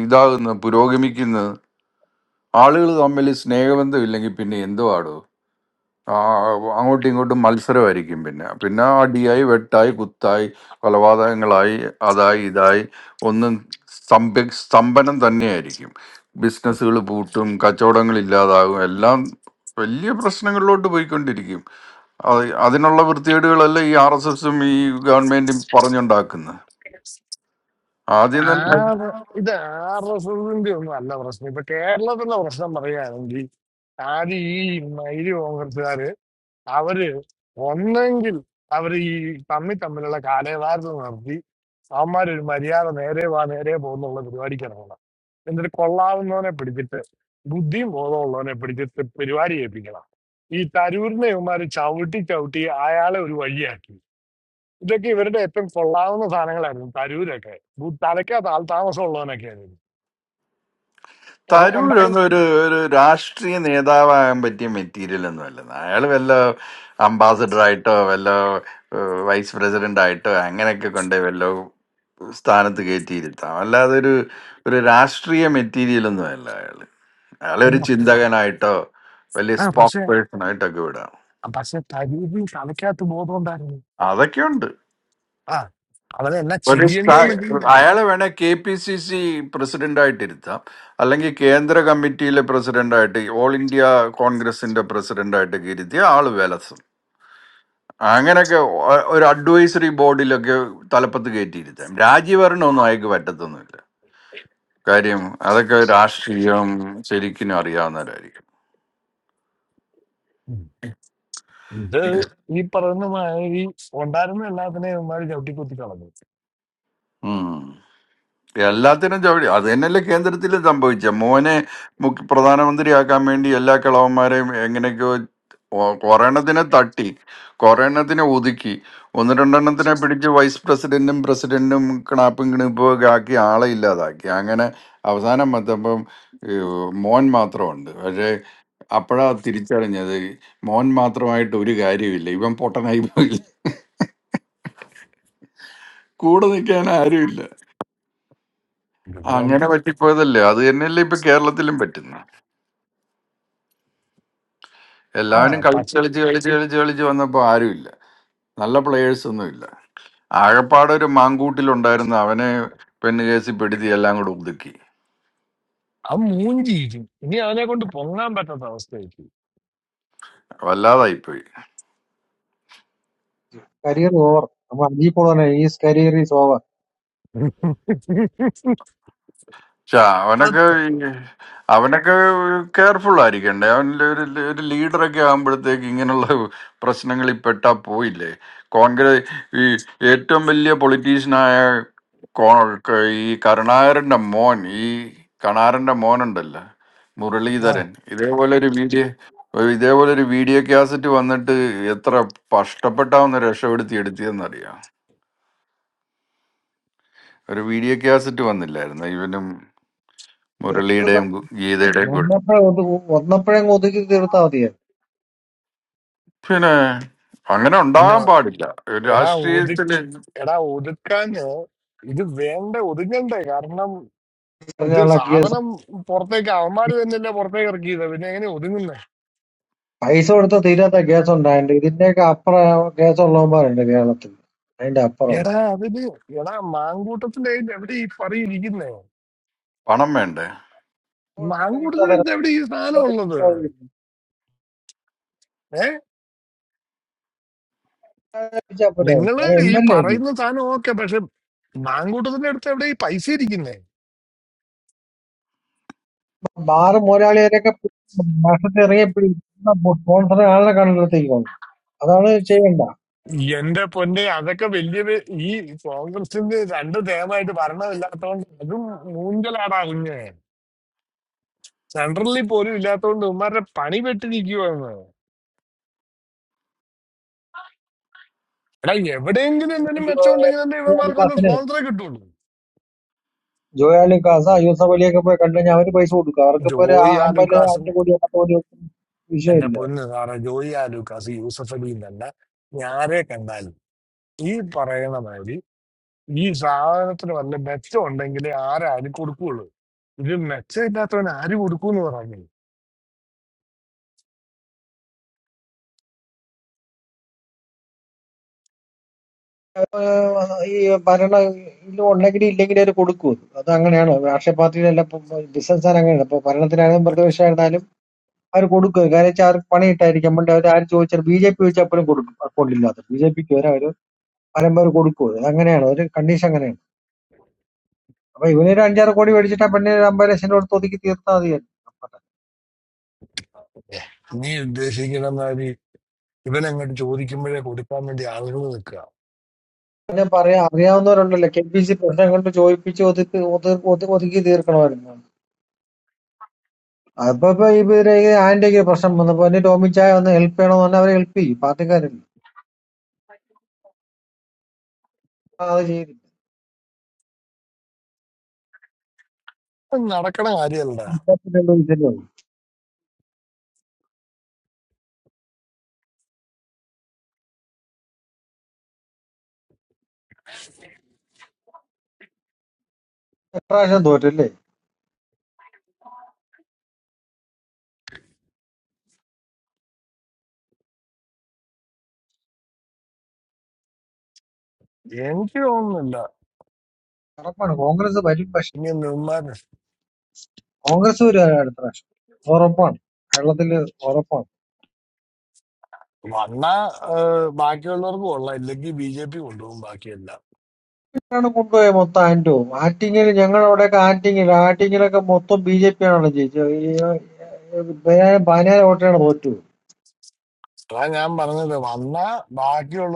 [SPEAKER 2] ഇതാകുന്നത് പുരോഗമിക്കുന്നത് ആളുകൾ തമ്മിൽ സ്നേഹബന്ധം ഇല്ലെങ്കിൽ പിന്നെ എന്തോ ആടോ. ആ അങ്ങോട്ടും ഇങ്ങോട്ടും മത്സരമായിരിക്കും പിന്നെ പിന്നെ അടിയായി വെട്ടായി കുത്തായി കൊലപാതകങ്ങളായി അതായി ഇതായി ഒന്നും സ്തംഭ സ്തംഭനം തന്നെയായിരിക്കും ബിസിനസ്സുകൾ പൂട്ടും കച്ചവടങ്ങൾ ഇല്ലാതാകും എല്ലാം വലിയ പ്രശ്നങ്ങളിലോട്ട് പോയിക്കൊണ്ടിരിക്കും അത് അതിനുള്ള വൃത്തികേടുകളല്ല ഈ ആർ എസ് എസും ഈ ഗവൺമെന്റും പറഞ്ഞുണ്ടാക്കുന്നത് ആദ്യം തന്നെ തരൂരൊന്നും ഒരു ഒരു രാഷ്ട്രീയ നേതാവാകാൻ പറ്റിയ മെറ്റീരിയൽ ഒന്നും അല്ലെന്ന് അയാൾ വല്ല അംബാസഡർ ആയിട്ടോ വല്ല വൈസ് പ്രസിഡന്റ് ആയിട്ടോ അങ്ങനെയൊക്കെ കൊണ്ടേ വല്ല സ്ഥാനത്ത് കയറ്റിയിരുത്താം അല്ലാതെ ഒരു ഒരു രാഷ്ട്രീയ മെറ്റീരിയൽ ഒന്നും അല്ല അയാൾ അയാളെ ഒരു ചിന്തകനായിട്ടോ വലിയ സ്പോക്ക് പേഴ്സൺ ആയിട്ടൊക്കെ വിടാം അതൊക്കെ ഉണ്ട് ഒരു സ്ഥാ- അയാളെ വേണേ കെ പി സി സി പ്രസിഡന്റായിട്ട് ഇരുത്താം അല്ലെങ്കിൽ കേന്ദ്ര കമ്മിറ്റിയിലെ പ്രസിഡന്റായിട്ട് ഓൾ ഇന്ത്യ കോൺഗ്രസിന്റെ പ്രസിഡന്റായിട്ടൊക്കെ ഇരുത്തിയ ആള് വിലസും അങ്ങനെയൊക്കെ ഒ- ഒരു അഡ്വൈസറി ബോർഡിലൊക്കെ തലപ്പത്ത് കയറ്റിയിരുത്താം രാജ്യഭരണമൊന്നും അയാൾക്ക് പറ്റത്തൊന്നുമില്ല കാര്യം അതൊക്കെ രാഷ്ട്രീയം ശരിക്കും അറിയാവുന്നവരായിരിക്കും ഉം. എല്ലാത്തിനും ചവിടി അത് തന്നെയല്ലേ കേന്ദ്രത്തിൽ സംഭവിച്ച മോനെ മുഖ്യ പ്രധാനമന്ത്രിയാക്കാൻ വേണ്ടി എല്ലാ കിളവന്മാരെയും എങ്ങനെയൊക്കെയോ ഒ- ഒരെണ്ണത്തിനെ തട്ടി കുറേണ്ണത്തിനെ ഒതുക്കി ഒന്ന് രണ്ടെണ്ണത്തിനെ പിടിച്ച് വൈസ് പ്രസിഡന്റും പ്രസിഡന്റും കിണാപ്പും കിണിപ്പും ഒക്കെ ആക്കി ആളെ ഇല്ലാതാക്കി അങ്ങനെ അവസാനം വന്നപ്പം ഈ മോൻ മാത്രമുണ്ട് പക്ഷേ അപ്പോഴാ തിരിച്ചറിഞ്ഞത് മോൻ മാത്രമായിട്ട് ഒരു കാര്യമില്ല ഇവൻ പൊട്ടനായി പോയില്ല കൂടെ നിൽക്കാൻ ആരുമില്ല അങ്ങനെ പറ്റിപ്പോയതല്ലേ അത് തന്നെയല്ലേ ഇപ്പൊ കേരളത്തിലും പറ്റുന്നത് എല്ലാവരും കളിച്ച് കളിച്ച് കളിച്ച് കളിച്ച് കളിച്ച് വന്നപ്പോ ആരുമില്ല നല്ല പ്ലേയേഴ്സ് ഒന്നും ഇല്ല ആകപ്പാടെ ഒരു മാങ്കൂട്ടിലുണ്ടായിരുന്ന അവനെ പെണ്ണ് കേസിൽ പെടുത്തി എല്ലാം കൂടെ ഒതുക്കി വല്ലാതായിപ്പോയി
[SPEAKER 12] കരിയർ ഓവർ നമ്മൾ അജീ പോൾ പറഞ്ഞ ഈ കരിയർ ഈസ് ഓവർ
[SPEAKER 2] ച്ചാ, അവനൊക്കെ ഈ അവനൊക്കെ കെയർഫുൾ ആയിരിക്കണ്ടേ അവൻ ഒരു ഒരു ലീഡറൊക്കെ ആകുമ്പോഴത്തേക്ക് ഇങ്ങനെയുള്ള പ്രശ്നങ്ങളിൽ പെട്ടാ പോയില്ലേ കോൺഗ്രസ് ഈ ഏറ്റവും വലിയ പൊളിറ്റീഷ്യനായ ഈ കരുണാകരന്റെ മോൻ ഈ കണാരന്റെ മോനുണ്ടല്ലോ മുരളീധരൻ ഇതേപോലെ ഒരു വീഡിയോ ഇതേപോലെ ഒരു വീഡിയോ കാസറ്റ് വന്നിട്ട് എത്ര കഷ്ടപ്പെട്ടാവുന്ന രക്ഷപ്പെടുത്തി എടുത്തിയെന്നറിയാം ഒരു വീഡിയോ കാസറ്റ് വന്നില്ലായിരുന്നു ഇവനും മുരളിയുടെയും ഗു- ഗീതയുടെയും കൂടെ
[SPEAKER 12] ഒന്നപ്പോഴേ ഒതു- ഒന്നപ്പോഴേ അങ്ങ് ഒതുക്കി തീർത്താൽ മതിയായിരുന്നു
[SPEAKER 2] പിന്നെ അങ്ങനെ ഉണ്ടാകാൻ പാടില്ല ഒരു രാഷ്ട്രീയത്തില്
[SPEAKER 12] പറഞ്ഞുള്ള കേസ് പൈസ കൊടുത്ത തീരാത്ത കേസ് ഉണ്ടായിട്ടുണ്ട് ഇതിന്റെയൊക്കെ അപ്പുറം കേസ് ഉള്ളവന്മാരുണ്ട് കേരളത്തിൽ അതിന്റെ അപ്പുറം
[SPEAKER 2] പണം വേണ്ടേ
[SPEAKER 12] കിട്ടാതെ പിടിച്ചാ പോരെ അവന് എം എൽ എ അല്ലേ ബാറ് മുതലാളിയൊക്കെ വർഷത്തിൽ ഇറങ്ങിയ സ്പോൺസറെ ആളെ കണ്ടെത്തേക്ക് അതാണ് ചെയ്യണ്ട അയ്യോ, ജോയാലി ജോയാലി കാസ യൂസഫ് അലിയൊക്കെ പോയി കണ്ടു കഴിഞ്ഞാൽ അവര് പൈസ കൊടുക്കും അവർക്ക് ഇപ്പൊ ഒരു ആ- അമ്പത് അഞ്ച് കോടിയോ പത്ത് കോടിയോ ഒന്നും വിഷയമില്ല ഏഹ് ഈ ഭരണ ഇത് ഉണ്ടെങ്കിലും ഇല്ലെങ്കിലും അവർ കൊടുക്കും അത് അത് അങ്ങനെയാണ് രാഷ്ട്രീയ പാർട്ടിയിലെല്ലാം ബിസിനസ് അങ്ങനെയാണ് ഇപ്പൊ ഭരണത്തിനായാലും പ്രതിപക്ഷമായിരുന്നാലും അവർ കൊടുക്കും കാര്യം വെച്ചാൽ അവർക്ക് പണിയിട്ടായിരിക്കും പണ്ട് അവർ ആര് ചോദിച്ചാൽ ബി ജെ പി ചോദിച്ചാൽ കൊടുക്കും അക്കൗണ്ടില്ലാത്ത ബി ജെ പിക്ക് വരെ അവർ പരമ്പര കൊടുക്കും അത് അങ്ങനെയാണ് ഒരു കണ്ടീഷൻ അങ്ങനെയാണ് അപ്പൊ ഇവനൊരു അഞ്ചാറ് കോടി മേടിച്ചിട്ട് ആ പെണ്ണിന് ഒരു അമ്പത് ലക്ഷം രൂപ കൊടുത്ത് ഒതുക്കി തീർത്താൽ മതിയായിരുന്നു ഞാൻ പറയാം അറിയാവുന്നവരുണ്ടല്ലോ കെ പി സി പ്രശ്നം കൊണ്ട് ചോദിപ്പിച്ച് ഒതുക്കി ഒതു- ഒതു- ഒതുക്കി തീർക്കണമായിരുന്നു അപ്പൊ ഇപ്പൊ ഇവരെ ഈ ആന്റിക്ക് പ്രശ്നം വന്നപ്പോ എന്നെ ടോമി ചായ ഒന്ന് ഹെൽപ്പ് ചെയ്യണമെന്ന് പറഞ്ഞാൽ അവരെ ഹെൽപ്പ് ചെയ്യും പാർട്ടിക്കാരല്ലേ ആ, അത് ചെയ്തില്ല ഇപ്പൊ പിന്നെ എന്ത് വിഷയമേ ഉള്ളൂ. ഇപ്രാവശ്യം തോറ്റല്ലേ ഉറപ്പാണ് കോൺഗ്രസ് വരും പക്ഷെ കോൺഗ്രസ് ഒരു അടുത്ത പ്രാവശ്യം ഉറപ്പാണ് കേരളത്തില് ഉറപ്പാണ് ആണ് കൊണ്ടുപോയ മൊത്തം ആന്റവും ആറ്റിങ്ങിൽ ഞങ്ങളവിടെയൊക്കെ ആറ്റിങ്ങിൽ ആറ്റിങ്ങിലൊക്കെ മൊത്തം ബി ജെ പി ആണല്ലോ ജയിച്ചത് ഈ, ഏർ, ബനാന ബനാന വോട്ടിനാണ് തോറ്റു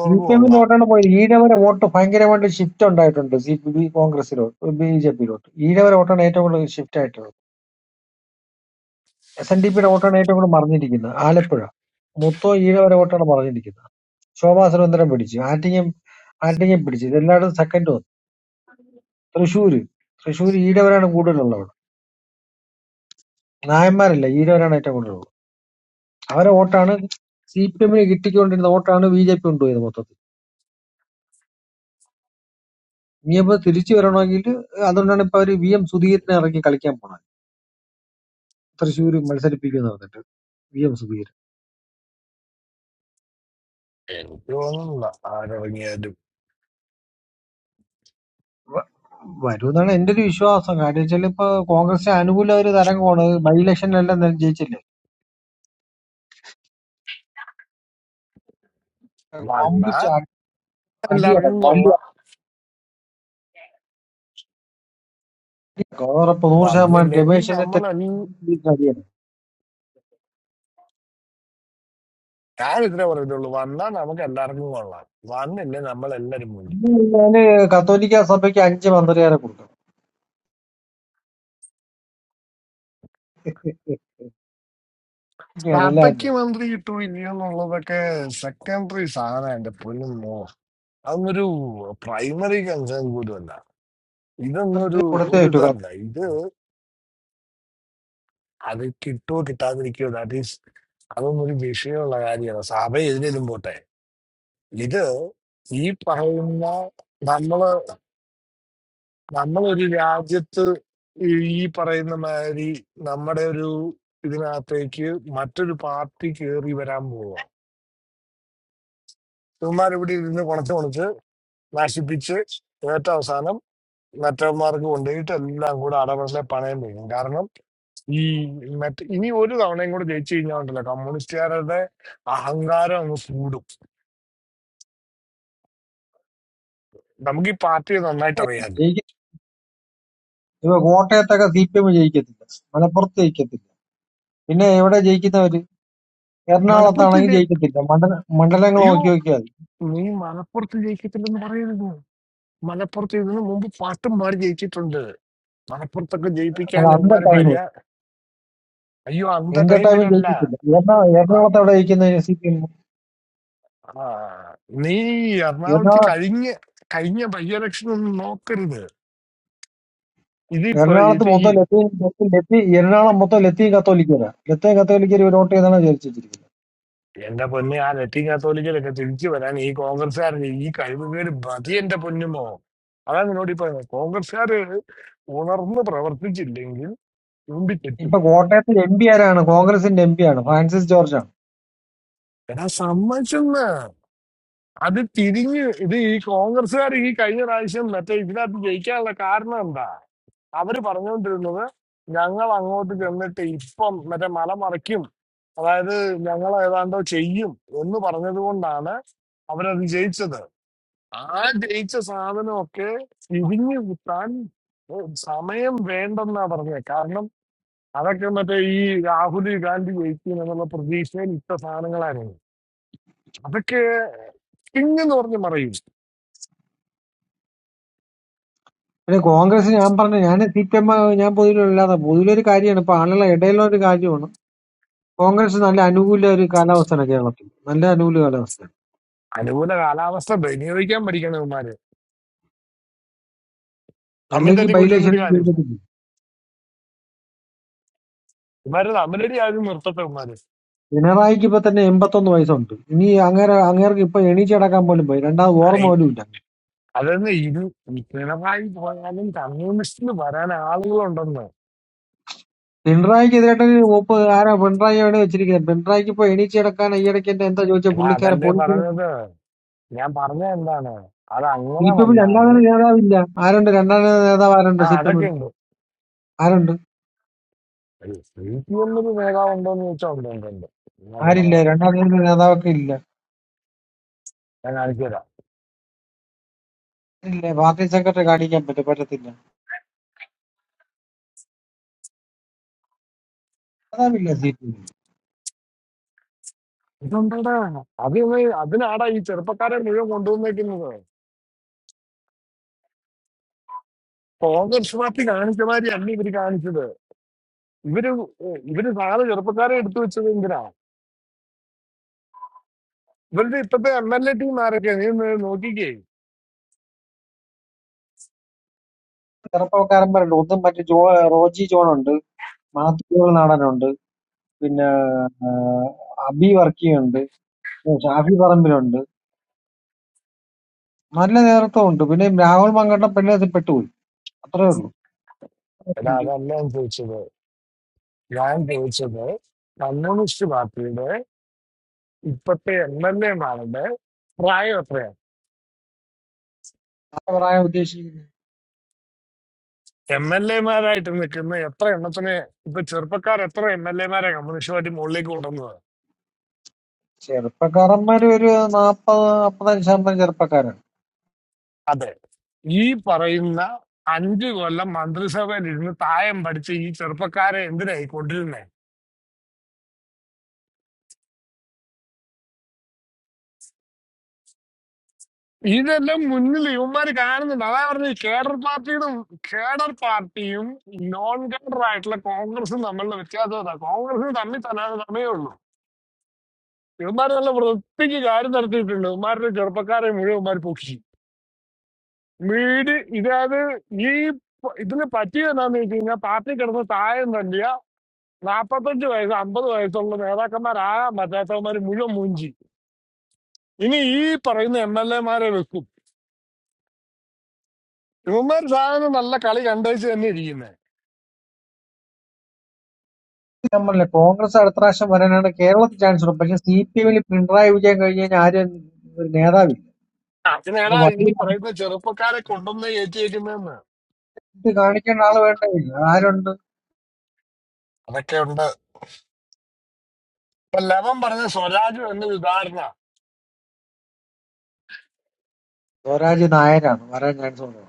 [SPEAKER 12] സി പി എമ്മിലോട്ടാണ് പോയത് ഈഴവരെ വോട്ട് ഭയങ്കരമായിട്ട് ഷിഫ്റ്റ് ഉണ്ടായിട്ടുണ്ട് സി പി ബി കോൺഗ്രസിലോട്ട് ബി ജെ പിയിലോട്ട് ഈഴവരെ വോട്ടാണ് ഏറ്റവും കൂടുതൽ ഷിഫ്റ്റ് ആയിട്ടുള്ളത് എസ് എൻ ഡി പിയുടെ വോട്ടാണ് ഏറ്റവും കൂടുതൽ മറിഞ്ഞിരിക്കുന്നത് ആലപ്പുഴ മൊത്തം ഈഴവരെ വോട്ടാണ് മറിഞ്ഞിരിക്കുന്നത് ശോഭാ സുരേന്ദ്രൻ പിടിച്ചു ആറ്റിങ്ങം ആറ്റിങ്ങം പിടിച്ചു ഇതെല്ലായിടും സെക്കൻഡ് വന്നു തൃശ്ശൂര് തൃശ്ശൂർ ഈഴവരാണ് കൂടുതലുള്ളത് അവിടെ നായന്മാരല്ല ഈഴവരാണ് ഏറ്റവും കൂടുതലുള്ളത് അവരെ വോട്ടാണ് സി പി എമ്മിന് കിട്ടിക്കൊണ്ടിരുന്ന വോട്ടാണ് ബി ജെ പി കൊണ്ടുപോയത് മൊത്തത്തിൽ ഇനിയിപ്പോ തിരിച്ചു വരണമെങ്കിൽ അതുകൊണ്ടാണ് ഇപ്പൊ അവര് വി എം സുധീരനെ ഇറക്കി കളിക്കാൻ പോണത് തൃശ്ശൂർ മത്സരിപ്പിക്കുമെന്ന് പറഞ്ഞിട്ട് വി എം സുബീർ വ- വരുമെന്നാണ് എന്റെ ഒരു വിശ്വാസം കാര്യം വെച്ചാൽ ഇപ്പൊ കോൺഗ്രസിന് അനുകൂല ഒരു തരംഗമാണ് ബൈ ഇലക്ഷനിലെല്ലാം നെ- ജയിച്ചില്ലേ വമ്പിച്ച അ- അടിയടം വലിയ അടിയടക്കം ഉറപ്പ് നൂറ് ശതമാനം രമേശിനെ തെറ്റി അടിയാണ് ഞാന് കത്തോലിക്ക സഭയ്ക്ക് അഞ്ച് മന്ത്രിയാരെ കൊടുക്കും എ- എ- ഒക്കെയാണ് അല്ലേ ആൻഡ്? മന്ത്രി കൊടുത്തേ പറ്റൂ കത്തോലിക്ക. ജയിക്ക- ഇപ്പൊ കോട്ടയത്തൊക്കെ സി പി എം ജയിക്കത്തില്ല മലപ്പുറത്ത് ജയിക്കത്തില്ല പിന്നെ എവിടെ ജയിക്കുന്നവര് എറണാകുളത്താണെങ്കിൽ ജയിക്കത്തില്ല മണ്ഡല മണ്ഡലങ്ങൾ നോക്കി നോക്കിയാൽ മതി. അത് അന്ന ടൈം എന്റെ ടൈം ജയിക്കത്തില്ല എറണാകുളം എറണാകുളത്ത് എവിടെ ജയിക്കുന്നത് സി പി എം എറണാകുളം എറണാകുളത്ത് മൊത്തം ലത്തി ലത്തി എറണാകുളം മൊത്തം ലത്തിയും കത്തോലിക്കരാ ലത്തിയും കത്തോലിക്കര് വോട്ട് ചെയ്താണ് വിചാരിച്ചിരിക്കുന്നത് ഇപ്പൊ കോട്ടയത്തിൽ എം പി ആരാണ് കോൺഗ്രസിന്റെ എം പി ആണ് ഫ്രാൻസിസ് ജോർജ് ആണ് പിന്നെ കോൺഗ്രസ് ഞാൻ പറഞ്ഞു ഞാൻ സി പി എം ഞാൻ പൊതുവിലല്ലാതെ പൊതുവിലൊരു കാര്യമാണ് ഇപ്പൊ ആളുകളെ ഇടയിലുള്ള ഒരു കാര്യമാണ് കോൺഗ്രസ് നല്ല അനുകൂല ഒരു കാലാവസ്ഥയാണ് കേരളത്തിൽ നല്ല അനുകൂല കാലാവസ്ഥയാണ് അല്ലെങ്കിൽ ബൈലക്ഷൻ പിണറായിക്ക് ഇപ്പൊ തന്നെ എൺപത്തൊന്ന് വയസ്സുണ്ട് ഇനി അങ്ങേര അങ്ങേർക്ക് ഇപ്പൊ എണീച്ചടക്കാൻ പോലും പോയി രണ്ടാമത് ഓർമ്മ പോലും ഇല്ല പിണറായിക്ക് എതിരായിട്ട് ഒപ്പ് ആരാ പിണറായിയാണ് വെച്ചിരിക്കുന്നത് പിണറായിക്ക് ഇപ്പൊ എണീച്ചടക്കാൻ ഈയിടയ്ക്ക് എന്റെ എന്താ ചോദിച്ച പുള്ളിക്കാരെ പോലീസിന് സി പി എമ്മിൽ അല്ലാതെ നേതാവില്ല ആരുണ്ട് രണ്ടാം നേതാവ് ആരുണ്ട് സി പി എമ്മിൽ ആരുണ്ട് ആരില്ല രണ്ടാം നേതാവൊക്കെ ഇല്ല ഇല്ല പാർട്ടി സെക്രട്ടറി കാണിക്കാൻ പറ്റും പറ്റത്തില്ല നേതാവില്ല സി പി എമ്മിൽ ചെറുപ്പക്കാരൻ പറയുന്നുണ്ട് ഒന്നും മറ്റേ ജോ റോജി ജോണുണ്ട് മാത്യു ജോൺ നാടനുണ്ട് പിന്നെ ആ, അബി വർക്കിയുണ്ട് ഷാഫി പറമ്പിലുണ്ട് നല്ല നേതൃത്വം ഉണ്ട് പിന്നെ രാഹുൽ മങ്കട്ടപ്പള്ളി അതിൽ പെട്ടുപോയി അത്രേ ഉള്ളൂ എന്താ പറയാൻ ഉദ്ദേശിക്കുന്നത് ചെറുപ്പക്കാരന്മാര് ഒരു നാപ്പത് നാപ്പത്തഞ്ച് ശതമാനം ചെറുപ്പക്കാരാണ് നമ്മളല്ലേ കോൺഗ്രസ് അടുത്ത പ്രാവശ്യം വരാനാണ് കേരളത്തിൽ ചാൻസ് ഉള്ളത് പക്ഷെ സി പി എമ്മിൽ പിണറായി വിജയൻ കഴിഞ്ഞ് കഴിഞ്ഞാൽ ആരും ഒരു നേതാവില്ല അത് വലിയ നമുക്ക് കാണിക്കേണ്ട ആള് വേണ്ടതില്ല ആരുണ്ട് സ്വരാജ് നായരാണ് വരാൻ ചാൻസ് ഉള്ളത്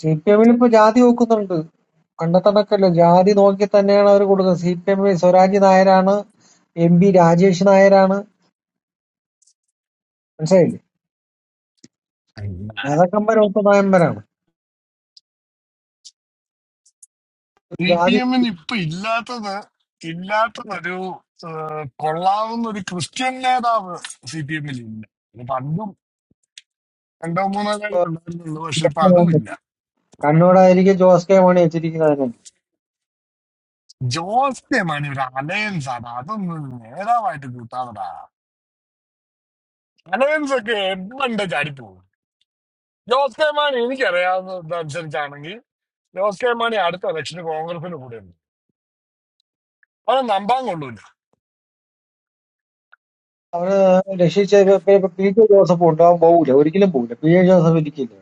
[SPEAKER 12] സി പി എമ്മിൽ ഇപ്പൊ ജാതി നോക്കുന്നുണ്ട് കണ്ടെത്തണക്കല്ലോ ജാതി നോക്കി തന്നെയാണ് അവർ കൊടുക്കുന്നത് സി പി എമ്മിൽ സ്വരാജ് നായരാണ് എം പി രാജേഷ് നായരാണ് മനസ്സിലായില്ലേ നേതാക്കന്മാർ ഒത്ത നയന്മാരാണ് ജാതി കണ്ണൂരായിരിക്കും ജോസ് കെ മാണി വെച്ചിരിക്കുന്നത് തന്നെ അവര് രക്ഷിച്ച പി പി- പി ജെ ജോസഫ് ഉണ്ട് അവൻ പോകില്ല ഒരിക്കലും പോകില്ല പി ജെ ജോസഫ് ഇരിക്കില്ല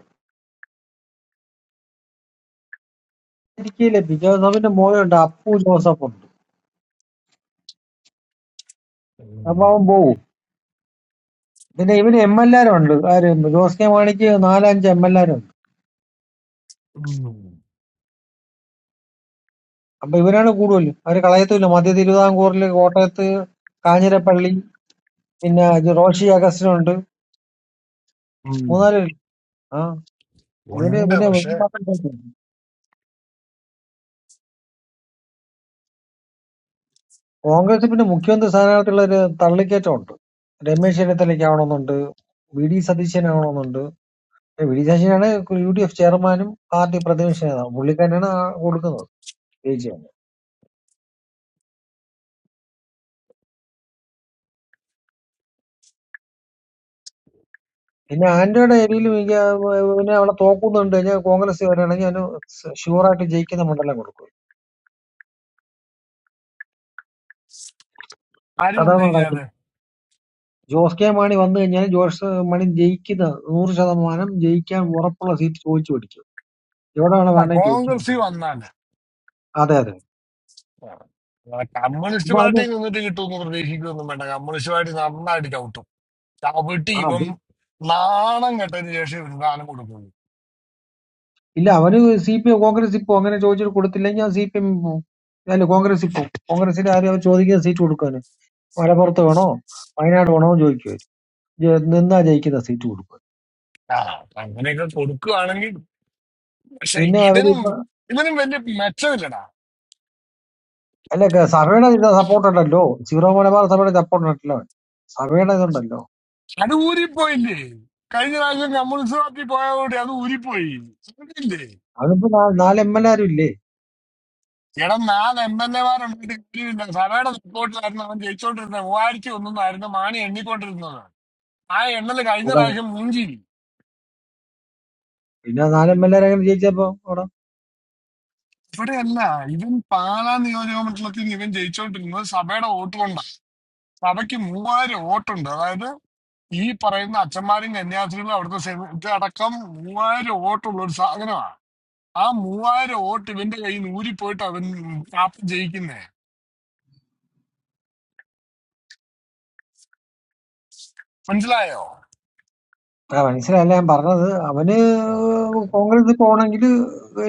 [SPEAKER 12] ഇരിക്കില്ല പി ജെ ജോസഫിന്റെ മോനുണ്ട് അപ്പു ജോസഫ് ഉണ്ട് അപ്പൊ അവൻ പോകും പിന്നെ ഇവന് എം എൽ ആരുണ്ട് ആര് ജോസ് കെ മാണിക്ക് നാലഞ്ച് എം എൽ ആരുണ്ട് അപ്പൊ ഇവരാണ് കൂടുതലും അവര് കളയത്തുമില്ല മധ്യ തിരുവിതാംകൂറിൽ കോട്ടയത്ത് കാഞ്ഞിരപ്പള്ളി പിന്നെ ജെ- റോഷി അഗസ്റ്റിനുണ്ട് മൂന്നാല് പേര്. ആ ഇവര് പിന്നെ കോൺഗ്രസ് പിന്നെ മുഖ്യമന്ത്രി സ്ഥാനാർത്ഥിയുള്ള ഒരു തള്ളിക്കയറ്റമുണ്ട് രമേശ് ചെന്നിത്തലയ്ക്ക് ആവണമെന്നുണ്ട് വി ഡി സതീശൻ ആവണമെന്നുണ്ട് ഏ, വി ഡി സതീശനാണ് U D F chairman party പ്രതിപക്ഷ നേതാവും പുള്ളിക്കാരനാണ് ആ കൊടുക്കുന്നത് ജയിച്ചു കഴിഞ്ഞാൽ പിന്നെ ആന്റോയുടെ ഏരിയയിലും എനിക്ക് ആ, പിന്നെ അവിടെ തോക്കുന്നു കണ്ടു കഴിഞ്ഞാൽ കോൺഗ്രസ് വരികയാണെങ്കിൽ അതിന് ഷുവറായിട്ട് ജയിക്കുന്ന മണ്ഡലം കൊടുക്കും അതാണ് നടക്കുന്നത് ജോസ് കെ മാണി വന്നു കഴിഞ്ഞാൽ ജോസ് മാണി ജയിക്കുന്ന നൂറ് ശതമാനം ജയിക്കാൻ ഉറപ്പുള്ള സീറ്റ് ചോദിച്ചു പിടിക്കും എവിടെയാണ് വേണ്ടത് ചോദിക്കുന്നത് അതെ അതെ അപ്പൊ അത് ആ അത് ഇല്ല അവന് സി പി എം കോൺഗ്രസിൽ പോകും അങ്ങനെ ചോദിച്ചിട്ട് കൊടുത്തില്ലെങ്കിൽ അവൻ സി പി എം പോകും അല്ല കോൺഗ്രസിൽ പോകും കോൺഗ്രസിൽ ആരും അവർ ചോദിക്കുന്ന സീറ്റ് കൊടുക്കാന് മലപ്പുറത്ത് വേണോ വയനാട് വേണോ എന്ന് ചോദിക്കും അവര്. ജ- നിന്നാ ജയിക്കുന്ന സീറ്റ് കൊടുക്കും പിന്നെ അവരിപ്പോ അല്ല ക- സഭയുടെ സപ്പോർട്ട് ഉണ്ടല്ലോ സീറോ മലബാർ സഭയുടെ സപ്പോർട്ട് ഉണ്ടല്ലോ സഭയുടെ ഇതുണ്ടല്ലോ അതിപ്പോ നാ- നാല് എം എൽ ആരും ഇല്ലേ അതാണ്. പിന്നെ നാല് എം എൽ ആർ അങ്ങനെ ജയിച്ചപ്പോ അവിടെ ആ മനസ്സിലായില്ല ഞാൻ പറഞ്ഞത് അവന് കോൺഗ്രസ് പോണെങ്കിൽ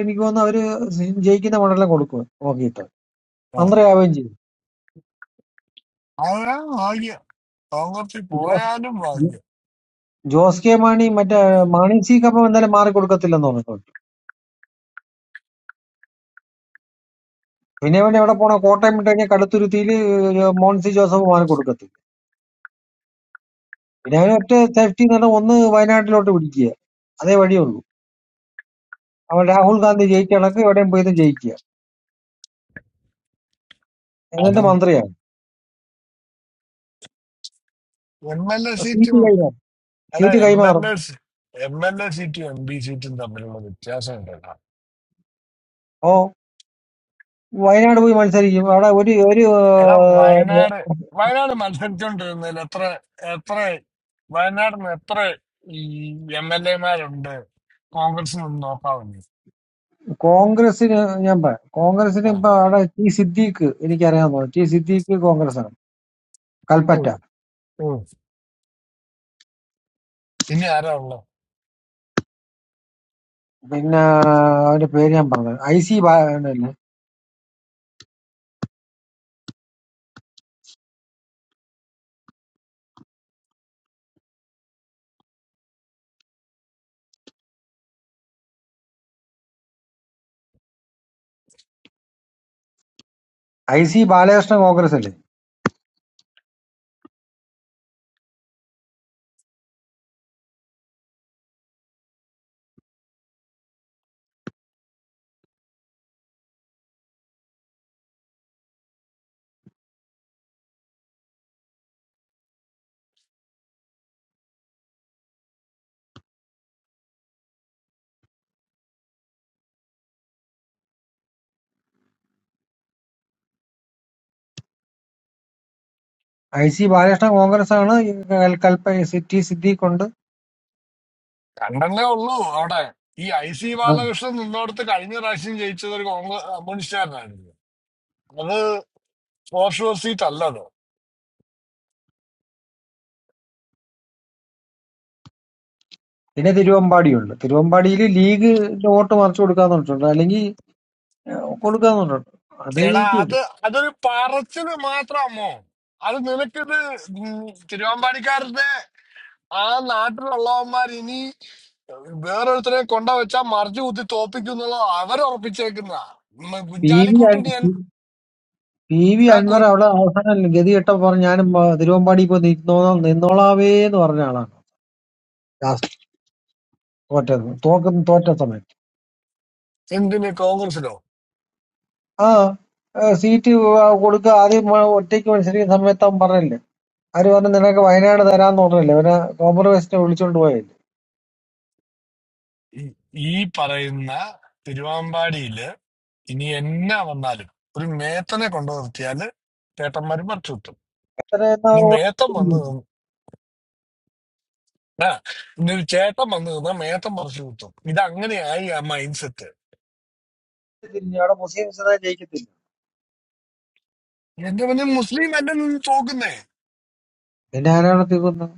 [SPEAKER 12] എനിക്ക് തോന്നുന്നു അവര് ജയിക്കുന്ന മണ്ഡലം കൊടുക്കും നോക്കിയിട്ട് മന്ത്രിയാവുകയും ചെയ്യും ജോസ് ജോസ് കെ മാണി മറ്റേ മാണി സി കപ്പം എന്തായാലും മാറി കൊടുക്കത്തില്ലെന്ന് പറഞ്ഞു കേട്ടു. പിന്നെ അവൻ എവിടെ പോണോ കോട്ടയം വിട്ട് കഴിഞ്ഞാൽ കടുത്തുരുത്തിയില് മോൻസി ജോസഫ് മാറി കൊടുക്കത്തില്ല പിന്നെ അവന് ഒറ്റ സേഫ്റ്റി എന്ന് പറഞ്ഞാൽ ഒന്ന് വയനാട്ടിലോട്ട് പിടിക്കുക അതേ വഴിയുള്ളൂ അവൻ രാഹുൽ ഗാന്ധി ജയിക്കണക്ക് എവിടെയും പോയി ജയിക്കുക എന്നിട്ട് മന്ത്രിയാണ് സീറ്റ് കൈമാറും സീറ്റ് കൈമാറും ഓ വയനാട് പോയി മത്സരിക്കും അവിടെ ഒരു ഒരു ഏഹ്, കോൺഗ്രസിന് ഞാൻ പറയാം കോൺഗ്രസിന് ഇപ്പൊ അവിടെ ടി സിദ്ദീഖ് എനിക്കറിയാവുന്ന ടി സിദ്ദീഖ് കോൺഗ്രസ് ആണ് കൽപ്പറ്റ പിന്നെ അവന്റെ പേര് ഞാൻ പറഞ്ഞത് ഐ സി ബാലല്ലേ ഐ സി ബാലകൃഷ്ണ കോൺഗ്രസ് അല്ലേ ഐ സി ബാലകൃഷ്ണ കോൺഗ്രസ് ആണ് ഈ കൽ- കൽപ്പ സിറ്റി സിദ്ദീഖ് ഉണ്ട് ആ. പിന്നെ തിരുവമ്പാടി ഉണ്ട് തിരുവമ്പാടിയിൽ ലീഗിന്റെ വോട്ട് മറിച്ചു കൊടുക്കാന്ന് പറഞ്ഞിട്ടുണ്ട് അല്ലെങ്കിൽ കൊടുക്കാന്ന് പറഞ്ഞിട്ടുണ്ട് അതേ ജയിക്കുമല്ലോ പി വി അൻ- പി വി അൻവർ അവിടെ അവസാനം ഗതി കെട്ടപ്പോ പറഞ്ഞു ഞാനും ആ, തിരുവമ്പാടി ഇപ്പൊ നിന്നോളാം നിന്നോളാവേ എന്ന് പറഞ്ഞ ആളാണ് ലാസ്റ്റ് തോറ്റത് തോക്കുന്ന തോറ്റ സമയത്ത് ആ ഏഹ് സീറ്റ് കൊടുക്കുക ആദ്യം മ- ഒറ്റയ്ക്ക് മത്സരിക്കുന്ന സമയത്ത് അവൻ പറഞ്ഞില്ലേ അവര് പറഞ്ഞു നിനക്ക് വയനാട് തരാന്ന് പറഞ്ഞില്ലേ പിന്നെ കോംപ്രമൈസിനെ വിളിച്ചോണ്ട് പോയല്ലേ എത്ര എന്നാ വോട്ട് ചെയ്തത്? തിരിഞ്ഞു. അവിടെ മുസ്ലിംസ് ഒന്നും ജയിക്കത്തില്ല പിന്നെ ആരാണ് തീർന്നത്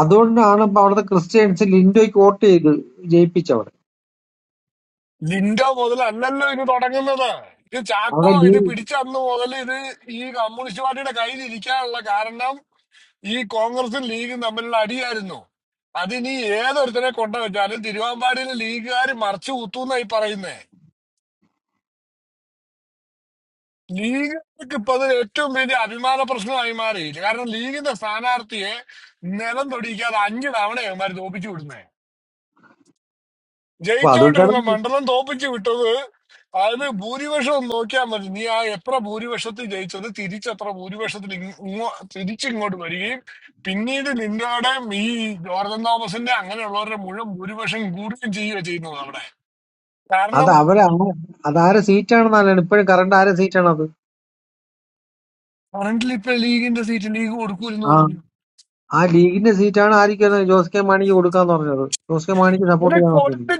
[SPEAKER 12] അതുകൊണ്ടാണ് ഇപ്പൊ അവിടുത്തെ ക്രിസ്ത്യൻസ് ലിൻഡോയ്ക്ക് വോട്ട് ചെയ്ത് ജയിപ്പിച്ചവിടെ അവിടെ ലീ- അപ്പൊ അതുകൊണ്ടാണ് അത് അവരെ ആ- അതാരെ സീറ്റാണെന്നല്ലാണ് ഇപ്പോഴും കറണ്ട് ആരെ സീറ്റാണ് അത് ആ ആ ലീഗിന്റെ സീറ്റാണ് ആയിരിക്കും അത് ജോസ് കെ മാണിക്ക് കൊടുക്കാന്ന് പറഞ്ഞത് ജോസ് കെ മാണിക്ക് സപ്പോർട്ട് ചെയ്യാൻ പറഞ്ഞിരിക്കും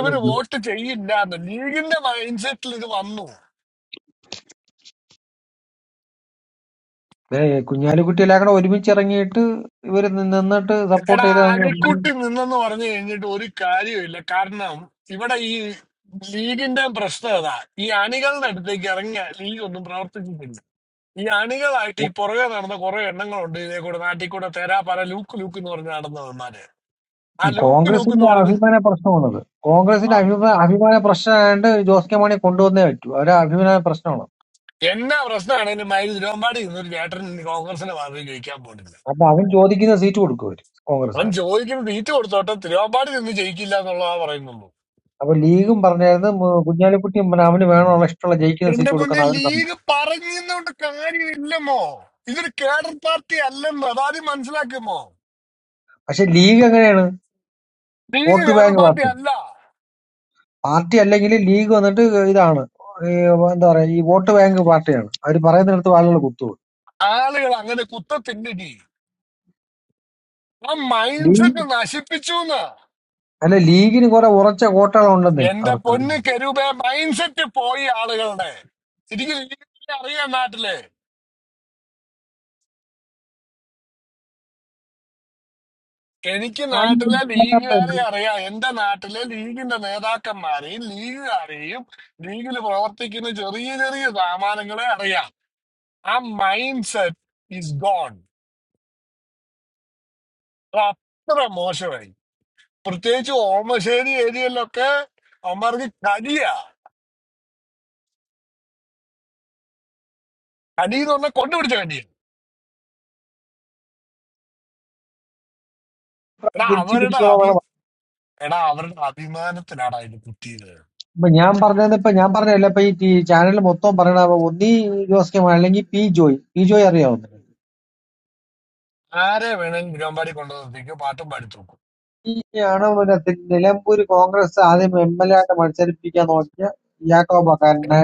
[SPEAKER 12] അല്ല ലീ- ദേ, കുഞ്ഞാലിക്കുട്ടി എല്ലാം കൂടെ ഒരുമിച്ച് ഇറങ്ങിയിട്ട് ഇവര് നി- നിന്നിട്ട് സപ്പോർട്ട് ചെയ്ത കോൺഗ്രസിന്റെ അഭിമാന പ്രശ്നമാണത് കോൺഗ്രസിന്റെ അഭിമാന അഭിമാന പ്രശ്നമായതുകൊണ്ട് ജോസ് കെ മാണിയെ കൊണ്ടുവന്നേ പറ്റൂ അവരെ അഭിമാന പ്രശ്നമാണ് അപ്പൊ അവൻ ചോദിക്കുന്ന സീറ്റ് കൊടുക്കും അവര് കോൺഗ്രസ്സുകാർ അപ്പൊ ലീഗും പറഞ്ഞായിരുന്നു മ്, കുഞ്ഞാലിക്കുട്ടിയും പറഞ്ഞ അവന് വേണമുള്ള ഇഷ്ടമുള്ള ജയിക്കുന്ന സീറ്റ് കൊടുക്കുന്ന അവന് സമ്മതിക്കും പക്ഷെ ലീഗ് എങ്ങനെയാണ് വോട്ട് ബാങ്ക് പാർട്ടി പാർട്ടി അല്ലെങ്കിൽ ലീഗ് വന്നിട്ട് ഇതാണ് ഈ എന്താ പറയാ ഈ വോട്ട് ബാങ്ക് പാർട്ടിയാണ് അവർ പറയുന്നിടത്ത് ആളുകൾ കുത്തുപോകും ലീഗ് അല്ല ലീഗിന് കുറെ ഉറച്ച കോട്ടകളുണ്ടെന്നേ അവർക്ക് ആരും തിരിച്ചു പിടിക്കണോ ഇപ്പൊ ഞാൻ പറഞ്ഞത് ഇപ്പൊ ഞാൻ പറഞ്ഞല്ല ഇപ്പൊ ഈ ചാനൽ മൊത്തം പറയണ അപ്പൊ ഒന്നീ ജോസ് കെ മാണി അല്ലെങ്കിൽ പി ജോയ് പി ജോയ് അറിയാവുന്ന ആണ് പിന്നെ തി- നിലമ്പൂര് കോൺഗ്രസ് ആദ്യം എം എൽ എ ആയിട്ട് മത്സരിപ്പിക്കാൻ നോക്കിയ യാക്കോബക്കാരനെ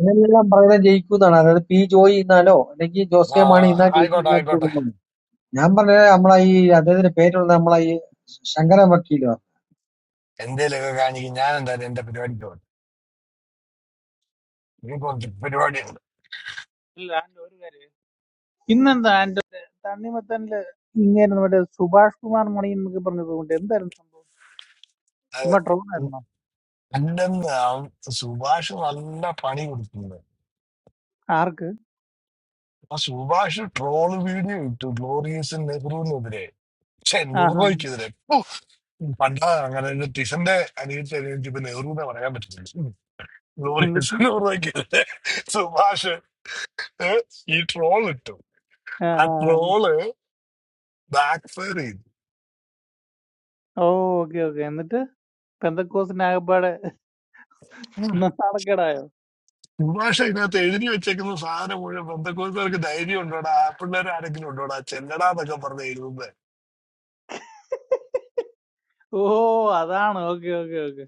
[SPEAKER 12] ഇങ്ങനെയെല്ലാം പറയുന്നത് ജയിക്കുന്നതാണ് അതായത് പി ജോയ് ഇന്നാലോ അല്ലെങ്കിൽ ജോസ് കെ മാണി ഇന്നാ ജയിക്കും ഞാൻ തോന്നുന്നു ഞാൻ പറഞ്ഞത് നമ്മളെ ഈ അദ്ദേഹത്തിന്റെ പേരുള്ള നമ്മളെ ഈ ശങ്കരൻ വക്കീലോ
[SPEAKER 15] ഇല്ല ആൻഡ് ഒരു കാര്യം ഇന്നെന്താ ആൻഡ് തണ്ണിമത്തനില് ഇങ്ങനെ നമ്മുടെ സുഭാഷ് കുമാർ മണി എന്നൊക്കെ പറഞ്ഞത് കൊണ്ട് എന്തായിരുന്നു സംഭവം ചുമ്മാ ട്രോൾ ആയിരുന്നോ ആർക്ക് ആഹാ എന്നിട്ട് ആഹാ. ഓ ഓക്കെ ഓക്കെ എന്നിട്ട് പെന്തക്കോസിന് ആകപ്പാടെ നാണക്കേടായോ ഓ അതാണ് ഓക്കെ ഓക്കെ ഓക്കെ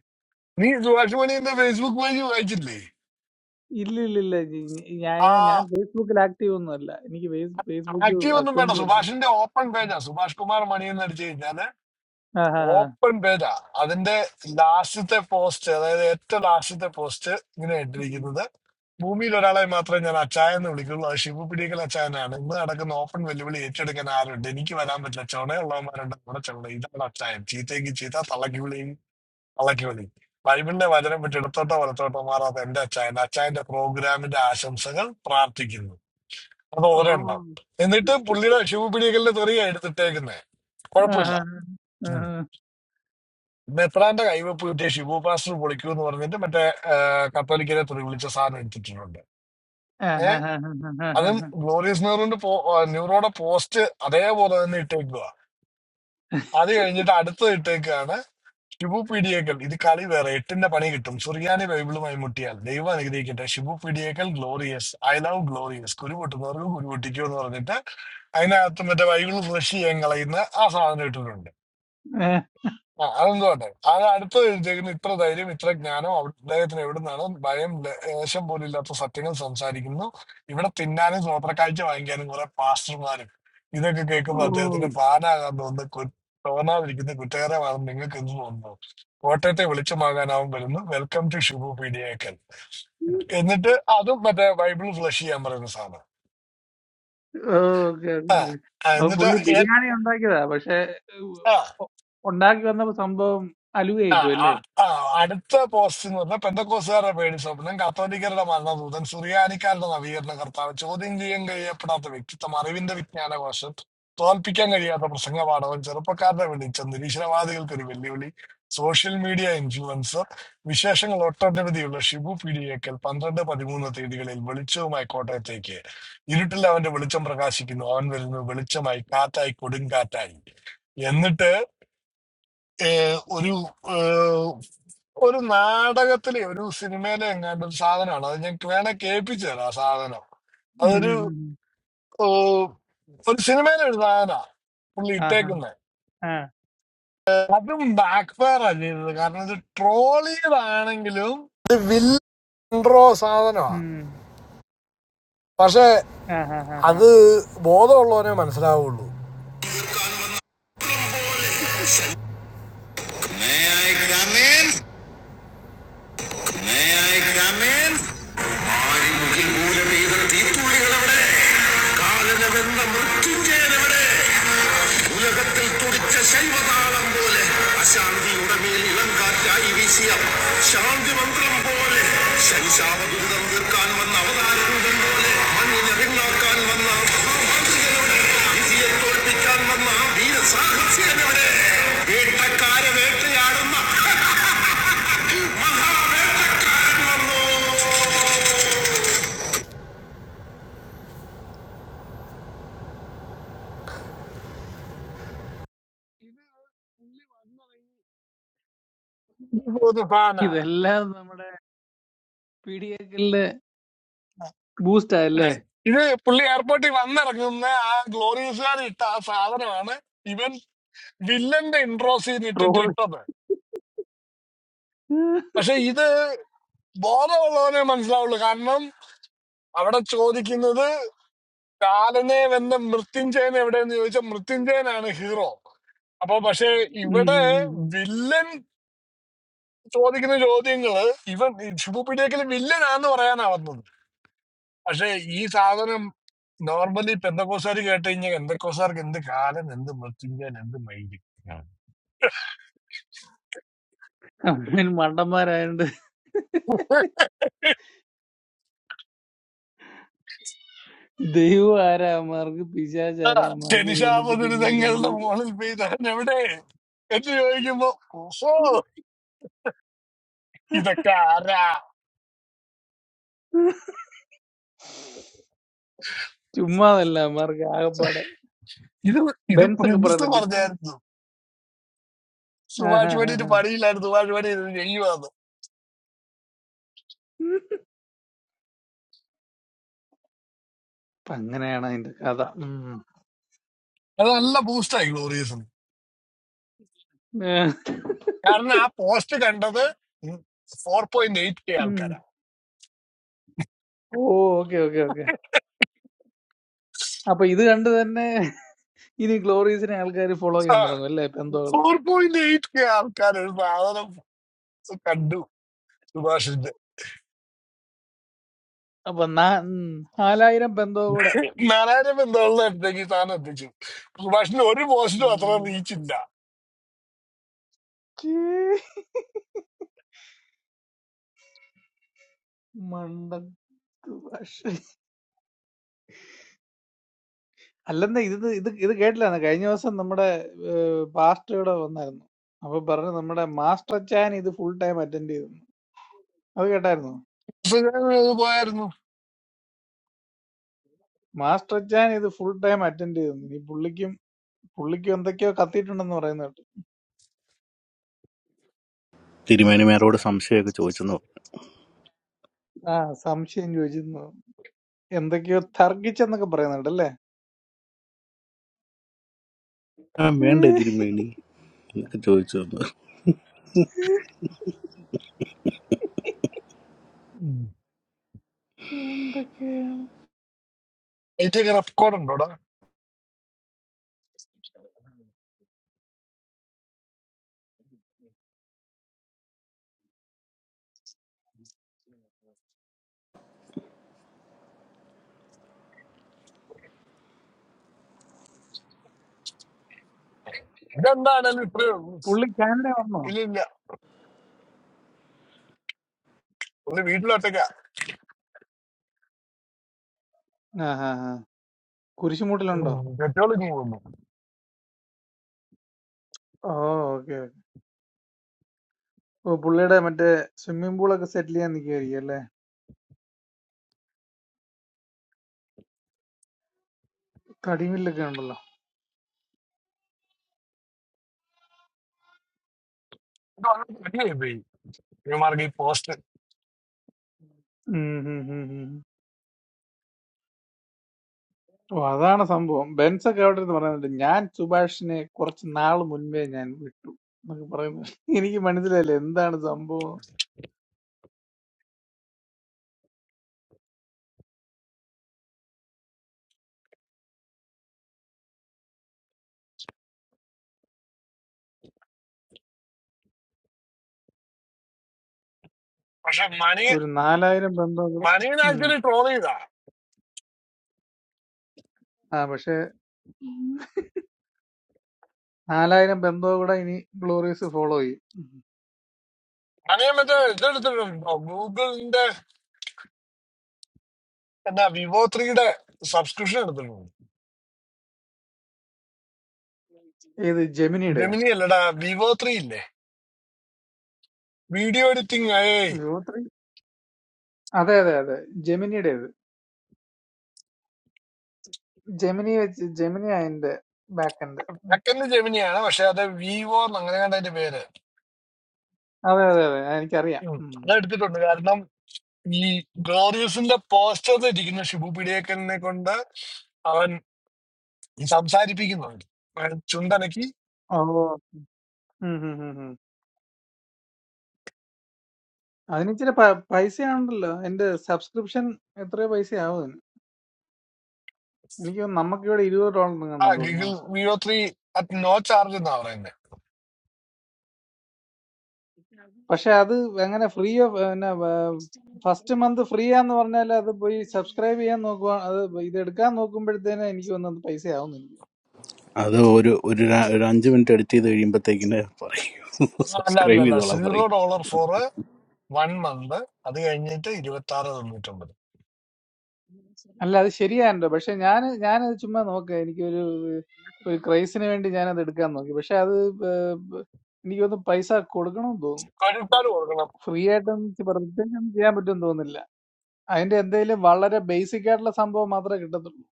[SPEAKER 15] ഇല്ല ഇല്ല ഇല്ല ജി- ഞ- ഞാൻ ഞാൻ ഫേസ്ബുക്കിൽ ആക്റ്റീവ് ഒന്നും അല്ല എനിക്ക് ഫേസ്- ഫേസ്ബുക്ക് അക്കൗണ്ട് പോലും ഇല്ല ആഹാ. ഓ ആഹാ. ആഹാ. ഏഹ്. ഓ ഓക്കെ ഓക്കെ. അപ്പൊ പുള്ളി ബിരിയാണി ഉണ്ടാക്കിയതാ പക്ഷെ ഉ- ഉണ്ടാക്കി വന്നപ്പോ സംഭവം അലുവയായി പോയി അല്ലേ ഉം ഉം ഉം ഉം. ആഹാ. ആ. ഉം. ആഹാ ഹാ ഹാ. ഇതെല്ലാം നമ്മുടെ പി ഡി എക്കലിന്റെ ബൂസ്റ്റാ അല്ലേ ട്രോൾ നമ്മൾ മണ്ടന്മാരായോണ്ട് ദൈവം ആരാമാർക്ക് പിശാച് ആരാമാർക്ക് ഇതിനെപ്പറ്റി ഒന്നും ഒരു ഐഡിയ ഇല്ല ചുമ്മാതല്ല മാർക്ക് ആകപ്പാടെ ബെൻസ് ഒക്കെ പറയുന്നുണ്ട് ഇപ്പോൾ ആഹാ, ആഹാ. അപ്പൊ അങ്ങനെയാണ് അതിന്റെ കഥ ഉം. ഏഹ്. ഉം. ഓ ഓക്കെ ഓക്കെ ഓക്കെ അപ്പൊ ഇത് കണ്ട് തന്നെ ഇനി ഗ്ലോറീസിനെ ആൾക്കാർ ഫോളോ ചെയ്യാൻ തുടങ്ങും അല്ലേ പെന്തോകള് അപ്പൊ നാ- ഉം. നാലായിരം പെന്തോ കൂടെ ഉം. ഛീ. മണ്ടത്ത് ഭാഷ അല്ലെന്നേ ഇത് ഇത് ഇത് കേട്ടില്ലാന്ന് കഴിഞ്ഞ ദിവസം നമ്മുടെ പാസ്റ്റർ ഇവിടെ വന്നായിരുന്നു അപ്പൊ പറഞ്ഞു നമ്മുടെ മാസ്റ്റർ അച്ചാൻ ഇത് ഫുൾ ടൈം അറ്റൻഡ് ചെയ്തെന്ന് അത് കേട്ടായിരുന്നു മാസ്റ്റർ അച്ചാൻ ഇത് ഫുൾ ടൈം അറ്റൻഡ് ചെയ്തെന്ന് ഇനി പുള്ളിക്കും പുള്ളിക്കും എന്തൊക്കെയോ കത്തിയിട്ടുണ്ടെന്ന് പറയുന്ന കേട്ടു
[SPEAKER 1] തിരുമേനിമാരോട് സംശയമൊക്കെ ചോദിച്ചെന്നു പറഞ്ഞു.
[SPEAKER 15] ആ സംശയം ചോദിച്ചിരുന്നു എന്തൊക്കെയോ തർക്കിച്ചെന്നൊക്കെ പറയുന്നുണ്ട് അല്ലേ
[SPEAKER 1] ആ വേണ്ട തിരുമേനി എന്നൊക്കെ ചോദിച്ചു വന്നു
[SPEAKER 15] എന്തൊക്കെയാണ് പുള്ളി കാനഡ വന്നോ ആ ആ ആ കുരിശുമൂട്ടിലുണ്ടോ ഓ ഓക്കെ ഓക്കെ. ഓ പുള്ളിയുടെ മറ്റേ സ്വിമ്മിംഗ് പൂളൊക്കെ സെറ്റിൽ ചെയ്യാൻ നിൽക്കുകയായിരിക്കും അല്ലേ? തടിമില്ലൊക്കെ ഉണ്ടല്ലോ ഉം ഉം ഉം ഉം. ഓ അതാണ് സംഭവം ബെൻസ് ഒക്കെ അവിടെ ഇരുന്ന് പറയുന്നുണ്ട് ഞാൻ സുഭാഷിനെ കുറച്ച് നാൾ മുൻപേ ഞാൻ വിട്ടു എന്നൊക്കെ പറയുന്നു എനിക്ക് മനസ്സിലായില്ല എന്താണ് സംഭവം ഒരു നാലായിരം ബന്ധോ കൂടെ ഉം. ആ പക്ഷെ നാലായിരം ബന്ധോ കൂടെ ഇനി ഗ്ലോറിയസ് ഫോളോ ചെയ്യും ഉം. ഏത് ജെമിനിയുടെ ത്രീ അതെ അതെ അതെ ജെമിനിയുടെ ഇത് ജെമിനി വെച്ച് ജെമിനി അതിന്റെ ബാക്ക് എൻഡ് അതെ അതെ അതെ എനിക്കറിയാം ഉം. ഓ അതിന് ഇച്ചിരി പ- പൈസയാണല്ലോ എന്റെ സബ്സ്ക്രിപ്ഷൻ എത്രയോ പൈസയാവും അതിന് എനിക്ക് തോന്നുന്നു നമുക്ക് ഇവിടെ ഇരുപത് ഡോളർ കണ്ടെന്ന് തോന്നുന്നു മാസം പക്ഷെ അത് എങ്ങനെ ഫ്രീ ഓഫ് പിന്നെ ഫസ്റ്റ് മന്ത് ഫ്രീ ആന്ന് പറഞ്ഞാൽ അത് പോയി സബ്സ്ക്രൈബ് ചെയ്യാൻ നോക്കുക അത് ഇത് എടുക്കാൻ നോക്കുമ്പോഴത്തേന് എനിക്ക് തോന്നുന്നത് പൈസ ആവുന്നില്ല
[SPEAKER 1] അത് ഒരു ഒരു ര- ഒരു അഞ്ച് മിനിറ്റ് എഡിറ്റ് ചെയ്ത് കഴിയുമ്പോഴത്തേക്കിന് പറയും സബ്സ്ക്രൈബ് ചെയ്തോളാം പറയും
[SPEAKER 15] അല്ല അത് ശരിയാണല്ലോ പക്ഷെ ഞാൻ ഞാനത് ചുമ്മാ നോക്കുക എനിക്കൊരു ഒരു ക്രൈസിന് വേണ്ടി ഞാനത് എടുക്കാൻ നോക്കി പക്ഷെ അത് ഏ, എനിക്ക് തോന്നുന്നു പൈസ കൊടുക്കണമെന്ന് തോന്നുന്നു ഫ്രീ ആയിട്ടൊന്നും പ്രത്യേകം ചെയ്യാൻ പറ്റുമെന്ന് തോന്നുന്നില്ല അതിന്റെ എന്തെങ്കിലും വളരെ ബേസിക് ആയിട്ടുള്ള സംഭവം മാത്രമേ കിട്ടത്തുള്ളൂ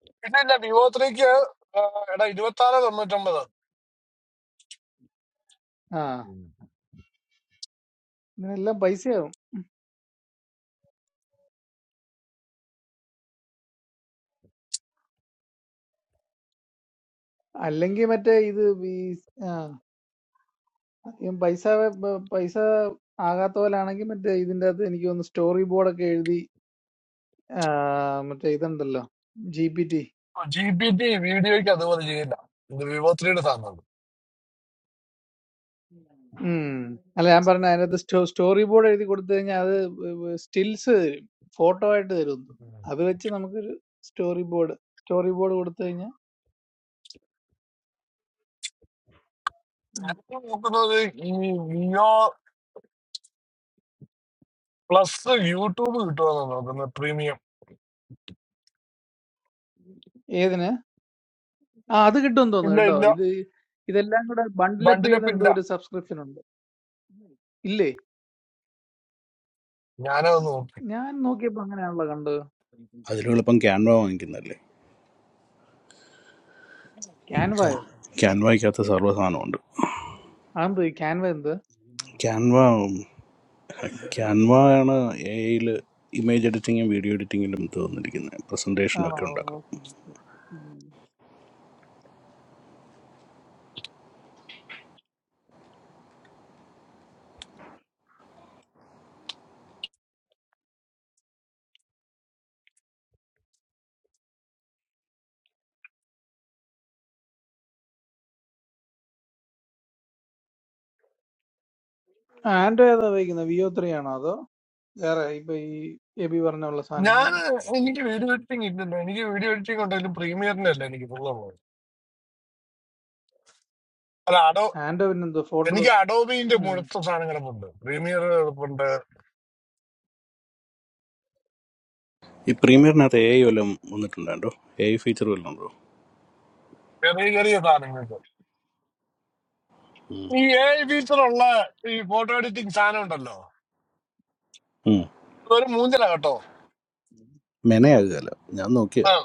[SPEAKER 15] ആ ഇതിനെല്ലാം പൈസയാവും അല്ലെങ്കിൽ മറ്റേ ഇത് ഈ ആ, ഈ പൈസ ബ- പൈസ ആകാത്ത പോലാണെങ്കിൽ മറ്റേ ഇതിന്റെ അകത്ത് എനിക്ക് തോന്നുന്നു സ്റ്റോറി ബോർഡൊക്കെ എഴുതി ആ, മറ്റേ ഇതുണ്ടല്ലോ ജി പി ടി ഉം. അല്ല ഞാൻ പറഞ്ഞ അതിനകത്ത് സ്റ്റോ സ്റ്റോറി ബോർഡ് എഴുതി കൊടുത്തു കഴിഞ്ഞാൽ അത് സ്റ്റിൽസ് തരും ഫോട്ടോ ആയിട്ട് തരും അത് വെച്ച് നമുക്കൊരു സ്റ്റോറി ബോർഡ് സ്റ്റോറി ബോർഡ് കൊടുത്തു കഴിഞ്ഞാൽ ഏതിന് ആ അത് കിട്ടുമെന്ന് തോന്നുന്നു കേട്ടോ ഇത് ഇതെല്ലാം കൂടെ ബണ്ടിലപ്പ് ചെയ്ത് എന്തോ ഒരു സബ്സ്ക്രിപ്ഷൻ ഉണ്ട് ഇല്ലേ ഞാൻ നോക്കിയപ്പോ അങ്ങനെയാണല്ലോ കണ്ടത്
[SPEAKER 1] അതിലും എളുപ്പം ക്യാൻവ വാങ്ങിക്കുന്നതല്ലേ ക്യാ-
[SPEAKER 15] ക്യാൻവായോ
[SPEAKER 1] ക്യാൻവയ്ക്കകത്ത് സർവ്വ സാധനമുണ്ട്
[SPEAKER 15] അതെന്തോ ഈ ക്യാൻവ എന്ത്
[SPEAKER 1] ക്യാൻവ ക്യാൻവ ആണ് എയിൽ ഇമേജ് എഡിറ്റിങ്ങും വീഡിയോ എഡിറ്റിങ്ങിലും തോന്നിരിക്കുന്നത്
[SPEAKER 15] ആ
[SPEAKER 1] പ്രസൻറ്റേഷനൊക്കെ
[SPEAKER 15] ഓ,
[SPEAKER 1] ഉണ്ടാക്കാം
[SPEAKER 15] ഓക്കേ, ഓക്കേ. ഉം. ആ, ആൻഡ്രോ ഏതാ ഉപയോഗിക്കുന്നത് വിയോ ത്രീ ആണോ അതോ വേറെ ഇപ്പൊ ഈ എബി പറഞ്ഞ ഉള്ള സാധനങ്ങളാണോ ആൻഡ്രോ പിന്നെന്തോ ഫോട്ടോ
[SPEAKER 1] ഈ പ്രീമിയറിനകത്ത് എ ഐ വല്ലതും വന്നിട്ടുണ്ടോ എ ഐ ഫീച്ചർ വല്ലതും ഉണ്ടോ ഉം. മെനയാകുകയല്ല ഞാൻ നോക്കിയതാ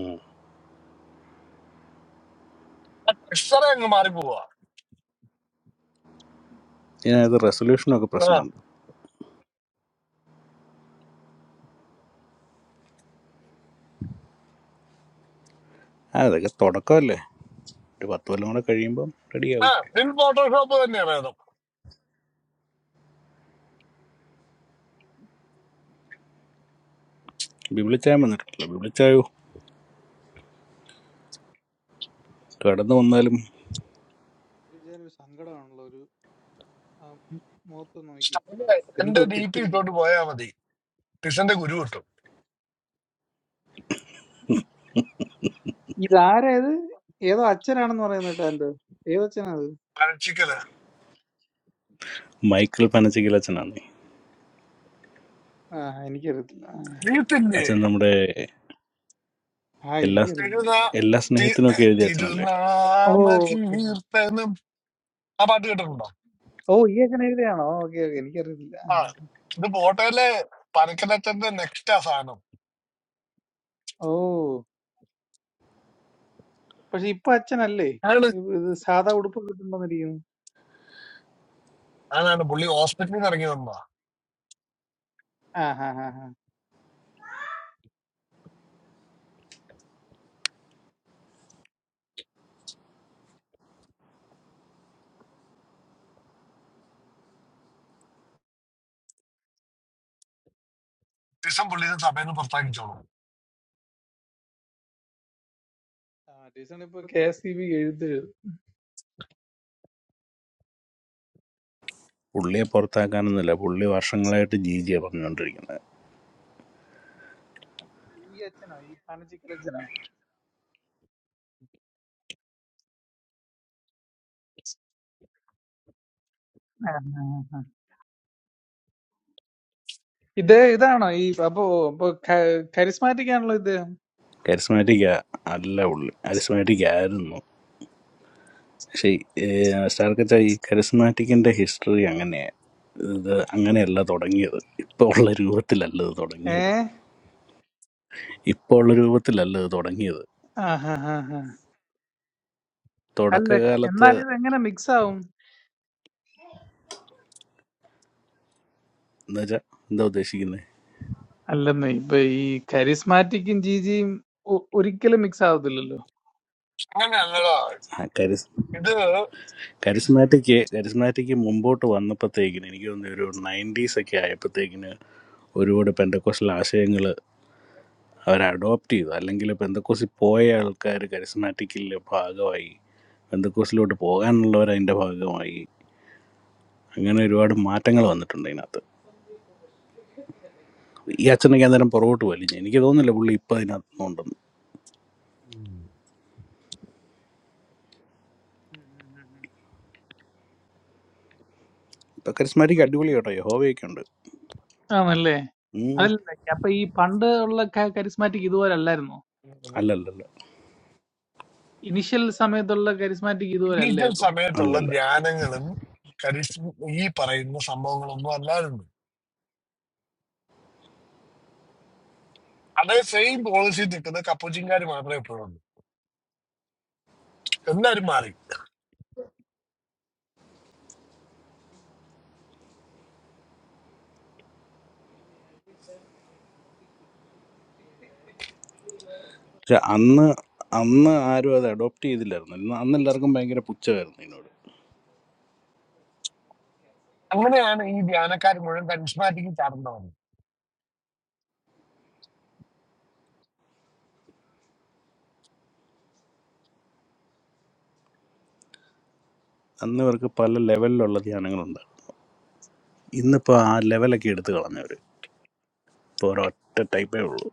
[SPEAKER 1] ഉം. ഇതിനകത്ത് റെസൊല്യൂഷനൊക്കെ പ്രശ്നമുണ്ട് ആ, അതൊക്കെ തുടക്കമല്ലേ ഒരു പത്ത് കൊല്ലം കൂടെ കഴിയുമ്പം റെഡിയാവും ബിബിളിച്ചായ വന്നിട്ടില്ല ബിബിളിച്ചായോ കടന്നു വന്നാലും
[SPEAKER 15] ഒരു സങ്കടമാണല്ലോ ഒരു ആ, ഉം, മുഖത്ത് നോക്കി എന്തോ കിട്ടിയിട്ടുണ്ട് ഇതാരേത് ഏതോ അച്ഛനാണെന്ന് പറയുന്നത് കേട്ടോ ആൻഡ്രോ ഏതോ അച്ഛനാ അത്
[SPEAKER 1] മൈക്കിൾ പനച്ചിക്കൽ അച്ഛനാണ്
[SPEAKER 15] ആ എനിക്കറിയത്തില്ല ആ
[SPEAKER 1] അച്ഛൻ നമ്മുടെ
[SPEAKER 15] ആ,
[SPEAKER 1] എല്ലാ
[SPEAKER 15] എനിക്കറിയാം
[SPEAKER 1] എല്ലാ സ്നേഹത്തിനുമൊക്കെ എഴുതിയ അച്ഛനല്ലേ
[SPEAKER 15] ഓ! ഓക്കെ. ഓ! ഇ അങ്ങനെ എഴുതുകയാണോ? Okay, okay. എനിക്കറിയത്തില്ല. ആ. ഓ! പക്ഷെ ഇപ്പൊ അച്ഛനല്ലേ? ഇത് ഇത് സാധാ ഉടുപ്പൊക്കെ ഇട്ടുണ്ടോന്നിരിക്കുന്നെ? ആ, ആ, ആ, ആ. ആ, ടീച്ചറിന് ഇപ്പൊ കെ.എസ്.ഇ.ബി. എഴുതുകയാണ്.
[SPEAKER 1] പുള്ളിയെ പുറത്താക്കാനൊന്നുമില്ല പുള്ളി വർഷങ്ങളായിട്ട് ജി ജിയാണ് പറഞ്ഞുകൊണ്ടിരിക്കുന്നത്
[SPEAKER 15] ഈ അച്ഛനോ? ഈ പാനച്ചിക്കൽ അച്ഛനോ? ആ, ആ, ആ. ഇത് ഇതാണോ ഈ അപ്പൊ അപ്പൊ കരിസ്മാറ്റിക് ആണല്ലോ ഇത്?
[SPEAKER 1] കരിസ്മാറ്റിക് അല്ല പുള്ളി കരിസ്മാറ്റിക് ആയിരുന്നു പക്ഷേ സ്റ്റാർക്കച്ച ഈ കരിസ്മാറ്റിക്കിന്റെ ഹിസ്റ്ററി അങ്ങനെയാണ് ഇത് അങ്ങനെയല്ല തുടങ്ങിയത് ഇപ്പോൾ ഉള്ള രൂപത്തിലല്ല ഇത്
[SPEAKER 15] ഏ?
[SPEAKER 1] തുടങ്ങിയത് ഇപ്പോൾ ഉള്ള രൂപത്തിലല്ല ഇത് തുടങ്ങിയത്
[SPEAKER 15] ആ, ആ, ആ, ആ. അല്ല,
[SPEAKER 1] തുടക്കകാലത്ത്
[SPEAKER 15] എന്നാലും ഇത് എങ്ങനെ മിക്സ് ആവും?
[SPEAKER 1] എന്നുവെച്ചാൽ എന്താ ഉദ്ദേശിക്കുന്നത്
[SPEAKER 15] അല്ലെന്നേ ഇപ്പൊ ഈ കരിസ്മാറ്റിക്കും ജിജിയും ഒ- ഒരിക്കലും മിക്സ് ആവത്തില്ലല്ലോ.
[SPEAKER 1] ആ കരിസ് കരിസ്മാറ്റിക് കരിസ്മാറ്റിക് മുമ്പോട്ട് വന്നപ്പോഴത്തേക്കിന് എനിക്ക് തോന്നുന്നു ഒരു നയൻറ്റീസ് ഒക്കെ ആയപ്പോഴത്തേക്കിന് ഒരുപാട് പെന്തക്കോസ്റ്റൽ ആശയങ്ങൾ അവർ അഡോപ്റ്റ് ചെയ്തു അല്ലെങ്കിൽ പെന്തക്കോസ്റ്റിൽ പോയ ആൾക്കാർ കരിസ്മാറ്റിക്കിലെ ഭാഗമായി പെന്തക്കോസ്റ്റിലോട്ട് പോകാനുള്ളവർ അതിൻ്റെ ഭാഗമായി അങ്ങനെ ഒരുപാട് മാറ്റങ്ങൾ വന്നിട്ടുണ്ട് ഇതിനകത്ത് ഈ അച്ഛനൊക്കെ അന്നേരം പുറകോട്ട് വലിഞ്ഞു എനിക്ക് തോന്നുന്നില്ല പുള്ളി ഇപ്പം അതിനകത്തൊന്നും ഉണ്ടെന്ന്
[SPEAKER 15] ഉം, ഉം, ഉം,
[SPEAKER 1] ഇപ്പം കരിസ്മാറ്റിക് അടിപൊളി
[SPEAKER 15] ഉം.
[SPEAKER 1] കേട്ടോ യഹോവയൊക്കെ ഉണ്ട്
[SPEAKER 15] ആണല്ലേ?
[SPEAKER 1] ഉം.
[SPEAKER 15] അതല്ല അപ്പൊ ഈ പണ്ട് ഉള്ള ക കരിസ്മാറ്റിക് ഇതുപോലെ അല്ലായിരുന്നോ?
[SPEAKER 1] അല്ലല്ലല്ല
[SPEAKER 15] ഇനിഷ്യൽ സമയത്തുള്ള കരിസ്മാറ്റിക് ഇതുപോലെ അല്ലേ ഇപ്പം?
[SPEAKER 1] അല്ലല്ല പക്ഷെ അന്ന് അന്ന് ആരും അത് അഡോപ്റ്റ് ചെയ്തില്ലായിരുന്നു ഇന്ന് അന്ന് എല്ലാവർക്കും ഭയങ്കര പുച്ഛമായിരുന്നു ഇതിനോട് അന്ന് ഇവർക്ക് പല ലെവലിലുള്ള ധ്യാനങ്ങളുണ്ട് ഇന്നിപ്പോൾ ആ ലെവലൊക്കെ എടുത്തു കളഞ്ഞവർ ഇപ്പോൾ ഒരൊറ്റ ടൈപ്പേ ഉള്ളൂ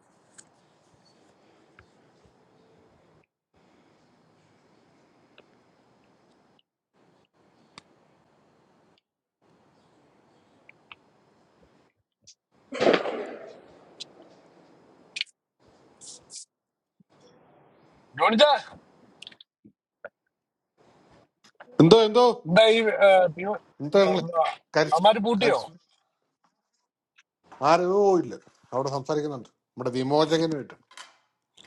[SPEAKER 16] എന്തോ എന്തോ എന്നിട്ട് ഞങ്ങൾ കരിസ് കരിസ് ആരോ ഇല്ല അവിടെ സംസാരിക്കുന്നുണ്ട് നമ്മുടെ വിമോചകനുമായിട്ട്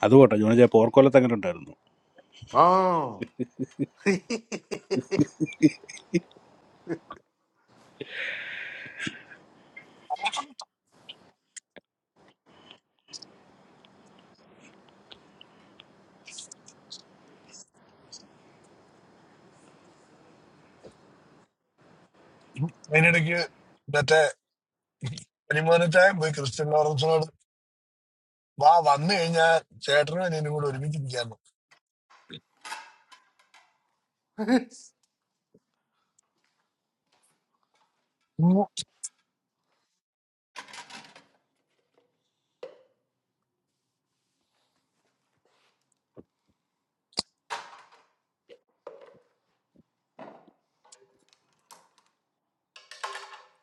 [SPEAKER 1] അതുപോട്ടെ ജോണിജ പോർക്കോലത്ത് അങ്ങനെ ഉണ്ടായിരുന്നു
[SPEAKER 16] ആ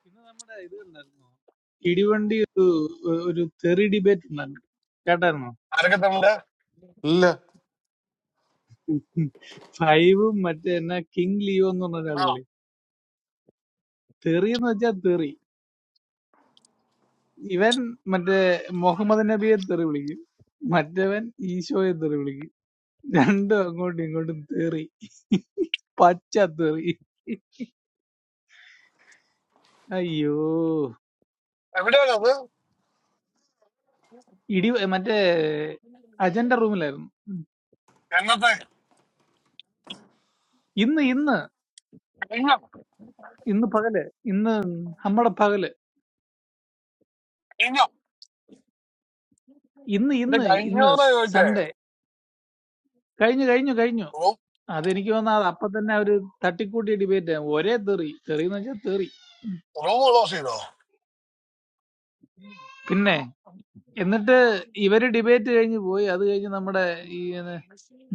[SPEAKER 15] പിന്നെ നമ്മുടെ ഇത് കണ്ടായിരുന്നോ? കിടിവണ്ടി ഒരു ഒരു തെറി ഡിബേറ്റ് ഉണ്ടായിരുന്നു. കേട്ടായിരുന്നോ?
[SPEAKER 16] ഇല്ല
[SPEAKER 15] ഫൈവും മറ്റേ എന്നാ കിങ് ലിയോ എന്ന് പറഞ്ഞ ഒരാളില്ലേ? തെറി എന്ന് വെച്ചാ തെറി. ഇവൻ മറ്റേ മുഹമ്മദ് നബിയെ തെറി വിളിക്കും. മറ്റവൻ ഈശോയെ തെറി വിളിക്കും. രണ്ടും അങ്ങോട്ടും ഇങ്ങോട്ടും തെറി. പച്ച തെറി. അയ്യോ! ഇടി മറ്റേ അജണ്ട റൂമിലായിരുന്നു ഉം. ഇന്ന് ഇന്ന് ഇന്ന് പകല് ഇന്ന് നമ്മുടെ പകല് ഇന്ന് ഇന്ന് ഇന്ന് സൺഡേ കഴിഞ്ഞു കഴിഞ്ഞു കഴിഞ്ഞു അതെനിക്ക് വന്ന അത് അപ്പൊ തന്നെ അവര് തട്ടിക്കൂട്ടിയ ഡിബേറ്റ് ഒരേ തെറി തെറി എന്ന് വെച്ചാൽ തെറി പിന്നെ എന്നിട്ട് ഇവര് ഡിബേറ്റ് കഴിഞ്ഞ് പോയി അത് കഴിഞ്ഞ് നമ്മുടെ ഈ ഇത്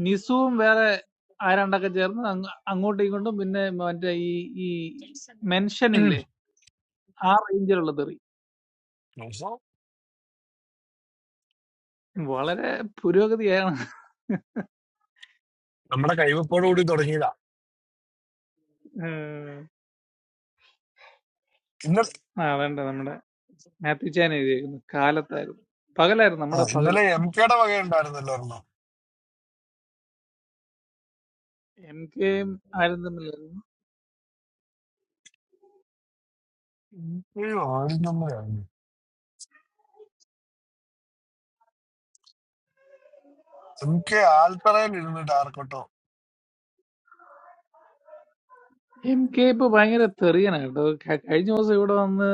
[SPEAKER 15] നിസുവും വേറെ ആരാണ്ടൊക്കെ ചേർന്ന് അങ്ങ് അങ്ങോട്ടും ഇങ്ങോട്ടും പിന്നെ മറ്റേ ഈ ഈ മെൻഷൻ ഇല്ലേ ആ റേഞ്ചിലുള്ള തെറി വളരെ പുരോഗതിയാണ്
[SPEAKER 14] നമ്മുടെ കൈവപ്പോടുകൂടി തുടങ്ങി
[SPEAKER 15] ഏഹ്, ആ വേണ്ട മാത്യു ചാൻ എഴുതിയേക്കുന്നു കാലത്തായിരുന്നു പകലായിരുന്നു നമ്മുടെ പകല് എം കെയും ആരും തമ്മിലായിരുന്നു എം കെ ഇപ്പൊ ഭയങ്കര തെറിയനാണ് കേട്ടോ ക- കഴിഞ്ഞ ദിവസം ഇവിടെ വന്ന്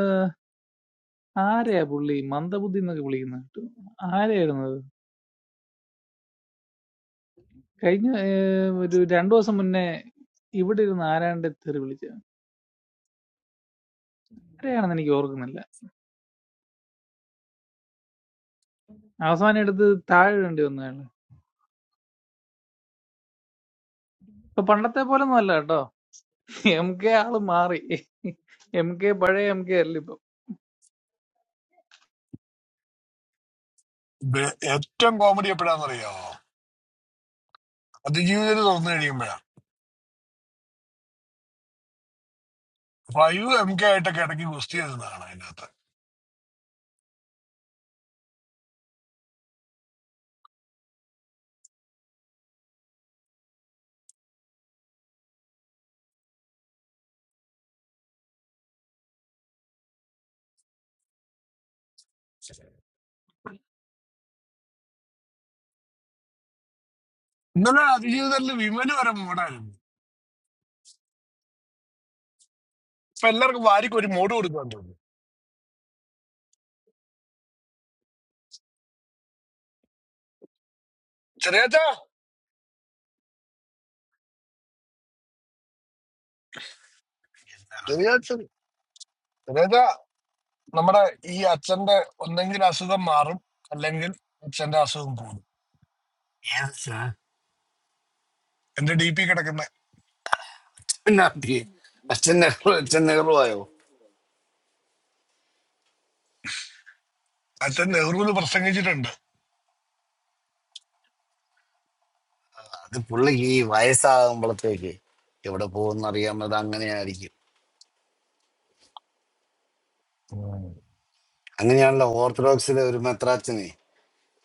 [SPEAKER 15] ആരെയാ പുള്ളി മന്ദബുദ്ധി എന്നൊക്കെ വിളിക്കുന്ന കേട്ടോ ആരെയായിരുന്നു അത് കഴിഞ്ഞ ഏർ, ഒരു രണ്ടു ദിവസം മുന്നേ ഇവിടെ ഇരുന്ന് ആരാണ്ട് തെറി വിളിച്ചത് ആരെയാണെന്ന് എനിക്ക് ഓർക്കുന്നില്ല അവസാനം എടുത്ത് താഴെ വേണ്ടി വന്നതാണ് ഇപ്പൊ പണ്ടത്തെ പോലെ ഒന്നും അല്ല കേട്ടോ എം കെ ആള് മാറി എം കെ പഴയ എം കെ അല്ല ഇപ്പൊ
[SPEAKER 3] അച്ഛൻ നെഹ്റു അച്ഛൻ നെഹ്റു ആയോ അത് പുള്ളിക്ക് ഈ വയസ്സാകുമ്പോഴത്തേക്ക് എവിടെ പോകുമെന്ന് അറിയാൻ പറ്റാ അങ്ങനെയായിരിക്കും അങ്ങനെയാണല്ലോ ഓർത്തഡോക്സിലെ ഒരു മെത്രാച്ചനെ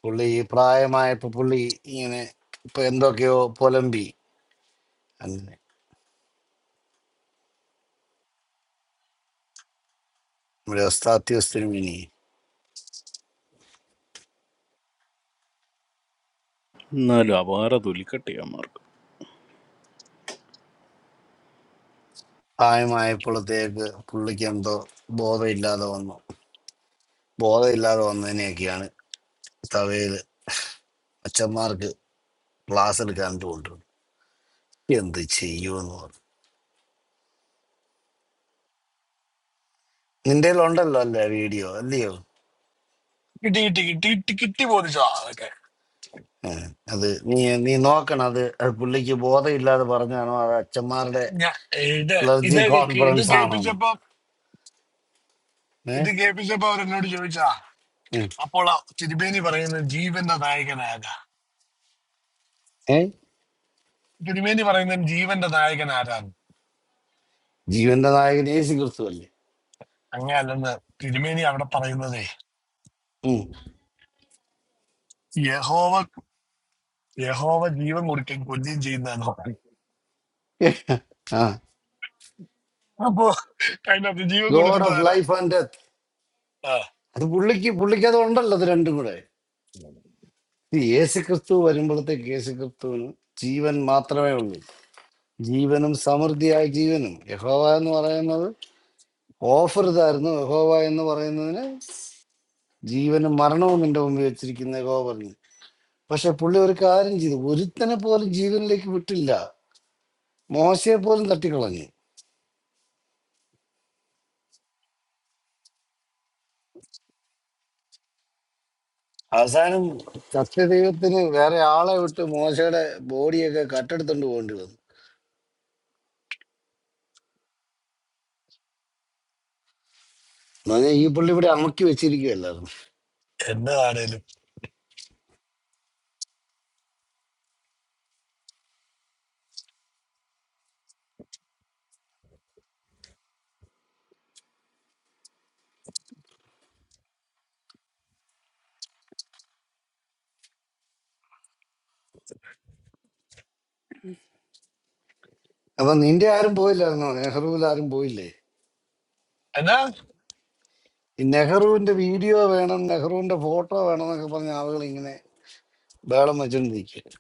[SPEAKER 3] പുള്ളി പ്രായമായപ്പോൾ പുള്ളി ഇങ്ങനെ ഇപ്പൊ എന്തൊക്കെയോ പുലമ്പി അങ്ങനെ നമ്മുടെ ഉസ്താത്യുസ്തിനും ഇനി
[SPEAKER 1] എന്നാലും അപാര തൊലിക്കട്ടി അമ്മമാർക്ക്
[SPEAKER 3] പ്രായമായപ്പോഴത്തേക്ക് പുള്ളിക്ക് എന്തോ ബോധമില്ലാതെ വന്നു ബോധമില്ലാതെ വന്നതിനെയൊക്കെയാണ് തവയില് അച്ഛന്മാർക്ക് ക്ലാസ് എടുക്കാൻ കൊണ്ടുവന്നു എന്ത് ചെയ്യുമെന്ന് പറഞ്ഞു നിന്റെ ഉണ്ടല്ലോ അല്ലേ വീഡിയോ അല്ലയോ ഏ, അത് നീ നീ നോക്കണം അത് അത് പുള്ളിക്ക് ബോധമില്ലാതെ പറഞ്ഞാണോ അത് അച്ഛന്മാരുടെ ക്ലർജി കോൺഫറൻസ് ആണോ ഏഹ് ഏ ജീവന്റെ നായകൻ യേശു ക്രിസ്തു അല്ലേ ഉം. ആ God of life and death അത് പുള്ളിക്ക് പുള്ളിക്ക് അത് ഉണ്ടല്ലോ അത് രണ്ടും കൂടെ ഈ യേശു ക്രിസ്തു വരുമ്പോഴത്തേക്ക് യേശു ക്രിസ്തുവിന് ജീവൻ മാത്രമേ ഉള്ളൂ ജീവനും സമൃദ്ധിയായ ജീവനും യഹോവ എന്ന് പറയുന്നത് ഓഫർ ഇതായിരുന്നു യഹോവ എന്ന് പറയുന്നതിന് ജീവനും മരണവും നിന്റെ മുമ്പിൽ വെച്ചിരിക്കുന്ന യഹോവ പറഞ്ഞു പക്ഷെ പുള്ളി ഒരു കാര്യം ചെയ്തു ഒരുത്തനെ പോലും ജീവനിലേക്ക് വിട്ടില്ല മോശയെ പോലും തട്ടിക്കളഞ്ഞു അവസാനം സത്യദൈവത്തിന് വേറെ ആളെ വിട്ട് മോശയുടെ ബോഡിയൊക്കെ കട്ടെടുത്തോണ്ട് പോകേണ്ടി വന്നു എന്ന് പറഞ്ഞാൽ ഈ പുള്ളി ഇവിടെ അമക്കി വെച്ചിരിക്കുകയല്ലായിരുന്നു അപ്പൊ നിന്റെ ആരും പോയില്ലായിരുന്നോ നെഹ്റുവിൽ ആരും പോയില്ലേ ഈ നെഹ്റുവിന്റെ വീഡിയോ വേണം നെഹ്റുവിന്റെ ഫോട്ടോ വേണം എന്നൊക്കെ പറഞ്ഞ ആളുകൾ ഇങ്ങനെ ബേളം വെച്ചോണ്ടിരിക്കുക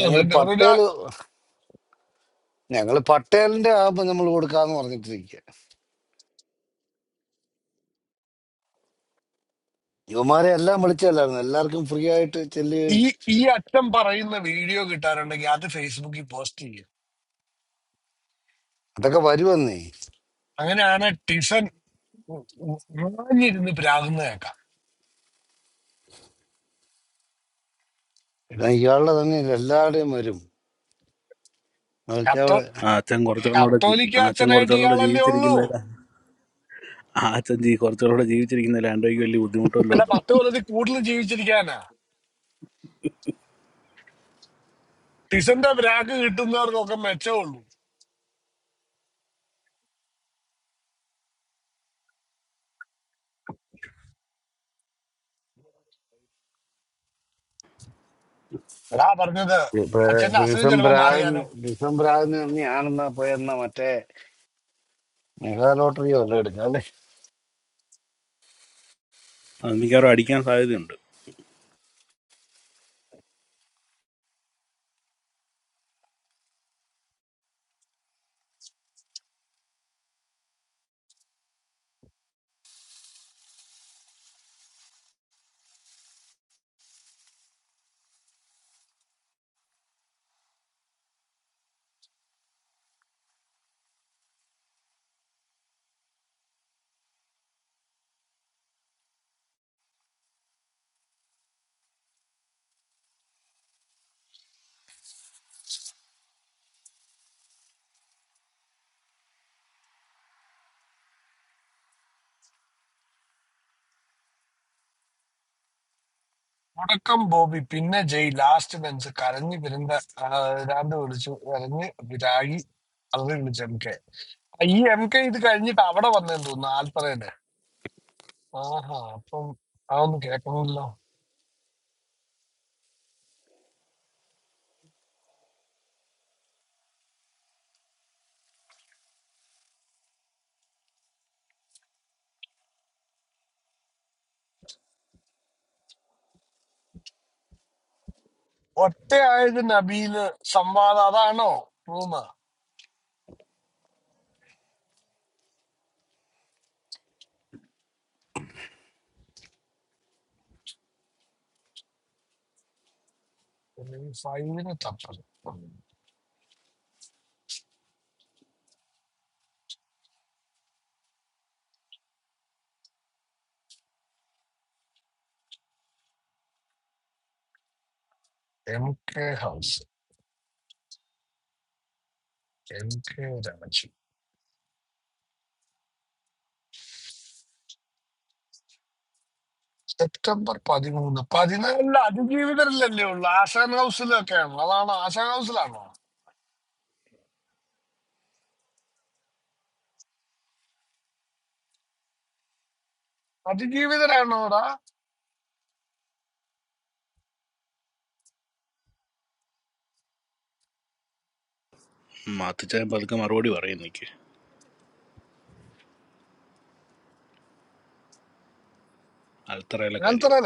[SPEAKER 3] ഞങ്ങൾ പട്ടേല് ഞങ്ങൾ പട്ടേലിന്റെ ആപ്പ് നമ്മൾ കൊടുക്കാന്ന് പറഞ്ഞിട്ടിരിക്കുക യുവമാരെ എല്ലാം വിളിച്ചല്ലായിരുന്നു എല്ലാവർക്കും ഫ്രീ ആയിട്ട് ചെല്ലുകയും അതൊക്കെ വരുമെന്നേ ഇതാ ഇയാളുടെ തന്നെ ഇത് എല്ലാവരുടെയും വരും അതൊക്കെ അവിടെ
[SPEAKER 1] ആ അച്ഛൻ കുറച്ചുകളോടെ ജീ- ആ അച്ഛൻ കുറച്ചുകളോടെ ജീവിച്ചിരിക്കുന്നതിൽ ആ അച്ഛൻ ജീ കുറച്ചുകളോടെ ജീവിച്ചിരിക്കുന്നതിൽ ആൻഡോയ്ക്ക് വലിയ ബുദ്ധിമുട്ടുമല്ലോ ഉണ്ടോ
[SPEAKER 3] ഇപ്പൊ ബ്രിസം ബ്രാഗൻ ബ്രിസം ബ്രാഗൻ തന്നെയാണെന്നാ പോയെന്ന മറ്റേ മെഗാ ലോട്ടറി വല്ലതും എടുക്കാം അല്ലേ
[SPEAKER 1] അത് മിക്കവാറും അടിക്കാൻ സാധ്യതയുണ്ട് മാത്തിച്ചാൻ പതുക്കെ മറുപടി പറയും എനിക്ക് അൽത്തറയിലെ കാര്യം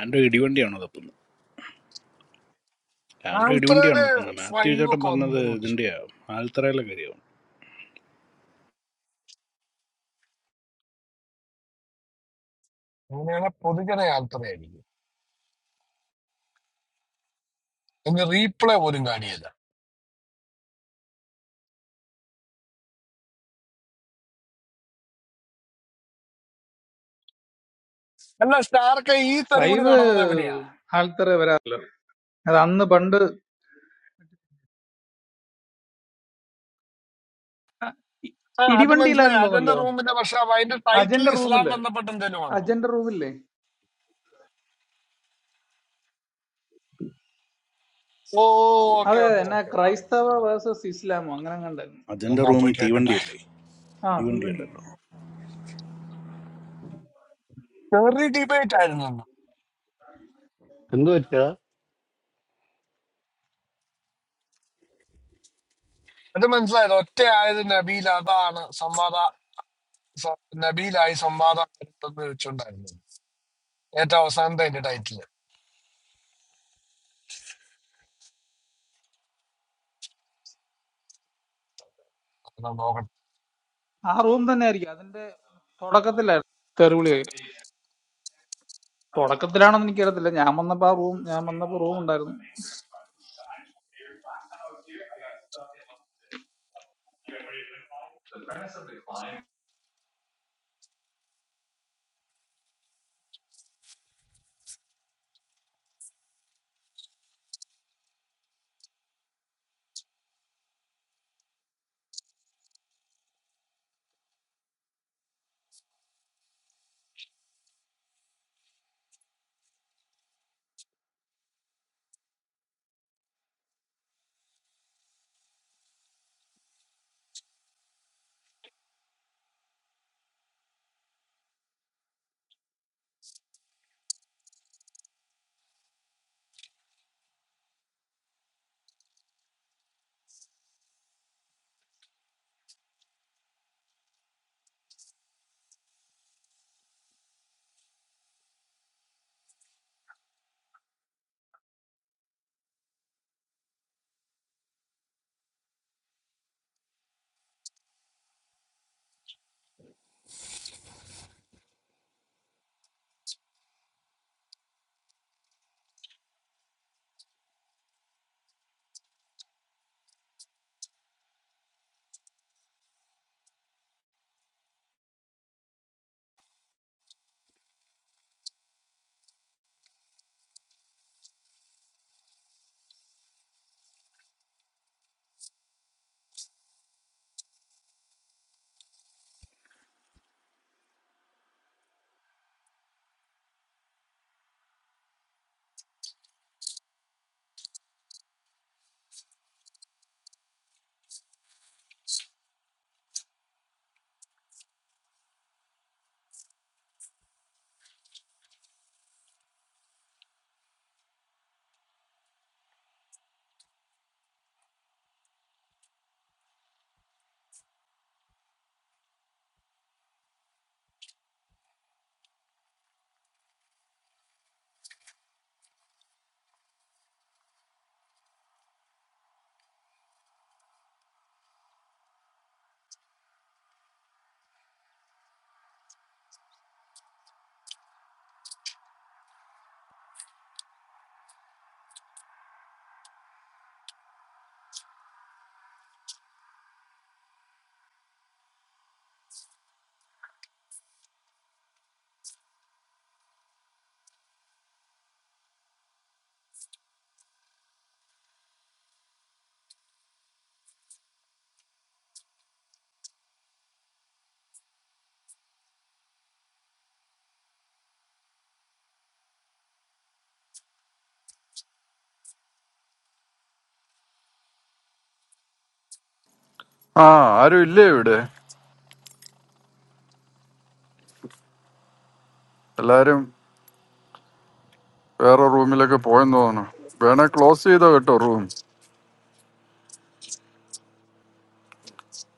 [SPEAKER 1] ആൻഡോ ഇടിവണ്ടിയാണോ തപ്പുന്നത് ലാൻഡ് ഇടിവണ്ടിയാണ് ഇപ്പം മാത്യു ചേട്ടൻ പറഞ്ഞത് ഇതിൻ്റെയാ ആൽത്തറയിലെ കാര്യമാണ്
[SPEAKER 15] ഫൈവ് ആൾത്തറ വരാറില്ല അത് അന്ന് പണ്ട് ഇ- ഇടിവണ്ടിയിലായിരുന്നു തോന്നല്ലോ അജന്റെ റൂമില് അജന്റെ റൂമില്ലേ അതെ അതെ എന്നാ ക്രൈസ്തവ വേഴ്സസ് ഇസ്ലാമോ അങ്ങനെ കണ്ടായിരുന്നു
[SPEAKER 1] അതിൻ്റെ റൂം തീവണ്ടിയല്ലേ
[SPEAKER 15] ആ തീവണ്ടി
[SPEAKER 1] ഇടിവണ്ടിയല്ലല്ലോ
[SPEAKER 3] എന്തു പറ്റാ
[SPEAKER 15] ആ റൂം തന്നെ ആയിരിക്കും അതിന്റെ തുടക്കത്തിലായിരുന്നു തെറിവിളി തുടക്കത്തിലാണെന്ന് എനിക്കറിയത്തില്ല ഞാൻ വന്നപ്പോ ആ റൂം ഞാൻ വന്നപ്പോ റൂം ഉണ്ടായിരുന്നു
[SPEAKER 2] ആ ആരും ഇല്ലേ ഇവിടെ എല്ലാരും വേറെ റൂമിലൊക്കെ പോയെന്ന് തോന്നുന്നു വേണേ ക്ലോസ് ചെയ്തോ കേട്ടോ റൂം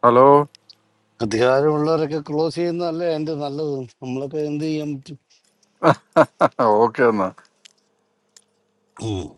[SPEAKER 2] ഹലോ
[SPEAKER 3] അധികാരമുള്ളവരൊക്കെ ക്ലോസ് ചെയ്യുന്നതല്ലേ എന്റെ നല്ലത് നമ്മളൊക്കെ എന്ത് ചെയ്യാൻ
[SPEAKER 2] ഓക്കെ എന്നാ
[SPEAKER 3] പറ്റും